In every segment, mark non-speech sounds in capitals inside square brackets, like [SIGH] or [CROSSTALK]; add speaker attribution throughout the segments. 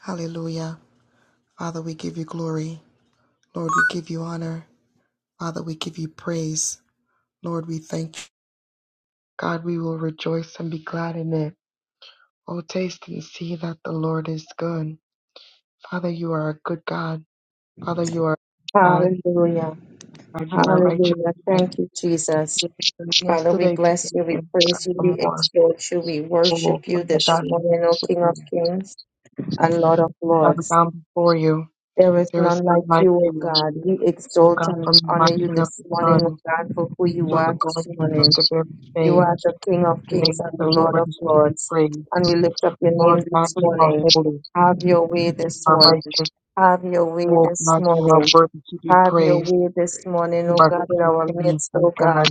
Speaker 1: Hallelujah. Father, we give you glory. Lord, we give you honor. Father, we give you praise. Lord, we thank you. God, we will rejoice and be glad in it. Oh, taste and see that the Lord is good. Father, you are a good God. Father, you are a good God.
Speaker 2: Hallelujah.
Speaker 1: God, you are a righteous
Speaker 2: Hallelujah.
Speaker 1: God.
Speaker 2: Thank you, Jesus.
Speaker 1: You're the same
Speaker 2: Father, we
Speaker 1: Yesterday,
Speaker 2: bless
Speaker 1: today,
Speaker 2: you, we
Speaker 1: and
Speaker 2: praise you, we
Speaker 1: forevermore.
Speaker 2: exalt you, we
Speaker 1: Oh,
Speaker 2: worship you
Speaker 1: Father
Speaker 2: this
Speaker 1: God, we
Speaker 2: morning, O
Speaker 1: worship
Speaker 2: King of
Speaker 1: you.
Speaker 2: Kings and Lord of
Speaker 1: Father,
Speaker 2: Lords.
Speaker 1: bound before you.
Speaker 2: There is
Speaker 1: There is
Speaker 2: none
Speaker 1: none
Speaker 2: like
Speaker 1: like
Speaker 2: you, O
Speaker 1: you.
Speaker 2: God. We
Speaker 1: Oh
Speaker 2: exalt
Speaker 1: God,
Speaker 2: and
Speaker 1: from the
Speaker 2: honor you
Speaker 1: rising of
Speaker 2: this
Speaker 1: the
Speaker 2: morning,
Speaker 1: sun
Speaker 2: O God, for who
Speaker 3: Praise
Speaker 2: you
Speaker 1: until
Speaker 3: the
Speaker 2: are
Speaker 1: the
Speaker 3: Lord,
Speaker 1: going
Speaker 2: this
Speaker 1: down
Speaker 3: Jesus.
Speaker 1: of
Speaker 2: morning.
Speaker 1: the very
Speaker 2: You
Speaker 1: same.
Speaker 3: Thank
Speaker 2: are the
Speaker 3: you,
Speaker 2: King of
Speaker 3: praise.
Speaker 1: The
Speaker 2: kings and
Speaker 1: name of
Speaker 2: the
Speaker 1: the
Speaker 2: Lord
Speaker 1: Lord
Speaker 2: of
Speaker 1: is to be
Speaker 2: lords.
Speaker 1: praised.
Speaker 2: And we lift up your name
Speaker 1: Lord God,
Speaker 2: this
Speaker 1: you are
Speaker 2: morning.
Speaker 1: holy,
Speaker 2: Have your way
Speaker 1: you
Speaker 2: this
Speaker 1: are
Speaker 2: morning.
Speaker 1: righteous.
Speaker 2: Have your
Speaker 3: Thank
Speaker 2: way
Speaker 3: you,
Speaker 1: Lord
Speaker 2: this
Speaker 1: God, you
Speaker 3: Jesus.
Speaker 1: are
Speaker 2: morning.
Speaker 1: worthy to be
Speaker 2: Have your
Speaker 1: praised.
Speaker 2: way this
Speaker 3: Praise the
Speaker 2: morning,
Speaker 1: You
Speaker 3: name
Speaker 2: O
Speaker 1: are
Speaker 2: God, in
Speaker 1: King of
Speaker 2: our
Speaker 3: of
Speaker 1: kings,
Speaker 2: midst,
Speaker 1: my
Speaker 2: O God.
Speaker 1: God.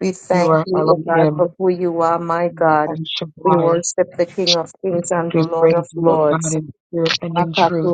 Speaker 2: We thank
Speaker 1: You are
Speaker 2: you, O God, for
Speaker 1: Elohim
Speaker 3: God.
Speaker 2: who
Speaker 3: We
Speaker 2: you
Speaker 3: will
Speaker 2: are, my
Speaker 1: you are
Speaker 2: God.
Speaker 3: bless you,
Speaker 2: We
Speaker 1: Shaddai.
Speaker 2: worship the King of Kings and the
Speaker 1: We
Speaker 2: Lord
Speaker 3: praise.
Speaker 1: praise
Speaker 2: of
Speaker 1: you, Lord God,
Speaker 2: Lords.
Speaker 3: Praise
Speaker 1: in spirit
Speaker 3: the
Speaker 1: and
Speaker 3: Lord.
Speaker 1: in truth.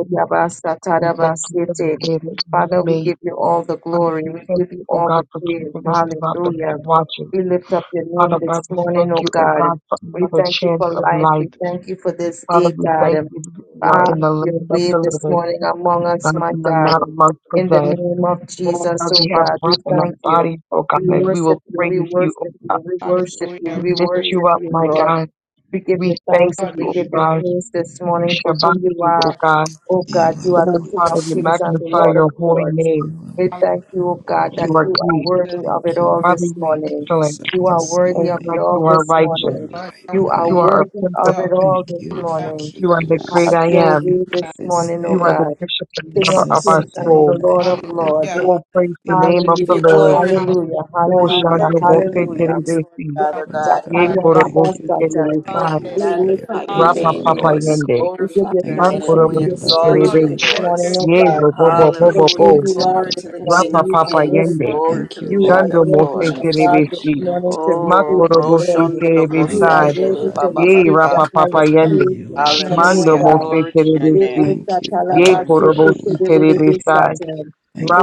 Speaker 1: We thank you for the
Speaker 3: Thank
Speaker 1: day that you have
Speaker 2: Father, we
Speaker 1: made.
Speaker 2: give you all the
Speaker 1: Father,
Speaker 2: glory.
Speaker 1: we
Speaker 2: We
Speaker 1: thank
Speaker 2: give you
Speaker 1: you, O
Speaker 2: all the
Speaker 1: God, for
Speaker 3: you,
Speaker 2: praise.
Speaker 3: Lord.
Speaker 1: keeping us
Speaker 3: Thank you,
Speaker 1: throughout the
Speaker 3: Lord.
Speaker 2: Hallelujah.
Speaker 1: night
Speaker 3: God,
Speaker 1: watching.
Speaker 2: We lift up your
Speaker 1: Father
Speaker 2: name this
Speaker 1: God,
Speaker 3: we
Speaker 1: we
Speaker 2: morning,
Speaker 1: thank
Speaker 2: oh
Speaker 1: you, O
Speaker 2: God.
Speaker 1: God, for
Speaker 2: We
Speaker 1: another
Speaker 2: thank you
Speaker 1: chance
Speaker 3: bless
Speaker 2: for
Speaker 1: of
Speaker 3: your
Speaker 2: life. We
Speaker 1: life.
Speaker 3: name this
Speaker 2: thank you for
Speaker 3: morning.
Speaker 2: this
Speaker 1: Father,
Speaker 2: day,
Speaker 1: we
Speaker 2: God.
Speaker 1: thank you that we are
Speaker 2: Have
Speaker 1: in
Speaker 3: Glorify
Speaker 1: the
Speaker 3: your
Speaker 2: your
Speaker 1: land
Speaker 3: name,
Speaker 1: of
Speaker 2: way
Speaker 1: the
Speaker 3: Father,
Speaker 2: this
Speaker 1: living.
Speaker 3: God,
Speaker 2: morning
Speaker 3: Father,
Speaker 2: among us,
Speaker 1: God,
Speaker 3: your
Speaker 2: my
Speaker 1: we are
Speaker 3: heart,
Speaker 2: God.
Speaker 3: and
Speaker 1: not
Speaker 3: thank you,
Speaker 1: amongst
Speaker 3: the
Speaker 1: the
Speaker 2: In the
Speaker 3: Father.
Speaker 1: dead.
Speaker 2: name of
Speaker 1: Oh
Speaker 2: Jesus,
Speaker 1: God,
Speaker 2: oh
Speaker 1: we have
Speaker 2: God, we
Speaker 1: breath in our
Speaker 2: thank you.
Speaker 1: bodies, oh God,
Speaker 2: We
Speaker 1: and we
Speaker 2: worship
Speaker 1: will
Speaker 2: you. We
Speaker 1: praise you, oh
Speaker 2: worship
Speaker 1: God.
Speaker 2: you. We
Speaker 3: Jesus,
Speaker 2: worship you.
Speaker 3: we
Speaker 4: Hallelujah.
Speaker 1: We
Speaker 2: We
Speaker 3: praise
Speaker 1: lift
Speaker 3: you,
Speaker 4: Praise
Speaker 2: worship
Speaker 1: you
Speaker 3: we
Speaker 1: up,
Speaker 4: the
Speaker 2: you,
Speaker 1: my
Speaker 3: adore
Speaker 2: Lord.
Speaker 4: Lord.
Speaker 3: you.
Speaker 1: God.
Speaker 2: We give you
Speaker 1: We thank
Speaker 2: thanks and
Speaker 4: God,
Speaker 2: we
Speaker 4: we
Speaker 1: you,
Speaker 2: give
Speaker 1: oh
Speaker 4: lift
Speaker 2: you
Speaker 4: up
Speaker 1: God.
Speaker 3: Jesus, we
Speaker 2: praise
Speaker 3: give
Speaker 2: this
Speaker 3: you
Speaker 1: We
Speaker 2: morning
Speaker 3: thanks
Speaker 2: for who
Speaker 3: this
Speaker 1: shabbat
Speaker 2: you
Speaker 1: you,
Speaker 3: morning.
Speaker 1: oh
Speaker 2: are.
Speaker 1: God.
Speaker 2: O
Speaker 5: You
Speaker 3: We
Speaker 2: God,
Speaker 5: alone
Speaker 2: you are
Speaker 3: praise
Speaker 1: Oh
Speaker 5: are
Speaker 2: the
Speaker 3: your
Speaker 2: King
Speaker 1: Father,
Speaker 2: of
Speaker 1: we
Speaker 5: wonderful.
Speaker 2: kings
Speaker 3: matchless
Speaker 2: and the
Speaker 1: magnify
Speaker 3: name,
Speaker 2: Lord of
Speaker 1: your
Speaker 3: Lord.
Speaker 1: holy
Speaker 2: lords.
Speaker 5: you
Speaker 1: name.
Speaker 2: We
Speaker 3: Hallelujah.
Speaker 5: alone
Speaker 2: thank
Speaker 3: God,
Speaker 2: you, O
Speaker 3: we
Speaker 2: God,
Speaker 1: You
Speaker 2: that
Speaker 5: holy.
Speaker 1: are
Speaker 2: you are
Speaker 1: great.
Speaker 2: worthy of it
Speaker 3: bless
Speaker 5: Thank you
Speaker 2: all
Speaker 5: for
Speaker 1: Father,
Speaker 2: this
Speaker 1: you are
Speaker 2: morning.
Speaker 5: waking us
Speaker 1: excellent.
Speaker 5: up
Speaker 3: you.
Speaker 2: You are
Speaker 5: this
Speaker 2: worthy
Speaker 1: Oh
Speaker 2: of it
Speaker 5: morning
Speaker 1: God, you
Speaker 2: all
Speaker 1: are
Speaker 2: this
Speaker 5: in
Speaker 1: righteous.
Speaker 2: morning.
Speaker 3: Hallelujah.
Speaker 5: our
Speaker 4: hallelujah. God,
Speaker 2: You
Speaker 5: right
Speaker 2: are
Speaker 1: You
Speaker 5: mind.
Speaker 1: are a
Speaker 2: worthy
Speaker 1: prince
Speaker 2: of
Speaker 1: of
Speaker 4: now
Speaker 2: it
Speaker 1: peace.
Speaker 2: all
Speaker 5: Thank
Speaker 2: this
Speaker 5: you
Speaker 3: Thank
Speaker 5: for
Speaker 3: you,
Speaker 2: morning.
Speaker 1: You are
Speaker 5: keeping
Speaker 1: the
Speaker 3: Jesus.
Speaker 1: great
Speaker 2: Have
Speaker 5: us.
Speaker 1: I
Speaker 4: we
Speaker 2: your
Speaker 5: Thank
Speaker 1: am.
Speaker 5: you
Speaker 2: way
Speaker 5: for
Speaker 4: up.
Speaker 2: this
Speaker 5: this
Speaker 2: morning, O
Speaker 1: You are
Speaker 5: day.
Speaker 1: the
Speaker 2: God,
Speaker 1: bishop and
Speaker 2: King
Speaker 5: This
Speaker 1: lover
Speaker 2: of
Speaker 3: Hallelujah.
Speaker 1: of
Speaker 5: is
Speaker 1: our
Speaker 5: the
Speaker 2: kings and
Speaker 5: day
Speaker 1: soul.
Speaker 2: the
Speaker 5: that
Speaker 2: Lord of
Speaker 5: you have
Speaker 2: lords.
Speaker 4: Hallelujah.
Speaker 1: Oh,
Speaker 5: made,
Speaker 1: praise
Speaker 5: and
Speaker 1: the
Speaker 5: we
Speaker 4: God,
Speaker 5: will
Speaker 1: name
Speaker 6: We
Speaker 1: of
Speaker 6: give
Speaker 1: the
Speaker 6: you
Speaker 2: Hallelujah,
Speaker 1: Lord.
Speaker 5: rejoice
Speaker 6: glory, Lord.
Speaker 4: our
Speaker 6: We
Speaker 2: hallelujah,
Speaker 6: give you
Speaker 1: Oh,
Speaker 5: and
Speaker 6: honor.
Speaker 2: hallelujah,
Speaker 5: be
Speaker 4: word,
Speaker 6: We give
Speaker 5: glad
Speaker 6: you
Speaker 5: in
Speaker 2: hallelujah.
Speaker 6: praise,
Speaker 5: it.
Speaker 1: Shandor,
Speaker 6: Lord,
Speaker 4: our
Speaker 6: Father
Speaker 5: Oh
Speaker 6: God.
Speaker 1: Ye
Speaker 4: God,
Speaker 5: God,
Speaker 4: our word,
Speaker 5: thank
Speaker 1: korobosi
Speaker 5: you.
Speaker 2: Satayarabasatay.
Speaker 4: God,
Speaker 6: Lord,
Speaker 5: Thank
Speaker 1: terebesai.
Speaker 5: you
Speaker 6: we
Speaker 2: We
Speaker 5: for your
Speaker 6: magnify
Speaker 2: worship
Speaker 6: your
Speaker 2: you
Speaker 4: hallelujah.
Speaker 2: this
Speaker 1: Rapa
Speaker 6: name,
Speaker 1: papa
Speaker 6: Lord.
Speaker 2: morning.
Speaker 6: We
Speaker 5: faithfulness.
Speaker 1: yende.
Speaker 2: We give
Speaker 6: glorify
Speaker 2: you
Speaker 6: your
Speaker 1: Ma
Speaker 5: Thank you
Speaker 2: thanks
Speaker 6: name.
Speaker 5: for
Speaker 2: and we
Speaker 6: We
Speaker 5: your
Speaker 2: give
Speaker 1: korobosi
Speaker 2: you
Speaker 5: loving
Speaker 2: praise
Speaker 6: exalt
Speaker 4: God,
Speaker 1: terebe.
Speaker 6: you,
Speaker 2: this
Speaker 4: bless
Speaker 6: Lord.
Speaker 2: morning,
Speaker 4: your
Speaker 5: kindness.
Speaker 2: oh
Speaker 1: Ye
Speaker 4: name.
Speaker 2: God.
Speaker 1: robobo
Speaker 4: God, we
Speaker 1: bo
Speaker 5: Thank you
Speaker 1: bo. bo
Speaker 2: Thank
Speaker 5: for
Speaker 2: you,
Speaker 6: Hallelujah.
Speaker 5: your
Speaker 1: bo,
Speaker 2: you are
Speaker 6: Glory
Speaker 5: tender
Speaker 2: this
Speaker 6: to the
Speaker 5: mercy.
Speaker 6: King
Speaker 2: morning.
Speaker 1: Rapa
Speaker 2: You
Speaker 6: of
Speaker 1: papa
Speaker 2: are
Speaker 6: Kings.
Speaker 4: God,
Speaker 2: worthy.
Speaker 1: yende.
Speaker 6: Glory
Speaker 5: Thank
Speaker 6: to the
Speaker 5: you
Speaker 2: You are
Speaker 5: that
Speaker 6: Lord
Speaker 1: Shando
Speaker 5: you
Speaker 6: of
Speaker 7: Lord,
Speaker 2: worthy,
Speaker 1: mose
Speaker 5: watch
Speaker 7: we
Speaker 2: my
Speaker 6: Lords.
Speaker 5: over
Speaker 2: God, this
Speaker 5: your
Speaker 7: exalt
Speaker 1: terebesi.
Speaker 5: word
Speaker 7: you.
Speaker 2: morning
Speaker 5: to
Speaker 2: to
Speaker 1: Ma
Speaker 6: Oh,
Speaker 2: receive the
Speaker 5: perform it.
Speaker 1: korobosi
Speaker 2: glory.
Speaker 6: broshonde
Speaker 7: Father, we
Speaker 2: You
Speaker 5: Thank
Speaker 2: are
Speaker 1: terebesai.
Speaker 7: lift
Speaker 5: you,
Speaker 7: you
Speaker 6: lokosedede
Speaker 7: up.
Speaker 2: worthy
Speaker 5: God.
Speaker 2: to
Speaker 1: Ye
Speaker 4: we lift
Speaker 2: receive
Speaker 6: bababasa.
Speaker 2: the
Speaker 1: rapa
Speaker 4: your
Speaker 1: papa
Speaker 2: highest
Speaker 4: word,
Speaker 1: yende.
Speaker 2: praise
Speaker 5: You
Speaker 2: this
Speaker 7: We
Speaker 5: love us
Speaker 7: give
Speaker 2: morning,
Speaker 7: you
Speaker 2: oh
Speaker 1: Mando
Speaker 6: Hallelujah.
Speaker 7: glory,
Speaker 2: God.
Speaker 5: so.
Speaker 1: mose
Speaker 7: Lord.
Speaker 6: Glory to your
Speaker 2: Holy
Speaker 6: name.
Speaker 1: terebesi.
Speaker 5: Thank
Speaker 2: Spirit,
Speaker 5: you,
Speaker 7: We
Speaker 1: Ye
Speaker 4: God,
Speaker 7: honor
Speaker 5: Lord,
Speaker 7: you,
Speaker 5: for
Speaker 1: korobosi
Speaker 5: another
Speaker 7: Jesus.
Speaker 5: day.
Speaker 1: terebesai.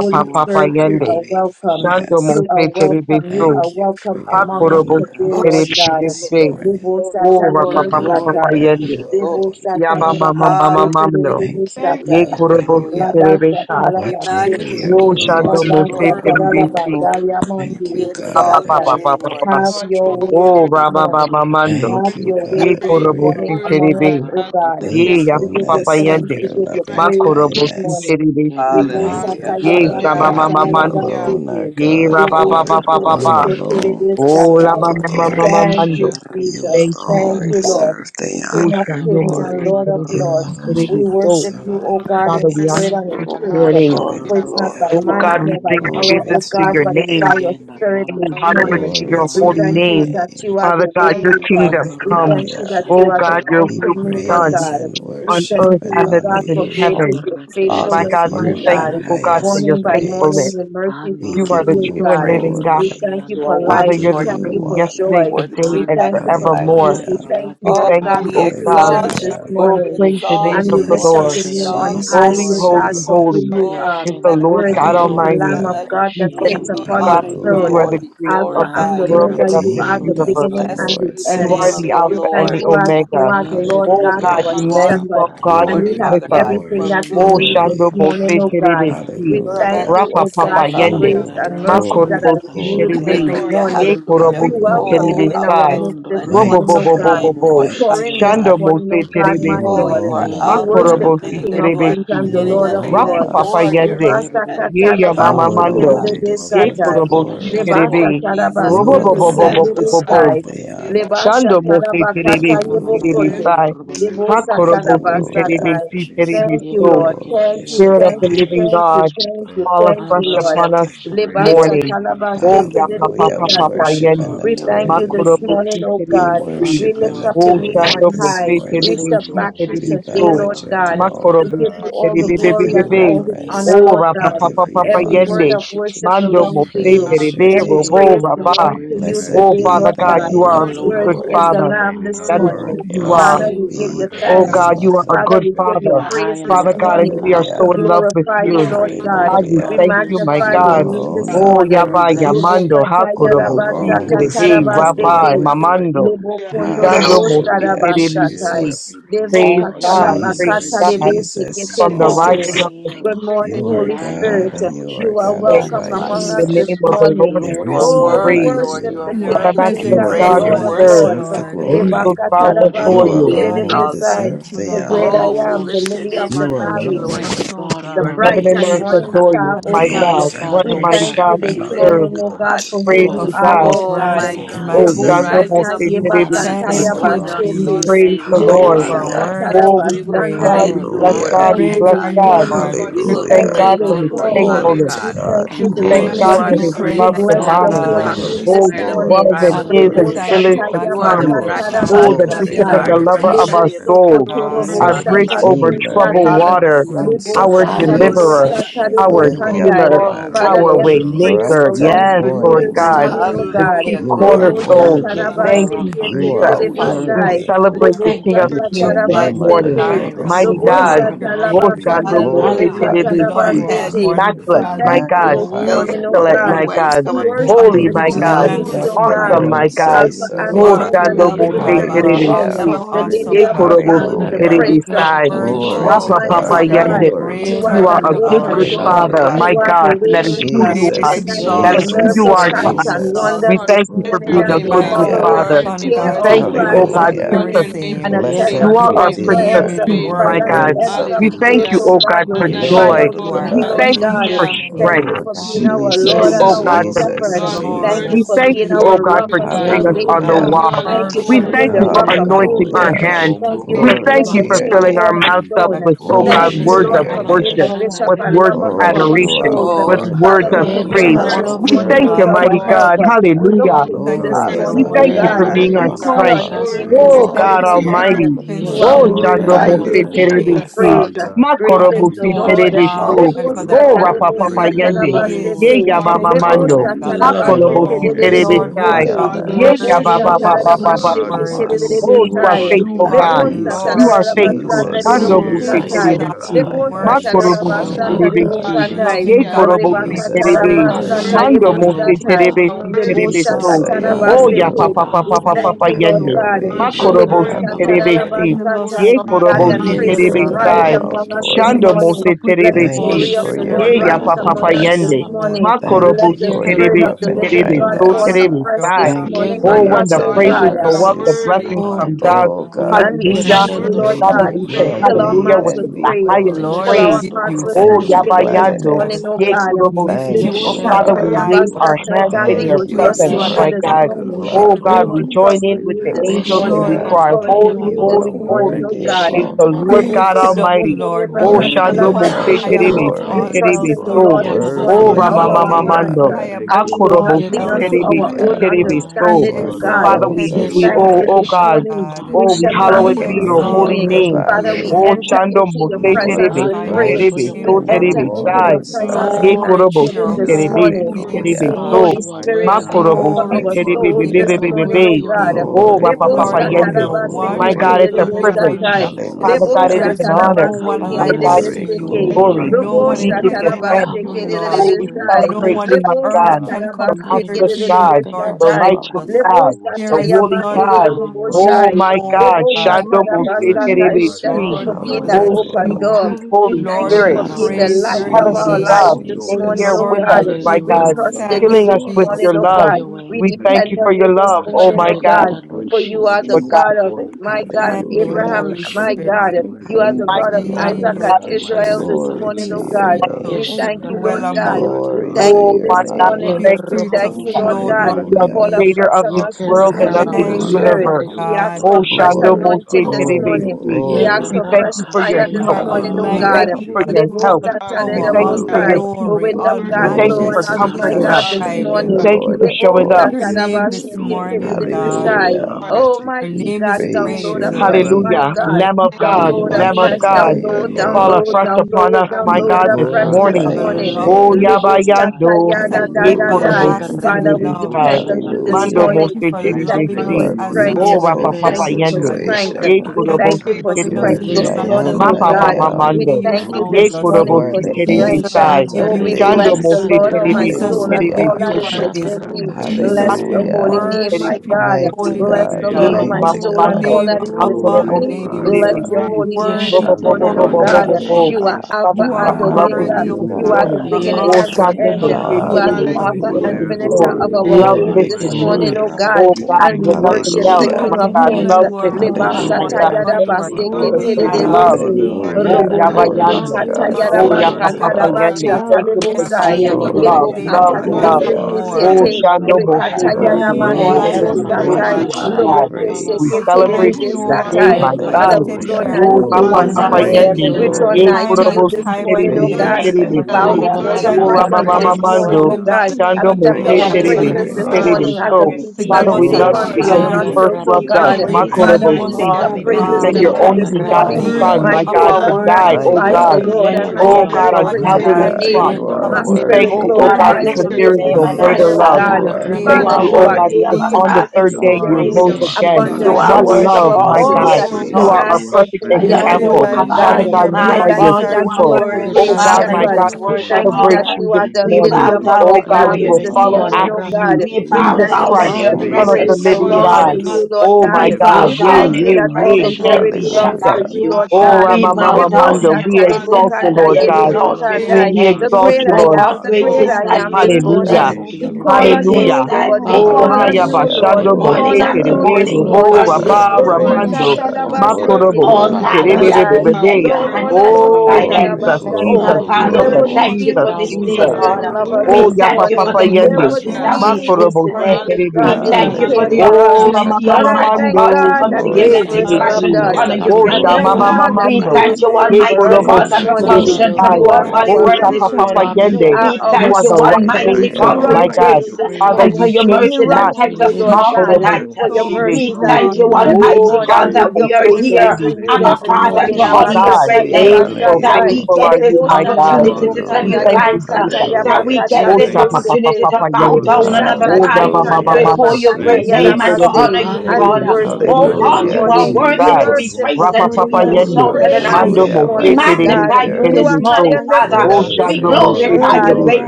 Speaker 7: We
Speaker 5: you
Speaker 1: papa
Speaker 5: for
Speaker 7: glorify your
Speaker 2: you
Speaker 5: your
Speaker 1: yende.
Speaker 2: are
Speaker 7: name.
Speaker 2: welcome.
Speaker 1: Shando
Speaker 5: faithfulness.
Speaker 2: You are
Speaker 1: mose
Speaker 2: welcome. You
Speaker 1: terebeso.
Speaker 2: are
Speaker 5: Thank you for
Speaker 2: welcome
Speaker 1: Ha
Speaker 5: your
Speaker 2: among us
Speaker 7: Hallelujah.
Speaker 5: brand new
Speaker 1: korobosi
Speaker 2: today,
Speaker 6: Oh,
Speaker 2: Lord
Speaker 5: mercy
Speaker 2: God.
Speaker 6: glory,
Speaker 5: this
Speaker 1: terebesi.
Speaker 5: morning.
Speaker 6: glory,
Speaker 1: Oh, rapa
Speaker 6: glory, glory,
Speaker 1: papa
Speaker 4: oh,
Speaker 5: Thank you
Speaker 6: glory.
Speaker 1: papa
Speaker 2: Lebo-sata-laba-satai.
Speaker 4: bless
Speaker 5: that
Speaker 1: yende.
Speaker 5: you
Speaker 6: glory.
Speaker 5: alone are God.
Speaker 4: God.
Speaker 7: Yendarabakashandarikititashiyamama.
Speaker 6: Hallelujah.
Speaker 1: Yamamamamamamamno.
Speaker 5: Thank you,
Speaker 4: Thank
Speaker 1: Ye
Speaker 2: Lebo-sata-laba-sete-lebe-satai.
Speaker 5: God, that
Speaker 1: kurobosi
Speaker 6: Hallelujah.
Speaker 5: you
Speaker 4: you,
Speaker 1: terebesa.
Speaker 4: God,
Speaker 6: We
Speaker 5: watch over
Speaker 7: Yandarabakashayababai.
Speaker 6: magnify
Speaker 2: Laba-sata-laba-sete.
Speaker 5: your
Speaker 1: Yo
Speaker 6: you,
Speaker 5: word
Speaker 6: Lord.
Speaker 1: shando
Speaker 5: to
Speaker 6: We
Speaker 1: mose
Speaker 4: that
Speaker 6: glorify
Speaker 5: perform it.
Speaker 6: you,
Speaker 1: terebesi.
Speaker 6: Lord.
Speaker 5: Thank
Speaker 6: We
Speaker 5: you, God,
Speaker 6: exalt your
Speaker 5: that
Speaker 2: Laba-sata-laba-bandaya-mandi-lebe-satai.
Speaker 5: your
Speaker 7: Yandarabakoshoyobobobokoshototai.
Speaker 6: name, Lord.
Speaker 5: word
Speaker 1: Papapapapapa.
Speaker 2: Have
Speaker 5: is
Speaker 4: God, you
Speaker 2: your
Speaker 4: are
Speaker 2: way
Speaker 5: truth.
Speaker 2: this
Speaker 1: Oh
Speaker 4: worthy.
Speaker 2: morning.
Speaker 1: ramamamamando.
Speaker 2: Have
Speaker 5: Thank
Speaker 4: Praise,
Speaker 5: you,
Speaker 2: your
Speaker 7: Yandarabakashayamamai.
Speaker 1: Ye
Speaker 2: way
Speaker 5: God,
Speaker 6: [CLEARS THROAT]
Speaker 2: this
Speaker 4: praise,
Speaker 5: for
Speaker 6: you
Speaker 5: your
Speaker 6: are
Speaker 2: morning
Speaker 1: kurobosi
Speaker 4: word,
Speaker 6: worthy.
Speaker 2: among us,
Speaker 4: God,
Speaker 1: terebe.
Speaker 2: O
Speaker 3: Glory to
Speaker 2: God.
Speaker 6: of
Speaker 3: God
Speaker 4: hallelujah.
Speaker 6: it.
Speaker 1: Ye
Speaker 2: We
Speaker 3: Almighty.
Speaker 2: give
Speaker 3: We
Speaker 2: you
Speaker 1: yapapapa
Speaker 5: faithfulness
Speaker 4: God,
Speaker 3: thank
Speaker 5: and
Speaker 3: you
Speaker 2: thanks. We
Speaker 1: yende.
Speaker 3: this
Speaker 5: your
Speaker 2: give
Speaker 4: we
Speaker 3: morning.
Speaker 2: you
Speaker 7: Yandarobokushoyobobobokoshototai.
Speaker 5: loving
Speaker 3: We
Speaker 4: like
Speaker 1: Ma
Speaker 2: praise
Speaker 4: you.
Speaker 3: thank
Speaker 2: this
Speaker 1: kurobosi
Speaker 5: kindness.
Speaker 2: morning.
Speaker 3: you this
Speaker 1: terebesi.
Speaker 2: Lebo
Speaker 3: your
Speaker 5: Thank
Speaker 3: name
Speaker 5: you,
Speaker 2: sata
Speaker 6: Hallelujah.
Speaker 3: this
Speaker 1: Ye
Speaker 2: yaba
Speaker 3: morning.
Speaker 5: Father,
Speaker 1: shama
Speaker 6: Hallelujah.
Speaker 4: Hallelujah,
Speaker 2: sata
Speaker 3: We
Speaker 1: mama
Speaker 5: that you
Speaker 7: Yandarabakashayamamamai.
Speaker 2: raraba
Speaker 1: shamamamamando.
Speaker 3: glorify
Speaker 4: hallelujah.
Speaker 3: your
Speaker 5: alone
Speaker 3: name,
Speaker 5: are
Speaker 2: sete.
Speaker 1: Ye
Speaker 3: Father.
Speaker 5: God.
Speaker 4: Oh,
Speaker 2: Lebo
Speaker 4: bless
Speaker 6: Glory,
Speaker 2: sete
Speaker 3: You're
Speaker 6: glory,
Speaker 5: You
Speaker 1: rabababababa.
Speaker 2: sete
Speaker 3: awesome.
Speaker 7: Yendarokushoto.
Speaker 5: alone
Speaker 2: terebe
Speaker 3: You're
Speaker 1: Oh
Speaker 2: sata.
Speaker 3: God.
Speaker 5: deserve the
Speaker 6: glory, glory,
Speaker 3: Almighty.
Speaker 5: glory.
Speaker 2: Thank
Speaker 1: lamamamamamamando.
Speaker 2: you,
Speaker 4: Jesus.
Speaker 5: You
Speaker 7: Yeshendariki
Speaker 2: Jesus.
Speaker 1: Thank you,
Speaker 2: Thank
Speaker 5: alone
Speaker 6: glory,
Speaker 2: you,
Speaker 1: Jesus.
Speaker 7: shatatatai.
Speaker 2: Lord.
Speaker 5: deserve the
Speaker 2: King
Speaker 1: Yo
Speaker 2: of
Speaker 6: glory,
Speaker 5: honor.
Speaker 1: shando
Speaker 2: kings and
Speaker 6: glory,
Speaker 1: mose
Speaker 2: Lord of
Speaker 5: You
Speaker 2: lords.
Speaker 1: terebesi
Speaker 2: We
Speaker 1: terebe.
Speaker 3: Help,
Speaker 5: alone
Speaker 3: O
Speaker 1: So,
Speaker 3: Lord
Speaker 2: worship you,
Speaker 5: deserve
Speaker 3: God,
Speaker 5: the
Speaker 2: O
Speaker 7: Yamamamamamandorabakashatatarai.
Speaker 3: this
Speaker 2: God,
Speaker 4: Bless
Speaker 2: in
Speaker 1: Father,
Speaker 3: morning,
Speaker 1: we
Speaker 4: your
Speaker 3: for
Speaker 1: honor
Speaker 5: praise.
Speaker 2: spirit
Speaker 4: name,
Speaker 3: you
Speaker 2: and in
Speaker 3: are
Speaker 1: you this
Speaker 4: God.
Speaker 6: glory,
Speaker 4: Hallelujah.
Speaker 2: truth.
Speaker 3: worthy.
Speaker 1: morning.
Speaker 6: glory,
Speaker 2: For it's not
Speaker 6: glory,
Speaker 2: by
Speaker 5: Hallelujah.
Speaker 1: Oh
Speaker 3: We
Speaker 7: Yeshendarokusho
Speaker 2: might
Speaker 1: God,
Speaker 3: thank
Speaker 1: we
Speaker 6: glory.
Speaker 2: nor
Speaker 3: you,
Speaker 2: by
Speaker 3: O
Speaker 1: sing
Speaker 7: yomomo.
Speaker 3: Lord
Speaker 2: power,
Speaker 5: Glory
Speaker 1: Jesus
Speaker 2: O
Speaker 3: God
Speaker 1: to
Speaker 5: to
Speaker 2: God,
Speaker 1: your
Speaker 5: your
Speaker 2: but
Speaker 3: Almighty,
Speaker 2: it's
Speaker 1: name.
Speaker 3: for
Speaker 2: by your
Speaker 4: Praise
Speaker 5: name.
Speaker 3: there is
Speaker 2: spirit this
Speaker 3: no
Speaker 1: Amen.
Speaker 4: your
Speaker 3: other
Speaker 1: Hallelujah
Speaker 7: Yendarabakashaya
Speaker 3: God
Speaker 4: word,
Speaker 2: morning.
Speaker 1: to
Speaker 5: Glory
Speaker 4: your
Speaker 1: your
Speaker 7: mamama
Speaker 5: to
Speaker 2: We
Speaker 4: word,
Speaker 3: despite
Speaker 1: holy
Speaker 3: you.
Speaker 2: thank
Speaker 5: your
Speaker 4: God.
Speaker 2: you
Speaker 1: name.
Speaker 7: yokuto.
Speaker 2: that
Speaker 5: name.
Speaker 2: you are
Speaker 1: Father
Speaker 2: the
Speaker 3: Jesus,
Speaker 2: way
Speaker 1: God,
Speaker 3: we
Speaker 1: your
Speaker 4: Hallelujah.
Speaker 3: thank you
Speaker 2: maker.
Speaker 3: that
Speaker 1: kingdom
Speaker 3: you are
Speaker 2: We
Speaker 3: the
Speaker 1: comes.
Speaker 2: thank
Speaker 3: firm
Speaker 2: you that
Speaker 5: Hallelujah.
Speaker 2: you
Speaker 7: Andorabakashaya
Speaker 1: Oh
Speaker 2: are the
Speaker 1: God,
Speaker 4: Lord,
Speaker 3: foundation.
Speaker 1: your
Speaker 5: We
Speaker 1: will
Speaker 2: mountain
Speaker 3: We
Speaker 1: be
Speaker 4: praise your name,
Speaker 2: mover,
Speaker 3: thank you,
Speaker 1: done
Speaker 5: praise
Speaker 3: O
Speaker 2: God.
Speaker 5: and
Speaker 3: Lord
Speaker 7: mamamamamamandoroboku.
Speaker 2: We
Speaker 3: God,
Speaker 1: on
Speaker 3: that
Speaker 5: worship
Speaker 2: thank
Speaker 3: you're
Speaker 1: earth
Speaker 2: you,
Speaker 5: and
Speaker 1: as
Speaker 2: O
Speaker 3: our
Speaker 1: it
Speaker 5: honor
Speaker 2: God,
Speaker 1: is
Speaker 3: rock.
Speaker 2: for
Speaker 1: in
Speaker 5: you.
Speaker 2: great
Speaker 6: Oh,
Speaker 2: is
Speaker 1: heaven.
Speaker 2: your
Speaker 5: We
Speaker 6: exalt,
Speaker 3: Thank
Speaker 1: My
Speaker 3: you,
Speaker 2: faithfulness,
Speaker 5: give
Speaker 1: God,
Speaker 3: Heavenly
Speaker 6: Lord,
Speaker 2: my
Speaker 6: we
Speaker 1: we
Speaker 5: you
Speaker 3: Father,
Speaker 1: thank
Speaker 5: the
Speaker 3: that
Speaker 2: God.
Speaker 7: Yeshendarakeshatatashaya
Speaker 6: magnify
Speaker 1: you, oh
Speaker 3: you are
Speaker 1: God,
Speaker 4: God.
Speaker 3: our
Speaker 1: for
Speaker 5: highest
Speaker 6: you.
Speaker 1: your
Speaker 2: Morning
Speaker 7: mamai.
Speaker 2: by
Speaker 3: strength.
Speaker 5: praise.
Speaker 2: morning,
Speaker 1: faithfulness.
Speaker 2: your mercies
Speaker 3: We
Speaker 2: we
Speaker 5: We
Speaker 1: You
Speaker 3: thank
Speaker 1: are
Speaker 2: see,
Speaker 5: give
Speaker 3: you,
Speaker 1: the
Speaker 6: We
Speaker 2: O
Speaker 6: give
Speaker 3: mighty
Speaker 6: you
Speaker 5: you
Speaker 1: true and
Speaker 2: God.
Speaker 3: God,
Speaker 7: Andorobokushoto
Speaker 1: living
Speaker 6: praise.
Speaker 3: that you
Speaker 2: We
Speaker 3: are
Speaker 1: God.
Speaker 5: glory.
Speaker 2: thank
Speaker 3: our
Speaker 2: you
Speaker 6: You are
Speaker 2: for
Speaker 3: strong
Speaker 6: worthy,
Speaker 5: We
Speaker 2: life.
Speaker 1: Father,
Speaker 3: tower.
Speaker 2: We
Speaker 1: you're
Speaker 5: give
Speaker 1: the
Speaker 6: Lord,
Speaker 7: toshiyandarikishai.
Speaker 2: thank
Speaker 6: to
Speaker 5: you
Speaker 6: be
Speaker 2: you
Speaker 1: same
Speaker 2: for
Speaker 3: We
Speaker 5: honor.
Speaker 1: yesterday,
Speaker 3: give
Speaker 2: joy.
Speaker 6: worthy to
Speaker 1: today,
Speaker 6: be
Speaker 2: We
Speaker 1: and
Speaker 3: glory
Speaker 2: thank you
Speaker 3: and
Speaker 2: for
Speaker 6: magnified.
Speaker 3: honor to
Speaker 1: forevermore.
Speaker 2: peace.
Speaker 3: your
Speaker 7: Andarabakashaya
Speaker 2: We
Speaker 5: Hallelujah.
Speaker 3: name.
Speaker 2: thank you,
Speaker 1: We
Speaker 6: Oh,
Speaker 2: O
Speaker 1: thank
Speaker 2: God,
Speaker 4: Hallelujah.
Speaker 1: you,
Speaker 7: babakandarobo.
Speaker 6: we
Speaker 3: We
Speaker 2: for
Speaker 1: oh
Speaker 3: lift you
Speaker 1: God.
Speaker 3: up
Speaker 2: patience
Speaker 6: exalt
Speaker 3: and
Speaker 6: you,
Speaker 2: this
Speaker 5: Hallelujah.
Speaker 6: Lord.
Speaker 3: praise
Speaker 1: Oh,
Speaker 3: your
Speaker 6: We
Speaker 2: morning.
Speaker 1: praise
Speaker 3: name
Speaker 1: the
Speaker 3: this
Speaker 1: name
Speaker 7: Yeshen
Speaker 6: exalt
Speaker 2: And
Speaker 1: of
Speaker 2: we
Speaker 6: you,
Speaker 1: the
Speaker 2: lift
Speaker 3: morning,
Speaker 6: Lord.
Speaker 2: up
Speaker 6: We
Speaker 1: Lord.
Speaker 2: your
Speaker 7: Rikesha
Speaker 5: Jesus,
Speaker 2: name
Speaker 3: for
Speaker 6: exalt
Speaker 2: on
Speaker 3: there
Speaker 6: you,
Speaker 3: is
Speaker 2: high,
Speaker 1: Holy,
Speaker 3: no
Speaker 7: Yababai.
Speaker 2: O
Speaker 6: Lord.
Speaker 5: Jesus,
Speaker 3: other
Speaker 1: holy,
Speaker 2: God,
Speaker 3: God
Speaker 2: for
Speaker 5: Jesus.
Speaker 2: who
Speaker 1: holy
Speaker 3: beside
Speaker 2: you
Speaker 3: you,
Speaker 6: Oh,
Speaker 2: are.
Speaker 1: is
Speaker 7: Yeshen
Speaker 1: the
Speaker 3: Father.
Speaker 6: bless
Speaker 1: Lord
Speaker 2: Worthy
Speaker 6: you,
Speaker 1: God
Speaker 2: is
Speaker 7: Rikesha
Speaker 3: You're
Speaker 2: the
Speaker 6: Lord.
Speaker 1: Almighty.
Speaker 3: high
Speaker 2: Lamb
Speaker 5: Hallelujah.
Speaker 2: of
Speaker 3: and
Speaker 6: Bless
Speaker 7: Tatatata
Speaker 2: God
Speaker 1: We
Speaker 2: that
Speaker 3: lifted
Speaker 6: your
Speaker 3: up,
Speaker 1: thank
Speaker 7: Shiama
Speaker 2: sits
Speaker 3: O
Speaker 6: name.
Speaker 1: you,
Speaker 4: Lord,
Speaker 6: We
Speaker 3: Lord
Speaker 2: upon the
Speaker 1: God,
Speaker 6: honor
Speaker 3: God
Speaker 7: Mamamai.
Speaker 1: because
Speaker 6: you,
Speaker 2: throne.
Speaker 1: you are
Speaker 6: Lord.
Speaker 1: the
Speaker 5: Hallelujah.
Speaker 3: Almighty.
Speaker 6: We
Speaker 1: creator
Speaker 2: Alpha
Speaker 1: of this
Speaker 3: You are
Speaker 5: Let
Speaker 6: glorify
Speaker 2: and
Speaker 4: you
Speaker 5: the
Speaker 1: world
Speaker 6: you.
Speaker 3: worthy
Speaker 2: Omega,
Speaker 1: and
Speaker 3: of
Speaker 1: of
Speaker 2: you
Speaker 3: all
Speaker 1: this
Speaker 2: are
Speaker 7: Yandarabakusho
Speaker 2: the
Speaker 5: redeemed of
Speaker 1: universe.
Speaker 3: praises.
Speaker 5: the
Speaker 2: beginning
Speaker 7: Yomomomo.
Speaker 6: Blessed
Speaker 2: and the
Speaker 5: Lord
Speaker 6: be the
Speaker 4: are
Speaker 1: You
Speaker 3: Hallelujah,
Speaker 5: say
Speaker 2: end.
Speaker 6: name
Speaker 1: are
Speaker 6: of
Speaker 1: the
Speaker 4: worthy,
Speaker 6: the
Speaker 4: you are worthy, you
Speaker 2: We
Speaker 5: so.
Speaker 3: hallelujah.
Speaker 1: Alpha
Speaker 4: are
Speaker 1: and
Speaker 2: thank
Speaker 6: Lord.
Speaker 1: the
Speaker 2: you
Speaker 4: worthy.
Speaker 2: as
Speaker 6: You
Speaker 2: you
Speaker 6: are
Speaker 1: Omega.
Speaker 2: are
Speaker 3: Rabba
Speaker 2: the
Speaker 7: Yender
Speaker 2: Lord
Speaker 1: Oh
Speaker 2: God,
Speaker 3: Shaka
Speaker 1: God,
Speaker 2: our
Speaker 5: Hallelujah.
Speaker 7: Rikeshi
Speaker 6: one,
Speaker 3: Kata
Speaker 1: Emmanuel,
Speaker 2: shepherd,
Speaker 1: God
Speaker 7: Yababai.
Speaker 3: Kata
Speaker 2: and
Speaker 1: is
Speaker 6: Lord,
Speaker 2: we have
Speaker 5: Glory,
Speaker 1: with
Speaker 6: Father
Speaker 1: us.
Speaker 6: God. You
Speaker 2: everything
Speaker 6: are
Speaker 5: glory,
Speaker 2: that
Speaker 3: Rebeshe
Speaker 2: we
Speaker 6: good.
Speaker 1: Oh
Speaker 2: need this
Speaker 5: glory.
Speaker 1: Shando Bose
Speaker 7: Yendarabakasha
Speaker 2: morning, O God.
Speaker 1: Terebe
Speaker 7: Yababai.
Speaker 1: Si,
Speaker 2: We
Speaker 6: You are
Speaker 2: thank
Speaker 5: Hallelujah.
Speaker 2: you,
Speaker 1: Rapa
Speaker 2: O God,
Speaker 1: Papa
Speaker 6: magnificent,
Speaker 2: for
Speaker 1: Yende,
Speaker 6: Father.
Speaker 7: Yeshen
Speaker 4: Hallelujah.
Speaker 2: grace
Speaker 5: Glory,
Speaker 2: and
Speaker 3: Robo
Speaker 2: mercies that
Speaker 5: glory,
Speaker 1: Makorobo
Speaker 2: are
Speaker 7: Darabakatata
Speaker 1: Si
Speaker 2: renewed
Speaker 5: glory.
Speaker 3: Korokoto
Speaker 1: Terebe,
Speaker 2: every
Speaker 4: Lord,
Speaker 7: Shababai.
Speaker 6: Hallelujah,
Speaker 3: Kote
Speaker 1: Ye
Speaker 2: morning. We
Speaker 1: Korobo
Speaker 6: hallelujah.
Speaker 1: Si
Speaker 2: welcome
Speaker 6: Oh,
Speaker 2: you
Speaker 1: Terebe
Speaker 5: Hallelujah.
Speaker 2: in
Speaker 6: how
Speaker 2: our
Speaker 1: Sai,
Speaker 2: midst this
Speaker 6: excellent is
Speaker 1: Robo
Speaker 2: morning,
Speaker 5: Mighty
Speaker 2: O
Speaker 6: your
Speaker 1: Bobo
Speaker 7: Yondorobokusho
Speaker 2: God.
Speaker 1: Bobo
Speaker 5: God,
Speaker 6: name, Lord.
Speaker 1: Bo,
Speaker 7: Yobobokushe
Speaker 6: Father.
Speaker 2: Pour
Speaker 5: mighty
Speaker 2: in this
Speaker 6: God.
Speaker 5: God.
Speaker 1: Shando
Speaker 7: Yababai.
Speaker 2: morning, O
Speaker 1: Mose
Speaker 2: God,
Speaker 5: You
Speaker 3: Aleki
Speaker 1: Terebe
Speaker 2: my
Speaker 6: Oh,
Speaker 1: Si,
Speaker 2: Lord.
Speaker 6: you are
Speaker 5: alone
Speaker 3: Yokotoro
Speaker 2: We
Speaker 5: are
Speaker 6: Alpha and
Speaker 2: worship
Speaker 1: Makorobo
Speaker 2: the
Speaker 1: Si
Speaker 5: worthy.
Speaker 2: King
Speaker 6: Omega.
Speaker 2: of
Speaker 3: Tete
Speaker 6: You
Speaker 1: Terebe
Speaker 6: are
Speaker 2: Kings
Speaker 6: the
Speaker 7: Yendarabakatatakasha
Speaker 2: and
Speaker 5: You
Speaker 2: the
Speaker 6: beginning
Speaker 2: Lord
Speaker 6: and
Speaker 2: of
Speaker 6: the
Speaker 4: praise,
Speaker 1: Rapa
Speaker 7: Tatatai.
Speaker 5: alone
Speaker 6: end.
Speaker 2: Lords.
Speaker 5: are
Speaker 1: Papa
Speaker 6: Lord, you're in
Speaker 3: Rabakata
Speaker 1: Yende,
Speaker 5: holy.
Speaker 2: Rebasa
Speaker 6: the
Speaker 3: Tata
Speaker 6: center
Speaker 1: Ye
Speaker 6: of
Speaker 1: Ya
Speaker 6: it
Speaker 7: Yebebekeshen
Speaker 3: Tata
Speaker 5: You
Speaker 1: Mama
Speaker 6: all,
Speaker 2: katarabase
Speaker 6: Lord
Speaker 3: in
Speaker 7: raba.
Speaker 3: the
Speaker 1: Mando,
Speaker 6: Father.
Speaker 5: alone
Speaker 3: name of
Speaker 1: Ye
Speaker 5: deserve the
Speaker 2: kederebesata.
Speaker 3: Jesus
Speaker 1: Kurobo Si
Speaker 7: Yasha
Speaker 3: Christ
Speaker 5: glory.
Speaker 3: of
Speaker 7: mama
Speaker 6: Oh,
Speaker 2: Rebasa
Speaker 7: mama
Speaker 1: Terebe,
Speaker 7: mama
Speaker 3: Nazareth.
Speaker 6: Jesus,
Speaker 5: You
Speaker 1: Robo
Speaker 2: tarabase
Speaker 7: ndoroba
Speaker 6: you're
Speaker 1: Bo
Speaker 6: the
Speaker 1: Bo Bo
Speaker 3: Lord
Speaker 5: alone
Speaker 6: center
Speaker 7: kashatata.
Speaker 6: of it
Speaker 3: God
Speaker 6: all.
Speaker 5: deserve
Speaker 2: kederebesai.
Speaker 5: the
Speaker 3: Almighty, we
Speaker 5: honor.
Speaker 2: Lebasha
Speaker 1: Shando Mo
Speaker 3: praise you this
Speaker 2: tarabakata
Speaker 1: Terebe
Speaker 7: Ama
Speaker 1: Si
Speaker 7: mama
Speaker 3: morning.
Speaker 1: Terebe
Speaker 5: Hallelujah.
Speaker 7: mama
Speaker 2: yebokonde.
Speaker 1: Sai,
Speaker 3: We
Speaker 7: ndoroba
Speaker 4: your
Speaker 3: lift
Speaker 4: name,
Speaker 1: Ha
Speaker 3: you up
Speaker 2: Lebosa
Speaker 3: this
Speaker 7: kushototo.
Speaker 1: Kurobo Si
Speaker 3: morning,
Speaker 1: Terebe
Speaker 5: Hallelujah.
Speaker 3: exalt
Speaker 2: tarabasatai.
Speaker 3: your
Speaker 1: Si
Speaker 3: name, O
Speaker 8: Jesus,
Speaker 1: Terebe
Speaker 2: Thank
Speaker 3: Lord
Speaker 2: you,
Speaker 1: So,
Speaker 3: God
Speaker 7: Yebebebe
Speaker 2: Lord.
Speaker 5: Oh,
Speaker 2: Thank
Speaker 7: keshi
Speaker 3: Almighty.
Speaker 2: you,
Speaker 1: Spirit of
Speaker 2: thank
Speaker 1: the
Speaker 2: you,
Speaker 5: Lokeshekeke,
Speaker 7: yabababai.
Speaker 1: Living
Speaker 2: thank you,
Speaker 1: God,
Speaker 3: Jesus, we
Speaker 2: thank you,
Speaker 3: thank
Speaker 1: fall
Speaker 3: you.
Speaker 2: thank you,
Speaker 1: afresh
Speaker 2: Lord.
Speaker 7: Andoroba
Speaker 1: upon
Speaker 3: You're
Speaker 1: us
Speaker 3: the
Speaker 5: Rabababashake.
Speaker 1: this
Speaker 3: great
Speaker 7: kashatata
Speaker 3: high
Speaker 2: Lebasa
Speaker 7: robo
Speaker 1: morning.
Speaker 3: priest,
Speaker 1: Oh
Speaker 3: O
Speaker 2: talabasete
Speaker 1: Ya
Speaker 7: kushototo.
Speaker 3: Lord
Speaker 1: Papa
Speaker 5: Hallelujah.
Speaker 1: Papa
Speaker 5: We
Speaker 3: God,
Speaker 1: Papa
Speaker 3: our
Speaker 2: dedebesatai.
Speaker 5: worship and
Speaker 1: Yende,
Speaker 7: Lord,
Speaker 2: We
Speaker 3: Father.
Speaker 7: we honor
Speaker 5: adore
Speaker 2: thank
Speaker 1: Ma
Speaker 7: your
Speaker 2: you
Speaker 3: We
Speaker 5: you.
Speaker 2: this
Speaker 1: Kurobo
Speaker 7: name.
Speaker 2: morning,
Speaker 1: Si
Speaker 3: worship
Speaker 2: O
Speaker 3: and
Speaker 5: We
Speaker 1: Terebe
Speaker 2: God.
Speaker 8: thank you for
Speaker 3: adore
Speaker 1: Si,
Speaker 7: Father,
Speaker 3: you
Speaker 7: we
Speaker 2: We
Speaker 5: worship and
Speaker 2: lift
Speaker 3: this
Speaker 2: up your
Speaker 1: Oh,
Speaker 7: glorify
Speaker 5: adore
Speaker 3: morning.
Speaker 2: name
Speaker 7: you.
Speaker 5: you
Speaker 1: Shando
Speaker 2: on
Speaker 5: this
Speaker 3: We
Speaker 2: high.
Speaker 1: Mose
Speaker 3: give
Speaker 7: We
Speaker 2: We
Speaker 5: morning.
Speaker 3: you
Speaker 1: Terebe,
Speaker 2: step
Speaker 7: lift you
Speaker 1: She
Speaker 2: back
Speaker 7: up,
Speaker 2: you
Speaker 5: We
Speaker 3: glory
Speaker 1: Terebe
Speaker 7: Jesus. We
Speaker 2: today,
Speaker 3: and
Speaker 5: bow
Speaker 1: So.
Speaker 2: Lord
Speaker 5: at your
Speaker 3: honor,
Speaker 7: glorify
Speaker 2: God.
Speaker 7: you.
Speaker 5: throne.
Speaker 3: Father
Speaker 2: We
Speaker 1: Makorobo,
Speaker 2: give
Speaker 8: thank
Speaker 3: God.
Speaker 1: She
Speaker 2: you
Speaker 4: Lord,
Speaker 8: you
Speaker 3: For
Speaker 2: all
Speaker 7: We
Speaker 2: the
Speaker 5: We
Speaker 1: Terebe
Speaker 8: your
Speaker 3: Lord,
Speaker 5: give
Speaker 1: Bebe
Speaker 2: glory
Speaker 5: you
Speaker 2: and
Speaker 7: magnify
Speaker 4: name,
Speaker 1: Bebe.
Speaker 2: all
Speaker 7: your
Speaker 2: the
Speaker 3: there
Speaker 7: name,
Speaker 8: grace.
Speaker 3: is
Speaker 5: reverence.
Speaker 2: honor,
Speaker 1: Oh,
Speaker 2: Lord
Speaker 3: no
Speaker 7: God.
Speaker 1: Rapa
Speaker 5: We
Speaker 2: God.
Speaker 3: God
Speaker 5: give
Speaker 1: Papa
Speaker 3: like you,
Speaker 1: Papa
Speaker 5: you
Speaker 7: We
Speaker 2: Every
Speaker 3: Heavenly
Speaker 2: word
Speaker 5: honor.
Speaker 1: Yende.
Speaker 2: of
Speaker 7: exalt you,
Speaker 3: Father.
Speaker 7: King
Speaker 2: worship
Speaker 1: Mando
Speaker 5: We
Speaker 2: belongs to
Speaker 8: Thank
Speaker 7: Jesus.
Speaker 3: Jesus,
Speaker 1: Mose
Speaker 8: you,
Speaker 2: you.
Speaker 3: we
Speaker 5: praise your
Speaker 3: thank
Speaker 1: Terebe,
Speaker 2: Every
Speaker 3: you.
Speaker 7: You
Speaker 5: name.
Speaker 1: Robo
Speaker 2: praise
Speaker 7: alone
Speaker 3: You
Speaker 7: are
Speaker 1: Rabba.
Speaker 2: belongs
Speaker 3: reign
Speaker 2: to
Speaker 3: in
Speaker 7: worthy,
Speaker 2: you
Speaker 3: majesty
Speaker 5: Blessed
Speaker 1: Oh,
Speaker 2: today,
Speaker 7: Lord.
Speaker 3: and
Speaker 5: be
Speaker 1: Father
Speaker 4: You
Speaker 2: Lord
Speaker 5: the
Speaker 1: God,
Speaker 4: are
Speaker 2: God.
Speaker 1: you
Speaker 5: name
Speaker 1: are a
Speaker 7: You
Speaker 5: of
Speaker 4: worthy,
Speaker 5: the
Speaker 3: splendor.
Speaker 1: good,
Speaker 7: alone are
Speaker 1: good
Speaker 2: Worthy
Speaker 5: Lord.
Speaker 2: is the
Speaker 3: You
Speaker 7: holy,
Speaker 1: Father.
Speaker 2: Lamb
Speaker 3: reign in
Speaker 7: God.
Speaker 2: this
Speaker 1: That is
Speaker 4: worthy,
Speaker 1: who
Speaker 5: Oh,
Speaker 2: morning.
Speaker 3: authority
Speaker 1: you
Speaker 3: and
Speaker 1: are.
Speaker 2: Father,
Speaker 5: blessed
Speaker 3: power,
Speaker 2: we
Speaker 7: Hallelujah,
Speaker 2: give
Speaker 3: Lord
Speaker 2: you
Speaker 5: be
Speaker 7: Lord
Speaker 5: the
Speaker 4: worthy,
Speaker 3: God.
Speaker 1: Oh,
Speaker 4: God.
Speaker 2: thanks.
Speaker 4: You
Speaker 1: God,
Speaker 5: name of
Speaker 1: you
Speaker 7: Jesus.
Speaker 1: are
Speaker 5: the
Speaker 1: a
Speaker 2: Father,
Speaker 3: You are
Speaker 1: good
Speaker 2: we
Speaker 5: Lord.
Speaker 2: give
Speaker 3: great,
Speaker 2: you
Speaker 7: You
Speaker 1: Father.
Speaker 7: are
Speaker 4: are
Speaker 3: mighty
Speaker 7: high
Speaker 2: praise
Speaker 7: and
Speaker 2: this
Speaker 4: worthy,
Speaker 1: Father
Speaker 4: you
Speaker 3: God,
Speaker 7: lifted
Speaker 1: God,
Speaker 3: and
Speaker 7: up,
Speaker 1: and
Speaker 2: morning.
Speaker 1: we are
Speaker 3: great
Speaker 4: are
Speaker 7: Father.
Speaker 2: We
Speaker 1: so
Speaker 5: Hallelujah.
Speaker 3: to
Speaker 1: in
Speaker 3: be
Speaker 4: worthy, you
Speaker 1: love with
Speaker 2: glorify
Speaker 7: Your
Speaker 3: praised.
Speaker 2: you,
Speaker 1: you.
Speaker 2: Lord
Speaker 7: trade,
Speaker 2: God.
Speaker 1: How
Speaker 7: mighty
Speaker 3: You're
Speaker 1: we
Speaker 2: We
Speaker 7: God,
Speaker 5: Hallelujah.
Speaker 1: thank you,
Speaker 7: fills
Speaker 1: my
Speaker 3: magnificent
Speaker 7: this
Speaker 2: magnify
Speaker 5: You
Speaker 3: and
Speaker 2: your
Speaker 1: God.
Speaker 7: temple.
Speaker 2: name
Speaker 3: awesome, O
Speaker 5: alone
Speaker 2: this
Speaker 5: are
Speaker 3: Lord
Speaker 1: Oh,
Speaker 2: morning.
Speaker 7: And
Speaker 3: God
Speaker 7: we
Speaker 1: Yaba
Speaker 5: worthy.
Speaker 3: Almighty.
Speaker 2: Lebo
Speaker 7: bless
Speaker 1: Yamando,
Speaker 7: you.
Speaker 2: kataya
Speaker 5: You
Speaker 3: You
Speaker 1: Hakorobo,
Speaker 7: We
Speaker 1: Si
Speaker 3: are,
Speaker 2: rabasa
Speaker 5: alone
Speaker 3: Father
Speaker 7: worship
Speaker 1: Terebe,
Speaker 5: deserve
Speaker 3: God,
Speaker 5: the
Speaker 7: and
Speaker 3: my
Speaker 1: Rabba,
Speaker 3: Lord,
Speaker 2: katarabasete.
Speaker 5: glory.
Speaker 7: adore
Speaker 3: the
Speaker 7: you.
Speaker 3: light that
Speaker 1: Mamando.
Speaker 3: we
Speaker 2: Lebo
Speaker 3: see
Speaker 7: We
Speaker 3: by.
Speaker 1: Shando
Speaker 2: kondorobo
Speaker 7: exalt
Speaker 1: Mose
Speaker 7: you, King
Speaker 5: Hallelujah,
Speaker 3: You're
Speaker 1: Terebe,
Speaker 3: the air
Speaker 8: oh, I
Speaker 2: sarabashatai.
Speaker 1: Si.
Speaker 7: Jesus.
Speaker 3: that
Speaker 5: Jesus.
Speaker 3: we
Speaker 8: praise.
Speaker 3: breathe,
Speaker 2: Devo
Speaker 3: O
Speaker 1: Praise
Speaker 7: All
Speaker 3: Lord
Speaker 7: hail,
Speaker 1: God,
Speaker 3: God
Speaker 7: King
Speaker 1: praise
Speaker 2: katalabakata
Speaker 3: Almighty.
Speaker 5: Jesus,
Speaker 1: God.
Speaker 7: Jesus.
Speaker 2: rebese
Speaker 5: Jesus,
Speaker 3: You
Speaker 1: From
Speaker 4: Hallelujah.
Speaker 1: the
Speaker 3: are the
Speaker 7: All
Speaker 2: ketetete.
Speaker 1: rising
Speaker 5: Jesus.
Speaker 3: life
Speaker 1: of the
Speaker 8: I
Speaker 7: hail,
Speaker 2: Good
Speaker 3: giving
Speaker 2: morning,
Speaker 3: source
Speaker 5: You
Speaker 3: of
Speaker 8: glorify
Speaker 5: are
Speaker 2: Holy
Speaker 3: all
Speaker 8: your name,
Speaker 5: God
Speaker 2: Spirit.
Speaker 5: and
Speaker 8: my
Speaker 7: Emmanuel,
Speaker 5: you
Speaker 3: humanity.
Speaker 5: are
Speaker 2: You
Speaker 6: Lord,
Speaker 8: Jesus.
Speaker 2: are
Speaker 6: we
Speaker 5: God all
Speaker 3: We
Speaker 7: King
Speaker 1: sun,
Speaker 7: of
Speaker 2: welcome
Speaker 5: by
Speaker 9: to
Speaker 6: magnify
Speaker 3: bless
Speaker 2: among
Speaker 6: your
Speaker 3: your
Speaker 9: be
Speaker 1: the
Speaker 2: us
Speaker 5: yourself.
Speaker 2: this
Speaker 1: name
Speaker 7: kings,
Speaker 6: name.
Speaker 3: name
Speaker 1: of
Speaker 3: this
Speaker 1: the
Speaker 8: Thank
Speaker 2: morning.
Speaker 1: Lord is
Speaker 3: morning.
Speaker 5: There
Speaker 7: Lord
Speaker 6: You
Speaker 1: to
Speaker 6: are
Speaker 7: of
Speaker 5: is
Speaker 8: you
Speaker 1: be
Speaker 2: Oh,
Speaker 5: none
Speaker 2: we
Speaker 3: We
Speaker 6: worthy,
Speaker 1: praised.
Speaker 7: lords,
Speaker 5: like
Speaker 3: praise
Speaker 6: Lord.
Speaker 2: worship
Speaker 6: You
Speaker 3: your
Speaker 8: for
Speaker 5: you.
Speaker 6: are
Speaker 2: the
Speaker 9: in
Speaker 3: name
Speaker 9: your
Speaker 2: King
Speaker 8: I
Speaker 3: this
Speaker 1: What a
Speaker 2: of
Speaker 6: worthy
Speaker 7: bright
Speaker 6: to
Speaker 2: Kings
Speaker 6: be
Speaker 3: morning,
Speaker 7: and
Speaker 1: matchless
Speaker 5: You
Speaker 9: presence
Speaker 2: and
Speaker 3: mighty
Speaker 2: the
Speaker 9: this
Speaker 1: God
Speaker 6: praised.
Speaker 7: morning
Speaker 1: we
Speaker 6: You're
Speaker 2: Lord
Speaker 3: God.
Speaker 2: of
Speaker 5: alone
Speaker 9: morning,
Speaker 6: worthy to
Speaker 7: star.
Speaker 1: serve.
Speaker 6: be
Speaker 2: Lords.
Speaker 5: deserve
Speaker 3: You
Speaker 5: the
Speaker 3: are
Speaker 6: magnified.
Speaker 9: Lord.
Speaker 8: give
Speaker 5: glory.
Speaker 1: Angels
Speaker 3: awesome, O
Speaker 1: bow
Speaker 6: You're
Speaker 3: Lord
Speaker 7: Lord, you
Speaker 6: worthy
Speaker 8: to
Speaker 1: before
Speaker 5: You
Speaker 3: God
Speaker 6: to
Speaker 9: Oh
Speaker 8: your
Speaker 2: Lebakatarabasete,
Speaker 7: are
Speaker 1: you,
Speaker 6: be
Speaker 2: de
Speaker 8: name
Speaker 3: Almighty.
Speaker 2: de
Speaker 9: God,
Speaker 5: alone
Speaker 9: we
Speaker 7: holy.
Speaker 6: exalted.
Speaker 2: besai,
Speaker 5: deserve
Speaker 9: thank you,
Speaker 5: the
Speaker 8: honor
Speaker 2: The
Speaker 8: and
Speaker 9: Lord
Speaker 2: great
Speaker 7: Father,
Speaker 5: honor.
Speaker 6: Oh,
Speaker 7: you are
Speaker 2: I
Speaker 6: we
Speaker 2: am,
Speaker 9: Jesus,
Speaker 2: the
Speaker 8: it
Speaker 6: lift your
Speaker 2: lily
Speaker 8: belongs
Speaker 7: awesome.
Speaker 2: of
Speaker 6: name
Speaker 9: for
Speaker 8: to
Speaker 2: the
Speaker 5: You
Speaker 6: on
Speaker 8: you,
Speaker 6: high,
Speaker 5: alone
Speaker 2: valley,
Speaker 8: Jesus.
Speaker 9: loving
Speaker 6: Lord
Speaker 5: the
Speaker 6: God.
Speaker 7: Mighty
Speaker 9: us, oh
Speaker 7: God,
Speaker 2: the
Speaker 7: you
Speaker 1: and
Speaker 6: Lord,
Speaker 7: are
Speaker 9: God,
Speaker 6: lift
Speaker 1: heaven
Speaker 2: bright
Speaker 3: Rising
Speaker 1: and
Speaker 6: your
Speaker 3: of
Speaker 2: and
Speaker 1: earth
Speaker 3: the
Speaker 5: praise.
Speaker 6: name on
Speaker 2: morning
Speaker 7: righteous.
Speaker 6: high.
Speaker 3: sun
Speaker 1: adore
Speaker 3: to the
Speaker 1: you.
Speaker 8: Oh,
Speaker 2: star,
Speaker 8: you're
Speaker 2: O
Speaker 1: My
Speaker 3: going of
Speaker 4: Glory,
Speaker 3: the
Speaker 6: You
Speaker 2: God.
Speaker 7: Heavenly
Speaker 6: are
Speaker 1: God,
Speaker 5: Praise
Speaker 8: worthy
Speaker 3: same.
Speaker 5: and
Speaker 1: what
Speaker 7: Father,
Speaker 1: a
Speaker 2: We
Speaker 8: of
Speaker 9: for
Speaker 7: you
Speaker 9: waking
Speaker 1: mighty
Speaker 2: thank
Speaker 7: are
Speaker 5: worship
Speaker 2: you
Speaker 9: us
Speaker 1: God
Speaker 6: my
Speaker 1: we
Speaker 2: this
Speaker 5: and
Speaker 8: praise,
Speaker 6: situation,
Speaker 3: You
Speaker 9: up,
Speaker 3: are
Speaker 5: honor
Speaker 1: serve.
Speaker 2: morning,
Speaker 5: be
Speaker 7: faithful.
Speaker 8: God.
Speaker 2: O
Speaker 3: Lord.
Speaker 2: God,
Speaker 6: God.
Speaker 5: unto
Speaker 2: for
Speaker 5: you.
Speaker 2: who
Speaker 7: You
Speaker 3: You
Speaker 1: Praise
Speaker 7: are
Speaker 9: for
Speaker 3: are
Speaker 2: you
Speaker 7: the
Speaker 1: to
Speaker 9: fresh
Speaker 2: are,
Speaker 3: God.
Speaker 1: God.
Speaker 7: great
Speaker 2: Lord
Speaker 8: You're
Speaker 6: Oh
Speaker 2: God.
Speaker 7: I
Speaker 6: my
Speaker 5: Let
Speaker 3: You
Speaker 9: mercies,
Speaker 3: are
Speaker 5: the
Speaker 6: God,
Speaker 8: worthy of
Speaker 9: mighty
Speaker 6: from
Speaker 1: Oh,
Speaker 7: am.
Speaker 8: all
Speaker 6: the
Speaker 3: worthy,
Speaker 9: God.
Speaker 1: Shando
Speaker 5: redeemed
Speaker 3: Father
Speaker 1: Mose
Speaker 6: rising
Speaker 5: of
Speaker 2: Lebosata
Speaker 6: of
Speaker 3: God.
Speaker 8: praise.
Speaker 5: the
Speaker 7: You are
Speaker 6: the
Speaker 5: Lord
Speaker 6: sun
Speaker 7: from
Speaker 5: say
Speaker 6: until the
Speaker 3: You
Speaker 1: Terebesi.
Speaker 2: yebakataya
Speaker 3: are
Speaker 9: Thank
Speaker 6: going
Speaker 5: so.
Speaker 9: you,
Speaker 8: You're
Speaker 6: down
Speaker 3: high
Speaker 6: of
Speaker 1: We
Speaker 3: and
Speaker 2: basete.
Speaker 7: everlasting
Speaker 8: worthy
Speaker 6: the
Speaker 9: Jesus.
Speaker 1: praise
Speaker 3: lifted
Speaker 8: of
Speaker 6: same,
Speaker 3: up,
Speaker 1: the
Speaker 7: to
Speaker 3: O
Speaker 6: Lord
Speaker 9: Lord,
Speaker 3: Lord
Speaker 1: Lord.
Speaker 9: you
Speaker 6: Father
Speaker 9: are
Speaker 8: adoration.
Speaker 6: God.
Speaker 3: God.
Speaker 5: Hallelujah.
Speaker 9: worthy
Speaker 2: Lebosakatara
Speaker 9: to
Speaker 1: Oh, we
Speaker 9: be
Speaker 7: everlasting.
Speaker 6: We will
Speaker 1: bless
Speaker 3: Jesus,
Speaker 9: praised.
Speaker 7: You
Speaker 2: basandai.
Speaker 1: God,
Speaker 6: praise
Speaker 3: we
Speaker 1: we
Speaker 7: are a
Speaker 6: you,
Speaker 1: bless
Speaker 2: We
Speaker 3: praise
Speaker 7: God
Speaker 6: Lord
Speaker 7: who
Speaker 3: your
Speaker 5: Hallelujah.
Speaker 1: God,
Speaker 6: Father
Speaker 2: thank
Speaker 1: we
Speaker 3: name.
Speaker 2: you
Speaker 9: Great
Speaker 1: bless
Speaker 7: cannot
Speaker 2: this
Speaker 9: are
Speaker 6: God.
Speaker 8: Oh
Speaker 9: you,
Speaker 3: We
Speaker 1: God.
Speaker 8: God,
Speaker 7: fail.
Speaker 2: morning.
Speaker 9: Lord.
Speaker 8: I
Speaker 6: We
Speaker 3: exalt
Speaker 2: We
Speaker 1: We
Speaker 6: will
Speaker 3: you,
Speaker 8: exalt
Speaker 7: You
Speaker 1: thank
Speaker 2: thank
Speaker 3: mighty
Speaker 7: are
Speaker 5: Hallelujah.
Speaker 7: a
Speaker 2: you
Speaker 8: your
Speaker 1: God
Speaker 6: praise
Speaker 2: this
Speaker 1: for
Speaker 3: God.
Speaker 6: you,
Speaker 7: God
Speaker 1: his
Speaker 8: name,
Speaker 7: who
Speaker 6: Lord
Speaker 8: Lord
Speaker 6: Father
Speaker 2: morning.
Speaker 5: Glory
Speaker 8: God.
Speaker 1: faithfulness.
Speaker 3: Heavenly
Speaker 5: to
Speaker 8: I
Speaker 2: We
Speaker 7: hears
Speaker 6: God.
Speaker 5: God.
Speaker 2: thank
Speaker 3: Father,
Speaker 2: you
Speaker 7: and
Speaker 1: We
Speaker 8: exalt
Speaker 10: God,
Speaker 8: you.
Speaker 2: this
Speaker 1: thank
Speaker 3: we
Speaker 9: Greatly
Speaker 5: Glory
Speaker 6: You
Speaker 1: God
Speaker 9: to
Speaker 5: to
Speaker 3: lift
Speaker 6: are
Speaker 1: for
Speaker 9: be
Speaker 6: the
Speaker 2: morning.
Speaker 3: you
Speaker 1: his
Speaker 10: hallelujah.
Speaker 5: God.
Speaker 3: up,
Speaker 7: answers.
Speaker 3: O
Speaker 6: great
Speaker 2: We
Speaker 1: love
Speaker 6: I
Speaker 3: Lord
Speaker 9: praised,
Speaker 2: bless
Speaker 9: oh
Speaker 6: am,
Speaker 7: God,
Speaker 3: God,
Speaker 7: we
Speaker 2: your
Speaker 6: you the
Speaker 3: O
Speaker 1: divine.
Speaker 2: holy
Speaker 6: conquering
Speaker 9: God.
Speaker 3: Father.
Speaker 7: bless
Speaker 5: Glory,
Speaker 2: name
Speaker 7: you.
Speaker 10: Bless
Speaker 2: this
Speaker 1: Oh,
Speaker 10: the
Speaker 6: lion of
Speaker 1: he
Speaker 10: Lord.
Speaker 8: I
Speaker 6: the
Speaker 5: glory,
Speaker 2: morning.
Speaker 3: You
Speaker 1: was
Speaker 6: tribe
Speaker 3: are
Speaker 10: Bless
Speaker 1: and
Speaker 6: of
Speaker 7: Father,
Speaker 10: the
Speaker 7: we
Speaker 8: exalt
Speaker 1: is
Speaker 9: We
Speaker 1: and
Speaker 6: Judah.
Speaker 5: glory,
Speaker 3: great.
Speaker 9: thank
Speaker 1: still
Speaker 8: you.
Speaker 9: you, oh
Speaker 1: is
Speaker 3: You
Speaker 7: worship
Speaker 2: Lebosata
Speaker 3: are
Speaker 1: to
Speaker 9: God,
Speaker 6: You
Speaker 9: for
Speaker 7: you.
Speaker 6: are the
Speaker 3: awesome,
Speaker 1: come.
Speaker 9: another
Speaker 3: O
Speaker 8: Thank
Speaker 6: bright
Speaker 5: glory,
Speaker 3: Lord
Speaker 8: you,
Speaker 2: yabakatara
Speaker 6: and
Speaker 9: chance to
Speaker 1: Oh,
Speaker 7: Father
Speaker 3: God.
Speaker 1: the
Speaker 7: God,
Speaker 6: morning
Speaker 8: Jesus.
Speaker 5: glory,
Speaker 9: be
Speaker 7: we
Speaker 9: in
Speaker 1: bishop
Speaker 7: give
Speaker 1: and
Speaker 9: your
Speaker 2: basatai.
Speaker 3: You're
Speaker 6: star.
Speaker 7: you
Speaker 1: the
Speaker 6: You are
Speaker 1: lover
Speaker 6: the
Speaker 5: glory.
Speaker 1: of
Speaker 10: Jesus.
Speaker 1: our
Speaker 9: presence,
Speaker 6: lily of
Speaker 7: thanks.
Speaker 9: oh
Speaker 3: magnificent,
Speaker 6: the valley,
Speaker 1: souls,
Speaker 3: O
Speaker 2: Lebosokotoro
Speaker 6: Lord
Speaker 3: God.
Speaker 9: God.
Speaker 8: Lord
Speaker 1: our
Speaker 6: Father
Speaker 5: Blessed
Speaker 7: Lord, we
Speaker 1: bridge
Speaker 2: boshata
Speaker 8: Jesus.
Speaker 6: God.
Speaker 7: give
Speaker 3: You
Speaker 1: over
Speaker 7: you
Speaker 5: Redeemer,
Speaker 1: troubled
Speaker 2: lebosatai.
Speaker 3: are
Speaker 1: water,
Speaker 7: praise.
Speaker 6: Hallelujah.
Speaker 5: Prince of
Speaker 1: our
Speaker 3: extraordinary, Heavenly
Speaker 6: Glory
Speaker 10: Hallelujah.
Speaker 6: to
Speaker 5: Peace.
Speaker 1: deliverer,
Speaker 7: Hallelujah,
Speaker 3: Father.
Speaker 6: your name.
Speaker 8: Jesus.
Speaker 10: Hallelujah.
Speaker 7: Jesus.
Speaker 1: our
Speaker 3: You
Speaker 5: Lily
Speaker 3: are
Speaker 5: of
Speaker 2: Lebo-sata-lebo-sata-lebo-kandai.
Speaker 5: the
Speaker 1: healer,
Speaker 7: You
Speaker 6: Glory
Speaker 7: are
Speaker 6: to
Speaker 3: phenomenal,
Speaker 6: your
Speaker 3: O
Speaker 2: Father,
Speaker 5: valley,
Speaker 1: our
Speaker 6: name.
Speaker 3: Lord
Speaker 1: way
Speaker 2: every
Speaker 10: Amen.
Speaker 8: Jesus.
Speaker 3: God
Speaker 7: worthy.
Speaker 10: Holy
Speaker 2: praise
Speaker 1: maker.
Speaker 5: bright
Speaker 10: Spirit,
Speaker 3: Almighty.
Speaker 5: and
Speaker 2: belongs
Speaker 10: we
Speaker 1: Yes,
Speaker 2: to
Speaker 10: bless
Speaker 7: You
Speaker 2: you
Speaker 7: are
Speaker 3: We
Speaker 1: Lord
Speaker 10: you.
Speaker 5: morning
Speaker 2: this
Speaker 10: We
Speaker 3: thank
Speaker 1: God,
Speaker 3: you
Speaker 2: morning,
Speaker 3: that
Speaker 2: O
Speaker 5: star.
Speaker 10: glorify
Speaker 7: worthy.
Speaker 3: you
Speaker 1: the
Speaker 3: are
Speaker 10: you.
Speaker 2: God.
Speaker 1: chief
Speaker 3: our
Speaker 6: Hallelujah.
Speaker 5: You are
Speaker 3: refuge
Speaker 6: Glory.
Speaker 10: We
Speaker 7: Thank
Speaker 3: and
Speaker 7: you,
Speaker 1: cornerstone.
Speaker 3: strength.
Speaker 5: worthy.
Speaker 10: magnify
Speaker 7: Jehovah
Speaker 1: Thank
Speaker 3: We
Speaker 10: you,
Speaker 1: you,
Speaker 7: Rapha,
Speaker 5: You
Speaker 3: thank
Speaker 10: Jesus.
Speaker 1: Jesus.
Speaker 3: you
Speaker 5: are
Speaker 6: Lord
Speaker 3: that
Speaker 7: who
Speaker 10: We
Speaker 3: you
Speaker 6: Father
Speaker 3: are
Speaker 10: thank you
Speaker 6: God,
Speaker 1: We
Speaker 3: our
Speaker 7: heals.
Speaker 10: for
Speaker 2: Lebo-sata-laba-sete-te-te-te-te-te-sai.
Speaker 10: this
Speaker 5: worthy.
Speaker 6: you're
Speaker 3: strong
Speaker 10: night.
Speaker 1: celebrate
Speaker 6: light.
Speaker 1: the
Speaker 3: tower.
Speaker 5: We
Speaker 7: Thank
Speaker 1: King of
Speaker 7: you,
Speaker 5: lift
Speaker 6: You're
Speaker 1: Kings
Speaker 5: your
Speaker 3: We
Speaker 1: this
Speaker 6: light
Speaker 5: name
Speaker 3: thank you
Speaker 5: on
Speaker 6: in
Speaker 7: Jehovah
Speaker 3: that
Speaker 9: We
Speaker 6: the
Speaker 1: morning.
Speaker 2: Lebo-sata-laba-sete.
Speaker 3: you
Speaker 6: dark,
Speaker 5: high
Speaker 9: bless
Speaker 3: are
Speaker 10: We
Speaker 9: and
Speaker 7: Jireh,
Speaker 3: our
Speaker 9: we
Speaker 5: this
Speaker 10: give
Speaker 6: Lord
Speaker 1: Mighty
Speaker 3: hope
Speaker 9: worship
Speaker 10: glory,
Speaker 7: who
Speaker 3: of
Speaker 6: God.
Speaker 1: God,
Speaker 5: morning.
Speaker 10: honor,
Speaker 9: your
Speaker 10: and
Speaker 7: provides.
Speaker 9: name,
Speaker 10: praise
Speaker 9: God.
Speaker 5: We
Speaker 10: to
Speaker 3: salvation.
Speaker 10: your
Speaker 1: Roshando
Speaker 10: name,
Speaker 1: Mose
Speaker 6: Hallelujah.
Speaker 3: We
Speaker 6: We
Speaker 10: God.
Speaker 5: glorify
Speaker 7: Hallelujah,
Speaker 9: We
Speaker 6: lift up
Speaker 5: your
Speaker 3: thank you,
Speaker 7: Lord.
Speaker 9: love
Speaker 6: our
Speaker 9: you
Speaker 7: You
Speaker 10: We
Speaker 1: Terebesi.
Speaker 3: my
Speaker 7: are
Speaker 5: name.
Speaker 9: this
Speaker 10: shall
Speaker 6: heads
Speaker 3: God,
Speaker 7: awesome.
Speaker 10: back
Speaker 2: Lebo-sata-laba-kandai-lebo-kata-laba-sete.
Speaker 3: that
Speaker 9: morning,
Speaker 10: you
Speaker 3: you're
Speaker 10: this
Speaker 1: matchless,
Speaker 3: the
Speaker 2: We
Speaker 5: We
Speaker 9: Father.
Speaker 3: light
Speaker 1: my
Speaker 2: thank
Speaker 3: that
Speaker 10: morning,
Speaker 6: to
Speaker 2: you
Speaker 3: we
Speaker 1: God,
Speaker 7: You're
Speaker 6: the
Speaker 2: this
Speaker 10: God.
Speaker 5: magnify
Speaker 10: We
Speaker 3: see
Speaker 6: hills,
Speaker 2: morning,
Speaker 3: by.
Speaker 5: your
Speaker 7: worthy,
Speaker 2: O
Speaker 6: Lord,
Speaker 1: excellent,
Speaker 8: Hallelujah.
Speaker 6: from
Speaker 1: my
Speaker 5: name.
Speaker 10: glorify
Speaker 2: God.
Speaker 3: We
Speaker 6: whence
Speaker 10: you.
Speaker 1: God,
Speaker 2: We
Speaker 6: cometh
Speaker 3: thank you, O
Speaker 6: up
Speaker 5: Let
Speaker 9: God,
Speaker 2: worship
Speaker 5: the
Speaker 9: we
Speaker 1: holy,
Speaker 10: We
Speaker 2: the
Speaker 3: Lord
Speaker 9: give
Speaker 1: my
Speaker 6: your
Speaker 9: you
Speaker 2: King
Speaker 4: glory,
Speaker 3: God,
Speaker 2: of
Speaker 8: Praise
Speaker 6: help,
Speaker 3: that
Speaker 1: God,
Speaker 5: redeemed
Speaker 3: you're
Speaker 9: thanks
Speaker 4: glory,
Speaker 2: Kings,
Speaker 7: worthy
Speaker 3: the
Speaker 6: Lord
Speaker 10: magnify
Speaker 5: of
Speaker 9: this
Speaker 2: O
Speaker 8: you.
Speaker 7: of
Speaker 5: the
Speaker 3: air
Speaker 6: God.
Speaker 2: God.
Speaker 3: that
Speaker 1: awesome,
Speaker 10: you,
Speaker 9: morning.
Speaker 1: my
Speaker 3: we
Speaker 5: Lord
Speaker 7: glory,
Speaker 10: Jesus.
Speaker 5: say
Speaker 1: God,
Speaker 8: Thank
Speaker 3: breathe.
Speaker 2: Alpha
Speaker 10: We
Speaker 9: We
Speaker 8: you.
Speaker 6: You
Speaker 2: and
Speaker 5: so.
Speaker 9: lift
Speaker 6: are
Speaker 10: exalt
Speaker 4: hallelujah.
Speaker 6: our
Speaker 9: up your
Speaker 3: Oh
Speaker 2: Omega,
Speaker 10: you.
Speaker 2: the
Speaker 8: I
Speaker 1: Roshando
Speaker 7: worthy
Speaker 6: help,
Speaker 7: of
Speaker 3: my
Speaker 1: Mose
Speaker 9: name,
Speaker 6: Lord
Speaker 2: beginning
Speaker 7: honor,
Speaker 9: God. You
Speaker 2: and
Speaker 6: Father,
Speaker 3: God,
Speaker 7: Lord
Speaker 2: the
Speaker 10: We
Speaker 9: are
Speaker 6: God,
Speaker 2: end
Speaker 5: Hallelujah.
Speaker 3: we
Speaker 6: ever
Speaker 9: awesome,
Speaker 1: Terebesi.
Speaker 10: extol
Speaker 7: Jesus.
Speaker 2: the
Speaker 6: present
Speaker 10: you.
Speaker 3: praise
Speaker 10: We
Speaker 2: lily
Speaker 9: awesome,
Speaker 6: help
Speaker 3: you
Speaker 2: of
Speaker 9: God.
Speaker 4: We
Speaker 2: the
Speaker 3: this
Speaker 6: in time of
Speaker 2: valley,
Speaker 1: Yekorobosi
Speaker 10: glorify
Speaker 7: Anda
Speaker 10: you.
Speaker 2: the
Speaker 3: morning,
Speaker 6: trouble.
Speaker 5: Hallelujah.
Speaker 2: prince
Speaker 3: Father.
Speaker 9: You
Speaker 2: of
Speaker 9: are
Speaker 1: Terebesi.
Speaker 10: We
Speaker 2: peace,
Speaker 3: We
Speaker 9: worthy
Speaker 2: the
Speaker 9: to
Speaker 5: Glory
Speaker 9: be
Speaker 6: Oh,
Speaker 5: to
Speaker 1: Rapa
Speaker 7: rabakashatatashiando.
Speaker 6: we
Speaker 10: magnify
Speaker 3: glorify
Speaker 5: God.
Speaker 1: Papa
Speaker 2: almighty
Speaker 9: praised,
Speaker 10: your
Speaker 6: honor
Speaker 3: your
Speaker 8: will
Speaker 6: your
Speaker 9: God.
Speaker 6: name,
Speaker 10: name,
Speaker 8: lift-
Speaker 1: Yende.
Speaker 2: God.
Speaker 3: name,
Speaker 5: Glory
Speaker 3: O
Speaker 10: Papa.
Speaker 5: to
Speaker 2: You
Speaker 9: Great
Speaker 8: offer
Speaker 2: are
Speaker 7: Yenda
Speaker 8: up
Speaker 3: Lord
Speaker 1: You
Speaker 9: are
Speaker 6: Lord
Speaker 1: are
Speaker 2: that
Speaker 5: God.
Speaker 1: a
Speaker 9: you,
Speaker 3: God.
Speaker 1: good,
Speaker 6: God. We
Speaker 2: open
Speaker 1: good
Speaker 9: Lord.
Speaker 2: door.
Speaker 7: rabakashanda
Speaker 3: Rabba
Speaker 1: father,
Speaker 6: glorify
Speaker 5: Hallelujah.
Speaker 1: my
Speaker 2: You
Speaker 6: your
Speaker 2: are
Speaker 10: Yes,
Speaker 2: the
Speaker 6: name.
Speaker 1: God,
Speaker 3: Shaka
Speaker 1: and
Speaker 2: way
Speaker 1: that
Speaker 10: Jesus,
Speaker 7: rikitatasha.
Speaker 1: is
Speaker 10: you're
Speaker 1: who
Speaker 2: maker.
Speaker 1: you
Speaker 3: Tata
Speaker 9: Greatly
Speaker 10: worthy,
Speaker 2: We
Speaker 1: are.
Speaker 9: to
Speaker 5: Jesus,
Speaker 9: be
Speaker 10: you're
Speaker 2: thank
Speaker 4: worship
Speaker 2: you
Speaker 10: worthy,
Speaker 1: That
Speaker 2: for
Speaker 1: is
Speaker 7: Yenda
Speaker 6: Exalt
Speaker 1: who
Speaker 6: you,
Speaker 9: praised,
Speaker 3: Yende
Speaker 5: Jesus,
Speaker 1: you
Speaker 2: miracles,
Speaker 1: are
Speaker 6: Lord.
Speaker 9: Lord
Speaker 1: to
Speaker 6: We
Speaker 2: signs,
Speaker 1: us.
Speaker 7: rabokushoyo
Speaker 2: and
Speaker 5: Jesus.
Speaker 6: exalt.
Speaker 9: Jesus.
Speaker 3: Kiyokoto
Speaker 1: We
Speaker 2: wonders
Speaker 7: momomomo.
Speaker 4: God.
Speaker 10: you're
Speaker 2: this
Speaker 1: thank you for
Speaker 4: Bless
Speaker 2: morning
Speaker 10: worthy,
Speaker 4: your
Speaker 1: being
Speaker 9: From
Speaker 2: that
Speaker 3: Kotokote
Speaker 9: the
Speaker 1: a
Speaker 4: name,
Speaker 2: will
Speaker 1: good,
Speaker 10: Jesus,
Speaker 4: God.
Speaker 7: Yenda
Speaker 9: rising
Speaker 1: good
Speaker 6: Oh,
Speaker 9: of
Speaker 10: you're
Speaker 5: Hallelujah.
Speaker 2: follow.
Speaker 6: worthy,
Speaker 1: father.
Speaker 9: the
Speaker 4: Your
Speaker 10: worthy
Speaker 3: Yekendo
Speaker 10: to
Speaker 9: sun,
Speaker 4: name,
Speaker 8: as
Speaker 2: Hear
Speaker 1: We
Speaker 8: you
Speaker 10: be
Speaker 9: God, to
Speaker 2: our
Speaker 8: are
Speaker 6: worthy,
Speaker 1: thank
Speaker 9: the
Speaker 7: rikishatatatasha
Speaker 8: my
Speaker 1: you, oh
Speaker 9: going
Speaker 2: cries
Speaker 6: worthy
Speaker 9: down
Speaker 7: yabai.
Speaker 9: of
Speaker 2: this
Speaker 3: Kurakatata
Speaker 1: God,
Speaker 6: are
Speaker 9: the
Speaker 5: Hallelujah.
Speaker 1: Prince
Speaker 9: very
Speaker 4: God,
Speaker 6: you,
Speaker 1: of
Speaker 4: your
Speaker 2: morning
Speaker 6: Lord.
Speaker 3: in
Speaker 10: glory
Speaker 4: name
Speaker 1: Peace.
Speaker 3: the
Speaker 4: is
Speaker 2: and
Speaker 10: to
Speaker 9: same,
Speaker 3: name
Speaker 2: attend
Speaker 10: God.
Speaker 4: great
Speaker 7: Yenda
Speaker 3: of
Speaker 1: You
Speaker 5: Blessed
Speaker 8: because
Speaker 4: and
Speaker 1: are
Speaker 2: unto
Speaker 1: our
Speaker 8: you
Speaker 9: your
Speaker 2: our
Speaker 7: robo
Speaker 4: greatly
Speaker 8: are
Speaker 3: Jesus.
Speaker 1: Prince
Speaker 10: Hallelujah.
Speaker 1: of
Speaker 9: name
Speaker 2: prayers.
Speaker 9: is
Speaker 7: kushoyo
Speaker 5: Redeemer,
Speaker 4: praised.
Speaker 1: Peace,
Speaker 2: From
Speaker 1: my
Speaker 7: momondo
Speaker 9: worthy
Speaker 2: the
Speaker 3: Robon
Speaker 9: to
Speaker 6: Oh,
Speaker 1: God.
Speaker 2: the
Speaker 9: be
Speaker 5: Prince
Speaker 2: ends
Speaker 3: Kondo
Speaker 10: Hallelujah
Speaker 5: of
Speaker 4: Hallelujah.
Speaker 2: of
Speaker 8: the
Speaker 1: We
Speaker 10: from
Speaker 9: praised,
Speaker 10: the
Speaker 2: the
Speaker 7: rikitata.
Speaker 1: thank
Speaker 6: hallelujah,
Speaker 2: earth,
Speaker 1: you,
Speaker 4: It's
Speaker 10: rising of
Speaker 2: O
Speaker 1: oh
Speaker 5: Peace,
Speaker 8: God.
Speaker 10: the
Speaker 3: Kurokote
Speaker 2: God,
Speaker 1: God,
Speaker 2: will
Speaker 4: not
Speaker 1: for
Speaker 10: sun
Speaker 6: hallelujah,
Speaker 2: we
Speaker 4: like
Speaker 3: Kete
Speaker 9: Lord.
Speaker 2: cry
Speaker 5: Lily
Speaker 6: hallelujah.
Speaker 1: joy.
Speaker 2: out
Speaker 5: of
Speaker 7: Yeshendo
Speaker 10: to
Speaker 4: you,
Speaker 9: You
Speaker 10: the
Speaker 4: Lord.
Speaker 2: to
Speaker 5: the
Speaker 3: Kete
Speaker 9: are
Speaker 10: going
Speaker 2: you,
Speaker 1: We
Speaker 10: down
Speaker 2: Lord
Speaker 10: of
Speaker 1: thank
Speaker 10: the
Speaker 5: Valley.
Speaker 1: you
Speaker 7: rakatata
Speaker 9: King
Speaker 3: Rabba
Speaker 2: God.
Speaker 9: of
Speaker 1: for
Speaker 4: Hallelujah.
Speaker 10: same,
Speaker 7: shai.
Speaker 8: You are, you are
Speaker 10: Almighty
Speaker 2: Thank
Speaker 1: strength.
Speaker 9: Kings.
Speaker 2: you
Speaker 3: Shekete
Speaker 5: Oh,
Speaker 2: for being
Speaker 10: God.
Speaker 4: You
Speaker 8: the
Speaker 1: We
Speaker 3: Tete
Speaker 2: our
Speaker 8: God.
Speaker 1: thank
Speaker 9: You
Speaker 10: You're
Speaker 2: Lord
Speaker 9: are
Speaker 1: you,
Speaker 2: and
Speaker 9: Lord
Speaker 5: Jesus,
Speaker 7: Yenda
Speaker 1: oh
Speaker 10: worthy
Speaker 2: our
Speaker 3: Rondo
Speaker 9: of
Speaker 1: God,
Speaker 10: to
Speaker 1: for
Speaker 7: robo
Speaker 10: be
Speaker 3: Kononde
Speaker 5: Jesus,
Speaker 2: shepherd.
Speaker 1: peace.
Speaker 4: God,
Speaker 7: kushoyo
Speaker 3: Kete
Speaker 4: we
Speaker 2: Thank
Speaker 10: praised.
Speaker 4: worship
Speaker 2: you
Speaker 1: We
Speaker 9: Lords,
Speaker 7: momo.
Speaker 2: for
Speaker 5: Jesus.
Speaker 4: you.
Speaker 3: Tete
Speaker 1: thank
Speaker 4: We
Speaker 2: being
Speaker 1: you,
Speaker 10: Hallelujah.
Speaker 1: oh
Speaker 9: Jesus.
Speaker 4: worship
Speaker 2: our
Speaker 1: God,
Speaker 2: rock
Speaker 4: you,
Speaker 1: for
Speaker 8: Because
Speaker 2: of
Speaker 3: Rombo
Speaker 4: God.
Speaker 8: you
Speaker 1: keeping us
Speaker 8: are
Speaker 7: Yenda
Speaker 3: Koto
Speaker 10: Thank
Speaker 8: the
Speaker 10: you,
Speaker 1: on the
Speaker 7: raba
Speaker 8: King
Speaker 2: salvation.
Speaker 9: We
Speaker 8: of
Speaker 5: Hallelujah.
Speaker 10: God,
Speaker 4: You
Speaker 1: wall.
Speaker 4: are
Speaker 10: for
Speaker 3: Toto
Speaker 4: the
Speaker 10: your
Speaker 2: Thank
Speaker 7: kashaya
Speaker 2: you
Speaker 8: Kings.
Speaker 2: for
Speaker 1: We
Speaker 9: worship
Speaker 4: glory.
Speaker 3: in
Speaker 10: goodness.
Speaker 7: babai.
Speaker 1: thank
Speaker 2: being
Speaker 3: the
Speaker 2: the
Speaker 1: you
Speaker 10: Thank
Speaker 1: for
Speaker 2: rock
Speaker 4: God,
Speaker 10: you,
Speaker 9: you, oh
Speaker 3: name
Speaker 2: of
Speaker 9: God,
Speaker 3: of
Speaker 10: God,
Speaker 1: anointing
Speaker 10: for
Speaker 8: Because
Speaker 1: our
Speaker 2: ages.
Speaker 10: your
Speaker 3: Jesus.
Speaker 8: you
Speaker 5: Hallelujah.
Speaker 4: you are the
Speaker 8: are
Speaker 1: hands.
Speaker 10: mercy.
Speaker 7: Ekesheta
Speaker 8: the
Speaker 2: Thank
Speaker 3: Rombo
Speaker 2: you
Speaker 8: Lord of
Speaker 1: We
Speaker 9: Lord.
Speaker 2: for
Speaker 4: praise.
Speaker 7: kundu
Speaker 5: Glory
Speaker 1: thank
Speaker 2: being
Speaker 3: koto
Speaker 1: you
Speaker 5: to
Speaker 7: raba.
Speaker 2: the
Speaker 10: Thank
Speaker 8: Lords.
Speaker 1: for
Speaker 5: your
Speaker 10: you,
Speaker 2: chief
Speaker 3: kote
Speaker 1: filling
Speaker 4: Hallelujah.
Speaker 10: God,
Speaker 1: our
Speaker 5: name.
Speaker 10: for your
Speaker 1: mouths
Speaker 3: kete.
Speaker 9: You are
Speaker 1: up
Speaker 2: cornerstone.
Speaker 9: a
Speaker 10: grace.
Speaker 1: with,
Speaker 10: We
Speaker 8: Because
Speaker 3: In
Speaker 8: you
Speaker 1: oh
Speaker 8: are
Speaker 3: the
Speaker 1: God,
Speaker 10: thank
Speaker 2: Thank
Speaker 5: Glory
Speaker 10: you,
Speaker 2: you,
Speaker 9: keeping
Speaker 5: to
Speaker 1: words
Speaker 3: name
Speaker 7: Yeshetata
Speaker 2: Lord,
Speaker 10: God,
Speaker 1: of
Speaker 5: your
Speaker 4: My
Speaker 2: for
Speaker 3: of
Speaker 7: raba
Speaker 9: God.
Speaker 2: being the
Speaker 8: the
Speaker 1: worship,
Speaker 10: for
Speaker 5: name.
Speaker 8: everlasting
Speaker 3: Jesus.
Speaker 7: kashanda
Speaker 2: bishop
Speaker 10: life.
Speaker 1: with
Speaker 10: We
Speaker 2: and
Speaker 4: God,
Speaker 1: words of
Speaker 10: thank
Speaker 2: lover
Speaker 7: rikitata
Speaker 10: you
Speaker 2: of
Speaker 10: for
Speaker 5: Oh,
Speaker 3: Praise
Speaker 2: our
Speaker 3: the
Speaker 5: you
Speaker 7: kashiai.
Speaker 3: name
Speaker 1: adoration,
Speaker 5: are
Speaker 3: of
Speaker 2: souls.
Speaker 10: everlasting
Speaker 3: the
Speaker 1: with
Speaker 10: life.
Speaker 6: Oh,
Speaker 3: Lord
Speaker 5: worthy,
Speaker 2: Father,
Speaker 1: words
Speaker 10: We
Speaker 1: of
Speaker 3: God
Speaker 2: we
Speaker 4: word,
Speaker 2: look
Speaker 5: God.
Speaker 10: thank
Speaker 8: God.
Speaker 7: Yenda
Speaker 10: you,
Speaker 2: to
Speaker 4: word,
Speaker 6: hallelujah,
Speaker 9: You
Speaker 1: praise.
Speaker 5: You
Speaker 2: you
Speaker 9: are a
Speaker 3: Almighty.
Speaker 8: There
Speaker 6: hall-
Speaker 7: robo
Speaker 10: God,
Speaker 2: this
Speaker 5: are
Speaker 8: is
Speaker 10: that
Speaker 8: no
Speaker 10: we
Speaker 1: We
Speaker 9: loving
Speaker 8: one,
Speaker 2: morning,
Speaker 3: We
Speaker 10: can
Speaker 7: kushondo
Speaker 1: thank
Speaker 2: who's
Speaker 1: you,
Speaker 3: give
Speaker 5: worthy.
Speaker 9: God.
Speaker 3: you
Speaker 2: our
Speaker 10: praise
Speaker 9: Thank
Speaker 7: roba
Speaker 1: mighty
Speaker 8: like
Speaker 10: you.
Speaker 9: you
Speaker 4: Lord.
Speaker 10: We
Speaker 3: thanks
Speaker 9: for
Speaker 1: God.
Speaker 3: this
Speaker 2: helper.
Speaker 10: thank
Speaker 8: Jesus.
Speaker 10: you, God,
Speaker 2: We
Speaker 3: morning,
Speaker 2: look
Speaker 1: Hallelujah.
Speaker 4: Oh,
Speaker 7: babakatatata.
Speaker 2: to
Speaker 10: for
Speaker 3: O
Speaker 10: the
Speaker 2: you
Speaker 9: thank you
Speaker 2: this
Speaker 3: God.
Speaker 9: for
Speaker 4: we
Speaker 5: Glory
Speaker 8: There
Speaker 10: fruits of
Speaker 9: your
Speaker 5: and
Speaker 8: has
Speaker 1: We
Speaker 2: morning,
Speaker 10: our
Speaker 8: never
Speaker 2: oh
Speaker 9: holy.
Speaker 1: thank
Speaker 10: lips
Speaker 3: We
Speaker 5: honor
Speaker 1: you
Speaker 7: Yeya
Speaker 6: hallelujah,
Speaker 4: bless
Speaker 5: and
Speaker 2: God.
Speaker 1: for
Speaker 8: been
Speaker 10: and Lord
Speaker 4: your
Speaker 3: bless
Speaker 4: name,
Speaker 7: baba
Speaker 1: being
Speaker 8: anyone
Speaker 1: our
Speaker 2: We
Speaker 3: your
Speaker 7: baba
Speaker 5: praise
Speaker 8: like
Speaker 4: God.
Speaker 2: call
Speaker 10: God.
Speaker 6: hallelujah.
Speaker 1: strength.
Speaker 2: on your
Speaker 5: belong
Speaker 3: matchless
Speaker 8: you.
Speaker 4: Glorify
Speaker 5: to
Speaker 2: name this
Speaker 4: your
Speaker 1: Oh,
Speaker 7: robo
Speaker 3: name
Speaker 5: you.
Speaker 9: Thank
Speaker 3: this
Speaker 6: Glory
Speaker 2: morning,
Speaker 1: God
Speaker 4: name.
Speaker 7: ku.
Speaker 10: We
Speaker 6: to
Speaker 2: oh
Speaker 8: You're
Speaker 10: thank
Speaker 9: you for
Speaker 10: you,
Speaker 6: your name.
Speaker 2: God.
Speaker 3: morning.
Speaker 10: God,
Speaker 1: Almighty.
Speaker 10: for
Speaker 8: worthy of
Speaker 5: You
Speaker 2: You
Speaker 9: patience
Speaker 3: We
Speaker 2: are
Speaker 1: Oh,
Speaker 10: strengthening
Speaker 7: Yeshenda
Speaker 10: us,
Speaker 3: honor
Speaker 5: alone
Speaker 2: great
Speaker 1: Chando
Speaker 5: are
Speaker 6: Magnify
Speaker 3: you
Speaker 8: praise.
Speaker 9: for
Speaker 7: raba
Speaker 2: and
Speaker 10: God.
Speaker 1: Mose
Speaker 3: this
Speaker 10: We
Speaker 9: this
Speaker 4: Hallelujah.
Speaker 6: you,
Speaker 10: thank
Speaker 2: greatly
Speaker 6: Lord.
Speaker 10: you
Speaker 5: worthy.
Speaker 2: to
Speaker 3: morning,
Speaker 6: We
Speaker 2: be
Speaker 7: bakashata
Speaker 3: O
Speaker 9: grace.
Speaker 1: Terebesi.
Speaker 7: re.
Speaker 4: Hallelujah.
Speaker 3: Father
Speaker 2: praised.
Speaker 6: Exalt you,
Speaker 8: Holy,
Speaker 3: God.
Speaker 10: for
Speaker 6: Lord.
Speaker 2: Great
Speaker 1: Makoro
Speaker 8: holy,
Speaker 2: is
Speaker 10: fighting
Speaker 3: You
Speaker 9: Thank
Speaker 2: the
Speaker 9: you,
Speaker 1: Mose
Speaker 7: We
Speaker 10: for us,
Speaker 3: say,
Speaker 9: oh
Speaker 7: honor you,
Speaker 2: Lord.
Speaker 8: holy.
Speaker 4: Hallelujah.
Speaker 10: God. We
Speaker 3: Great
Speaker 6: Oh,
Speaker 10: thank
Speaker 9: God,
Speaker 1: teredeso.
Speaker 6: we
Speaker 3: is
Speaker 10: you
Speaker 7: Jesus.
Speaker 2: Lebo
Speaker 6: give
Speaker 3: the
Speaker 10: for
Speaker 9: for
Speaker 6: you
Speaker 9: the
Speaker 1: Oh,
Speaker 10: making
Speaker 2: sata,
Speaker 3: Lord
Speaker 6: glory.
Speaker 1: Rapa
Speaker 3: and
Speaker 10: way
Speaker 6: We
Speaker 2: lebo
Speaker 6: give
Speaker 10: for
Speaker 3: greatly
Speaker 1: Papa
Speaker 10: us,
Speaker 9: privilege
Speaker 6: you
Speaker 7: We
Speaker 3: to
Speaker 2: sata,
Speaker 3: be
Speaker 1: Yende.
Speaker 9: it
Speaker 7: love
Speaker 10: God.
Speaker 7: you,
Speaker 3: praised.
Speaker 9: is to
Speaker 7: Lord.
Speaker 1: Ye
Speaker 2: rabasete.
Speaker 10: We
Speaker 4: Lord,
Speaker 9: come
Speaker 3: You're
Speaker 6: praise,
Speaker 1: Mama
Speaker 10: thank
Speaker 9: to
Speaker 4: you
Speaker 10: you,
Speaker 4: are
Speaker 2: Lebo
Speaker 9: you,
Speaker 1: Mando.
Speaker 9: oh
Speaker 6: Lord.
Speaker 7: We
Speaker 2: sata,
Speaker 9: God.
Speaker 10: Jesus.
Speaker 5: You
Speaker 7: love
Speaker 10: We
Speaker 4: God.
Speaker 3: magnificent
Speaker 7: you,
Speaker 1: Makoro
Speaker 4: You
Speaker 2: rabasete,
Speaker 4: are
Speaker 7: Lord.
Speaker 10: bless
Speaker 2: de,
Speaker 1: Mose
Speaker 10: your
Speaker 5: alone
Speaker 8: Holy
Speaker 2: de, de,
Speaker 3: and
Speaker 8: is
Speaker 3: you
Speaker 8: the
Speaker 2: de,
Speaker 3: are
Speaker 10: name,
Speaker 9: Lord,
Speaker 5: deserve
Speaker 9: we
Speaker 8: Lord
Speaker 5: the
Speaker 1: Terebesai.
Speaker 2: sete.
Speaker 10: God.
Speaker 9: are
Speaker 8: God
Speaker 9: not
Speaker 3: awesome.
Speaker 7: We
Speaker 4: Hallelujah.
Speaker 5: honor.
Speaker 1: Ye
Speaker 10: We
Speaker 7: bless you,
Speaker 8: Almighty.
Speaker 9: worthy,
Speaker 2: Lobosa
Speaker 3: You,
Speaker 1: Baba
Speaker 9: but God,
Speaker 10: glorify
Speaker 3: Father
Speaker 1: Baba
Speaker 5: Oh,
Speaker 9: you
Speaker 10: your
Speaker 7: Jesus.
Speaker 1: Baba.
Speaker 9: are
Speaker 2: tararabaste
Speaker 3: God,
Speaker 10: name,
Speaker 3: my
Speaker 10: God,
Speaker 9: worthy.
Speaker 2: keterere
Speaker 10: for
Speaker 8: Oh,
Speaker 5: Jesus.
Speaker 3: Lord,
Speaker 10: your
Speaker 7: We
Speaker 1: Oh, you are
Speaker 10: worthy,
Speaker 3: are
Speaker 2: besaya.
Speaker 3: the
Speaker 7: worship you,
Speaker 8: Rodo
Speaker 9: You
Speaker 1: faithful,
Speaker 10: Jesus.
Speaker 9: are
Speaker 3: breath
Speaker 4: Bless
Speaker 3: of
Speaker 1: God.
Speaker 2: Lebosa
Speaker 7: Lord.
Speaker 3: life.
Speaker 8: Katina
Speaker 1: You
Speaker 5: Jesus,
Speaker 10: You're
Speaker 1: are
Speaker 9: Lord.
Speaker 10: worthy,
Speaker 3: You
Speaker 8: Mahakata.
Speaker 10: you're
Speaker 1: faithful.
Speaker 3: are
Speaker 2: tararabasanda
Speaker 7: We
Speaker 3: the
Speaker 2: de
Speaker 5: Jesus,
Speaker 4: God.
Speaker 1: Chando
Speaker 10: worthy,
Speaker 2: lobosa
Speaker 10: you're
Speaker 3: air,
Speaker 1: Mose
Speaker 7: glorify
Speaker 5: Jesus,
Speaker 8: Rodo
Speaker 7: you,
Speaker 9: Faithful
Speaker 2: tai.
Speaker 10: worthy,
Speaker 4: By
Speaker 3: Father
Speaker 4: your
Speaker 9: God,
Speaker 7: Lord
Speaker 5: speak
Speaker 8: Boko
Speaker 3: God,
Speaker 5: to
Speaker 9: we
Speaker 3: that
Speaker 1: Terebesi.
Speaker 10: God.
Speaker 3: we
Speaker 5: my
Speaker 7: God.
Speaker 2: Lebosa
Speaker 5: heart
Speaker 8: Sheketi.
Speaker 3: breathe.
Speaker 9: worship
Speaker 1: Makoro
Speaker 4: spirit.
Speaker 5: this
Speaker 1: Mose
Speaker 9: you.
Speaker 2: tararabasta
Speaker 5: morning,
Speaker 3: You
Speaker 5: O
Speaker 3: are the
Speaker 10: Hallelujah,
Speaker 7: Hallelujah,
Speaker 5: God.
Speaker 1: Terebesi.
Speaker 10: Jesus,
Speaker 2: tarebokandai.
Speaker 3: strengthener,
Speaker 1: Ye
Speaker 9: Loving
Speaker 10: glory
Speaker 4: Hallelujah.
Speaker 7: Jesus.
Speaker 1: Koro
Speaker 9: God,
Speaker 3: Father
Speaker 10: to
Speaker 1: Mose
Speaker 9: we
Speaker 3: God.
Speaker 8: Dira
Speaker 2: Rebaka
Speaker 10: God.
Speaker 5: Jesus, I
Speaker 4: You
Speaker 3: You
Speaker 8: Mahakata
Speaker 1: Terebe.
Speaker 3: are
Speaker 4: are
Speaker 2: tarabasta
Speaker 3: the
Speaker 9: worship
Speaker 8: Rodo
Speaker 5: worship
Speaker 4: worthy,
Speaker 1: Mando
Speaker 7: Hallelujah,
Speaker 4: God.
Speaker 10: Hallelujah,
Speaker 5: you.
Speaker 2: tarebosa
Speaker 3: encourager,
Speaker 9: you.
Speaker 1: Mose
Speaker 7: mighty
Speaker 3: mighty
Speaker 8: Koshina
Speaker 2: tai.
Speaker 4: You are
Speaker 8: Mahakata.
Speaker 7: God.
Speaker 1: Terebesi
Speaker 10: hallelujah.
Speaker 3: God.
Speaker 4: worthy.
Speaker 2: Lebosha
Speaker 9: Ah,
Speaker 1: teredeso.
Speaker 5: Jesus,
Speaker 3: You are
Speaker 5: I
Speaker 3: the
Speaker 10: Yela
Speaker 5: honor
Speaker 9: Jesus,
Speaker 3: lift
Speaker 10: baba
Speaker 7: Glory
Speaker 1: Oh,
Speaker 2: katarabaste
Speaker 1: ya
Speaker 7: be
Speaker 3: up
Speaker 1: pa
Speaker 2: te.
Speaker 7: to
Speaker 3: of
Speaker 5: you.
Speaker 1: pa
Speaker 3: our
Speaker 8: Dira
Speaker 9: we
Speaker 1: pa
Speaker 10: basete
Speaker 2: We
Speaker 1: pa
Speaker 7: God.
Speaker 1: pa
Speaker 9: thank
Speaker 1: pa
Speaker 2: thank
Speaker 1: pa
Speaker 10: mama,
Speaker 3: soul,
Speaker 2: you,
Speaker 5: Have
Speaker 2: Lord
Speaker 3: Lord
Speaker 9: you.
Speaker 8: Kosheketi.
Speaker 1: yende.
Speaker 5: your
Speaker 2: God.
Speaker 4: God,
Speaker 5: way,
Speaker 1: Ma
Speaker 4: you
Speaker 3: God
Speaker 4: are
Speaker 7: Yeshen
Speaker 10: yekela
Speaker 5: Lord.
Speaker 1: korobo
Speaker 4: worthy,
Speaker 1: si
Speaker 5: Have
Speaker 2: Lebosa
Speaker 10: baba
Speaker 4: you are
Speaker 5: your
Speaker 1: terebe
Speaker 4: worthy,
Speaker 7: rabakashaya
Speaker 1: si.
Speaker 5: way.
Speaker 10: basete
Speaker 3: Almighty.
Speaker 2: tararabasta
Speaker 9: Fill
Speaker 7: baba.
Speaker 2: tai.
Speaker 9: us
Speaker 1: Ye
Speaker 9: up,
Speaker 10: mama,
Speaker 3: We
Speaker 4: glorified,
Speaker 8: No,
Speaker 2: God,
Speaker 1: korobo
Speaker 8: no,
Speaker 2: let
Speaker 8: no,
Speaker 4: hallelujah,
Speaker 5: Thank
Speaker 1: si
Speaker 7: Yen
Speaker 5: you
Speaker 8: no,
Speaker 3: praise
Speaker 10: yela
Speaker 9: Jesus.
Speaker 2: praises
Speaker 3: you,
Speaker 5: for
Speaker 1: terebe
Speaker 5: the
Speaker 3: we
Speaker 10: mama
Speaker 2: rise
Speaker 5: new
Speaker 1: sai.
Speaker 10: mama,
Speaker 7: robokusho
Speaker 3: praise
Speaker 2: among
Speaker 3: you,
Speaker 2: us
Speaker 3: we
Speaker 10: basete
Speaker 2: this
Speaker 7: tutututu.
Speaker 9: Fill
Speaker 1: Shando
Speaker 5: outpouring.
Speaker 1: mo
Speaker 3: praise
Speaker 9: us
Speaker 2: morning.
Speaker 10: baba,
Speaker 3: you,
Speaker 1: se
Speaker 9: up
Speaker 3: we
Speaker 9: with the
Speaker 2: Let the
Speaker 1: terebe
Speaker 3: praise
Speaker 5: Thank
Speaker 3: you.
Speaker 5: you
Speaker 1: si.
Speaker 9: Holy
Speaker 2: glory of
Speaker 7: Yeshen
Speaker 5: for
Speaker 2: the
Speaker 8: no, no, no.
Speaker 3: We
Speaker 5: your
Speaker 10: yekela
Speaker 1: Ye
Speaker 2: Lord
Speaker 9: Spirit.
Speaker 1: ya
Speaker 10: baba
Speaker 2: rise
Speaker 1: pa pa pa
Speaker 3: glorify
Speaker 2: among us
Speaker 3: your
Speaker 10: basete
Speaker 5: faithfulness.
Speaker 2: this
Speaker 7: rabakatatashia
Speaker 1: yende.
Speaker 10: la
Speaker 3: name,
Speaker 7: mama.
Speaker 2: morning.
Speaker 9: As
Speaker 1: Ma
Speaker 3: mighty
Speaker 10: mama.
Speaker 5: Thank
Speaker 3: God.
Speaker 2: Let
Speaker 5: you
Speaker 1: korobo
Speaker 2: the
Speaker 1: si
Speaker 5: for
Speaker 7: Yen
Speaker 5: your
Speaker 2: Spirit
Speaker 1: terebe
Speaker 3: We
Speaker 9: you
Speaker 10: Glory
Speaker 2: of
Speaker 5: love
Speaker 2: the
Speaker 1: si
Speaker 10: to
Speaker 5: and
Speaker 7: rokusho
Speaker 3: exalt
Speaker 10: God,
Speaker 2: living
Speaker 1: terebe
Speaker 3: you,
Speaker 9: in
Speaker 2: God
Speaker 9: the
Speaker 1: so
Speaker 2: fall
Speaker 3: mighty
Speaker 7: yobobo.
Speaker 9: fire,
Speaker 5: kindness.
Speaker 1: terebe
Speaker 3: God.
Speaker 10: hallelujah,
Speaker 2: afresh
Speaker 8: Oh,
Speaker 9: oh
Speaker 2: this
Speaker 1: sai.
Speaker 3: We
Speaker 4: hallelujah.
Speaker 10: glory,
Speaker 5: Thank you
Speaker 2: morning
Speaker 7: Yen
Speaker 3: lift
Speaker 5: for
Speaker 2: on
Speaker 1: Oh,
Speaker 3: you
Speaker 10: glory.
Speaker 3: up,
Speaker 5: your
Speaker 1: when
Speaker 2: us,
Speaker 1: the
Speaker 9: God.
Speaker 3: oh
Speaker 2: O
Speaker 4: Lord,
Speaker 5: tender
Speaker 3: Father
Speaker 10: Thank
Speaker 1: praises
Speaker 2: God.
Speaker 4: you
Speaker 7: rabakashan
Speaker 10: you,
Speaker 1: go
Speaker 3: God.
Speaker 4: are
Speaker 1: up,
Speaker 10: God,
Speaker 1: the
Speaker 7: reke
Speaker 10: for
Speaker 5: mercies.
Speaker 10: your
Speaker 3: You
Speaker 4: worthy,
Speaker 3: are
Speaker 1: blessings
Speaker 9: Oh,
Speaker 1: come
Speaker 3: highly
Speaker 7: tatatata.
Speaker 9: God,
Speaker 10: protection,
Speaker 1: down.
Speaker 5: Oh
Speaker 10: God.
Speaker 9: bless
Speaker 2: And
Speaker 3: exalted,
Speaker 5: God,
Speaker 2: we
Speaker 5: this
Speaker 3: mighty
Speaker 9: your
Speaker 1: Hallelujah.
Speaker 5: is
Speaker 2: thank
Speaker 5: the
Speaker 2: you,
Speaker 3: God
Speaker 7: Yeshendo
Speaker 9: name,
Speaker 2: Lord
Speaker 4: worthy,
Speaker 5: day
Speaker 1: Father,
Speaker 10: Thank
Speaker 2: God.
Speaker 5: that
Speaker 3: Jesus.
Speaker 10: you,
Speaker 1: we
Speaker 10: God,
Speaker 5: you
Speaker 9: Jesus.
Speaker 1: say
Speaker 7: rokusha
Speaker 10: for
Speaker 7: ya
Speaker 4: praise,
Speaker 5: have
Speaker 2: Fill
Speaker 3: We
Speaker 2: our
Speaker 10: your
Speaker 7: baba.
Speaker 1: hallelujah,
Speaker 5: made,
Speaker 2: mouths
Speaker 1: which
Speaker 3: praise
Speaker 2: with
Speaker 3: you,
Speaker 5: and
Speaker 1: is
Speaker 10: mercy.
Speaker 5: we
Speaker 1: the
Speaker 3: Lord
Speaker 2: praise.
Speaker 5: will
Speaker 1: highest
Speaker 3: God
Speaker 10: Thank you
Speaker 9: Lord,
Speaker 2: Fill
Speaker 9: we
Speaker 3: Almighty,
Speaker 2: our
Speaker 10: for
Speaker 1: praise.
Speaker 4: hallelujah,
Speaker 5: rejoice
Speaker 3: for
Speaker 9: give
Speaker 10: a
Speaker 7: Yeshendo
Speaker 3: we
Speaker 2: hearts
Speaker 9: you
Speaker 3: are
Speaker 2: with
Speaker 5: and
Speaker 1: Oh,
Speaker 10: pastor.
Speaker 5: be
Speaker 7: rokusha ta
Speaker 3: fearfully
Speaker 7: ta
Speaker 2: thanksgiving
Speaker 5: glad
Speaker 2: this
Speaker 4: praise,
Speaker 7: ta
Speaker 3: and
Speaker 5: in
Speaker 7: ta
Speaker 1: yabayando.
Speaker 7: ta
Speaker 10: it
Speaker 2: morning,
Speaker 9: God.
Speaker 5: it.
Speaker 2: oh
Speaker 7: ta.
Speaker 1: Ye
Speaker 10: properly.
Speaker 2: God.
Speaker 3: wonderfully
Speaker 9: We
Speaker 1: korobo
Speaker 9: lift
Speaker 3: made.
Speaker 1: si.
Speaker 10: Bless
Speaker 5: Thank
Speaker 9: you
Speaker 2: Lebo
Speaker 9: up
Speaker 5: you,
Speaker 10: them,
Speaker 9: on
Speaker 7: Yeshendo
Speaker 3: We
Speaker 1: Father,
Speaker 10: God.
Speaker 5: God.
Speaker 1: we
Speaker 2: sataya
Speaker 4: worthy,
Speaker 3: thank
Speaker 9: high.
Speaker 1: wave
Speaker 3: you,
Speaker 10: Even
Speaker 9: Lord.
Speaker 7: rakata
Speaker 1: our
Speaker 3: Lord
Speaker 10: during
Speaker 2: basatai
Speaker 1: hands
Speaker 7: baba.
Speaker 2: God,
Speaker 3: God
Speaker 10: the
Speaker 1: in
Speaker 2: we
Speaker 4: worthy,
Speaker 9: We
Speaker 1: your
Speaker 5: Thank
Speaker 2: will
Speaker 10: night,
Speaker 5: you.
Speaker 3: Almighty
Speaker 2: trust
Speaker 9: place
Speaker 5: You
Speaker 1: presence,
Speaker 4: God,
Speaker 9: you
Speaker 2: in
Speaker 9: at
Speaker 3: Father.
Speaker 5: are
Speaker 2: you
Speaker 9: the
Speaker 5: a
Speaker 1: my
Speaker 2: this
Speaker 7: Yeshendo
Speaker 9: high
Speaker 5: good,
Speaker 1: God.
Speaker 5: good
Speaker 3: That
Speaker 10: in the
Speaker 2: morning.
Speaker 7: rokosho
Speaker 9: place.
Speaker 3: Lord
Speaker 1: Oh
Speaker 7: to
Speaker 10: name of
Speaker 2: We
Speaker 7: to
Speaker 5: Father.
Speaker 1: God,
Speaker 2: will
Speaker 3: God
Speaker 1: we
Speaker 7: to.
Speaker 1: join
Speaker 10: Jesus,
Speaker 2: trust
Speaker 1: in
Speaker 2: in
Speaker 10: we
Speaker 1: with
Speaker 3: Almighty,
Speaker 2: you
Speaker 1: the
Speaker 3: you
Speaker 2: this
Speaker 3: are
Speaker 10: glorify
Speaker 1: angels
Speaker 3: our
Speaker 1: and
Speaker 7: Yeshendo
Speaker 10: you.
Speaker 2: morning.
Speaker 9: Lord,
Speaker 1: we
Speaker 2: We
Speaker 5: Hallelujah.
Speaker 3: all
Speaker 1: cry,
Speaker 3: in
Speaker 2: trust
Speaker 7: rakata
Speaker 10: We
Speaker 7: ya
Speaker 3: all.
Speaker 2: in
Speaker 1: Holy,
Speaker 2: you
Speaker 5: You
Speaker 10: join
Speaker 7: baba.
Speaker 10: with
Speaker 2: this
Speaker 5: are
Speaker 1: holy,
Speaker 10: the
Speaker 3: We
Speaker 2: morning,
Speaker 10: angels
Speaker 1: holy
Speaker 2: oh
Speaker 3: thank
Speaker 5: worthy
Speaker 3: you
Speaker 10: and
Speaker 5: of
Speaker 2: God.
Speaker 3: that
Speaker 1: is
Speaker 10: sing
Speaker 7: Yeshia
Speaker 5: all
Speaker 3: you
Speaker 1: the
Speaker 5: the
Speaker 3: are
Speaker 10: glory.
Speaker 7: mamando
Speaker 1: Lord
Speaker 9: Be
Speaker 2: Lebo
Speaker 3: our
Speaker 1: God
Speaker 9: lifted
Speaker 7: roku.
Speaker 5: praise,
Speaker 2: koro
Speaker 3: friend
Speaker 9: up,
Speaker 3: that's
Speaker 1: Almighty.
Speaker 2: boko
Speaker 3: the
Speaker 9: Lord.
Speaker 10: Hallelujah.
Speaker 9: Be
Speaker 1: Oh
Speaker 3: closer than
Speaker 9: lifted
Speaker 3: a
Speaker 5: worthy
Speaker 7: Yekendo
Speaker 1: Shando
Speaker 3: brother.
Speaker 5: of
Speaker 9: up
Speaker 1: Mose
Speaker 5: all the
Speaker 7: rikishe
Speaker 9: high
Speaker 7: ta
Speaker 2: rebakatalabasete
Speaker 1: Terebe,
Speaker 7: ta
Speaker 3: We
Speaker 10: Hallelujah.
Speaker 9: above
Speaker 1: Si
Speaker 7: ta.
Speaker 2: We
Speaker 3: thank
Speaker 9: all
Speaker 3: you
Speaker 5: glory,
Speaker 3: that
Speaker 2: trust
Speaker 10: Hallelujah.
Speaker 1: Terebe
Speaker 9: else,
Speaker 2: in
Speaker 3: you are
Speaker 2: the
Speaker 9: Lord
Speaker 1: So.
Speaker 2: Lord
Speaker 10: Glory,
Speaker 3: our
Speaker 7: Ya
Speaker 2: this
Speaker 7: baba
Speaker 10: glory,
Speaker 9: Jesus.
Speaker 2: morning
Speaker 5: worthy
Speaker 1: Oh
Speaker 7: baba
Speaker 2: with
Speaker 3: defender,
Speaker 9: Be
Speaker 5: of
Speaker 2: all
Speaker 7: baba
Speaker 10: glory.
Speaker 5: all
Speaker 2: our
Speaker 3: Father.
Speaker 9: lifted
Speaker 5: the
Speaker 9: up
Speaker 2: hearts,
Speaker 7: ndorobo.
Speaker 1: Ramamamamando.
Speaker 3: We
Speaker 10: Thank
Speaker 5: honor.
Speaker 9: high
Speaker 10: you,
Speaker 3: thank
Speaker 9: above
Speaker 2: and we
Speaker 3: you,
Speaker 2: will
Speaker 3: Lord
Speaker 2: not
Speaker 9: all
Speaker 1: Akorobo
Speaker 10: Jesus. We
Speaker 7: Yendo
Speaker 2: lean
Speaker 1: Si
Speaker 3: God,
Speaker 10: bless
Speaker 9: else,
Speaker 2: unto
Speaker 9: O
Speaker 10: your
Speaker 1: Terebe,
Speaker 2: our
Speaker 9: God.
Speaker 1: Si
Speaker 7: rabakata
Speaker 10: name,
Speaker 5: Hallelujah.
Speaker 2: own
Speaker 3: Almighty
Speaker 7: ya
Speaker 1: Terebe
Speaker 10: God.
Speaker 3: Father.
Speaker 7: mamai.
Speaker 9: Be
Speaker 1: So.
Speaker 2: understanding,
Speaker 5: You
Speaker 10: For
Speaker 3: You
Speaker 2: oh
Speaker 5: are
Speaker 3: are
Speaker 5: the
Speaker 10: you
Speaker 3: the
Speaker 2: God.
Speaker 10: are
Speaker 1: Father,
Speaker 3: burden
Speaker 5: rose
Speaker 9: exalted
Speaker 10: worthy,
Speaker 1: we,
Speaker 2: We
Speaker 5: of
Speaker 9: this
Speaker 3: bearer,
Speaker 1: we,
Speaker 7: Yendo
Speaker 10: Lord.
Speaker 2: thank
Speaker 1: oh,
Speaker 2: you
Speaker 9: morning,
Speaker 3: Father
Speaker 4: hallelujah,
Speaker 1: oh
Speaker 2: this
Speaker 3: God.
Speaker 5: Sharon.
Speaker 9: O
Speaker 7: rikishe
Speaker 1: God,
Speaker 7: ta ta
Speaker 2: morning.
Speaker 3: We
Speaker 9: God.
Speaker 10: You
Speaker 7: ta.
Speaker 2: We
Speaker 10: are
Speaker 1: oh,
Speaker 3: thank
Speaker 1: we
Speaker 3: you,
Speaker 5: You
Speaker 2: shabbat
Speaker 10: worthy,
Speaker 5: are
Speaker 3: Heavenly
Speaker 1: hallowed
Speaker 9: Be
Speaker 5: the
Speaker 2: you
Speaker 4: worthy,
Speaker 1: be
Speaker 2: this
Speaker 1: your
Speaker 3: Father,
Speaker 5: lily
Speaker 10: Jesus.
Speaker 1: holy
Speaker 5: of
Speaker 2: morning.
Speaker 9: exalted,
Speaker 5: the
Speaker 3: that
Speaker 4: worthy,
Speaker 3: you
Speaker 7: Andorobo
Speaker 3: are
Speaker 1: name.
Speaker 3: the
Speaker 2: Father,
Speaker 3: lift
Speaker 7: kusho
Speaker 2: we
Speaker 5: valley.
Speaker 9: Jesus.
Speaker 1: Oh
Speaker 3: up
Speaker 7: yobo.
Speaker 3: of
Speaker 2: enter
Speaker 3: our
Speaker 1: Shando
Speaker 10: Hallelujah.
Speaker 2: into
Speaker 1: Mose
Speaker 2: your
Speaker 5: You
Speaker 3: souls,
Speaker 5: are
Speaker 10: Hallelujah.
Speaker 2: presence
Speaker 5: the
Speaker 1: Terebe,
Speaker 2: with
Speaker 3: mighty
Speaker 9: Magnify
Speaker 7: Hallelujah
Speaker 1: Si
Speaker 3: God.
Speaker 9: your
Speaker 4: God,
Speaker 2: praise.
Speaker 7: kosho
Speaker 1: Terebe
Speaker 5: bright
Speaker 2: We
Speaker 10: Glory
Speaker 3: We
Speaker 1: So
Speaker 9: name,
Speaker 5: and
Speaker 7: yomomo.
Speaker 5: the
Speaker 10: to
Speaker 9: God.
Speaker 2: enter
Speaker 1: Terebe
Speaker 3: praise you,
Speaker 10: God.
Speaker 2: into
Speaker 1: Sai.
Speaker 2: your
Speaker 5: morning
Speaker 3: Lord
Speaker 2: presence
Speaker 3: God
Speaker 2: with
Speaker 10: Hallelujah.
Speaker 1: Ye
Speaker 5: star.
Speaker 3: Almighty,
Speaker 7: Hallelujah,
Speaker 9: Glory to
Speaker 1: korobo
Speaker 2: thanksgiving
Speaker 3: for
Speaker 1: si
Speaker 9: your
Speaker 3: there
Speaker 10: Thank
Speaker 2: this
Speaker 3: is
Speaker 7: Jesus.
Speaker 3: no
Speaker 1: terebe
Speaker 9: holy
Speaker 2: morning.
Speaker 1: si
Speaker 10: you,
Speaker 9: name,
Speaker 3: equal
Speaker 1: terebe
Speaker 3: with
Speaker 2: Sweet
Speaker 5: Hallelujah.
Speaker 7: Lord,
Speaker 1: so.
Speaker 2: Holy
Speaker 3: you,
Speaker 9: Father.
Speaker 7: you are
Speaker 10: Jesus.
Speaker 3: mighty
Speaker 2: Spirit,
Speaker 1: Ma
Speaker 2: sweep
Speaker 3: God.
Speaker 7: worthy.
Speaker 1: korobo
Speaker 2: over
Speaker 9: Glory
Speaker 1: si
Speaker 2: our
Speaker 10: Glory
Speaker 3: You
Speaker 9: to
Speaker 3: are
Speaker 10: to
Speaker 1: terebe be
Speaker 10: God.
Speaker 2: souls
Speaker 9: your
Speaker 1: be be
Speaker 2: this
Speaker 9: name,
Speaker 7: You
Speaker 10: Thank
Speaker 5: Hallelujah.
Speaker 1: be
Speaker 7: are
Speaker 3: Creator,
Speaker 1: be
Speaker 9: King
Speaker 2: morning,
Speaker 9: of
Speaker 2: O
Speaker 7: worthy
Speaker 1: be.
Speaker 3: you are
Speaker 7: of all
Speaker 2: God.
Speaker 9: Kings.
Speaker 10: Thank
Speaker 3: Lord,
Speaker 1: Oh,
Speaker 7: glory,
Speaker 10: you,
Speaker 5: Glory,
Speaker 1: Rapa
Speaker 7: Lord.
Speaker 3: you
Speaker 2: Lebo
Speaker 3: are
Speaker 10: Lord.
Speaker 1: Papa
Speaker 9: Lord, you are
Speaker 5: glory,
Speaker 3: Savior
Speaker 9: the
Speaker 1: Yende.
Speaker 3: of
Speaker 10: Thank
Speaker 7: You
Speaker 3: all,
Speaker 9: one
Speaker 7: are
Speaker 1: My
Speaker 10: you,
Speaker 2: satarabaseke
Speaker 3: my
Speaker 1: God,
Speaker 5: glory.
Speaker 1: it's
Speaker 7: worthy
Speaker 1: a
Speaker 9: true
Speaker 3: God,
Speaker 10: Jesus.
Speaker 7: of all
Speaker 3: and
Speaker 8: I
Speaker 7: honor,
Speaker 9: living
Speaker 1: privilege.
Speaker 3: in
Speaker 2: terebesatai.
Speaker 9: God.
Speaker 3: all.
Speaker 1: Father
Speaker 7: Jesus.
Speaker 2: Lebo
Speaker 1: God, it
Speaker 9: There
Speaker 5: Hallelujah.
Speaker 1: is
Speaker 10: Thank
Speaker 9: is
Speaker 1: an
Speaker 3: This
Speaker 10: you for
Speaker 1: honor.
Speaker 9: no
Speaker 3: morning
Speaker 7: Come,
Speaker 9: one
Speaker 3: we
Speaker 2: satarabaseke
Speaker 1: My
Speaker 10: fire,
Speaker 9: like
Speaker 7: Holy
Speaker 3: bless
Speaker 10: God.
Speaker 1: God,
Speaker 3: your
Speaker 9: unto
Speaker 5: Glory,
Speaker 7: Spirit,
Speaker 3: name,
Speaker 7: we
Speaker 9: you,
Speaker 2: terebeseke.
Speaker 3: O
Speaker 10: Thank
Speaker 4: thank
Speaker 10: you
Speaker 7: need
Speaker 10: for
Speaker 3: God,
Speaker 1: glory.
Speaker 10: your
Speaker 5: glory,
Speaker 7: you.
Speaker 3: for
Speaker 9: no
Speaker 3: the
Speaker 2: Robo
Speaker 9: one
Speaker 1: We
Speaker 9: in
Speaker 10: anointing.
Speaker 3: privilege
Speaker 10: Thank
Speaker 1: give
Speaker 3: to
Speaker 10: you
Speaker 1: you
Speaker 5: glory.
Speaker 9: heaven
Speaker 4: you,
Speaker 10: for
Speaker 3: come
Speaker 9: like
Speaker 1: thanks.
Speaker 7: Come,
Speaker 10: anointing
Speaker 9: you,
Speaker 10: us
Speaker 3: before
Speaker 2: satarabaseke
Speaker 3: you.
Speaker 7: Holy
Speaker 4: God,
Speaker 10: afresh,
Speaker 8: need
Speaker 1: Oh,
Speaker 9: Lord.
Speaker 1: we
Speaker 7: Spirit,
Speaker 8: you.
Speaker 3: We
Speaker 10: Almighty.
Speaker 7: we
Speaker 2: terebesai.
Speaker 9: No
Speaker 3: bless
Speaker 1: celebrate
Speaker 4: thank
Speaker 9: one
Speaker 1: you,
Speaker 7: pray.
Speaker 9: in
Speaker 1: my
Speaker 2: Lebo
Speaker 3: you, Lord
Speaker 9: earth
Speaker 10: Thank
Speaker 1: God,
Speaker 10: you,
Speaker 9: can
Speaker 10: God,
Speaker 1: the
Speaker 10: for
Speaker 7: Come
Speaker 2: satarabaseke
Speaker 7: in
Speaker 9: compare
Speaker 10: placing
Speaker 7: your
Speaker 1: matchless
Speaker 10: our
Speaker 3: God,
Speaker 9: to
Speaker 10: feet
Speaker 9: you,
Speaker 2: tererebe
Speaker 1: God,
Speaker 10: on
Speaker 7: strength
Speaker 3: that
Speaker 7: and your
Speaker 9: Lord
Speaker 1: the
Speaker 10: solid
Speaker 2: satai.
Speaker 10: rock,
Speaker 7: power.
Speaker 1: righteous
Speaker 3: you
Speaker 9: Jesus.
Speaker 10: Almighty
Speaker 3: are
Speaker 1: God,
Speaker 3: our
Speaker 10: God.
Speaker 9: There
Speaker 1: the
Speaker 9: is
Speaker 1: holy
Speaker 7: Oh,
Speaker 9: none
Speaker 10: Thank you,
Speaker 9: like
Speaker 1: God.
Speaker 7: come
Speaker 10: God,
Speaker 7: in your
Speaker 10: for
Speaker 7: own
Speaker 10: your
Speaker 1: Oh,
Speaker 9: you,
Speaker 2: Lebo-sata-yaman-de-de-de-de-bo-shai.
Speaker 4: you,
Speaker 1: my
Speaker 7: special
Speaker 9: O
Speaker 7: way.
Speaker 1: God.
Speaker 10: your
Speaker 9: God.
Speaker 1: Shando
Speaker 3: We
Speaker 10: rock
Speaker 1: Mose
Speaker 10: is
Speaker 3: bless
Speaker 2: Lebo-kata-da-ba-sata.
Speaker 3: you,
Speaker 7: Holy
Speaker 10: Jesus.
Speaker 2: We
Speaker 1: Terebe
Speaker 3: Lord
Speaker 10: Bless
Speaker 2: thank
Speaker 7: Spirit,
Speaker 2: you
Speaker 1: Si.
Speaker 3: God
Speaker 2: for
Speaker 10: the
Speaker 9: Lord,
Speaker 7: you
Speaker 9: we
Speaker 7: are
Speaker 4: God,
Speaker 3: Almighty,
Speaker 2: being
Speaker 10: Lord.
Speaker 2: that
Speaker 3: that
Speaker 1: Oh,
Speaker 9: bless
Speaker 3: you
Speaker 7: welcome.
Speaker 3: are
Speaker 5: Hallelujah.
Speaker 2: open
Speaker 1: sweet,
Speaker 3: our
Speaker 9: you.
Speaker 2: door.
Speaker 1: sweet
Speaker 3: hope.
Speaker 2: We
Speaker 1: Holy
Speaker 10: Hallelujah.
Speaker 3: We
Speaker 2: thank
Speaker 9: Lord,
Speaker 7: Lord
Speaker 2: you
Speaker 1: Spirit
Speaker 9: we
Speaker 2: for
Speaker 7: God
Speaker 3: bless you,
Speaker 10: Glory
Speaker 2: being the
Speaker 3: Heavenly
Speaker 10: to
Speaker 9: praise
Speaker 7: Almighty,
Speaker 5: Jesus,
Speaker 2: light
Speaker 9: your
Speaker 3: Father,
Speaker 10: God.
Speaker 7: you
Speaker 3: that
Speaker 2: of
Speaker 7: are
Speaker 3: you
Speaker 8: I
Speaker 2: our
Speaker 3: are
Speaker 1: heavenly
Speaker 8: need
Speaker 9: name.
Speaker 3: our
Speaker 5: Jesus,
Speaker 2: lives
Speaker 1: dove.
Speaker 7: welcome.
Speaker 10: Holy
Speaker 2: this
Speaker 8: you,
Speaker 3: joy.
Speaker 1: Stay
Speaker 10: Spirit,
Speaker 8: Lord.
Speaker 2: morning,
Speaker 1: here
Speaker 10: we
Speaker 5: Jesus.
Speaker 2: oh
Speaker 10: welcome
Speaker 1: with
Speaker 3: We
Speaker 9: Lord,
Speaker 2: God.
Speaker 1: us,
Speaker 9: we
Speaker 10: you
Speaker 3: bless
Speaker 10: this
Speaker 1: my
Speaker 9: give
Speaker 3: you,
Speaker 2: We
Speaker 7: Hallelujah,
Speaker 9: you
Speaker 1: God,
Speaker 3: Lord
Speaker 10: morning.
Speaker 7: Lord
Speaker 10: We
Speaker 2: trust
Speaker 3: God,
Speaker 2: in
Speaker 10: welcome
Speaker 3: that
Speaker 2: you
Speaker 9: thanks,
Speaker 1: filling
Speaker 7: God.
Speaker 1: us
Speaker 2: this
Speaker 3: you
Speaker 10: you
Speaker 3: are
Speaker 10: in
Speaker 1: with
Speaker 10: this.
Speaker 2: morning,
Speaker 3: our
Speaker 1: your
Speaker 2: oh
Speaker 9: Jesus.
Speaker 3: peace.
Speaker 7: Have
Speaker 1: love.
Speaker 2: God.
Speaker 10: We
Speaker 7: your
Speaker 2: We
Speaker 3: We
Speaker 10: welcome
Speaker 7: way.
Speaker 1: We
Speaker 3: bless
Speaker 10: you
Speaker 1: thank
Speaker 3: you,
Speaker 2: depend
Speaker 10: in
Speaker 1: you
Speaker 10: our
Speaker 1: for
Speaker 2: on
Speaker 10: life.
Speaker 2: you
Speaker 1: your
Speaker 3: mighty
Speaker 2: this
Speaker 1: love,
Speaker 3: God, that
Speaker 7: Let
Speaker 1: oh
Speaker 7: your
Speaker 2: morning,
Speaker 8: Yes,
Speaker 10: Almighty
Speaker 3: you
Speaker 1: my
Speaker 2: oh
Speaker 3: are
Speaker 7: will be
Speaker 1: God,
Speaker 2: God.
Speaker 3: our
Speaker 10: God,
Speaker 7: done, Lord
Speaker 10: thank
Speaker 3: bridge
Speaker 2: For
Speaker 8: Lord.
Speaker 10: you
Speaker 2: you
Speaker 10: for
Speaker 3: over
Speaker 2: are the
Speaker 1: Lord
Speaker 10: being
Speaker 7: Jesus.
Speaker 3: troubled
Speaker 10: with
Speaker 1: God.
Speaker 10: us.
Speaker 2: God of
Speaker 3: water.
Speaker 10: Thank you,
Speaker 2: my
Speaker 10: God.
Speaker 8: Hallelujah.
Speaker 2: God,
Speaker 3: We
Speaker 9: Thank
Speaker 7: Lord,
Speaker 9: you,
Speaker 7: we
Speaker 3: bless
Speaker 5: Hallelujah.
Speaker 2: Abraham,
Speaker 3: you,
Speaker 9: Holy
Speaker 10: for
Speaker 7: worship
Speaker 3: Heavenly
Speaker 2: my
Speaker 10: the
Speaker 9: Spirit.
Speaker 7: you.
Speaker 2: God.
Speaker 3: Father,
Speaker 10: ministering
Speaker 3: my
Speaker 2: You are
Speaker 3: God,
Speaker 2: the
Speaker 1: My
Speaker 10: angel,
Speaker 2: God
Speaker 3: the
Speaker 2: of
Speaker 10: God,
Speaker 1: God,
Speaker 3: Lord
Speaker 5: Hallelujah.
Speaker 10: your
Speaker 2: Isaac
Speaker 1: my
Speaker 2: and
Speaker 3: God
Speaker 10: son, your
Speaker 3: Almighty,
Speaker 2: Israel
Speaker 9: Jesus,
Speaker 3: that
Speaker 10: son,
Speaker 2: this
Speaker 3: you're
Speaker 8: Hallelujah.
Speaker 7: Anrekeshatatata.
Speaker 3: the
Speaker 5: Glory
Speaker 8: Hallelujah.
Speaker 2: morning,
Speaker 9: feel
Speaker 5: to
Speaker 3: lily
Speaker 2: oh
Speaker 3: of
Speaker 10: God.
Speaker 5: your
Speaker 3: the
Speaker 2: God.
Speaker 8: Hallelujah.
Speaker 9: free
Speaker 1: God,
Speaker 3: valley.
Speaker 2: We
Speaker 9: to
Speaker 5: name.
Speaker 10: Thank
Speaker 2: thank
Speaker 3: We
Speaker 10: you,
Speaker 2: you,
Speaker 9: dwell
Speaker 2: Lord
Speaker 3: bless you,
Speaker 2: God.
Speaker 9: among,
Speaker 10: Jesus.
Speaker 3: Lord
Speaker 7: Yeshenreketatata.
Speaker 2: We
Speaker 5: Glory
Speaker 10: Glory
Speaker 3: God,
Speaker 2: thank
Speaker 5: to
Speaker 2: you
Speaker 1: oh
Speaker 5: your
Speaker 10: to
Speaker 1: my
Speaker 2: this
Speaker 3: Almighty
Speaker 10: God.
Speaker 1: God,
Speaker 5: name.
Speaker 2: morning.
Speaker 3: Father.
Speaker 9: feel
Speaker 1: thank you,
Speaker 2: We
Speaker 9: free
Speaker 8: to
Speaker 9: to
Speaker 2: thank you,
Speaker 3: Oh,
Speaker 2: Lord
Speaker 3: my
Speaker 10: Hallelujah,
Speaker 9: flow,
Speaker 2: God.
Speaker 7: Yenrobokushoyomomo.
Speaker 9: Lord.
Speaker 3: God,
Speaker 1: you
Speaker 3: in
Speaker 1: are
Speaker 3: the
Speaker 1: the
Speaker 2: Fall
Speaker 5: Hallelujah.
Speaker 10: hallelujah.
Speaker 9: We
Speaker 3: midst of
Speaker 1: creator
Speaker 2: afresh
Speaker 1: of
Speaker 2: on
Speaker 1: this
Speaker 3: dark
Speaker 2: us
Speaker 10: Thank
Speaker 2: this
Speaker 1: world
Speaker 10: you,
Speaker 1: and
Speaker 2: morning,
Speaker 1: of
Speaker 3: situations,
Speaker 1: this
Speaker 2: Holy
Speaker 10: Almighty
Speaker 9: Thank
Speaker 3: Father.
Speaker 9: you,
Speaker 5: Hallelujah.
Speaker 2: Spirit.
Speaker 9: oh
Speaker 1: universe.
Speaker 10: God.
Speaker 3: You're
Speaker 2: We
Speaker 3: the
Speaker 2: ask
Speaker 9: God.
Speaker 2: for a
Speaker 1: Oh,
Speaker 3: bright
Speaker 7: Yekenrabakashanreketata.
Speaker 3: and
Speaker 2: fresh
Speaker 1: Shando
Speaker 3: morning
Speaker 5: Glory,
Speaker 10: Glory
Speaker 1: Mose
Speaker 10: to
Speaker 2: anointing
Speaker 3: star.
Speaker 2: this
Speaker 10: God,
Speaker 1: Terebesi.
Speaker 3: We
Speaker 5: glory,
Speaker 2: morning.
Speaker 10: glory,
Speaker 3: thank
Speaker 2: We
Speaker 3: you,
Speaker 2: ask
Speaker 10: glory.
Speaker 3: Lord
Speaker 5: glory.
Speaker 2: for
Speaker 1: We thank
Speaker 10: Thank
Speaker 2: fresh
Speaker 1: you
Speaker 10: you,
Speaker 3: God,
Speaker 1: for your
Speaker 2: fire
Speaker 9: You
Speaker 7: Yenrabakashaya
Speaker 2: this
Speaker 3: Almighty
Speaker 1: help.
Speaker 9: are
Speaker 10: Jesus.
Speaker 2: morning,
Speaker 3: Father,
Speaker 2: oh
Speaker 1: We
Speaker 10: We
Speaker 7: babababa.
Speaker 9: Almighty
Speaker 2: God.
Speaker 1: thank
Speaker 3: that
Speaker 5: Hallelujah.
Speaker 1: you
Speaker 10: honor
Speaker 3: you
Speaker 8: worship
Speaker 1: for
Speaker 3: are
Speaker 10: you,
Speaker 3: the
Speaker 1: your
Speaker 9: God,
Speaker 10: God.
Speaker 2: lebo
Speaker 1: help.
Speaker 9: all
Speaker 3: fairest
Speaker 10: We
Speaker 2: sata
Speaker 3: of
Speaker 8: you,
Speaker 4: hallelujah,
Speaker 2: da
Speaker 1: We
Speaker 2: da
Speaker 9: power,
Speaker 10: praise
Speaker 1: thank
Speaker 2: bo
Speaker 10: you.
Speaker 9: all
Speaker 1: you
Speaker 3: 10,000.
Speaker 1: for your
Speaker 5: Hallelujah.
Speaker 1: peace.
Speaker 10: We
Speaker 9: glory,
Speaker 2: wind
Speaker 3: We
Speaker 2: of
Speaker 9: all
Speaker 3: give
Speaker 4: worship,
Speaker 1: We
Speaker 2: God,
Speaker 10: glorify
Speaker 1: thank
Speaker 2: blow
Speaker 1: you
Speaker 10: your
Speaker 5: Glory
Speaker 2: on
Speaker 1: for
Speaker 3: glory
Speaker 7: Oh
Speaker 5: to
Speaker 2: us,
Speaker 9: majesty
Speaker 5: the
Speaker 10: name,
Speaker 3: and
Speaker 7: God, we
Speaker 9: is
Speaker 2: my
Speaker 5: King
Speaker 1: comforting
Speaker 2: God,
Speaker 1: us.
Speaker 3: honor
Speaker 10: Jesus.
Speaker 5: of
Speaker 4: hallelujah,
Speaker 10: You
Speaker 7: worship
Speaker 2: this
Speaker 3: to
Speaker 9: ascribed
Speaker 5: Kings
Speaker 10: are
Speaker 3: you
Speaker 9: to
Speaker 5: and
Speaker 7: you.
Speaker 1: We
Speaker 5: the
Speaker 3: this
Speaker 2: morning.
Speaker 1: thank you
Speaker 5: Lord
Speaker 10: worthy.
Speaker 1: for
Speaker 3: morning.
Speaker 5: of
Speaker 2: lebo
Speaker 1: showing up.
Speaker 9: your
Speaker 2: sata
Speaker 3: We
Speaker 10: You're
Speaker 5: Lords.
Speaker 2: de
Speaker 9: name
Speaker 3: lift
Speaker 10: worthy,
Speaker 9: this
Speaker 3: you
Speaker 10: you're worthy,
Speaker 9: morning,
Speaker 2: de de
Speaker 7: We
Speaker 3: Almighty
Speaker 10: you're
Speaker 9: God.
Speaker 3: God.
Speaker 7: thank
Speaker 2: sai
Speaker 7: you,
Speaker 5: Hallelujah.
Speaker 10: worthy,
Speaker 3: Rabba
Speaker 4: Lord,
Speaker 7: Lord.
Speaker 10: God.
Speaker 2: Oh,
Speaker 9: Your
Speaker 3: shiki
Speaker 2: mighty
Speaker 5: We
Speaker 3: ti
Speaker 9: name
Speaker 3: ti
Speaker 2: God,
Speaker 9: is
Speaker 3: ti
Speaker 5: praise
Speaker 10: Glory
Speaker 2: download
Speaker 3: ti.
Speaker 5: your
Speaker 9: great.
Speaker 2: a
Speaker 10: to
Speaker 9: Your
Speaker 2: fresh,
Speaker 5: name.
Speaker 2: my
Speaker 1: Hallelujah.
Speaker 3: Rambiki
Speaker 2: God.
Speaker 9: name,
Speaker 1: Lamb
Speaker 3: yoko
Speaker 1: of
Speaker 4: thank you,
Speaker 10: God.
Speaker 5: We
Speaker 3: turu
Speaker 1: God,
Speaker 2: Download
Speaker 4: Lord,
Speaker 2: a
Speaker 7: Hallelujah,
Speaker 1: Lamb
Speaker 3: kutu
Speaker 1: of
Speaker 2: fresh,
Speaker 10: Hallelujah.
Speaker 5: magnify
Speaker 1: God,
Speaker 7: Jesus.
Speaker 10: Thank
Speaker 5: your
Speaker 2: download,
Speaker 10: you,
Speaker 9: is
Speaker 8: worship
Speaker 4: hallelujah, you
Speaker 1: fall
Speaker 3: Rabba
Speaker 10: Jesus.
Speaker 2: download,
Speaker 5: name.
Speaker 1: afresh
Speaker 3: shaka
Speaker 1: upon
Speaker 2: download,
Speaker 1: us,
Speaker 3: ta
Speaker 4: are
Speaker 9: you
Speaker 1: my
Speaker 5: We
Speaker 3: ta
Speaker 9: God,
Speaker 2: download
Speaker 4: worthy,
Speaker 1: God,
Speaker 2: a
Speaker 10: Yes,
Speaker 1: this
Speaker 3: ta
Speaker 2: fresh
Speaker 3: ta.
Speaker 9: you
Speaker 2: this
Speaker 10: Father
Speaker 5: glorify
Speaker 1: morning.
Speaker 9: have a
Speaker 5: your
Speaker 10: God,
Speaker 2: morning.
Speaker 10: take
Speaker 9: love.
Speaker 3: Indiki
Speaker 1: Oh,
Speaker 5: name.
Speaker 3: yiki ti
Speaker 10: liberty
Speaker 3: ti
Speaker 7: Yandarekeshatatashayamai.
Speaker 1: Yabayando,
Speaker 3: ti.
Speaker 9: It's
Speaker 8: you,
Speaker 10: from
Speaker 9: an
Speaker 10: among us,
Speaker 3: Robo
Speaker 10: God.
Speaker 2: Lebo-sata-ya-da-da-da-da.
Speaker 5: Hallelujah.
Speaker 4: worthy,
Speaker 1: Yekorobosi
Speaker 10: Forgive us of
Speaker 2: Father,
Speaker 9: everlasting
Speaker 3: shendiki
Speaker 10: our
Speaker 2: we
Speaker 9: love.
Speaker 10: sins,
Speaker 2: depend
Speaker 1: Terebesai,
Speaker 3: yondo
Speaker 2: on you
Speaker 10: Almighty
Speaker 8: in
Speaker 9: We
Speaker 8: the
Speaker 3: kutu
Speaker 2: this
Speaker 10: God.
Speaker 1: Mando
Speaker 3: tu.
Speaker 5: Hallelujah.
Speaker 9: thank
Speaker 4: hallelujah,
Speaker 1: Mose
Speaker 2: morning.
Speaker 9: you
Speaker 8: beauty
Speaker 7: Yendarakatatashanareketatata.
Speaker 2: We
Speaker 9: for
Speaker 10: Wash us
Speaker 2: thank
Speaker 9: loving
Speaker 2: you
Speaker 5: You
Speaker 2: for
Speaker 3: Resmeki
Speaker 9: us
Speaker 1: Terebesi,
Speaker 5: are
Speaker 10: again,
Speaker 9: as
Speaker 10: yes,
Speaker 3: yondu
Speaker 9: you
Speaker 2: strength.
Speaker 4: hallelujah,
Speaker 10: Lord
Speaker 1: Oh,
Speaker 3: kutu
Speaker 2: We
Speaker 1: Rapa
Speaker 5: beautiful
Speaker 10: God.
Speaker 7: Yemememe
Speaker 5: for
Speaker 1: Papa
Speaker 2: thank
Speaker 9: so
Speaker 2: you for
Speaker 1: Yende,
Speaker 9: God.
Speaker 10: Cleanse us,
Speaker 3: Yanda
Speaker 2: strength.
Speaker 4: glory,
Speaker 3: ka
Speaker 5: situation.
Speaker 9: We
Speaker 10: Almighty
Speaker 3: ta
Speaker 2: We
Speaker 7: androkushotototo.
Speaker 9: thank
Speaker 8: of
Speaker 10: God,
Speaker 9: you
Speaker 2: thank
Speaker 9: for
Speaker 2: you
Speaker 4: praise, to
Speaker 1: Yekorobosi
Speaker 2: for
Speaker 10: from
Speaker 8: the
Speaker 10: all
Speaker 9: loving
Speaker 5: You
Speaker 3: In
Speaker 5: are
Speaker 9: us
Speaker 3: the
Speaker 2: strength
Speaker 8: glory,
Speaker 4: your
Speaker 5: the
Speaker 9: enough
Speaker 7: Yaya
Speaker 2: this
Speaker 1: Terebesi,
Speaker 5: I
Speaker 9: not
Speaker 7: mama
Speaker 3: name
Speaker 9: to
Speaker 8: Jesus.
Speaker 2: morning,
Speaker 7: mama
Speaker 3: of
Speaker 5: am
Speaker 9: leave
Speaker 7: mama
Speaker 2: oh
Speaker 5: that
Speaker 1: Mama
Speaker 10: things,
Speaker 7: mama
Speaker 2: God.
Speaker 5: I
Speaker 1: Mama
Speaker 3: Jesus.
Speaker 10: Almighty
Speaker 2: We
Speaker 5: am.
Speaker 9: where
Speaker 1: Mando,
Speaker 7: roboku
Speaker 9: you
Speaker 2: thank
Speaker 10: God.
Speaker 4: God,
Speaker 2: you
Speaker 9: found
Speaker 3: Robo
Speaker 2: this
Speaker 8: Oh,
Speaker 7: shototo.
Speaker 9: us.
Speaker 5: You
Speaker 2: morning
Speaker 10: Create
Speaker 5: are
Speaker 2: for
Speaker 1: Yekorobosi
Speaker 10: in
Speaker 5: the
Speaker 3: shokundu
Speaker 10: us a clean
Speaker 9: Jesus,
Speaker 2: strength.
Speaker 10: heart
Speaker 3: kutu
Speaker 1: Terebesai,
Speaker 9: we
Speaker 5: ancient
Speaker 3: tu.
Speaker 9: give
Speaker 10: this
Speaker 5: of
Speaker 2: Oh,
Speaker 9: you
Speaker 2: be
Speaker 9: thanks.
Speaker 7: Handareke
Speaker 10: morning.
Speaker 1: Chando
Speaker 2: blessed,
Speaker 3: Rebe
Speaker 2: the
Speaker 5: days.
Speaker 1: Mose
Speaker 3: shiki
Speaker 2: Lord,
Speaker 10: Help us,
Speaker 2: oh
Speaker 8: hallelujah.
Speaker 3: ti
Speaker 7: shatandra.
Speaker 2: my
Speaker 10: Lord
Speaker 3: ti.
Speaker 1: Terebesi
Speaker 10: God,
Speaker 9: Jesus,
Speaker 2: soul,
Speaker 10: to
Speaker 9: we
Speaker 2: and
Speaker 10: be
Speaker 9: give
Speaker 2: all
Speaker 3: Rabba
Speaker 5: Hallelujah.
Speaker 9: you
Speaker 2: that is
Speaker 10: together
Speaker 4: Lord,
Speaker 3: shanda
Speaker 10: as
Speaker 3: Tata
Speaker 9: praise.
Speaker 2: within
Speaker 10: one,
Speaker 1: Terebesi,
Speaker 2: me.
Speaker 7: Yashandaroko
Speaker 3: in the
Speaker 10: Almighty
Speaker 8: Thank
Speaker 2: Bless
Speaker 9: Jesus,
Speaker 10: God.
Speaker 8: you,
Speaker 9: we
Speaker 2: your
Speaker 3: name
Speaker 7: shototo.
Speaker 8: Lord.
Speaker 2: holy
Speaker 3: of
Speaker 5: Hallelujah.
Speaker 1: Hakorobo
Speaker 10: Help
Speaker 2: name,
Speaker 10: us,
Speaker 2: my
Speaker 10: Lord
Speaker 3: Jesus
Speaker 9: worship your
Speaker 10: God,
Speaker 2: God.
Speaker 10: to
Speaker 5: Mighty
Speaker 9: holy
Speaker 10: join
Speaker 3: in
Speaker 1: Terebesi,
Speaker 3: the
Speaker 2: Bless
Speaker 5: God,
Speaker 9: name,
Speaker 2: the
Speaker 10: with
Speaker 3: name
Speaker 10: the
Speaker 7: ya
Speaker 2: Lord,
Speaker 9: God.
Speaker 1: Yea
Speaker 2: oh
Speaker 3: of
Speaker 7: mama
Speaker 2: my
Speaker 5: mighty
Speaker 7: mama
Speaker 10: angels
Speaker 3: Jesus.
Speaker 2: soul,
Speaker 10: and
Speaker 2: and
Speaker 7: mama
Speaker 5: God.
Speaker 1: Mamando,
Speaker 2: all
Speaker 10: sing
Speaker 9: name
Speaker 7: mama
Speaker 2: that
Speaker 3: We
Speaker 2: is
Speaker 9: above
Speaker 10: glory,
Speaker 7: robo.
Speaker 2: within
Speaker 9: all
Speaker 1: Hakorobo
Speaker 2: me.
Speaker 10: glory,
Speaker 3: glorify
Speaker 9: names,
Speaker 2: Bless
Speaker 3: your
Speaker 5: Hallelujah.
Speaker 2: your
Speaker 4: God,
Speaker 1: Terebesi,
Speaker 10: glory,
Speaker 3: name.
Speaker 2: holy
Speaker 10: you
Speaker 8: Hallelujah.
Speaker 2: name
Speaker 10: are
Speaker 2: this
Speaker 9: worthy
Speaker 1: Robo
Speaker 10: God.
Speaker 9: of
Speaker 3: We
Speaker 1: Bobo
Speaker 2: morning,
Speaker 9: all
Speaker 2: oh
Speaker 10: Glory
Speaker 7: Yeshendaraka
Speaker 3: honor
Speaker 1: Bobo
Speaker 10: to your
Speaker 9: praise.
Speaker 3: your
Speaker 11: Hallelujah,
Speaker 1: Bobo
Speaker 5: Hallelujah.
Speaker 2: God.
Speaker 7: tatata
Speaker 4: Lord,
Speaker 10: name,
Speaker 1: Bo.
Speaker 3: name
Speaker 2: You
Speaker 7: shaya
Speaker 2: are
Speaker 10: God.
Speaker 3: this
Speaker 11: Jesus.
Speaker 7: baba.
Speaker 2: Alpha
Speaker 1: Father,
Speaker 9: You
Speaker 1: we are
Speaker 9: are
Speaker 10: Oh,
Speaker 2: and
Speaker 3: morning.
Speaker 1: in
Speaker 10: Father
Speaker 1: love with
Speaker 10: God,
Speaker 2: Omega.
Speaker 10: we
Speaker 9: worthy,
Speaker 3: We
Speaker 1: you
Speaker 9: oh
Speaker 1: this
Speaker 3: lift
Speaker 10: serve
Speaker 2: You are
Speaker 3: you
Speaker 9: God.
Speaker 3: up,
Speaker 2: the
Speaker 9: You
Speaker 5: Hallelujah.
Speaker 1: morning.
Speaker 3: O
Speaker 8: He
Speaker 9: are
Speaker 10: you
Speaker 3: Lord
Speaker 2: beginning
Speaker 1: Oh,
Speaker 11: Hallelujah
Speaker 2: and
Speaker 11: to
Speaker 2: the
Speaker 9: awesome,
Speaker 3: God
Speaker 11: your
Speaker 10: and
Speaker 1: Shanda,
Speaker 7: Yendaraka
Speaker 3: and
Speaker 2: end.
Speaker 9: Lord
Speaker 11: name,
Speaker 1: they
Speaker 3: our
Speaker 10: praise
Speaker 1: say
Speaker 7: shaya
Speaker 11: God.
Speaker 2: You
Speaker 10: your
Speaker 11: You
Speaker 2: are
Speaker 3: Father,
Speaker 11: are
Speaker 4: God,
Speaker 2: the
Speaker 4: I
Speaker 10: name
Speaker 7: baba.
Speaker 9: Jesus.
Speaker 10: and
Speaker 1: Terebesi,
Speaker 10: they
Speaker 2: author
Speaker 3: for
Speaker 11: worthy.
Speaker 4: worship
Speaker 2: and
Speaker 5: Hallelujah.
Speaker 10: shout,
Speaker 3: there
Speaker 1: they
Speaker 3: is
Speaker 10: Holy
Speaker 2: finisher
Speaker 1: so
Speaker 2: of
Speaker 3: none
Speaker 5: Glory,
Speaker 10: you
Speaker 2: our
Speaker 4: you.
Speaker 10: are,
Speaker 3: like
Speaker 11: Oh,
Speaker 1: love
Speaker 3: you,
Speaker 2: faith
Speaker 11: God,
Speaker 5: glory,
Speaker 11: we
Speaker 7: Yebebebeke
Speaker 1: lifted
Speaker 2: this
Speaker 3: mighty
Speaker 11: honor you
Speaker 2: morning,
Speaker 1: me.
Speaker 10: holy
Speaker 2: O
Speaker 5: glory.
Speaker 3: God.
Speaker 11: this
Speaker 10: God,
Speaker 7: shendaraba.
Speaker 2: God,
Speaker 1: Oh
Speaker 3: We
Speaker 11: morning.
Speaker 1: God,
Speaker 2: and
Speaker 10: holy,
Speaker 3: thank
Speaker 2: we
Speaker 1: with
Speaker 3: you, O
Speaker 10: holy,
Speaker 3: Lord
Speaker 8: was
Speaker 11: We
Speaker 1: nothing
Speaker 2: worship
Speaker 11: shall
Speaker 1: else,
Speaker 2: the
Speaker 3: God
Speaker 9: You
Speaker 8: the Lord
Speaker 11: back
Speaker 1: my
Speaker 2: King
Speaker 10: holy
Speaker 5: Hallelujah.
Speaker 9: are
Speaker 2: of
Speaker 11: your
Speaker 10: and
Speaker 1: God,
Speaker 11: name
Speaker 3: Almighty,
Speaker 9: ruler,
Speaker 2: Kings.
Speaker 1: love
Speaker 9: you
Speaker 11: this
Speaker 10: righteous
Speaker 8: of it.
Speaker 9: are
Speaker 10: you
Speaker 1: lifted
Speaker 11: morning,
Speaker 10: are,
Speaker 7: Yekatatata
Speaker 2: Leba
Speaker 3: because
Speaker 9: ruler,
Speaker 1: me,
Speaker 9: you
Speaker 3: you're
Speaker 1: my
Speaker 11: Father.
Speaker 10: God,
Speaker 9: are
Speaker 3: the
Speaker 7: shapa
Speaker 5: Hallelujah.
Speaker 2: sataya
Speaker 1: God.
Speaker 9: Lord,
Speaker 7: papa
Speaker 9: you
Speaker 3: answer,
Speaker 1: Thank
Speaker 2: raba
Speaker 9: are
Speaker 1: you,
Speaker 11: We
Speaker 3: Father
Speaker 2: seke
Speaker 7: kototo.
Speaker 1: Jesus,
Speaker 10: holy
Speaker 3: God.
Speaker 10: and
Speaker 1: for
Speaker 2: tere
Speaker 9: King,
Speaker 11: glorify
Speaker 1: your
Speaker 11: your
Speaker 9: God.
Speaker 10: righteous
Speaker 1: love.
Speaker 11: great
Speaker 3: You're the
Speaker 10: you are,
Speaker 11: name,
Speaker 3: remedy,
Speaker 1: Oh,
Speaker 10: God.
Speaker 5: Hallelujah.
Speaker 3: Father
Speaker 7: Yendaraka
Speaker 8: Let
Speaker 11: King
Speaker 5: Glory
Speaker 3: God.
Speaker 11: of
Speaker 5: to
Speaker 8: it
Speaker 1: Yabayando.
Speaker 11: King
Speaker 10: Yahweh,
Speaker 8: be
Speaker 11: and
Speaker 9: the
Speaker 5: God.
Speaker 10: we
Speaker 3: You're the
Speaker 11: Lord
Speaker 1: Oh,
Speaker 11: of
Speaker 7: shatatatata
Speaker 9: same
Speaker 5: Glory
Speaker 11: Lord.
Speaker 10: worship
Speaker 5: to
Speaker 11: We
Speaker 3: miracle
Speaker 10: you.
Speaker 1: Yapapapa
Speaker 7: shianda.
Speaker 9: God,
Speaker 5: God.
Speaker 1: Yende.
Speaker 3: working
Speaker 11: magnify
Speaker 10: Yahweh,
Speaker 9: faithful
Speaker 1: Thank
Speaker 11: you.
Speaker 1: you,
Speaker 3: God.
Speaker 10: we
Speaker 1: Lord
Speaker 9: yesterday,
Speaker 1: God, for
Speaker 7: Yeya
Speaker 11: We
Speaker 1: your
Speaker 7: baba
Speaker 10: magnify
Speaker 11: lift up
Speaker 1: love,
Speaker 11: our
Speaker 10: you.
Speaker 5: Glory.
Speaker 3: Almighty
Speaker 9: today,
Speaker 7: bakun
Speaker 9: and
Speaker 1: love,
Speaker 11: eyes
Speaker 3: God,
Speaker 7: roko
Speaker 11: unto
Speaker 1: love.
Speaker 3: you
Speaker 11: the
Speaker 5: Hallelujah.
Speaker 10: Yahweh,
Speaker 3: are
Speaker 11: hills
Speaker 10: we
Speaker 3: the
Speaker 9: forevermore.
Speaker 11: and
Speaker 1: Oh,
Speaker 7: shototo.
Speaker 11: whence
Speaker 10: praise
Speaker 3: answer,
Speaker 11: cometh
Speaker 10: you.
Speaker 1: Shando
Speaker 11: our
Speaker 1: Bose
Speaker 3: Father
Speaker 11: help.
Speaker 5: You
Speaker 3: God
Speaker 5: are
Speaker 9: No
Speaker 1: Terebe,
Speaker 10: Yahweh, we
Speaker 3: to
Speaker 9: one
Speaker 1: Si
Speaker 11: Our
Speaker 7: Yen
Speaker 5: great
Speaker 11: help
Speaker 9: like
Speaker 1: Terebe,
Speaker 5: and
Speaker 3: every
Speaker 11: cometh
Speaker 9: you,
Speaker 1: So
Speaker 10: glorify
Speaker 11: from
Speaker 10: you,
Speaker 3: issue
Speaker 5: greatly
Speaker 11: you,
Speaker 9: Lord.
Speaker 3: of
Speaker 5: to
Speaker 10: God.
Speaker 11: Abba,
Speaker 5: be
Speaker 7: rabababakashaya
Speaker 3: life.
Speaker 1: God.
Speaker 7: mama mama.
Speaker 1: We
Speaker 3: We
Speaker 5: praised.
Speaker 9: We
Speaker 1: celebrate
Speaker 9: thank
Speaker 3: praise
Speaker 1: you
Speaker 9: you,
Speaker 3: you
Speaker 10: Hallelujah.
Speaker 9: O
Speaker 3: and
Speaker 1: today,
Speaker 3: we
Speaker 9: God,
Speaker 1: my
Speaker 7: Yen
Speaker 9: for
Speaker 2: Father,
Speaker 1: God.
Speaker 2: we
Speaker 3: glorify
Speaker 9: extending
Speaker 2: draw
Speaker 10: [LAUGHS]
Speaker 3: your
Speaker 9: your
Speaker 5: Hallelujah.
Speaker 2: nigh
Speaker 1: Oh,
Speaker 3: name.
Speaker 7: rokoshoto.
Speaker 9: hand
Speaker 2: to
Speaker 11: the
Speaker 9: of
Speaker 2: you
Speaker 11: one
Speaker 5: Glory,
Speaker 2: this
Speaker 3: We
Speaker 11: that
Speaker 1: Yapapapa
Speaker 11: made
Speaker 3: thank
Speaker 2: morning.
Speaker 5: glory,
Speaker 3: you,
Speaker 11: heaven
Speaker 9: mercy
Speaker 1: Yende.
Speaker 2: We
Speaker 7: Yoyo
Speaker 3: Lord
Speaker 11: and earth.
Speaker 2: draw
Speaker 1: Ye
Speaker 7: bobobo
Speaker 5: glory.
Speaker 2: nigh
Speaker 3: God
Speaker 2: to
Speaker 9: time
Speaker 2: you
Speaker 9: and
Speaker 1: Kurobo
Speaker 2: this
Speaker 1: Si
Speaker 9: time
Speaker 3: Almighty
Speaker 7: kushototo.
Speaker 2: morning, O
Speaker 1: Terebe,
Speaker 11: We
Speaker 2: God.
Speaker 9: again.
Speaker 1: Si
Speaker 5: Great
Speaker 3: that
Speaker 10: Yekela
Speaker 11: thank you
Speaker 2: We
Speaker 1: Terebe,
Speaker 5: and
Speaker 11: for
Speaker 3: you
Speaker 2: bow
Speaker 10: baba
Speaker 3: are
Speaker 11: today,
Speaker 1: So.
Speaker 7: Yama
Speaker 3: the
Speaker 9: We
Speaker 5: greatly
Speaker 3: I
Speaker 2: before
Speaker 7: mama
Speaker 2: your
Speaker 5: to
Speaker 10: setina
Speaker 11: Almighty
Speaker 9: thank
Speaker 3: am
Speaker 7: mama
Speaker 1: Oh,
Speaker 5: be
Speaker 9: you,
Speaker 3: that
Speaker 11: God. We
Speaker 3: I
Speaker 2: presence
Speaker 10: mama.
Speaker 9: God,
Speaker 1: Ramamama
Speaker 2: this
Speaker 11: thank
Speaker 3: am,
Speaker 11: you
Speaker 3: O
Speaker 9: for
Speaker 5: praised.
Speaker 11: for a
Speaker 2: morning,
Speaker 3: Lord
Speaker 7: rakatata.
Speaker 1: Mando.
Speaker 2: O
Speaker 11: new
Speaker 9: holding
Speaker 3: God.
Speaker 9: back
Speaker 2: God.
Speaker 9: the
Speaker 11: day.
Speaker 10: Yekula
Speaker 3: We
Speaker 1: Shando
Speaker 10: baba
Speaker 2: Accept
Speaker 11: We
Speaker 3: thank
Speaker 9: judgment
Speaker 1: Bose
Speaker 2: our
Speaker 3: you,
Speaker 9: that
Speaker 5: Glory
Speaker 11: thank
Speaker 3: O
Speaker 11: you
Speaker 7: Yeshen
Speaker 11: for
Speaker 5: to
Speaker 9: we
Speaker 3: Lord
Speaker 11: the
Speaker 1: Terebe,
Speaker 10: setina
Speaker 2: praises
Speaker 5: your
Speaker 11: new
Speaker 1: Si
Speaker 2: this
Speaker 3: God
Speaker 10: mama.
Speaker 4: Hallelujah.
Speaker 7: rakatata
Speaker 11: mercies
Speaker 2: morning
Speaker 9: deserve
Speaker 5: name.
Speaker 2: as
Speaker 11: that we
Speaker 7: shai.
Speaker 2: a
Speaker 1: So.
Speaker 11: are
Speaker 3: Almighty,
Speaker 10: Yine
Speaker 2: sweet
Speaker 9: to
Speaker 11: seeing
Speaker 10: kiri
Speaker 3: that
Speaker 9: give
Speaker 1: Father,
Speaker 4: Thank
Speaker 2: smelling
Speaker 3: we
Speaker 1: we
Speaker 9: us
Speaker 11: today,
Speaker 10: Rama
Speaker 4: you,
Speaker 9: a
Speaker 3: can
Speaker 1: love
Speaker 2: savor
Speaker 1: you
Speaker 11: Abba
Speaker 10: Rama
Speaker 5: Glory
Speaker 2: unto
Speaker 4: Lord.
Speaker 3: always
Speaker 5: to
Speaker 2: your
Speaker 1: because
Speaker 10: Rama,
Speaker 11: Father.
Speaker 7: Yen
Speaker 1: you
Speaker 5: your
Speaker 11: We
Speaker 10: free
Speaker 9: chance
Speaker 3: trust
Speaker 1: first
Speaker 10: to
Speaker 2: nostrils,
Speaker 3: you.
Speaker 10: pray
Speaker 2: O
Speaker 1: loved
Speaker 11: give
Speaker 5: name.
Speaker 11: you
Speaker 1: us.
Speaker 10: again,
Speaker 4: Hallelujah.
Speaker 2: God.
Speaker 9: to
Speaker 3: We
Speaker 10: God.
Speaker 11: praise,
Speaker 3: thank
Speaker 7: rabakashondoro.
Speaker 2: Father,
Speaker 3: you, O
Speaker 1: Makorobo
Speaker 9: redeem
Speaker 11: Almighty
Speaker 2: we
Speaker 1: Si
Speaker 9: us,
Speaker 2: lift
Speaker 10: Fall
Speaker 3: Lord
Speaker 11: God.
Speaker 4: Hallelujah.
Speaker 2: up
Speaker 9: O
Speaker 11: We
Speaker 10: fresh
Speaker 1: you
Speaker 3: God,
Speaker 10: upon
Speaker 2: praises
Speaker 10: us.
Speaker 9: God.
Speaker 1: send
Speaker 2: to
Speaker 3: for
Speaker 4: Hallelujah.
Speaker 1: your
Speaker 9: We
Speaker 10: Give
Speaker 2: you
Speaker 9: are
Speaker 7: Yetan
Speaker 3: Father.
Speaker 11: magnify
Speaker 1: only
Speaker 5: Hallelujah.
Speaker 10: us
Speaker 2: this
Speaker 11: you,
Speaker 8: so
Speaker 10: insight.
Speaker 11: Lord.
Speaker 1: begotten
Speaker 5: My
Speaker 2: morning.
Speaker 3: Oh
Speaker 4: Word
Speaker 1: Son,
Speaker 2: My
Speaker 3: my
Speaker 9: redeemed
Speaker 4: is
Speaker 5: God,
Speaker 1: my
Speaker 8: fulfilled,
Speaker 9: of
Speaker 11: You
Speaker 1: God,
Speaker 2: soul
Speaker 11: are
Speaker 3: God,
Speaker 9: the
Speaker 1: to
Speaker 8: Jesus.
Speaker 4: um,
Speaker 2: that
Speaker 7: rabababakushototo.
Speaker 3: in
Speaker 10: and
Speaker 3: the
Speaker 10: Give
Speaker 11: worthy
Speaker 4: Lord,
Speaker 1: die,
Speaker 3: name
Speaker 10: us
Speaker 11: to
Speaker 3: of
Speaker 5: my
Speaker 1: oh
Speaker 4: you
Speaker 11: be
Speaker 9: Lord.
Speaker 4: are
Speaker 2: magnifies
Speaker 10: new
Speaker 2: the
Speaker 1: God
Speaker 5: God,
Speaker 4: word
Speaker 3: Jesus
Speaker 11: praised
Speaker 2: Lord
Speaker 11: and
Speaker 8: Hallelujah.
Speaker 7: Yeya
Speaker 2: and
Speaker 11: to
Speaker 2: my
Speaker 3: Christ
Speaker 4: of
Speaker 10: mercy,
Speaker 11: be
Speaker 9: Oh
Speaker 3: of
Speaker 1: Oh
Speaker 4: which
Speaker 1: God,
Speaker 2: spirit
Speaker 4: you
Speaker 7: bababai.
Speaker 3: Nazareth,
Speaker 1: on
Speaker 4: are
Speaker 9: God,
Speaker 8: Oh, hallelujah.
Speaker 10: Almighty
Speaker 11: exalted,
Speaker 9: we
Speaker 3: Father,
Speaker 5: my
Speaker 11: and
Speaker 2: praises
Speaker 4: great,
Speaker 10: God.
Speaker 2: your
Speaker 1: Calvary's
Speaker 11: I.
Speaker 9: thank you
Speaker 5: God,
Speaker 4: great,
Speaker 3: that
Speaker 9: that.
Speaker 2: name.
Speaker 1: cross.
Speaker 7: Yen
Speaker 5: you
Speaker 8: Oh,
Speaker 3: you are
Speaker 10: Show
Speaker 9: we have a
Speaker 8: God,
Speaker 3: the
Speaker 10: up
Speaker 5: are
Speaker 2: My
Speaker 10: in
Speaker 1: We
Speaker 3: one
Speaker 4: great.
Speaker 10: your
Speaker 8: thank
Speaker 3: that
Speaker 1: thank
Speaker 2: spirit
Speaker 8: you,
Speaker 11: Oh
Speaker 1: you,
Speaker 5: worthy.
Speaker 10: endeavor.
Speaker 1: oh
Speaker 11: God,
Speaker 10: Show up
Speaker 1: God,
Speaker 11: I
Speaker 7: robokushototo.
Speaker 10: in
Speaker 8: Lord.
Speaker 2: glorifies
Speaker 10: your
Speaker 4: Of
Speaker 3: rejuvenates
Speaker 11: lift
Speaker 1: because
Speaker 2: your
Speaker 11: up
Speaker 9: opportunity,
Speaker 3: us.
Speaker 4: your
Speaker 1: there
Speaker 2: name
Speaker 11: your
Speaker 10: midst,
Speaker 8: I
Speaker 1: is
Speaker 2: this
Speaker 9: a
Speaker 11: name
Speaker 1: no
Speaker 3: You're
Speaker 11: and
Speaker 10: Almighty
Speaker 5: My
Speaker 3: the
Speaker 11: I,
Speaker 9: fresh
Speaker 8: worship
Speaker 2: morning,
Speaker 1: greater
Speaker 4: word,
Speaker 3: one,
Speaker 2: O
Speaker 10: God.
Speaker 9: start
Speaker 5: God,
Speaker 1: love.
Speaker 4: I
Speaker 8: you. I
Speaker 3: Father
Speaker 2: God.
Speaker 8: worship
Speaker 7: Yan
Speaker 11: Father,
Speaker 5: you
Speaker 3: God,
Speaker 5: are
Speaker 1: We
Speaker 3: that
Speaker 9: today
Speaker 3: give
Speaker 11: you
Speaker 10: Lead
Speaker 1: thank
Speaker 4: take
Speaker 3: us
Speaker 2: Father,
Speaker 9: because
Speaker 11: are
Speaker 10: and
Speaker 1: you,
Speaker 2: you
Speaker 9: we
Speaker 8: you.
Speaker 1: oh
Speaker 7: rabakashan
Speaker 9: are
Speaker 2: are
Speaker 5: holy.
Speaker 1: God,
Speaker 3: renewal,
Speaker 11: worthy
Speaker 10: direct
Speaker 11: of
Speaker 10: us,
Speaker 1: because
Speaker 2: able
Speaker 11: a
Speaker 2: to
Speaker 3: Father.
Speaker 9: redeemed,
Speaker 1: on
Speaker 7: rikiti.
Speaker 1: the
Speaker 2: do
Speaker 11: Father
Speaker 8: Hallelujah.
Speaker 10: Almighty
Speaker 9: O
Speaker 1: third
Speaker 11: to
Speaker 3: You're the
Speaker 10: God.
Speaker 11: be
Speaker 1: day
Speaker 10: I
Speaker 3: one,
Speaker 1: you
Speaker 9: Lord.
Speaker 3: oh
Speaker 2: exceedingly
Speaker 11: praised.
Speaker 1: rose
Speaker 4: hallelujah.
Speaker 10: pray.
Speaker 3: Father
Speaker 7: Yeshi
Speaker 9: We
Speaker 1: again.
Speaker 7: yan
Speaker 3: God,
Speaker 11: You
Speaker 3: that
Speaker 4: I
Speaker 9: thank you
Speaker 11: are
Speaker 1: What
Speaker 2: abundantly
Speaker 9: for
Speaker 8: Jesus,
Speaker 10: Glory,
Speaker 9: your
Speaker 5: Jesus,
Speaker 3: strengthens
Speaker 11: worthy,
Speaker 3: us,
Speaker 1: love,
Speaker 7: rabakashan
Speaker 4: take
Speaker 2: above
Speaker 11: God,
Speaker 1: my
Speaker 3: Father
Speaker 8: Hallelujah.
Speaker 11: to
Speaker 3: God,
Speaker 9: faithfulness,
Speaker 2: all
Speaker 11: be
Speaker 1: God.
Speaker 5: Jesus,
Speaker 2: that
Speaker 4: glory,
Speaker 9: O
Speaker 2: you
Speaker 7: rakitata.
Speaker 1: You
Speaker 2: can
Speaker 3: and
Speaker 9: God.
Speaker 1: are
Speaker 10: glory.
Speaker 1: our
Speaker 11: exalted.
Speaker 2: ask
Speaker 3: renew our
Speaker 5: Jesus.
Speaker 2: or
Speaker 4: praise,
Speaker 1: perfect
Speaker 2: think
Speaker 3: strength
Speaker 11: I
Speaker 10: Thank
Speaker 2: this
Speaker 3: like
Speaker 11: honor
Speaker 10: you,
Speaker 3: the
Speaker 11: you,
Speaker 9: Morning
Speaker 2: morning,
Speaker 1: example.
Speaker 9: by
Speaker 2: O
Speaker 3: eagles.
Speaker 11: Abba.
Speaker 7: Yebebebekeshe
Speaker 10: Jesus.
Speaker 1: Father
Speaker 2: God.
Speaker 9: morning,
Speaker 7: and
Speaker 10: We
Speaker 1: God,
Speaker 9: your
Speaker 1: we
Speaker 2: We
Speaker 10: bless
Speaker 11: My
Speaker 7: raba.
Speaker 1: are
Speaker 10: you.
Speaker 4: and
Speaker 2: thank
Speaker 10: We
Speaker 1: your
Speaker 9: mercies
Speaker 3: Mighty
Speaker 2: you
Speaker 11: God,
Speaker 9: are
Speaker 11: you
Speaker 3: God,
Speaker 2: that
Speaker 10: bless you.
Speaker 11: are
Speaker 2: you
Speaker 3: we
Speaker 1: people.
Speaker 2: are
Speaker 9: new,
Speaker 2: the
Speaker 9: O
Speaker 11: worthy,
Speaker 10: We
Speaker 3: praise
Speaker 2: great
Speaker 1: Oh
Speaker 3: your
Speaker 7: Yeshenda
Speaker 10: bless
Speaker 1: God,
Speaker 11: Father.
Speaker 9: God.
Speaker 1: my
Speaker 10: your
Speaker 3: name
Speaker 11: You
Speaker 2: shepherd.
Speaker 1: God,
Speaker 3: this
Speaker 11: are
Speaker 1: we
Speaker 7: rakatata
Speaker 2: We
Speaker 10: name,
Speaker 11: worthy,
Speaker 3: morning.
Speaker 2: thank
Speaker 7: shanda
Speaker 9: All
Speaker 2: you
Speaker 9: we
Speaker 11: God.
Speaker 1: celebrate
Speaker 2: that
Speaker 9: have
Speaker 10: Jesus.
Speaker 1: you
Speaker 2: you are
Speaker 1: this
Speaker 9: ever
Speaker 7: rokoto.
Speaker 3: We
Speaker 2: the
Speaker 11: We
Speaker 9: needed,
Speaker 2: lily
Speaker 1: morning.
Speaker 11: bow
Speaker 2: of
Speaker 10: Glory
Speaker 9: O
Speaker 8: You
Speaker 11: down
Speaker 10: to
Speaker 2: our
Speaker 1: Oh
Speaker 3: glorify your
Speaker 11: before
Speaker 1: God,
Speaker 10: God.
Speaker 1: we
Speaker 11: you
Speaker 10: We
Speaker 2: valleys
Speaker 1: will
Speaker 2: this
Speaker 3: name
Speaker 11: this
Speaker 10: honor
Speaker 7: Yebebebeki
Speaker 1: follow
Speaker 10: you,
Speaker 3: this
Speaker 2: morning,
Speaker 7: ando
Speaker 10: God.
Speaker 11: morning.
Speaker 2: oh
Speaker 1: after
Speaker 3: morning.
Speaker 7: raba.
Speaker 1: you,
Speaker 2: God.
Speaker 11: We
Speaker 2: We
Speaker 10: be
Speaker 11: bow
Speaker 1: Jesus
Speaker 2: thank
Speaker 3: We
Speaker 9: thank
Speaker 2: you
Speaker 11: down
Speaker 2: that
Speaker 1: Christ,
Speaker 11: in
Speaker 3: honor
Speaker 9: you,
Speaker 4: glory.
Speaker 5: Jesus,
Speaker 9: O
Speaker 3: your
Speaker 11: your
Speaker 1: the
Speaker 7: Ando
Speaker 10: glorified.
Speaker 2: every
Speaker 1: Son
Speaker 9: God,
Speaker 3: name
Speaker 1: of
Speaker 3: this
Speaker 1: the
Speaker 10: There
Speaker 11: presence
Speaker 2: praise
Speaker 10: is
Speaker 5: Jesus,
Speaker 11: and
Speaker 7: rokusho
Speaker 4: God,
Speaker 1: living
Speaker 11: we
Speaker 3: morning,
Speaker 10: none
Speaker 9: are
Speaker 2: belongs
Speaker 11: honor
Speaker 10: like
Speaker 2: to
Speaker 1: God.
Speaker 3: Father.
Speaker 7: tototo.
Speaker 10: you.
Speaker 4: God,
Speaker 2: you,
Speaker 5: Jesus.
Speaker 11: you.
Speaker 2: Lord
Speaker 1: Oh
Speaker 3: We
Speaker 10: There
Speaker 1: my
Speaker 11: We
Speaker 2: God.
Speaker 10: is
Speaker 3: lift you
Speaker 11: bow
Speaker 1: God,
Speaker 10: none
Speaker 3: up,
Speaker 2: We
Speaker 10: to
Speaker 3: O
Speaker 1: yay,
Speaker 4: God,
Speaker 7: Yeshenda
Speaker 11: down
Speaker 2: thank
Speaker 3: Lord
Speaker 11: in
Speaker 2: you
Speaker 1: yay,
Speaker 9: in
Speaker 11: your
Speaker 2: that
Speaker 10: compare to
Speaker 9: you
Speaker 3: God
Speaker 2: all
Speaker 7: rakatata
Speaker 10: you,
Speaker 2: the
Speaker 1: yay.
Speaker 11: presence
Speaker 3: Almighty.
Speaker 1: Thank
Speaker 11: and
Speaker 2: glory
Speaker 10: Almighty
Speaker 11: we
Speaker 1: you,
Speaker 7: shayabai.
Speaker 10: God.
Speaker 2: belongs
Speaker 9: everything.
Speaker 1: Jesus.
Speaker 2: to
Speaker 11: shabak
Speaker 5: Hallelujah.
Speaker 2: you,
Speaker 10: You
Speaker 3: You
Speaker 11: you.
Speaker 10: are
Speaker 4: God,
Speaker 2: Lord
Speaker 3: are
Speaker 1: Oh,
Speaker 2: God.
Speaker 11: We
Speaker 10: Alpha
Speaker 7: Hallelujah,
Speaker 10: and
Speaker 3: holy
Speaker 11: bow
Speaker 4: God,
Speaker 1: Ramamamamanda,
Speaker 7: Lord
Speaker 2: Lebo
Speaker 11: down
Speaker 10: Omega.
Speaker 3: and
Speaker 11: in
Speaker 7: God.
Speaker 11: your
Speaker 1: we
Speaker 2: sata,
Speaker 3: are
Speaker 9: is.
Speaker 4: God,
Speaker 10: You
Speaker 2: lebo
Speaker 1: exalt
Speaker 10: are
Speaker 11: presence
Speaker 1: you,
Speaker 10: the
Speaker 3: righteous.
Speaker 11: and
Speaker 7: All
Speaker 2: kanda,
Speaker 7: the
Speaker 11: we
Speaker 1: Lord
Speaker 4: yes,
Speaker 10: beginning
Speaker 1: God.
Speaker 7: glory
Speaker 2: yerebe
Speaker 10: and
Speaker 4: your
Speaker 3: There
Speaker 10: the
Speaker 3: is
Speaker 11: exalt your
Speaker 10: end.
Speaker 7: belongs
Speaker 4: name,
Speaker 7: to
Speaker 1: Oh,
Speaker 7: you,
Speaker 3: no
Speaker 11: great
Speaker 2: kandai.
Speaker 1: we
Speaker 11: name.
Speaker 2: The
Speaker 3: God
Speaker 10: You are
Speaker 1: exalt
Speaker 2: great
Speaker 10: the
Speaker 7: Jesus.
Speaker 3: like
Speaker 1: you,
Speaker 2: I
Speaker 11: Oh
Speaker 3: the
Speaker 1: Lord.
Speaker 2: am,
Speaker 11: God,
Speaker 10: first
Speaker 3: Father.
Speaker 2: the
Speaker 10: and the
Speaker 11: great
Speaker 7: All the
Speaker 4: oh,
Speaker 2: great
Speaker 11: is
Speaker 10: last.
Speaker 9: Oh,
Speaker 2: I
Speaker 11: thy
Speaker 3: We
Speaker 2: am
Speaker 7: praise
Speaker 2: this
Speaker 10: You
Speaker 3: bless
Speaker 10: are
Speaker 7: belongs
Speaker 3: your
Speaker 9: we
Speaker 7: to
Speaker 5: Yeah.
Speaker 2: morning.
Speaker 1: Hallelujah.
Speaker 11: faithfulness.
Speaker 7: you,
Speaker 3: name.
Speaker 7: dear
Speaker 2: We
Speaker 10: Jehovah
Speaker 3: We
Speaker 2: call
Speaker 7: Lord.
Speaker 2: on
Speaker 11: Great
Speaker 10: Jireh.
Speaker 3: praise
Speaker 9: are
Speaker 11: is
Speaker 9: no evil,
Speaker 2: you,
Speaker 1: Hallelujah.
Speaker 3: your
Speaker 9: for
Speaker 10: You
Speaker 11: thy
Speaker 2: Lord.
Speaker 3: name.
Speaker 10: are
Speaker 2: We
Speaker 9: you
Speaker 7: Father,
Speaker 9: are
Speaker 4: Lord,
Speaker 7: we
Speaker 1: Oh,
Speaker 2: call on
Speaker 3: We
Speaker 10: Jehovah
Speaker 1: Haya
Speaker 11: faithfulness.
Speaker 7: bless
Speaker 2: you,
Speaker 7: you. We
Speaker 5: Hallelujah.
Speaker 10: Nissi.
Speaker 9: so
Speaker 2: Lord.
Speaker 3: exalt
Speaker 1: Bashando
Speaker 2: We
Speaker 7: thank
Speaker 3: your
Speaker 5: Glory
Speaker 10: You
Speaker 7: you.
Speaker 2: call
Speaker 11: Morning
Speaker 3: name,
Speaker 5: to
Speaker 2: on
Speaker 10: are
Speaker 1: Mosete
Speaker 11: after
Speaker 3: mighty
Speaker 2: you
Speaker 5: God.
Speaker 1: Rebe
Speaker 3: God.
Speaker 2: this
Speaker 11: morning,
Speaker 10: Jehovah
Speaker 9: big
Speaker 5: Glory
Speaker 7: Lord
Speaker 11: new
Speaker 1: Robo
Speaker 5: to
Speaker 7: God,
Speaker 3: You
Speaker 7: we
Speaker 2: morning.
Speaker 10: Tiskanu.
Speaker 3: are
Speaker 5: God.
Speaker 11: mercies
Speaker 7: honor
Speaker 1: Rabba
Speaker 11: we
Speaker 3: high
Speaker 7: you. We
Speaker 10: You
Speaker 2: Lebo
Speaker 4: Lord,
Speaker 11: see
Speaker 5: Glory
Speaker 3: and
Speaker 5: to
Speaker 10: are
Speaker 1: Ramando
Speaker 7: worship
Speaker 2: sata,
Speaker 5: God.
Speaker 3: lifted
Speaker 7: you.
Speaker 3: up,
Speaker 10: Jehovah the
Speaker 2: rabase,
Speaker 3: O
Speaker 4: hallelujah,
Speaker 5: Glory,
Speaker 3: Lord
Speaker 10: great
Speaker 1: Makorobo
Speaker 11: all
Speaker 3: God
Speaker 2: terebe
Speaker 5: glory,
Speaker 7: Father,
Speaker 1: Site
Speaker 11: that
Speaker 7: we
Speaker 11: we
Speaker 1: Rebe
Speaker 10: high
Speaker 4: God,
Speaker 3: Almighty.
Speaker 11: have
Speaker 1: Rebe
Speaker 5: glory.
Speaker 2: sata.
Speaker 7: extol
Speaker 10: priest.
Speaker 7: you,
Speaker 4: our
Speaker 11: needed,
Speaker 7: Lord
Speaker 1: Rebe.
Speaker 10: You
Speaker 11: your
Speaker 3: You
Speaker 2: Lord,
Speaker 7: God.
Speaker 4: word,
Speaker 3: are
Speaker 7: We
Speaker 2: Lord,
Speaker 11: hands
Speaker 10: are
Speaker 2: oh
Speaker 11: has
Speaker 4: our
Speaker 2: Lord,
Speaker 7: adore
Speaker 1: Oh,
Speaker 7: you.
Speaker 3: phenomenal,
Speaker 11: provided.
Speaker 5: Glory,
Speaker 1: Jesus,
Speaker 10: and
Speaker 3: Father.
Speaker 10: blessed
Speaker 11: Oh,
Speaker 1: Jesus,
Speaker 5: glory,
Speaker 2: Satanabasatai,
Speaker 10: one.
Speaker 3: You
Speaker 11: Father,
Speaker 7: Hallelujah,
Speaker 3: are
Speaker 9: that
Speaker 2: where
Speaker 11: we
Speaker 4: word,
Speaker 1: Jesus,
Speaker 7: Lord
Speaker 2: would
Speaker 10: You
Speaker 2: we
Speaker 5: glory.
Speaker 10: are
Speaker 11: thank
Speaker 7: Jesus.
Speaker 2: be
Speaker 11: you
Speaker 10: the
Speaker 7: We
Speaker 1: Jesus,
Speaker 3: awesome,
Speaker 11: for
Speaker 7: bow
Speaker 2: if
Speaker 3: O
Speaker 10: blessed
Speaker 11: this
Speaker 9: we
Speaker 1: Jesus.
Speaker 9: are,
Speaker 7: before
Speaker 2: Jesus
Speaker 11: day,
Speaker 3: Lord
Speaker 10: one.
Speaker 7: you,
Speaker 4: word,
Speaker 11: God.
Speaker 2: didn't
Speaker 3: God
Speaker 7: Lord.
Speaker 2: love
Speaker 10: You
Speaker 2: us
Speaker 4: Lord,
Speaker 10: are
Speaker 1: Oh,
Speaker 11: We
Speaker 5: Hallelujah.
Speaker 10: the
Speaker 2: this
Speaker 3: Almighty.
Speaker 7: In
Speaker 1: Yapa
Speaker 7: your
Speaker 11: thank
Speaker 10: first
Speaker 11: you for
Speaker 2: morning?
Speaker 3: You
Speaker 1: Papa
Speaker 11: the
Speaker 3: are
Speaker 10: Adam.
Speaker 4: hallelujah,
Speaker 7: presence,
Speaker 11: new
Speaker 2: Where
Speaker 7: there
Speaker 1: Yende.
Speaker 7: is
Speaker 2: would
Speaker 9: we
Speaker 2: we
Speaker 11: mercies
Speaker 10: You
Speaker 9: are
Speaker 11: that
Speaker 10: are
Speaker 7: fullness
Speaker 9: not
Speaker 11: we
Speaker 7: of
Speaker 10: the
Speaker 2: be
Speaker 3: extraordinary.
Speaker 2: this
Speaker 7: joy.
Speaker 11: see
Speaker 10: last
Speaker 1: Makorobo
Speaker 9: part of
Speaker 1: si
Speaker 11: today.
Speaker 10: Adam.
Speaker 2: morning if
Speaker 4: hallelujah,
Speaker 3: Mighty
Speaker 1: terebe
Speaker 7: God,
Speaker 2: God
Speaker 3: God,
Speaker 10: And
Speaker 11: We
Speaker 7: we
Speaker 10: we
Speaker 1: si.
Speaker 2: didn't
Speaker 11: thank
Speaker 3: in
Speaker 11: you
Speaker 4: hallelujah,
Speaker 3: the
Speaker 7: thank
Speaker 11: for
Speaker 2: care
Speaker 7: you
Speaker 11: the
Speaker 10: glorify
Speaker 3: name
Speaker 7: for the
Speaker 2: for
Speaker 3: of
Speaker 5: Hallelujah.
Speaker 2: us?
Speaker 1: Oh,
Speaker 7: peace
Speaker 4: thank
Speaker 3: Jesus
Speaker 7: that
Speaker 10: and
Speaker 11: opportunity,
Speaker 9: you.
Speaker 2: But
Speaker 10: magnify
Speaker 1: Ramamama
Speaker 2: I
Speaker 10: your
Speaker 7: passeth
Speaker 3: Christ,
Speaker 4: you,
Speaker 11: Almighty
Speaker 10: name.
Speaker 2: thank
Speaker 7: all
Speaker 11: God, to
Speaker 1: Mando.
Speaker 2: God
Speaker 3: we
Speaker 10: We
Speaker 11: come
Speaker 2: that He
Speaker 3: bless
Speaker 11: together
Speaker 5: Glory
Speaker 1: Ye,
Speaker 10: bless
Speaker 11: in
Speaker 5: to
Speaker 3: you
Speaker 10: your
Speaker 11: this
Speaker 2: first
Speaker 1: ye,
Speaker 7: understanding.
Speaker 10: name,
Speaker 5: God.
Speaker 2: loved
Speaker 11: fashion
Speaker 3: today.
Speaker 1: ye.
Speaker 11: to
Speaker 10: God.
Speaker 2: us.
Speaker 4: hallelujah,
Speaker 11: honor
Speaker 5: Glory,
Speaker 7: God,
Speaker 11: your
Speaker 7: we
Speaker 1: Oh,
Speaker 2: I
Speaker 11: great
Speaker 10: We
Speaker 3: We
Speaker 11: name.
Speaker 1: Shama
Speaker 2: thank
Speaker 7: glorify
Speaker 5: glory.
Speaker 4: oh,
Speaker 7: you,
Speaker 1: mama
Speaker 2: God
Speaker 10: exalt
Speaker 7: Lord
Speaker 2: that
Speaker 11: We
Speaker 3: glorify
Speaker 10: you,
Speaker 2: He
Speaker 1: Mando.
Speaker 3: your
Speaker 7: God,
Speaker 2: first
Speaker 11: thank
Speaker 9: Thanks
Speaker 11: you,
Speaker 10: Jesus.
Speaker 3: name
Speaker 2: cared
Speaker 1: Ye
Speaker 7: for
Speaker 2: for
Speaker 11: Almighty
Speaker 7: the
Speaker 2: us
Speaker 3: today,
Speaker 10: We
Speaker 1: korobo
Speaker 11: God,
Speaker 2: this
Speaker 1: si
Speaker 11: that
Speaker 5: Glory,
Speaker 11: the
Speaker 7: patience
Speaker 10: extol
Speaker 3: mighty
Speaker 7: that
Speaker 2: morning.
Speaker 1: terebe
Speaker 7: you're
Speaker 10: you,
Speaker 4: Father,
Speaker 3: God.
Speaker 5: glory,
Speaker 11: functions
Speaker 10: Almighty
Speaker 7: building
Speaker 11: of
Speaker 1: si.
Speaker 2: You
Speaker 11: our
Speaker 7: within
Speaker 3: For
Speaker 2: are
Speaker 10: God.
Speaker 4: oh,
Speaker 11: body
Speaker 5: glory.
Speaker 7: us.
Speaker 1: Oh,
Speaker 2: our
Speaker 3: you
Speaker 11: were
Speaker 3: are
Speaker 10: We
Speaker 4: word,
Speaker 1: Shapa
Speaker 11: this
Speaker 3: high
Speaker 10: shall
Speaker 2: refuge.
Speaker 1: Papa
Speaker 10: back
Speaker 11: morning.
Speaker 7: God,
Speaker 3: and
Speaker 7: we
Speaker 10: you,
Speaker 2: You
Speaker 7: give
Speaker 1: Yende.
Speaker 3: lifted
Speaker 7: you
Speaker 2: are
Speaker 3: up,
Speaker 10: Almighty
Speaker 11: We
Speaker 4: Lord,
Speaker 3: O
Speaker 1: You
Speaker 2: our
Speaker 3: Lord
Speaker 11: thank
Speaker 1: are the
Speaker 10: God.
Speaker 11: you,
Speaker 3: God,
Speaker 7: thanks.
Speaker 1: rock
Speaker 2: strength.
Speaker 1: of
Speaker 10: There
Speaker 11: Almighty
Speaker 10: is
Speaker 9: in
Speaker 2: We
Speaker 1: ages,
Speaker 3: shining
Speaker 11: God,
Speaker 3: in
Speaker 5: Hallelujah.
Speaker 11: for
Speaker 7: Lord,
Speaker 10: no
Speaker 3: the
Speaker 9: our
Speaker 2: run
Speaker 1: my
Speaker 11: your
Speaker 7: we
Speaker 2: to
Speaker 3: light
Speaker 10: one
Speaker 7: give
Speaker 3: of
Speaker 1: God.
Speaker 10: like
Speaker 7: you
Speaker 2: you
Speaker 11: grace
Speaker 3: your
Speaker 10: you,
Speaker 2: this
Speaker 4: name
Speaker 10: God.
Speaker 1: Father,
Speaker 11: and
Speaker 3: glory.
Speaker 11: for
Speaker 1: you
Speaker 2: morning.
Speaker 11: your
Speaker 7: praise.
Speaker 10: There
Speaker 2: We
Speaker 1: change
Speaker 10: is
Speaker 11: mercy
Speaker 10: no
Speaker 11: that
Speaker 3: Oh,
Speaker 2: run
Speaker 1: not.
Speaker 2: to
Speaker 10: one
Speaker 7: We
Speaker 11: kept
Speaker 10: to
Speaker 2: you,
Speaker 11: us
Speaker 9: big
Speaker 3: praise
Speaker 2: Lord
Speaker 7: lift
Speaker 11: throughout
Speaker 10: compare to
Speaker 3: the
Speaker 11: the
Speaker 7: you
Speaker 2: God.
Speaker 7: up.
Speaker 1: Makorobo
Speaker 11: night.
Speaker 10: you.
Speaker 1: si
Speaker 2: For your
Speaker 3: matchless
Speaker 9: soul,
Speaker 1: terebe
Speaker 3: name
Speaker 11: We
Speaker 2: mercies
Speaker 3: of
Speaker 2: are
Speaker 1: si.
Speaker 9: God.
Speaker 11: thank
Speaker 7: We
Speaker 11: you,
Speaker 2: renewed
Speaker 10: Hallelujah,
Speaker 3: Jesus.
Speaker 2: every
Speaker 1: Oh,
Speaker 11: Almighty
Speaker 7: magnify
Speaker 11: God,
Speaker 2: morning.
Speaker 10: Jesus.
Speaker 7: you.
Speaker 1: Chandu
Speaker 3: Praise
Speaker 11: that
Speaker 3: the
Speaker 2: Your
Speaker 11: we are
Speaker 1: si
Speaker 2: grace
Speaker 10: Thank
Speaker 11: here
Speaker 2: is
Speaker 10: you,
Speaker 3: wonderful
Speaker 1: terebe
Speaker 2: renewed
Speaker 7: We
Speaker 3: name
Speaker 1: si.
Speaker 11: Abba
Speaker 10: Almighty
Speaker 3: of
Speaker 2: every
Speaker 7: adore
Speaker 11: Father,
Speaker 7: you,
Speaker 3: Jesus.
Speaker 10: God.
Speaker 2: morning.
Speaker 11: to
Speaker 1: Faithful
Speaker 11: honor your
Speaker 1: God,
Speaker 5: Jesus,
Speaker 2: Abakata
Speaker 7: Jesus.
Speaker 11: great
Speaker 5: we
Speaker 11: name,
Speaker 3: Jesus,
Speaker 5: honor
Speaker 1: faithful,
Speaker 3: we
Speaker 11: that
Speaker 2: yabasatai.
Speaker 11: we
Speaker 3: thank
Speaker 5: you.
Speaker 1: faithful
Speaker 11: get
Speaker 3: you
Speaker 1: are
Speaker 11: this
Speaker 1: you,
Speaker 2: Lebo
Speaker 1: my
Speaker 3: that
Speaker 2: sata
Speaker 1: God.
Speaker 3: you are
Speaker 11: opportunity
Speaker 7: Hallelujah.
Speaker 2: lebo
Speaker 3: the
Speaker 11: to tell
Speaker 1: We
Speaker 11: you
Speaker 2: kanda
Speaker 3: firm
Speaker 5: Hallelujah.
Speaker 1: thank
Speaker 2: lebo
Speaker 1: you,
Speaker 11: thanks, uh,
Speaker 1: Jesus.
Speaker 2: kata
Speaker 3: foundation.
Speaker 11: that
Speaker 5: Hallelujah,
Speaker 11: we
Speaker 3: We
Speaker 11: get
Speaker 2: yabakata
Speaker 1: O
Speaker 11: this
Speaker 4: of
Speaker 3: thank
Speaker 2: lebo
Speaker 4: God,
Speaker 1: Shapa
Speaker 5: Jesus.
Speaker 3: you
Speaker 7: Waymaker,
Speaker 1: Papa
Speaker 11: opportunity to
Speaker 3: that
Speaker 1: Papa
Speaker 3: you
Speaker 11: bow
Speaker 3: are
Speaker 1: Yende.
Speaker 3: the
Speaker 2: Lebo
Speaker 11: down
Speaker 7: miracle
Speaker 11: another
Speaker 3: strong
Speaker 2: sata
Speaker 1: O
Speaker 7: worker,
Speaker 2: lebo
Speaker 3: tower.
Speaker 11: time
Speaker 1: Yama
Speaker 7: you are
Speaker 1: Mama
Speaker 2: kanda
Speaker 4: God,
Speaker 5: Hallelujah,
Speaker 2: lebo
Speaker 11: before
Speaker 3: We
Speaker 1: Mando.
Speaker 7: worthy.
Speaker 11: your
Speaker 2: kata
Speaker 11: great
Speaker 3: thank you,
Speaker 1: you
Speaker 11: name and
Speaker 3: Lord
Speaker 11: to
Speaker 5: Jesus.
Speaker 1: Terebo,
Speaker 2: yarabase.
Speaker 11: honor
Speaker 1: Si
Speaker 3: God
Speaker 11: you,
Speaker 10: Hallelujah,
Speaker 2: And we
Speaker 11: God.
Speaker 1: Terebo,
Speaker 3: Almighty,
Speaker 11: Uh,
Speaker 7: Hallelujah,
Speaker 1: Si
Speaker 7: Lord.
Speaker 2: worship
Speaker 7: We
Speaker 10: Jesus.
Speaker 2: you
Speaker 11: Oh
Speaker 3: that
Speaker 1: Terebo,
Speaker 7: honor
Speaker 2: this
Speaker 3: you
Speaker 7: your
Speaker 11: God,
Speaker 3: are
Speaker 1: So
Speaker 5: Hallelujah,
Speaker 11: you
Speaker 3: the
Speaker 7: name.
Speaker 11: are
Speaker 2: morning.
Speaker 1: Terebo,
Speaker 10: Thank
Speaker 3: hope
Speaker 10: you,
Speaker 2: We
Speaker 11: worthy
Speaker 1: Sad.
Speaker 11: to
Speaker 10: God,
Speaker 3: beyond
Speaker 11: be
Speaker 5: Jesus.
Speaker 2: worship
Speaker 3: hope,
Speaker 10: that
Speaker 11: praised
Speaker 2: you
Speaker 1: Rapa
Speaker 2: this
Speaker 11: and
Speaker 3: my
Speaker 11: to
Speaker 10: early
Speaker 1: Papa
Speaker 11: be
Speaker 3: God.
Speaker 2: morning.
Speaker 7: Lord,
Speaker 10: can
Speaker 2: We
Speaker 7: we
Speaker 10: we
Speaker 1: Yende.
Speaker 10: can
Speaker 11: exalted
Speaker 3: In
Speaker 11: and
Speaker 2: praise
Speaker 7: worship
Speaker 3: the
Speaker 2: you
Speaker 11: I.
Speaker 10: rise
Speaker 2: this
Speaker 1: Mando
Speaker 10: to
Speaker 7: you.
Speaker 5: Hallelujah,
Speaker 3: name
Speaker 11: We
Speaker 1: Mose
Speaker 5: my
Speaker 2: morning,
Speaker 10: worship
Speaker 2: O
Speaker 3: of
Speaker 10: you.
Speaker 1: Terebo,
Speaker 11: magnify
Speaker 2: God.
Speaker 1: Si
Speaker 11: you
Speaker 5: Savior.
Speaker 2: You
Speaker 10: Early
Speaker 11: this
Speaker 2: are
Speaker 1: Terebo,
Speaker 3: Jesus,
Speaker 10: we
Speaker 2: high
Speaker 1: So.
Speaker 11: morning,
Speaker 2: and
Speaker 10: rise to
Speaker 11: Father.
Speaker 2: lifted
Speaker 1: O
Speaker 2: up
Speaker 8: take
Speaker 2: this
Speaker 10: praise
Speaker 5: Glory,
Speaker 11: We
Speaker 10: you.
Speaker 1: Shando
Speaker 7: Andere
Speaker 2: morning,
Speaker 1: Mose
Speaker 2: O
Speaker 5: glory,
Speaker 11: glorify
Speaker 10: Early
Speaker 11: your
Speaker 10: we
Speaker 2: God.
Speaker 1: Terebo,
Speaker 11: great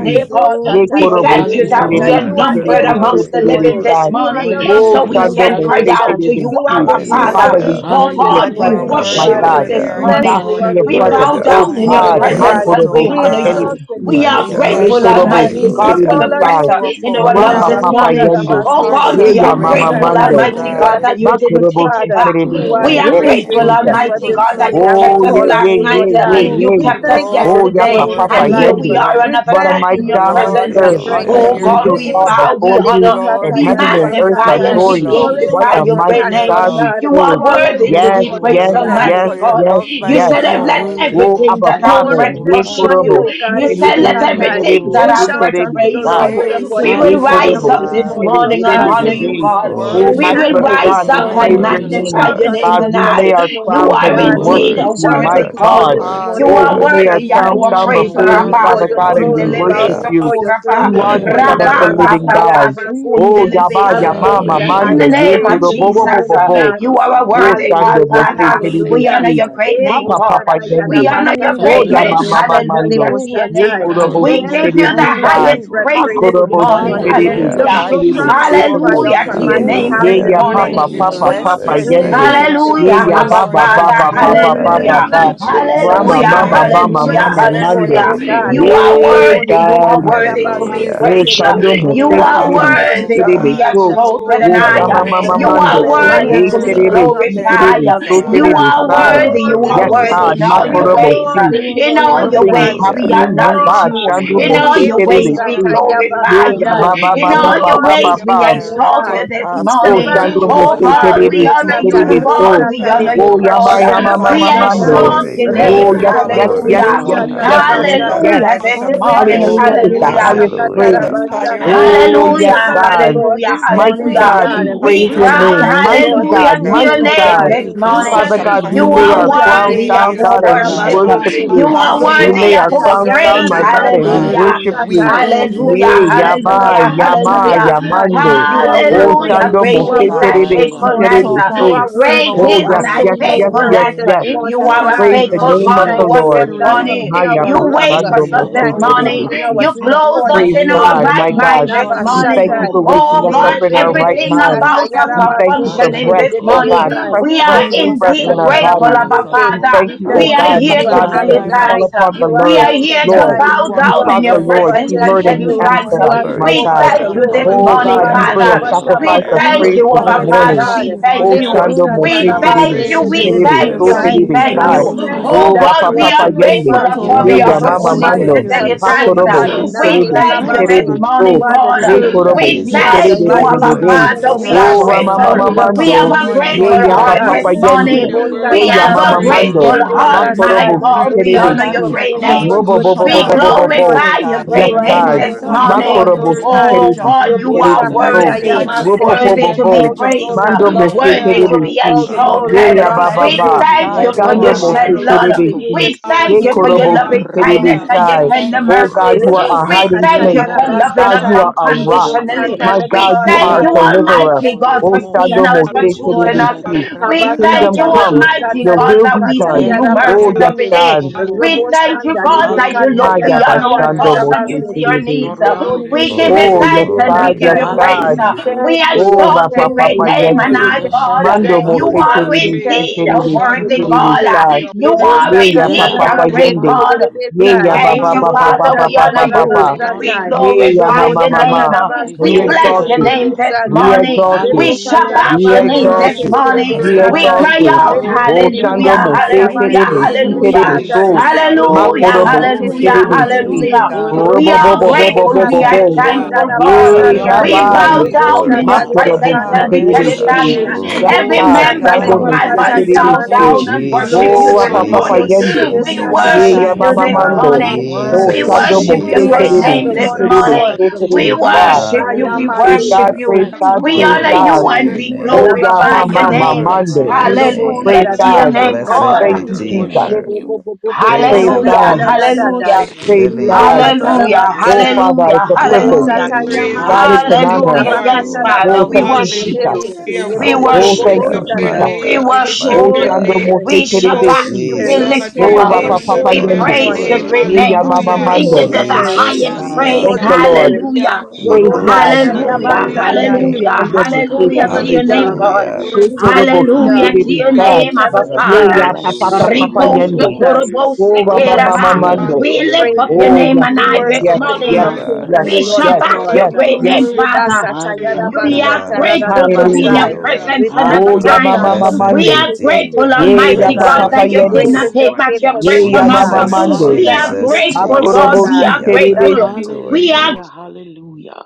Speaker 1: Si.
Speaker 10: to
Speaker 2: Lebo
Speaker 11: God.
Speaker 1: Ye
Speaker 2: sata
Speaker 11: We
Speaker 10: glorify your
Speaker 1: Korobo,
Speaker 11: thank
Speaker 2: yedebe
Speaker 11: you
Speaker 1: Si
Speaker 10: name,
Speaker 11: that
Speaker 7: Hallelujah,
Speaker 2: sata.
Speaker 11: we
Speaker 1: Terebo,
Speaker 11: are
Speaker 4: God,
Speaker 2: You
Speaker 7: Lord
Speaker 1: Si
Speaker 5: glory,
Speaker 2: are
Speaker 10: Jesus.
Speaker 7: God.
Speaker 11: numbered
Speaker 1: Terebo,
Speaker 10: For
Speaker 2: able
Speaker 4: God,
Speaker 10: you
Speaker 1: So
Speaker 10: are
Speaker 2: this
Speaker 11: amongst
Speaker 5: glory,
Speaker 11: the
Speaker 1: Terebo,
Speaker 2: morning.
Speaker 11: living
Speaker 3: Yanakatatata,
Speaker 10: worthy.
Speaker 11: this
Speaker 1: Sad.
Speaker 5: glory.
Speaker 2: You are
Speaker 3: in
Speaker 11: morning,
Speaker 2: the
Speaker 3: the
Speaker 10: You
Speaker 2: rock
Speaker 10: are
Speaker 7: Great
Speaker 1: O
Speaker 11: so
Speaker 2: of
Speaker 11: we
Speaker 3: name
Speaker 2: my
Speaker 3: of
Speaker 7: is
Speaker 1: Shando
Speaker 9: Let's
Speaker 11: can
Speaker 7: thy
Speaker 10: worthy,
Speaker 11: cry
Speaker 1: Mose
Speaker 3: Jesus.
Speaker 11: out
Speaker 2: salvation.
Speaker 10: Almighty
Speaker 11: to
Speaker 1: Terebo,
Speaker 11: you,
Speaker 7: faithfulness.
Speaker 10: God.
Speaker 2: You are
Speaker 1: Si.
Speaker 2: the
Speaker 11: Abba,
Speaker 3: Thank you,
Speaker 10: You
Speaker 2: chief
Speaker 10: are
Speaker 4: Lord,
Speaker 3: Lord
Speaker 9: these.
Speaker 11: Father.
Speaker 1: Father, we
Speaker 3: God.
Speaker 5: Hallelujah,
Speaker 10: worthy
Speaker 1: bask
Speaker 11: Oh
Speaker 2: cornerstone
Speaker 10: to
Speaker 3: Thank
Speaker 1: in
Speaker 2: this
Speaker 3: you,
Speaker 1: your
Speaker 10: be
Speaker 9: God,
Speaker 11: God,
Speaker 9: you
Speaker 7: Hallelujah.
Speaker 11: we
Speaker 1: presence,
Speaker 3: Jesus.
Speaker 9: are
Speaker 2: morning, oh
Speaker 10: praised,
Speaker 1: my
Speaker 9: worthy.
Speaker 11: worship
Speaker 4: God,
Speaker 2: God.
Speaker 11: you
Speaker 1: God.
Speaker 10: Almighty
Speaker 2: We
Speaker 3: Praise
Speaker 9: Worthy
Speaker 11: this
Speaker 9: are
Speaker 5: hallelujah.
Speaker 1: We
Speaker 10: God.
Speaker 9: you,
Speaker 3: the
Speaker 2: bless
Speaker 11: morning.
Speaker 1: bask
Speaker 3: name,
Speaker 2: you
Speaker 3: of
Speaker 9: Lord,
Speaker 1: in
Speaker 2: and
Speaker 9: and
Speaker 1: your
Speaker 2: we
Speaker 7: Hallelujah.
Speaker 11: We
Speaker 3: God.
Speaker 5: My
Speaker 2: praise
Speaker 10: Glory
Speaker 1: presence,
Speaker 11: bow
Speaker 9: worthy
Speaker 2: you
Speaker 10: to
Speaker 9: to
Speaker 2: this
Speaker 1: oh
Speaker 11: down
Speaker 5: God,
Speaker 11: in
Speaker 3: Thank
Speaker 10: God.
Speaker 9: be
Speaker 8: it
Speaker 11: your
Speaker 3: you,
Speaker 2: morning,
Speaker 5: my
Speaker 1: God.
Speaker 2: oh
Speaker 10: We
Speaker 7: Morning
Speaker 11: presence
Speaker 10: bow
Speaker 5: God,
Speaker 2: God.
Speaker 3: Father.
Speaker 7: by
Speaker 9: praised,
Speaker 11: and
Speaker 1: Makorobo,
Speaker 11: we
Speaker 10: down
Speaker 9: oh
Speaker 10: and
Speaker 2: We
Speaker 1: Si
Speaker 7: morning,
Speaker 3: We
Speaker 11: honor
Speaker 7: God,
Speaker 9: God.
Speaker 11: you.
Speaker 1: Terebo,
Speaker 2: exalt
Speaker 3: bless
Speaker 10: worship
Speaker 2: your
Speaker 10: you,
Speaker 3: the
Speaker 1: Si.
Speaker 11: We
Speaker 2: name
Speaker 3: name.
Speaker 5: my
Speaker 11: are
Speaker 2: this
Speaker 9: We
Speaker 7: new
Speaker 10: Jesus.
Speaker 1: Ye
Speaker 2: morning,
Speaker 5: God.
Speaker 11: grateful,
Speaker 3: We
Speaker 9: thank
Speaker 2: oh
Speaker 9: you,
Speaker 7: mercies we
Speaker 1: korobo
Speaker 2: God.
Speaker 3: praise
Speaker 11: Almighty
Speaker 1: si
Speaker 7: see.
Speaker 10: Yahweh,
Speaker 2: We
Speaker 3: the
Speaker 11: God,
Speaker 10: we
Speaker 9: Jesus.
Speaker 11: for
Speaker 9: We
Speaker 3: name.
Speaker 2: call
Speaker 1: kerebe
Speaker 11: the
Speaker 5: Hallelujah,
Speaker 2: on
Speaker 11: breath
Speaker 10: worship
Speaker 9: lift
Speaker 1: sai.
Speaker 2: you
Speaker 11: uh,
Speaker 9: you
Speaker 10: you.
Speaker 9: up,
Speaker 2: this
Speaker 11: in
Speaker 3: We
Speaker 11: our
Speaker 9: oh
Speaker 2: morning,
Speaker 7: All
Speaker 11: lungs
Speaker 1: Rapa
Speaker 7: that
Speaker 2: Abba
Speaker 11: this
Speaker 7: we
Speaker 9: God.
Speaker 10: Yahweh,
Speaker 1: papa
Speaker 7: have
Speaker 3: glorify
Speaker 10: we
Speaker 2: Father,
Speaker 11: morning.
Speaker 3: your
Speaker 7: needed,
Speaker 9: Our
Speaker 2: Abba
Speaker 1: yende.
Speaker 3: Lord
Speaker 10: gather
Speaker 11: Oh
Speaker 10: you.
Speaker 3: God
Speaker 2: Satan.
Speaker 7: Father,
Speaker 9: hearts
Speaker 11: God,
Speaker 9: are
Speaker 7: thy
Speaker 1: Ye
Speaker 11: we
Speaker 1: ya
Speaker 10: We
Speaker 11: are
Speaker 7: hands
Speaker 3: in
Speaker 1: mama
Speaker 10: gather
Speaker 3: the
Speaker 11: grateful,
Speaker 10: you
Speaker 9: grateful,
Speaker 7: have
Speaker 3: mighty
Speaker 10: this
Speaker 9: oh
Speaker 1: mando.
Speaker 11: Almighty
Speaker 7: provided.
Speaker 2: You
Speaker 10: morning,
Speaker 11: God,
Speaker 9: God.
Speaker 2: are
Speaker 3: name
Speaker 5: hallelujah,
Speaker 3: of
Speaker 11: that
Speaker 2: the
Speaker 11: you
Speaker 1: Ma
Speaker 2: good,
Speaker 10: mighty
Speaker 11: didn't
Speaker 3: Jesus.
Speaker 2: good
Speaker 1: korobo
Speaker 11: take
Speaker 10: God.
Speaker 1: si
Speaker 11: it
Speaker 2: Father.
Speaker 11: back.
Speaker 1: kerebe
Speaker 10: We
Speaker 2: You
Speaker 1: si.
Speaker 7: Great
Speaker 2: are
Speaker 11: We
Speaker 3: Praise
Speaker 9: We're
Speaker 2: the
Speaker 11: are
Speaker 3: the
Speaker 1: Ye
Speaker 2: great,
Speaker 7: is
Speaker 10: glorify
Speaker 3: name
Speaker 2: great
Speaker 11: grateful,
Speaker 7: thy
Speaker 10: your
Speaker 3: of
Speaker 9: grateful
Speaker 1: Jesus.
Speaker 10: name,
Speaker 2: shepherd
Speaker 11: Almighty
Speaker 9: people,
Speaker 3: Jehovah.
Speaker 2: this
Speaker 11: God,
Speaker 7: faithfulness.
Speaker 10: Jesus.
Speaker 11: that
Speaker 2: morning,
Speaker 11: you
Speaker 2: and we
Speaker 11: kept
Speaker 1: Oh
Speaker 9: Jesus.
Speaker 11: us
Speaker 2: call
Speaker 10: We
Speaker 1: yeah
Speaker 3: Praise
Speaker 2: on
Speaker 1: yeah
Speaker 11: last
Speaker 2: you,
Speaker 10: thank
Speaker 3: the
Speaker 2: Lord
Speaker 11: night.
Speaker 1: yeah
Speaker 10: you,
Speaker 11: uh,
Speaker 1: yeah
Speaker 3: name
Speaker 2: God.
Speaker 11: You
Speaker 3: of
Speaker 10: glory
Speaker 2: We
Speaker 1: yeah.
Speaker 10: to
Speaker 7: Hallelujah.
Speaker 11: kept us
Speaker 2: thank
Speaker 10: God.
Speaker 2: you
Speaker 4: God,
Speaker 1: Oh
Speaker 2: this
Speaker 9: Lord,
Speaker 3: Jehovah
Speaker 1: ya
Speaker 9: we
Speaker 3: this
Speaker 11: yesterday.
Speaker 1: papa
Speaker 2: morning
Speaker 3: morning.
Speaker 11: And
Speaker 1: papa
Speaker 2: for
Speaker 9: worship
Speaker 11: here
Speaker 2: life.
Speaker 11: we
Speaker 10: Hallelujah.
Speaker 7: Hallelujah,
Speaker 1: yende.
Speaker 11: are
Speaker 3: We
Speaker 2: We
Speaker 7: Lord.
Speaker 9: you.
Speaker 11: another
Speaker 4: is
Speaker 1: What a
Speaker 2: thank
Speaker 11: time
Speaker 1: mighty
Speaker 11: in
Speaker 2: you
Speaker 11: your
Speaker 2: this
Speaker 3: glorify
Speaker 1: God
Speaker 3: your
Speaker 10: Hallelujah.
Speaker 1: we
Speaker 2: morning
Speaker 9: Lord,
Speaker 11: presence.
Speaker 2: for
Speaker 3: name,
Speaker 11: Uh,
Speaker 9: we
Speaker 1: serve.
Speaker 7: We
Speaker 2: strength.
Speaker 9: honor
Speaker 3: Lord
Speaker 11: Oh
Speaker 4: holy,
Speaker 7: thank
Speaker 5: hallelujah.
Speaker 10: Glory
Speaker 7: you,
Speaker 9: your
Speaker 10: to
Speaker 11: God,
Speaker 1: Angels
Speaker 10: God.
Speaker 3: God
Speaker 7: Lord.
Speaker 11: we
Speaker 2: Lebo
Speaker 1: bow
Speaker 3: and
Speaker 9: name.
Speaker 11: bow,
Speaker 3: our
Speaker 2: sata,
Speaker 11: we
Speaker 1: before
Speaker 3: Father.
Speaker 1: you
Speaker 2: lebo
Speaker 11: honor,
Speaker 10: Thank you,
Speaker 1: and
Speaker 2: kata,
Speaker 9: Lord,
Speaker 11: we
Speaker 9: we
Speaker 1: heaven
Speaker 3: You are
Speaker 2: yaraba
Speaker 1: and
Speaker 9: thank
Speaker 10: Jesus.
Speaker 9: you
Speaker 1: earth
Speaker 7: We
Speaker 3: great.
Speaker 9: for
Speaker 11: magnify
Speaker 2: sata.
Speaker 11: and
Speaker 9: your
Speaker 10: We
Speaker 1: adore
Speaker 7: bless
Speaker 11: we
Speaker 7: you,
Speaker 1: you.
Speaker 2: Pour
Speaker 9: love.
Speaker 3: You
Speaker 9: We
Speaker 2: in
Speaker 3: are
Speaker 1: What
Speaker 11: glorify
Speaker 10: glorify
Speaker 7: Jesus.
Speaker 2: one
Speaker 1: a
Speaker 9: thank
Speaker 11: your
Speaker 9: you
Speaker 2: more
Speaker 3: our
Speaker 10: you.
Speaker 9: for
Speaker 11: great
Speaker 1: mighty
Speaker 2: time,
Speaker 9: your
Speaker 11: name.
Speaker 10: We
Speaker 3: strength.
Speaker 2: Lord
Speaker 1: God we
Speaker 9: love.
Speaker 2: God.
Speaker 11: You
Speaker 1: serve.
Speaker 11: are
Speaker 3: You
Speaker 2: Pour
Speaker 3: are
Speaker 10: magnify
Speaker 4: God,
Speaker 2: in
Speaker 11: worthy
Speaker 10: you.
Speaker 3: our
Speaker 11: to
Speaker 2: this
Speaker 7: Lord,
Speaker 1: Yes,
Speaker 11: be
Speaker 3: strong
Speaker 7: you
Speaker 10: We
Speaker 4: word,
Speaker 2: morning,
Speaker 7: are
Speaker 11: praised,
Speaker 2: O
Speaker 1: yes,
Speaker 9: We
Speaker 3: tower.
Speaker 4: God,
Speaker 10: shabbat
Speaker 9: thank
Speaker 2: God.
Speaker 9: you
Speaker 7: worthy.
Speaker 1: yes,
Speaker 9: for
Speaker 11: Almighty
Speaker 9: your
Speaker 10: you.
Speaker 11: God.
Speaker 1: yes,
Speaker 9: love,
Speaker 3: Mighty
Speaker 11: You
Speaker 1: yes.
Speaker 10: We
Speaker 3: God,
Speaker 9: mighty
Speaker 11: said,
Speaker 7: You
Speaker 3: we
Speaker 11: "Ev-
Speaker 7: are
Speaker 11: Let
Speaker 10: exalt
Speaker 9: God.
Speaker 3: bless
Speaker 7: worthy
Speaker 10: you.
Speaker 7: of
Speaker 1: Oh,
Speaker 7: all
Speaker 3: you.
Speaker 11: everything
Speaker 1: Abba
Speaker 11: that
Speaker 10: We
Speaker 11: have
Speaker 4: word,
Speaker 2: Pour
Speaker 4: of
Speaker 7: praise,
Speaker 1: Father,
Speaker 11: breath
Speaker 2: in
Speaker 7: Lord.
Speaker 2: this
Speaker 1: ye
Speaker 3: We
Speaker 10: glorify
Speaker 11: worship
Speaker 2: morning,
Speaker 10: you.
Speaker 11: you.
Speaker 1: korobo,
Speaker 4: God,
Speaker 2: O
Speaker 3: praise
Speaker 1: si
Speaker 2: God.
Speaker 3: you.
Speaker 10: We
Speaker 11: You
Speaker 7: You're
Speaker 2: Lebo
Speaker 11: said,
Speaker 1: terebe,
Speaker 11: Let
Speaker 10: extol
Speaker 7: worthy
Speaker 1: si
Speaker 7: of
Speaker 2: sata.
Speaker 7: all
Speaker 10: you.
Speaker 11: everything
Speaker 1: terebe,
Speaker 11: that
Speaker 2: Oh,
Speaker 7: glory,
Speaker 10: We
Speaker 11: have
Speaker 1: si
Speaker 7: God.
Speaker 3: Hallelujah.
Speaker 2: shout
Speaker 11: breath
Speaker 10: shabbat
Speaker 1: terebe,
Speaker 2: unto
Speaker 9: We
Speaker 2: the
Speaker 11: praise
Speaker 10: you.
Speaker 2: Lord
Speaker 1: God.
Speaker 11: you.
Speaker 2: with a
Speaker 3: Hallelujah.
Speaker 10: We
Speaker 9: praise
Speaker 10: say
Speaker 4: Lord,
Speaker 2: voice
Speaker 11: We
Speaker 9: your
Speaker 2: of
Speaker 11: will
Speaker 1: Ye
Speaker 10: yes to
Speaker 4: God,
Speaker 9: name,
Speaker 10: your
Speaker 11: rise
Speaker 2: triumph
Speaker 7: Hallelujah.
Speaker 1: korobo,
Speaker 11: up
Speaker 2: this
Speaker 10: will,
Speaker 1: si
Speaker 11: this
Speaker 10: God.
Speaker 2: morning,
Speaker 9: God.
Speaker 1: terebe,
Speaker 2: O
Speaker 11: morning
Speaker 3: Hallelujah.
Speaker 11: and
Speaker 2: God.
Speaker 10: We
Speaker 1: terebe,
Speaker 11: honor
Speaker 4: God,
Speaker 10: say
Speaker 11: you,
Speaker 9: We
Speaker 1: terebe.
Speaker 10: yes to
Speaker 7: Hallelujah.
Speaker 11: God.
Speaker 3: Hallelujah.
Speaker 10: your
Speaker 1: Oh,
Speaker 5: Glory
Speaker 2: We
Speaker 11: We
Speaker 10: way,
Speaker 5: to
Speaker 9: worship
Speaker 11: will
Speaker 2: thank
Speaker 1: matchless
Speaker 10: God.
Speaker 2: you
Speaker 9: your
Speaker 5: God,
Speaker 2: this
Speaker 11: rise
Speaker 1: God, we
Speaker 10: Oh
Speaker 11: up
Speaker 9: name,
Speaker 2: morning.
Speaker 11: and
Speaker 1: praise
Speaker 10: God,
Speaker 3: Hallelujah.
Speaker 4: God,
Speaker 10: we
Speaker 1: your
Speaker 5: glory
Speaker 7: Hallelujah,
Speaker 10: will
Speaker 9: Lord
Speaker 2: We
Speaker 5: to
Speaker 10: be
Speaker 7: Lord
Speaker 11: magnify
Speaker 1: name.
Speaker 5: God.
Speaker 2: shout
Speaker 11: your
Speaker 10: careful
Speaker 7: God.
Speaker 10: to
Speaker 9: Jesus.
Speaker 2: unto
Speaker 11: name
Speaker 1: God,
Speaker 2: the
Speaker 10: give
Speaker 11: and
Speaker 1: we
Speaker 10: you
Speaker 2: Lord
Speaker 4: God,
Speaker 10: all
Speaker 1: lay
Speaker 11: I.
Speaker 2: this
Speaker 3: Hallelujah.
Speaker 1: our
Speaker 10: the
Speaker 2: morning,
Speaker 11: You
Speaker 1: crowns
Speaker 2: O
Speaker 10: glory.
Speaker 7: You
Speaker 11: are
Speaker 1: and
Speaker 7: are
Speaker 1: we
Speaker 2: God.
Speaker 10: We will
Speaker 11: indeed
Speaker 7: worthy.
Speaker 1: worship
Speaker 10: be
Speaker 2: We
Speaker 5: Glory
Speaker 11: a
Speaker 3: Glory
Speaker 5: to
Speaker 3: to
Speaker 1: you,
Speaker 2: shout
Speaker 1: my
Speaker 3: the
Speaker 10: careful
Speaker 11: worthy
Speaker 10: to
Speaker 5: God.
Speaker 2: unto
Speaker 4: Hallelujah.
Speaker 10: give
Speaker 2: you
Speaker 11: God.
Speaker 10: you
Speaker 1: God.
Speaker 2: this
Speaker 3: Most
Speaker 5: Glory
Speaker 10: all
Speaker 5: to
Speaker 10: the
Speaker 11: You
Speaker 2: morning,
Speaker 3: High
Speaker 1: Oh,
Speaker 11: are
Speaker 1: we
Speaker 10: praise.
Speaker 5: God.
Speaker 1: lay
Speaker 3: God.
Speaker 9: Hallelujah.
Speaker 1: our
Speaker 11: worthy
Speaker 9: Yes,
Speaker 10: God,
Speaker 11: of
Speaker 2: Ebosatai.
Speaker 10: we
Speaker 1: crowns
Speaker 11: our
Speaker 10: will
Speaker 7: Lord,
Speaker 1: down
Speaker 10: not
Speaker 7: you
Speaker 2: We
Speaker 9: Lord,
Speaker 11: praise.
Speaker 7: are
Speaker 10: take
Speaker 9: you
Speaker 1: before
Speaker 3: We,
Speaker 2: bow
Speaker 1: you,
Speaker 10: your
Speaker 9: are
Speaker 11: Rabba
Speaker 7: worthy.
Speaker 2: before
Speaker 1: Father
Speaker 2: your
Speaker 9: worthy
Speaker 10: glory,
Speaker 1: God,
Speaker 9: to
Speaker 3: Lord
Speaker 1: and
Speaker 9: be
Speaker 2: throne.
Speaker 1: we
Speaker 2: We
Speaker 3: Almighty
Speaker 10: Almighty
Speaker 2: bow
Speaker 11: sukundelebe
Speaker 1: worship
Speaker 3: God,
Speaker 5: Hallelujah.
Speaker 10: God.
Speaker 1: you.
Speaker 2: before
Speaker 9: praised.
Speaker 2: your
Speaker 3: we
Speaker 2: throne
Speaker 11: sakuraba.
Speaker 10: In
Speaker 1: You
Speaker 10: the
Speaker 2: this
Speaker 1: are
Speaker 4: Praise
Speaker 3: bless
Speaker 1: the
Speaker 7: Lord,
Speaker 3: your
Speaker 2: morning,
Speaker 7: you
Speaker 1: Son
Speaker 10: name
Speaker 1: of
Speaker 10: of
Speaker 7: are
Speaker 1: the
Speaker 11: Rabba
Speaker 3: name,
Speaker 5: Hallelujah.
Speaker 3: bless
Speaker 11: ba
Speaker 7: holy.
Speaker 1: Living
Speaker 10: Jesus,
Speaker 11: ba
Speaker 3: God.
Speaker 2: Abakataya
Speaker 11: ba
Speaker 1: God.
Speaker 10: Breathe
Speaker 2: Rabasete.
Speaker 1: Oh,
Speaker 10: upon us
Speaker 1: Yaba,
Speaker 11: sukundelebe
Speaker 2: I
Speaker 3: We
Speaker 10: this
Speaker 2: will give
Speaker 11: seke.
Speaker 2: you
Speaker 4: of
Speaker 1: Yamama,
Speaker 7: Hallelujah,
Speaker 10: morning,
Speaker 2: the
Speaker 11: In
Speaker 3: praise
Speaker 10: God.
Speaker 11: the
Speaker 1: Mando,
Speaker 2: highest
Speaker 3: your
Speaker 1: Ye
Speaker 7: Jesus.
Speaker 5: Hallelujah.
Speaker 11: name
Speaker 2: praise
Speaker 11: of
Speaker 3: name,
Speaker 1: korobo,
Speaker 10: Breathe
Speaker 2: this
Speaker 11: Jesus,
Speaker 1: bo,
Speaker 10: upon
Speaker 3: Father.
Speaker 1: bo,
Speaker 2: morning,
Speaker 10: your
Speaker 1: bo,
Speaker 2: O
Speaker 11: uh,
Speaker 10: people
Speaker 1: bo.
Speaker 2: God.
Speaker 11: you
Speaker 10: this
Speaker 11: are a
Speaker 1: Oh,
Speaker 11: worthy
Speaker 10: morning.
Speaker 3: Hallelujah.
Speaker 11: God,
Speaker 1: Sando
Speaker 10: Father
Speaker 2: Hallelujah,
Speaker 1: Mose
Speaker 7: Lord,
Speaker 11: Father.
Speaker 10: God,
Speaker 7: we
Speaker 10: sit
Speaker 11: We
Speaker 7: thank
Speaker 10: upon
Speaker 2: hallelujah.
Speaker 11: honor
Speaker 10: us
Speaker 1: Terebesi.
Speaker 11: your
Speaker 7: you.
Speaker 3: Hallelujah.
Speaker 10: like a
Speaker 11: great
Speaker 2: Eh,
Speaker 11: name,
Speaker 1: Rapa
Speaker 10: dove.
Speaker 11: God.
Speaker 1: Papa
Speaker 2: bostata yada
Speaker 11: We
Speaker 10: In
Speaker 1: Yende.
Speaker 10: the
Speaker 11: honor
Speaker 3: Hallelujah.
Speaker 11: your
Speaker 10: name
Speaker 2: bastata
Speaker 7: Father,
Speaker 2: de
Speaker 10: of
Speaker 1: Oh,
Speaker 11: great
Speaker 7: we
Speaker 2: do
Speaker 11: name.
Speaker 1: Yama
Speaker 7: bless
Speaker 10: Jesus.
Speaker 1: Mama
Speaker 7: you.
Speaker 2: bostata de
Speaker 11: Hallelujah
Speaker 1: Mando.
Speaker 3: Hallelujah.
Speaker 11: to your
Speaker 10: Glory
Speaker 1: Ye
Speaker 10: to
Speaker 11: name.
Speaker 2: bostatai.
Speaker 3: You
Speaker 10: God.
Speaker 3: are
Speaker 1: Kurobo
Speaker 2: Let
Speaker 11: We
Speaker 1: Si
Speaker 11: give
Speaker 7: Hallelujah.
Speaker 3: Lord.
Speaker 11: you the
Speaker 1: Terebesi.
Speaker 2: everything that has
Speaker 11: highest
Speaker 3: You
Speaker 10: Hallelujah,
Speaker 3: are
Speaker 2: breath
Speaker 1: Ha
Speaker 11: praise
Speaker 2: praise
Speaker 11: this
Speaker 10: Jesus.
Speaker 2: you
Speaker 3: Lord
Speaker 7: We
Speaker 2: this
Speaker 1: Kurobo
Speaker 3: and
Speaker 1: Si
Speaker 11: morning.
Speaker 2: morning.
Speaker 7: glorify you,
Speaker 3: Savior
Speaker 9: Hallelujah,
Speaker 2: So
Speaker 5: Hallelujah.
Speaker 1: Terebesi
Speaker 11: Hallelujah.
Speaker 3: of
Speaker 9: God.
Speaker 2: no
Speaker 10: Hallelujah,
Speaker 9: We
Speaker 1: Terebesi
Speaker 2: crops
Speaker 9: lift
Speaker 3: all.
Speaker 1: So
Speaker 9: you
Speaker 2: will
Speaker 7: Jesus.
Speaker 9: up,
Speaker 10: hallelujah.
Speaker 2: cry out
Speaker 11: Hallelujah
Speaker 3: Mighty
Speaker 11: to
Speaker 2: on
Speaker 1: Terebesi.
Speaker 2: my
Speaker 11: your
Speaker 10: Bless
Speaker 11: name
Speaker 3: God,
Speaker 10: your
Speaker 9: Jesus.
Speaker 7: You
Speaker 2: behalf
Speaker 3: we
Speaker 1: Ye
Speaker 7: are
Speaker 11: this
Speaker 2: this
Speaker 3: give
Speaker 1: Ya
Speaker 5: Hallelujah.
Speaker 10: name,
Speaker 7: worthy
Speaker 11: morning.
Speaker 1: Papa
Speaker 5: Thank
Speaker 2: morning.
Speaker 7: of
Speaker 9: We
Speaker 5: you,
Speaker 7: it
Speaker 3: glory
Speaker 10: Jesus.
Speaker 7: all,
Speaker 1: Papa
Speaker 2: For
Speaker 3: to
Speaker 2: you
Speaker 4: God.
Speaker 7: God.
Speaker 3: your
Speaker 2: have
Speaker 9: bless
Speaker 4: is
Speaker 1: Papa
Speaker 9: your
Speaker 5: Jesus.
Speaker 2: given me
Speaker 3: name
Speaker 1: Yende.
Speaker 5: Thank
Speaker 3: this
Speaker 2: life
Speaker 10: Glory
Speaker 5: you,
Speaker 9: name,
Speaker 4: God.
Speaker 10: to
Speaker 2: this
Speaker 7: You
Speaker 11: Hallelujah,
Speaker 3: morning.
Speaker 7: are
Speaker 1: Ye
Speaker 9: God.
Speaker 1: Ya
Speaker 2: morning,
Speaker 10: God.
Speaker 7: worthy
Speaker 2: oh
Speaker 5: Jesus.
Speaker 11: Abba
Speaker 7: of
Speaker 9: Lord,
Speaker 1: Baba
Speaker 7: all
Speaker 9: you
Speaker 2: God.
Speaker 11: Father,
Speaker 9: are
Speaker 7: glory,
Speaker 1: Baba
Speaker 3: We
Speaker 2: You
Speaker 3: Bless
Speaker 7: Lord.
Speaker 2: have
Speaker 1: Baba
Speaker 3: you, O
Speaker 2: given
Speaker 1: Baba
Speaker 2: me
Speaker 11: hallelujah.
Speaker 9: worthy.
Speaker 5: Thank
Speaker 3: Lord
Speaker 1: ba
Speaker 5: you,
Speaker 2: life
Speaker 10: Hallelujah.
Speaker 2: this
Speaker 3: God
Speaker 2: morning.
Speaker 1: Rama
Speaker 5: Jesus.
Speaker 2: You
Speaker 7: Worthy
Speaker 10: Thank
Speaker 2: have
Speaker 3: Almighty.
Speaker 11: Hallelujah,
Speaker 7: of
Speaker 9: Worthy
Speaker 10: you,
Speaker 1: Mama
Speaker 7: all
Speaker 9: are
Speaker 5: Thank
Speaker 2: given
Speaker 1: Mama
Speaker 9: you,
Speaker 5: you,
Speaker 2: me
Speaker 1: Mama
Speaker 11: hallelujah,
Speaker 3: We
Speaker 7: praise.
Speaker 2: breath
Speaker 9: Lord.
Speaker 2: this
Speaker 10: Jesus.
Speaker 3: thank
Speaker 5: Jesus.
Speaker 3: you
Speaker 2: morning,
Speaker 9: Worthy
Speaker 1: Mando.
Speaker 11: hallelujah.
Speaker 3: for
Speaker 2: oh
Speaker 9: to
Speaker 10: We
Speaker 9: be
Speaker 2: God.
Speaker 11: You
Speaker 3: goodness
Speaker 5: Hallelujah.
Speaker 10: worship
Speaker 11: are
Speaker 10: you.
Speaker 9: praised.
Speaker 3: and
Speaker 11: worthy,
Speaker 10: We
Speaker 11: you
Speaker 3: mercy.
Speaker 2: Lebostata
Speaker 1: Ye
Speaker 11: are
Speaker 10: worship you.
Speaker 2: yada
Speaker 11: worthy to
Speaker 3: We
Speaker 11: be
Speaker 1: Oh,
Speaker 5: Hallelujah.
Speaker 9: Jesus,
Speaker 2: bastekete
Speaker 3: thank
Speaker 11: praised.
Speaker 2: de
Speaker 9: we
Speaker 3: you
Speaker 11: uh,
Speaker 4: Hallelujah.
Speaker 2: de
Speaker 1: Shando,
Speaker 10: We
Speaker 3: for
Speaker 2: de
Speaker 9: give
Speaker 10: honor
Speaker 9: you
Speaker 11: You
Speaker 1: Mosete,
Speaker 10: you,
Speaker 5: Hallelujah.
Speaker 3: grace,
Speaker 2: besai.
Speaker 11: are
Speaker 1: Baby,
Speaker 10: God.
Speaker 9: thanks,
Speaker 5: Glory
Speaker 3: Father,
Speaker 1: Sita,
Speaker 5: to
Speaker 9: oh
Speaker 2: Prince
Speaker 11: worthy
Speaker 2: of
Speaker 3: and
Speaker 11: to
Speaker 5: God.
Speaker 1: Baby,
Speaker 11: be
Speaker 10: We
Speaker 2: Peace,
Speaker 9: God.
Speaker 10: honor
Speaker 1: So,
Speaker 3: authority.
Speaker 10: your
Speaker 11: exalted
Speaker 4: Glory,
Speaker 11: and
Speaker 2: Prince
Speaker 1: Oh,
Speaker 10: name,
Speaker 3: We
Speaker 2: of
Speaker 4: glory,
Speaker 11: higher.
Speaker 1: Sama,
Speaker 2: Peace,
Speaker 5: Glory
Speaker 3: thank
Speaker 2: the
Speaker 1: Mama,
Speaker 5: to
Speaker 10: Jesus.
Speaker 3: you,
Speaker 11: You
Speaker 9: Lord,
Speaker 4: glory,
Speaker 3: Lord
Speaker 9: you
Speaker 5: God.
Speaker 11: are
Speaker 1: Mando,
Speaker 3: God,
Speaker 2: conquering
Speaker 9: are
Speaker 3: for
Speaker 10: You
Speaker 4: glory,
Speaker 10: are
Speaker 5: Glory
Speaker 11: worthy
Speaker 2: lion
Speaker 1: Yete,
Speaker 11: to
Speaker 5: to
Speaker 3: power.
Speaker 2: this
Speaker 4: glory.
Speaker 11: be
Speaker 5: God.
Speaker 1: Baby,
Speaker 10: worthy
Speaker 2: morning
Speaker 9: worthy.
Speaker 10: to
Speaker 2: of
Speaker 1: Sita,
Speaker 2: the
Speaker 10: be
Speaker 3: We
Speaker 9: Thank
Speaker 2: tribe
Speaker 3: thank
Speaker 11: glorified.
Speaker 1: Baby,
Speaker 11: uh,
Speaker 9: you,
Speaker 3: you,
Speaker 2: of
Speaker 10: praised,
Speaker 1: So,
Speaker 3: my
Speaker 4: One,
Speaker 10: God.
Speaker 11: You
Speaker 2: Judah.
Speaker 3: God,
Speaker 1: Baby,
Speaker 9: God.
Speaker 3: that
Speaker 11: are
Speaker 5: You
Speaker 2: We
Speaker 3: you
Speaker 1: Sai.
Speaker 10: You are
Speaker 5: are
Speaker 4: hallelujah.
Speaker 11: worthy,
Speaker 2: roar
Speaker 5: the
Speaker 3: are
Speaker 11: you
Speaker 3: our
Speaker 2: this
Speaker 11: are
Speaker 1: Yes,
Speaker 10: worthy
Speaker 5: rose
Speaker 10: to
Speaker 11: worthy
Speaker 1: God,
Speaker 5: of
Speaker 2: morning.
Speaker 11: in
Speaker 10: be
Speaker 3: deliverer.
Speaker 11: all
Speaker 2: We
Speaker 11: your
Speaker 10: honored.
Speaker 1: Makorobo,
Speaker 5: Sharon.
Speaker 11: ways.
Speaker 3: We
Speaker 2: roar
Speaker 11: uh,
Speaker 7: Hallelujah.
Speaker 1: See.
Speaker 2: this
Speaker 10: You
Speaker 3: thank
Speaker 10: are
Speaker 11: In
Speaker 3: you,
Speaker 2: morning,
Speaker 11: all
Speaker 3: Lord
Speaker 2: oh
Speaker 11: your
Speaker 10: worthy
Speaker 3: God
Speaker 1: Something
Speaker 10: to
Speaker 1: is
Speaker 2: God.
Speaker 10: be
Speaker 11: ways,
Speaker 4: This
Speaker 5: Hallelujah.
Speaker 11: we
Speaker 2: We
Speaker 1: happening,
Speaker 4: one,
Speaker 1: oh
Speaker 3: Almighty,
Speaker 10: exalted.
Speaker 11: acknowledge
Speaker 2: roar
Speaker 1: God,
Speaker 3: for
Speaker 4: God.
Speaker 11: you.
Speaker 2: this
Speaker 7: Lord,
Speaker 1: Shando,
Speaker 7: we
Speaker 11: In
Speaker 3: peace.
Speaker 2: morning.
Speaker 11: all
Speaker 1: Mosete,
Speaker 10: Glory
Speaker 4: Hallelujah.
Speaker 7: worship
Speaker 11: your
Speaker 10: to
Speaker 2: Ebo
Speaker 1: Baby,
Speaker 7: you.
Speaker 11: ways,
Speaker 10: God.
Speaker 11: we
Speaker 1: See.
Speaker 2: sataya
Speaker 11: glorify
Speaker 1: Yeah,
Speaker 3: Hallelujah,
Speaker 10: Hallelujah.
Speaker 2: bakandai.
Speaker 11: you.
Speaker 1: ba, ba,
Speaker 4: God,
Speaker 2: We
Speaker 11: In
Speaker 4: you
Speaker 1: ba,
Speaker 3: hallelujah,
Speaker 1: ba,
Speaker 10: Thank
Speaker 11: all
Speaker 4: are
Speaker 7: Hallelujah.
Speaker 1: ba,
Speaker 11: your
Speaker 10: you,
Speaker 2: roar
Speaker 1: ba,
Speaker 2: this
Speaker 1: ba,
Speaker 4: worthy
Speaker 11: ways,
Speaker 4: of
Speaker 3: hallelujah,
Speaker 11: we
Speaker 1: ba.
Speaker 2: morning,
Speaker 10: Jesus.
Speaker 2: oh
Speaker 11: exalt
Speaker 9: Direct
Speaker 4: praise.
Speaker 2: God.
Speaker 11: you
Speaker 9: our
Speaker 3: hallelujah.
Speaker 11: this
Speaker 2: We
Speaker 9: paths,
Speaker 2: shall
Speaker 1: Oh,
Speaker 4: God, you are-
Speaker 11: morning.
Speaker 9: Lord
Speaker 3: We
Speaker 2: back
Speaker 7: Lord,
Speaker 1: Shando,
Speaker 7: you're
Speaker 2: you,
Speaker 3: bless
Speaker 11: Oh
Speaker 2: Lord
Speaker 8: over.
Speaker 9: Jesus.
Speaker 3: your
Speaker 1: Mosete,
Speaker 2: God.
Speaker 11: God,
Speaker 4: hallelujah.
Speaker 7: worthy.
Speaker 3: name.
Speaker 11: we
Speaker 1: Baby,
Speaker 2: Ebo
Speaker 9: Direct
Speaker 11: honor
Speaker 4: There's
Speaker 3: We
Speaker 9: our
Speaker 1: Sita,
Speaker 2: sata,
Speaker 4: hallelujah.
Speaker 10: [LAUGHS]
Speaker 11: you,
Speaker 1: Baby,
Speaker 3: bless
Speaker 2: lebo
Speaker 9: paths,
Speaker 1: So.
Speaker 11: God.
Speaker 3: your
Speaker 9: oh
Speaker 11: We
Speaker 2: sata,
Speaker 10: Hallelujah.
Speaker 3: name.
Speaker 11: honor
Speaker 7: Father,
Speaker 2: lebo
Speaker 9: God.
Speaker 1: Oh,
Speaker 11: you,
Speaker 7: you're
Speaker 2: kata,
Speaker 10: My
Speaker 11: God.
Speaker 1: Yama,
Speaker 3: We
Speaker 7: awesome.
Speaker 10: son
Speaker 1: Yama,
Speaker 2: yaraba
Speaker 3: bless
Speaker 10: said,
Speaker 1: Mama,
Speaker 9: fire
Speaker 11: We
Speaker 9: of
Speaker 10: Bow
Speaker 3: your
Speaker 9: the
Speaker 2: satai.
Speaker 10: down
Speaker 3: name.
Speaker 1: Mando.
Speaker 9: Holy
Speaker 11: exalt
Speaker 10: and
Speaker 5: Glory,
Speaker 3: We
Speaker 11: your
Speaker 9: Spirit
Speaker 11: name.
Speaker 2: Rebe
Speaker 1: Oh,
Speaker 10: worship
Speaker 3: bless
Speaker 10: him.
Speaker 1: yes,
Speaker 5: glory,
Speaker 3: your
Speaker 9: fall
Speaker 2: sete
Speaker 9: on
Speaker 1: yes,
Speaker 2: de
Speaker 9: us
Speaker 3: name.
Speaker 1: yes,
Speaker 10: Bow
Speaker 2: rebe
Speaker 9: this
Speaker 5: glory.
Speaker 11: Hallelujah.
Speaker 7: Lord,
Speaker 10: down
Speaker 7: we
Speaker 1: yes,
Speaker 2: sata,
Speaker 10: and
Speaker 3: We
Speaker 7: lift
Speaker 1: yes,
Speaker 9: morning.
Speaker 7: you
Speaker 4: One
Speaker 2: laba
Speaker 7: up.
Speaker 1: yes,
Speaker 3: bless
Speaker 10: exalt him.
Speaker 5: Hallelujah.
Speaker 1: yes.
Speaker 3: your
Speaker 2: satai.
Speaker 11: Hallelujah
Speaker 9: Baptize
Speaker 4: on
Speaker 3: name
Speaker 9: us
Speaker 11: this
Speaker 4: the
Speaker 10: Bow
Speaker 3: this
Speaker 2: Rebe
Speaker 10: down
Speaker 4: rest
Speaker 11: morning.
Speaker 10: and
Speaker 4: of
Speaker 9: afresh,
Speaker 3: morning.
Speaker 7: Lord,
Speaker 2: sete
Speaker 1: Hallelujah
Speaker 7: we
Speaker 2: de
Speaker 1: is
Speaker 9: O
Speaker 4: the
Speaker 1: the
Speaker 2: rebe
Speaker 4: day.
Speaker 11: Hallelujah.
Speaker 3: We
Speaker 9: God,
Speaker 7: glorify
Speaker 10: exalt
Speaker 1: highest
Speaker 7: you.
Speaker 10: him.
Speaker 2: sakata,
Speaker 1: praise.
Speaker 9: in the
Speaker 2: laba
Speaker 3: praise
Speaker 5: Hallelujah.
Speaker 10: We
Speaker 3: you.
Speaker 4: God,
Speaker 10: bow
Speaker 3: We
Speaker 9: fire of
Speaker 10: down
Speaker 2: satai.
Speaker 9: your
Speaker 10: to
Speaker 1: Oh,
Speaker 2: We
Speaker 3: praise
Speaker 10: give
Speaker 7: Hallelujah,
Speaker 9: Holy
Speaker 1: yes,
Speaker 2: shall
Speaker 10: you
Speaker 3: you.
Speaker 11: Hallelujah,
Speaker 7: Lord.
Speaker 3: We
Speaker 2: back
Speaker 9: Spirit.
Speaker 2: the
Speaker 10: glory.
Speaker 1: God.
Speaker 4: it's
Speaker 2: Lord
Speaker 3: praise
Speaker 11: hallelujah,
Speaker 10: We
Speaker 2: this
Speaker 3: you.
Speaker 10: bow
Speaker 3: We
Speaker 2: morning,
Speaker 1: Mighty
Speaker 7: We
Speaker 9: Increase
Speaker 2: oh
Speaker 11: hallelujah.
Speaker 10: down
Speaker 9: our
Speaker 1: God,
Speaker 10: to
Speaker 7: lift
Speaker 3: praise
Speaker 7: up
Speaker 1: we
Speaker 2: God.
Speaker 3: you.
Speaker 10: give
Speaker 3: We
Speaker 10: you
Speaker 7: holy
Speaker 11: We
Speaker 1: praise
Speaker 9: capacity
Speaker 2: We
Speaker 1: your
Speaker 3: praise
Speaker 9: to
Speaker 2: shall
Speaker 10: glory.
Speaker 7: hands
Speaker 11: cry
Speaker 4: God.
Speaker 2: back
Speaker 1: name.
Speaker 7: before
Speaker 2: the
Speaker 7: you,
Speaker 10: We
Speaker 9: worship,
Speaker 7: God.
Speaker 1: Mighty
Speaker 2: Lord
Speaker 10: bow
Speaker 4: It's
Speaker 2: this
Speaker 9: O
Speaker 1: God,
Speaker 11: hallelujah
Speaker 3: you. We
Speaker 11: to
Speaker 10: down to
Speaker 4: praise
Speaker 2: morning,
Speaker 11: your
Speaker 9: God.
Speaker 1: mighty
Speaker 2: oh
Speaker 3: honor
Speaker 10: give you
Speaker 11: name
Speaker 3: you.
Speaker 2: God.
Speaker 1: God.
Speaker 3: We
Speaker 11: this
Speaker 7: We
Speaker 2: We
Speaker 10: glory.
Speaker 9: Increase
Speaker 7: bow
Speaker 3: honor
Speaker 9: our
Speaker 11: morning.
Speaker 2: send
Speaker 1: Father
Speaker 3: your
Speaker 2: them
Speaker 7: ourselves
Speaker 1: God, we
Speaker 2: to
Speaker 11: You
Speaker 9: capacity
Speaker 3: mighty
Speaker 7: before
Speaker 1: lay
Speaker 7: you,
Speaker 11: are
Speaker 9: to
Speaker 1: our
Speaker 7: Lord
Speaker 3: God.
Speaker 2: la
Speaker 1: crowns
Speaker 7: God,
Speaker 10: Hallelujah.
Speaker 11: worthy of
Speaker 1: down,
Speaker 4: to
Speaker 9: praise,
Speaker 11: our
Speaker 3: We
Speaker 1: God,
Speaker 2: Bebosata
Speaker 9: O
Speaker 1: and
Speaker 2: la
Speaker 1: we
Speaker 3: give
Speaker 7: in
Speaker 11: worship.
Speaker 9: God
Speaker 4: God.
Speaker 1: worship
Speaker 2: Basete,
Speaker 7: total
Speaker 10: Hallelujah.
Speaker 11: You
Speaker 3: glory
Speaker 1: you.
Speaker 4: Hallelujah.
Speaker 3: to
Speaker 11: are
Speaker 9: as
Speaker 3: your
Speaker 9: you
Speaker 1: We
Speaker 7: adoration.
Speaker 10: Hallelujah.
Speaker 3: name.
Speaker 11: worthy
Speaker 9: are
Speaker 1: lay
Speaker 11: of
Speaker 1: our
Speaker 2: Lobosata
Speaker 11: our
Speaker 1: crowns
Speaker 10: Thank
Speaker 3: We
Speaker 2: Yanda
Speaker 1: down,
Speaker 11: praise.
Speaker 10: you,
Speaker 1: my
Speaker 3: give
Speaker 9: deserving,
Speaker 4: Word,
Speaker 9: oh
Speaker 1: God,
Speaker 2: Ramande,
Speaker 1: and
Speaker 3: honor
Speaker 1: we
Speaker 3: to
Speaker 9: God.
Speaker 10: Jesus.
Speaker 11: Hallelujah,
Speaker 3: your
Speaker 1: worship
Speaker 7: Hallelujah.
Speaker 9: We
Speaker 1: you.
Speaker 3: name,
Speaker 2: Lebosatai,
Speaker 10: Thank you,
Speaker 9: owe
Speaker 3: mighty
Speaker 9: you
Speaker 11: hallelujah,
Speaker 3: God.
Speaker 10: Jesus.
Speaker 1: Yea,
Speaker 9: praise,
Speaker 4: praise,
Speaker 2: Lebosata
Speaker 7: There's
Speaker 1: Yaba,
Speaker 11: hallelujah,
Speaker 9: Lord
Speaker 7: none
Speaker 10: I
Speaker 3: We
Speaker 10: lift
Speaker 7: like
Speaker 10: my
Speaker 7: you,
Speaker 2: Rabasata
Speaker 3: bless
Speaker 1: Yama,
Speaker 4: praise,
Speaker 9: Jesus.
Speaker 7: Lord.
Speaker 11: hallelujah,
Speaker 10: hands to
Speaker 3: your
Speaker 2: Lebosai.
Speaker 10: you,
Speaker 9: We
Speaker 1: Yamando.
Speaker 4: praise,
Speaker 3: Father
Speaker 2: You
Speaker 9: owe
Speaker 2: are
Speaker 10: Almighty
Speaker 3: God,
Speaker 9: you
Speaker 1: Oh,
Speaker 10: God.
Speaker 3: Most
Speaker 2: worthy.
Speaker 11: hallelujah.
Speaker 3: High.
Speaker 1: Shando,
Speaker 9: praise,
Speaker 2: You
Speaker 1: Mose,
Speaker 11: Great
Speaker 8: Take
Speaker 9: oh
Speaker 10: I
Speaker 2: are
Speaker 11: is
Speaker 10: lift
Speaker 11: thy
Speaker 10: my
Speaker 2: worthy
Speaker 3: We
Speaker 9: God.
Speaker 1: Terebe,
Speaker 2: this
Speaker 10: hands
Speaker 1: Si,
Speaker 3: honor
Speaker 10: to
Speaker 3: your
Speaker 11: faithfulness.
Speaker 10: you,
Speaker 2: morning.
Speaker 9: So,
Speaker 1: Terebe,
Speaker 3: Father
Speaker 2: You
Speaker 9: God,
Speaker 1: So.
Speaker 10: Jesus.
Speaker 2: are
Speaker 3: God with
Speaker 9: receive
Speaker 3: the
Speaker 11: Great
Speaker 2: worthy.
Speaker 7: There
Speaker 9: our
Speaker 2: You
Speaker 1: Oh,
Speaker 7: is
Speaker 3: fruit
Speaker 11: is
Speaker 2: are
Speaker 3: of
Speaker 7: none
Speaker 1: yes,
Speaker 3: our
Speaker 11: thy
Speaker 2: so,
Speaker 9: worship
Speaker 1: yes,
Speaker 7: like you,
Speaker 3: lips.
Speaker 2: so
Speaker 9: this
Speaker 1: yes,
Speaker 10: Hallelujah.
Speaker 7: Lord.
Speaker 8: it,
Speaker 1: yes,
Speaker 2: worthy
Speaker 11: faithfulness.
Speaker 2: this
Speaker 9: morning.
Speaker 1: yes.
Speaker 3: Yes,
Speaker 10: There
Speaker 11: You
Speaker 10: is
Speaker 2: morning,
Speaker 10: no
Speaker 9: Help
Speaker 2: oh
Speaker 11: are
Speaker 3: mighty
Speaker 9: us
Speaker 11: a
Speaker 9: to
Speaker 2: God.
Speaker 1: Praise
Speaker 10: one
Speaker 1: the
Speaker 10: like
Speaker 3: God,
Speaker 7: To
Speaker 11: faithful
Speaker 10: you,
Speaker 2: We
Speaker 7: you
Speaker 1: name
Speaker 9: worship
Speaker 10: God.
Speaker 4: God,
Speaker 11: God
Speaker 7: be
Speaker 1: of
Speaker 9: you
Speaker 11: to
Speaker 8: Lord.
Speaker 7: all
Speaker 2: thank
Speaker 1: the
Speaker 9: in
Speaker 7: the
Speaker 2: you,
Speaker 11: us
Speaker 3: your
Speaker 11: this
Speaker 2: Lord
Speaker 1: Lord.
Speaker 7: glory,
Speaker 9: spirit
Speaker 10: I
Speaker 2: God,
Speaker 7: Lord.
Speaker 2: for
Speaker 9: and
Speaker 10: wave
Speaker 11: morning.
Speaker 9: in
Speaker 2: being
Speaker 10: my
Speaker 1: Haya,
Speaker 2: our
Speaker 3: faithfulness
Speaker 10: hand
Speaker 1: Ba,
Speaker 11: You
Speaker 10: in
Speaker 3: is
Speaker 10: the
Speaker 7: To
Speaker 9: truth.
Speaker 2: rock.
Speaker 11: wake
Speaker 7: you
Speaker 1: Shando,
Speaker 11: us
Speaker 7: be
Speaker 3: great,
Speaker 11: up
Speaker 2: We
Speaker 1: Mose,
Speaker 7: all the
Speaker 10: atmosphere
Speaker 9: Cover
Speaker 11: this
Speaker 2: thank
Speaker 3: Lord
Speaker 2: you
Speaker 9: our
Speaker 10: to
Speaker 7: praise,
Speaker 2: for
Speaker 11: morning.
Speaker 1: Terebe,
Speaker 2: being
Speaker 3: God
Speaker 7: God.
Speaker 9: hearts
Speaker 2: our
Speaker 1: Si.
Speaker 10: acknowledge
Speaker 11: You
Speaker 9: this
Speaker 10: your
Speaker 2: chief
Speaker 3: Almighty.
Speaker 11: clothe
Speaker 9: morning,
Speaker 7: To
Speaker 11: us
Speaker 10: presence,
Speaker 1: Praise
Speaker 11: in
Speaker 9: oh
Speaker 7: you
Speaker 9: God.
Speaker 7: be
Speaker 11: our
Speaker 2: cornerstone
Speaker 1: God.
Speaker 7: all
Speaker 10: Almighty
Speaker 2: this
Speaker 7: the
Speaker 11: right
Speaker 1: My
Speaker 3: Mighty
Speaker 10: God.
Speaker 7: honor,
Speaker 2: morning,
Speaker 1: God.
Speaker 11: mind
Speaker 3: God,
Speaker 11: this
Speaker 2: Abba
Speaker 10: To
Speaker 9: Lord,
Speaker 3: in
Speaker 1: We
Speaker 10: sing
Speaker 7: Jesus.
Speaker 3: the
Speaker 11: morning.
Speaker 9: lest
Speaker 1: thank
Speaker 9: our
Speaker 1: you
Speaker 3: name
Speaker 2: Shatai.
Speaker 1: for
Speaker 10: glory
Speaker 3: of
Speaker 10: to
Speaker 1: waking
Speaker 10: your
Speaker 9: worship
Speaker 11: Oh
Speaker 1: us
Speaker 9: be
Speaker 1: up
Speaker 11: God,
Speaker 10: name,
Speaker 7: Lord,
Speaker 3: Jesus
Speaker 1: in
Speaker 9: in
Speaker 7: you
Speaker 1: our
Speaker 10: God.
Speaker 7: are
Speaker 9: vain.
Speaker 3: Christ,
Speaker 1: right
Speaker 2: Lebe
Speaker 11: everything
Speaker 9: Cover
Speaker 7: worthy.
Speaker 10: Because
Speaker 1: minds.
Speaker 9: our
Speaker 10: there
Speaker 11: about
Speaker 10: is
Speaker 11: us
Speaker 9: hearts
Speaker 3: you
Speaker 1: We
Speaker 10: no
Speaker 9: and
Speaker 11: are
Speaker 3: are
Speaker 10: one
Speaker 1: thank
Speaker 10: like
Speaker 1: you
Speaker 3: our
Speaker 1: for
Speaker 10: you,
Speaker 9: purify
Speaker 11: functioning
Speaker 9: us.
Speaker 1: breath,
Speaker 10: God.
Speaker 11: this
Speaker 1: oh
Speaker 9: oh
Speaker 11: morning.
Speaker 3: encourager,
Speaker 1: God,
Speaker 10: There
Speaker 2: Satayarabasete,
Speaker 7: Anbarikeshatata.
Speaker 1: fresh
Speaker 10: is
Speaker 11: We
Speaker 3: Father
Speaker 10: no
Speaker 11: are
Speaker 1: breath,
Speaker 10: one
Speaker 3: God.
Speaker 9: Make
Speaker 2: Lobo
Speaker 10: to
Speaker 1: new
Speaker 9: us
Speaker 1: breath
Speaker 11: indeed
Speaker 1: in
Speaker 10: compare
Speaker 9: holy,
Speaker 1: our
Speaker 7: Lord,
Speaker 10: to
Speaker 3: You
Speaker 9: Lord
Speaker 7: you
Speaker 3: are
Speaker 10: you,
Speaker 11: grateful,
Speaker 7: are
Speaker 1: bodies.
Speaker 11: Abba
Speaker 3: our
Speaker 10: mighty
Speaker 9: Jesus.
Speaker 10: God.
Speaker 7: worthy.
Speaker 2: Shakatalabasete.
Speaker 1: We
Speaker 3: strong
Speaker 1: thank
Speaker 11: Father.
Speaker 2: We
Speaker 1: you,
Speaker 9: Show
Speaker 1: oh
Speaker 2: thank
Speaker 11: We
Speaker 2: you
Speaker 3: tower,
Speaker 9: us
Speaker 11: are
Speaker 1: God,
Speaker 2: that
Speaker 1: my
Speaker 9: even
Speaker 3: mighty
Speaker 11: here
Speaker 2: you are
Speaker 11: to
Speaker 1: God,
Speaker 10: Hallelujah,
Speaker 9: during this
Speaker 11: tell
Speaker 1: because
Speaker 3: God.
Speaker 11: you
Speaker 1: we
Speaker 9: time of
Speaker 10: Jesus.
Speaker 7: Hallelujah.
Speaker 1: call
Speaker 11: thanks.
Speaker 2: Adonai,
Speaker 1: upon
Speaker 3: You
Speaker 1: the
Speaker 2: you
Speaker 9: worship
Speaker 3: are
Speaker 2: are
Speaker 11: We are
Speaker 1: Lord.
Speaker 2: El
Speaker 3: our
Speaker 9: the
Speaker 11: here
Speaker 9: things
Speaker 11: to
Speaker 1: Lord,
Speaker 9: that
Speaker 3: refuge
Speaker 9: you
Speaker 2: Shaddai,
Speaker 11: bow
Speaker 3: and
Speaker 2: you
Speaker 1: we
Speaker 9: want
Speaker 10: Hallelujah.
Speaker 11: down
Speaker 2: are
Speaker 9: us
Speaker 11: in
Speaker 1: sought
Speaker 9: to
Speaker 11: your
Speaker 1: the
Speaker 3: strength,
Speaker 7: Lord,
Speaker 1: Lord.
Speaker 7: we
Speaker 2: Jehovah
Speaker 9: see.
Speaker 3: Lord
Speaker 11: presence
Speaker 1: He
Speaker 11: and
Speaker 1: heard
Speaker 3: God
Speaker 1: and
Speaker 11: tell
Speaker 7: worship
Speaker 11: you
Speaker 1: he
Speaker 9: Open
Speaker 2: Jeshkanu,
Speaker 7: you.
Speaker 10: Hallelujah.
Speaker 9: our
Speaker 11: thanks.
Speaker 3: Almighty.
Speaker 1: answered
Speaker 2: you
Speaker 1: us,
Speaker 2: are
Speaker 9: spiritual
Speaker 5: Glory
Speaker 1: my
Speaker 11: We
Speaker 5: to
Speaker 10: Hallelujah.
Speaker 9: eyes,
Speaker 2: Jehovah
Speaker 1: God.
Speaker 3: You
Speaker 5: God.
Speaker 11: thank
Speaker 9: oh
Speaker 11: you
Speaker 9: God,
Speaker 11: this
Speaker 3: are
Speaker 2: Shalom,
Speaker 3: the
Speaker 1: Oh
Speaker 10: Glory
Speaker 9: our
Speaker 2: you
Speaker 11: morning,
Speaker 3: I
Speaker 1: God,
Speaker 2: are
Speaker 10: to
Speaker 1: we
Speaker 5: Hallelujah.
Speaker 7: Anbarikeshatata
Speaker 9: ears,
Speaker 1: bring a
Speaker 3: am
Speaker 9: oh
Speaker 11: Father.
Speaker 2: Jehovah
Speaker 10: God.
Speaker 3: that I
Speaker 7: shayabai.
Speaker 9: God.
Speaker 1: sacrifice
Speaker 11: We
Speaker 1: of
Speaker 5: Hallelujah.
Speaker 2: Sabaoth
Speaker 3: am,
Speaker 9: May
Speaker 4: Lord.
Speaker 10: Thank
Speaker 2: this
Speaker 11: thank
Speaker 1: praise
Speaker 9: we
Speaker 10: you,
Speaker 11: you,
Speaker 3: mighty
Speaker 1: this
Speaker 7: Lord,
Speaker 2: morning,
Speaker 11: Abba
Speaker 7: we
Speaker 3: God.
Speaker 2: oh
Speaker 5: Hallelujah.
Speaker 11: Father.
Speaker 9: understand
Speaker 1: morning.
Speaker 7: bless
Speaker 9: what you
Speaker 2: God.
Speaker 11: We
Speaker 10: Jesus.
Speaker 7: you.
Speaker 11: thank
Speaker 9: want
Speaker 1: Oh
Speaker 3: You
Speaker 9: us
Speaker 4: Hallelujah.
Speaker 9: to
Speaker 2: Lobo
Speaker 11: you.
Speaker 3: are the
Speaker 1: Shando
Speaker 9: see
Speaker 1: Mose
Speaker 10: Glory
Speaker 9: this
Speaker 7: We
Speaker 11: We
Speaker 3: high
Speaker 10: to
Speaker 7: honor you,
Speaker 9: morning.
Speaker 11: thank
Speaker 1: Terebe,
Speaker 3: priest,
Speaker 11: you.
Speaker 10: God.
Speaker 5: Jesus,
Speaker 4: Praise
Speaker 3: O
Speaker 2: Shakalabasete
Speaker 1: Si
Speaker 4: the
Speaker 2: de
Speaker 9: May
Speaker 2: de
Speaker 11: We
Speaker 7: Jesus.
Speaker 3: Lord
Speaker 2: de
Speaker 9: we
Speaker 4: name
Speaker 1: Terebe,
Speaker 2: de
Speaker 11: thank
Speaker 9: hear
Speaker 3: God.
Speaker 10: We
Speaker 4: of
Speaker 1: So
Speaker 11: you.
Speaker 4: God.
Speaker 5: Jesus,
Speaker 9: from
Speaker 10: honor
Speaker 2: sai.
Speaker 11: We
Speaker 9: you
Speaker 1: Terebe,
Speaker 10: you,
Speaker 7: We
Speaker 11: thank
Speaker 10: we
Speaker 2: And
Speaker 1: Sai.
Speaker 2: we
Speaker 3: You
Speaker 11: you.
Speaker 5: Jesus.
Speaker 10: honor
Speaker 9: clearly
Speaker 7: glorify
Speaker 2: thank
Speaker 3: are
Speaker 4: Holy,
Speaker 9: this
Speaker 7: you,
Speaker 2: you
Speaker 10: you.
Speaker 11: Oh
Speaker 1: Oh
Speaker 2: that
Speaker 7: God.
Speaker 1: Rapa
Speaker 11: God,
Speaker 3: Lord
Speaker 2: you
Speaker 11: we
Speaker 2: are
Speaker 9: morning.
Speaker 10: We
Speaker 1: Papa
Speaker 11: are
Speaker 3: and
Speaker 10: bless
Speaker 11: grateful
Speaker 1: Yende,
Speaker 10: you,
Speaker 9: Speak
Speaker 2: Jehovah,
Speaker 7: We
Speaker 11: uh,
Speaker 9: to
Speaker 7: give
Speaker 11: for
Speaker 3: Savior
Speaker 7: you
Speaker 9: our
Speaker 1: Ye
Speaker 10: God.
Speaker 11: the
Speaker 3: of
Speaker 2: Jehovah
Speaker 9: hearts,
Speaker 2: all
Speaker 7: thanks,
Speaker 5: Jesus,
Speaker 3: all.
Speaker 10: We
Speaker 9: Holy
Speaker 2: by
Speaker 11: opportunity
Speaker 1: Yamama
Speaker 7: Lord.
Speaker 11: to
Speaker 10: thank
Speaker 11: tell
Speaker 9: Spirit.
Speaker 2: yourself,
Speaker 10: you,
Speaker 11: you
Speaker 1: Ha
Speaker 3: There is
Speaker 5: Jesus,
Speaker 2: Jehovah
Speaker 11: thanks.
Speaker 7: We
Speaker 1: korobo
Speaker 11: uh.
Speaker 4: praise,
Speaker 7: give you
Speaker 3: no
Speaker 1: si
Speaker 10: Jesus.
Speaker 5: Jesus.
Speaker 2: Adonai,
Speaker 11: We
Speaker 3: God
Speaker 1: terebe
Speaker 7: praise,
Speaker 9: Speak
Speaker 1: si
Speaker 11: thank
Speaker 3: like
Speaker 11: you
Speaker 9: through our
Speaker 7: God.
Speaker 4: God.
Speaker 11: this
Speaker 3: you.
Speaker 2: Alabase.
Speaker 1: terebe
Speaker 9: heart,
Speaker 2: You
Speaker 1: so.
Speaker 11: morning,
Speaker 9: Holy
Speaker 10: Hallelujah,
Speaker 2: are
Speaker 3: There
Speaker 2: the
Speaker 11: God.
Speaker 3: is
Speaker 1: Ye
Speaker 9: Spirit,
Speaker 2: truth.
Speaker 11: Uh,
Speaker 3: no
Speaker 1: korobo
Speaker 10: hallelujah.
Speaker 11: We
Speaker 7: Hallelujah,
Speaker 9: and help
Speaker 2: You
Speaker 1: si
Speaker 2: are
Speaker 9: us
Speaker 3: equal
Speaker 9: to
Speaker 2: the
Speaker 5: Jesus,
Speaker 3: with
Speaker 1: terebe
Speaker 11: thank
Speaker 9: be
Speaker 1: be
Speaker 11: you,
Speaker 2: light
Speaker 7: Jesus.
Speaker 1: be
Speaker 3: you, O
Speaker 1: be
Speaker 2: this
Speaker 11: Abba
Speaker 3: Lord
Speaker 1: be.
Speaker 10: Glory
Speaker 4: God,
Speaker 5: Jesus,
Speaker 9: obedient
Speaker 10: to
Speaker 2: morning,
Speaker 11: Father.
Speaker 9: to
Speaker 3: God.
Speaker 2: oh
Speaker 11: We
Speaker 9: your
Speaker 10: God.
Speaker 11: are
Speaker 2: God
Speaker 1: O
Speaker 5: Jesus.
Speaker 7: Spirit
Speaker 1: rama
Speaker 9: voice.
Speaker 7: of
Speaker 11: grateful.
Speaker 7: the
Speaker 2: and we
Speaker 1: mama
Speaker 3: Jesus,
Speaker 10: Thank
Speaker 7: living
Speaker 3: we
Speaker 2: run
Speaker 10: you,
Speaker 9: Help
Speaker 11: We
Speaker 2: to
Speaker 9: us
Speaker 3: bless
Speaker 9: to
Speaker 11: have
Speaker 1: mando.
Speaker 2: you
Speaker 7: God,
Speaker 11: a
Speaker 9: be
Speaker 2: this
Speaker 4: Lord,
Speaker 3: you.
Speaker 10: Jesus.
Speaker 1: Ye
Speaker 4: your
Speaker 11: grateful
Speaker 3: We
Speaker 2: morning,
Speaker 9: led
Speaker 1: ya
Speaker 2: oh
Speaker 3: bless
Speaker 9: by
Speaker 4: word.
Speaker 1: papa
Speaker 7: fall
Speaker 11: heart
Speaker 1: pa
Speaker 10: We
Speaker 9: your
Speaker 2: God.
Speaker 3: you.
Speaker 11: this
Speaker 10: bless
Speaker 7: fresh.
Speaker 10: your
Speaker 9: spirit.
Speaker 1: yende.
Speaker 11: morning.
Speaker 4: Your
Speaker 3: You
Speaker 2: lebo
Speaker 4: word
Speaker 10: name,
Speaker 4: is
Speaker 1: Ye
Speaker 3: are
Speaker 11: We
Speaker 9: Help
Speaker 2: sata
Speaker 1: ya
Speaker 2: da
Speaker 11: have
Speaker 9: us
Speaker 3: our
Speaker 2: ba
Speaker 11: a
Speaker 10: God.
Speaker 9: to
Speaker 1: mama
Speaker 9: be
Speaker 2: se
Speaker 4: praise.
Speaker 2: ke
Speaker 3: firm
Speaker 1: mando.
Speaker 11: grateful
Speaker 10: We
Speaker 4: Your
Speaker 9: led by
Speaker 1: Ma
Speaker 11: heart,
Speaker 7: Anbarikeshatata.
Speaker 9: your
Speaker 4: word, your
Speaker 11: my
Speaker 1: korobo
Speaker 3: foundation.
Speaker 10: glorify
Speaker 9: spirit.
Speaker 1: si
Speaker 4: word,
Speaker 10: your
Speaker 11: God.
Speaker 2: We
Speaker 11: We
Speaker 1: terebe
Speaker 2: thank
Speaker 3: You
Speaker 4: God.
Speaker 11: honor
Speaker 10: name.
Speaker 2: you
Speaker 11: your
Speaker 9: Stamp
Speaker 2: for
Speaker 1: si.
Speaker 3: are
Speaker 9: your
Speaker 11: great
Speaker 2: being
Speaker 3: our
Speaker 2: the
Speaker 10: We
Speaker 11: name.
Speaker 4: Hallelujah,
Speaker 9: image
Speaker 2: good,
Speaker 10: honor
Speaker 1: Robo
Speaker 7: Yenbarikeshatata
Speaker 2: good
Speaker 1: bo
Speaker 10: you,
Speaker 9: deep
Speaker 3: solid
Speaker 1: bo
Speaker 9: on
Speaker 1: bo
Speaker 11: We
Speaker 1: bo
Speaker 9: our
Speaker 2: shepherd
Speaker 7: shayabai.
Speaker 3: rock.
Speaker 1: bo
Speaker 2: this
Speaker 1: bo
Speaker 4: hallelujah,
Speaker 1: bo.
Speaker 9: hearts,
Speaker 10: Jesus.
Speaker 9: oh
Speaker 2: morning.
Speaker 11: glorify your
Speaker 9: God.
Speaker 2: Oh,
Speaker 10: Give
Speaker 1: Yes
Speaker 11: great
Speaker 7: Yen
Speaker 2: bless
Speaker 10: us a
Speaker 9: May
Speaker 11: name
Speaker 2: the
Speaker 3: Almighty
Speaker 9: we
Speaker 10: new
Speaker 1: God.
Speaker 4: hallelujah.
Speaker 9: be
Speaker 11: this
Speaker 3: God,
Speaker 2: name of
Speaker 10: song
Speaker 3: we
Speaker 2: the
Speaker 10: in
Speaker 1: Ma
Speaker 4: Your
Speaker 10: our
Speaker 11: morning.
Speaker 2: Lord
Speaker 9: conformed
Speaker 3: bless
Speaker 9: into
Speaker 1: korobo
Speaker 10: heart,
Speaker 2: Most
Speaker 3: you
Speaker 4: word,
Speaker 9: the
Speaker 7: rokoshototo.
Speaker 1: si
Speaker 10: God.
Speaker 2: High.
Speaker 11: Oh
Speaker 9: image
Speaker 3: today.
Speaker 1: terebe
Speaker 9: of
Speaker 11: God,
Speaker 1: si
Speaker 4: word,
Speaker 2: lebo
Speaker 11: you
Speaker 9: you.
Speaker 10: Give
Speaker 7: Yen
Speaker 11: are
Speaker 10: us
Speaker 3: We
Speaker 1: terebe
Speaker 10: a
Speaker 9: May
Speaker 2: shaka
Speaker 9: we
Speaker 1: so.
Speaker 10: new
Speaker 2: ta
Speaker 9: be
Speaker 11: worthy,
Speaker 3: praise
Speaker 10: song
Speaker 7: rakashaya
Speaker 3: your
Speaker 10: this
Speaker 4: hallelujah,
Speaker 1: Robo bo
Speaker 3: name
Speaker 9: transformed in
Speaker 7: babai.
Speaker 1: bo
Speaker 11: worthy
Speaker 10: morning,
Speaker 9: the
Speaker 11: to
Speaker 1: bo.
Speaker 3: today,
Speaker 11: be
Speaker 2: All
Speaker 9: image
Speaker 10: God.
Speaker 2: the
Speaker 9: of
Speaker 3: Lord
Speaker 11: praised,
Speaker 2: glory
Speaker 11: uh,
Speaker 1: Mando
Speaker 3: God
Speaker 10: Give
Speaker 9: you.
Speaker 1: mo
Speaker 10: us
Speaker 2: belongs
Speaker 10: the
Speaker 7: Yen
Speaker 1: se
Speaker 2: to
Speaker 11: worthy
Speaker 4: hallelujah.
Speaker 3: Almighty.
Speaker 2: you.
Speaker 11: to
Speaker 1: terebe
Speaker 10: willpower
Speaker 11: be
Speaker 10: to
Speaker 1: si.
Speaker 2: All the
Speaker 10: go
Speaker 9: May
Speaker 7: rabakashaya
Speaker 9: we
Speaker 10: on,
Speaker 2: glory
Speaker 1: Ye
Speaker 9: carry
Speaker 11: exalted.
Speaker 7: baba.
Speaker 10: God.
Speaker 1: ya
Speaker 9: the
Speaker 1: ba
Speaker 2: belongs
Speaker 3: Hallelujah,
Speaker 1: ba
Speaker 2: to
Speaker 4: Thank you,
Speaker 11: We
Speaker 9: likeness
Speaker 10: Give
Speaker 9: of
Speaker 1: ba.
Speaker 2: you.
Speaker 10: us the
Speaker 11: thank
Speaker 9: God
Speaker 11: you
Speaker 3: hallelujah,
Speaker 7: Yen
Speaker 2: Every
Speaker 9: in
Speaker 11: for
Speaker 1: Shando
Speaker 10: willpower
Speaker 11: your
Speaker 9: our
Speaker 10: to
Speaker 1: mo
Speaker 4: hallelujah,
Speaker 2: worship
Speaker 3: hallelujah.
Speaker 11: shed
Speaker 1: se
Speaker 9: hearts.
Speaker 10: praise
Speaker 11: blood.
Speaker 2: belongs
Speaker 10: you.
Speaker 2: to
Speaker 1: terebe
Speaker 3: Robo
Speaker 7: rokoshototo.
Speaker 2: you
Speaker 1: si.
Speaker 11: We
Speaker 2: this
Speaker 10: Give
Speaker 4: hallelujah,
Speaker 11: thank
Speaker 1: Ye
Speaker 3: shokuro
Speaker 10: us
Speaker 11: you
Speaker 10: the
Speaker 2: morning.
Speaker 11: for
Speaker 3: kote
Speaker 11: your
Speaker 7: Yen
Speaker 1: korobo
Speaker 10: willpower
Speaker 1: si
Speaker 11: loving
Speaker 10: to
Speaker 3: yekete
Speaker 1: terebe
Speaker 9: Oh
Speaker 11: kindness
Speaker 4: hallelujah.
Speaker 11: and your
Speaker 10: magnify
Speaker 9: God,
Speaker 1: sai.
Speaker 10: you.
Speaker 3: yekete.
Speaker 11: tender
Speaker 9: thank you,
Speaker 1: Oh
Speaker 10: Let
Speaker 7: rabakatatashiyando.
Speaker 1: God,
Speaker 10: us
Speaker 11: mercies.
Speaker 3: Rabba
Speaker 1: you
Speaker 10: not
Speaker 1: are our
Speaker 11: We
Speaker 9: Jesus.
Speaker 10: slacken
Speaker 1: hiding
Speaker 10: up,
Speaker 3: shatanda
Speaker 11: thank
Speaker 7: Yen
Speaker 1: place.
Speaker 11: you
Speaker 3: kata
Speaker 11: for
Speaker 4: Thank
Speaker 10: Almighty
Speaker 4: you,
Speaker 3: tata
Speaker 11: loving
Speaker 10: God.
Speaker 1: God,
Speaker 11: us
Speaker 4: Lord,
Speaker 1: you
Speaker 2: Lebo-shaka-taya-ra-ba-sa-tai.
Speaker 1: are our
Speaker 10: Let
Speaker 3: tata.
Speaker 10: us
Speaker 1: rock.
Speaker 7: rekeshatatashaya
Speaker 11: unconditionally.
Speaker 10: continue
Speaker 2: Lebo-shaka,
Speaker 7: babai.
Speaker 10: to
Speaker 3: Rebe
Speaker 4: Lord,
Speaker 1: My
Speaker 2: Let
Speaker 11: We
Speaker 1: God,
Speaker 10: push,
Speaker 2: God
Speaker 1: you
Speaker 3: sheke
Speaker 1: are
Speaker 11: thank
Speaker 1: our
Speaker 10: God.
Speaker 7: Yen
Speaker 11: you,
Speaker 2: arise and
Speaker 3: kuro
Speaker 2: let the
Speaker 10: Let
Speaker 1: deliverer.
Speaker 10: us
Speaker 3: koton
Speaker 11: Almighty
Speaker 4: thank you,
Speaker 2: enemies
Speaker 10: push
Speaker 11: God,
Speaker 1: Oh
Speaker 11: for
Speaker 10: and
Speaker 3: kuro
Speaker 2: be
Speaker 7: rokoshoyomomo.
Speaker 10: press
Speaker 11: seeing
Speaker 1: Shando
Speaker 10: our
Speaker 3: koton
Speaker 11: us,
Speaker 2: scattered
Speaker 11: for
Speaker 1: Mose
Speaker 10: way
Speaker 2: this
Speaker 3: kuro
Speaker 10: through,
Speaker 11: choosing
Speaker 2: morning.
Speaker 3: kote
Speaker 11: us.
Speaker 10: God.
Speaker 7: Yeshen
Speaker 1: Terebesi.
Speaker 4: hallelujah,
Speaker 11: We
Speaker 3: yekete.
Speaker 4: hallelujah,
Speaker 10: In the
Speaker 11: thank
Speaker 1: Kingdom
Speaker 11: you,
Speaker 2: Habashata
Speaker 10: name
Speaker 3: Robo
Speaker 10: of
Speaker 1: come,
Speaker 7: rabakatatashaya bai.
Speaker 11: Almighty
Speaker 10: Jesus.
Speaker 2: lebo-shata
Speaker 1: your
Speaker 3: shondo
Speaker 11: God,
Speaker 1: will be
Speaker 11: that we
Speaker 3: kuro
Speaker 11: see
Speaker 1: done.
Speaker 7: Yen
Speaker 11: new
Speaker 3: kuro
Speaker 1: Oh
Speaker 11: mercies
Speaker 4: yeah,
Speaker 3: koton
Speaker 1: yes,
Speaker 2: lebo-kataya-ra-ba-sete.
Speaker 11: every
Speaker 10: Hallelujah.
Speaker 11: day.
Speaker 1: God.
Speaker 3: yekete
Speaker 4: hallelujah.
Speaker 7: rokushoyomomo.
Speaker 11: We
Speaker 3: yekete.
Speaker 10: Thank
Speaker 2: kata
Speaker 11: thank
Speaker 10: you,
Speaker 11: you,
Speaker 2: ra
Speaker 11: God,
Speaker 4: Lord,
Speaker 3: Robo
Speaker 11: that you
Speaker 10: Jesus.
Speaker 4: thank you,
Speaker 3: sheke
Speaker 11: look
Speaker 7: Hallelujah,
Speaker 1: Haya
Speaker 7: Lord
Speaker 11: beyond
Speaker 7: God.
Speaker 4: God.
Speaker 7: We
Speaker 11: our
Speaker 3: yekete
Speaker 10: Glory
Speaker 1: Bashando
Speaker 7: bless
Speaker 4: Thank you,
Speaker 11: faults
Speaker 10: to
Speaker 7: you.
Speaker 11: and you
Speaker 3: yekete
Speaker 1: Mose
Speaker 11: see
Speaker 10: God.
Speaker 2: lebo-kataya-ra-ba-kata-ra-ba-sete.
Speaker 11: our
Speaker 1: Terebe.
Speaker 7: Lord,
Speaker 11: needs.
Speaker 2: re
Speaker 3: in
Speaker 7: we
Speaker 11: Uh,
Speaker 3: the
Speaker 4: Jesus.
Speaker 7: honor you,
Speaker 11: We
Speaker 3: name
Speaker 11: give you
Speaker 3: of
Speaker 10: Hallelujah.
Speaker 1: Oh
Speaker 5: Glory,
Speaker 2: re
Speaker 1: yes,
Speaker 7: Jesus.
Speaker 11: thanks and
Speaker 4: Lord,
Speaker 3: Jesus.
Speaker 11: we
Speaker 1: God,
Speaker 5: glory,
Speaker 11: give
Speaker 1: yes,
Speaker 2: be
Speaker 11: you
Speaker 10: To
Speaker 11: praise.
Speaker 1: God.
Speaker 5: glory.
Speaker 11: Uh,
Speaker 7: Hallelujah,
Speaker 10: Jesus.
Speaker 7: God.
Speaker 11: We
Speaker 2: Thank you,
Speaker 1: Oh
Speaker 2: Lord.
Speaker 11: exalt
Speaker 1: Rapa
Speaker 11: your
Speaker 2: Thank
Speaker 11: great
Speaker 1: Papa
Speaker 10: Glory
Speaker 2: you,
Speaker 10: to
Speaker 11: name
Speaker 2: thank
Speaker 11: and
Speaker 4: Lord,
Speaker 1: Yende.
Speaker 2: you,
Speaker 10: God.
Speaker 3: Rebekeyokundokurukututu.
Speaker 11: I,
Speaker 2: thank
Speaker 11: God.
Speaker 7: Yeshen
Speaker 2: you,
Speaker 11: uh,
Speaker 3: Yes,
Speaker 4: we
Speaker 1: Mando
Speaker 5: Mm.
Speaker 2: thank you,
Speaker 11: You
Speaker 3: my
Speaker 1: Mose
Speaker 7: Rabababa.
Speaker 2: thank
Speaker 11: are
Speaker 3: God,
Speaker 2: you,
Speaker 10: Hallelujah.
Speaker 4: praise,
Speaker 3: yes,
Speaker 1: Terebesi
Speaker 2: thank
Speaker 11: indeed
Speaker 2: you,
Speaker 3: my
Speaker 11: a
Speaker 2: thank
Speaker 7: Yeshen
Speaker 4: Lord,
Speaker 1: Terebesi
Speaker 2: you,
Speaker 3: God.
Speaker 11: worthy
Speaker 4: your
Speaker 2: thank
Speaker 11: God.
Speaker 10: Hallelujah.
Speaker 2: you.
Speaker 4: word,
Speaker 11: Uh,
Speaker 1: Terebesi
Speaker 3: We
Speaker 7: Rokoshoto.
Speaker 4: your
Speaker 11: You
Speaker 4: word,
Speaker 3: praise
Speaker 11: are
Speaker 2: Lebosa
Speaker 1: Ye
Speaker 3: you,
Speaker 1: ya
Speaker 3: we
Speaker 1: pa
Speaker 7: Yeah,
Speaker 11: indeed
Speaker 1: pa
Speaker 10: Hallelujah.
Speaker 1: pa
Speaker 11: a
Speaker 7: Mama
Speaker 4: is
Speaker 3: praise
Speaker 2: katarabase
Speaker 3: you,
Speaker 11: great
Speaker 1: yende.
Speaker 3: we
Speaker 7: Mama.
Speaker 11: God.
Speaker 10: Hallelujah.
Speaker 3: praise you.
Speaker 1: Ye
Speaker 4: praise,
Speaker 11: We
Speaker 2: terebesai.
Speaker 1: ya pa
Speaker 11: thank
Speaker 1: pa
Speaker 4: God.
Speaker 11: you,
Speaker 10: Yela
Speaker 3: You
Speaker 7: Hallelujah,
Speaker 1: pa
Speaker 3: are
Speaker 1: pa
Speaker 10: baba
Speaker 1: pa
Speaker 7: Lord.
Speaker 11: Father.
Speaker 2: Robosa
Speaker 1: pa
Speaker 4: Lord,
Speaker 11: We
Speaker 1: pa
Speaker 3: Lord
Speaker 11: honor
Speaker 1: pa pa
Speaker 10: shekela
Speaker 1: pa.
Speaker 3: and
Speaker 11: you.
Speaker 4: glorify
Speaker 7: We
Speaker 4: your
Speaker 10: mama.
Speaker 7: honor
Speaker 4: name,
Speaker 11: We
Speaker 7: your
Speaker 2: tarabasatai.
Speaker 3: Savior
Speaker 1: Ye
Speaker 7: name,
Speaker 3: of
Speaker 1: ya ma
Speaker 11: glorify
Speaker 3: all.
Speaker 1: ma
Speaker 11: your
Speaker 7: Jesus.
Speaker 2: Lobosa
Speaker 1: ma
Speaker 10: Yekela
Speaker 1: ma.
Speaker 4: Lord,
Speaker 11: name.
Speaker 3: We
Speaker 11: Uh,
Speaker 10: baba
Speaker 7: We
Speaker 2: tarabase
Speaker 1: We
Speaker 11: We
Speaker 4: your
Speaker 3: exalt
Speaker 11: bless
Speaker 4: name,
Speaker 10: shekela
Speaker 7: glorify
Speaker 1: exalt
Speaker 3: your
Speaker 11: your
Speaker 7: you,
Speaker 1: you.
Speaker 11: name
Speaker 10: mama.
Speaker 7: God.
Speaker 11: this
Speaker 3: name this
Speaker 4: hallelujah.
Speaker 1: We
Speaker 2: terebesatai.
Speaker 11: morning.
Speaker 1: exalt
Speaker 3: morning.
Speaker 4: You
Speaker 10: Ukula
Speaker 1: you.
Speaker 11: We
Speaker 4: are
Speaker 2: Leboka
Speaker 4: worthy,
Speaker 10: baba
Speaker 3: We
Speaker 7: Hallelujah,
Speaker 11: shabbat
Speaker 4: you
Speaker 1: We
Speaker 9: We
Speaker 11: your
Speaker 4: are
Speaker 3: bless
Speaker 2: tarabase
Speaker 11: name
Speaker 10: shekela
Speaker 3: you,
Speaker 1: exalt
Speaker 11: this
Speaker 4: worthy,
Speaker 7: Jesus.
Speaker 1: you.
Speaker 3: O
Speaker 9: worship
Speaker 10: mama.
Speaker 4: you
Speaker 9: your
Speaker 3: God,
Speaker 11: morning.
Speaker 1: We
Speaker 9: name,
Speaker 11: We
Speaker 7: Lord,
Speaker 2: terebesatai.
Speaker 1: exalt
Speaker 3: Rabba
Speaker 10: Yela
Speaker 9: mighty
Speaker 7: you
Speaker 11: cry
Speaker 7: are
Speaker 1: you.
Speaker 4: are
Speaker 10: baba
Speaker 11: out,
Speaker 4: worthy.
Speaker 3: Shekin,
Speaker 9: God.
Speaker 2: Lebonde
Speaker 1: Oh,
Speaker 9: We
Speaker 7: worthy.
Speaker 11: Hallelujah,
Speaker 1: Shando
Speaker 4: Hallelujah,
Speaker 2: reboka
Speaker 10: shekela
Speaker 1: Mo,
Speaker 3: Dikiti,
Speaker 9: glorify
Speaker 1: se
Speaker 10: mama.
Speaker 9: your
Speaker 11: Hallelujah,
Speaker 2: tayabase
Speaker 7: You
Speaker 1: Terebe,
Speaker 7: are
Speaker 1: Si
Speaker 9: name,
Speaker 3: Robo
Speaker 4: hallelujah,
Speaker 7: worthy
Speaker 11: Hallelujah.
Speaker 1: Terebe,
Speaker 7: of
Speaker 4: hallelujah.
Speaker 10: Yekela
Speaker 2: terebesatai.
Speaker 3: Shoko,
Speaker 1: So,
Speaker 9: Jesus.
Speaker 7: praise,
Speaker 10: baba
Speaker 3: Toro,
Speaker 7: God.
Speaker 4: Thank
Speaker 11: Hallelujah,
Speaker 2: Lobose
Speaker 7: Worthy
Speaker 1: Makoro
Speaker 7: of
Speaker 10: sheke.
Speaker 2: te
Speaker 1: Mo,
Speaker 3: Kuteye,
Speaker 9: Glory
Speaker 2: te
Speaker 1: Si
Speaker 9: to
Speaker 7: glory,
Speaker 11: hallelujah,
Speaker 2: te
Speaker 9: your
Speaker 2: te
Speaker 7: Lord.
Speaker 1: Terebe,
Speaker 3: Tenete,
Speaker 10: Yena
Speaker 2: te
Speaker 1: Si,
Speaker 2: te.
Speaker 9: name,
Speaker 11: hallelujah.
Speaker 10: mama
Speaker 4: you,
Speaker 7: Worthy
Speaker 3: Yekiti,
Speaker 7: of
Speaker 9: God.
Speaker 11: We
Speaker 1: Robo Bo
Speaker 7: honor,
Speaker 11: are
Speaker 10: shekela.
Speaker 2: Rokonde
Speaker 1: Bo Bo
Speaker 7: Jesus.
Speaker 3: Rabba
Speaker 11: grateful.
Speaker 9: Glory
Speaker 1: Bo Bo
Speaker 7: We
Speaker 11: We
Speaker 9: to
Speaker 1: Bo
Speaker 2: rebesatai
Speaker 11: are
Speaker 9: your
Speaker 10: Yela
Speaker 7: thank
Speaker 1: Bo,
Speaker 7: you,
Speaker 3: Shanda,
Speaker 4: God.
Speaker 2: lebonda
Speaker 7: Lord.
Speaker 11: thankful,
Speaker 9: name,
Speaker 10: mama
Speaker 11: God.
Speaker 7: We
Speaker 3: Tatata,
Speaker 1: Ye
Speaker 10: sheke.
Speaker 9: Lord.
Speaker 7: honor
Speaker 2: rabasatai.
Speaker 7: your
Speaker 11: We
Speaker 4: Hallelujah,
Speaker 10: Yela
Speaker 3: in
Speaker 1: Yabai,
Speaker 3: the
Speaker 11: bow
Speaker 7: name,
Speaker 5: Hallelujah.
Speaker 4: hallelujah.
Speaker 10: baba
Speaker 11: down
Speaker 3: name
Speaker 7: mighty
Speaker 5: Glory
Speaker 11: in
Speaker 2: Leboshata
Speaker 3: of
Speaker 11: your
Speaker 5: to
Speaker 7: God.
Speaker 10: shekela
Speaker 1: Makoro
Speaker 5: God.
Speaker 1: Mo,
Speaker 11: presence
Speaker 1: Si
Speaker 3: Jesus.
Speaker 10: mama.
Speaker 2: lebokanda
Speaker 7: We
Speaker 11: and
Speaker 5: Glory
Speaker 11: we tell
Speaker 5: to
Speaker 1: Terebe,
Speaker 4: Glorify
Speaker 11: you
Speaker 7: bless you,
Speaker 5: God.
Speaker 3: Robo
Speaker 1: Si,
Speaker 11: thanks.
Speaker 4: your
Speaker 2: libosete.
Speaker 9: Hallelujah.
Speaker 3: Shoko,
Speaker 7: Jesus.
Speaker 4: name,
Speaker 7: We
Speaker 1: Yes,
Speaker 5: Glory,
Speaker 10: Hallelujah.
Speaker 11: Every
Speaker 1: God,
Speaker 7: glorify
Speaker 3: Nokoro,
Speaker 5: glory,
Speaker 2: Lebosata
Speaker 7: you,
Speaker 11: members
Speaker 9: God,
Speaker 1: Shando
Speaker 11: of
Speaker 9: we
Speaker 7: God.
Speaker 1: Mo,
Speaker 10: Thank
Speaker 11: my
Speaker 1: Si
Speaker 5: glory.
Speaker 10: you,
Speaker 4: glorify
Speaker 2: lebokata
Speaker 11: body
Speaker 4: your name,
Speaker 3: Kututoto,
Speaker 9: bless
Speaker 7: We
Speaker 9: your
Speaker 1: Terebe,
Speaker 11: bow
Speaker 1: Si,
Speaker 9: name,
Speaker 2: yamande.
Speaker 11: down
Speaker 7: exalt you,
Speaker 10: Jesus.
Speaker 11: and
Speaker 7: King
Speaker 4: God.
Speaker 11: worship
Speaker 4: Thank
Speaker 3: Yendeki,
Speaker 11: you
Speaker 5: Jesus,
Speaker 1: Oh,
Speaker 10: Thank
Speaker 7: Jesus.
Speaker 2: Loboko
Speaker 10: you
Speaker 9: Jesus.
Speaker 11: this
Speaker 10: for
Speaker 1: Apa
Speaker 4: God,
Speaker 10: your
Speaker 1: Papa
Speaker 11: morning.
Speaker 2: robokonde
Speaker 3: Yekiti,
Speaker 5: Jesus,
Speaker 7: Hallelujah.
Speaker 10: goodness,
Speaker 1: Yende,
Speaker 9: We
Speaker 11: We
Speaker 10: God.
Speaker 9: give
Speaker 4: for your
Speaker 7: To
Speaker 9: you
Speaker 5: Jesus,
Speaker 2: lebesatai.
Speaker 7: you
Speaker 1: Ye
Speaker 3: Jesus,
Speaker 11: worship
Speaker 10: Thank
Speaker 7: be
Speaker 10: you
Speaker 11: you
Speaker 10: for
Speaker 7: all
Speaker 9: thanks,
Speaker 4: God.
Speaker 2: We
Speaker 1: Yamama
Speaker 10: your
Speaker 7: the
Speaker 3: you
Speaker 11: this
Speaker 3: Lord.
Speaker 2: worship
Speaker 9: God.
Speaker 1: Mando,
Speaker 7: glory,
Speaker 9: We
Speaker 2: the
Speaker 11: morning.
Speaker 10: mercy,
Speaker 7: Lord.
Speaker 2: King of
Speaker 10: God.
Speaker 1: Oh,
Speaker 11: We
Speaker 3: Jesus,
Speaker 9: worship
Speaker 5: Jesus,
Speaker 7: To
Speaker 9: your
Speaker 1: Shando
Speaker 3: your
Speaker 2: Kings.
Speaker 10: New
Speaker 7: you
Speaker 1: Mo,
Speaker 11: worship
Speaker 7: be
Speaker 2: We
Speaker 11: your
Speaker 1: se
Speaker 9: name,
Speaker 7: all
Speaker 3: Savior.
Speaker 10: mercy
Speaker 11: great
Speaker 7: the
Speaker 10: we
Speaker 5: Jesus,
Speaker 2: worship
Speaker 1: Terebe,
Speaker 7: honor,
Speaker 11: name
Speaker 2: the
Speaker 9: God.
Speaker 10: see
Speaker 3: We
Speaker 1: Si
Speaker 11: this
Speaker 2: Lord
Speaker 10: every
Speaker 2: of
Speaker 7: Father.
Speaker 3: thank you
Speaker 1: Terebe,
Speaker 5: Jesus.
Speaker 10: day, God.
Speaker 11: morning.
Speaker 3: that
Speaker 1: So
Speaker 3: your
Speaker 7: To
Speaker 2: Lords.
Speaker 11: We
Speaker 4: your
Speaker 7: you
Speaker 1: Terebe,
Speaker 7: be all
Speaker 4: name.
Speaker 1: Sai,
Speaker 10: Great
Speaker 7: the
Speaker 3: compassion
Speaker 10: is
Speaker 11: worship
Speaker 10: thy
Speaker 11: you.
Speaker 3: fail
Speaker 4: Oh,
Speaker 11: We
Speaker 3: not.
Speaker 4: God,
Speaker 1: Praise
Speaker 7: praise.
Speaker 2: Ayamande.
Speaker 1: God,
Speaker 11: worship
Speaker 3: We
Speaker 5: Hallelujah.
Speaker 10: faithfulness.
Speaker 11: you.
Speaker 1: praise
Speaker 3: thank
Speaker 4: I
Speaker 3: you,
Speaker 7: Mighty
Speaker 1: God,
Speaker 3: O
Speaker 11: We
Speaker 3: Lord
Speaker 7: God,
Speaker 1: praise
Speaker 10: Morning
Speaker 11: honor
Speaker 4: praise.
Speaker 7: you
Speaker 5: Glory
Speaker 10: by
Speaker 7: are
Speaker 3: God
Speaker 11: you
Speaker 5: to
Speaker 1: God.
Speaker 11: and
Speaker 4: Your
Speaker 5: your
Speaker 10: morning,
Speaker 7: worthy.
Speaker 11: we
Speaker 10: new
Speaker 4: God,
Speaker 3: Almighty,
Speaker 2: La
Speaker 1: Oh,
Speaker 2: ba
Speaker 3: that
Speaker 5: name.
Speaker 4: oh,
Speaker 10: mercies
Speaker 1: yeah,
Speaker 4: God,
Speaker 2: ba
Speaker 3: your
Speaker 10: we
Speaker 11: glorify
Speaker 2: ba
Speaker 1: ma,
Speaker 4: I
Speaker 11: your
Speaker 2: ba.
Speaker 7: Holy
Speaker 1: ma,
Speaker 10: see.
Speaker 4: have
Speaker 3: goodness
Speaker 1: ma,
Speaker 7: God,
Speaker 11: name.
Speaker 3: and
Speaker 5: Glory
Speaker 7: you
Speaker 5: to
Speaker 7: are
Speaker 1: mando.
Speaker 3: mercy
Speaker 5: your
Speaker 7: awesome.
Speaker 2: Robo
Speaker 5: name.
Speaker 11: Hallelujah
Speaker 1: Praise
Speaker 2: sada
Speaker 10: Hallelujah,
Speaker 11: to
Speaker 3: continue
Speaker 2: da
Speaker 3: to
Speaker 2: da
Speaker 11: your
Speaker 4: God,
Speaker 1: God.
Speaker 11: name,
Speaker 3: cover
Speaker 7: Hallelujah,
Speaker 3: us
Speaker 2: ba
Speaker 5: Blessed
Speaker 11: God.
Speaker 3: and
Speaker 1: Thank
Speaker 7: God.
Speaker 1: you,
Speaker 4: worthy
Speaker 7: We
Speaker 10: hallelujah,
Speaker 3: carry us
Speaker 1: Jesus.
Speaker 7: worship
Speaker 5: Redeemer,
Speaker 3: through.
Speaker 7: you.
Speaker 10: hallelujah.
Speaker 4: praise,
Speaker 3: Mighty
Speaker 5: Prince
Speaker 10: Thank
Speaker 1: Praise
Speaker 5: of
Speaker 3: God,
Speaker 10: you,
Speaker 11: Hallelujah,
Speaker 7: Hallelujah,
Speaker 3: our
Speaker 1: God,
Speaker 7: Lord. We
Speaker 5: Peace,
Speaker 3: Savior,
Speaker 10: Jesus.
Speaker 2: Lebo-bo-bo-bo-bo-bo-sha-da-da-da-da-da-dai.
Speaker 11: hallelujah,
Speaker 4: praise,
Speaker 7: bless you.
Speaker 1: praise
Speaker 3: we
Speaker 5: Lily of
Speaker 3: bless
Speaker 10: Glory
Speaker 4: praise.
Speaker 5: the
Speaker 1: God.
Speaker 3: you
Speaker 10: to God.
Speaker 11: hallelujah,
Speaker 3: with
Speaker 7: Glory
Speaker 5: Valleys.
Speaker 1: Oh,
Speaker 7: be
Speaker 2: Lebo-ka-ta-da-ba-se-te.
Speaker 4: Hallelujah.
Speaker 7: to
Speaker 1: Father, it's
Speaker 11: hallelujah,
Speaker 7: God.
Speaker 1: a
Speaker 2: da ba lebo
Speaker 3: the
Speaker 1: privilege.
Speaker 2: sa
Speaker 3: name
Speaker 11: hallelujah,
Speaker 2: ta
Speaker 3: of
Speaker 4: Praise
Speaker 10: Hallelujah.
Speaker 4: this
Speaker 3: Jesus.
Speaker 1: God,
Speaker 5: Hallelujah.
Speaker 1: it's an
Speaker 4: morning,
Speaker 7: Hallelujah.
Speaker 1: honor.
Speaker 11: hallelujah.
Speaker 5: Glory,
Speaker 10: Bless
Speaker 2: laba
Speaker 3: Thank
Speaker 10: your
Speaker 2: ka
Speaker 4: Lord.
Speaker 3: you,
Speaker 11: Yes,
Speaker 3: Lord
Speaker 10: name,
Speaker 5: glory,
Speaker 11: Father,
Speaker 3: God.
Speaker 1: Oh,
Speaker 10: God.
Speaker 11: we
Speaker 7: Thank
Speaker 1: thank
Speaker 7: you,
Speaker 1: you,
Speaker 3: Thank
Speaker 5: glory.
Speaker 4: Hallelujah.
Speaker 3: you,
Speaker 11: worship
Speaker 2: lebe
Speaker 10: Bless
Speaker 1: Jesus.
Speaker 11: you,
Speaker 3: Jesus.
Speaker 2: se
Speaker 10: your
Speaker 7: Jesus.
Speaker 2: lebo
Speaker 11: we
Speaker 2: bo
Speaker 10: name,
Speaker 3: We
Speaker 2: bo
Speaker 1: Oh,
Speaker 4: We
Speaker 2: bo
Speaker 11: worship
Speaker 3: thank
Speaker 2: bo
Speaker 1: thank
Speaker 4: lift
Speaker 5: Hallelujah.
Speaker 1: you,
Speaker 4: up
Speaker 3: you,
Speaker 11: you,
Speaker 10: Jesus.
Speaker 4: your
Speaker 2: sha
Speaker 5: My
Speaker 3: mighty
Speaker 1: Jesus.
Speaker 7: Lord,
Speaker 11: we
Speaker 7: we
Speaker 4: name.
Speaker 3: God.
Speaker 5: God,
Speaker 4: We
Speaker 2: Sweet Holy
Speaker 4: lift
Speaker 7: bless
Speaker 11: worship
Speaker 4: up
Speaker 7: you.
Speaker 5: my
Speaker 1: Oh,
Speaker 3: We
Speaker 4: your
Speaker 11: you.
Speaker 5: God.
Speaker 1: Shando
Speaker 10: Hallelujah.
Speaker 3: bless
Speaker 4: name,
Speaker 1: Mose
Speaker 2: Spirit,
Speaker 3: your
Speaker 11: We
Speaker 2: sweet
Speaker 11: shall
Speaker 4: Jesus.
Speaker 3: name
Speaker 11: back
Speaker 2: Holy
Speaker 3: this
Speaker 11: you,
Speaker 1: Terebeki.
Speaker 11: we
Speaker 2: Spirit,
Speaker 10: Thank
Speaker 3: morning
Speaker 10: you,
Speaker 11: lift
Speaker 2: sweep
Speaker 5: Jesus,
Speaker 4: Lord,
Speaker 7: Glory.
Speaker 11: you
Speaker 5: we
Speaker 4: your
Speaker 2: over
Speaker 1: Oh,
Speaker 11: up,
Speaker 2: our
Speaker 4: name
Speaker 1: Rapa
Speaker 3: be
Speaker 4: is
Speaker 10: Jesus.
Speaker 1: Papa
Speaker 5: worship
Speaker 2: souls
Speaker 4: above
Speaker 11: we
Speaker 5: and
Speaker 3: on
Speaker 2: this
Speaker 1: Yende.
Speaker 3: you,
Speaker 4: every
Speaker 3: O
Speaker 10: We
Speaker 11: praise
Speaker 5: adore
Speaker 11: your
Speaker 2: morning.
Speaker 4: name.
Speaker 7: Hallelujah.
Speaker 3: Lord
Speaker 5: you.
Speaker 11: great
Speaker 1: Ye, ya,
Speaker 11: name,
Speaker 3: God,
Speaker 1: ma,
Speaker 2: Sweet,
Speaker 10: glorify
Speaker 1: ma,
Speaker 9: Honor
Speaker 10: you,
Speaker 2: sweet
Speaker 9: your
Speaker 3: our
Speaker 4: Hallelujah.
Speaker 11: we give
Speaker 2: Holy
Speaker 1: mando.
Speaker 3: Father.
Speaker 11: you
Speaker 10: God.
Speaker 11: the
Speaker 7: Thank
Speaker 9: name,
Speaker 7: you,
Speaker 2: Spirit,
Speaker 9: mighty
Speaker 5: Jesus,
Speaker 2: sweet,
Speaker 4: Hallelujah.
Speaker 11: highest
Speaker 3: Yes,
Speaker 5: we
Speaker 10: We
Speaker 2: sweet
Speaker 3: Lord
Speaker 11: praise.
Speaker 10: honor
Speaker 7: Jesus.
Speaker 1: Thank
Speaker 9: God.
Speaker 5: honor
Speaker 2: Holy
Speaker 1: you,
Speaker 10: you,
Speaker 3: God,
Speaker 1: Lord.
Speaker 2: Spirit.
Speaker 5: you.
Speaker 3: yes,
Speaker 11: Hallelujah,
Speaker 4: Hallelujah.
Speaker 3: Lord.
Speaker 5: We
Speaker 10: Jesus.
Speaker 1: Praise
Speaker 4: Ba,
Speaker 3: Yes,
Speaker 4: ba,
Speaker 1: God.
Speaker 5: bless
Speaker 4: ba,
Speaker 7: Glory.
Speaker 3: your
Speaker 4: ba,
Speaker 5: your
Speaker 3: will,
Speaker 11: hallelujah,
Speaker 4: shake
Speaker 5: holy
Speaker 3: yes,
Speaker 4: it,
Speaker 7: Hallelujah.
Speaker 4: ba, ba,
Speaker 10: Hallelujah.
Speaker 3: your
Speaker 2: Robo-shaka-yaba-shandai.
Speaker 4: ba, ba,
Speaker 5: name.
Speaker 11: hallelujah,
Speaker 4: ba.
Speaker 3: way,
Speaker 1: Shando
Speaker 2: Sweet,
Speaker 7: God,
Speaker 2: sweet
Speaker 3: mighty
Speaker 1: Mose
Speaker 7: we
Speaker 11: hallelujah
Speaker 3: God.
Speaker 11: to
Speaker 4: Lord,
Speaker 10: Glory,
Speaker 11: your
Speaker 2: heavenly
Speaker 1: Terebeki.
Speaker 7: thank
Speaker 11: name,
Speaker 4: worship,
Speaker 2: dove,
Speaker 3: We
Speaker 7: you.
Speaker 10: glory,
Speaker 11: God.
Speaker 5: Hallelujah.
Speaker 3: praise
Speaker 1: Ye,
Speaker 2: sweet
Speaker 3: you,
Speaker 10: glory.
Speaker 3: we
Speaker 4: worship,
Speaker 1: Korobo,
Speaker 2: heavenly
Speaker 3: praise
Speaker 1: Si
Speaker 11: Hallelujah
Speaker 2: dove,
Speaker 3: you,
Speaker 11: to
Speaker 10: Thank
Speaker 3: we
Speaker 1: Terebeki.
Speaker 11: your
Speaker 10: you,
Speaker 7: Hallelujah.
Speaker 4: praise,
Speaker 3: praise
Speaker 2: sweet
Speaker 11: name,
Speaker 3: you.
Speaker 11: Abba
Speaker 5: Out
Speaker 2: heavenly
Speaker 10: Jesus.
Speaker 5: of
Speaker 7: We
Speaker 4: praise.
Speaker 1: Ye,
Speaker 3: We
Speaker 5: my
Speaker 2: dove,
Speaker 1: ya,
Speaker 11: Father.
Speaker 3: are
Speaker 1: papa
Speaker 5: lips,
Speaker 3: you,
Speaker 7: bless
Speaker 1: papa
Speaker 3: we
Speaker 5: I
Speaker 7: your
Speaker 2: sweet,
Speaker 3: are
Speaker 5: give
Speaker 7: holy
Speaker 5: you
Speaker 11: Riboso
Speaker 2: sweet
Speaker 1: Yende.
Speaker 10: Hallelujah.
Speaker 3: you,
Speaker 7: name.
Speaker 2: Jesus,
Speaker 3: we are
Speaker 11: korobo
Speaker 5: praise.
Speaker 1: Oh,
Speaker 2: we
Speaker 3: you.
Speaker 4: Hallelujah.
Speaker 1: mama
Speaker 2: bless
Speaker 10: Glory,
Speaker 1: Mama
Speaker 3: We
Speaker 11: sekeraba.
Speaker 2: you,
Speaker 5: Hallelujah.
Speaker 1: Mando.
Speaker 7: Glory,
Speaker 10: glory,
Speaker 3: lift
Speaker 4: Hallelujah.
Speaker 2: we
Speaker 3: up
Speaker 11: We
Speaker 3: the
Speaker 11: lift
Speaker 7: glory,
Speaker 2: praise
Speaker 11: up
Speaker 10: glory.
Speaker 11: your
Speaker 3: name
Speaker 2: you,
Speaker 1: Oh,
Speaker 3: of
Speaker 11: name
Speaker 1: yes,
Speaker 7: glory.
Speaker 11: and
Speaker 2: we
Speaker 11: I
Speaker 5: Hallelujah.
Speaker 10: Thank
Speaker 11: this
Speaker 2: worship
Speaker 1: yes,
Speaker 10: you,
Speaker 9: Mm.
Speaker 2: the
Speaker 3: Jehovah
Speaker 2: King
Speaker 5: Mighty
Speaker 11: morning.
Speaker 1: yes,
Speaker 2: of
Speaker 4: Word,
Speaker 3: God
Speaker 2: Kings
Speaker 5: God,
Speaker 10: Jesus.
Speaker 1: yes,
Speaker 2: and the
Speaker 11: We
Speaker 7: Andrike
Speaker 2: Lord
Speaker 5: mighty
Speaker 11: shall
Speaker 2: of
Speaker 3: Almighty.
Speaker 1: yes,
Speaker 4: your
Speaker 11: back
Speaker 5: God,
Speaker 2: Lords.
Speaker 4: word,
Speaker 11: your
Speaker 1: yes,
Speaker 5: we
Speaker 7: shatata.
Speaker 11: great
Speaker 4: your
Speaker 1: yes.
Speaker 11: name,
Speaker 4: word,
Speaker 5: worship
Speaker 10: Hallelujah.
Speaker 11: Father.
Speaker 5: you.
Speaker 10: We
Speaker 11: We
Speaker 5: We
Speaker 11: are
Speaker 3: Rabashakatatatata.
Speaker 7: Andrabaka
Speaker 5: honor
Speaker 11: grateful
Speaker 5: you.
Speaker 10: glorify
Speaker 11: to
Speaker 4: your
Speaker 7: shatata.
Speaker 5: We
Speaker 10: you,
Speaker 11: be in
Speaker 1: Hallelujah.
Speaker 11: your
Speaker 2: Libasatayarabasataradadabasai.
Speaker 4: word,
Speaker 3: Yes,
Speaker 10: God.
Speaker 5: adore
Speaker 4: God.
Speaker 11: presence
Speaker 2: We
Speaker 3: my
Speaker 10: We
Speaker 5: you.
Speaker 2: thank
Speaker 11: another
Speaker 1: Oh,
Speaker 2: you,
Speaker 3: God.
Speaker 2: Lord
Speaker 1: Yama
Speaker 11: time.
Speaker 2: God,
Speaker 4: God,
Speaker 1: Mama
Speaker 10: magnify
Speaker 2: for
Speaker 10: you,
Speaker 5: Blessed
Speaker 11: We
Speaker 2: great
Speaker 7: Halekeshendaraba.
Speaker 1: Mando.
Speaker 3: Hallelujah.
Speaker 11: are
Speaker 2: is your
Speaker 10: Jesus.
Speaker 3: We
Speaker 11: grateful,
Speaker 5: Redeemer,
Speaker 2: faithfulness,
Speaker 4: yes,
Speaker 1: Ye
Speaker 3: thank
Speaker 10: We
Speaker 2: O
Speaker 3: you, O
Speaker 11: Almighty
Speaker 1: Rapa
Speaker 5: Prince
Speaker 2: God.
Speaker 7: Yea,
Speaker 11: God,
Speaker 10: honor
Speaker 3: Lord
Speaker 1: Papa
Speaker 5: of
Speaker 11: that
Speaker 4: we
Speaker 10: you,
Speaker 11: you
Speaker 7: God.
Speaker 3: God
Speaker 11: did
Speaker 2: Great
Speaker 1: Yende.
Speaker 10: God.
Speaker 11: not
Speaker 2: is
Speaker 5: Peace.
Speaker 2: your
Speaker 11: take
Speaker 3: Almighty,
Speaker 11: back your
Speaker 7: Hallelujah.
Speaker 10: We
Speaker 2: faithfulness,
Speaker 11: breath
Speaker 3: for
Speaker 1: Ye
Speaker 3: the
Speaker 10: honor
Speaker 2: O
Speaker 11: from
Speaker 1: Yama
Speaker 10: you,
Speaker 11: us.
Speaker 2: God.
Speaker 1: Mama
Speaker 5: Jesus,
Speaker 3: privilege,
Speaker 10: God.
Speaker 2: We
Speaker 1: Mando.
Speaker 3: Father
Speaker 11: We
Speaker 2: thank
Speaker 11: are
Speaker 3: God,
Speaker 2: you
Speaker 10: We
Speaker 3: to
Speaker 5: Jesus,
Speaker 2: this
Speaker 7: Hallelujah.
Speaker 10: honor
Speaker 11: grateful,
Speaker 10: you,
Speaker 4: are.
Speaker 2: morning,
Speaker 3: enter
Speaker 2: O
Speaker 11: God.
Speaker 1: Akorobo
Speaker 5: Jesus,
Speaker 11: We
Speaker 2: God
Speaker 1: si
Speaker 5: we
Speaker 11: are
Speaker 3: in the
Speaker 10: Jesus.
Speaker 2: that.
Speaker 5: honor
Speaker 1: terebe
Speaker 5: and
Speaker 11: grateful.
Speaker 3: presence
Speaker 1: si.
Speaker 3: of the
Speaker 5: adore
Speaker 11: We are
Speaker 5: you.
Speaker 7: Hallelujah,
Speaker 3: Most.
Speaker 7: hallelujah.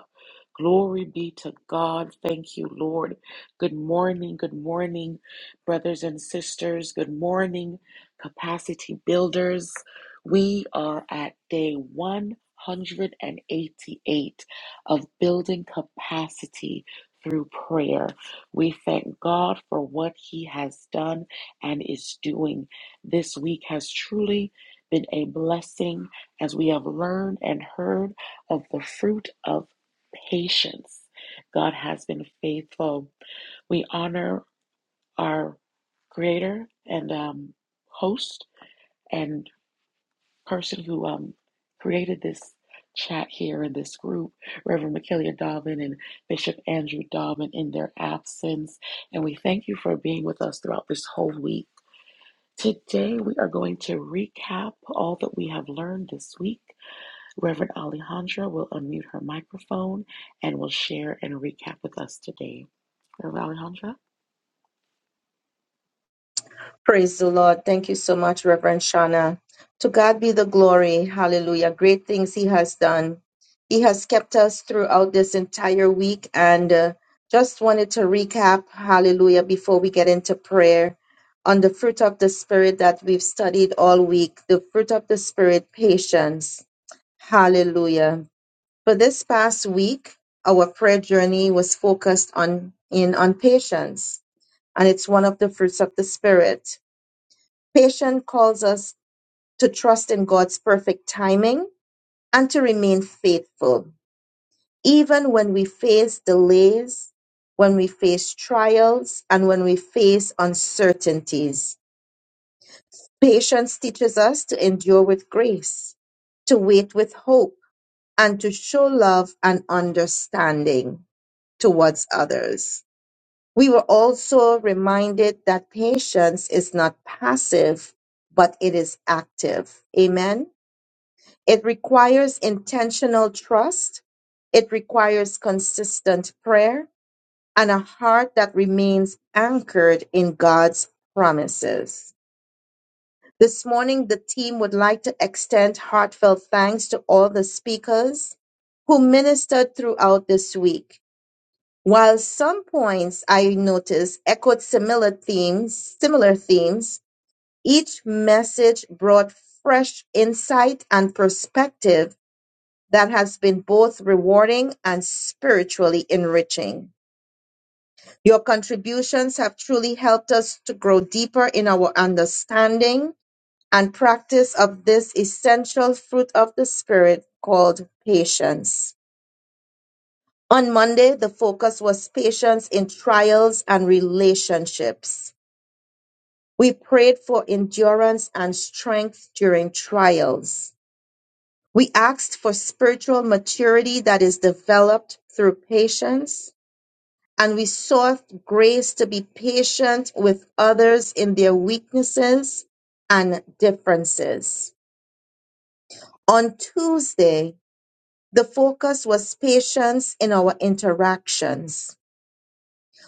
Speaker 7: Glory be to God. Thank you, Lord. Good morning, good morning, brothers and sisters. Good morning, capacity builders. We are at day 188 of building capacity through prayer. We thank God for what He has done and is doing. This week has truly been a blessing as we have learned and heard of the fruit of patience. God has been faithful. We honor our creator and um, host and person who um, created this chat here in this group, Reverend Makilia Dobbin and Bishop Andrew Dobbin, in their absence. And we thank you for being with us throughout this whole week. Today, we are going to recap all that we have learned this week Reverend Alejandra will unmute her microphone and will share and recap with us today. Reverend Alejandra?
Speaker 2: Praise the Lord. Thank you so much, Reverend Shana. To God be the glory. Hallelujah. Great things He has done. He has kept us throughout this entire week. And uh, just wanted to recap, hallelujah, before we get into prayer on the fruit of the Spirit that we've studied all week the fruit of the Spirit, patience. Hallelujah. For this past week, our prayer journey was focused on in on patience and it's one of the fruits of the spirit Patience calls us to trust in God's perfect timing and to remain faithful, even when we face delays, when we face trials, and when we face uncertainties. Patience teaches us to endure with grace, to wait with hope, and to show love and understanding towards others. We were also reminded that patience is not passive, but it is active. Amen. It requires intentional trust. It requires consistent prayer and a heart that remains anchored in God's promises. This morning, the team would like to extend heartfelt thanks to all the speakers who ministered throughout the week. While some points I noticed echoed similar themes, similar themes, each message brought fresh insight and perspective that has been both rewarding and spirit enriching. Your contribution really helped us to grow deeper in our understanding and practice of this essential fruit of the Spirit called patience. On Monday, the focus was patience in trials and relationships. We prayed for endurance and strength during trials. We asked for spiritual maturity that is developed through patience and we sought grace to be patient with others in their weaknesses and differences. On Tuesday, the focus was patience in our interactions.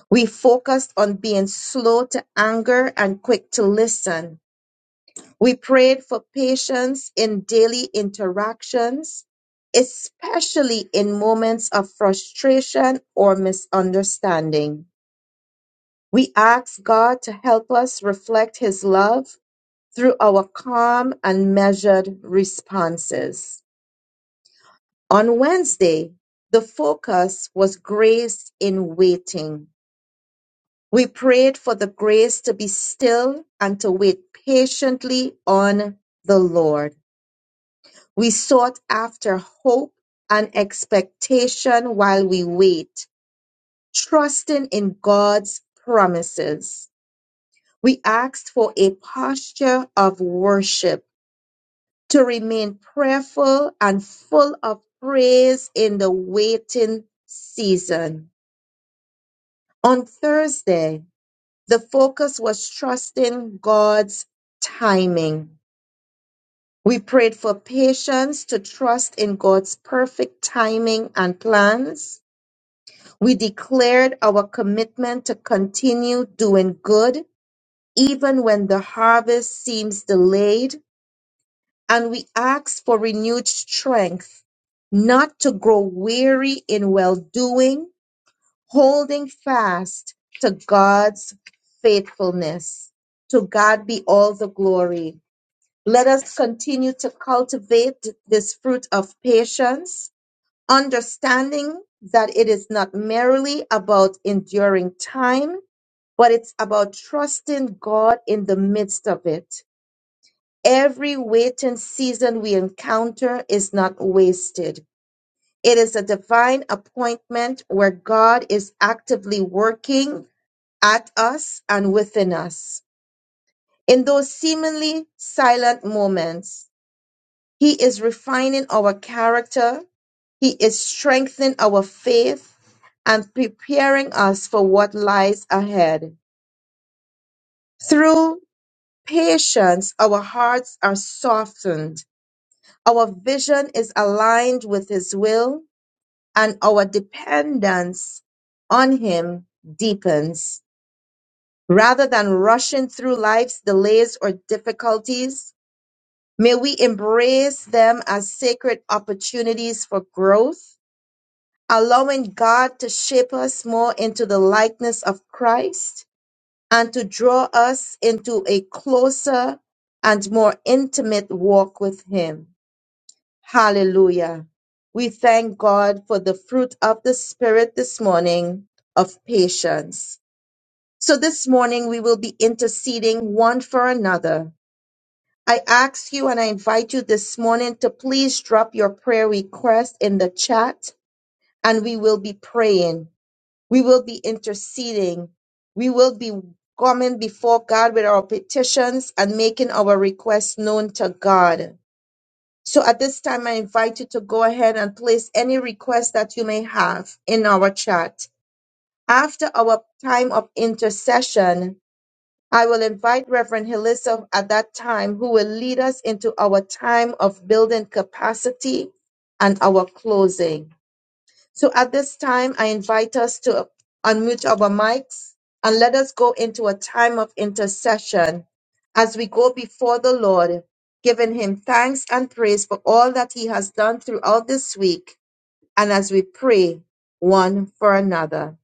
Speaker 2: We focused on being slow to anger and quick to listen. We prayed for patience in daily interactions, especially in moments of frustration or misunderstanding. We ask God to help us reflect His love through our calm and measured responses. On Wednesday, the focus was grace in waiting. We prayed for the grace to be still and to wait patiently on the Lord. We sought after hope and expectation while we wait, trusting in God's promises. We ask for a posture of worship to remain prayerful and full of praise in the waiting season. On Thursday, the focus was trusting God's timing. We prayed for patience to trust in God's perfect timing and plans. We declared our commitment to continue doing good even when the harvest seems delayed And we ask for renewed strength, not to grow weary in well doing, holding fast to God's faithfulness. To God be all the glory. Let us continue to cultivate this fruit of patience, understanding that it is not merely about enduring time, but it's about trusting God in the midst of it Every waiting season we encounter is not wasted. It is a divine appointment where God is actively working at us and within us. In those seemingly silent moments, He is refining our character, He is strengthening our faith, and preparing us for what lies ahead. Through patience, our hearts are softened Our vision is aligned with His will, and our dependence on Him deepens. Rather than rushing through life's delays or difficulties, may we embrace them as sacred opportunities for growth, allowing God to shape us more into the likeness of Christ and to draw us into a closer and more intimate walk with Him. Hallelujah. We thank God for the fruit of the Spirit this morning of patience. So this morning we will be interceding one for another. I ask you and I invite you this morning to please drop your prayer request in the chat and we will be praying. We will be interceding. We will be coming before God with our petitions and making our requests known to God. So at this time, I invite you to go ahead and place any request that you may have in our chat. After our time of intercession, I will invite Reverend Hilissa at that time, who will lead us into our time of building capacity and our closing. So at this time, I invite us to unmute our mics and let us go into a time of intercession as we go before the Lord, giving Him thanks and praise for all that He has done throughout this week, and as we pray one for another.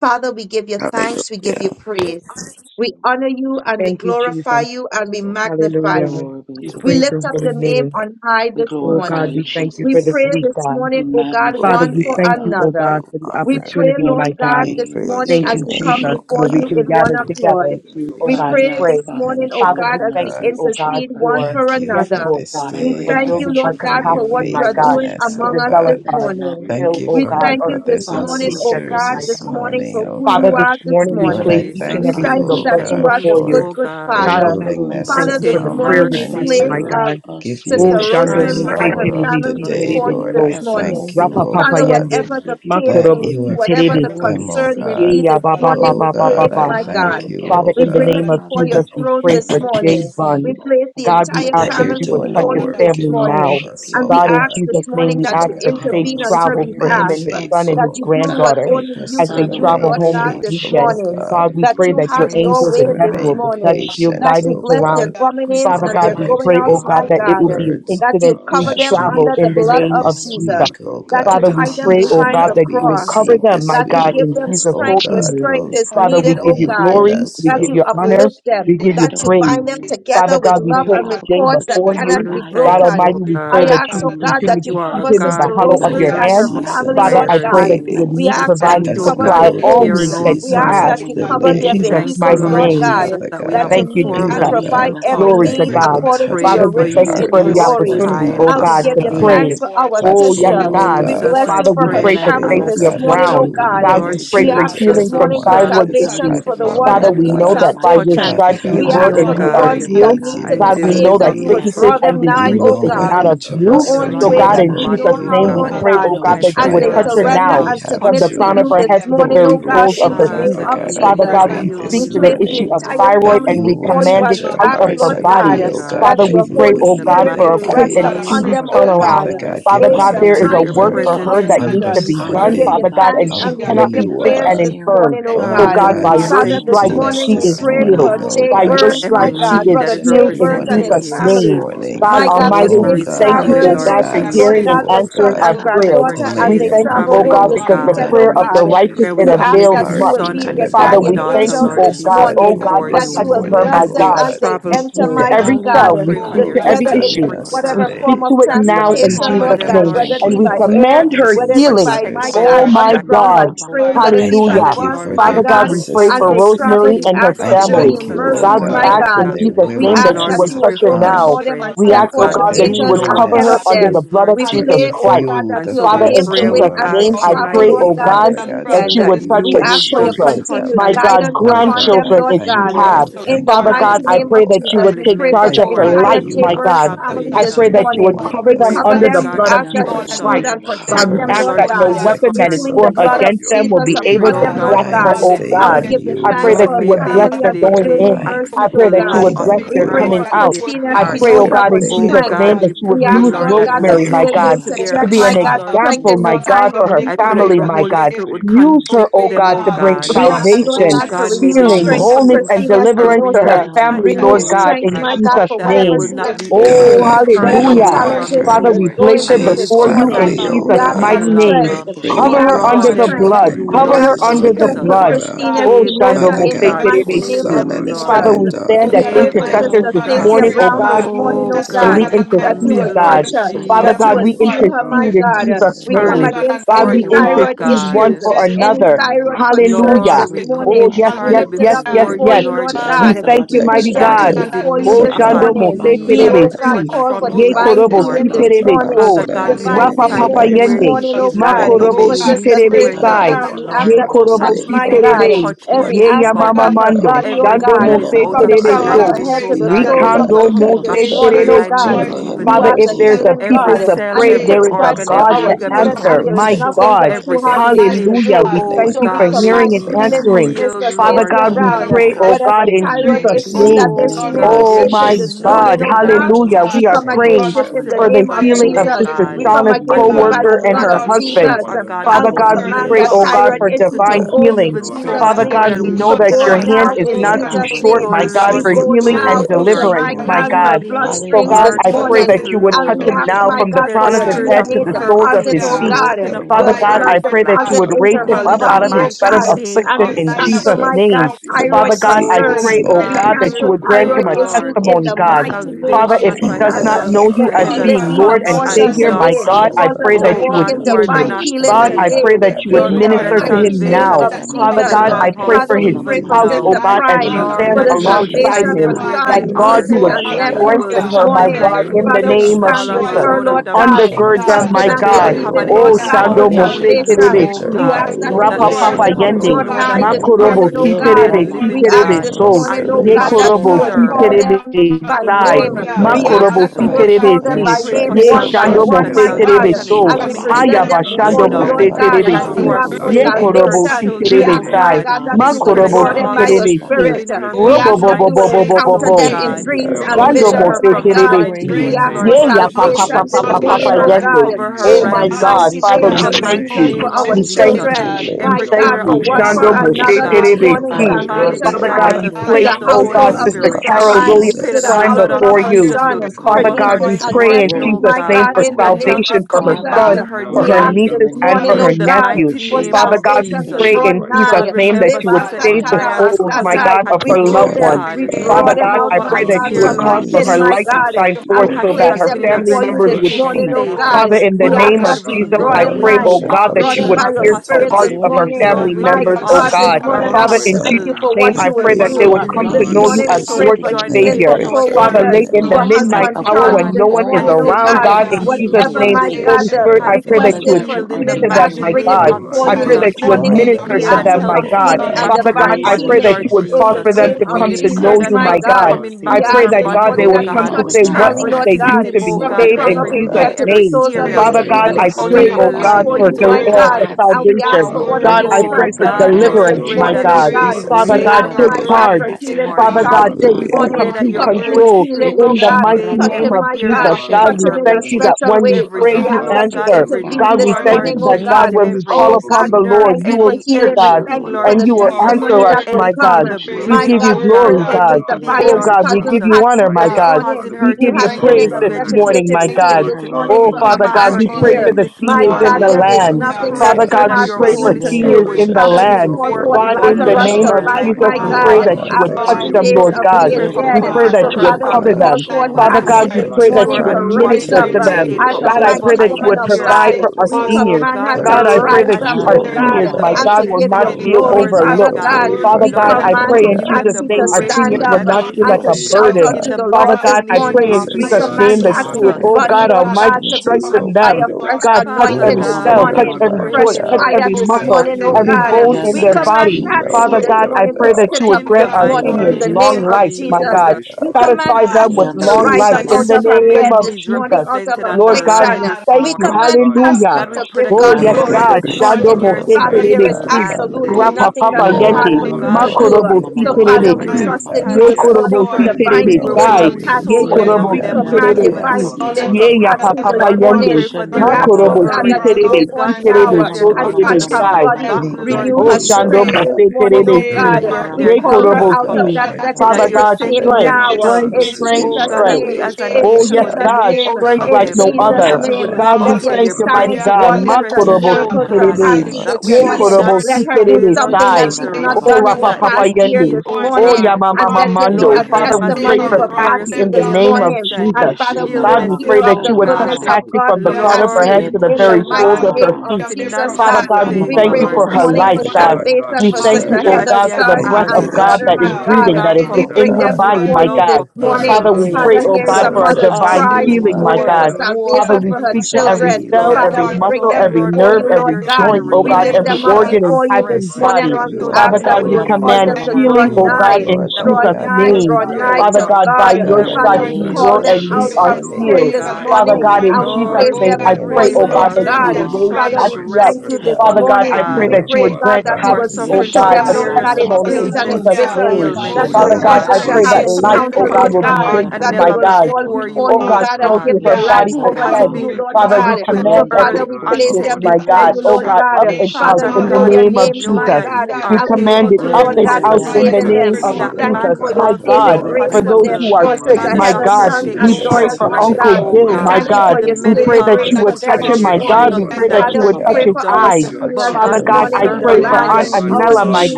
Speaker 2: Father, we give you thanks, we
Speaker 5: Hallelujah.
Speaker 2: give you praise.
Speaker 3: Bless
Speaker 2: We
Speaker 3: your
Speaker 2: honor
Speaker 3: name
Speaker 2: you
Speaker 3: this
Speaker 2: and we
Speaker 1: Thank
Speaker 3: morning.
Speaker 1: you,
Speaker 2: glorify
Speaker 1: Jesus.
Speaker 2: you
Speaker 3: We
Speaker 2: and we
Speaker 3: glorify
Speaker 2: magnify
Speaker 3: the
Speaker 1: Hallelujah.
Speaker 2: you.
Speaker 3: name
Speaker 7: Glory be
Speaker 1: We
Speaker 3: this
Speaker 7: to
Speaker 5: You
Speaker 2: We
Speaker 5: are
Speaker 1: praise
Speaker 3: morning,
Speaker 1: your
Speaker 2: lift
Speaker 7: God.
Speaker 2: up
Speaker 3: my
Speaker 1: holy
Speaker 2: your
Speaker 5: worthy,
Speaker 3: God.
Speaker 2: name
Speaker 1: name.
Speaker 2: on high
Speaker 7: We
Speaker 2: this
Speaker 1: Oh,
Speaker 7: glorify
Speaker 1: God,
Speaker 2: morning.
Speaker 3: Only
Speaker 7: you,
Speaker 1: we thank you
Speaker 3: with
Speaker 2: We
Speaker 1: for
Speaker 3: your
Speaker 1: this
Speaker 7: Jesus.
Speaker 2: pray
Speaker 3: God,
Speaker 1: week,
Speaker 3: God,
Speaker 2: this
Speaker 1: God.
Speaker 7: We
Speaker 2: morning, oh
Speaker 3: Father,
Speaker 2: God,
Speaker 7: magnify
Speaker 1: Father,
Speaker 3: one
Speaker 2: one
Speaker 7: you,
Speaker 1: we
Speaker 2: for
Speaker 5: glory,
Speaker 3: more
Speaker 7: Lord
Speaker 1: thank you,
Speaker 3: time.
Speaker 1: oh
Speaker 7: God.
Speaker 5: we
Speaker 2: another.
Speaker 5: give
Speaker 1: God, for the
Speaker 2: We
Speaker 5: honor.
Speaker 3: Thank
Speaker 2: pray,
Speaker 3: you,
Speaker 1: opportunity,
Speaker 7: Lord,
Speaker 2: Lord
Speaker 1: my
Speaker 7: we
Speaker 3: Lord
Speaker 7: honor
Speaker 2: God,
Speaker 1: God.
Speaker 5: We
Speaker 3: God,
Speaker 2: this
Speaker 7: you. We
Speaker 5: praise
Speaker 2: morning
Speaker 1: Thank
Speaker 7: give
Speaker 3: mighty
Speaker 5: your
Speaker 2: as
Speaker 1: you,
Speaker 7: you
Speaker 2: we
Speaker 3: Father,
Speaker 5: name,
Speaker 2: come
Speaker 1: Jesus,
Speaker 7: worship.
Speaker 5: O
Speaker 7: We
Speaker 2: before
Speaker 1: where we
Speaker 7: give
Speaker 5: God.
Speaker 2: you
Speaker 7: you
Speaker 1: can
Speaker 2: in
Speaker 3: that your
Speaker 2: one
Speaker 1: gather
Speaker 7: glory.
Speaker 3: glory
Speaker 2: accord.
Speaker 3: is
Speaker 1: together
Speaker 5: We
Speaker 1: to,
Speaker 3: enough
Speaker 1: oh
Speaker 2: We
Speaker 5: praise
Speaker 7: God,
Speaker 3: for
Speaker 1: God,
Speaker 5: your
Speaker 7: I
Speaker 2: pray
Speaker 3: us, O
Speaker 1: pray.
Speaker 2: this
Speaker 7: ask,
Speaker 5: name.
Speaker 3: Lord
Speaker 7: Father,
Speaker 3: God.
Speaker 2: morning,
Speaker 5: Thank
Speaker 7: that
Speaker 2: oh
Speaker 7: you
Speaker 5: you,
Speaker 1: Father,
Speaker 7: would
Speaker 2: God,
Speaker 1: we
Speaker 5: O
Speaker 2: as we
Speaker 1: thank
Speaker 7: cleanse
Speaker 5: God.
Speaker 1: you,
Speaker 7: us,
Speaker 3: Thank
Speaker 1: oh
Speaker 7: that
Speaker 3: you,
Speaker 7: you
Speaker 3: Lord
Speaker 1: God,
Speaker 2: intercede
Speaker 7: would
Speaker 3: God,
Speaker 2: one
Speaker 7: purge
Speaker 1: for,
Speaker 7: us.
Speaker 2: for
Speaker 5: Thank
Speaker 3: Almighty,
Speaker 5: you
Speaker 1: yes,
Speaker 3: thank
Speaker 5: for
Speaker 2: another.
Speaker 1: Lord
Speaker 3: you,
Speaker 5: this
Speaker 7: God,
Speaker 3: Lord,
Speaker 7: I
Speaker 1: God,
Speaker 3: for
Speaker 2: We
Speaker 7: pray
Speaker 1: for
Speaker 5: day.
Speaker 7: and
Speaker 3: your
Speaker 2: thank
Speaker 7: ask
Speaker 1: building
Speaker 2: you,
Speaker 5: Thank
Speaker 7: that
Speaker 3: Jesus,
Speaker 5: you
Speaker 7: you
Speaker 1: our
Speaker 2: Lord
Speaker 7: would
Speaker 5: for
Speaker 2: God,
Speaker 7: take
Speaker 3: Spirit,
Speaker 7: out
Speaker 5: your
Speaker 2: for
Speaker 1: capacity,
Speaker 2: what
Speaker 7: everything
Speaker 2: you
Speaker 1: my
Speaker 7: in
Speaker 2: are
Speaker 3: no
Speaker 7: us,
Speaker 1: God,
Speaker 2: doing
Speaker 7: Lord
Speaker 5: faithfulness,
Speaker 3: speak
Speaker 1: to
Speaker 7: God,
Speaker 5: O
Speaker 2: among us
Speaker 3: power.
Speaker 1: develop
Speaker 5: God.
Speaker 2: this
Speaker 7: that is
Speaker 1: our
Speaker 7: not
Speaker 2: morning.
Speaker 3: We
Speaker 7: of
Speaker 5: Thank
Speaker 1: skill,
Speaker 5: you
Speaker 3: thank
Speaker 7: you.
Speaker 1: oh
Speaker 3: you,
Speaker 2: We
Speaker 5: for
Speaker 3: Lord
Speaker 5: my
Speaker 1: God,
Speaker 2: thank
Speaker 1: our
Speaker 2: you
Speaker 3: God,
Speaker 2: this
Speaker 1: fruit
Speaker 5: brothers
Speaker 3: that we
Speaker 4: Hallelujah.
Speaker 1: of
Speaker 5: and
Speaker 7: Father, we
Speaker 2: morning,
Speaker 3: learn to
Speaker 2: oh
Speaker 1: patience,
Speaker 3: the
Speaker 5: sisters
Speaker 2: God,
Speaker 1: my
Speaker 7: repent
Speaker 2: this
Speaker 5: this
Speaker 3: scripture,
Speaker 7: of
Speaker 1: God.
Speaker 7: our
Speaker 2: morning
Speaker 5: morning,
Speaker 2: for
Speaker 3: that
Speaker 5: O
Speaker 3: I
Speaker 2: who
Speaker 7: sins
Speaker 1: Father,
Speaker 2: you
Speaker 3: am
Speaker 1: this
Speaker 5: God.
Speaker 2: are this
Speaker 3: short,
Speaker 7: and
Speaker 9: Thank
Speaker 7: we
Speaker 1: morning
Speaker 9: you,
Speaker 1: we
Speaker 5: Lord,
Speaker 3: I
Speaker 2: morning.
Speaker 5: I
Speaker 1: place
Speaker 7: pray,
Speaker 3: am
Speaker 1: each
Speaker 7: oh
Speaker 1: and
Speaker 2: We
Speaker 9: Jesus,
Speaker 5: thank
Speaker 3: with
Speaker 1: every
Speaker 9: that
Speaker 7: God,
Speaker 5: you,
Speaker 2: thank you
Speaker 1: single
Speaker 9: we
Speaker 7: that
Speaker 3: God,
Speaker 5: O
Speaker 7: you would
Speaker 2: that
Speaker 9: can
Speaker 1: person
Speaker 2: you
Speaker 5: God,
Speaker 2: are
Speaker 3: Almighty.
Speaker 9: come
Speaker 7: wash
Speaker 2: the
Speaker 1: before
Speaker 9: to you,
Speaker 2: good,
Speaker 7: us,
Speaker 1: you.
Speaker 5: for
Speaker 9: O
Speaker 2: good
Speaker 9: God,
Speaker 7: that
Speaker 3: this
Speaker 5: their
Speaker 1: God
Speaker 7: you
Speaker 2: Father.
Speaker 7: would
Speaker 3: morning,
Speaker 1: Almighty, we
Speaker 9: to
Speaker 5: willingness
Speaker 7: cleanse
Speaker 5: to
Speaker 3: Father
Speaker 1: thank
Speaker 2: Father,
Speaker 1: you
Speaker 2: this
Speaker 3: God,
Speaker 1: for
Speaker 9: obtain
Speaker 7: us,
Speaker 1: the prayer
Speaker 5: come
Speaker 3: we
Speaker 2: morning
Speaker 7: that
Speaker 3: bless
Speaker 2: we
Speaker 7: you
Speaker 5: and
Speaker 1: request,
Speaker 3: you,
Speaker 7: would
Speaker 9: mercy
Speaker 2: place
Speaker 1: my
Speaker 5: to
Speaker 3: matchless
Speaker 2: our
Speaker 7: purge
Speaker 1: God.
Speaker 3: name,
Speaker 7: us,
Speaker 5: give you
Speaker 1: Oh,
Speaker 2: sister
Speaker 4: That
Speaker 7: Lord
Speaker 5: the
Speaker 9: in
Speaker 3: because
Speaker 1: Shando,
Speaker 3: you,
Speaker 9: time
Speaker 5: first
Speaker 2: Rosemary
Speaker 7: Jesus.
Speaker 9: of
Speaker 4: God,
Speaker 1: Mose,
Speaker 2: and her
Speaker 5: hour
Speaker 3: Lord,
Speaker 5: of
Speaker 1: Terebe,
Speaker 9: need,
Speaker 5: the
Speaker 3: and
Speaker 2: family
Speaker 1: Si,
Speaker 9: Lord
Speaker 5: day,
Speaker 7: Lord,
Speaker 2: before
Speaker 1: Terebe,
Speaker 3: creator
Speaker 2: you
Speaker 3: of
Speaker 5: Lord.
Speaker 1: So.
Speaker 5: I
Speaker 2: this
Speaker 3: all.
Speaker 7: as we
Speaker 5: thank
Speaker 2: morning.
Speaker 9: Jesus.
Speaker 7: open
Speaker 5: you,
Speaker 7: up
Speaker 1: Rapa
Speaker 5: O
Speaker 7: our
Speaker 3: There
Speaker 1: Papa
Speaker 2: Father,
Speaker 3: is
Speaker 5: God.
Speaker 7: mouths
Speaker 3: none
Speaker 4: praise
Speaker 1: Yende,
Speaker 2: whatever
Speaker 7: and
Speaker 2: the
Speaker 3: like
Speaker 7: give
Speaker 3: you,
Speaker 7: you
Speaker 3: O
Speaker 2: case
Speaker 5: that
Speaker 2: may
Speaker 1: Makorobo
Speaker 7: praise,
Speaker 3: Father
Speaker 5: you
Speaker 2: be,
Speaker 3: God.
Speaker 5: have
Speaker 4: over
Speaker 2: whatever the
Speaker 4: us,
Speaker 5: kept
Speaker 7: Lord,
Speaker 1: Siterebesi,
Speaker 7: we
Speaker 5: them,
Speaker 3: We
Speaker 5: O
Speaker 2: concern
Speaker 3: bless
Speaker 2: may
Speaker 7: seek
Speaker 3: you,
Speaker 2: be
Speaker 1: Ye
Speaker 5: God.
Speaker 7: your
Speaker 1: Ya
Speaker 2: this
Speaker 3: Lord
Speaker 1: Ba
Speaker 4: God.
Speaker 1: Ba
Speaker 7: face.
Speaker 1: Ba
Speaker 3: God
Speaker 2: morning,
Speaker 5: O
Speaker 2: we
Speaker 1: Ba Ba Ba
Speaker 3: Almighty,
Speaker 2: pray,
Speaker 5: God,
Speaker 4: Father,
Speaker 5: I
Speaker 1: Ba.
Speaker 2: my
Speaker 3: because
Speaker 7: God, as
Speaker 3: you
Speaker 4: praise
Speaker 5: thank
Speaker 3: are
Speaker 2: God.
Speaker 7: we've
Speaker 5: you,
Speaker 3: our
Speaker 1: Father,
Speaker 7: gathered
Speaker 5: O
Speaker 2: We
Speaker 1: in the
Speaker 2: bring
Speaker 7: together,
Speaker 5: God,
Speaker 3: strength,
Speaker 2: it
Speaker 1: name
Speaker 4: that
Speaker 1: of
Speaker 2: before
Speaker 7: Father,
Speaker 2: your
Speaker 1: Jesus,
Speaker 3: our
Speaker 1: we
Speaker 2: throne
Speaker 7: to
Speaker 1: pray
Speaker 3: strong
Speaker 2: this
Speaker 1: for
Speaker 3: tower,
Speaker 1: Jay
Speaker 2: morning. We
Speaker 1: Buns.
Speaker 7: intercede
Speaker 3: our
Speaker 2: place the
Speaker 1: God,
Speaker 7: one
Speaker 3: hope,
Speaker 1: we
Speaker 7: for
Speaker 2: entire
Speaker 4: you are
Speaker 3: our
Speaker 7: the
Speaker 1: ask
Speaker 5: that
Speaker 1: that
Speaker 5: you're
Speaker 3: peace,
Speaker 7: other,
Speaker 2: family
Speaker 1: you would
Speaker 5: doing
Speaker 1: touch
Speaker 5: a
Speaker 2: before
Speaker 1: his
Speaker 4: Everything,
Speaker 2: you
Speaker 7: we've
Speaker 4: God,
Speaker 7: come
Speaker 2: this
Speaker 3: our
Speaker 5: work
Speaker 1: family
Speaker 7: to
Speaker 5: in all
Speaker 2: morning.
Speaker 5: of
Speaker 3: joy,
Speaker 1: now.
Speaker 7: worship
Speaker 3: O
Speaker 5: us,
Speaker 2: And
Speaker 7: you.
Speaker 5: O
Speaker 3: Lord
Speaker 2: we
Speaker 1: God,
Speaker 3: God.
Speaker 1: in
Speaker 2: ask
Speaker 5: God.
Speaker 2: this
Speaker 1: Jesus'
Speaker 7: We
Speaker 1: name,
Speaker 3: We
Speaker 7: come
Speaker 2: morning
Speaker 1: we
Speaker 7: to
Speaker 2: that
Speaker 5: Father
Speaker 1: ask
Speaker 7: you,
Speaker 2: you
Speaker 7: O
Speaker 3: bless
Speaker 1: for
Speaker 5: God,
Speaker 3: you,
Speaker 7: God, for
Speaker 1: safe
Speaker 5: help
Speaker 2: intervene
Speaker 3: Lord
Speaker 7: you are
Speaker 4: I
Speaker 5: us
Speaker 2: on
Speaker 5: to
Speaker 2: her
Speaker 3: God
Speaker 1: travel for
Speaker 7: prayer
Speaker 1: him
Speaker 5: remain
Speaker 2: behalf,
Speaker 1: and his
Speaker 3: Almighty,
Speaker 1: son and
Speaker 2: that
Speaker 1: his
Speaker 7: answering
Speaker 5: faithful.
Speaker 2: you
Speaker 3: for you
Speaker 2: do
Speaker 3: are
Speaker 2: what
Speaker 7: God.
Speaker 3: our
Speaker 1: granddaughter
Speaker 5: Help
Speaker 2: only
Speaker 5: us
Speaker 2: you
Speaker 1: as
Speaker 3: strength,
Speaker 5: to
Speaker 1: they
Speaker 2: could
Speaker 7: Father,
Speaker 2: do,
Speaker 7: we
Speaker 1: travel
Speaker 5: remain
Speaker 2: Lord
Speaker 3: Almighty
Speaker 7: pray,
Speaker 1: home
Speaker 3: God.
Speaker 2: God,
Speaker 1: this
Speaker 7: Lord
Speaker 2: this
Speaker 5: faithful,
Speaker 1: weekend.
Speaker 5: O
Speaker 2: morning
Speaker 3: We
Speaker 7: Jesus.
Speaker 3: give
Speaker 5: God.
Speaker 1: God,
Speaker 3: you
Speaker 1: we
Speaker 2: that
Speaker 1: pray
Speaker 7: We
Speaker 2: you
Speaker 1: that
Speaker 3: glory,
Speaker 4: pray, God,
Speaker 2: have
Speaker 1: your
Speaker 3: we
Speaker 5: Help
Speaker 7: pray,
Speaker 3: give
Speaker 2: your
Speaker 5: us
Speaker 3: you
Speaker 1: angels
Speaker 2: way
Speaker 5: to
Speaker 1: in
Speaker 7: Father
Speaker 3: honor,
Speaker 2: this
Speaker 1: heaven
Speaker 3: we
Speaker 1: will
Speaker 5: remain
Speaker 7: God.
Speaker 3: praise
Speaker 1: protect,
Speaker 2: morning,
Speaker 3: you,
Speaker 1: shield,
Speaker 3: Almighty
Speaker 2: that
Speaker 5: patient,
Speaker 1: guide,
Speaker 2: you
Speaker 1: and
Speaker 5: O
Speaker 3: God.
Speaker 2: bless their
Speaker 1: surround.
Speaker 5: God.
Speaker 4: I
Speaker 2: coming
Speaker 7: We
Speaker 2: ins
Speaker 3: You're
Speaker 1: Father
Speaker 5: O
Speaker 2: and
Speaker 7: pray,
Speaker 1: God,
Speaker 2: their
Speaker 5: God,
Speaker 1: we
Speaker 5: I
Speaker 2: going
Speaker 3: awesome,
Speaker 7: mighty
Speaker 1: pray,
Speaker 3: you're
Speaker 1: oh
Speaker 5: pray
Speaker 2: outs,
Speaker 7: God,
Speaker 2: my
Speaker 1: God,
Speaker 5: that
Speaker 1: that
Speaker 5: the
Speaker 1: it
Speaker 2: God,
Speaker 1: will
Speaker 3: magnificent,
Speaker 1: be
Speaker 3: O
Speaker 1: an
Speaker 3: Lord
Speaker 5: words
Speaker 2: that
Speaker 3: God
Speaker 2: you
Speaker 7: for
Speaker 1: incident-free
Speaker 2: cover
Speaker 5: that
Speaker 2: them
Speaker 7: Sister
Speaker 3: Almighty.
Speaker 5: we
Speaker 1: travel
Speaker 2: under the
Speaker 1: in the
Speaker 7: Rosemary's
Speaker 2: blood
Speaker 5: heard
Speaker 3: This
Speaker 1: name
Speaker 2: of
Speaker 1: of
Speaker 7: family.
Speaker 5: this
Speaker 3: morning
Speaker 1: Jesus.
Speaker 2: Jesus,
Speaker 3: we
Speaker 5: week, oh
Speaker 7: We
Speaker 2: that
Speaker 5: God,
Speaker 2: you
Speaker 1: Father,
Speaker 7: pray,
Speaker 5: the
Speaker 3: glorify
Speaker 1: we
Speaker 2: hide
Speaker 3: you,
Speaker 7: Father
Speaker 2: them
Speaker 1: pray,
Speaker 3: Father.
Speaker 7: God,
Speaker 1: oh
Speaker 7: that
Speaker 5: teaching
Speaker 2: behind
Speaker 7: you
Speaker 1: God,
Speaker 5: that
Speaker 2: the
Speaker 1: that
Speaker 7: would
Speaker 5: we
Speaker 1: you would
Speaker 7: cover
Speaker 3: This
Speaker 2: cross,
Speaker 1: cover
Speaker 7: them,
Speaker 5: received
Speaker 1: them,
Speaker 3: morning we
Speaker 1: my
Speaker 5: this
Speaker 2: that you
Speaker 7: that you
Speaker 1: God,
Speaker 3: honor
Speaker 2: give
Speaker 5: week,
Speaker 7: would
Speaker 3: you,
Speaker 1: in
Speaker 2: them
Speaker 7: bless
Speaker 1: Jesus'
Speaker 3: Almighty
Speaker 5: oh
Speaker 1: holy
Speaker 7: them,
Speaker 2: strength where
Speaker 3: God,
Speaker 5: God,
Speaker 3: in
Speaker 1: name.
Speaker 3: the
Speaker 2: strength
Speaker 7: We
Speaker 5: will
Speaker 3: name
Speaker 2: is
Speaker 3: of
Speaker 7: pray,
Speaker 1: Father,
Speaker 2: needed,
Speaker 1: we give
Speaker 7: Father
Speaker 2: oh
Speaker 1: you
Speaker 5: remain
Speaker 3: Jesus
Speaker 7: God,
Speaker 2: God.
Speaker 5: in
Speaker 7: that
Speaker 1: glory,
Speaker 7: you
Speaker 3: Christ.
Speaker 7: would
Speaker 5: us.
Speaker 1: we
Speaker 2: That
Speaker 1: give
Speaker 5: We'll
Speaker 2: you
Speaker 1: you
Speaker 7: save
Speaker 3: Worship.
Speaker 1: honor,
Speaker 2: uplift
Speaker 7: those
Speaker 3: We
Speaker 2: them,
Speaker 1: we give
Speaker 3: praise
Speaker 7: that
Speaker 2: that
Speaker 1: you
Speaker 3: you
Speaker 2: you
Speaker 7: don't
Speaker 3: this
Speaker 1: praise.
Speaker 7: know
Speaker 2: bind them
Speaker 3: morning,
Speaker 7: you.
Speaker 3: my
Speaker 2: together
Speaker 1: Father
Speaker 2: with
Speaker 7: We
Speaker 1: God,
Speaker 3: God,
Speaker 1: we
Speaker 2: love
Speaker 7: pray,
Speaker 2: and
Speaker 1: place
Speaker 2: with
Speaker 7: Father
Speaker 1: Jay
Speaker 3: Almighty
Speaker 7: God,
Speaker 2: cords
Speaker 7: that
Speaker 2: that
Speaker 3: God,
Speaker 7: you
Speaker 1: before
Speaker 7: will
Speaker 2: cannot
Speaker 9: Lord,
Speaker 1: you.
Speaker 9: we
Speaker 2: be
Speaker 3: for
Speaker 7: provide for
Speaker 1: God
Speaker 9: thank
Speaker 3: David,
Speaker 9: you,
Speaker 2: broken.
Speaker 7: them
Speaker 1: Almighty,
Speaker 9: O
Speaker 1: we pray
Speaker 2: I
Speaker 3: Son,
Speaker 1: that
Speaker 9: God,
Speaker 7: like
Speaker 2: ask,
Speaker 1: you
Speaker 3: my
Speaker 2: oh
Speaker 1: would
Speaker 7: only
Speaker 3: God,
Speaker 2: God,
Speaker 9: that
Speaker 1: continue
Speaker 2: that
Speaker 3: as
Speaker 7: you
Speaker 2: you
Speaker 9: you
Speaker 1: to
Speaker 3: you
Speaker 9: are a
Speaker 1: keep
Speaker 2: cover
Speaker 1: him
Speaker 7: can.
Speaker 1: in
Speaker 3: travel
Speaker 1: the
Speaker 2: Sister
Speaker 9: God
Speaker 3: to
Speaker 1: hollow
Speaker 9: who
Speaker 3: my
Speaker 1: of
Speaker 5: go
Speaker 2: Rosemary
Speaker 1: your
Speaker 3: God,
Speaker 7: Mighty
Speaker 5: through
Speaker 2: and
Speaker 9: hears
Speaker 2: her
Speaker 1: hand.
Speaker 9: our
Speaker 7: God, I
Speaker 2: family,
Speaker 7: pray
Speaker 5: seasons
Speaker 1: Father,
Speaker 2: Lord
Speaker 7: that
Speaker 1: I
Speaker 5: of
Speaker 7: you
Speaker 1: pray
Speaker 7: would
Speaker 9: prayers.
Speaker 2: God.
Speaker 1: that
Speaker 3: and
Speaker 1: you would
Speaker 5: waiting
Speaker 2: We
Speaker 7: bless
Speaker 1: meet,
Speaker 9: We
Speaker 2: ask
Speaker 7: them,
Speaker 3: also
Speaker 7: O
Speaker 2: that
Speaker 3: give
Speaker 1: provide,
Speaker 9: thank
Speaker 2: you
Speaker 1: and
Speaker 9: you, O
Speaker 5: as
Speaker 3: thanks
Speaker 2: cover
Speaker 5: we
Speaker 7: Lord.
Speaker 3: to
Speaker 9: God,
Speaker 2: their
Speaker 1: supply
Speaker 9: for
Speaker 5: go
Speaker 3: all of
Speaker 1: all
Speaker 5: through
Speaker 3: the
Speaker 2: homes,
Speaker 9: hearing
Speaker 1: needs
Speaker 3: Lord
Speaker 1: that
Speaker 9: our
Speaker 7: Bless
Speaker 2: we
Speaker 1: he
Speaker 5: seasons
Speaker 2: ask
Speaker 7: them
Speaker 3: God,
Speaker 1: has
Speaker 9: prayer.
Speaker 2: that
Speaker 5: of
Speaker 2: you
Speaker 7: going
Speaker 3: for
Speaker 7: in,
Speaker 2: cover
Speaker 1: in
Speaker 9: We
Speaker 2: their
Speaker 5: delay.
Speaker 1: Jesus'
Speaker 7: bless
Speaker 9: thank you,
Speaker 7: them
Speaker 2: vehicles,
Speaker 3: their
Speaker 1: mighty
Speaker 9: Lord
Speaker 2: Lord
Speaker 7: coming
Speaker 5: Oh
Speaker 3: trouble,
Speaker 7: out.
Speaker 1: name.
Speaker 2: God,
Speaker 9: Jesus,
Speaker 3: Lord,
Speaker 5: Father
Speaker 9: that we
Speaker 5: God,
Speaker 2: that
Speaker 3: Father
Speaker 9: have a
Speaker 5: I
Speaker 1: Thank
Speaker 2: you
Speaker 3: God,
Speaker 1: you,
Speaker 2: meet
Speaker 3: for
Speaker 9: forum
Speaker 5: pray,
Speaker 2: and
Speaker 3: this
Speaker 9: that
Speaker 1: Jesus.
Speaker 5: oh
Speaker 7: Going
Speaker 9: we
Speaker 7: in and
Speaker 2: provide
Speaker 3: weekend.
Speaker 5: God,
Speaker 9: can
Speaker 7: bless them
Speaker 2: every
Speaker 1: Glory
Speaker 9: come
Speaker 7: coming
Speaker 1: to
Speaker 5: that
Speaker 2: need
Speaker 7: out,
Speaker 3: Mighty
Speaker 5: you
Speaker 7: Lord
Speaker 1: God.
Speaker 5: would
Speaker 3: God, in
Speaker 7: God
Speaker 2: according
Speaker 3: the
Speaker 2: to
Speaker 5: touch
Speaker 9: pray
Speaker 1: Father,
Speaker 2: your
Speaker 3: name of
Speaker 9: for
Speaker 1: we
Speaker 5: every
Speaker 1: thank
Speaker 2: riches
Speaker 1: you
Speaker 9: you
Speaker 2: in
Speaker 5: heart
Speaker 3: Jesus
Speaker 1: for
Speaker 9: in
Speaker 1: the
Speaker 7: from
Speaker 5: this
Speaker 3: Christ,
Speaker 9: our
Speaker 3: we
Speaker 2: glory.
Speaker 7: bless
Speaker 3: put
Speaker 7: them,
Speaker 5: morning
Speaker 1: opportunity,
Speaker 3: them
Speaker 7: Father,
Speaker 5: on
Speaker 9: time
Speaker 1: oh
Speaker 2: And
Speaker 7: from
Speaker 3: under
Speaker 7: the
Speaker 9: of
Speaker 2: we
Speaker 3: the
Speaker 1: God,
Speaker 5: this
Speaker 2: give
Speaker 7: crown
Speaker 1: to
Speaker 2: you
Speaker 7: of
Speaker 3: blood
Speaker 7: their
Speaker 3: of
Speaker 5: um,
Speaker 2: thanks
Speaker 1: pray.
Speaker 9: need.
Speaker 7: head
Speaker 2: for
Speaker 3: Jesus
Speaker 2: our
Speaker 7: to the
Speaker 1: Oh,
Speaker 3: Christ.
Speaker 1: yes,
Speaker 5: platform,
Speaker 2: sister.
Speaker 7: soles
Speaker 5: oh
Speaker 7: of
Speaker 1: God.
Speaker 2: We
Speaker 7: their
Speaker 5: God
Speaker 9: Jesus,
Speaker 2: bless
Speaker 9: I
Speaker 7: feet,
Speaker 2: you
Speaker 3: We
Speaker 1: Father,
Speaker 2: for
Speaker 1: we
Speaker 2: her
Speaker 3: pray
Speaker 7: Lord
Speaker 9: pray
Speaker 5: I
Speaker 3: thee,
Speaker 9: and
Speaker 1: pray
Speaker 9: I
Speaker 1: for
Speaker 3: my
Speaker 5: pray,
Speaker 2: family
Speaker 3: God,
Speaker 5: oh
Speaker 3: for
Speaker 7: Jesus.
Speaker 2: this
Speaker 1: Stacia
Speaker 3: the
Speaker 9: ask
Speaker 5: God,
Speaker 2: morning,
Speaker 5: that
Speaker 9: you,
Speaker 7: God,
Speaker 5: you
Speaker 7: we
Speaker 2: oh
Speaker 3: angels
Speaker 1: Brown.
Speaker 5: would
Speaker 3: of
Speaker 7: come
Speaker 2: God.
Speaker 7: against
Speaker 1: God,
Speaker 3: put
Speaker 9: Lord
Speaker 1: we
Speaker 7: every
Speaker 1: pray
Speaker 2: We
Speaker 5: minister
Speaker 1: for
Speaker 5: to
Speaker 2: ask
Speaker 3: assignment,
Speaker 2: this
Speaker 7: generational
Speaker 3: O
Speaker 1: healing
Speaker 9: Jesus,
Speaker 3: Lord
Speaker 1: from
Speaker 9: oh
Speaker 2: morning
Speaker 7: curse.
Speaker 2: for
Speaker 5: everyone
Speaker 3: God.
Speaker 9: God,
Speaker 5: on
Speaker 1: thyroid
Speaker 7: We
Speaker 5: this
Speaker 7: come
Speaker 2: salvations
Speaker 1: issues.
Speaker 3: Lord
Speaker 7: against
Speaker 2: for
Speaker 7: every
Speaker 2: the
Speaker 3: God,
Speaker 5: platform,
Speaker 2: one
Speaker 9: that
Speaker 7: spirit
Speaker 1: Father,
Speaker 5: oh
Speaker 2: that
Speaker 9: you
Speaker 1: we
Speaker 3: Almighty
Speaker 7: that's
Speaker 9: would
Speaker 3: God,
Speaker 2: needs
Speaker 1: know
Speaker 5: God.
Speaker 7: not
Speaker 1: that
Speaker 9: just
Speaker 7: like
Speaker 1: by
Speaker 3: whatever
Speaker 1: your
Speaker 9: touch
Speaker 3: mode of
Speaker 9: and
Speaker 7: you.
Speaker 2: salvation.
Speaker 5: Father
Speaker 1: stripes we
Speaker 2: We
Speaker 9: heal
Speaker 5: God,
Speaker 7: Father
Speaker 1: were
Speaker 9: me,
Speaker 5: you
Speaker 2: ask
Speaker 7: God,
Speaker 9: oh
Speaker 3: transportation
Speaker 2: for
Speaker 1: and
Speaker 7: I
Speaker 3: is
Speaker 2: the
Speaker 1: we
Speaker 5: know
Speaker 1: are
Speaker 5: their
Speaker 7: pray,
Speaker 2: ones
Speaker 9: God,
Speaker 3: travel.
Speaker 7: Lord
Speaker 2: that
Speaker 1: healed.
Speaker 5: needs,
Speaker 2: need
Speaker 5: you
Speaker 7: God,
Speaker 3: We
Speaker 2: to
Speaker 9: and
Speaker 2: be
Speaker 5: know
Speaker 3: pray
Speaker 1: God,
Speaker 3: thee,
Speaker 1: we
Speaker 3: O
Speaker 5: our
Speaker 2: saved
Speaker 1: know
Speaker 3: Lord
Speaker 2: that
Speaker 9: deliver
Speaker 1: that
Speaker 2: you will
Speaker 9: me
Speaker 3: God,
Speaker 7: that
Speaker 3: that
Speaker 5: needs.
Speaker 7: her
Speaker 1: sicknesses
Speaker 2: draw
Speaker 9: from
Speaker 3: you
Speaker 1: and
Speaker 2: them
Speaker 3: put an
Speaker 7: family
Speaker 2: nigh,
Speaker 5: You
Speaker 7: will
Speaker 1: diseases
Speaker 2: oh
Speaker 5: know
Speaker 1: is
Speaker 3: angel,
Speaker 9: everything
Speaker 5: what
Speaker 2: God.
Speaker 1: not
Speaker 9: that
Speaker 3: Father
Speaker 9: does
Speaker 1: of
Speaker 7: succeed.
Speaker 5: each
Speaker 3: God,
Speaker 5: of
Speaker 2: The
Speaker 3: my
Speaker 1: you.
Speaker 9: not
Speaker 7: I
Speaker 5: us are
Speaker 3: Lord,
Speaker 7: pray,
Speaker 2: only
Speaker 1: So,
Speaker 9: belong in
Speaker 2: way
Speaker 1: God,
Speaker 7: Father
Speaker 9: my
Speaker 5: dealing
Speaker 2: that
Speaker 1: in
Speaker 3: in
Speaker 7: God.
Speaker 2: you
Speaker 5: with.
Speaker 1: Jesus'
Speaker 9: body,
Speaker 2: know
Speaker 3: front,
Speaker 5: You
Speaker 9: oh
Speaker 2: how,
Speaker 1: name,
Speaker 3: Father
Speaker 1: we
Speaker 2: Lord
Speaker 9: God.
Speaker 3: God,
Speaker 5: know
Speaker 7: Let
Speaker 1: pray,
Speaker 7: them
Speaker 2: God
Speaker 1: oh
Speaker 3: whether
Speaker 7: know,
Speaker 5: the
Speaker 1: God,
Speaker 9: I
Speaker 3: they
Speaker 1: that
Speaker 7: Lord,
Speaker 3: in
Speaker 1: you
Speaker 9: pray
Speaker 2: as
Speaker 7: that
Speaker 1: would
Speaker 2: they
Speaker 3: a
Speaker 9: for a
Speaker 1: touch
Speaker 7: God,
Speaker 5: trials
Speaker 7: they
Speaker 3: plane,
Speaker 1: her
Speaker 7: are
Speaker 5: that
Speaker 2: surrender
Speaker 3: Father,
Speaker 1: now
Speaker 5: we
Speaker 9: special
Speaker 2: and
Speaker 3: a
Speaker 7: winners.
Speaker 5: have
Speaker 1: from
Speaker 2: submit
Speaker 1: the
Speaker 9: touch,
Speaker 2: to
Speaker 7: They
Speaker 1: crown
Speaker 5: to
Speaker 9: Lord
Speaker 1: of
Speaker 7: are
Speaker 3: vehicle,
Speaker 2: you
Speaker 1: her
Speaker 2: this
Speaker 9: Jesus,
Speaker 1: head to
Speaker 7: mighty
Speaker 1: the
Speaker 3: the
Speaker 7: through
Speaker 2: morning,
Speaker 5: go
Speaker 4: pray,
Speaker 1: very
Speaker 7: you,
Speaker 2: oh
Speaker 4: God, I
Speaker 7: Lord
Speaker 5: through.
Speaker 2: God,
Speaker 3: train,
Speaker 1: soles of
Speaker 5: So,
Speaker 2: in the
Speaker 1: her
Speaker 3: Father
Speaker 9: God,
Speaker 2: name
Speaker 1: feet.
Speaker 7: Jesus.
Speaker 5: Father
Speaker 9: that
Speaker 2: of
Speaker 3: God,
Speaker 9: you
Speaker 5: God,
Speaker 9: would
Speaker 3: or
Speaker 5: I
Speaker 1: Father
Speaker 4: pray,
Speaker 3: a
Speaker 7: Lord
Speaker 2: Jesus.
Speaker 1: God,
Speaker 3: car.
Speaker 7: God,
Speaker 5: pray
Speaker 1: we
Speaker 9: heal
Speaker 7: cause
Speaker 3: We
Speaker 2: We
Speaker 1: speak
Speaker 5: this
Speaker 9: me,
Speaker 7: them
Speaker 1: to
Speaker 7: to
Speaker 1: the
Speaker 3: pray
Speaker 7: know
Speaker 2: place
Speaker 9: Lord
Speaker 3: thee
Speaker 7: who
Speaker 2: the
Speaker 1: issue
Speaker 3: in
Speaker 5: morning
Speaker 7: they
Speaker 1: of
Speaker 3: the
Speaker 4: God,
Speaker 3: name
Speaker 2: entire
Speaker 7: are
Speaker 9: Jesus,
Speaker 3: of
Speaker 7: in
Speaker 1: thyroid
Speaker 3: Jesus.
Speaker 5: that
Speaker 7: you,
Speaker 2: family
Speaker 1: and
Speaker 5: you
Speaker 1: we
Speaker 7: Lord
Speaker 5: would
Speaker 2: before
Speaker 9: that
Speaker 7: God.
Speaker 2: you
Speaker 9: you
Speaker 1: command
Speaker 3: But
Speaker 5: touch
Speaker 2: and
Speaker 1: it
Speaker 9: would
Speaker 2: we
Speaker 4: God,
Speaker 5: our
Speaker 7: We
Speaker 3: Father,
Speaker 1: out
Speaker 4: uh,
Speaker 2: ask,
Speaker 3: you
Speaker 1: of
Speaker 9: touch
Speaker 7: pray
Speaker 3: an
Speaker 5: hearts.
Speaker 1: her
Speaker 2: Lord
Speaker 7: for
Speaker 5: I
Speaker 4: oh
Speaker 9: me,
Speaker 2: God,
Speaker 1: body.
Speaker 5: pray,
Speaker 4: God,
Speaker 9: oh
Speaker 3: angel,
Speaker 4: and
Speaker 5: oh
Speaker 7: peace,
Speaker 3: Father,
Speaker 7: Lord
Speaker 5: God,
Speaker 2: that
Speaker 3: on
Speaker 9: God,
Speaker 1: Father,
Speaker 3: the
Speaker 5: that
Speaker 1: we
Speaker 2: your
Speaker 7: Jesus.
Speaker 5: you
Speaker 3: front.
Speaker 1: pray,
Speaker 2: Holy
Speaker 5: would
Speaker 9: in
Speaker 1: oh
Speaker 9: the
Speaker 7: We
Speaker 1: God,
Speaker 3: For
Speaker 5: lead
Speaker 2: Spirit
Speaker 3: the
Speaker 7: pray,
Speaker 1: for a
Speaker 5: and
Speaker 2: will
Speaker 9: mighty
Speaker 1: quick
Speaker 7: Father
Speaker 2: rest
Speaker 5: guide
Speaker 3: angel,
Speaker 1: and
Speaker 7: God,
Speaker 4: God, I
Speaker 7: that
Speaker 9: name
Speaker 7: you
Speaker 5: us.
Speaker 3: Father,
Speaker 2: upon
Speaker 7: will
Speaker 9: of
Speaker 4: pray,
Speaker 3: you
Speaker 1: speedy
Speaker 2: them,
Speaker 4: God,
Speaker 2: oh
Speaker 4: that
Speaker 3: in
Speaker 7: provide
Speaker 3: the
Speaker 7: for
Speaker 2: God,
Speaker 1: turnaround.
Speaker 5: Father
Speaker 3: back.
Speaker 7: them
Speaker 5: God,
Speaker 9: Jesus
Speaker 1: Father
Speaker 5: give
Speaker 3: For the
Speaker 7: like
Speaker 5: us
Speaker 2: in
Speaker 1: God,
Speaker 5: a
Speaker 2: the
Speaker 4: whatever
Speaker 1: there
Speaker 9: pray
Speaker 1: is
Speaker 3: angel,
Speaker 7: only
Speaker 9: that
Speaker 1: a
Speaker 9: your
Speaker 2: mighty
Speaker 3: Father,
Speaker 4: that
Speaker 1: work
Speaker 7: you
Speaker 3: you
Speaker 5: deeper
Speaker 2: name
Speaker 1: for
Speaker 3: on
Speaker 2: of
Speaker 9: presence
Speaker 1: her
Speaker 4: they
Speaker 9: and
Speaker 7: can.
Speaker 1: that
Speaker 3: each
Speaker 9: your
Speaker 1: needs
Speaker 2: Jesus.
Speaker 1: to
Speaker 3: side
Speaker 1: be
Speaker 9: peace would
Speaker 3: of
Speaker 4: for,
Speaker 2: We
Speaker 1: done,
Speaker 2: give
Speaker 3: the
Speaker 7: Hallelujah,
Speaker 2: you
Speaker 1: Father
Speaker 5: understanding
Speaker 7: God.
Speaker 1: God,
Speaker 7: We
Speaker 4: and
Speaker 2: thanks
Speaker 1: and
Speaker 5: of
Speaker 1: she
Speaker 2: and
Speaker 3: public
Speaker 7: thank
Speaker 2: we
Speaker 4: God,
Speaker 5: who
Speaker 7: you
Speaker 2: give
Speaker 1: cannot
Speaker 2: you
Speaker 4: pray
Speaker 1: be
Speaker 5: you
Speaker 1: sick
Speaker 4: that
Speaker 7: for
Speaker 2: praise
Speaker 3: transportation.
Speaker 1: and
Speaker 4: for
Speaker 5: are.
Speaker 4: them,
Speaker 2: this
Speaker 3: For
Speaker 7: hearing
Speaker 1: infirm.
Speaker 2: morning,
Speaker 3: the
Speaker 4: I
Speaker 2: oh
Speaker 1: So
Speaker 3: angels,
Speaker 5: Oh
Speaker 7: and
Speaker 2: God.
Speaker 7: for
Speaker 1: God,
Speaker 3: Father
Speaker 1: by
Speaker 5: God,
Speaker 3: God,
Speaker 9: Hallelujah.
Speaker 4: fire
Speaker 1: your
Speaker 2: Father,
Speaker 9: Thank
Speaker 5: speak
Speaker 9: you,
Speaker 2: this
Speaker 7: answering.
Speaker 4: for
Speaker 1: stripes,
Speaker 3: above,
Speaker 5: to
Speaker 4: them,
Speaker 5: us
Speaker 9: Jesus.
Speaker 2: morning
Speaker 1: she
Speaker 3: Father
Speaker 4: Lord,
Speaker 2: we
Speaker 1: is
Speaker 3: God,
Speaker 5: this
Speaker 2: pray
Speaker 3: is
Speaker 1: healed.
Speaker 2: for
Speaker 5: morning.
Speaker 7: God,
Speaker 4: oh
Speaker 3: below,
Speaker 5: Oh
Speaker 7: for
Speaker 2: Jay
Speaker 1: By
Speaker 3: Father
Speaker 9: Pray
Speaker 5: God,
Speaker 1: your
Speaker 3: God,
Speaker 9: for
Speaker 2: Burns,
Speaker 7: Trey
Speaker 2: my
Speaker 9: every
Speaker 1: stripes,
Speaker 3: mode
Speaker 5: speak
Speaker 4: God,
Speaker 3: of
Speaker 1: she
Speaker 5: to
Speaker 2: God,
Speaker 9: need
Speaker 1: is
Speaker 7: Burns.
Speaker 9: that
Speaker 2: brother
Speaker 5: each
Speaker 9: is
Speaker 5: and
Speaker 2: Jay
Speaker 1: healed
Speaker 5: every
Speaker 3: transportation.
Speaker 1: in
Speaker 7: We
Speaker 2: Burns
Speaker 5: one
Speaker 2: and
Speaker 9: represented
Speaker 5: of
Speaker 7: pray
Speaker 2: his
Speaker 1: Jesus'
Speaker 7: for
Speaker 3: In
Speaker 5: us
Speaker 3: the
Speaker 7: safe
Speaker 9: here.
Speaker 5: this
Speaker 2: family.
Speaker 1: name.
Speaker 3: name of
Speaker 7: travels
Speaker 9: We
Speaker 7: for
Speaker 5: morning.
Speaker 1: God
Speaker 7: his
Speaker 2: My
Speaker 9: pray
Speaker 4: hallelujah,
Speaker 3: Jesus
Speaker 9: for
Speaker 2: God,
Speaker 7: son
Speaker 2: for
Speaker 1: Almighty,
Speaker 3: Christ,
Speaker 5: Oh
Speaker 2: safe
Speaker 1: we
Speaker 9: Rosemary's
Speaker 7: and
Speaker 5: God,
Speaker 1: thank
Speaker 7: his
Speaker 4: God,
Speaker 3: Father
Speaker 1: you,
Speaker 5: I
Speaker 9: family,
Speaker 3: God,
Speaker 1: oh
Speaker 2: traveling
Speaker 5: just
Speaker 9: Lord
Speaker 1: God,
Speaker 3: keep
Speaker 1: for
Speaker 7: granddaughter,
Speaker 2: mercies,
Speaker 4: I
Speaker 3: them
Speaker 5: ask
Speaker 2: Lord
Speaker 4: pray,
Speaker 1: hearing
Speaker 3: free
Speaker 7: Father,
Speaker 5: you,
Speaker 1: and
Speaker 2: God, for
Speaker 3: from
Speaker 5: oh
Speaker 9: Jesus.
Speaker 7: as
Speaker 1: answering
Speaker 2: son
Speaker 7: they
Speaker 3: acting,
Speaker 5: God,
Speaker 2: and
Speaker 1: our
Speaker 4: for
Speaker 9: We
Speaker 3: from
Speaker 4: those
Speaker 7: travel
Speaker 9: pray
Speaker 1: prayer.
Speaker 3: all
Speaker 9: for
Speaker 7: home
Speaker 5: to
Speaker 2: granddaughter
Speaker 4: who
Speaker 7: this
Speaker 3: wrong
Speaker 2: as
Speaker 5: let
Speaker 1: We
Speaker 2: they
Speaker 5: your
Speaker 9: Jay's
Speaker 3: days,
Speaker 7: weekend,
Speaker 1: thank
Speaker 7: Lord
Speaker 1: you,
Speaker 3: from
Speaker 2: travel
Speaker 1: oh
Speaker 3: all
Speaker 9: family,
Speaker 7: God.
Speaker 5: perfect
Speaker 2: home
Speaker 1: God,
Speaker 9: oh
Speaker 2: this
Speaker 5: will
Speaker 1: because
Speaker 5: be
Speaker 1: the
Speaker 3: those
Speaker 7: Lord,
Speaker 2: weekend,
Speaker 9: God.
Speaker 7: I
Speaker 5: done
Speaker 2: oh
Speaker 5: in
Speaker 1: prayer
Speaker 7: pray,
Speaker 1: of the
Speaker 5: each
Speaker 3: In
Speaker 7: Lord
Speaker 2: God.
Speaker 5: and
Speaker 9: We
Speaker 3: the
Speaker 1: righteous,
Speaker 9: pray
Speaker 3: name
Speaker 5: every
Speaker 9: we
Speaker 3: of
Speaker 1: it
Speaker 7: Jesus,
Speaker 2: We
Speaker 4: God,
Speaker 7: that
Speaker 4: I
Speaker 7: you
Speaker 2: ask
Speaker 9: commit
Speaker 4: pray
Speaker 1: avails
Speaker 2: that
Speaker 7: would
Speaker 9: his
Speaker 4: that,
Speaker 3: Jesus
Speaker 2: you
Speaker 5: heart,
Speaker 1: much.
Speaker 2: will
Speaker 9: son
Speaker 3: Christ
Speaker 5: each
Speaker 2: be
Speaker 7: be
Speaker 9: and
Speaker 3: of
Speaker 5: and
Speaker 2: their
Speaker 9: his
Speaker 5: every
Speaker 4: Father,
Speaker 1: Father,
Speaker 3: Nazareth,
Speaker 2: guardian
Speaker 5: one
Speaker 1: we
Speaker 5: of
Speaker 3: Father.
Speaker 4: God, God,
Speaker 9: granddaughter,
Speaker 7: the
Speaker 1: thank
Speaker 5: us
Speaker 1: you,
Speaker 2: angels
Speaker 5: on
Speaker 9: Lord
Speaker 2: this
Speaker 1: oh
Speaker 5: this
Speaker 7: pilot,
Speaker 3: We
Speaker 1: God,
Speaker 9: Jesus,
Speaker 3: pray
Speaker 1: oh
Speaker 2: morning,
Speaker 4: I
Speaker 3: thee,
Speaker 1: God,
Speaker 5: platform
Speaker 9: before
Speaker 3: Father
Speaker 1: for
Speaker 7: that
Speaker 2: that
Speaker 5: this
Speaker 9: you
Speaker 2: you
Speaker 3: God,
Speaker 7: you
Speaker 2: will
Speaker 3: for
Speaker 1: touching
Speaker 4: give
Speaker 7: would
Speaker 1: her
Speaker 4: them
Speaker 5: morning,
Speaker 7: be
Speaker 2: bless
Speaker 1: by
Speaker 9: as
Speaker 7: the
Speaker 5: oh
Speaker 2: them
Speaker 9: they
Speaker 3: Christine
Speaker 1: God.
Speaker 2: as
Speaker 5: God.
Speaker 2: they
Speaker 7: driver.
Speaker 1: We
Speaker 9: travel
Speaker 3: Espinosa,
Speaker 2: enter,
Speaker 1: speak to
Speaker 9: home.
Speaker 5: Let
Speaker 4: back,
Speaker 5: your
Speaker 2: mighty
Speaker 1: every
Speaker 3: whom,
Speaker 9: We
Speaker 2: God.
Speaker 1: cell.
Speaker 3: like
Speaker 7: Hallelujah,
Speaker 1: We
Speaker 9: pray
Speaker 5: perfect
Speaker 3: God,
Speaker 4: oh
Speaker 9: for
Speaker 1: speak
Speaker 7: God.
Speaker 2: That
Speaker 5: will
Speaker 3: for
Speaker 9: their
Speaker 1: to
Speaker 7: Give
Speaker 4: God,
Speaker 5: be
Speaker 7: them
Speaker 1: every
Speaker 2: whether
Speaker 4: my
Speaker 3: strength,
Speaker 2: it
Speaker 5: done
Speaker 9: safe
Speaker 3: O
Speaker 4: God,
Speaker 5: in
Speaker 1: issue.
Speaker 2: be
Speaker 7: favor,
Speaker 3: Lord
Speaker 5: us
Speaker 7: Lord
Speaker 2: whatever
Speaker 1: We
Speaker 3: God,
Speaker 9: return,
Speaker 1: speak
Speaker 2: form
Speaker 5: today.
Speaker 7: God,
Speaker 2: of
Speaker 1: to it
Speaker 3: in
Speaker 9: that
Speaker 3: the
Speaker 9: you
Speaker 7: in
Speaker 9: would
Speaker 7: the
Speaker 1: now
Speaker 3: name
Speaker 1: in
Speaker 3: of
Speaker 2: transportation,
Speaker 5: Father
Speaker 4: God,
Speaker 9: cover
Speaker 2: Lord
Speaker 7: name
Speaker 5: God,
Speaker 1: Jesus'
Speaker 4: put
Speaker 9: them,
Speaker 5: I
Speaker 7: of
Speaker 2: God,
Speaker 4: us
Speaker 1: name.
Speaker 3: Jesus
Speaker 9: Lord
Speaker 2: whether
Speaker 5: thank
Speaker 2: it
Speaker 1: And
Speaker 5: you
Speaker 2: be
Speaker 3: Christ
Speaker 1: we
Speaker 5: for
Speaker 2: by
Speaker 3: of
Speaker 9: Jesus.
Speaker 7: Jesus
Speaker 5: my
Speaker 3: Nazareth,
Speaker 4: on,
Speaker 2: air,
Speaker 1: command
Speaker 5: brothers
Speaker 1: her
Speaker 2: whether
Speaker 5: and
Speaker 7: Christ.
Speaker 2: it
Speaker 3: Lord
Speaker 2: be
Speaker 3: God,
Speaker 4: God,
Speaker 2: by
Speaker 1: healing.
Speaker 2: my
Speaker 9: Protect
Speaker 3: because
Speaker 5: sisters.
Speaker 4: Lord,
Speaker 9: them
Speaker 4: you
Speaker 3: you
Speaker 2: God,
Speaker 1: Oh
Speaker 4: are
Speaker 3: are
Speaker 9: and
Speaker 1: my
Speaker 3: our
Speaker 4: great,
Speaker 9: guide
Speaker 2: underground by
Speaker 9: them,
Speaker 1: God.
Speaker 3: refuge
Speaker 9: oh
Speaker 3: and
Speaker 4: Lord,
Speaker 2: train, whether it
Speaker 5: I
Speaker 3: strength,
Speaker 9: God.
Speaker 2: be by
Speaker 1: Hallelujah.
Speaker 4: hallelujah,
Speaker 5: thank
Speaker 3: you
Speaker 5: you
Speaker 3: are
Speaker 2: bus,
Speaker 9: Lord,
Speaker 5: for
Speaker 3: our
Speaker 9: we
Speaker 7: Yashandorabakatatashayabai.
Speaker 4: you
Speaker 2: my
Speaker 4: are
Speaker 5: their
Speaker 9: pray
Speaker 1: Father
Speaker 3: strong
Speaker 9: for
Speaker 4: our
Speaker 2: God,
Speaker 1: God, we
Speaker 3: tower,
Speaker 1: pray
Speaker 4: fire,
Speaker 2: as
Speaker 3: Father
Speaker 9: Christi-
Speaker 1: for
Speaker 4: Lord,
Speaker 2: they
Speaker 3: God.
Speaker 5: consistency.
Speaker 2: travel,
Speaker 1: Rosemary
Speaker 3: You
Speaker 2: we
Speaker 9: Christine
Speaker 1: and
Speaker 3: give
Speaker 1: her
Speaker 2: ask
Speaker 4: you
Speaker 2: for
Speaker 5: I
Speaker 4: are
Speaker 3: renewed
Speaker 4: our,
Speaker 2: journey
Speaker 1: family.
Speaker 5: thank
Speaker 2: and
Speaker 3: strength,
Speaker 9: Espinosa
Speaker 5: you,
Speaker 7: Glorify
Speaker 9: this
Speaker 4: Lord,
Speaker 5: O
Speaker 7: you,
Speaker 2: mercies,
Speaker 1: God, we
Speaker 3: Almighty
Speaker 2: my
Speaker 9: morning,
Speaker 5: God,
Speaker 1: ask
Speaker 3: God,
Speaker 9: oh
Speaker 7: Lord.
Speaker 5: for
Speaker 3: in
Speaker 1: in
Speaker 2: God.
Speaker 3: the
Speaker 5: their
Speaker 9: God.
Speaker 1: Jesus'
Speaker 4: oh
Speaker 3: name
Speaker 2: We
Speaker 3: of
Speaker 1: name
Speaker 4: God,
Speaker 1: that
Speaker 2: ask
Speaker 1: you
Speaker 9: Lord,
Speaker 2: that
Speaker 5: willingness
Speaker 9: we
Speaker 1: would
Speaker 3: Jesus
Speaker 2: you
Speaker 5: to
Speaker 7: Hallelujah.
Speaker 2: will
Speaker 1: touch
Speaker 9: pray
Speaker 1: her
Speaker 9: for
Speaker 2: go
Speaker 3: Christ
Speaker 9: her
Speaker 3: of
Speaker 5: come.
Speaker 1: now.
Speaker 2: before
Speaker 4: you
Speaker 2: them
Speaker 3: Nazareth.
Speaker 4: are
Speaker 2: and
Speaker 9: strength.
Speaker 4: our,
Speaker 1: We
Speaker 5: O
Speaker 1: ask,
Speaker 2: send
Speaker 1: oh
Speaker 2: forth
Speaker 3: We
Speaker 9: God,
Speaker 5: God,
Speaker 2: your
Speaker 1: God,
Speaker 5: their
Speaker 1: that
Speaker 3: pray
Speaker 9: you
Speaker 3: thee,
Speaker 1: you
Speaker 2: angels
Speaker 1: would
Speaker 9: know
Speaker 3: Lord
Speaker 9: what
Speaker 1: cover
Speaker 9: the
Speaker 2: ahead
Speaker 4: fire,
Speaker 3: God,
Speaker 1: her
Speaker 2: of
Speaker 5: willingness
Speaker 9: issue
Speaker 1: under
Speaker 5: to
Speaker 3: Almighty,
Speaker 2: them.
Speaker 1: the
Speaker 9: is,
Speaker 1: blood of
Speaker 9: Lord
Speaker 2: We
Speaker 4: As
Speaker 5: to
Speaker 3: right
Speaker 4: we
Speaker 1: Jesus
Speaker 2: pray,
Speaker 3: now,
Speaker 5: give
Speaker 9: Jesus.
Speaker 2: oh
Speaker 1: Christ.
Speaker 4: go on,
Speaker 2: God,
Speaker 3: Father.
Speaker 5: you
Speaker 2: that
Speaker 9: And
Speaker 5: the
Speaker 2: you
Speaker 9: so
Speaker 2: will
Speaker 9: we
Speaker 1: Father,
Speaker 4: God,
Speaker 2: pave
Speaker 1: in
Speaker 5: first
Speaker 3: Oh
Speaker 2: the
Speaker 9: pray,
Speaker 2: way
Speaker 9: we
Speaker 1: Jesus'
Speaker 3: God,
Speaker 2: as
Speaker 5: hour
Speaker 2: they
Speaker 1: name,
Speaker 9: ask
Speaker 4: for
Speaker 5: of
Speaker 1: I
Speaker 9: you,
Speaker 3: and
Speaker 5: the
Speaker 3: my
Speaker 2: travel,
Speaker 1: pray,
Speaker 9: mighty
Speaker 2: Lord
Speaker 5: day,
Speaker 1: oh
Speaker 3: Lord,
Speaker 2: God,
Speaker 1: God,
Speaker 5: Father
Speaker 2: this
Speaker 9: God,
Speaker 4: and
Speaker 3: and
Speaker 5: God,
Speaker 3: my
Speaker 4: brother
Speaker 1: that
Speaker 5: so
Speaker 2: weekend.
Speaker 1: you
Speaker 5: that
Speaker 3: Savior.
Speaker 9: that
Speaker 1: would
Speaker 4: this
Speaker 1: touch
Speaker 5: you
Speaker 9: you
Speaker 2: We
Speaker 1: her
Speaker 5: can
Speaker 4: morning,
Speaker 2: ask
Speaker 9: would
Speaker 3: We
Speaker 2: for your
Speaker 5: speak
Speaker 3: pray
Speaker 4: Holy
Speaker 9: just
Speaker 3: thee
Speaker 5: to
Speaker 1: children,
Speaker 3: for
Speaker 9: touch
Speaker 5: them.
Speaker 2: continued
Speaker 1: my
Speaker 4: Spirit,
Speaker 9: and
Speaker 3: healing,
Speaker 1: God,
Speaker 2: guidance
Speaker 5: O
Speaker 3: Father
Speaker 9: deliver
Speaker 4: God,
Speaker 2: upon
Speaker 3: God,
Speaker 5: God,
Speaker 9: her.
Speaker 3: my
Speaker 2: them,
Speaker 5: I
Speaker 1: grandchildren,
Speaker 2: Lord
Speaker 3: Lord,
Speaker 1: if
Speaker 3: from the
Speaker 1: she
Speaker 5: thank
Speaker 2: God.
Speaker 4: joy
Speaker 9: Remember,
Speaker 4: of
Speaker 3: fire,
Speaker 1: have.
Speaker 5: you.
Speaker 4: the
Speaker 7: Andarababakashatatata.
Speaker 3: Lord,
Speaker 9: Sister
Speaker 2: In
Speaker 5: Thank
Speaker 2: the
Speaker 1: Father
Speaker 5: you
Speaker 4: Lord,
Speaker 5: for
Speaker 1: God,
Speaker 4: that
Speaker 2: mighty
Speaker 3: Almighty
Speaker 1: I
Speaker 9: Prime's
Speaker 3: God,
Speaker 5: them,
Speaker 2: name of
Speaker 1: pray
Speaker 5: O
Speaker 1: that you
Speaker 2: Jesus,
Speaker 4: I,
Speaker 5: God.
Speaker 1: would
Speaker 3: in
Speaker 9: family
Speaker 2: we
Speaker 1: take
Speaker 3: the
Speaker 2: pray for
Speaker 3: name
Speaker 1: charge
Speaker 5: I
Speaker 9: members
Speaker 2: the
Speaker 1: of
Speaker 9: who
Speaker 4: oh
Speaker 3: of
Speaker 9: are
Speaker 1: her
Speaker 5: pray
Speaker 4: God, that
Speaker 5: that
Speaker 2: entire
Speaker 1: life,
Speaker 9: in
Speaker 3: Jesus,
Speaker 5: you
Speaker 9: need
Speaker 2: J.
Speaker 1: my
Speaker 5: would
Speaker 9: of
Speaker 3: from
Speaker 4: you
Speaker 2: Burns
Speaker 1: God.
Speaker 3: the
Speaker 5: cover
Speaker 4: accept
Speaker 2: family
Speaker 1: I
Speaker 4: God,
Speaker 2: this
Speaker 5: each
Speaker 1: pray
Speaker 5: and
Speaker 9: salvation.
Speaker 1: that
Speaker 5: every
Speaker 1: you
Speaker 3: Stacia
Speaker 1: would
Speaker 2: morning.
Speaker 9: We
Speaker 4: our
Speaker 5: one
Speaker 3: Brown.
Speaker 1: cover
Speaker 5: of
Speaker 2: We
Speaker 1: them
Speaker 5: us
Speaker 9: pray,
Speaker 2: cover
Speaker 5: on
Speaker 1: under
Speaker 9: oh
Speaker 3: Mighty
Speaker 1: the
Speaker 5: this
Speaker 4: understanding,
Speaker 2: them. We
Speaker 9: God,
Speaker 3: God,
Speaker 1: blood of
Speaker 2: ask
Speaker 3: we
Speaker 9: for her
Speaker 2: that
Speaker 3: pray
Speaker 1: Jesus
Speaker 5: platform.
Speaker 2: you
Speaker 4: Lord,
Speaker 3: thee in
Speaker 4: that
Speaker 3: the
Speaker 4: you
Speaker 2: shield
Speaker 1: Christ.
Speaker 9: son.
Speaker 7: Yandarabaka
Speaker 2: and
Speaker 3: name of
Speaker 4: them,
Speaker 9: We
Speaker 1: God,
Speaker 2: protect
Speaker 1: we
Speaker 5: Cover
Speaker 2: them,
Speaker 9: pray,
Speaker 7: Shandaraba.
Speaker 3: Jesus
Speaker 1: ask
Speaker 5: us
Speaker 2: Lord
Speaker 1: that
Speaker 9: Lord
Speaker 5: and
Speaker 4: oh
Speaker 3: Christ
Speaker 1: no
Speaker 2: God.
Speaker 3: of
Speaker 4: God,
Speaker 9: Jesus, for
Speaker 1: weapon
Speaker 5: protect
Speaker 3: Nazareth,
Speaker 2: We
Speaker 1: that
Speaker 9: her
Speaker 1: is
Speaker 5: us,
Speaker 2: plead
Speaker 5: O
Speaker 2: the
Speaker 3: Father.
Speaker 1: formed
Speaker 2: blood
Speaker 4: from
Speaker 5: God.
Speaker 2: of
Speaker 1: against
Speaker 9: nieces.
Speaker 3: You're
Speaker 1: them
Speaker 4: day
Speaker 3: the
Speaker 4: to
Speaker 1: will
Speaker 2: Jesus
Speaker 9: We
Speaker 1: be
Speaker 3: great
Speaker 4: day,
Speaker 5: Keep
Speaker 1: able
Speaker 9: pray,
Speaker 2: upon
Speaker 9: oh
Speaker 1: to
Speaker 5: her
Speaker 2: them,
Speaker 4: God,
Speaker 3: healer.
Speaker 2: Lord
Speaker 9: God, for
Speaker 1: prosper,
Speaker 9: her
Speaker 5: mind
Speaker 3: You're
Speaker 2: God.
Speaker 3: the
Speaker 4: hallelujah,
Speaker 1: oh
Speaker 3: great
Speaker 5: stayed
Speaker 2: And we
Speaker 1: God.
Speaker 9: nephews.
Speaker 5: on
Speaker 2: give
Speaker 4: Jesus,
Speaker 2: you
Speaker 1: I
Speaker 5: you,
Speaker 3: physician, O
Speaker 1: pray
Speaker 2: thanks
Speaker 1: that
Speaker 2: for
Speaker 9: Lord,
Speaker 3: Lord
Speaker 2: our
Speaker 1: you
Speaker 5: Father
Speaker 9: may
Speaker 3: God.
Speaker 1: would
Speaker 5: God.
Speaker 1: bless
Speaker 9: they,
Speaker 2: family
Speaker 4: God, that
Speaker 1: their
Speaker 2: and
Speaker 5: Keep
Speaker 2: for
Speaker 3: And
Speaker 9: they,
Speaker 4: you
Speaker 5: her
Speaker 1: going
Speaker 3: there's
Speaker 2: journey
Speaker 9: they
Speaker 2: and
Speaker 1: in.
Speaker 5: mind
Speaker 3: nothing
Speaker 4: come
Speaker 1: I
Speaker 2: mercies,
Speaker 9: accept
Speaker 3: too
Speaker 9: the
Speaker 2: oh
Speaker 1: pray that you
Speaker 3: hard
Speaker 2: God.
Speaker 9: love
Speaker 5: stayed
Speaker 1: would
Speaker 3: for
Speaker 9: of
Speaker 3: you,
Speaker 1: bless
Speaker 5: on
Speaker 4: away,
Speaker 2: We
Speaker 1: their
Speaker 2: pray
Speaker 3: Father.
Speaker 5: you.
Speaker 4: Lord,
Speaker 1: coming
Speaker 2: for
Speaker 9: Christ
Speaker 4: that
Speaker 9: in
Speaker 1: out.
Speaker 9: their
Speaker 3: We
Speaker 2: Christina
Speaker 3: pray
Speaker 4: worship
Speaker 1: I
Speaker 3: thee,
Speaker 5: Have
Speaker 1: pray,
Speaker 3: my
Speaker 1: oh
Speaker 9: hearts.
Speaker 4: open,
Speaker 5: your
Speaker 3: God,
Speaker 2: Spinoza
Speaker 1: God,
Speaker 2: for
Speaker 3: to
Speaker 1: in
Speaker 3: bring
Speaker 5: way,
Speaker 9: Oh
Speaker 1: Jesus'
Speaker 3: about
Speaker 2: strength.
Speaker 9: God,
Speaker 1: name,
Speaker 5: Lord.
Speaker 4: God,
Speaker 1: that
Speaker 9: we
Speaker 3: healing
Speaker 1: you would
Speaker 3: and
Speaker 2: We
Speaker 9: pray,
Speaker 4: those
Speaker 2: ask,
Speaker 1: use
Speaker 4: that
Speaker 9: Lord,
Speaker 2: Lord
Speaker 4: worship
Speaker 3: deliverance,
Speaker 9: that you
Speaker 2: God,
Speaker 5: Have
Speaker 3: O
Speaker 2: that
Speaker 1: Rosemary,
Speaker 9: would
Speaker 3: Lord
Speaker 2: you
Speaker 7: Yandarabaka
Speaker 1: my
Speaker 5: your
Speaker 2: will
Speaker 5: way
Speaker 9: speak
Speaker 3: God,
Speaker 1: God,
Speaker 9: to
Speaker 4: open,
Speaker 5: in
Speaker 9: their
Speaker 1: to
Speaker 2: interject,
Speaker 1: be
Speaker 3: Almighty
Speaker 2: my
Speaker 5: us.
Speaker 7: Shayababa.
Speaker 1: an
Speaker 9: hearts,
Speaker 2: God,
Speaker 3: Father.
Speaker 4: Father,
Speaker 9: Lord
Speaker 2: strength
Speaker 1: example,
Speaker 2: in her
Speaker 3: Lord
Speaker 1: my
Speaker 4: Lord,
Speaker 9: Jesus.
Speaker 4: that
Speaker 2: time
Speaker 1: God,
Speaker 3: God,
Speaker 4: you
Speaker 2: of
Speaker 1: for her
Speaker 4: make
Speaker 9: I
Speaker 3: Almighty,
Speaker 4: a
Speaker 9: pray that
Speaker 4: way
Speaker 2: weakness.
Speaker 1: family,
Speaker 3: time
Speaker 9: your
Speaker 4: for
Speaker 1: my
Speaker 3: to
Speaker 4: them
Speaker 9: Holy
Speaker 4: where
Speaker 3: show
Speaker 1: God.
Speaker 4: they
Speaker 9: Spirit would
Speaker 3: favor
Speaker 1: Use
Speaker 4: your
Speaker 1: her,
Speaker 3: is
Speaker 9: convict
Speaker 1: oh
Speaker 4: way,
Speaker 9: them,
Speaker 1: God,
Speaker 9: oh
Speaker 1: to
Speaker 3: now,
Speaker 4: God.
Speaker 1: bring
Speaker 5: Lord
Speaker 9: God.
Speaker 3: mighty
Speaker 2: We
Speaker 4: God,
Speaker 3: God,
Speaker 2: ask,
Speaker 4: that
Speaker 3: in
Speaker 5: Jesus,
Speaker 2: Lord
Speaker 4: thing
Speaker 3: the
Speaker 9: Oh
Speaker 7: Yandareke
Speaker 1: salvation,
Speaker 2: God,
Speaker 4: that's
Speaker 2: for
Speaker 3: name
Speaker 9: God, may
Speaker 3: of
Speaker 7: Shatata
Speaker 5: Jesus,
Speaker 2: renewed
Speaker 9: they
Speaker 1: healing,
Speaker 4: bothering,
Speaker 2: strength
Speaker 5: Jesus.
Speaker 3: Jesus
Speaker 9: meet
Speaker 2: for
Speaker 4: that
Speaker 9: you
Speaker 1: wholeness,
Speaker 9: in
Speaker 7: Shayababa.
Speaker 3: Christ
Speaker 1: and
Speaker 4: that
Speaker 3: of
Speaker 2: Christina
Speaker 4: has
Speaker 9: such a
Speaker 3: Nazareth.
Speaker 4: been
Speaker 1: deliverance to
Speaker 9: real
Speaker 1: her
Speaker 2: Espinosa,
Speaker 4: lingering,
Speaker 9: and
Speaker 4: that
Speaker 3: Lord
Speaker 1: family,
Speaker 4: that
Speaker 2: renewed
Speaker 1: Lord
Speaker 9: tangible
Speaker 3: God,
Speaker 9: way,
Speaker 1: God,
Speaker 7: Yandaroboko
Speaker 2: strength,
Speaker 1: in
Speaker 4: everything
Speaker 3: Almighty
Speaker 2: my
Speaker 9: God,
Speaker 2: God,
Speaker 7: Shototo
Speaker 4: about
Speaker 1: Jesus'
Speaker 3: Father.
Speaker 2: for
Speaker 9: that
Speaker 4: God,
Speaker 9: they
Speaker 2: whatever
Speaker 9: will
Speaker 1: name.
Speaker 2: she
Speaker 3: We
Speaker 7: Shoyababo.
Speaker 2: is
Speaker 9: not
Speaker 4: that
Speaker 3: pray,
Speaker 9: be
Speaker 3: dear
Speaker 4: has
Speaker 9: able
Speaker 5: God,
Speaker 1: Oh,
Speaker 3: Lord
Speaker 9: to
Speaker 2: facing,
Speaker 5: I
Speaker 4: come
Speaker 3: God,
Speaker 9: turn
Speaker 4: Lord,
Speaker 5: pray,
Speaker 2: whatever
Speaker 5: oh
Speaker 1: hallelujah.
Speaker 3: Almighty
Speaker 9: away
Speaker 4: Lord,
Speaker 5: God,
Speaker 3: Father,
Speaker 9: from
Speaker 2: challenges
Speaker 3: give
Speaker 5: for
Speaker 2: she
Speaker 1: Father,
Speaker 4: as
Speaker 2: is
Speaker 9: you
Speaker 1: we
Speaker 7: Yashandarabaka
Speaker 3: right
Speaker 4: for
Speaker 1: place
Speaker 4: the
Speaker 2: going
Speaker 1: her
Speaker 3: now
Speaker 2: through
Speaker 9: and
Speaker 4: work
Speaker 2: this
Speaker 5: Jay's
Speaker 9: live
Speaker 7: Shayabai.
Speaker 1: before
Speaker 4: out,
Speaker 3: a
Speaker 1: you
Speaker 2: morning.
Speaker 1: in
Speaker 9: outside
Speaker 3: power
Speaker 5: family,
Speaker 4: Father.
Speaker 9: your
Speaker 5: oh
Speaker 2: We
Speaker 1: Jesus'
Speaker 3: from
Speaker 9: will
Speaker 3: him,
Speaker 4: Oh
Speaker 2: ask
Speaker 5: God.
Speaker 2: for
Speaker 9: any
Speaker 1: mighty
Speaker 4: God, we
Speaker 3: Father
Speaker 1: name.
Speaker 4: pray
Speaker 3: God,
Speaker 2: strength.
Speaker 5: I
Speaker 9: longer.
Speaker 7: Yandareke
Speaker 3: on
Speaker 4: this
Speaker 3: the
Speaker 5: pray,
Speaker 2: We
Speaker 1: Cover
Speaker 5: oh
Speaker 3: power
Speaker 4: morning,
Speaker 2: ask
Speaker 1: her
Speaker 2: for
Speaker 5: God,
Speaker 9: Draw
Speaker 3: when
Speaker 1: under
Speaker 5: for
Speaker 7: Shatatata.
Speaker 4: Lord,
Speaker 1: the
Speaker 3: him,
Speaker 9: them to
Speaker 2: strength.
Speaker 4: that
Speaker 1: blood.
Speaker 9: you,
Speaker 5: traveling
Speaker 3: Ryan,
Speaker 4: you
Speaker 2: We
Speaker 1: Cover
Speaker 7: Mighty
Speaker 4: work
Speaker 3: Father.
Speaker 9: Lord
Speaker 1: her
Speaker 2: ask for
Speaker 5: mercies
Speaker 4: out
Speaker 5: for
Speaker 1: under
Speaker 7: God, in
Speaker 4: this
Speaker 3: Pray,
Speaker 1: the
Speaker 7: the
Speaker 2: strength
Speaker 5: them,
Speaker 9: Jesus.
Speaker 7: name
Speaker 2: for
Speaker 3: Father
Speaker 5: oh
Speaker 7: of
Speaker 4: morning,
Speaker 1: blood.
Speaker 3: God, my
Speaker 5: God.
Speaker 2: Christina
Speaker 7: Jesus,
Speaker 4: God,
Speaker 3: Lord,
Speaker 1: Oh,
Speaker 9: Save
Speaker 4: that
Speaker 3: Father,
Speaker 9: them,
Speaker 4: you
Speaker 1: Shando
Speaker 2: Espinosa
Speaker 7: we
Speaker 5: Father
Speaker 1: Mose
Speaker 9: oh
Speaker 2: in
Speaker 7: lift
Speaker 2: the
Speaker 3: for
Speaker 7: up
Speaker 5: God,
Speaker 4: deliver us
Speaker 9: God.
Speaker 7: before
Speaker 5: his
Speaker 2: mighty
Speaker 4: from
Speaker 3: son,
Speaker 7: you,
Speaker 2: name
Speaker 9: Save
Speaker 3: O
Speaker 4: this
Speaker 2: of
Speaker 1: Terebesi.
Speaker 5: son
Speaker 7: God,
Speaker 5: and
Speaker 3: Lord
Speaker 9: them,
Speaker 5: his
Speaker 4: morning.
Speaker 1: Father,
Speaker 9: Lord.
Speaker 3: God,
Speaker 1: we
Speaker 7: Stacia.
Speaker 2: Jesus.
Speaker 3: Almighty,
Speaker 5: granddaughter,
Speaker 1: stand
Speaker 4: Oh
Speaker 2: We
Speaker 1: as
Speaker 4: God
Speaker 7: We
Speaker 2: pray
Speaker 5: Father
Speaker 9: Save
Speaker 7: pray,
Speaker 2: for
Speaker 3: for
Speaker 9: them,
Speaker 5: God,
Speaker 4: Almighty,
Speaker 1: intercessors
Speaker 7: Father
Speaker 2: Sister
Speaker 9: oh
Speaker 1: this
Speaker 4: God,
Speaker 3: son,
Speaker 7: God, that
Speaker 4: I
Speaker 3: the
Speaker 5: as
Speaker 2: Stacia
Speaker 7: you
Speaker 9: God.
Speaker 1: morning,
Speaker 5: they
Speaker 7: would
Speaker 4: pray,
Speaker 1: oh
Speaker 3: needs,
Speaker 2: Brown
Speaker 1: God
Speaker 2: this
Speaker 5: travel
Speaker 4: God,
Speaker 3: Father
Speaker 7: touch,
Speaker 3: God,
Speaker 2: morning,
Speaker 5: home
Speaker 9: Oh
Speaker 2: oh
Speaker 4: that,
Speaker 5: this
Speaker 7: that
Speaker 4: oh
Speaker 1: and
Speaker 7: you
Speaker 3: and
Speaker 2: God,
Speaker 9: God,
Speaker 1: we
Speaker 4: God
Speaker 7: would
Speaker 9: we
Speaker 5: weekend,
Speaker 3: nephews,
Speaker 4: Almighty,
Speaker 2: that
Speaker 3: O
Speaker 5: Father
Speaker 2: you
Speaker 7: heal.
Speaker 9: commit,
Speaker 2: will
Speaker 1: intercede,
Speaker 4: will
Speaker 3: Lord
Speaker 5: God, go
Speaker 2: touch
Speaker 3: God.
Speaker 1: God.
Speaker 9: Lord
Speaker 2: her,
Speaker 5: before
Speaker 7: Mighty
Speaker 3: We
Speaker 1: Father
Speaker 4: joy
Speaker 2: that
Speaker 5: them
Speaker 4: of
Speaker 2: you
Speaker 3: pray,
Speaker 1: God,
Speaker 5: even
Speaker 2: will
Speaker 7: God,
Speaker 3: dear
Speaker 1: we
Speaker 7: that
Speaker 4: the
Speaker 9: Jesus,
Speaker 4: Lord.
Speaker 3: Lord
Speaker 7: you
Speaker 2: heal
Speaker 5: now.
Speaker 1: intercede
Speaker 7: would
Speaker 2: her,
Speaker 3: God,
Speaker 2: my
Speaker 4: Yes,
Speaker 1: in
Speaker 7: remove,
Speaker 5: Go
Speaker 3: Almighty,
Speaker 2: God.
Speaker 3: for
Speaker 1: Jesus'
Speaker 7: Father
Speaker 2: We
Speaker 5: before
Speaker 2: come
Speaker 4: Oh
Speaker 9: Charlie,
Speaker 7: God.
Speaker 1: name.
Speaker 5: them,
Speaker 4: God,
Speaker 3: salvation
Speaker 4: and
Speaker 2: against
Speaker 5: Lord
Speaker 3: for
Speaker 4: that
Speaker 5: God,
Speaker 1: God,
Speaker 9: before
Speaker 5: and
Speaker 2: any
Speaker 4: your
Speaker 3: them,
Speaker 1: we
Speaker 9: you,
Speaker 5: let
Speaker 7: every
Speaker 3: Almighty
Speaker 5: the
Speaker 9: oh
Speaker 4: joy
Speaker 2: thyroid
Speaker 4: will
Speaker 3: God.
Speaker 1: intercede
Speaker 4: be your
Speaker 5: rough
Speaker 7: issue
Speaker 1: one
Speaker 2: issues
Speaker 9: God.
Speaker 1: for
Speaker 3: We
Speaker 5: edges
Speaker 3: pray,
Speaker 7: associated
Speaker 4: this.
Speaker 2: any
Speaker 5: smooth
Speaker 7: with
Speaker 3: dear
Speaker 1: another.
Speaker 5: and
Speaker 3: Lord
Speaker 5: the
Speaker 2: thyroid
Speaker 3: God,
Speaker 7: thyroid,
Speaker 5: crooked
Speaker 3: for
Speaker 4: Holy
Speaker 3: hope,
Speaker 2: concerns
Speaker 7: that you
Speaker 3: Father
Speaker 1: Hallelujah.
Speaker 5: paths
Speaker 9: Lord,
Speaker 2: this
Speaker 9: we
Speaker 4: Spirit.
Speaker 5: straight
Speaker 7: remove,
Speaker 3: and
Speaker 1: Oh,
Speaker 2: morning.
Speaker 9: commit
Speaker 1: yes,
Speaker 7: Father
Speaker 3: trust
Speaker 2: We
Speaker 7: God,
Speaker 5: oh
Speaker 3: you,
Speaker 9: Charlie
Speaker 1: yes,
Speaker 7: the
Speaker 2: lift it
Speaker 5: God.
Speaker 3: Lord
Speaker 1: yes,
Speaker 5: Send
Speaker 2: up
Speaker 1: yes,
Speaker 4: Hallelujah.
Speaker 7: thyroid
Speaker 3: God
Speaker 9: before
Speaker 5: Your
Speaker 2: before
Speaker 9: you,
Speaker 3: Almighty,
Speaker 1: yes.
Speaker 2: you,
Speaker 3: that
Speaker 7: issue.
Speaker 9: Lord
Speaker 2: Lord
Speaker 3: you'll
Speaker 5: angels
Speaker 4: Father,
Speaker 2: God.
Speaker 1: We
Speaker 9: Jesus.
Speaker 3: save
Speaker 5: of
Speaker 1: thank
Speaker 3: them
Speaker 7: God,
Speaker 2: We
Speaker 4: we
Speaker 1: you,
Speaker 3: for
Speaker 4: just
Speaker 7: you are
Speaker 3: your
Speaker 7: a
Speaker 4: like
Speaker 1: mighty
Speaker 4: I
Speaker 5: protection
Speaker 2: present
Speaker 4: pray
Speaker 5: to
Speaker 3: glory
Speaker 2: it
Speaker 7: healing
Speaker 9: Daddy
Speaker 1: God.
Speaker 4: God
Speaker 9: is
Speaker 4: that
Speaker 7: God.
Speaker 2: before
Speaker 9: in
Speaker 3: in
Speaker 4: they
Speaker 2: you
Speaker 3: the
Speaker 4: will,
Speaker 1: Oh,
Speaker 9: need
Speaker 2: this
Speaker 9: of
Speaker 3: name
Speaker 7: Father
Speaker 9: a
Speaker 3: of
Speaker 1: Shando
Speaker 5: surround
Speaker 1: Mose
Speaker 7: God,
Speaker 2: morning.
Speaker 5: them,
Speaker 7: by
Speaker 5: oh
Speaker 3: Jesus
Speaker 7: your
Speaker 2: We,
Speaker 4: God, I
Speaker 9: healing
Speaker 1: Terebe
Speaker 2: oh
Speaker 3: Christ,
Speaker 5: God.
Speaker 4: pray
Speaker 7: stripes
Speaker 2: God,
Speaker 4: that
Speaker 1: Si.
Speaker 7: we
Speaker 9: touch
Speaker 4: that
Speaker 7: are
Speaker 2: call
Speaker 5: Oh
Speaker 9: from
Speaker 2: for
Speaker 3: because
Speaker 4: promotes
Speaker 9: you
Speaker 7: healed.
Speaker 1: Ye
Speaker 3: you're
Speaker 5: God,
Speaker 3: well
Speaker 4: that
Speaker 2: divine
Speaker 9: this
Speaker 4: this
Speaker 1: Korobo
Speaker 7: Father
Speaker 4: life
Speaker 3: able,
Speaker 2: healing
Speaker 1: Si
Speaker 5: protect
Speaker 2: this
Speaker 3: Lord
Speaker 5: them
Speaker 7: God,
Speaker 9: morning.
Speaker 1: Terebe
Speaker 5: from
Speaker 3: God
Speaker 2: morning.
Speaker 7: surely
Speaker 9: Father
Speaker 1: So.
Speaker 4: work,
Speaker 9: God,
Speaker 3: Almighty,
Speaker 4: God, in
Speaker 5: accidents
Speaker 9: may
Speaker 7: I
Speaker 4: the
Speaker 5: and
Speaker 7: we
Speaker 9: you
Speaker 2: Divine
Speaker 1: Rapa
Speaker 3: in
Speaker 4: name
Speaker 3: the
Speaker 4: of
Speaker 7: pray,
Speaker 9: find
Speaker 1: Papa
Speaker 2: healing
Speaker 7: Lord
Speaker 9: him
Speaker 2: this
Speaker 3: name
Speaker 5: incidents
Speaker 9: where
Speaker 7: God,
Speaker 3: of
Speaker 7: that
Speaker 1: Yende.
Speaker 5: and
Speaker 7: as
Speaker 9: he
Speaker 2: morning,
Speaker 4: Jesus.
Speaker 7: she's
Speaker 2: oh
Speaker 9: is
Speaker 3: Jesus.
Speaker 7: been
Speaker 1: Ma
Speaker 2: God.
Speaker 9: right
Speaker 7: faithful
Speaker 9: now.
Speaker 5: any
Speaker 7: to
Speaker 9: May
Speaker 3: We
Speaker 4: Oh
Speaker 1: Korobo
Speaker 2: For
Speaker 9: you
Speaker 7: you,
Speaker 3: pray
Speaker 1: Si
Speaker 4: God,
Speaker 3: thee
Speaker 2: Sister
Speaker 9: meet
Speaker 5: issues,
Speaker 3: for
Speaker 5: oh
Speaker 9: him
Speaker 1: Terebe
Speaker 7: that
Speaker 9: where
Speaker 4: pray
Speaker 7: God,
Speaker 2: Stacia
Speaker 9: he
Speaker 4: God
Speaker 5: God.
Speaker 7: that
Speaker 3: healing,
Speaker 4: that
Speaker 7: you
Speaker 1: Sai.
Speaker 2: Brown,
Speaker 9: is,
Speaker 7: would
Speaker 4: that
Speaker 2: we
Speaker 3: Father
Speaker 7: touch
Speaker 2: ask
Speaker 5: Keep
Speaker 9: Lord,
Speaker 7: her
Speaker 1: Ye
Speaker 2: that
Speaker 3: God,
Speaker 2: you
Speaker 5: them
Speaker 3: my
Speaker 7: body.
Speaker 1: Korobo
Speaker 2: touch,
Speaker 9: and
Speaker 3: Lord,
Speaker 1: Si
Speaker 5: safe,
Speaker 4: gift,
Speaker 9: give
Speaker 2: my
Speaker 5: oh
Speaker 9: him
Speaker 4: God
Speaker 3: Lord
Speaker 7: Father,
Speaker 4: will
Speaker 9: a
Speaker 7: may
Speaker 2: God,
Speaker 5: God.
Speaker 3: God,
Speaker 4: come
Speaker 1: Terebe.
Speaker 7: she
Speaker 9: touch
Speaker 5: Bring
Speaker 9: in
Speaker 4: forth.
Speaker 5: them
Speaker 2: every
Speaker 9: his
Speaker 1: Ye
Speaker 3: workers,
Speaker 7: testify
Speaker 4: Oh
Speaker 5: home,
Speaker 2: aspect
Speaker 1: Yamama
Speaker 4: God,
Speaker 2: of
Speaker 3: Father
Speaker 9: body.
Speaker 5: oh
Speaker 2: her
Speaker 7: of
Speaker 3: God,
Speaker 4: in the
Speaker 7: your
Speaker 1: Mando.
Speaker 4: name
Speaker 2: body,
Speaker 3: my
Speaker 5: God.
Speaker 4: of
Speaker 2: oh
Speaker 3: Lord,
Speaker 7: healing
Speaker 1: Shando
Speaker 9: Everything
Speaker 2: God,
Speaker 9: that
Speaker 5: Bring
Speaker 3: Lord,
Speaker 9: is
Speaker 5: them
Speaker 1: Mose
Speaker 3: oh
Speaker 7: power
Speaker 9: out
Speaker 2: from
Speaker 5: home
Speaker 9: of
Speaker 2: the
Speaker 3: God,
Speaker 1: Terebe
Speaker 2: crown
Speaker 7: in
Speaker 4: God,
Speaker 2: of
Speaker 7: the
Speaker 4: I
Speaker 5: safe
Speaker 1: So.
Speaker 2: her
Speaker 3: Father,
Speaker 9: alignment,
Speaker 2: head
Speaker 5: this
Speaker 9: oh
Speaker 4: pray
Speaker 2: to the
Speaker 3: for
Speaker 7: mighty
Speaker 4: God
Speaker 9: God,
Speaker 4: that
Speaker 3: all
Speaker 5: weekend,
Speaker 4: they
Speaker 2: soles
Speaker 9: may
Speaker 4: will
Speaker 9: it
Speaker 2: of
Speaker 9: be
Speaker 7: name
Speaker 2: her
Speaker 3: worker,
Speaker 5: Father
Speaker 4: go
Speaker 1: Rikando
Speaker 3: for
Speaker 2: feet
Speaker 1: Mose
Speaker 5: God.
Speaker 9: coming
Speaker 7: of
Speaker 2: this
Speaker 5: Give
Speaker 9: back
Speaker 4: today,
Speaker 9: into
Speaker 5: them
Speaker 2: morning,
Speaker 3: Christine,
Speaker 4: today,
Speaker 2: oh
Speaker 7: Jesus.
Speaker 3: Father
Speaker 2: God.
Speaker 1: Terebesi.
Speaker 9: alignment
Speaker 4: rejoice,
Speaker 7: Cover
Speaker 3: God,
Speaker 5: journeying
Speaker 3: my
Speaker 7: her,
Speaker 2: You
Speaker 9: even
Speaker 1: Father,
Speaker 2: are
Speaker 3: Lord,
Speaker 1: if
Speaker 9: now.
Speaker 2: the
Speaker 7: dear
Speaker 1: there's
Speaker 5: mercies,
Speaker 4: thank
Speaker 5: oh
Speaker 1: a
Speaker 7: Lord.
Speaker 2: healing
Speaker 3: Almighty
Speaker 5: God,
Speaker 9: Every
Speaker 2: God,
Speaker 1: people
Speaker 7: Cover
Speaker 3: God.
Speaker 4: and
Speaker 5: as
Speaker 1: to
Speaker 7: her
Speaker 5: they
Speaker 9: cell,
Speaker 2: and
Speaker 1: pray,
Speaker 2: you
Speaker 4: praise.
Speaker 2: took
Speaker 9: every
Speaker 7: bloodline.
Speaker 1: there is
Speaker 5: travel,
Speaker 1: a
Speaker 2: stripes
Speaker 5: oh
Speaker 9: organ,
Speaker 2: for
Speaker 3: Almighty
Speaker 4: Oh
Speaker 7: Lord
Speaker 1: God
Speaker 5: God.
Speaker 9: every
Speaker 4: God,
Speaker 1: to
Speaker 2: our
Speaker 3: God, in
Speaker 7: Jesus,
Speaker 4: because
Speaker 3: the
Speaker 9: ligament,
Speaker 2: healing,
Speaker 4: of the
Speaker 3: name
Speaker 5: Just
Speaker 2: and
Speaker 4: things
Speaker 1: answer.
Speaker 7: cover,
Speaker 9: every
Speaker 3: of
Speaker 2: there is
Speaker 1: My
Speaker 7: Father
Speaker 9: tissue,
Speaker 5: protect
Speaker 3: Jesus
Speaker 5: and
Speaker 4: you have
Speaker 2: nothing
Speaker 7: God,
Speaker 1: God.
Speaker 2: that's
Speaker 4: done
Speaker 3: Christ
Speaker 5: guide
Speaker 2: too
Speaker 9: every
Speaker 4: in
Speaker 3: of
Speaker 7: her
Speaker 4: their
Speaker 5: them
Speaker 2: hard for
Speaker 3: Nazareth,
Speaker 2: you
Speaker 4: lives,
Speaker 7: future
Speaker 2: to
Speaker 9: system,
Speaker 5: in
Speaker 1: Hallelujah.
Speaker 3: we
Speaker 2: do.
Speaker 4: God.
Speaker 1: We
Speaker 5: the
Speaker 7: children,
Speaker 9: oh
Speaker 3: pray
Speaker 1: thank
Speaker 7: Lord
Speaker 3: thee,
Speaker 2: So
Speaker 5: name
Speaker 1: you
Speaker 3: O
Speaker 2: we
Speaker 1: for
Speaker 5: of
Speaker 7: God,
Speaker 9: God,
Speaker 3: Lord
Speaker 4: Hallelujah.
Speaker 9: may
Speaker 1: hearing
Speaker 9: it
Speaker 2: command
Speaker 7: that
Speaker 1: and
Speaker 9: be
Speaker 7: they
Speaker 3: God,
Speaker 7: will
Speaker 5: Jesus.
Speaker 7: not
Speaker 2: healing for
Speaker 7: have
Speaker 1: answering.
Speaker 7: any
Speaker 3: Almighty
Speaker 9: healed,
Speaker 2: Sister
Speaker 7: issues
Speaker 5: Oh
Speaker 3: Father,
Speaker 7: with
Speaker 1: Father
Speaker 7: the
Speaker 9: Lord
Speaker 2: Stacia
Speaker 1: God,
Speaker 5: God,
Speaker 1: we
Speaker 3: in
Speaker 5: I
Speaker 4: Father,
Speaker 7: thyroid,
Speaker 2: Brown.
Speaker 4: we
Speaker 1: pray,
Speaker 3: the
Speaker 5: pray
Speaker 7: God.
Speaker 4: thank you,
Speaker 1: oh
Speaker 3: name
Speaker 9: Jesus.
Speaker 2: Whatever
Speaker 1: God,
Speaker 3: of
Speaker 5: for
Speaker 7: In the
Speaker 1: in
Speaker 2: thyroid
Speaker 4: praise
Speaker 1: Jesus'
Speaker 3: Jesus
Speaker 4: you.
Speaker 7: mighty
Speaker 2: issues
Speaker 3: Christ
Speaker 5: Christine
Speaker 3: of
Speaker 2: that
Speaker 1: name.
Speaker 2: this
Speaker 9: Oh
Speaker 2: she
Speaker 4: Lord.
Speaker 7: name
Speaker 3: Nazareth,
Speaker 2: may be
Speaker 9: God,
Speaker 7: of
Speaker 3: Father,
Speaker 1: Oh
Speaker 9: there
Speaker 5: Espinosa
Speaker 9: is
Speaker 5: for
Speaker 2: facing
Speaker 1: my
Speaker 2: this
Speaker 3: and for
Speaker 7: Jesus,
Speaker 4: this
Speaker 1: God.
Speaker 2: morning,
Speaker 5: strength,
Speaker 3: work
Speaker 2: oh
Speaker 9: nothing
Speaker 5: oh
Speaker 3: of
Speaker 9: that
Speaker 7: Lord,
Speaker 4: morning,
Speaker 2: God,
Speaker 5: God.
Speaker 9: will
Speaker 3: husband
Speaker 1: Hallelujah.
Speaker 9: be
Speaker 3: by
Speaker 4: God.
Speaker 2: we
Speaker 1: We
Speaker 7: touch,
Speaker 3: the
Speaker 1: are
Speaker 9: too
Speaker 2: come
Speaker 3: name of
Speaker 5: Strengthen
Speaker 7: Lord,
Speaker 4: Lord,
Speaker 2: against
Speaker 1: praying
Speaker 2: it
Speaker 5: her,
Speaker 2: in
Speaker 3: Charlie.
Speaker 2: the
Speaker 1: for
Speaker 9: impossible
Speaker 7: strengthen,
Speaker 1: the
Speaker 2: name
Speaker 5: Father
Speaker 9: for
Speaker 4: glorify
Speaker 2: of
Speaker 4: your
Speaker 3: Mighty
Speaker 5: God.
Speaker 9: you,
Speaker 1: healing
Speaker 3: God,
Speaker 7: Lord,
Speaker 1: of
Speaker 9: oh
Speaker 4: name
Speaker 3: you
Speaker 2: Jesus.
Speaker 4: this
Speaker 1: Sister
Speaker 3: went
Speaker 2: We
Speaker 5: Father
Speaker 9: God.
Speaker 3: able
Speaker 7: heal
Speaker 2: come
Speaker 5: God,
Speaker 4: morning,
Speaker 1: Shauna's
Speaker 5: I
Speaker 7: in
Speaker 3: to
Speaker 7: the
Speaker 9: And
Speaker 2: against
Speaker 3: do
Speaker 9: we
Speaker 5: pray,
Speaker 3: it,
Speaker 2: it
Speaker 4: God.
Speaker 5: oh
Speaker 2: by
Speaker 7: name
Speaker 3: Father.
Speaker 2: the
Speaker 1: co-worker
Speaker 9: know,
Speaker 5: God,
Speaker 1: and
Speaker 2: blood
Speaker 9: God,
Speaker 1: her
Speaker 2: of
Speaker 9: that
Speaker 5: that
Speaker 7: of
Speaker 4: Lord,
Speaker 3: We
Speaker 9: we
Speaker 5: you
Speaker 3: call
Speaker 5: would
Speaker 1: husband.
Speaker 9: serve
Speaker 2: Jesus.
Speaker 3: upon
Speaker 9: a
Speaker 7: Jesus.
Speaker 3: your
Speaker 4: show
Speaker 9: God
Speaker 4: us
Speaker 5: give
Speaker 1: Father
Speaker 9: who
Speaker 2: And
Speaker 3: name, O
Speaker 2: we
Speaker 7: Lord,
Speaker 9: is
Speaker 5: her
Speaker 7: we
Speaker 1: God,
Speaker 3: Lord
Speaker 4: your
Speaker 1: we
Speaker 7: pray
Speaker 2: command
Speaker 5: your
Speaker 1: pray,
Speaker 3: God,
Speaker 7: for
Speaker 2: that
Speaker 4: love.
Speaker 1: oh
Speaker 3: this
Speaker 9: able
Speaker 1: God,
Speaker 2: thyroid
Speaker 1: for
Speaker 7: Christine
Speaker 5: strength,
Speaker 3: morning,
Speaker 9: to
Speaker 2: issue
Speaker 5: oh
Speaker 2: to
Speaker 3: Father.
Speaker 1: divine
Speaker 9: do
Speaker 7: Esponza.
Speaker 5: God.
Speaker 2: go
Speaker 3: The
Speaker 1: healing.
Speaker 2: in
Speaker 9: even
Speaker 7: We
Speaker 3: Lord
Speaker 7: pray,
Speaker 4: Cover
Speaker 9: so
Speaker 4: us
Speaker 3: God,
Speaker 7: Lord
Speaker 2: Jesus'
Speaker 4: under
Speaker 1: Father
Speaker 9: much
Speaker 5: Give
Speaker 7: God,
Speaker 3: that
Speaker 9: more
Speaker 4: your
Speaker 7: that
Speaker 3: you
Speaker 5: her
Speaker 2: name.
Speaker 1: God,
Speaker 7: you
Speaker 1: we
Speaker 9: than
Speaker 7: would
Speaker 3: give,
Speaker 2: To
Speaker 1: know
Speaker 9: we
Speaker 4: blood,
Speaker 5: your
Speaker 1: that
Speaker 9: can
Speaker 2: go
Speaker 7: strengthen
Speaker 1: your
Speaker 4: Lord.
Speaker 3: Father
Speaker 9: ask
Speaker 7: her.
Speaker 5: strength,
Speaker 1: hand
Speaker 3: God,
Speaker 2: now
Speaker 9: or
Speaker 3: a
Speaker 1: is
Speaker 5: O
Speaker 2: in
Speaker 4: Oh,
Speaker 7: Lord
Speaker 1: not
Speaker 9: think.
Speaker 5: God,
Speaker 4: God,
Speaker 1: too
Speaker 7: God,
Speaker 3: breakthrough,
Speaker 2: Jesus'
Speaker 4: those
Speaker 5: which
Speaker 7: when
Speaker 1: short,
Speaker 9: So,
Speaker 5: will,
Speaker 2: name.
Speaker 3: Father.
Speaker 1: my
Speaker 4: that
Speaker 5: is,
Speaker 4: has
Speaker 1: God,
Speaker 7: she
Speaker 2: We
Speaker 9: Lord,
Speaker 1: for
Speaker 5: is
Speaker 7: is
Speaker 9: we
Speaker 3: Lord,
Speaker 5: the
Speaker 2: go
Speaker 7: weak,
Speaker 3: oh
Speaker 1: healing
Speaker 4: those,
Speaker 7: God,
Speaker 9: pray
Speaker 3: God,
Speaker 5: joy
Speaker 2: now
Speaker 7: be
Speaker 1: and
Speaker 9: for
Speaker 7: her
Speaker 3: you're
Speaker 5: of
Speaker 4: those
Speaker 3: the
Speaker 2: into
Speaker 9: your
Speaker 5: the
Speaker 1: deliverance,
Speaker 2: my
Speaker 4: that
Speaker 3: healer,
Speaker 1: my
Speaker 7: strength.
Speaker 4: has
Speaker 5: Lord.
Speaker 2: God, her
Speaker 3: Father
Speaker 1: God.
Speaker 3: God.
Speaker 9: healing
Speaker 4: those,
Speaker 5: Oh,
Speaker 1: So
Speaker 2: bloodstreams
Speaker 3: You're
Speaker 1: God,
Speaker 2: this
Speaker 5: Father
Speaker 3: the
Speaker 7: Hallelujah,
Speaker 1: I
Speaker 9: virtue
Speaker 5: God,
Speaker 4: oh,
Speaker 7: God.
Speaker 1: pray
Speaker 9: to
Speaker 4: God,
Speaker 1: that
Speaker 3: deliverer,
Speaker 2: morning.
Speaker 4: that
Speaker 3: O
Speaker 5: build
Speaker 1: you would
Speaker 5: her
Speaker 7: We
Speaker 3: Lord
Speaker 5: up,
Speaker 2: And
Speaker 1: touch
Speaker 9: flow.
Speaker 2: we
Speaker 5: oh
Speaker 1: him
Speaker 3: God,
Speaker 7: thank
Speaker 2: ask,
Speaker 4: has
Speaker 7: you,
Speaker 1: now
Speaker 7: Lord
Speaker 3: Almighty
Speaker 2: my
Speaker 9: We
Speaker 5: God.
Speaker 1: from the
Speaker 2: God,
Speaker 7: God,
Speaker 9: pray that
Speaker 2: for
Speaker 7: for
Speaker 9: the
Speaker 1: crown of
Speaker 2: your
Speaker 3: we
Speaker 1: his
Speaker 4: God.
Speaker 7: doing
Speaker 9: spirit
Speaker 3: ask
Speaker 7: it
Speaker 1: head
Speaker 9: of
Speaker 3: you,
Speaker 1: to
Speaker 5: Strengthen
Speaker 2: DNA
Speaker 1: the
Speaker 5: her
Speaker 3: Lord
Speaker 7: now.
Speaker 1: soles
Speaker 9: infirmity
Speaker 1: of
Speaker 3: God
Speaker 9: would
Speaker 2: deposit,
Speaker 5: mind,
Speaker 1: his
Speaker 9: be
Speaker 2: oh
Speaker 4: Hallelujah.
Speaker 3: Almighty,
Speaker 7: Lord,
Speaker 1: feet.
Speaker 7: we
Speaker 3: to
Speaker 2: God,
Speaker 5: strengthen
Speaker 9: broken
Speaker 4: Accept
Speaker 5: her
Speaker 3: make
Speaker 9: up
Speaker 7: pray
Speaker 3: it
Speaker 9: of
Speaker 1: Father
Speaker 2: your
Speaker 4: life,
Speaker 1: God,
Speaker 7: for
Speaker 5: body.
Speaker 2: blood
Speaker 1: I
Speaker 3: happen,
Speaker 9: Charlie's
Speaker 4: Lord
Speaker 1: pray
Speaker 3: my
Speaker 9: life
Speaker 1: that
Speaker 4: God.
Speaker 1: you
Speaker 2: deposit
Speaker 1: would
Speaker 7: Sister
Speaker 3: God,
Speaker 5: Oh, in
Speaker 2: into
Speaker 1: raise
Speaker 3: in
Speaker 1: him
Speaker 7: Carol
Speaker 3: the
Speaker 2: her
Speaker 5: the
Speaker 4: Hallelujah.
Speaker 1: up
Speaker 9: in the
Speaker 5: name
Speaker 1: out
Speaker 3: name
Speaker 1: of
Speaker 2: body,
Speaker 5: of
Speaker 3: of
Speaker 1: his
Speaker 4: And
Speaker 7: Prime's
Speaker 2: oh
Speaker 4: so,
Speaker 1: bed
Speaker 9: mighty
Speaker 1: of
Speaker 4: God,
Speaker 3: Jesus.
Speaker 2: God.
Speaker 5: Jesus,
Speaker 9: name
Speaker 5: I
Speaker 2: And
Speaker 1: affliction
Speaker 9: of
Speaker 4: in
Speaker 2: we
Speaker 5: pray
Speaker 3: We
Speaker 1: in
Speaker 5: for
Speaker 4: life
Speaker 3: pray
Speaker 4: that
Speaker 3: thee
Speaker 7: son
Speaker 2: cancel,
Speaker 1: Jesus'
Speaker 4: we
Speaker 3: for
Speaker 2: my
Speaker 5: strength
Speaker 2: God,
Speaker 1: name.
Speaker 4: broke,
Speaker 9: Jesus.
Speaker 3: Patsy,
Speaker 7: her
Speaker 5: for
Speaker 3: O
Speaker 2: thyroid
Speaker 1: Father
Speaker 3: Lord
Speaker 1: God,
Speaker 7: nieces
Speaker 3: God,
Speaker 1: I
Speaker 5: Christine
Speaker 4: God,
Speaker 9: Oh
Speaker 4: I
Speaker 2: concerns.
Speaker 5: this
Speaker 1: pray,
Speaker 7: and
Speaker 3: was
Speaker 1: oh
Speaker 4: pray
Speaker 2: We
Speaker 4: that
Speaker 9: God,
Speaker 1: God,
Speaker 5: morning.
Speaker 4: you
Speaker 3: been,
Speaker 1: that
Speaker 7: nephews,
Speaker 9: we
Speaker 1: you
Speaker 4: remember,
Speaker 2: cancel
Speaker 1: would
Speaker 7: Father
Speaker 3: Father
Speaker 1: grant
Speaker 9: pray,
Speaker 7: God.
Speaker 2: thyroid
Speaker 1: him
Speaker 3: God,
Speaker 1: a
Speaker 3: my
Speaker 4: God.
Speaker 2: issues
Speaker 3: Lord,
Speaker 9: Lord,
Speaker 2: in
Speaker 3: in
Speaker 7: Those
Speaker 1: testimony,
Speaker 7: in
Speaker 2: the
Speaker 3: the
Speaker 7: her
Speaker 9: for
Speaker 4: God,
Speaker 1: God.
Speaker 4: in the
Speaker 7: family,
Speaker 2: mighty
Speaker 7: God,
Speaker 2: name
Speaker 3: vegetative
Speaker 1: Father,
Speaker 7: that
Speaker 2: of
Speaker 1: if
Speaker 4: name
Speaker 9: salvation
Speaker 7: don't
Speaker 1: he
Speaker 4: of
Speaker 3: state,
Speaker 9: for
Speaker 5: Oh
Speaker 1: does
Speaker 3: O
Speaker 7: know
Speaker 2: Jesus.
Speaker 1: not
Speaker 5: God,
Speaker 3: Lord
Speaker 9: Heather,
Speaker 4: Jesus.
Speaker 7: you.
Speaker 5: I
Speaker 1: know
Speaker 3: God,
Speaker 1: you
Speaker 2: Let
Speaker 9: Sister
Speaker 1: as
Speaker 5: pray,
Speaker 4: Lord,
Speaker 7: Father
Speaker 5: oh
Speaker 9: Heather's
Speaker 3: over
Speaker 2: healing
Speaker 4: cause
Speaker 1: being
Speaker 3: a
Speaker 5: God,
Speaker 7: God,
Speaker 2: be
Speaker 7: I
Speaker 2: her
Speaker 1: Lord
Speaker 4: your
Speaker 5: for
Speaker 3: year.
Speaker 9: sons
Speaker 1: and
Speaker 7: pray
Speaker 4: daughters
Speaker 5: Sister
Speaker 7: in
Speaker 2: portion
Speaker 4: and
Speaker 7: the
Speaker 9: and
Speaker 1: Savior,
Speaker 4: their
Speaker 7: name
Speaker 1: my
Speaker 7: of
Speaker 2: today.
Speaker 3: Rabba
Speaker 5: Stacy
Speaker 9: daughter.
Speaker 1: God,
Speaker 4: sons
Speaker 1: I
Speaker 2: Cause
Speaker 7: Jesus
Speaker 2: her
Speaker 1: pray
Speaker 3: Shokule
Speaker 4: to
Speaker 2: to
Speaker 5: Brown,
Speaker 1: that
Speaker 9: Oh
Speaker 4: rejoice.
Speaker 1: you
Speaker 5: oh
Speaker 7: that
Speaker 2: walk
Speaker 1: would
Speaker 7: you
Speaker 9: God,
Speaker 2: in
Speaker 3: Kotulu
Speaker 9: who
Speaker 7: would
Speaker 1: heal
Speaker 9: are
Speaker 5: God.
Speaker 4: Thank
Speaker 1: him.
Speaker 2: divine
Speaker 9: not
Speaker 3: Kotulu
Speaker 7: touch them,
Speaker 2: healing
Speaker 1: God,
Speaker 5: Oh
Speaker 4: thank
Speaker 7: my
Speaker 3: Koto,
Speaker 1: I
Speaker 9: saved.
Speaker 1: pray
Speaker 5: Father
Speaker 2: today.
Speaker 7: God.
Speaker 4: praise
Speaker 1: that
Speaker 5: God,
Speaker 1: you
Speaker 3: Rebe
Speaker 1: would
Speaker 9: Lord,
Speaker 2: In
Speaker 4: the
Speaker 5: you
Speaker 9: we
Speaker 2: the
Speaker 9: pray
Speaker 5: are
Speaker 4: Lord.
Speaker 9: that
Speaker 1: minister
Speaker 7: Reveal
Speaker 1: to
Speaker 3: Shekin
Speaker 5: our
Speaker 2: mighty
Speaker 1: him
Speaker 4: The things
Speaker 7: yourself
Speaker 2: name
Speaker 3: Nikiyo
Speaker 1: now.
Speaker 9: salvation
Speaker 5: healer.
Speaker 7: to
Speaker 2: of
Speaker 4: that
Speaker 9: is
Speaker 4: you
Speaker 7: them,
Speaker 3: Kono
Speaker 4: have
Speaker 1: Father
Speaker 9: coming
Speaker 7: mighty
Speaker 5: You
Speaker 9: to
Speaker 2: Jesus.
Speaker 1: God,
Speaker 3: Kolo
Speaker 4: done
Speaker 7: God,
Speaker 1: I
Speaker 9: her
Speaker 5: are
Speaker 3: Koto,
Speaker 1: pray
Speaker 9: house
Speaker 2: Father,
Speaker 1: for
Speaker 5: our
Speaker 7: in
Speaker 2: we
Speaker 1: his
Speaker 7: the
Speaker 3: and
Speaker 2: pray for
Speaker 9: even
Speaker 4: in
Speaker 1: spouse,
Speaker 4: their
Speaker 5: redeemer.
Speaker 1: oh
Speaker 9: now.
Speaker 3: Nikiyo
Speaker 2: Sister
Speaker 7: mighty
Speaker 4: life,
Speaker 1: God,
Speaker 3: No
Speaker 1: as
Speaker 2: Prime,
Speaker 5: I
Speaker 1: she
Speaker 4: God,
Speaker 3: Koto,
Speaker 7: name
Speaker 4: and
Speaker 9: Lord,
Speaker 5: pray,
Speaker 7: of
Speaker 2: for
Speaker 1: stands
Speaker 9: that
Speaker 5: oh
Speaker 2: the
Speaker 9: you
Speaker 3: Rebe
Speaker 4: out,
Speaker 5: God,
Speaker 9: would
Speaker 5: that
Speaker 1: alongside
Speaker 5: you
Speaker 7: Jesus,
Speaker 3: Shondo
Speaker 9: find
Speaker 2: salvation for
Speaker 1: him,
Speaker 9: them
Speaker 7: God.
Speaker 5: would
Speaker 3: Kolo
Speaker 9: where
Speaker 4: Father.
Speaker 1: that
Speaker 9: they
Speaker 3: Kote
Speaker 5: heal
Speaker 2: son,
Speaker 1: God,
Speaker 5: her,
Speaker 9: are,
Speaker 1: you
Speaker 2: nieces,
Speaker 1: would
Speaker 4: Oh,
Speaker 7: Save
Speaker 3: Yekete,
Speaker 2: and
Speaker 5: Father
Speaker 7: them,
Speaker 9: that
Speaker 7: my
Speaker 9: you
Speaker 5: God,
Speaker 2: nephews
Speaker 9: will
Speaker 2: this
Speaker 3: Rabba
Speaker 1: strengthen
Speaker 4: hallelujah.
Speaker 1: her,
Speaker 7: God,
Speaker 9: stop
Speaker 5: from
Speaker 1: my
Speaker 7: in the
Speaker 9: them
Speaker 4: May
Speaker 2: morning.
Speaker 1: God,
Speaker 4: your
Speaker 9: like you
Speaker 7: name
Speaker 1: in
Speaker 5: thyroid
Speaker 1: the
Speaker 3: Shakata
Speaker 2: Father,
Speaker 4: church
Speaker 9: did
Speaker 2: we
Speaker 7: of
Speaker 1: name
Speaker 3: Tata.
Speaker 1: of
Speaker 5: issues,
Speaker 2: stand
Speaker 9: Saul on
Speaker 2: with
Speaker 9: the
Speaker 4: rejoice
Speaker 7: Jesus.
Speaker 1: Jesus.
Speaker 2: her,
Speaker 9: road
Speaker 7: Let
Speaker 5: God.
Speaker 9: of
Speaker 2: Lord
Speaker 3: Rendeke
Speaker 2: God,
Speaker 4: morning,
Speaker 7: salvation
Speaker 5: God,
Speaker 1: Undergird
Speaker 3: yokondo
Speaker 9: Damascus,
Speaker 1: them,
Speaker 4: God.
Speaker 5: touch
Speaker 2: trusting
Speaker 1: my
Speaker 7: come
Speaker 5: her
Speaker 9: that
Speaker 2: and
Speaker 7: to
Speaker 9: they
Speaker 7: their
Speaker 9: would
Speaker 1: God.
Speaker 9: have
Speaker 3: kurokototo.
Speaker 9: an
Speaker 2: believing,
Speaker 5: thyroid
Speaker 7: home,
Speaker 2: Lord
Speaker 1: Oh,
Speaker 3: My
Speaker 7: God.
Speaker 5: this
Speaker 4: Hallelujah.
Speaker 2: God, for
Speaker 3: God,
Speaker 1: Shando
Speaker 9: encounter
Speaker 1: Mose
Speaker 5: morning.
Speaker 3: you're
Speaker 9: with
Speaker 4: Hallelujah.
Speaker 7: Yeshen
Speaker 3: the
Speaker 7: the
Speaker 9: you,
Speaker 4: May
Speaker 1: Terebe
Speaker 2: salvation.
Speaker 4: the
Speaker 5: Touch
Speaker 9: oh
Speaker 5: her
Speaker 3: deliverer.
Speaker 2: We
Speaker 1: Si,
Speaker 4: joy
Speaker 9: God
Speaker 7: Rabakatata.
Speaker 4: of
Speaker 2: ask that
Speaker 3: Oh
Speaker 2: you
Speaker 5: thyroid
Speaker 9: that
Speaker 2: will
Speaker 1: Rapa
Speaker 4: the
Speaker 3: my
Speaker 9: they
Speaker 5: this
Speaker 4: Lord,
Speaker 2: cause
Speaker 3: God,
Speaker 9: would
Speaker 1: Papa
Speaker 7: Yeshen
Speaker 2: them
Speaker 7: the
Speaker 3: bring
Speaker 2: to
Speaker 5: morning,
Speaker 9: come to
Speaker 2: draw
Speaker 5: oh
Speaker 4: oh
Speaker 1: Yende,
Speaker 3: about
Speaker 9: know
Speaker 4: God,
Speaker 5: God,
Speaker 9: that
Speaker 2: nigh
Speaker 5: and
Speaker 2: this
Speaker 7: Rokoshoto.
Speaker 3: change,
Speaker 5: I
Speaker 9: you
Speaker 3: oh
Speaker 5: pray
Speaker 9: are
Speaker 4: their
Speaker 1: Makorobo
Speaker 2: morning,
Speaker 9: the
Speaker 3: Lord
Speaker 5: for
Speaker 2: oh
Speaker 1: si
Speaker 7: Yen
Speaker 9: true
Speaker 3: God
Speaker 2: God.
Speaker 9: and
Speaker 7: raba
Speaker 5: healing
Speaker 4: morning,
Speaker 2: We
Speaker 3: Almighty,
Speaker 9: living
Speaker 7: katan
Speaker 4: their
Speaker 2: ask
Speaker 1: Siterebe
Speaker 9: God
Speaker 2: this
Speaker 5: and
Speaker 1: So,
Speaker 3: even
Speaker 7: raba
Speaker 9: and
Speaker 2: morning,
Speaker 3: right
Speaker 2: oh
Speaker 9: you
Speaker 1: ye
Speaker 2: God,
Speaker 3: now.
Speaker 4: morning,
Speaker 9: must
Speaker 2: that
Speaker 5: restoration,
Speaker 9: be
Speaker 2: you
Speaker 7: yeshen
Speaker 1: Korobo
Speaker 3: In
Speaker 4: God.
Speaker 2: will
Speaker 5: Father
Speaker 3: the
Speaker 1: si
Speaker 9: served.
Speaker 2: call
Speaker 5: God.
Speaker 7: roko
Speaker 3: name
Speaker 2: them
Speaker 1: Siterebe
Speaker 4: Hallelujah.
Speaker 2: by
Speaker 3: of
Speaker 1: Sai,
Speaker 9: Lord,
Speaker 7: shototo
Speaker 2: name.
Speaker 9: we
Speaker 5: Oh
Speaker 3: Jesus
Speaker 4: Yeah.
Speaker 9: pray
Speaker 2: We
Speaker 9: for
Speaker 5: God,
Speaker 3: Christ
Speaker 2: ask
Speaker 9: their
Speaker 7: yen
Speaker 3: of
Speaker 1: Makorobo
Speaker 2: that you will
Speaker 7: reke
Speaker 4: Hallelujah.
Speaker 5: by
Speaker 3: Nazareth,
Speaker 9: souls.
Speaker 4: God,
Speaker 1: Siterebe
Speaker 2: call
Speaker 4: they
Speaker 2: them
Speaker 3: we
Speaker 9: We
Speaker 5: your
Speaker 4: gave
Speaker 1: Si,
Speaker 7: shandra
Speaker 2: by
Speaker 4: me
Speaker 9: pray
Speaker 3: pray
Speaker 2: name
Speaker 3: thee,
Speaker 9: for
Speaker 5: stripes,
Speaker 1: Ye
Speaker 4: a
Speaker 2: one
Speaker 5: oh
Speaker 3: Father
Speaker 2: by
Speaker 3: God,
Speaker 4: heart
Speaker 1: Shando
Speaker 7: yeshen
Speaker 5: God,
Speaker 3: my
Speaker 9: salvation,
Speaker 5: you
Speaker 2: one,
Speaker 9: that
Speaker 1: Mose
Speaker 2: my
Speaker 3: heaven,
Speaker 5: said
Speaker 2: God
Speaker 4: morning.
Speaker 3: Father,
Speaker 1: Terebe
Speaker 5: that
Speaker 7: rakatata
Speaker 9: salvation
Speaker 3: Luke,
Speaker 5: she
Speaker 9: is
Speaker 3: my
Speaker 2: as
Speaker 1: So,
Speaker 4: God,
Speaker 2: we
Speaker 9: coming
Speaker 5: was
Speaker 4: they
Speaker 3: son,
Speaker 9: to
Speaker 7: shayabai
Speaker 1: haya
Speaker 2: present
Speaker 3: my
Speaker 9: them
Speaker 5: healed.
Speaker 4: them
Speaker 2: them
Speaker 3: God,
Speaker 5: So,
Speaker 7: yen
Speaker 2: before
Speaker 9: even
Speaker 1: Shando
Speaker 2: you,
Speaker 5: oh
Speaker 9: now.
Speaker 4: compassion,
Speaker 2: Lord
Speaker 1: Mose
Speaker 3: and
Speaker 7: raba
Speaker 5: God,
Speaker 2: God.
Speaker 3: daughter,
Speaker 5: I
Speaker 9: And
Speaker 1: Terebe
Speaker 4: love,
Speaker 5: pray
Speaker 9: as
Speaker 7: kashan
Speaker 4: and
Speaker 9: you
Speaker 2: We
Speaker 1: Si,
Speaker 5: that
Speaker 9: are
Speaker 2: ask
Speaker 5: you
Speaker 2: for
Speaker 7: robo
Speaker 5: would
Speaker 1: Ye
Speaker 4: mercy,
Speaker 9: saving
Speaker 3: Rambatatata,
Speaker 9: her
Speaker 1: korobo
Speaker 7: kototo.
Speaker 4: and
Speaker 5: manifest
Speaker 1: si
Speaker 2: salvation.
Speaker 5: your
Speaker 3: in
Speaker 2: We
Speaker 3: the
Speaker 9: children,
Speaker 1: terebe
Speaker 4: grace.
Speaker 9: oh
Speaker 2: ask,
Speaker 3: name
Speaker 5: healing
Speaker 2: my
Speaker 1: sai.
Speaker 3: of
Speaker 7: Mighty
Speaker 4: Give
Speaker 9: God,
Speaker 2: God,
Speaker 7: God,
Speaker 2: that
Speaker 5: in
Speaker 7: we
Speaker 1: Ma
Speaker 4: Grace
Speaker 9: we
Speaker 2: you
Speaker 3: Jesus
Speaker 7: pray
Speaker 2: will
Speaker 3: for
Speaker 9: pray
Speaker 7: and
Speaker 9: that
Speaker 1: korobo
Speaker 3: their
Speaker 9: you
Speaker 7: lift
Speaker 2: draw
Speaker 9: are
Speaker 7: up
Speaker 1: si
Speaker 5: Stacia
Speaker 2: them
Speaker 4: morning.
Speaker 2: by
Speaker 9: also
Speaker 7: before
Speaker 2: your
Speaker 5: this
Speaker 1: terebe
Speaker 7: you,
Speaker 3: salvation.
Speaker 1: si.
Speaker 7: God.
Speaker 5: morning.
Speaker 4: Grace
Speaker 2: spirit.
Speaker 9: healing her
Speaker 3: Rebe
Speaker 2: We
Speaker 4: goes,
Speaker 9: from
Speaker 1: Robo
Speaker 2: ask
Speaker 1: bo
Speaker 2: that
Speaker 1: bo
Speaker 9: joint
Speaker 7: Cousin
Speaker 2: you
Speaker 1: bo
Speaker 2: will
Speaker 5: Manifest
Speaker 3: Shonukutu.
Speaker 1: bo
Speaker 4: grace
Speaker 5: your
Speaker 1: bo
Speaker 7: Patsy,
Speaker 9: pains,
Speaker 1: bo
Speaker 2: encounter
Speaker 9: oh
Speaker 3: Oh,
Speaker 7: Lord
Speaker 1: bo.
Speaker 2: them
Speaker 5: healing
Speaker 4: away,
Speaker 2: in
Speaker 5: in
Speaker 3: speak
Speaker 9: God,
Speaker 7: Jesus.
Speaker 3: to
Speaker 2: dreams
Speaker 3: their
Speaker 5: her,
Speaker 4: grace
Speaker 2: and
Speaker 5: oh
Speaker 3: hearts,
Speaker 1: Shando
Speaker 9: healing
Speaker 4: to
Speaker 1: mo
Speaker 2: visions,
Speaker 7: Father
Speaker 9: her
Speaker 1: se
Speaker 5: God.
Speaker 3: mighty
Speaker 2: my
Speaker 7: God,
Speaker 9: from
Speaker 7: we
Speaker 4: and
Speaker 3: God
Speaker 2: God.
Speaker 9: joint
Speaker 7: pray,
Speaker 1: terebesi.
Speaker 3: in
Speaker 4: grace
Speaker 3: the
Speaker 2: We
Speaker 7: Lord
Speaker 9: pains,
Speaker 2: ask
Speaker 3: name
Speaker 2: for
Speaker 5: Remove
Speaker 9: Lord
Speaker 1: Ye
Speaker 7: God,
Speaker 3: of
Speaker 1: ya
Speaker 5: any
Speaker 1: pa
Speaker 4: overcome.
Speaker 7: that
Speaker 1: pa
Speaker 9: Jesus.
Speaker 3: Jesus.
Speaker 7: you
Speaker 1: pa
Speaker 7: would
Speaker 2: salvation
Speaker 5: issues,
Speaker 1: pa
Speaker 2: this
Speaker 1: pa
Speaker 5: oh
Speaker 4: Hallelujah.
Speaker 3: robo
Speaker 1: pa
Speaker 9: Touch
Speaker 7: touch
Speaker 1: pa
Speaker 2: morning,
Speaker 9: her
Speaker 2: oh
Speaker 5: God.
Speaker 7: her
Speaker 9: and
Speaker 3: shende ke
Speaker 1: yende.
Speaker 2: God,
Speaker 7: body.
Speaker 9: cover her
Speaker 1: Oh
Speaker 2: in
Speaker 4: Jesus.
Speaker 2: the
Speaker 9: right
Speaker 1: my
Speaker 3: ye
Speaker 9: now
Speaker 1: God,
Speaker 2: mighty
Speaker 7: We
Speaker 5: Jesus,
Speaker 1: Father,
Speaker 2: name
Speaker 9: in
Speaker 4: Hallelujah.
Speaker 3: In
Speaker 1: we
Speaker 9: the
Speaker 2: of
Speaker 7: pray,
Speaker 3: the
Speaker 5: Jesus,
Speaker 1: thank
Speaker 7: Lord
Speaker 9: mighty
Speaker 4: Oh,
Speaker 3: name
Speaker 1: you.
Speaker 2: Jesus
Speaker 5: bring
Speaker 3: of
Speaker 2: for
Speaker 9: name
Speaker 2: our
Speaker 4: bless
Speaker 9: of
Speaker 1: We
Speaker 7: Jesus,
Speaker 4: your
Speaker 3: Jesus
Speaker 1: thank
Speaker 4: name,
Speaker 5: total
Speaker 9: Jesus.
Speaker 1: you.
Speaker 3: Christ.
Speaker 2: children.
Speaker 4: God.
Speaker 7: that you would
Speaker 2: My
Speaker 5: healing
Speaker 1: We
Speaker 3: Bring
Speaker 9: Every
Speaker 4: Bless your
Speaker 1: thank
Speaker 2: God,
Speaker 9: area
Speaker 3: about
Speaker 4: name,
Speaker 1: you.
Speaker 2: for
Speaker 9: of
Speaker 7: heal
Speaker 5: and
Speaker 2: one
Speaker 3: change, O
Speaker 2: for
Speaker 1: Shando
Speaker 7: her
Speaker 4: Father.
Speaker 1: mo
Speaker 3: Lord
Speaker 9: infirmity,
Speaker 1: se
Speaker 3: God.
Speaker 2: another
Speaker 7: body.
Speaker 5: restoration
Speaker 2: this
Speaker 5: to
Speaker 9: God,
Speaker 4: Hallelujah.
Speaker 3: Bring
Speaker 5: her
Speaker 2: morning,
Speaker 9: we
Speaker 3: about
Speaker 1: terebesi.
Speaker 7: Father
Speaker 9: command
Speaker 3: change,
Speaker 7: God,
Speaker 9: it
Speaker 7: we
Speaker 5: thyroids,
Speaker 9: to
Speaker 2: salvation
Speaker 1: Father
Speaker 5: oh
Speaker 9: die
Speaker 3: mighty
Speaker 2: come
Speaker 1: God,
Speaker 7: pray,
Speaker 9: by
Speaker 3: God.
Speaker 1: we
Speaker 9: the
Speaker 5: God.
Speaker 7: Lord
Speaker 4: Hallelujah.
Speaker 2: to
Speaker 9: fire
Speaker 1: place,
Speaker 9: of
Speaker 2: the
Speaker 9: the
Speaker 1: oh
Speaker 5: In the
Speaker 9: Holy
Speaker 2: household
Speaker 1: God,
Speaker 4: God,
Speaker 3: Salvation, O
Speaker 7: Jesus,
Speaker 2: of
Speaker 5: name
Speaker 1: Sister
Speaker 3: Lord
Speaker 9: Spirit
Speaker 5: of
Speaker 2: Sister
Speaker 7: that
Speaker 1: Carol
Speaker 3: God
Speaker 2: Prime
Speaker 9: we
Speaker 1: Williams
Speaker 9: pray
Speaker 7: just
Speaker 2: to
Speaker 9: that
Speaker 3: Almighty.
Speaker 9: the
Speaker 5: Jesus.
Speaker 2: the
Speaker 1: prime
Speaker 7: as
Speaker 9: blood
Speaker 7: the
Speaker 2: household
Speaker 3: Just
Speaker 9: of
Speaker 2: of
Speaker 1: before
Speaker 3: like
Speaker 2: her
Speaker 3: the
Speaker 7: man
Speaker 4: your
Speaker 1: you.
Speaker 9: Jesus
Speaker 7: who
Speaker 2: son,
Speaker 9: will
Speaker 4: children to
Speaker 3: saved
Speaker 7: was
Speaker 3: the
Speaker 2: her
Speaker 1: Father
Speaker 9: cover her
Speaker 7: lame
Speaker 1: God,
Speaker 2: nieces
Speaker 3: Philippian
Speaker 1: we
Speaker 9: this
Speaker 2: and
Speaker 1: pray
Speaker 3: jailer
Speaker 1: in
Speaker 9: morning,
Speaker 2: nephews,
Speaker 3: and
Speaker 4: more.
Speaker 9: oh
Speaker 3: his
Speaker 1: Jesus'
Speaker 7: rose
Speaker 2: my
Speaker 7: and
Speaker 1: name
Speaker 9: God.
Speaker 2: God,
Speaker 1: for
Speaker 3: family,
Speaker 4: Cause
Speaker 2: in
Speaker 4: your
Speaker 2: the
Speaker 3: my
Speaker 9: That
Speaker 7: walked,
Speaker 3: God.
Speaker 2: name
Speaker 9: health
Speaker 4: children
Speaker 1: salvation
Speaker 2: of
Speaker 9: is
Speaker 1: for her
Speaker 3: We
Speaker 9: coming
Speaker 4: to
Speaker 7: Father,
Speaker 3: pray
Speaker 2: Jesus.
Speaker 9: back
Speaker 4: laugh
Speaker 7: we
Speaker 1: son,
Speaker 9: to
Speaker 3: thee
Speaker 9: her
Speaker 1: for
Speaker 3: now,
Speaker 2: We
Speaker 1: her
Speaker 4: more.
Speaker 2: ask
Speaker 3: Father
Speaker 7: pray
Speaker 9: joints.
Speaker 3: God,
Speaker 7: in
Speaker 2: this
Speaker 1: nieces,
Speaker 7: the
Speaker 3: for
Speaker 1: and
Speaker 4: Ask
Speaker 2: morning,
Speaker 1: for her
Speaker 7: name
Speaker 2: oh
Speaker 4: your
Speaker 9: In the
Speaker 3: breakthrough
Speaker 2: God,
Speaker 3: in
Speaker 7: of
Speaker 1: nephews.
Speaker 3: the
Speaker 9: mighty
Speaker 2: for
Speaker 3: name
Speaker 9: name
Speaker 1: Father
Speaker 3: of
Speaker 7: Jesus
Speaker 9: of
Speaker 1: God, we
Speaker 2: salvation to
Speaker 7: that
Speaker 3: Jesus
Speaker 1: pray
Speaker 9: Jesus.
Speaker 7: you
Speaker 2: draw
Speaker 7: would
Speaker 1: in
Speaker 3: Christ of
Speaker 1: Jesus'
Speaker 9: God,
Speaker 2: nigh.
Speaker 1: name
Speaker 7: touch
Speaker 1: that
Speaker 3: Nazareth.
Speaker 9: remember
Speaker 1: you would
Speaker 7: Sister
Speaker 4: God.
Speaker 9: Sister
Speaker 3: Lord
Speaker 1: save the
Speaker 7: Byam's
Speaker 3: God,
Speaker 9: Byam's
Speaker 1: souls, my
Speaker 9: cousin
Speaker 4: Hallelujah.
Speaker 3: Almighty
Speaker 7: cousin,
Speaker 1: God,
Speaker 2: Lebasatarabasatai.
Speaker 1: of
Speaker 2: We
Speaker 5: for
Speaker 3: Father.
Speaker 1: her
Speaker 9: Patsy,
Speaker 4: Glory
Speaker 9: oh
Speaker 2: pull
Speaker 4: to
Speaker 1: loved
Speaker 3: We
Speaker 2: them,
Speaker 1: ones.
Speaker 5: Carol
Speaker 4: your
Speaker 7: Patsy.
Speaker 2: we
Speaker 9: God,
Speaker 3: pray
Speaker 4: name,
Speaker 3: thee, O
Speaker 2: draw
Speaker 1: Father
Speaker 9: for
Speaker 5: Prime,
Speaker 7: Lord, we
Speaker 2: them
Speaker 1: God,
Speaker 3: Lord
Speaker 2: out,
Speaker 1: I
Speaker 7: call
Speaker 9: over
Speaker 7: her
Speaker 2: my
Speaker 1: pray
Speaker 9: a
Speaker 3: God,
Speaker 1: that
Speaker 7: name
Speaker 2: God,
Speaker 1: you
Speaker 9: year,
Speaker 1: would
Speaker 7: before
Speaker 2: from
Speaker 5: son,
Speaker 1: cause
Speaker 4: Lord.
Speaker 3: Almighty
Speaker 7: you,
Speaker 9: Lord
Speaker 1: for
Speaker 2: sin,
Speaker 3: Father
Speaker 1: her
Speaker 2: my
Speaker 5: nieces,
Speaker 1: light to
Speaker 5: and
Speaker 7: Patsy.
Speaker 3: for
Speaker 2: God,
Speaker 9: Jesus.
Speaker 3: the
Speaker 1: shine
Speaker 5: nephew,
Speaker 2: and
Speaker 4: Beautiful,
Speaker 1: forth
Speaker 2: we
Speaker 5: O
Speaker 1: so
Speaker 9: Patsy
Speaker 3: seniors
Speaker 1: that
Speaker 2: place
Speaker 3: in
Speaker 5: God.
Speaker 7: Rise
Speaker 9: has
Speaker 1: her
Speaker 2: them
Speaker 9: been in
Speaker 3: the
Speaker 5: Lord,
Speaker 9: a
Speaker 7: again.
Speaker 1: family
Speaker 3: land,
Speaker 2: before
Speaker 5: it's
Speaker 3: O
Speaker 2: you
Speaker 5: not
Speaker 1: members
Speaker 2: this
Speaker 3: Lord
Speaker 5: your
Speaker 1: would
Speaker 9: vegetative
Speaker 4: beautiful,
Speaker 3: God,
Speaker 7: Yeshen
Speaker 2: morning,
Speaker 5: will
Speaker 1: see.
Speaker 5: that
Speaker 2: oh
Speaker 3: for
Speaker 4: oh
Speaker 9: state,
Speaker 2: God.
Speaker 5: any
Speaker 1: Father,
Speaker 3: strength,
Speaker 1: in
Speaker 5: should
Speaker 1: the
Speaker 9: but
Speaker 3: O
Speaker 2: We
Speaker 9: oh
Speaker 7: rabakatatata.
Speaker 2: ask
Speaker 1: name
Speaker 4: God,
Speaker 3: Father
Speaker 1: of
Speaker 9: God,
Speaker 2: that
Speaker 5: perish,
Speaker 2: you
Speaker 9: we
Speaker 3: God,
Speaker 7: In the
Speaker 1: Jesus,
Speaker 9: know
Speaker 3: my
Speaker 2: draw
Speaker 5: but
Speaker 1: I
Speaker 9: that
Speaker 5: that
Speaker 3: Lord.
Speaker 2: them
Speaker 9: with
Speaker 1: pray,
Speaker 5: all
Speaker 4: among
Speaker 2: nigh.
Speaker 7: name
Speaker 1: oh
Speaker 9: you
Speaker 3: We
Speaker 5: should
Speaker 7: of
Speaker 1: God,
Speaker 9: all
Speaker 3: pray,
Speaker 1: that
Speaker 5: come
Speaker 2: Draw
Speaker 3: thee,
Speaker 5: to
Speaker 1: you
Speaker 3: O
Speaker 9: things
Speaker 2: them
Speaker 1: would
Speaker 4: us.
Speaker 2: by
Speaker 3: Lord
Speaker 9: are
Speaker 2: your
Speaker 3: God,
Speaker 1: pierce
Speaker 7: Jesus,
Speaker 3: for
Speaker 1: the
Speaker 2: spirit this
Speaker 9: possible.
Speaker 1: hearts
Speaker 5: repentance.
Speaker 4: Hallelujah.
Speaker 7: Lord,
Speaker 1: of
Speaker 3: favor
Speaker 7: there
Speaker 1: her
Speaker 7: is
Speaker 2: morning.
Speaker 5: So
Speaker 3: in
Speaker 5: I
Speaker 9: Lord,
Speaker 1: family
Speaker 3: the
Speaker 9: with
Speaker 7: nothing
Speaker 5: pray
Speaker 2: My
Speaker 9: you
Speaker 3: name
Speaker 1: members,
Speaker 4: God,
Speaker 5: for
Speaker 1: oh
Speaker 3: of
Speaker 9: all
Speaker 2: God,
Speaker 5: Sister
Speaker 2: this
Speaker 7: too
Speaker 9: things
Speaker 1: God.
Speaker 4: remember
Speaker 3: Jesus
Speaker 9: are
Speaker 2: morning, and
Speaker 7: hard
Speaker 5: Prime's
Speaker 1: Father,
Speaker 2: we
Speaker 7: for
Speaker 3: Christ
Speaker 1: in
Speaker 3: of
Speaker 7: you,
Speaker 2: thank
Speaker 5: son.
Speaker 9: possible
Speaker 2: you
Speaker 1: Jesus'
Speaker 2: for
Speaker 7: God.
Speaker 3: Nazareth.
Speaker 4: every
Speaker 2: what
Speaker 1: name,
Speaker 4: day we
Speaker 5: I
Speaker 9: if
Speaker 1: I
Speaker 2: you
Speaker 9: we
Speaker 2: will
Speaker 4: lift
Speaker 3: O
Speaker 1: pray
Speaker 5: pray
Speaker 1: that they
Speaker 9: only
Speaker 4: up
Speaker 7: For
Speaker 2: do.
Speaker 5: for
Speaker 1: would
Speaker 3: Lord
Speaker 7: you,
Speaker 5: her
Speaker 1: come
Speaker 2: This
Speaker 4: our
Speaker 7: God,
Speaker 1: to
Speaker 3: God
Speaker 9: believe.
Speaker 7: can
Speaker 1: know
Speaker 7: do
Speaker 3: and
Speaker 1: you
Speaker 2: morning
Speaker 1: as
Speaker 3: our
Speaker 2: we
Speaker 9: So
Speaker 4: God,
Speaker 5: nieces,
Speaker 2: pray
Speaker 9: we
Speaker 1: Lord
Speaker 2: for
Speaker 3: Savior,
Speaker 1: and
Speaker 9: join
Speaker 7: exceedingly
Speaker 5: and
Speaker 2: healing
Speaker 5: I
Speaker 3: we
Speaker 9: faith
Speaker 2: for
Speaker 1: Savior.
Speaker 9: with
Speaker 7: and
Speaker 5: pray
Speaker 9: our
Speaker 4: give
Speaker 3: trust
Speaker 5: for
Speaker 3: you,
Speaker 4: them
Speaker 1: Father,
Speaker 5: her
Speaker 3: O
Speaker 9: sister
Speaker 2: co-workers,
Speaker 3: Lord
Speaker 1: late
Speaker 9: this
Speaker 1: in
Speaker 4: up,
Speaker 1: the
Speaker 7: abundantly
Speaker 2: for
Speaker 3: God
Speaker 5: nephews,
Speaker 9: morning,
Speaker 5: O
Speaker 7: and
Speaker 1: midnight
Speaker 2: husband
Speaker 9: mighty
Speaker 3: Almighty.
Speaker 4: Lord.
Speaker 1: hour
Speaker 5: God.
Speaker 2: Charlie
Speaker 1: when
Speaker 7: above
Speaker 9: God,
Speaker 1: no
Speaker 2: this
Speaker 3: We
Speaker 1: one
Speaker 3: pray
Speaker 1: is
Speaker 7: all
Speaker 9: and
Speaker 2: morning,
Speaker 5: And
Speaker 7: that
Speaker 3: in
Speaker 7: we
Speaker 5: I
Speaker 9: say,
Speaker 2: oh
Speaker 3: the
Speaker 7: can
Speaker 1: around,
Speaker 3: name
Speaker 5: pray
Speaker 2: God.
Speaker 9: Patsy,
Speaker 1: God,
Speaker 3: of
Speaker 5: for
Speaker 7: ask
Speaker 4: Hallelujah.
Speaker 1: in
Speaker 7: or
Speaker 9: be
Speaker 3: Jesus
Speaker 1: Jesus'
Speaker 7: even
Speaker 2: Whatever,
Speaker 1: name,
Speaker 3: Christ
Speaker 2: my
Speaker 3: of
Speaker 9: healed.
Speaker 7: think.
Speaker 4: Save
Speaker 2: God,
Speaker 1: Holy
Speaker 4: every
Speaker 3: Nazareth
Speaker 2: the
Speaker 5: salvation,
Speaker 3: that
Speaker 1: Spirit, I
Speaker 3: you
Speaker 5: O
Speaker 9: Patsy
Speaker 1: pray
Speaker 4: Holy
Speaker 1: that
Speaker 2: request
Speaker 7: Father
Speaker 5: God.
Speaker 9: be
Speaker 1: you
Speaker 3: comfort
Speaker 2: is
Speaker 1: would
Speaker 7: God,
Speaker 3: them.
Speaker 2: for
Speaker 7: you
Speaker 9: healed in
Speaker 7: are
Speaker 1: speak
Speaker 9: the
Speaker 7: a
Speaker 3: Give
Speaker 2: healing,
Speaker 1: to
Speaker 5: Bring
Speaker 3: them
Speaker 2: God,
Speaker 1: them,
Speaker 2: we
Speaker 9: mighty
Speaker 1: my
Speaker 4: Spirit,
Speaker 2: bring
Speaker 3: strength,
Speaker 2: it
Speaker 9: name
Speaker 3: O
Speaker 1: God.
Speaker 7: miracle
Speaker 5: them
Speaker 9: of
Speaker 3: Lord
Speaker 4: oh
Speaker 2: before
Speaker 5: to
Speaker 1: I
Speaker 2: you
Speaker 4: God, in
Speaker 1: pray
Speaker 2: this
Speaker 3: God
Speaker 5: you.
Speaker 4: the
Speaker 1: that
Speaker 9: Jesus.
Speaker 1: you
Speaker 4: mighty
Speaker 1: would
Speaker 2: morning.
Speaker 7: working
Speaker 5: Draw
Speaker 9: We
Speaker 4: name
Speaker 3: Almighty.
Speaker 4: of
Speaker 5: them
Speaker 1: minister
Speaker 2: We
Speaker 9: declare
Speaker 5: to
Speaker 1: to
Speaker 3: O
Speaker 2: ask
Speaker 9: that
Speaker 2: for
Speaker 1: them,
Speaker 4: Jesus.
Speaker 5: you,
Speaker 7: God.
Speaker 1: my
Speaker 9: health
Speaker 3: God,
Speaker 9: is
Speaker 3: in
Speaker 5: O
Speaker 1: God.
Speaker 3: the
Speaker 2: complete
Speaker 7: And
Speaker 4: God,
Speaker 9: coming
Speaker 5: God.
Speaker 2: and
Speaker 3: name
Speaker 7: I
Speaker 9: back to
Speaker 1: Father
Speaker 3: of
Speaker 1: God,
Speaker 9: her
Speaker 5: You
Speaker 7: pray,
Speaker 2: divine
Speaker 1: I
Speaker 5: said,
Speaker 9: body,
Speaker 7: Lord
Speaker 1: pray
Speaker 3: Jesus
Speaker 1: that
Speaker 5: No
Speaker 2: healing
Speaker 1: you
Speaker 9: Lord
Speaker 5: man
Speaker 1: would
Speaker 3: Christ
Speaker 7: Jesus,
Speaker 2: in
Speaker 3: of
Speaker 1: cause
Speaker 2: the
Speaker 5: cometh
Speaker 1: for
Speaker 9: Jesus.
Speaker 5: to
Speaker 7: we
Speaker 1: them
Speaker 4: Lord,
Speaker 2: name
Speaker 3: Nazareth.
Speaker 1: to
Speaker 5: you
Speaker 2: of
Speaker 9: We
Speaker 1: come
Speaker 7: pray,
Speaker 1: to
Speaker 3: We
Speaker 5: unless
Speaker 9: declare
Speaker 4: God,
Speaker 2: Jesus,
Speaker 1: know
Speaker 5: you
Speaker 7: Father
Speaker 1: you,
Speaker 9: that
Speaker 3: pray,
Speaker 2: my
Speaker 1: my
Speaker 7: God,
Speaker 5: draw
Speaker 9: health
Speaker 3: thee,
Speaker 7: for
Speaker 9: is
Speaker 3: O
Speaker 1: God.
Speaker 2: God.
Speaker 5: them.
Speaker 3: Lord
Speaker 9: coming
Speaker 1: I
Speaker 7: Patsy.
Speaker 2: We
Speaker 9: back to
Speaker 3: God
Speaker 1: pray
Speaker 2: ask
Speaker 9: her
Speaker 5: So
Speaker 1: that
Speaker 4: Jesus.
Speaker 5: I
Speaker 2: this
Speaker 7: We
Speaker 3: Almighty,
Speaker 1: God,
Speaker 9: body,
Speaker 3: for
Speaker 5: pray
Speaker 1: they
Speaker 2: morning
Speaker 9: oh
Speaker 1: would
Speaker 2: that
Speaker 7: pray,
Speaker 5: that
Speaker 2: you
Speaker 1: come
Speaker 5: you
Speaker 9: God.
Speaker 1: to
Speaker 3: for
Speaker 7: Father
Speaker 2: touch
Speaker 5: would
Speaker 1: say,
Speaker 7: God,
Speaker 1: what
Speaker 3: healing,
Speaker 7: that
Speaker 2: Charlie,
Speaker 5: draw
Speaker 9: Every
Speaker 3: for
Speaker 1: must
Speaker 4: God,
Speaker 2: Lord
Speaker 1: they
Speaker 5: them
Speaker 3: joy,
Speaker 7: Patsy
Speaker 5: in
Speaker 1: do
Speaker 2: God,
Speaker 1: to
Speaker 9: system,
Speaker 3: pain
Speaker 5: this
Speaker 9: oh
Speaker 1: be
Speaker 7: will
Speaker 2: from
Speaker 3: for
Speaker 2: the
Speaker 9: God,
Speaker 1: saved
Speaker 7: open
Speaker 5: morning,
Speaker 3: Ellen
Speaker 2: crown
Speaker 4: praise,
Speaker 7: up
Speaker 2: of
Speaker 1: in
Speaker 5: O
Speaker 7: her
Speaker 2: his
Speaker 1: Jesus'
Speaker 4: praise,
Speaker 7: mouth
Speaker 2: head
Speaker 9: everything,
Speaker 5: God.
Speaker 2: to
Speaker 3: Guadalupe.
Speaker 2: the
Speaker 7: and
Speaker 9: every
Speaker 1: name?
Speaker 2: soles of
Speaker 7: speak.
Speaker 3: Oh
Speaker 5: Turn
Speaker 9: area
Speaker 2: his
Speaker 4: praise,
Speaker 1: Father
Speaker 5: their
Speaker 3: my
Speaker 2: feet.
Speaker 1: God,
Speaker 9: that
Speaker 7: We
Speaker 1: I
Speaker 9: is
Speaker 3: God,
Speaker 5: lives
Speaker 3: in
Speaker 9: out
Speaker 4: God,
Speaker 3: the
Speaker 9: of
Speaker 2: We
Speaker 1: pray,
Speaker 4: your
Speaker 7: pray,
Speaker 2: go
Speaker 1: oh
Speaker 5: around
Speaker 3: name
Speaker 4: name,
Speaker 3: of
Speaker 5: to
Speaker 7: Father
Speaker 1: God,
Speaker 2: before
Speaker 1: for,
Speaker 7: God,
Speaker 9: alignment,
Speaker 2: you,
Speaker 5: you,
Speaker 3: Jesus
Speaker 1: del-
Speaker 9: oh
Speaker 2: my
Speaker 4: word,
Speaker 5: O
Speaker 1: oh,
Speaker 7: that
Speaker 3: Christ
Speaker 2: God,
Speaker 1: for
Speaker 9: God.
Speaker 3: of
Speaker 5: God.
Speaker 2: and
Speaker 7: Patsy
Speaker 2: we
Speaker 3: Nazareth,
Speaker 4: you
Speaker 2: ask
Speaker 1: salvation.
Speaker 4: are
Speaker 2: for
Speaker 7: will
Speaker 3: Father.
Speaker 5: Turn
Speaker 2: one of
Speaker 4: word,
Speaker 1: God,
Speaker 5: them
Speaker 2: your
Speaker 7: blink
Speaker 1: I
Speaker 7: and
Speaker 9: Oh
Speaker 3: Oh
Speaker 1: pray
Speaker 2: stripes
Speaker 7: open
Speaker 1: for
Speaker 5: around
Speaker 2: that
Speaker 3: my
Speaker 7: her
Speaker 2: you
Speaker 9: God,
Speaker 4: you
Speaker 5: in
Speaker 4: are
Speaker 5: the
Speaker 2: took
Speaker 9: we
Speaker 7: eyes,
Speaker 3: God,
Speaker 4: word,
Speaker 2: this
Speaker 3: we
Speaker 1: deliverance,
Speaker 7: Lord
Speaker 5: name
Speaker 9: pray
Speaker 3: also
Speaker 1: my
Speaker 2: morning,
Speaker 7: Jesus.
Speaker 5: of
Speaker 9: that
Speaker 2: oh
Speaker 3: pray,
Speaker 9: you
Speaker 1: God.
Speaker 3: dear
Speaker 9: would
Speaker 7: We
Speaker 2: God.
Speaker 4: praise.
Speaker 3: Father
Speaker 5: Jesus,
Speaker 3: God,
Speaker 1: Father
Speaker 2: We
Speaker 7: pray,
Speaker 5: I
Speaker 9: invade
Speaker 1: God,
Speaker 2: ask,
Speaker 3: for
Speaker 7: Father
Speaker 9: her
Speaker 4: your
Speaker 1: take
Speaker 3: our
Speaker 2: my
Speaker 5: pray.
Speaker 7: God,
Speaker 4: word,
Speaker 2: God,
Speaker 9: body
Speaker 1: charge.
Speaker 2: for
Speaker 7: that
Speaker 9: this
Speaker 3: financial
Speaker 4: make
Speaker 2: healing for
Speaker 7: Patsy,
Speaker 1: Father
Speaker 4: God
Speaker 3: favor,
Speaker 9: morning.
Speaker 1: God,
Speaker 2: Charlie
Speaker 7: Father
Speaker 3: Father,
Speaker 1: take
Speaker 2: this
Speaker 9: We
Speaker 7: God,
Speaker 1: full,
Speaker 7: will
Speaker 5: Hallelujah.
Speaker 9: pray
Speaker 2: morning.
Speaker 3: because
Speaker 7: walk
Speaker 9: that
Speaker 3: you're
Speaker 1: complete
Speaker 4: your
Speaker 9: your
Speaker 3: well
Speaker 7: again.
Speaker 4: word,
Speaker 2: Complete
Speaker 9: Holy
Speaker 3: able
Speaker 1: control
Speaker 3: to
Speaker 9: Spirit
Speaker 2: healing,
Speaker 3: do
Speaker 9: would
Speaker 7: Eta
Speaker 3: it,
Speaker 1: in
Speaker 2: oh
Speaker 1: the
Speaker 4: love
Speaker 3: oh
Speaker 2: God.
Speaker 3: Lord
Speaker 1: mighty
Speaker 9: invade
Speaker 2: Touch
Speaker 4: you.
Speaker 3: God,
Speaker 1: name
Speaker 7: shabarababa,
Speaker 2: him,
Speaker 9: every
Speaker 1: of
Speaker 2: my
Speaker 3: Almighty
Speaker 4: Bless
Speaker 9: area
Speaker 2: God.
Speaker 1: Jesus.
Speaker 4: your
Speaker 9: of
Speaker 7: yeshen
Speaker 3: Father.
Speaker 1: God,
Speaker 4: name,
Speaker 2: Touch
Speaker 1: we
Speaker 2: him in
Speaker 3: You
Speaker 2: a
Speaker 1: thank you
Speaker 3: own
Speaker 7: barakosho
Speaker 3: a
Speaker 1: that
Speaker 9: infirmity,
Speaker 2: special
Speaker 1: when
Speaker 7: and
Speaker 1: we
Speaker 2: way.
Speaker 3: cattle
Speaker 7: she
Speaker 9: every
Speaker 3: on
Speaker 7: come
Speaker 3: a
Speaker 1: pray,
Speaker 2: We
Speaker 4: yeah,
Speaker 7: back
Speaker 1: you
Speaker 7: to
Speaker 9: cell,
Speaker 2: ask
Speaker 7: her
Speaker 9: oh
Speaker 2: that
Speaker 3: thousand
Speaker 2: you
Speaker 9: God,
Speaker 1: answer.
Speaker 3: hill,
Speaker 7: senses,
Speaker 9: every
Speaker 3: oh
Speaker 7: God.
Speaker 3: Lord
Speaker 2: intervene
Speaker 1: God,
Speaker 2: this
Speaker 1: we
Speaker 4: Lord.
Speaker 9: neuron,
Speaker 3: God,
Speaker 7: In
Speaker 1: thank
Speaker 7: the
Speaker 9: Lord
Speaker 2: morning,
Speaker 1: you
Speaker 2: oh
Speaker 1: that
Speaker 3: Almighty.
Speaker 4: I
Speaker 1: God,
Speaker 2: God.
Speaker 9: Jesus,
Speaker 7: name
Speaker 1: when
Speaker 7: of
Speaker 3: The
Speaker 1: we
Speaker 9: every
Speaker 1: call
Speaker 2: Oh
Speaker 3: silver
Speaker 1: upon
Speaker 2: God,
Speaker 7: Jesus
Speaker 1: the
Speaker 2: we
Speaker 3: belongs
Speaker 9: nerve
Speaker 1: Lord,
Speaker 3: to
Speaker 2: thank
Speaker 7: Christ,
Speaker 2: you
Speaker 1: you
Speaker 2: for
Speaker 4: love
Speaker 3: you.
Speaker 1: will
Speaker 9: ending,
Speaker 1: hear,
Speaker 3: The
Speaker 2: healing.
Speaker 7: touch
Speaker 2: We
Speaker 1: God
Speaker 7: her,
Speaker 3: gold
Speaker 9: everything,
Speaker 2: thank
Speaker 7: Lord
Speaker 2: you for
Speaker 9: Lord
Speaker 3: belongs
Speaker 1: and
Speaker 2: the
Speaker 1: you
Speaker 7: God.
Speaker 3: to
Speaker 1: will
Speaker 3: you,
Speaker 4: your
Speaker 9: Jesus,
Speaker 3: Father
Speaker 2: testimony
Speaker 1: answer us,
Speaker 2: that
Speaker 3: God.
Speaker 4: word,
Speaker 7: Touch
Speaker 2: will
Speaker 1: my
Speaker 7: Patsy,
Speaker 3: You
Speaker 9: anything
Speaker 2: come.
Speaker 9: in
Speaker 1: God.
Speaker 3: give
Speaker 7: Lord
Speaker 9: the
Speaker 4: praise
Speaker 3: whoever
Speaker 1: We
Speaker 2: My
Speaker 7: Jesus.
Speaker 3: you
Speaker 9: brain,
Speaker 1: give
Speaker 4: your
Speaker 2: God,
Speaker 1: you
Speaker 9: oh
Speaker 3: choose,
Speaker 2: we
Speaker 4: word,
Speaker 2: pray
Speaker 9: God,
Speaker 3: oh
Speaker 1: glory,
Speaker 2: for
Speaker 7: Allow
Speaker 3: Lord
Speaker 4: God,
Speaker 7: her
Speaker 1: God.
Speaker 7: to
Speaker 4: your
Speaker 2: Sister
Speaker 7: be
Speaker 3: God,
Speaker 7: a
Speaker 9: anything,
Speaker 4: word,
Speaker 1: Oh
Speaker 2: Byam's
Speaker 3: Almighty
Speaker 9: Lord
Speaker 1: God, we
Speaker 3: Father.
Speaker 4: God.
Speaker 2: cousin
Speaker 7: miracle.
Speaker 1: give
Speaker 9: Jesus,
Speaker 1: you
Speaker 2: Patsy
Speaker 1: honor,
Speaker 3: My
Speaker 1: my
Speaker 2: this
Speaker 9: that is
Speaker 3: God,
Speaker 1: God.
Speaker 2: morning,
Speaker 9: causing
Speaker 3: Father,
Speaker 1: We
Speaker 9: her
Speaker 3: we
Speaker 2: who
Speaker 9: to
Speaker 1: give
Speaker 3: know,
Speaker 1: you
Speaker 2: has
Speaker 9: be
Speaker 4: Thank you,
Speaker 2: been
Speaker 9: in
Speaker 3: Father
Speaker 2: in
Speaker 1: praise
Speaker 9: this
Speaker 2: a
Speaker 1: this
Speaker 3: God, that,
Speaker 7: Hallelujah.
Speaker 1: morning,
Speaker 2: vegetative
Speaker 9: vegetative
Speaker 1: my
Speaker 4: thank
Speaker 3: oh
Speaker 2: state
Speaker 7: Let
Speaker 1: God.
Speaker 3: Lord
Speaker 2: this
Speaker 9: state.
Speaker 7: her
Speaker 3: God,
Speaker 7: life
Speaker 2: morning
Speaker 9: We
Speaker 1: Oh
Speaker 7: be
Speaker 2: for
Speaker 7: a
Speaker 2: a
Speaker 1: Father
Speaker 4: you,
Speaker 3: Almighty
Speaker 4: thank
Speaker 9: command
Speaker 4: you,
Speaker 2: past
Speaker 1: God,
Speaker 9: her
Speaker 1: we
Speaker 3: Father,
Speaker 5: Pray
Speaker 1: pray
Speaker 4: Lord.
Speaker 2: year.
Speaker 1: for
Speaker 7: testimony
Speaker 9: healing
Speaker 5: for
Speaker 3: you
Speaker 1: the
Speaker 9: this
Speaker 3: do
Speaker 2: My
Speaker 7: of
Speaker 1: seniors
Speaker 7: your
Speaker 3: not
Speaker 1: in
Speaker 2: God,
Speaker 1: the
Speaker 4: Hallelujah,
Speaker 9: morning.
Speaker 2: there
Speaker 3: lack,
Speaker 5: uh,
Speaker 2: is
Speaker 3: Father
Speaker 1: land.
Speaker 9: We
Speaker 7: miraculous
Speaker 4: hallelujah.
Speaker 3: God,
Speaker 2: nothing
Speaker 9: pray,
Speaker 2: that's
Speaker 1: Father
Speaker 5: Melissa
Speaker 7: works.
Speaker 2: too
Speaker 9: God,
Speaker 3: anything,
Speaker 1: God,
Speaker 9: that
Speaker 1: we
Speaker 3: my
Speaker 2: hard
Speaker 5: as
Speaker 9: your
Speaker 5: she
Speaker 2: for
Speaker 1: pray
Speaker 3: God.
Speaker 7: In the
Speaker 2: you
Speaker 1: for
Speaker 9: Holy
Speaker 2: to
Speaker 5: seeks
Speaker 2: do.
Speaker 9: Spirit
Speaker 1: seniors
Speaker 9: will
Speaker 7: name
Speaker 4: Glory
Speaker 7: of
Speaker 1: in
Speaker 4: and
Speaker 1: the
Speaker 9: do
Speaker 2: Father,
Speaker 3: Everything
Speaker 5: opportunity
Speaker 9: his
Speaker 2: you
Speaker 5: for
Speaker 1: land.
Speaker 7: Jesus.
Speaker 3: belongs
Speaker 2: called
Speaker 4: praise
Speaker 3: to
Speaker 9: work
Speaker 2: forth
Speaker 9: in
Speaker 3: you,
Speaker 1: God,
Speaker 5: growth,
Speaker 9: her
Speaker 3: oh
Speaker 5: O
Speaker 1: in the
Speaker 3: Lord
Speaker 4: your
Speaker 9: life,
Speaker 2: Lazarus
Speaker 9: in
Speaker 5: God.
Speaker 1: name
Speaker 2: to
Speaker 3: God
Speaker 9: her
Speaker 1: of
Speaker 7: Yeshenda
Speaker 4: name,
Speaker 2: life,
Speaker 9: life, in
Speaker 1: Jesus,
Speaker 3: Almighty.
Speaker 2: my
Speaker 9: her
Speaker 1: we
Speaker 5: Pray,
Speaker 7: rabababa
Speaker 1: pray
Speaker 5: oh
Speaker 2: God,
Speaker 3: And
Speaker 4: Father.
Speaker 1: that
Speaker 9: body
Speaker 3: Lord
Speaker 1: you
Speaker 5: God,
Speaker 9: this
Speaker 1: would
Speaker 2: after
Speaker 3: God,
Speaker 5: that
Speaker 1: touch
Speaker 7: koshototo.
Speaker 3: when
Speaker 4: Our
Speaker 5: you
Speaker 2: three
Speaker 3: you
Speaker 1: them,
Speaker 9: morning.
Speaker 5: would
Speaker 3: give,
Speaker 2: days
Speaker 1: Lord
Speaker 4: worship
Speaker 2: of
Speaker 5: make
Speaker 3: you
Speaker 9: We
Speaker 5: a
Speaker 3: give
Speaker 1: God.
Speaker 4: is
Speaker 9: pray
Speaker 2: being
Speaker 3: in
Speaker 9: for
Speaker 4: Lord
Speaker 7: Yenda
Speaker 5: way.
Speaker 1: We
Speaker 2: dead.
Speaker 1: pray
Speaker 3: abundance,
Speaker 9: comfort
Speaker 4: God.
Speaker 3: oh
Speaker 1: that
Speaker 9: for
Speaker 2: So,
Speaker 1: you
Speaker 9: her
Speaker 3: Lord
Speaker 1: would
Speaker 7: rabakasha
Speaker 5: Oh
Speaker 2: Father, we
Speaker 3: God.
Speaker 1: cover
Speaker 7: tatata
Speaker 2: call
Speaker 5: God,
Speaker 9: family
Speaker 1: them.
Speaker 4: Thank
Speaker 3: Lord
Speaker 2: forth
Speaker 9: who has
Speaker 3: God,
Speaker 1: Father
Speaker 3: you
Speaker 5: open
Speaker 4: you,
Speaker 9: had
Speaker 7: shayababai.
Speaker 5: up
Speaker 2: Patsy
Speaker 1: God, we
Speaker 4: Lord.
Speaker 9: to
Speaker 5: her
Speaker 2: this
Speaker 1: pray
Speaker 3: desire,
Speaker 1: that
Speaker 5: ten
Speaker 1: you
Speaker 2: morning
Speaker 9: endure
Speaker 3: Father
Speaker 2: to
Speaker 1: would
Speaker 3: God,
Speaker 9: and
Speaker 5: larger
Speaker 3: for
Speaker 2: rise
Speaker 4: Praise
Speaker 9: watch
Speaker 7: In
Speaker 9: her
Speaker 7: the
Speaker 1: minister
Speaker 2: up
Speaker 4: your
Speaker 9: in
Speaker 1: to
Speaker 3: souls
Speaker 2: uh,
Speaker 9: this
Speaker 3: to
Speaker 4: name,
Speaker 7: name
Speaker 1: them.
Speaker 9: state
Speaker 7: of
Speaker 5: territory,
Speaker 3: be
Speaker 2: as
Speaker 9: for
Speaker 5: oh
Speaker 2: a
Speaker 1: God, I
Speaker 3: healthy
Speaker 7: Jesus.
Speaker 5: God,
Speaker 9: over
Speaker 1: pray
Speaker 2: mighty
Speaker 9: a
Speaker 1: that you
Speaker 2: woman
Speaker 3: and
Speaker 1: would
Speaker 5: enlarge
Speaker 2: of
Speaker 4: Lord.
Speaker 9: year.
Speaker 2: God.
Speaker 1: provide
Speaker 5: Sister
Speaker 4: Make
Speaker 1: for
Speaker 3: prosperous,
Speaker 1: our
Speaker 3: oh
Speaker 2: We
Speaker 4: God
Speaker 3: Lord
Speaker 5: Elizabeth's
Speaker 9: Oh
Speaker 4: your
Speaker 1: seniors.
Speaker 3: God
Speaker 2: command
Speaker 9: God,
Speaker 2: her
Speaker 4: name,
Speaker 2: to
Speaker 3: Almighty.
Speaker 9: we
Speaker 1: God, I
Speaker 4: God,
Speaker 9: pray
Speaker 1: pray
Speaker 5: territory
Speaker 9: that
Speaker 2: rise
Speaker 1: that
Speaker 5: for
Speaker 9: as
Speaker 2: up,
Speaker 9: you
Speaker 1: you, our
Speaker 2: oh
Speaker 9: have
Speaker 4: your
Speaker 5: growth,
Speaker 9: given
Speaker 5: oh
Speaker 2: God,
Speaker 1: seniors,
Speaker 9: them the
Speaker 1: my
Speaker 4: name.
Speaker 3: In
Speaker 5: God.
Speaker 2: and
Speaker 3: the
Speaker 1: God,
Speaker 2: to
Speaker 7: Andrababakasha
Speaker 1: will
Speaker 9: patience
Speaker 2: give
Speaker 3: name
Speaker 9: to
Speaker 3: of
Speaker 1: not
Speaker 2: your
Speaker 4: hallelujah.
Speaker 5: Oh
Speaker 7: tatata.
Speaker 1: feel
Speaker 3: Jesus
Speaker 2: glory,
Speaker 9: endure
Speaker 5: God,
Speaker 9: this,
Speaker 4: that
Speaker 3: Christ,
Speaker 5: make
Speaker 2: Father
Speaker 1: overlooked.
Speaker 5: a
Speaker 3: we
Speaker 9: God,
Speaker 2: God.
Speaker 5: way
Speaker 4: words
Speaker 3: pray
Speaker 1: Father
Speaker 5: for
Speaker 2: We
Speaker 3: thee
Speaker 9: Lord,
Speaker 1: God,
Speaker 5: her,
Speaker 4: that
Speaker 3: now,
Speaker 9: that
Speaker 1: I
Speaker 9: you
Speaker 4: the
Speaker 2: command
Speaker 4: word
Speaker 1: pray
Speaker 5: Lord
Speaker 9: would
Speaker 1: in
Speaker 3: Father.
Speaker 9: give
Speaker 4: is
Speaker 5: God.
Speaker 9: them
Speaker 1: Jesus'
Speaker 9: the
Speaker 2: Patsy
Speaker 7: Mm,
Speaker 2: to
Speaker 1: name our
Speaker 7: in
Speaker 4: sent
Speaker 5: Give
Speaker 7: the
Speaker 3: Oh
Speaker 5: her
Speaker 2: stand
Speaker 1: seniors
Speaker 3: my
Speaker 9: breakthrough
Speaker 7: name
Speaker 2: up
Speaker 1: will
Speaker 7: of
Speaker 9: that
Speaker 2: uh,
Speaker 5: your
Speaker 1: not
Speaker 4: by
Speaker 9: they
Speaker 3: God,
Speaker 1: feel
Speaker 3: in
Speaker 2: and
Speaker 1: like
Speaker 2: to
Speaker 1: a
Speaker 3: the
Speaker 5: growth,
Speaker 7: Jesus.
Speaker 9: seek
Speaker 3: name
Speaker 5: oh
Speaker 2: shout
Speaker 4: your
Speaker 3: of
Speaker 1: burden.
Speaker 9: in
Speaker 2: unto
Speaker 5: God.
Speaker 9: the
Speaker 2: the
Speaker 3: Jesus,
Speaker 1: Father
Speaker 2: Lord
Speaker 9: mighty
Speaker 2: this
Speaker 1: God, I
Speaker 3: we
Speaker 9: name
Speaker 1: pray
Speaker 2: morning.
Speaker 1: in
Speaker 3: pray
Speaker 9: of
Speaker 3: thee, O
Speaker 2: We
Speaker 5: Jesus,
Speaker 1: Jesus'
Speaker 4: fire
Speaker 3: Lord
Speaker 2: command
Speaker 1: name that
Speaker 5: Jesus,
Speaker 3: God,
Speaker 1: you
Speaker 5: I
Speaker 1: would,
Speaker 2: Patsy's
Speaker 4: morning,
Speaker 5: pray
Speaker 9: Jesus.
Speaker 1: oh
Speaker 5: for
Speaker 2: body,
Speaker 3: Almighty
Speaker 1: God
Speaker 2: Lord
Speaker 4: God,
Speaker 3: Father,
Speaker 1: Almighty,
Speaker 2: God, to
Speaker 7: Andarakeshatatata.
Speaker 3: O
Speaker 2: be
Speaker 5: opportunities.
Speaker 4: from
Speaker 3: love,
Speaker 1: strengthen
Speaker 2: touched by
Speaker 1: them.
Speaker 5: Open
Speaker 2: a
Speaker 3: Father
Speaker 5: the
Speaker 4: Lord,
Speaker 3: God,
Speaker 1: God,
Speaker 2: fresh
Speaker 1: touch
Speaker 4: God,
Speaker 9: Father
Speaker 2: anointing
Speaker 1: every
Speaker 5: doors
Speaker 2: this
Speaker 3: oh
Speaker 9: God,
Speaker 5: for
Speaker 1: cell,
Speaker 3: my
Speaker 9: we
Speaker 1: touch
Speaker 2: morning
Speaker 5: her,
Speaker 3: God,
Speaker 1: every
Speaker 3: Father,
Speaker 5: Father
Speaker 2: fresh
Speaker 1: joint,
Speaker 9: pray,
Speaker 3: for
Speaker 1: touch
Speaker 5: God.
Speaker 9: Lord
Speaker 2: fire
Speaker 1: every
Speaker 7: Amamamamamandorabakashatata.
Speaker 4: oh
Speaker 2: this
Speaker 3: patience,
Speaker 9: Jesus,
Speaker 4: God,
Speaker 5: Make
Speaker 1: muscle,
Speaker 9: that
Speaker 3: my
Speaker 5: a
Speaker 2: morning,
Speaker 9: you
Speaker 4: thank
Speaker 2: oh
Speaker 3: God,
Speaker 9: will
Speaker 4: you,
Speaker 1: every
Speaker 5: way
Speaker 3: for
Speaker 2: God.
Speaker 4: God,
Speaker 5: where
Speaker 9: do
Speaker 2: Uh,
Speaker 1: bone
Speaker 4: for
Speaker 3: heaven.
Speaker 5: there
Speaker 9: this
Speaker 3: We
Speaker 1: in
Speaker 2: We
Speaker 1: their
Speaker 3: pray
Speaker 4: this
Speaker 5: seems
Speaker 3: thee
Speaker 5: to
Speaker 9: thing
Speaker 2: command
Speaker 3: for
Speaker 1: body.
Speaker 5: be no
Speaker 3: grace
Speaker 2: Patsy
Speaker 1: Father
Speaker 4: morning,
Speaker 3: of
Speaker 2: this
Speaker 5: way,
Speaker 1: God,
Speaker 7: Yandarakeshatatata.
Speaker 3: God.
Speaker 1: I
Speaker 5: O
Speaker 2: morning to
Speaker 1: pray that
Speaker 5: God,
Speaker 3: Rabba
Speaker 2: sit
Speaker 1: you
Speaker 4: thank
Speaker 2: up
Speaker 1: would
Speaker 4: you,
Speaker 9: in the
Speaker 1: grant
Speaker 2: this
Speaker 3: shundu
Speaker 5: and
Speaker 4: God,
Speaker 1: our
Speaker 3: kulu
Speaker 2: morning
Speaker 9: mighty
Speaker 4: for
Speaker 1: seniors
Speaker 2: in
Speaker 3: kutu
Speaker 5: enlarge
Speaker 2: the
Speaker 5: her
Speaker 9: name
Speaker 2: name
Speaker 1: long
Speaker 4: every
Speaker 9: of
Speaker 7: Yamababekesha.
Speaker 2: of
Speaker 3: nukute,
Speaker 1: life, my
Speaker 5: territory,
Speaker 2: Jesus.
Speaker 1: God.
Speaker 2: Uh,
Speaker 5: O
Speaker 3: rebe
Speaker 2: We
Speaker 9: Jesus.
Speaker 5: God,
Speaker 4: point,
Speaker 5: in
Speaker 3: shundu
Speaker 5: the
Speaker 2: command
Speaker 1: Satisfy
Speaker 4: God,
Speaker 1: them
Speaker 3: kutu
Speaker 5: name
Speaker 2: Patsy
Speaker 1: with
Speaker 5: of
Speaker 2: to
Speaker 3: tutu.
Speaker 1: long
Speaker 2: rise
Speaker 1: life
Speaker 2: up
Speaker 9: God,
Speaker 4: thank you,
Speaker 9: there are
Speaker 1: in
Speaker 3: In
Speaker 7: Yandarabababa.
Speaker 2: out
Speaker 5: Jesus.
Speaker 1: the
Speaker 3: the
Speaker 2: of
Speaker 9: so
Speaker 2: her
Speaker 3: name
Speaker 9: many
Speaker 4: God,
Speaker 1: name
Speaker 2: bed
Speaker 1: of
Speaker 3: of
Speaker 4: for
Speaker 2: this
Speaker 9: needs
Speaker 2: morning,
Speaker 1: Jesus.
Speaker 3: Jesus
Speaker 2: out of
Speaker 9: represented
Speaker 3: Christ
Speaker 9: on the
Speaker 3: of
Speaker 1: Lord
Speaker 4: morning,
Speaker 1: God,
Speaker 2: affliction.
Speaker 9: line
Speaker 2: Uh,
Speaker 1: we
Speaker 3: Nazareth,
Speaker 4: God,
Speaker 9: this
Speaker 1: thank
Speaker 2: We
Speaker 1: you.
Speaker 3: Lord
Speaker 2: command
Speaker 9: morning.
Speaker 3: God,
Speaker 4: hallelujah,
Speaker 3: Most
Speaker 1: Hallelujah.
Speaker 2: Patsy
Speaker 9: God,
Speaker 3: High.
Speaker 9: we
Speaker 4: for
Speaker 2: to
Speaker 9: pray
Speaker 2: give
Speaker 9: that you
Speaker 1: Oh,
Speaker 3: You're
Speaker 9: will
Speaker 2: God
Speaker 3: well
Speaker 1: yes,
Speaker 5: God,
Speaker 4: words,
Speaker 2: glory
Speaker 9: cover
Speaker 5: I
Speaker 9: the
Speaker 1: God.
Speaker 2: this
Speaker 3: able, Lord
Speaker 5: praise
Speaker 4: morning,
Speaker 1: Shando
Speaker 5: for
Speaker 2: morning.
Speaker 3: God
Speaker 1: mo
Speaker 9: seniors
Speaker 1: se
Speaker 7: Yandarabakashatatata.
Speaker 9: in
Speaker 2: Father,
Speaker 3: Almighty,
Speaker 4: praise
Speaker 9: this
Speaker 5: Rosemary,
Speaker 2: there
Speaker 1: terere
Speaker 3: to
Speaker 2: is
Speaker 5: our
Speaker 3: do
Speaker 1: si.
Speaker 4: you,
Speaker 3: it.
Speaker 9: land.
Speaker 2: absolutely
Speaker 3: You're
Speaker 5: family.
Speaker 4: oh,
Speaker 1: Rapa
Speaker 3: well
Speaker 2: nothing that's
Speaker 1: papa
Speaker 3: able,
Speaker 2: too
Speaker 5: God,
Speaker 3: Lord
Speaker 2: hard
Speaker 1: yende.
Speaker 9: Oh
Speaker 2: for
Speaker 4: yes,
Speaker 5: you
Speaker 2: you
Speaker 3: God
Speaker 2: to
Speaker 9: God,
Speaker 5: know
Speaker 7: Yandarabakasha
Speaker 2: do.
Speaker 3: Almighty.
Speaker 5: what
Speaker 1: Makorobo
Speaker 9: protect
Speaker 5: they,
Speaker 1: si
Speaker 2: So,
Speaker 9: them
Speaker 3: You
Speaker 5: what
Speaker 3: are the
Speaker 5: they
Speaker 4: Lord,
Speaker 2: Father,
Speaker 1: terere
Speaker 9: even
Speaker 2: we
Speaker 4: I
Speaker 9: during
Speaker 3: I
Speaker 4: am
Speaker 5: need,
Speaker 1: si.
Speaker 2: trust
Speaker 3: am
Speaker 9: this
Speaker 2: in
Speaker 3: that
Speaker 2: you
Speaker 5: Father
Speaker 9: time
Speaker 1: Ye
Speaker 4: God,
Speaker 9: of
Speaker 2: this
Speaker 3: I
Speaker 9: the
Speaker 3: am.
Speaker 5: God.
Speaker 2: morning
Speaker 1: korobo
Speaker 2: for
Speaker 3: You're
Speaker 1: si
Speaker 4: Lord,
Speaker 7: yamamamamamandorabakashatatata.
Speaker 9: summer
Speaker 3: the
Speaker 5: You
Speaker 2: divine
Speaker 1: terere
Speaker 3: great
Speaker 9: where
Speaker 5: know
Speaker 9: we
Speaker 2: healing
Speaker 3: I
Speaker 5: their
Speaker 2: for
Speaker 4: hallelujah,
Speaker 1: sai.
Speaker 9: lose
Speaker 3: praise,
Speaker 5: needs,
Speaker 1: Ye
Speaker 9: so
Speaker 2: Patsy.
Speaker 3: Lord
Speaker 4: Jesus.
Speaker 9: many
Speaker 5: Father
Speaker 9: of
Speaker 3: God
Speaker 1: korobo
Speaker 2: We
Speaker 7: Yamemememe
Speaker 5: God.
Speaker 1: si
Speaker 9: them
Speaker 3: Almighty.
Speaker 9: just
Speaker 5: Lord,
Speaker 2: command
Speaker 5: I
Speaker 1: terere
Speaker 9: even
Speaker 3: You
Speaker 2: divine
Speaker 1: si.
Speaker 5: ask
Speaker 9: to
Speaker 3: are the
Speaker 5: you
Speaker 4: Lord,
Speaker 5: to
Speaker 2: healing
Speaker 4: that,
Speaker 3: one,
Speaker 9: heat.
Speaker 2: for
Speaker 1: Ye
Speaker 3: O
Speaker 7: yandorababakusho.
Speaker 1: ya
Speaker 5: cover
Speaker 3: Lord
Speaker 4: that
Speaker 2: Patsy
Speaker 5: her
Speaker 4: has
Speaker 3: God,
Speaker 2: this
Speaker 1: papa
Speaker 3: that
Speaker 9: Lord, we
Speaker 4: bothered
Speaker 5: family.
Speaker 3: wants
Speaker 4: me,
Speaker 2: morning.
Speaker 1: yende.
Speaker 9: pray
Speaker 3: people
Speaker 9: for
Speaker 3: to
Speaker 2: We
Speaker 4: brother,
Speaker 9: their
Speaker 3: call
Speaker 5: Oh
Speaker 2: ask, oh
Speaker 7: Yeshendaraba.
Speaker 3: upon
Speaker 1: Makorobo
Speaker 5: God,
Speaker 2: God,
Speaker 3: you,
Speaker 1: si
Speaker 5: I
Speaker 2: that
Speaker 4: for
Speaker 9: covering.
Speaker 4: a
Speaker 2: you
Speaker 3: Father,
Speaker 4: long
Speaker 2: go
Speaker 1: terere
Speaker 5: pray,
Speaker 2: forth
Speaker 5: oh
Speaker 1: si
Speaker 9: God,
Speaker 4: time,
Speaker 3: because
Speaker 5: God,
Speaker 4: God,
Speaker 2: now
Speaker 1: terere
Speaker 2: uh,
Speaker 9: sometimes
Speaker 3: my
Speaker 5: that
Speaker 9: they're
Speaker 1: so
Speaker 9: the-
Speaker 5: you
Speaker 4: oh
Speaker 2: and
Speaker 3: God
Speaker 5: would
Speaker 4: God,
Speaker 9: often
Speaker 1: terere
Speaker 2: touch
Speaker 9: the
Speaker 3: and
Speaker 2: her
Speaker 4: did
Speaker 5: just
Speaker 3: my
Speaker 4: that
Speaker 1: sai.
Speaker 3: Lord,
Speaker 4: prayer
Speaker 2: body,
Speaker 3: Father,
Speaker 5: meet
Speaker 9: forgotten,
Speaker 5: their
Speaker 2: renew
Speaker 9: Lord
Speaker 3: you
Speaker 2: her
Speaker 1: Oh,
Speaker 3: are
Speaker 5: need,
Speaker 3: never
Speaker 5: oh
Speaker 1: shando
Speaker 2: strength
Speaker 7: Yamamamamamamamandorabakoshototo.
Speaker 4: name
Speaker 1: mo
Speaker 9: Jesus.
Speaker 2: this
Speaker 5: God.
Speaker 3: withhold
Speaker 1: se
Speaker 2: morning,
Speaker 9: But
Speaker 1: terere
Speaker 3: anything
Speaker 9: we
Speaker 5: Meet
Speaker 2: oh
Speaker 5: their
Speaker 3: that's
Speaker 4: name
Speaker 9: pray
Speaker 1: si.
Speaker 2: God.
Speaker 9: that
Speaker 3: good
Speaker 4: of
Speaker 9: your
Speaker 5: need.
Speaker 2: We
Speaker 9: their
Speaker 3: from
Speaker 1: Ye
Speaker 2: call
Speaker 3: those
Speaker 9: help
Speaker 2: her
Speaker 3: that
Speaker 9: is
Speaker 5: Oh
Speaker 4: us.
Speaker 1: korobo
Speaker 2: out
Speaker 3: you
Speaker 2: of
Speaker 7: Yandarabakashatatata
Speaker 3: love,
Speaker 5: God,
Speaker 1: si.
Speaker 2: that
Speaker 4: Lord,
Speaker 9: coming,
Speaker 4: that
Speaker 3: mighty
Speaker 5: make a
Speaker 7: shayaba.
Speaker 3: God.
Speaker 9: that
Speaker 1: Father
Speaker 4: this
Speaker 5: way
Speaker 9: you're
Speaker 2: vegetative
Speaker 1: God,
Speaker 5: for
Speaker 3: So
Speaker 2: state
Speaker 5: them
Speaker 9: sending
Speaker 3: now,
Speaker 1: strength,
Speaker 9: them
Speaker 5: where
Speaker 2: now
Speaker 5: there
Speaker 3: Father
Speaker 2: uh,
Speaker 3: God,
Speaker 9: help.
Speaker 1: strength,
Speaker 3: in
Speaker 5: seems
Speaker 2: in
Speaker 4: celebration
Speaker 3: the
Speaker 5: to
Speaker 1: strength,
Speaker 5: be
Speaker 3: name
Speaker 9: Oh
Speaker 3: of
Speaker 2: Jesus'
Speaker 9: God,
Speaker 5: no
Speaker 1: strength.
Speaker 9: that
Speaker 2: name,
Speaker 9: we
Speaker 5: way,
Speaker 3: Jesus
Speaker 9: as a
Speaker 2: in
Speaker 3: Christ
Speaker 1: Oh,
Speaker 5: Father
Speaker 3: of
Speaker 9: nation
Speaker 1: yes,
Speaker 4: in
Speaker 3: Nazareth.
Speaker 9: would
Speaker 5: God.
Speaker 4: the
Speaker 2: Jesus'
Speaker 9: look
Speaker 1: God,
Speaker 4: name
Speaker 2: name,
Speaker 9: out
Speaker 3: We
Speaker 1: strength
Speaker 9: for
Speaker 4: of
Speaker 1: like
Speaker 2: in
Speaker 5: Cover
Speaker 3: praise
Speaker 7: In
Speaker 1: no
Speaker 3: you,
Speaker 9: them,
Speaker 7: the
Speaker 5: them, oh
Speaker 3: Lord
Speaker 4: us.
Speaker 7: name
Speaker 2: Jesus'
Speaker 1: other.
Speaker 9: that
Speaker 7: of
Speaker 9: we
Speaker 5: God,
Speaker 2: name.
Speaker 9: would
Speaker 3: God
Speaker 5: and
Speaker 9: look
Speaker 1: God,
Speaker 7: Jesus.
Speaker 2: Let
Speaker 9: out
Speaker 1: we
Speaker 3: Almighty
Speaker 2: there
Speaker 9: for
Speaker 2: be
Speaker 1: thank
Speaker 9: their
Speaker 5: protect
Speaker 3: Father,
Speaker 1: you,
Speaker 5: them,
Speaker 1: mighty
Speaker 5: oh
Speaker 2: signs,
Speaker 9: best
Speaker 4: Hallelujah,
Speaker 3: that
Speaker 1: God.
Speaker 5: God.
Speaker 3: you
Speaker 2: wonders,
Speaker 3: do
Speaker 2: and
Speaker 3: it,
Speaker 9: interests,
Speaker 3: O
Speaker 1: Makorobo
Speaker 4: hallelujah,
Speaker 9: oh
Speaker 2: miracles
Speaker 3: Lord
Speaker 5: In the
Speaker 2: for
Speaker 9: God
Speaker 3: God.
Speaker 1: siterebe.
Speaker 4: hallelujah.
Speaker 5: name
Speaker 2: Patsy
Speaker 5: of
Speaker 3: We
Speaker 2: this
Speaker 9: that we
Speaker 1: Ye
Speaker 3: can
Speaker 4: That
Speaker 9: would
Speaker 7: Yashendarabakashatatata.
Speaker 2: morning.
Speaker 3: trust
Speaker 9: not
Speaker 4: word
Speaker 1: korobo
Speaker 3: you
Speaker 2: Let
Speaker 3: and
Speaker 4: that
Speaker 5: Jesus,
Speaker 9: take
Speaker 2: her
Speaker 4: has
Speaker 2: do
Speaker 3: depend
Speaker 9: away,
Speaker 1: siterebe
Speaker 3: upon
Speaker 9: Lord
Speaker 3: you,
Speaker 2: something
Speaker 3: O
Speaker 2: that
Speaker 1: sai.
Speaker 4: closed
Speaker 9: Jesus,
Speaker 3: Lord
Speaker 2: she's
Speaker 9: the
Speaker 4: gates
Speaker 3: God,
Speaker 2: not
Speaker 1: Oh,
Speaker 2: done
Speaker 3: Lord
Speaker 2: in
Speaker 9: resources
Speaker 2: the
Speaker 1: rapa
Speaker 3: Father.
Speaker 9: that
Speaker 4: open
Speaker 1: papa
Speaker 9: they
Speaker 2: past year
Speaker 9: need,
Speaker 3: O
Speaker 1: yende.
Speaker 2: this
Speaker 9: oh
Speaker 7: Yeshendarabakashatatatatata.
Speaker 4: morning.
Speaker 1: Oh,
Speaker 3: Spirit
Speaker 2: morning.
Speaker 3: of
Speaker 9: God.
Speaker 1: yama
Speaker 3: the
Speaker 2: And
Speaker 1: mama
Speaker 2: let there
Speaker 3: Living
Speaker 2: be
Speaker 1: mando.
Speaker 2: a
Speaker 9: Lord,
Speaker 3: God,
Speaker 4: Hallelujah.
Speaker 9: help
Speaker 3: we
Speaker 4: May
Speaker 9: them
Speaker 1: Father,
Speaker 3: give
Speaker 1: we
Speaker 9: as
Speaker 3: you
Speaker 9: they
Speaker 1: pray
Speaker 2: testimony
Speaker 4: favor
Speaker 9: deal
Speaker 3: thanks.
Speaker 1: for
Speaker 2: for
Speaker 9: with
Speaker 4: run
Speaker 1: Patsy
Speaker 9: various
Speaker 2: Patsy
Speaker 4: them
Speaker 1: in the
Speaker 2: this
Speaker 3: Robo
Speaker 4: down
Speaker 7: Indarabakashandarokototo.
Speaker 1: name of
Speaker 2: morning.
Speaker 9: ailments
Speaker 3: shetin
Speaker 9: and
Speaker 4: morning.
Speaker 2: And
Speaker 3: de
Speaker 1: Jesus.
Speaker 2: Father, we
Speaker 3: kero
Speaker 1: God,
Speaker 2: will
Speaker 1: we
Speaker 2: hear
Speaker 1: pray
Speaker 9: illnesses,
Speaker 3: kotoro
Speaker 2: of
Speaker 1: that
Speaker 9: oh
Speaker 1: you
Speaker 2: the
Speaker 1: would
Speaker 3: kotoro
Speaker 1: touch
Speaker 2: goodness
Speaker 9: God.
Speaker 7: Yeshendarabakashayamamama.
Speaker 2: of
Speaker 3: koto.
Speaker 1: Patsy
Speaker 2: God
Speaker 1: from the
Speaker 2: for
Speaker 4: Hallelujah.
Speaker 1: crown of her
Speaker 9: Lord,
Speaker 4: Jesus,
Speaker 2: Patsy
Speaker 3: Reshmeke
Speaker 1: head
Speaker 9: we
Speaker 1: to the
Speaker 2: in
Speaker 3: yono
Speaker 2: the
Speaker 9: pray,
Speaker 1: very
Speaker 3: koro
Speaker 1: soles
Speaker 2: mighty
Speaker 9: God,
Speaker 3: kote
Speaker 1: of
Speaker 4: Hallelujah.
Speaker 1: her
Speaker 2: name
Speaker 7: Yetashadarababa.
Speaker 2: of
Speaker 9: for
Speaker 3: ye
Speaker 1: feet.
Speaker 3: te
Speaker 4: May
Speaker 2: Jesus,
Speaker 3: te
Speaker 1: Father
Speaker 9: financial
Speaker 2: God.
Speaker 4: provision
Speaker 1: God, we
Speaker 2: We
Speaker 9: favor,
Speaker 1: thank
Speaker 2: pray
Speaker 1: you
Speaker 4: come
Speaker 2: this
Speaker 1: for
Speaker 5: worker,
Speaker 3: We
Speaker 1: her
Speaker 2: morning
Speaker 9: Lord
Speaker 3: pray,
Speaker 2: for
Speaker 1: life,
Speaker 5: Father
Speaker 4: on.
Speaker 3: dear
Speaker 1: God.
Speaker 3: Lord
Speaker 5: God,
Speaker 3: God,
Speaker 2: salvation
Speaker 1: We
Speaker 3: for
Speaker 9: but
Speaker 2: for
Speaker 9: Sister
Speaker 1: thank
Speaker 3: Reverend
Speaker 1: you,
Speaker 2: Sister
Speaker 9: Heather,
Speaker 7: Amamamamamandorikeshatatatashianda.
Speaker 1: oh
Speaker 9: as
Speaker 5: Charlie,
Speaker 9: she
Speaker 1: God,
Speaker 2: Heather's
Speaker 3: Shauna's
Speaker 1: for
Speaker 9: has
Speaker 4: Hallelujah.
Speaker 1: the
Speaker 5: I
Speaker 2: sons
Speaker 3: Father,
Speaker 1: breath
Speaker 5: pray
Speaker 1: of
Speaker 2: and
Speaker 9: asked,
Speaker 4: Hallelujah.
Speaker 3: Father,
Speaker 5: that
Speaker 1: God
Speaker 5: you
Speaker 2: daughter,
Speaker 1: that
Speaker 9: we
Speaker 1: is
Speaker 2: my
Speaker 5: would
Speaker 9: pray,
Speaker 3: Rabba
Speaker 1: breathing,
Speaker 2: God.
Speaker 5: heal
Speaker 1: that
Speaker 9: God,
Speaker 1: is
Speaker 4: May
Speaker 5: him,
Speaker 9: for
Speaker 4: they
Speaker 2: We
Speaker 5: O
Speaker 3: Shanda
Speaker 4: get
Speaker 1: within
Speaker 2: bring
Speaker 1: her
Speaker 2: them
Speaker 9: peace,
Speaker 5: God,
Speaker 3: Kata
Speaker 7: Yendarakashatatayamamamayo.
Speaker 9: for
Speaker 1: body,
Speaker 4: desire
Speaker 2: before
Speaker 1: my
Speaker 2: you
Speaker 9: love,
Speaker 4: in
Speaker 5: from
Speaker 3: Tata.
Speaker 1: God.
Speaker 4: their
Speaker 2: this
Speaker 5: the
Speaker 9: for
Speaker 5: crown
Speaker 4: heart
Speaker 5: of
Speaker 9: patient
Speaker 2: morning.
Speaker 1: Father,
Speaker 3: Ah,
Speaker 4: this
Speaker 5: his
Speaker 1: we
Speaker 9: grace.
Speaker 5: head
Speaker 1: pray,
Speaker 3: my
Speaker 2: Father,
Speaker 5: to
Speaker 1: oh
Speaker 5: the
Speaker 4: morning.
Speaker 2: here is
Speaker 3: God,
Speaker 1: God,
Speaker 2: a
Speaker 9: God, we
Speaker 1: for a
Speaker 5: soles
Speaker 9: could
Speaker 5: of
Speaker 2: mother's
Speaker 9: all
Speaker 5: his
Speaker 1: divine
Speaker 4: Hallelujah.
Speaker 2: cry
Speaker 3: hallelujah.
Speaker 9: use
Speaker 5: feet,
Speaker 2: this
Speaker 1: healing, my
Speaker 7: Yendarabakashatatayamama.
Speaker 5: Father
Speaker 2: morning
Speaker 9: more
Speaker 3: And
Speaker 2: for
Speaker 9: and
Speaker 3: dear
Speaker 1: God.
Speaker 5: God.
Speaker 3: Lord,
Speaker 9: more
Speaker 1: Father,
Speaker 4: Yes,
Speaker 3: Father
Speaker 9: of
Speaker 2: salvation
Speaker 5: I
Speaker 1: we
Speaker 2: for
Speaker 3: God,
Speaker 9: these
Speaker 2: her
Speaker 5: pray
Speaker 3: we
Speaker 1: speak to
Speaker 5: for
Speaker 3: pray
Speaker 1: every
Speaker 3: thee.
Speaker 9: fruits,
Speaker 2: children.
Speaker 1: cell,
Speaker 5: healing
Speaker 4: Hallelujah.
Speaker 3: We
Speaker 9: Lord.
Speaker 5: for
Speaker 2: Father,
Speaker 1: every
Speaker 3: put
Speaker 4: Lord,
Speaker 2: we
Speaker 3: her
Speaker 5: him,
Speaker 2: bring
Speaker 3: into
Speaker 1: muscle,
Speaker 9: So,
Speaker 4: thank
Speaker 3: your
Speaker 2: them
Speaker 4: you
Speaker 1: every
Speaker 5: Father
Speaker 9: Lord,
Speaker 4: for
Speaker 3: hands, O
Speaker 9: we
Speaker 2: before
Speaker 4: the
Speaker 1: nerve,
Speaker 5: God.
Speaker 2: you,
Speaker 9: pray
Speaker 3: Lord
Speaker 9: that
Speaker 2: Lord
Speaker 1: every
Speaker 9: your
Speaker 4: blessing.
Speaker 3: God,
Speaker 7: In
Speaker 2: God.
Speaker 7: the
Speaker 1: joint,
Speaker 9: spirit
Speaker 1: oh
Speaker 5: Heal
Speaker 9: would
Speaker 2: We
Speaker 1: God,
Speaker 7: name
Speaker 3: Almighty
Speaker 5: him,
Speaker 4: Thank
Speaker 2: lift
Speaker 7: of
Speaker 5: O
Speaker 9: fill
Speaker 1: every
Speaker 4: you,
Speaker 2: them
Speaker 9: us
Speaker 3: Father.
Speaker 2: up
Speaker 9: up
Speaker 4: God,
Speaker 1: organ
Speaker 5: God.
Speaker 1: in
Speaker 2: before
Speaker 7: Jesus.
Speaker 4: for
Speaker 2: you
Speaker 4: open
Speaker 3: Oh
Speaker 5: You
Speaker 2: this
Speaker 1: Patsy's
Speaker 9: afresh
Speaker 3: my
Speaker 5: said
Speaker 2: morning
Speaker 1: body.
Speaker 5: that
Speaker 4: doors
Speaker 3: God,
Speaker 2: and we
Speaker 3: in
Speaker 4: this
Speaker 5: you
Speaker 9: so
Speaker 3: the
Speaker 9: that
Speaker 1: Father
Speaker 5: are
Speaker 2: ask
Speaker 9: we
Speaker 2: that
Speaker 3: name
Speaker 1: God,
Speaker 2: you
Speaker 5: our
Speaker 9: would
Speaker 3: of
Speaker 4: morning.
Speaker 1: we
Speaker 9: be
Speaker 2: will cause
Speaker 9: filled
Speaker 1: command
Speaker 2: them
Speaker 5: healer.
Speaker 9: with
Speaker 4: Thank
Speaker 3: Jesus
Speaker 2: to
Speaker 4: you
Speaker 9: your
Speaker 2: draw
Speaker 4: for
Speaker 1: healing,
Speaker 3: Christ
Speaker 7: Yamamamamamama.
Speaker 5: You
Speaker 1: oh
Speaker 3: of
Speaker 5: are
Speaker 9: peace,
Speaker 5: the
Speaker 1: God,
Speaker 2: nigh
Speaker 3: Nazareth,
Speaker 4: deliverance
Speaker 1: in
Speaker 5: Lord
Speaker 9: that
Speaker 12: Father God,
Speaker 2: draw
Speaker 9: we
Speaker 5: thy
Speaker 3: Father,
Speaker 1: Jesus'
Speaker 9: would be
Speaker 5: God,
Speaker 2: nigh,
Speaker 3: we
Speaker 5: thy
Speaker 9: filled
Speaker 1: name.
Speaker 2: draw
Speaker 9: with
Speaker 4: this
Speaker 3: pray
Speaker 9: your
Speaker 12: by
Speaker 5: healer.
Speaker 2: nigh
Speaker 3: now,
Speaker 1: Father
Speaker 2: to
Speaker 12: your
Speaker 3: Lord
Speaker 9: love,
Speaker 1: God, by
Speaker 5: So,
Speaker 3: God
Speaker 2: God.
Speaker 12: stripes
Speaker 7: In
Speaker 1: your
Speaker 12: we
Speaker 5: God,
Speaker 7: the
Speaker 9: that
Speaker 5: I
Speaker 9: we
Speaker 3: Almighty,
Speaker 2: Father,
Speaker 9: would
Speaker 1: stripes
Speaker 5: pray
Speaker 4: morning.
Speaker 9: be
Speaker 2: we
Speaker 5: for
Speaker 1: we
Speaker 3: that
Speaker 7: name
Speaker 9: filled
Speaker 7: of
Speaker 2: call
Speaker 3: your
Speaker 1: were
Speaker 12: are
Speaker 9: with
Speaker 2: them
Speaker 5: Charlie
Speaker 1: and
Speaker 3: letter
Speaker 1: we
Speaker 4: Thank
Speaker 2: out
Speaker 5: this
Speaker 12: healed.
Speaker 4: you
Speaker 3: be
Speaker 2: from
Speaker 1: are
Speaker 4: for
Speaker 3: in
Speaker 7: Jesus.
Speaker 9: patience,
Speaker 3: our
Speaker 5: morning.
Speaker 9: oh
Speaker 12: Father
Speaker 5: I
Speaker 3: right
Speaker 2: sin
Speaker 1: healed.
Speaker 2: this
Speaker 12: God,
Speaker 5: pray
Speaker 4: favor
Speaker 12: in
Speaker 5: for
Speaker 4: this
Speaker 9: God.
Speaker 3: mind,
Speaker 12: Jesus'
Speaker 1: Father
Speaker 2: morning
Speaker 3: O
Speaker 1: God,
Speaker 7: Holy
Speaker 4: morning.
Speaker 1: in
Speaker 2: and
Speaker 5: healing,
Speaker 3: Lord
Speaker 2: we
Speaker 1: Jesus'
Speaker 3: God.
Speaker 2: place
Speaker 9: Lord,
Speaker 7: God,
Speaker 4: Oh,
Speaker 9: we
Speaker 1: name,
Speaker 2: them
Speaker 1: I
Speaker 4: God,
Speaker 5: healing
Speaker 4: thank
Speaker 3: In
Speaker 5: in
Speaker 3: the
Speaker 2: before
Speaker 1: pray,
Speaker 9: pray
Speaker 5: his
Speaker 4: you
Speaker 2: you,
Speaker 1: oh
Speaker 2: Lord
Speaker 1: God,
Speaker 4: for
Speaker 3: name
Speaker 9: for
Speaker 5: body,
Speaker 1: that
Speaker 7: mighty
Speaker 4: mercy
Speaker 3: of
Speaker 1: you
Speaker 2: God.
Speaker 9: Sister
Speaker 4: and
Speaker 1: would
Speaker 5: whatever
Speaker 1: raise
Speaker 5: the
Speaker 7: God,
Speaker 3: Jesus
Speaker 4: grace.
Speaker 2: Father,
Speaker 9: Shauna's
Speaker 2: we
Speaker 5: issue
Speaker 1: Patsy
Speaker 3: Christ of
Speaker 1: up.
Speaker 5: is,
Speaker 2: thank
Speaker 5: oh
Speaker 2: you
Speaker 3: Nazareth,
Speaker 9: relatives,
Speaker 2: this
Speaker 5: God.
Speaker 1: Father
Speaker 7: Heavenly
Speaker 3: Father,
Speaker 9: oh
Speaker 1: God,
Speaker 4: Thank
Speaker 1: I
Speaker 2: morning.
Speaker 4: you
Speaker 3: we
Speaker 4: for
Speaker 1: pray
Speaker 5: Heal
Speaker 2: We
Speaker 9: God
Speaker 7: Father,
Speaker 1: that
Speaker 3: pray,
Speaker 5: him
Speaker 3: thee,
Speaker 1: you
Speaker 2: pray,
Speaker 4: faith
Speaker 1: would
Speaker 5: from the
Speaker 3: Father
Speaker 2: God,
Speaker 4: and
Speaker 1: grant
Speaker 2: that
Speaker 3: God,
Speaker 9: who
Speaker 2: you
Speaker 5: crown
Speaker 9: are
Speaker 3: for
Speaker 5: of
Speaker 2: will
Speaker 1: Patsy,
Speaker 5: his
Speaker 2: speak
Speaker 1: oh
Speaker 3: healing
Speaker 9: suffering
Speaker 5: head
Speaker 2: to
Speaker 5: to
Speaker 1: God,
Speaker 5: the
Speaker 9: from
Speaker 3: from
Speaker 2: them,
Speaker 1: a
Speaker 7: Yeshenda
Speaker 4: God.
Speaker 2: Lord
Speaker 5: soles
Speaker 2: God,
Speaker 9: various
Speaker 2: in
Speaker 5: of
Speaker 3: dementia.
Speaker 12: name,
Speaker 7: Rababa,
Speaker 1: testimony
Speaker 5: his
Speaker 2: dreams
Speaker 1: in
Speaker 2: and
Speaker 3: Lord
Speaker 2: in
Speaker 5: feet.
Speaker 9: illnesses
Speaker 1: Jesus'
Speaker 9: and
Speaker 4: Hallelujah.
Speaker 3: God
Speaker 2: visions,
Speaker 12: Father
Speaker 1: name.
Speaker 3: Almighty,
Speaker 12: God,
Speaker 5: In
Speaker 3: you're
Speaker 4: Oh,
Speaker 5: the
Speaker 12: I
Speaker 2: that
Speaker 9: ailments,
Speaker 2: you
Speaker 3: well
Speaker 7: Yeshenda
Speaker 12: pray
Speaker 9: oh
Speaker 2: will
Speaker 1: Father
Speaker 5: name
Speaker 12: that
Speaker 2: cause
Speaker 1: God,
Speaker 4: bless
Speaker 3: able,
Speaker 5: of
Speaker 1: I
Speaker 9: God.
Speaker 2: them
Speaker 12: life,
Speaker 2: to
Speaker 4: your
Speaker 1: pray
Speaker 3: Father,
Speaker 2: have
Speaker 1: that
Speaker 4: name.
Speaker 9: We
Speaker 7: Rakatata,
Speaker 5: Jesus, I
Speaker 3: as
Speaker 1: light,
Speaker 4: Thank
Speaker 9: commit,
Speaker 4: you
Speaker 3: we
Speaker 1: oh
Speaker 2: encounter,
Speaker 4: for
Speaker 1: God,
Speaker 2: Lord
Speaker 3: call
Speaker 9: commit
Speaker 5: pray.
Speaker 1: will
Speaker 9: her
Speaker 12: my
Speaker 3: upon
Speaker 2: God,
Speaker 4: joy this
Speaker 9: Aunt
Speaker 7: Yenda
Speaker 3: your
Speaker 1: begin to,
Speaker 2: that they
Speaker 1: my
Speaker 3: name
Speaker 9: Anella
Speaker 2: will
Speaker 3: this
Speaker 1: God,
Speaker 4: morning.
Speaker 2: fall
Speaker 9: before
Speaker 3: morning, O
Speaker 7: Rukushototo,
Speaker 2: before
Speaker 9: you,
Speaker 1: Oh
Speaker 2: you,
Speaker 3: Lord
Speaker 1: God,
Speaker 9: oh
Speaker 2: God, and
Speaker 1: flow
Speaker 3: God
Speaker 2: give
Speaker 1: through
Speaker 9: God,
Speaker 1: her
Speaker 2: their
Speaker 4: Hallelujah.
Speaker 3: Almighty.
Speaker 2: lives
Speaker 1: body
Speaker 7: Yeshenda
Speaker 9: who
Speaker 2: over
Speaker 3: We
Speaker 4: Lord,
Speaker 2: to
Speaker 9: has
Speaker 7: Rabba,
Speaker 1: again.
Speaker 3: know
Speaker 2: you,
Speaker 4: we
Speaker 3: that
Speaker 9: been
Speaker 2: Lord
Speaker 3: you're
Speaker 1: Father,
Speaker 4: rejoice
Speaker 3: not
Speaker 1: we
Speaker 2: God.
Speaker 9: struck
Speaker 4: and
Speaker 9: with
Speaker 2: So,
Speaker 3: turned,
Speaker 1: command
Speaker 7: Yenda
Speaker 1: every
Speaker 3: Father
Speaker 2: Father,
Speaker 9: early
Speaker 2: we
Speaker 3: God, my
Speaker 2: place
Speaker 1: sickness,
Speaker 4: praise
Speaker 9: onset
Speaker 3: Lord,
Speaker 2: them
Speaker 3: your
Speaker 1: my
Speaker 7: Rukushototo,
Speaker 2: before
Speaker 4: unto
Speaker 1: God.
Speaker 2: you,
Speaker 3: ears
Speaker 1: Oh
Speaker 9: dementia.
Speaker 2: Lord
Speaker 4: your
Speaker 3: away,
Speaker 1: God,
Speaker 2: God.
Speaker 3: Father.
Speaker 1: up
Speaker 4: name,
Speaker 1: and
Speaker 2: Father,
Speaker 3: Oh
Speaker 1: out
Speaker 7: Yeshenda
Speaker 9: Father
Speaker 2: you
Speaker 1: in
Speaker 3: Lord
Speaker 1: the
Speaker 2: know
Speaker 4: Father.
Speaker 9: God,
Speaker 3: God,
Speaker 2: their
Speaker 1: name
Speaker 9: we
Speaker 3: we
Speaker 1: of
Speaker 7: Rakatata
Speaker 2: names,
Speaker 3: pray
Speaker 9: know
Speaker 2: my
Speaker 3: that
Speaker 4: Thank you,
Speaker 1: Jesus.
Speaker 9: that
Speaker 7: Shayama,
Speaker 3: you
Speaker 2: God.
Speaker 9: you
Speaker 4: God,
Speaker 3: hear
Speaker 1: We
Speaker 4: that
Speaker 9: are
Speaker 2: And
Speaker 3: us
Speaker 2: we
Speaker 4: you
Speaker 3: now,
Speaker 4: have
Speaker 1: command
Speaker 9: able
Speaker 2: thank
Speaker 1: it
Speaker 9: to
Speaker 2: you,
Speaker 3: Father.
Speaker 1: up
Speaker 4: heard
Speaker 2: Lord
Speaker 5: Aunt
Speaker 9: do
Speaker 1: and
Speaker 4: our
Speaker 2: God,
Speaker 9: the
Speaker 2: for
Speaker 3: Oh
Speaker 1: out
Speaker 4: cry,
Speaker 1: in
Speaker 4: you
Speaker 3: my
Speaker 5: cousin
Speaker 7: Yemememeando
Speaker 1: the
Speaker 9: things
Speaker 2: saving
Speaker 3: God,
Speaker 2: them.
Speaker 1: name
Speaker 4: heard
Speaker 3: heal
Speaker 1: of
Speaker 2: We
Speaker 4: our
Speaker 3: her,
Speaker 5: Patsy,
Speaker 9: that
Speaker 4: prayer.
Speaker 2: thank
Speaker 5: oh
Speaker 3: Father
Speaker 2: you
Speaker 1: Jesus.
Speaker 9: man
Speaker 7: Rukushototo.
Speaker 2: for
Speaker 3: God.
Speaker 2: your
Speaker 1: My
Speaker 5: God,
Speaker 9: calls
Speaker 5: oh
Speaker 3: Give
Speaker 1: God,
Speaker 4: And
Speaker 2: saving
Speaker 7: Lord,
Speaker 3: her
Speaker 7: we
Speaker 3: a
Speaker 2: grace
Speaker 1: for
Speaker 7: pray
Speaker 5: God.
Speaker 4: thank
Speaker 2: for
Speaker 3: new,
Speaker 7: for
Speaker 1: those
Speaker 2: them
Speaker 9: impossible.
Speaker 1: who
Speaker 4: you,
Speaker 3: renewed
Speaker 1: are
Speaker 2: for
Speaker 4: God,
Speaker 1: sick,
Speaker 4: for
Speaker 3: mind,
Speaker 9: God,
Speaker 2: Sister
Speaker 7: missionaries
Speaker 9: the
Speaker 1: my
Speaker 3: a
Speaker 2: Heather's
Speaker 1: God,
Speaker 9: doctors
Speaker 5: Jesus,
Speaker 2: sons
Speaker 3: mind
Speaker 7: We
Speaker 9: say
Speaker 3: that's
Speaker 1: we
Speaker 9: it
Speaker 7: pray,
Speaker 2: and
Speaker 4: hearing
Speaker 9: is
Speaker 4: our
Speaker 5: Jesus,
Speaker 4: prayer.
Speaker 1: pray
Speaker 3: sharp,
Speaker 2: daughters,
Speaker 7: Father
Speaker 1: for
Speaker 2: my
Speaker 5: touch
Speaker 7: God,
Speaker 4: Thank you,
Speaker 3: Father,
Speaker 5: her
Speaker 7: that
Speaker 1: Uncle
Speaker 9: progressive,
Speaker 2: God.
Speaker 7: she
Speaker 3: a
Speaker 9: oh
Speaker 7: would
Speaker 5: body,
Speaker 1: Bill,
Speaker 2: We
Speaker 3: mind
Speaker 4: God,
Speaker 5: oh
Speaker 4: for
Speaker 1: my
Speaker 9: God.
Speaker 3: that's
Speaker 2: thank
Speaker 7: provide
Speaker 2: you
Speaker 4: the
Speaker 5: God.
Speaker 7: for
Speaker 2: for
Speaker 1: God.
Speaker 9: The
Speaker 3: ready,
Speaker 2: your
Speaker 7: them,
Speaker 3: oh
Speaker 1: We
Speaker 3: Lord
Speaker 4: manifestation
Speaker 7: God.
Speaker 1: pray
Speaker 2: saving
Speaker 9: medical
Speaker 5: Give
Speaker 1: that
Speaker 3: God
Speaker 5: her
Speaker 1: you
Speaker 2: grace
Speaker 4: that
Speaker 5: a
Speaker 2: for
Speaker 1: would
Speaker 7: We
Speaker 9: literature
Speaker 3: Almighty.
Speaker 1: touch
Speaker 2: them
Speaker 7: pray,
Speaker 9: said
Speaker 1: him,
Speaker 4: come,
Speaker 2: this
Speaker 5: touch
Speaker 9: there
Speaker 3: A
Speaker 1: my
Speaker 7: Lord
Speaker 5: from
Speaker 9: is
Speaker 3: mind,
Speaker 1: God.
Speaker 2: morning.
Speaker 1: We
Speaker 5: you,
Speaker 4: thank
Speaker 3: Father
Speaker 7: Jesus,
Speaker 1: pray
Speaker 9: nothing
Speaker 3: God,
Speaker 7: that
Speaker 1: that
Speaker 9: that
Speaker 7: you
Speaker 3: that
Speaker 1: you
Speaker 7: would
Speaker 2: Father,
Speaker 5: Father
Speaker 1: would
Speaker 2: we
Speaker 9: can
Speaker 3: seeks
Speaker 7: cover
Speaker 1: touch
Speaker 9: be
Speaker 4: you,
Speaker 2: pray
Speaker 5: God.
Speaker 3: to
Speaker 1: his
Speaker 2: for
Speaker 7: them
Speaker 2: our
Speaker 9: done.
Speaker 4: that
Speaker 3: praise
Speaker 1: eyes.
Speaker 4: will
Speaker 3: you
Speaker 7: and
Speaker 3: and
Speaker 5: Touch
Speaker 4: come
Speaker 2: seniors
Speaker 3: to
Speaker 9: But
Speaker 7: protect
Speaker 1: Father
Speaker 9: God,
Speaker 2: this
Speaker 5: her
Speaker 7: them,
Speaker 3: adore
Speaker 9: we
Speaker 5: in
Speaker 1: God,
Speaker 7: my
Speaker 3: you.
Speaker 5: the
Speaker 2: morning
Speaker 1: I
Speaker 2: in
Speaker 9: serve
Speaker 7: God,
Speaker 3: A
Speaker 2: the
Speaker 7: in
Speaker 9: a
Speaker 4: for
Speaker 1: pray
Speaker 7: the
Speaker 5: name
Speaker 4: the
Speaker 1: for
Speaker 3: mind,
Speaker 5: of
Speaker 2: land,
Speaker 9: God
Speaker 7: name
Speaker 3: oh
Speaker 1: Aunt
Speaker 4: blessing.
Speaker 9: who
Speaker 3: Lord
Speaker 9: is
Speaker 2: our
Speaker 1: Anella,
Speaker 7: of
Speaker 3: God
Speaker 1: my
Speaker 5: Jesus,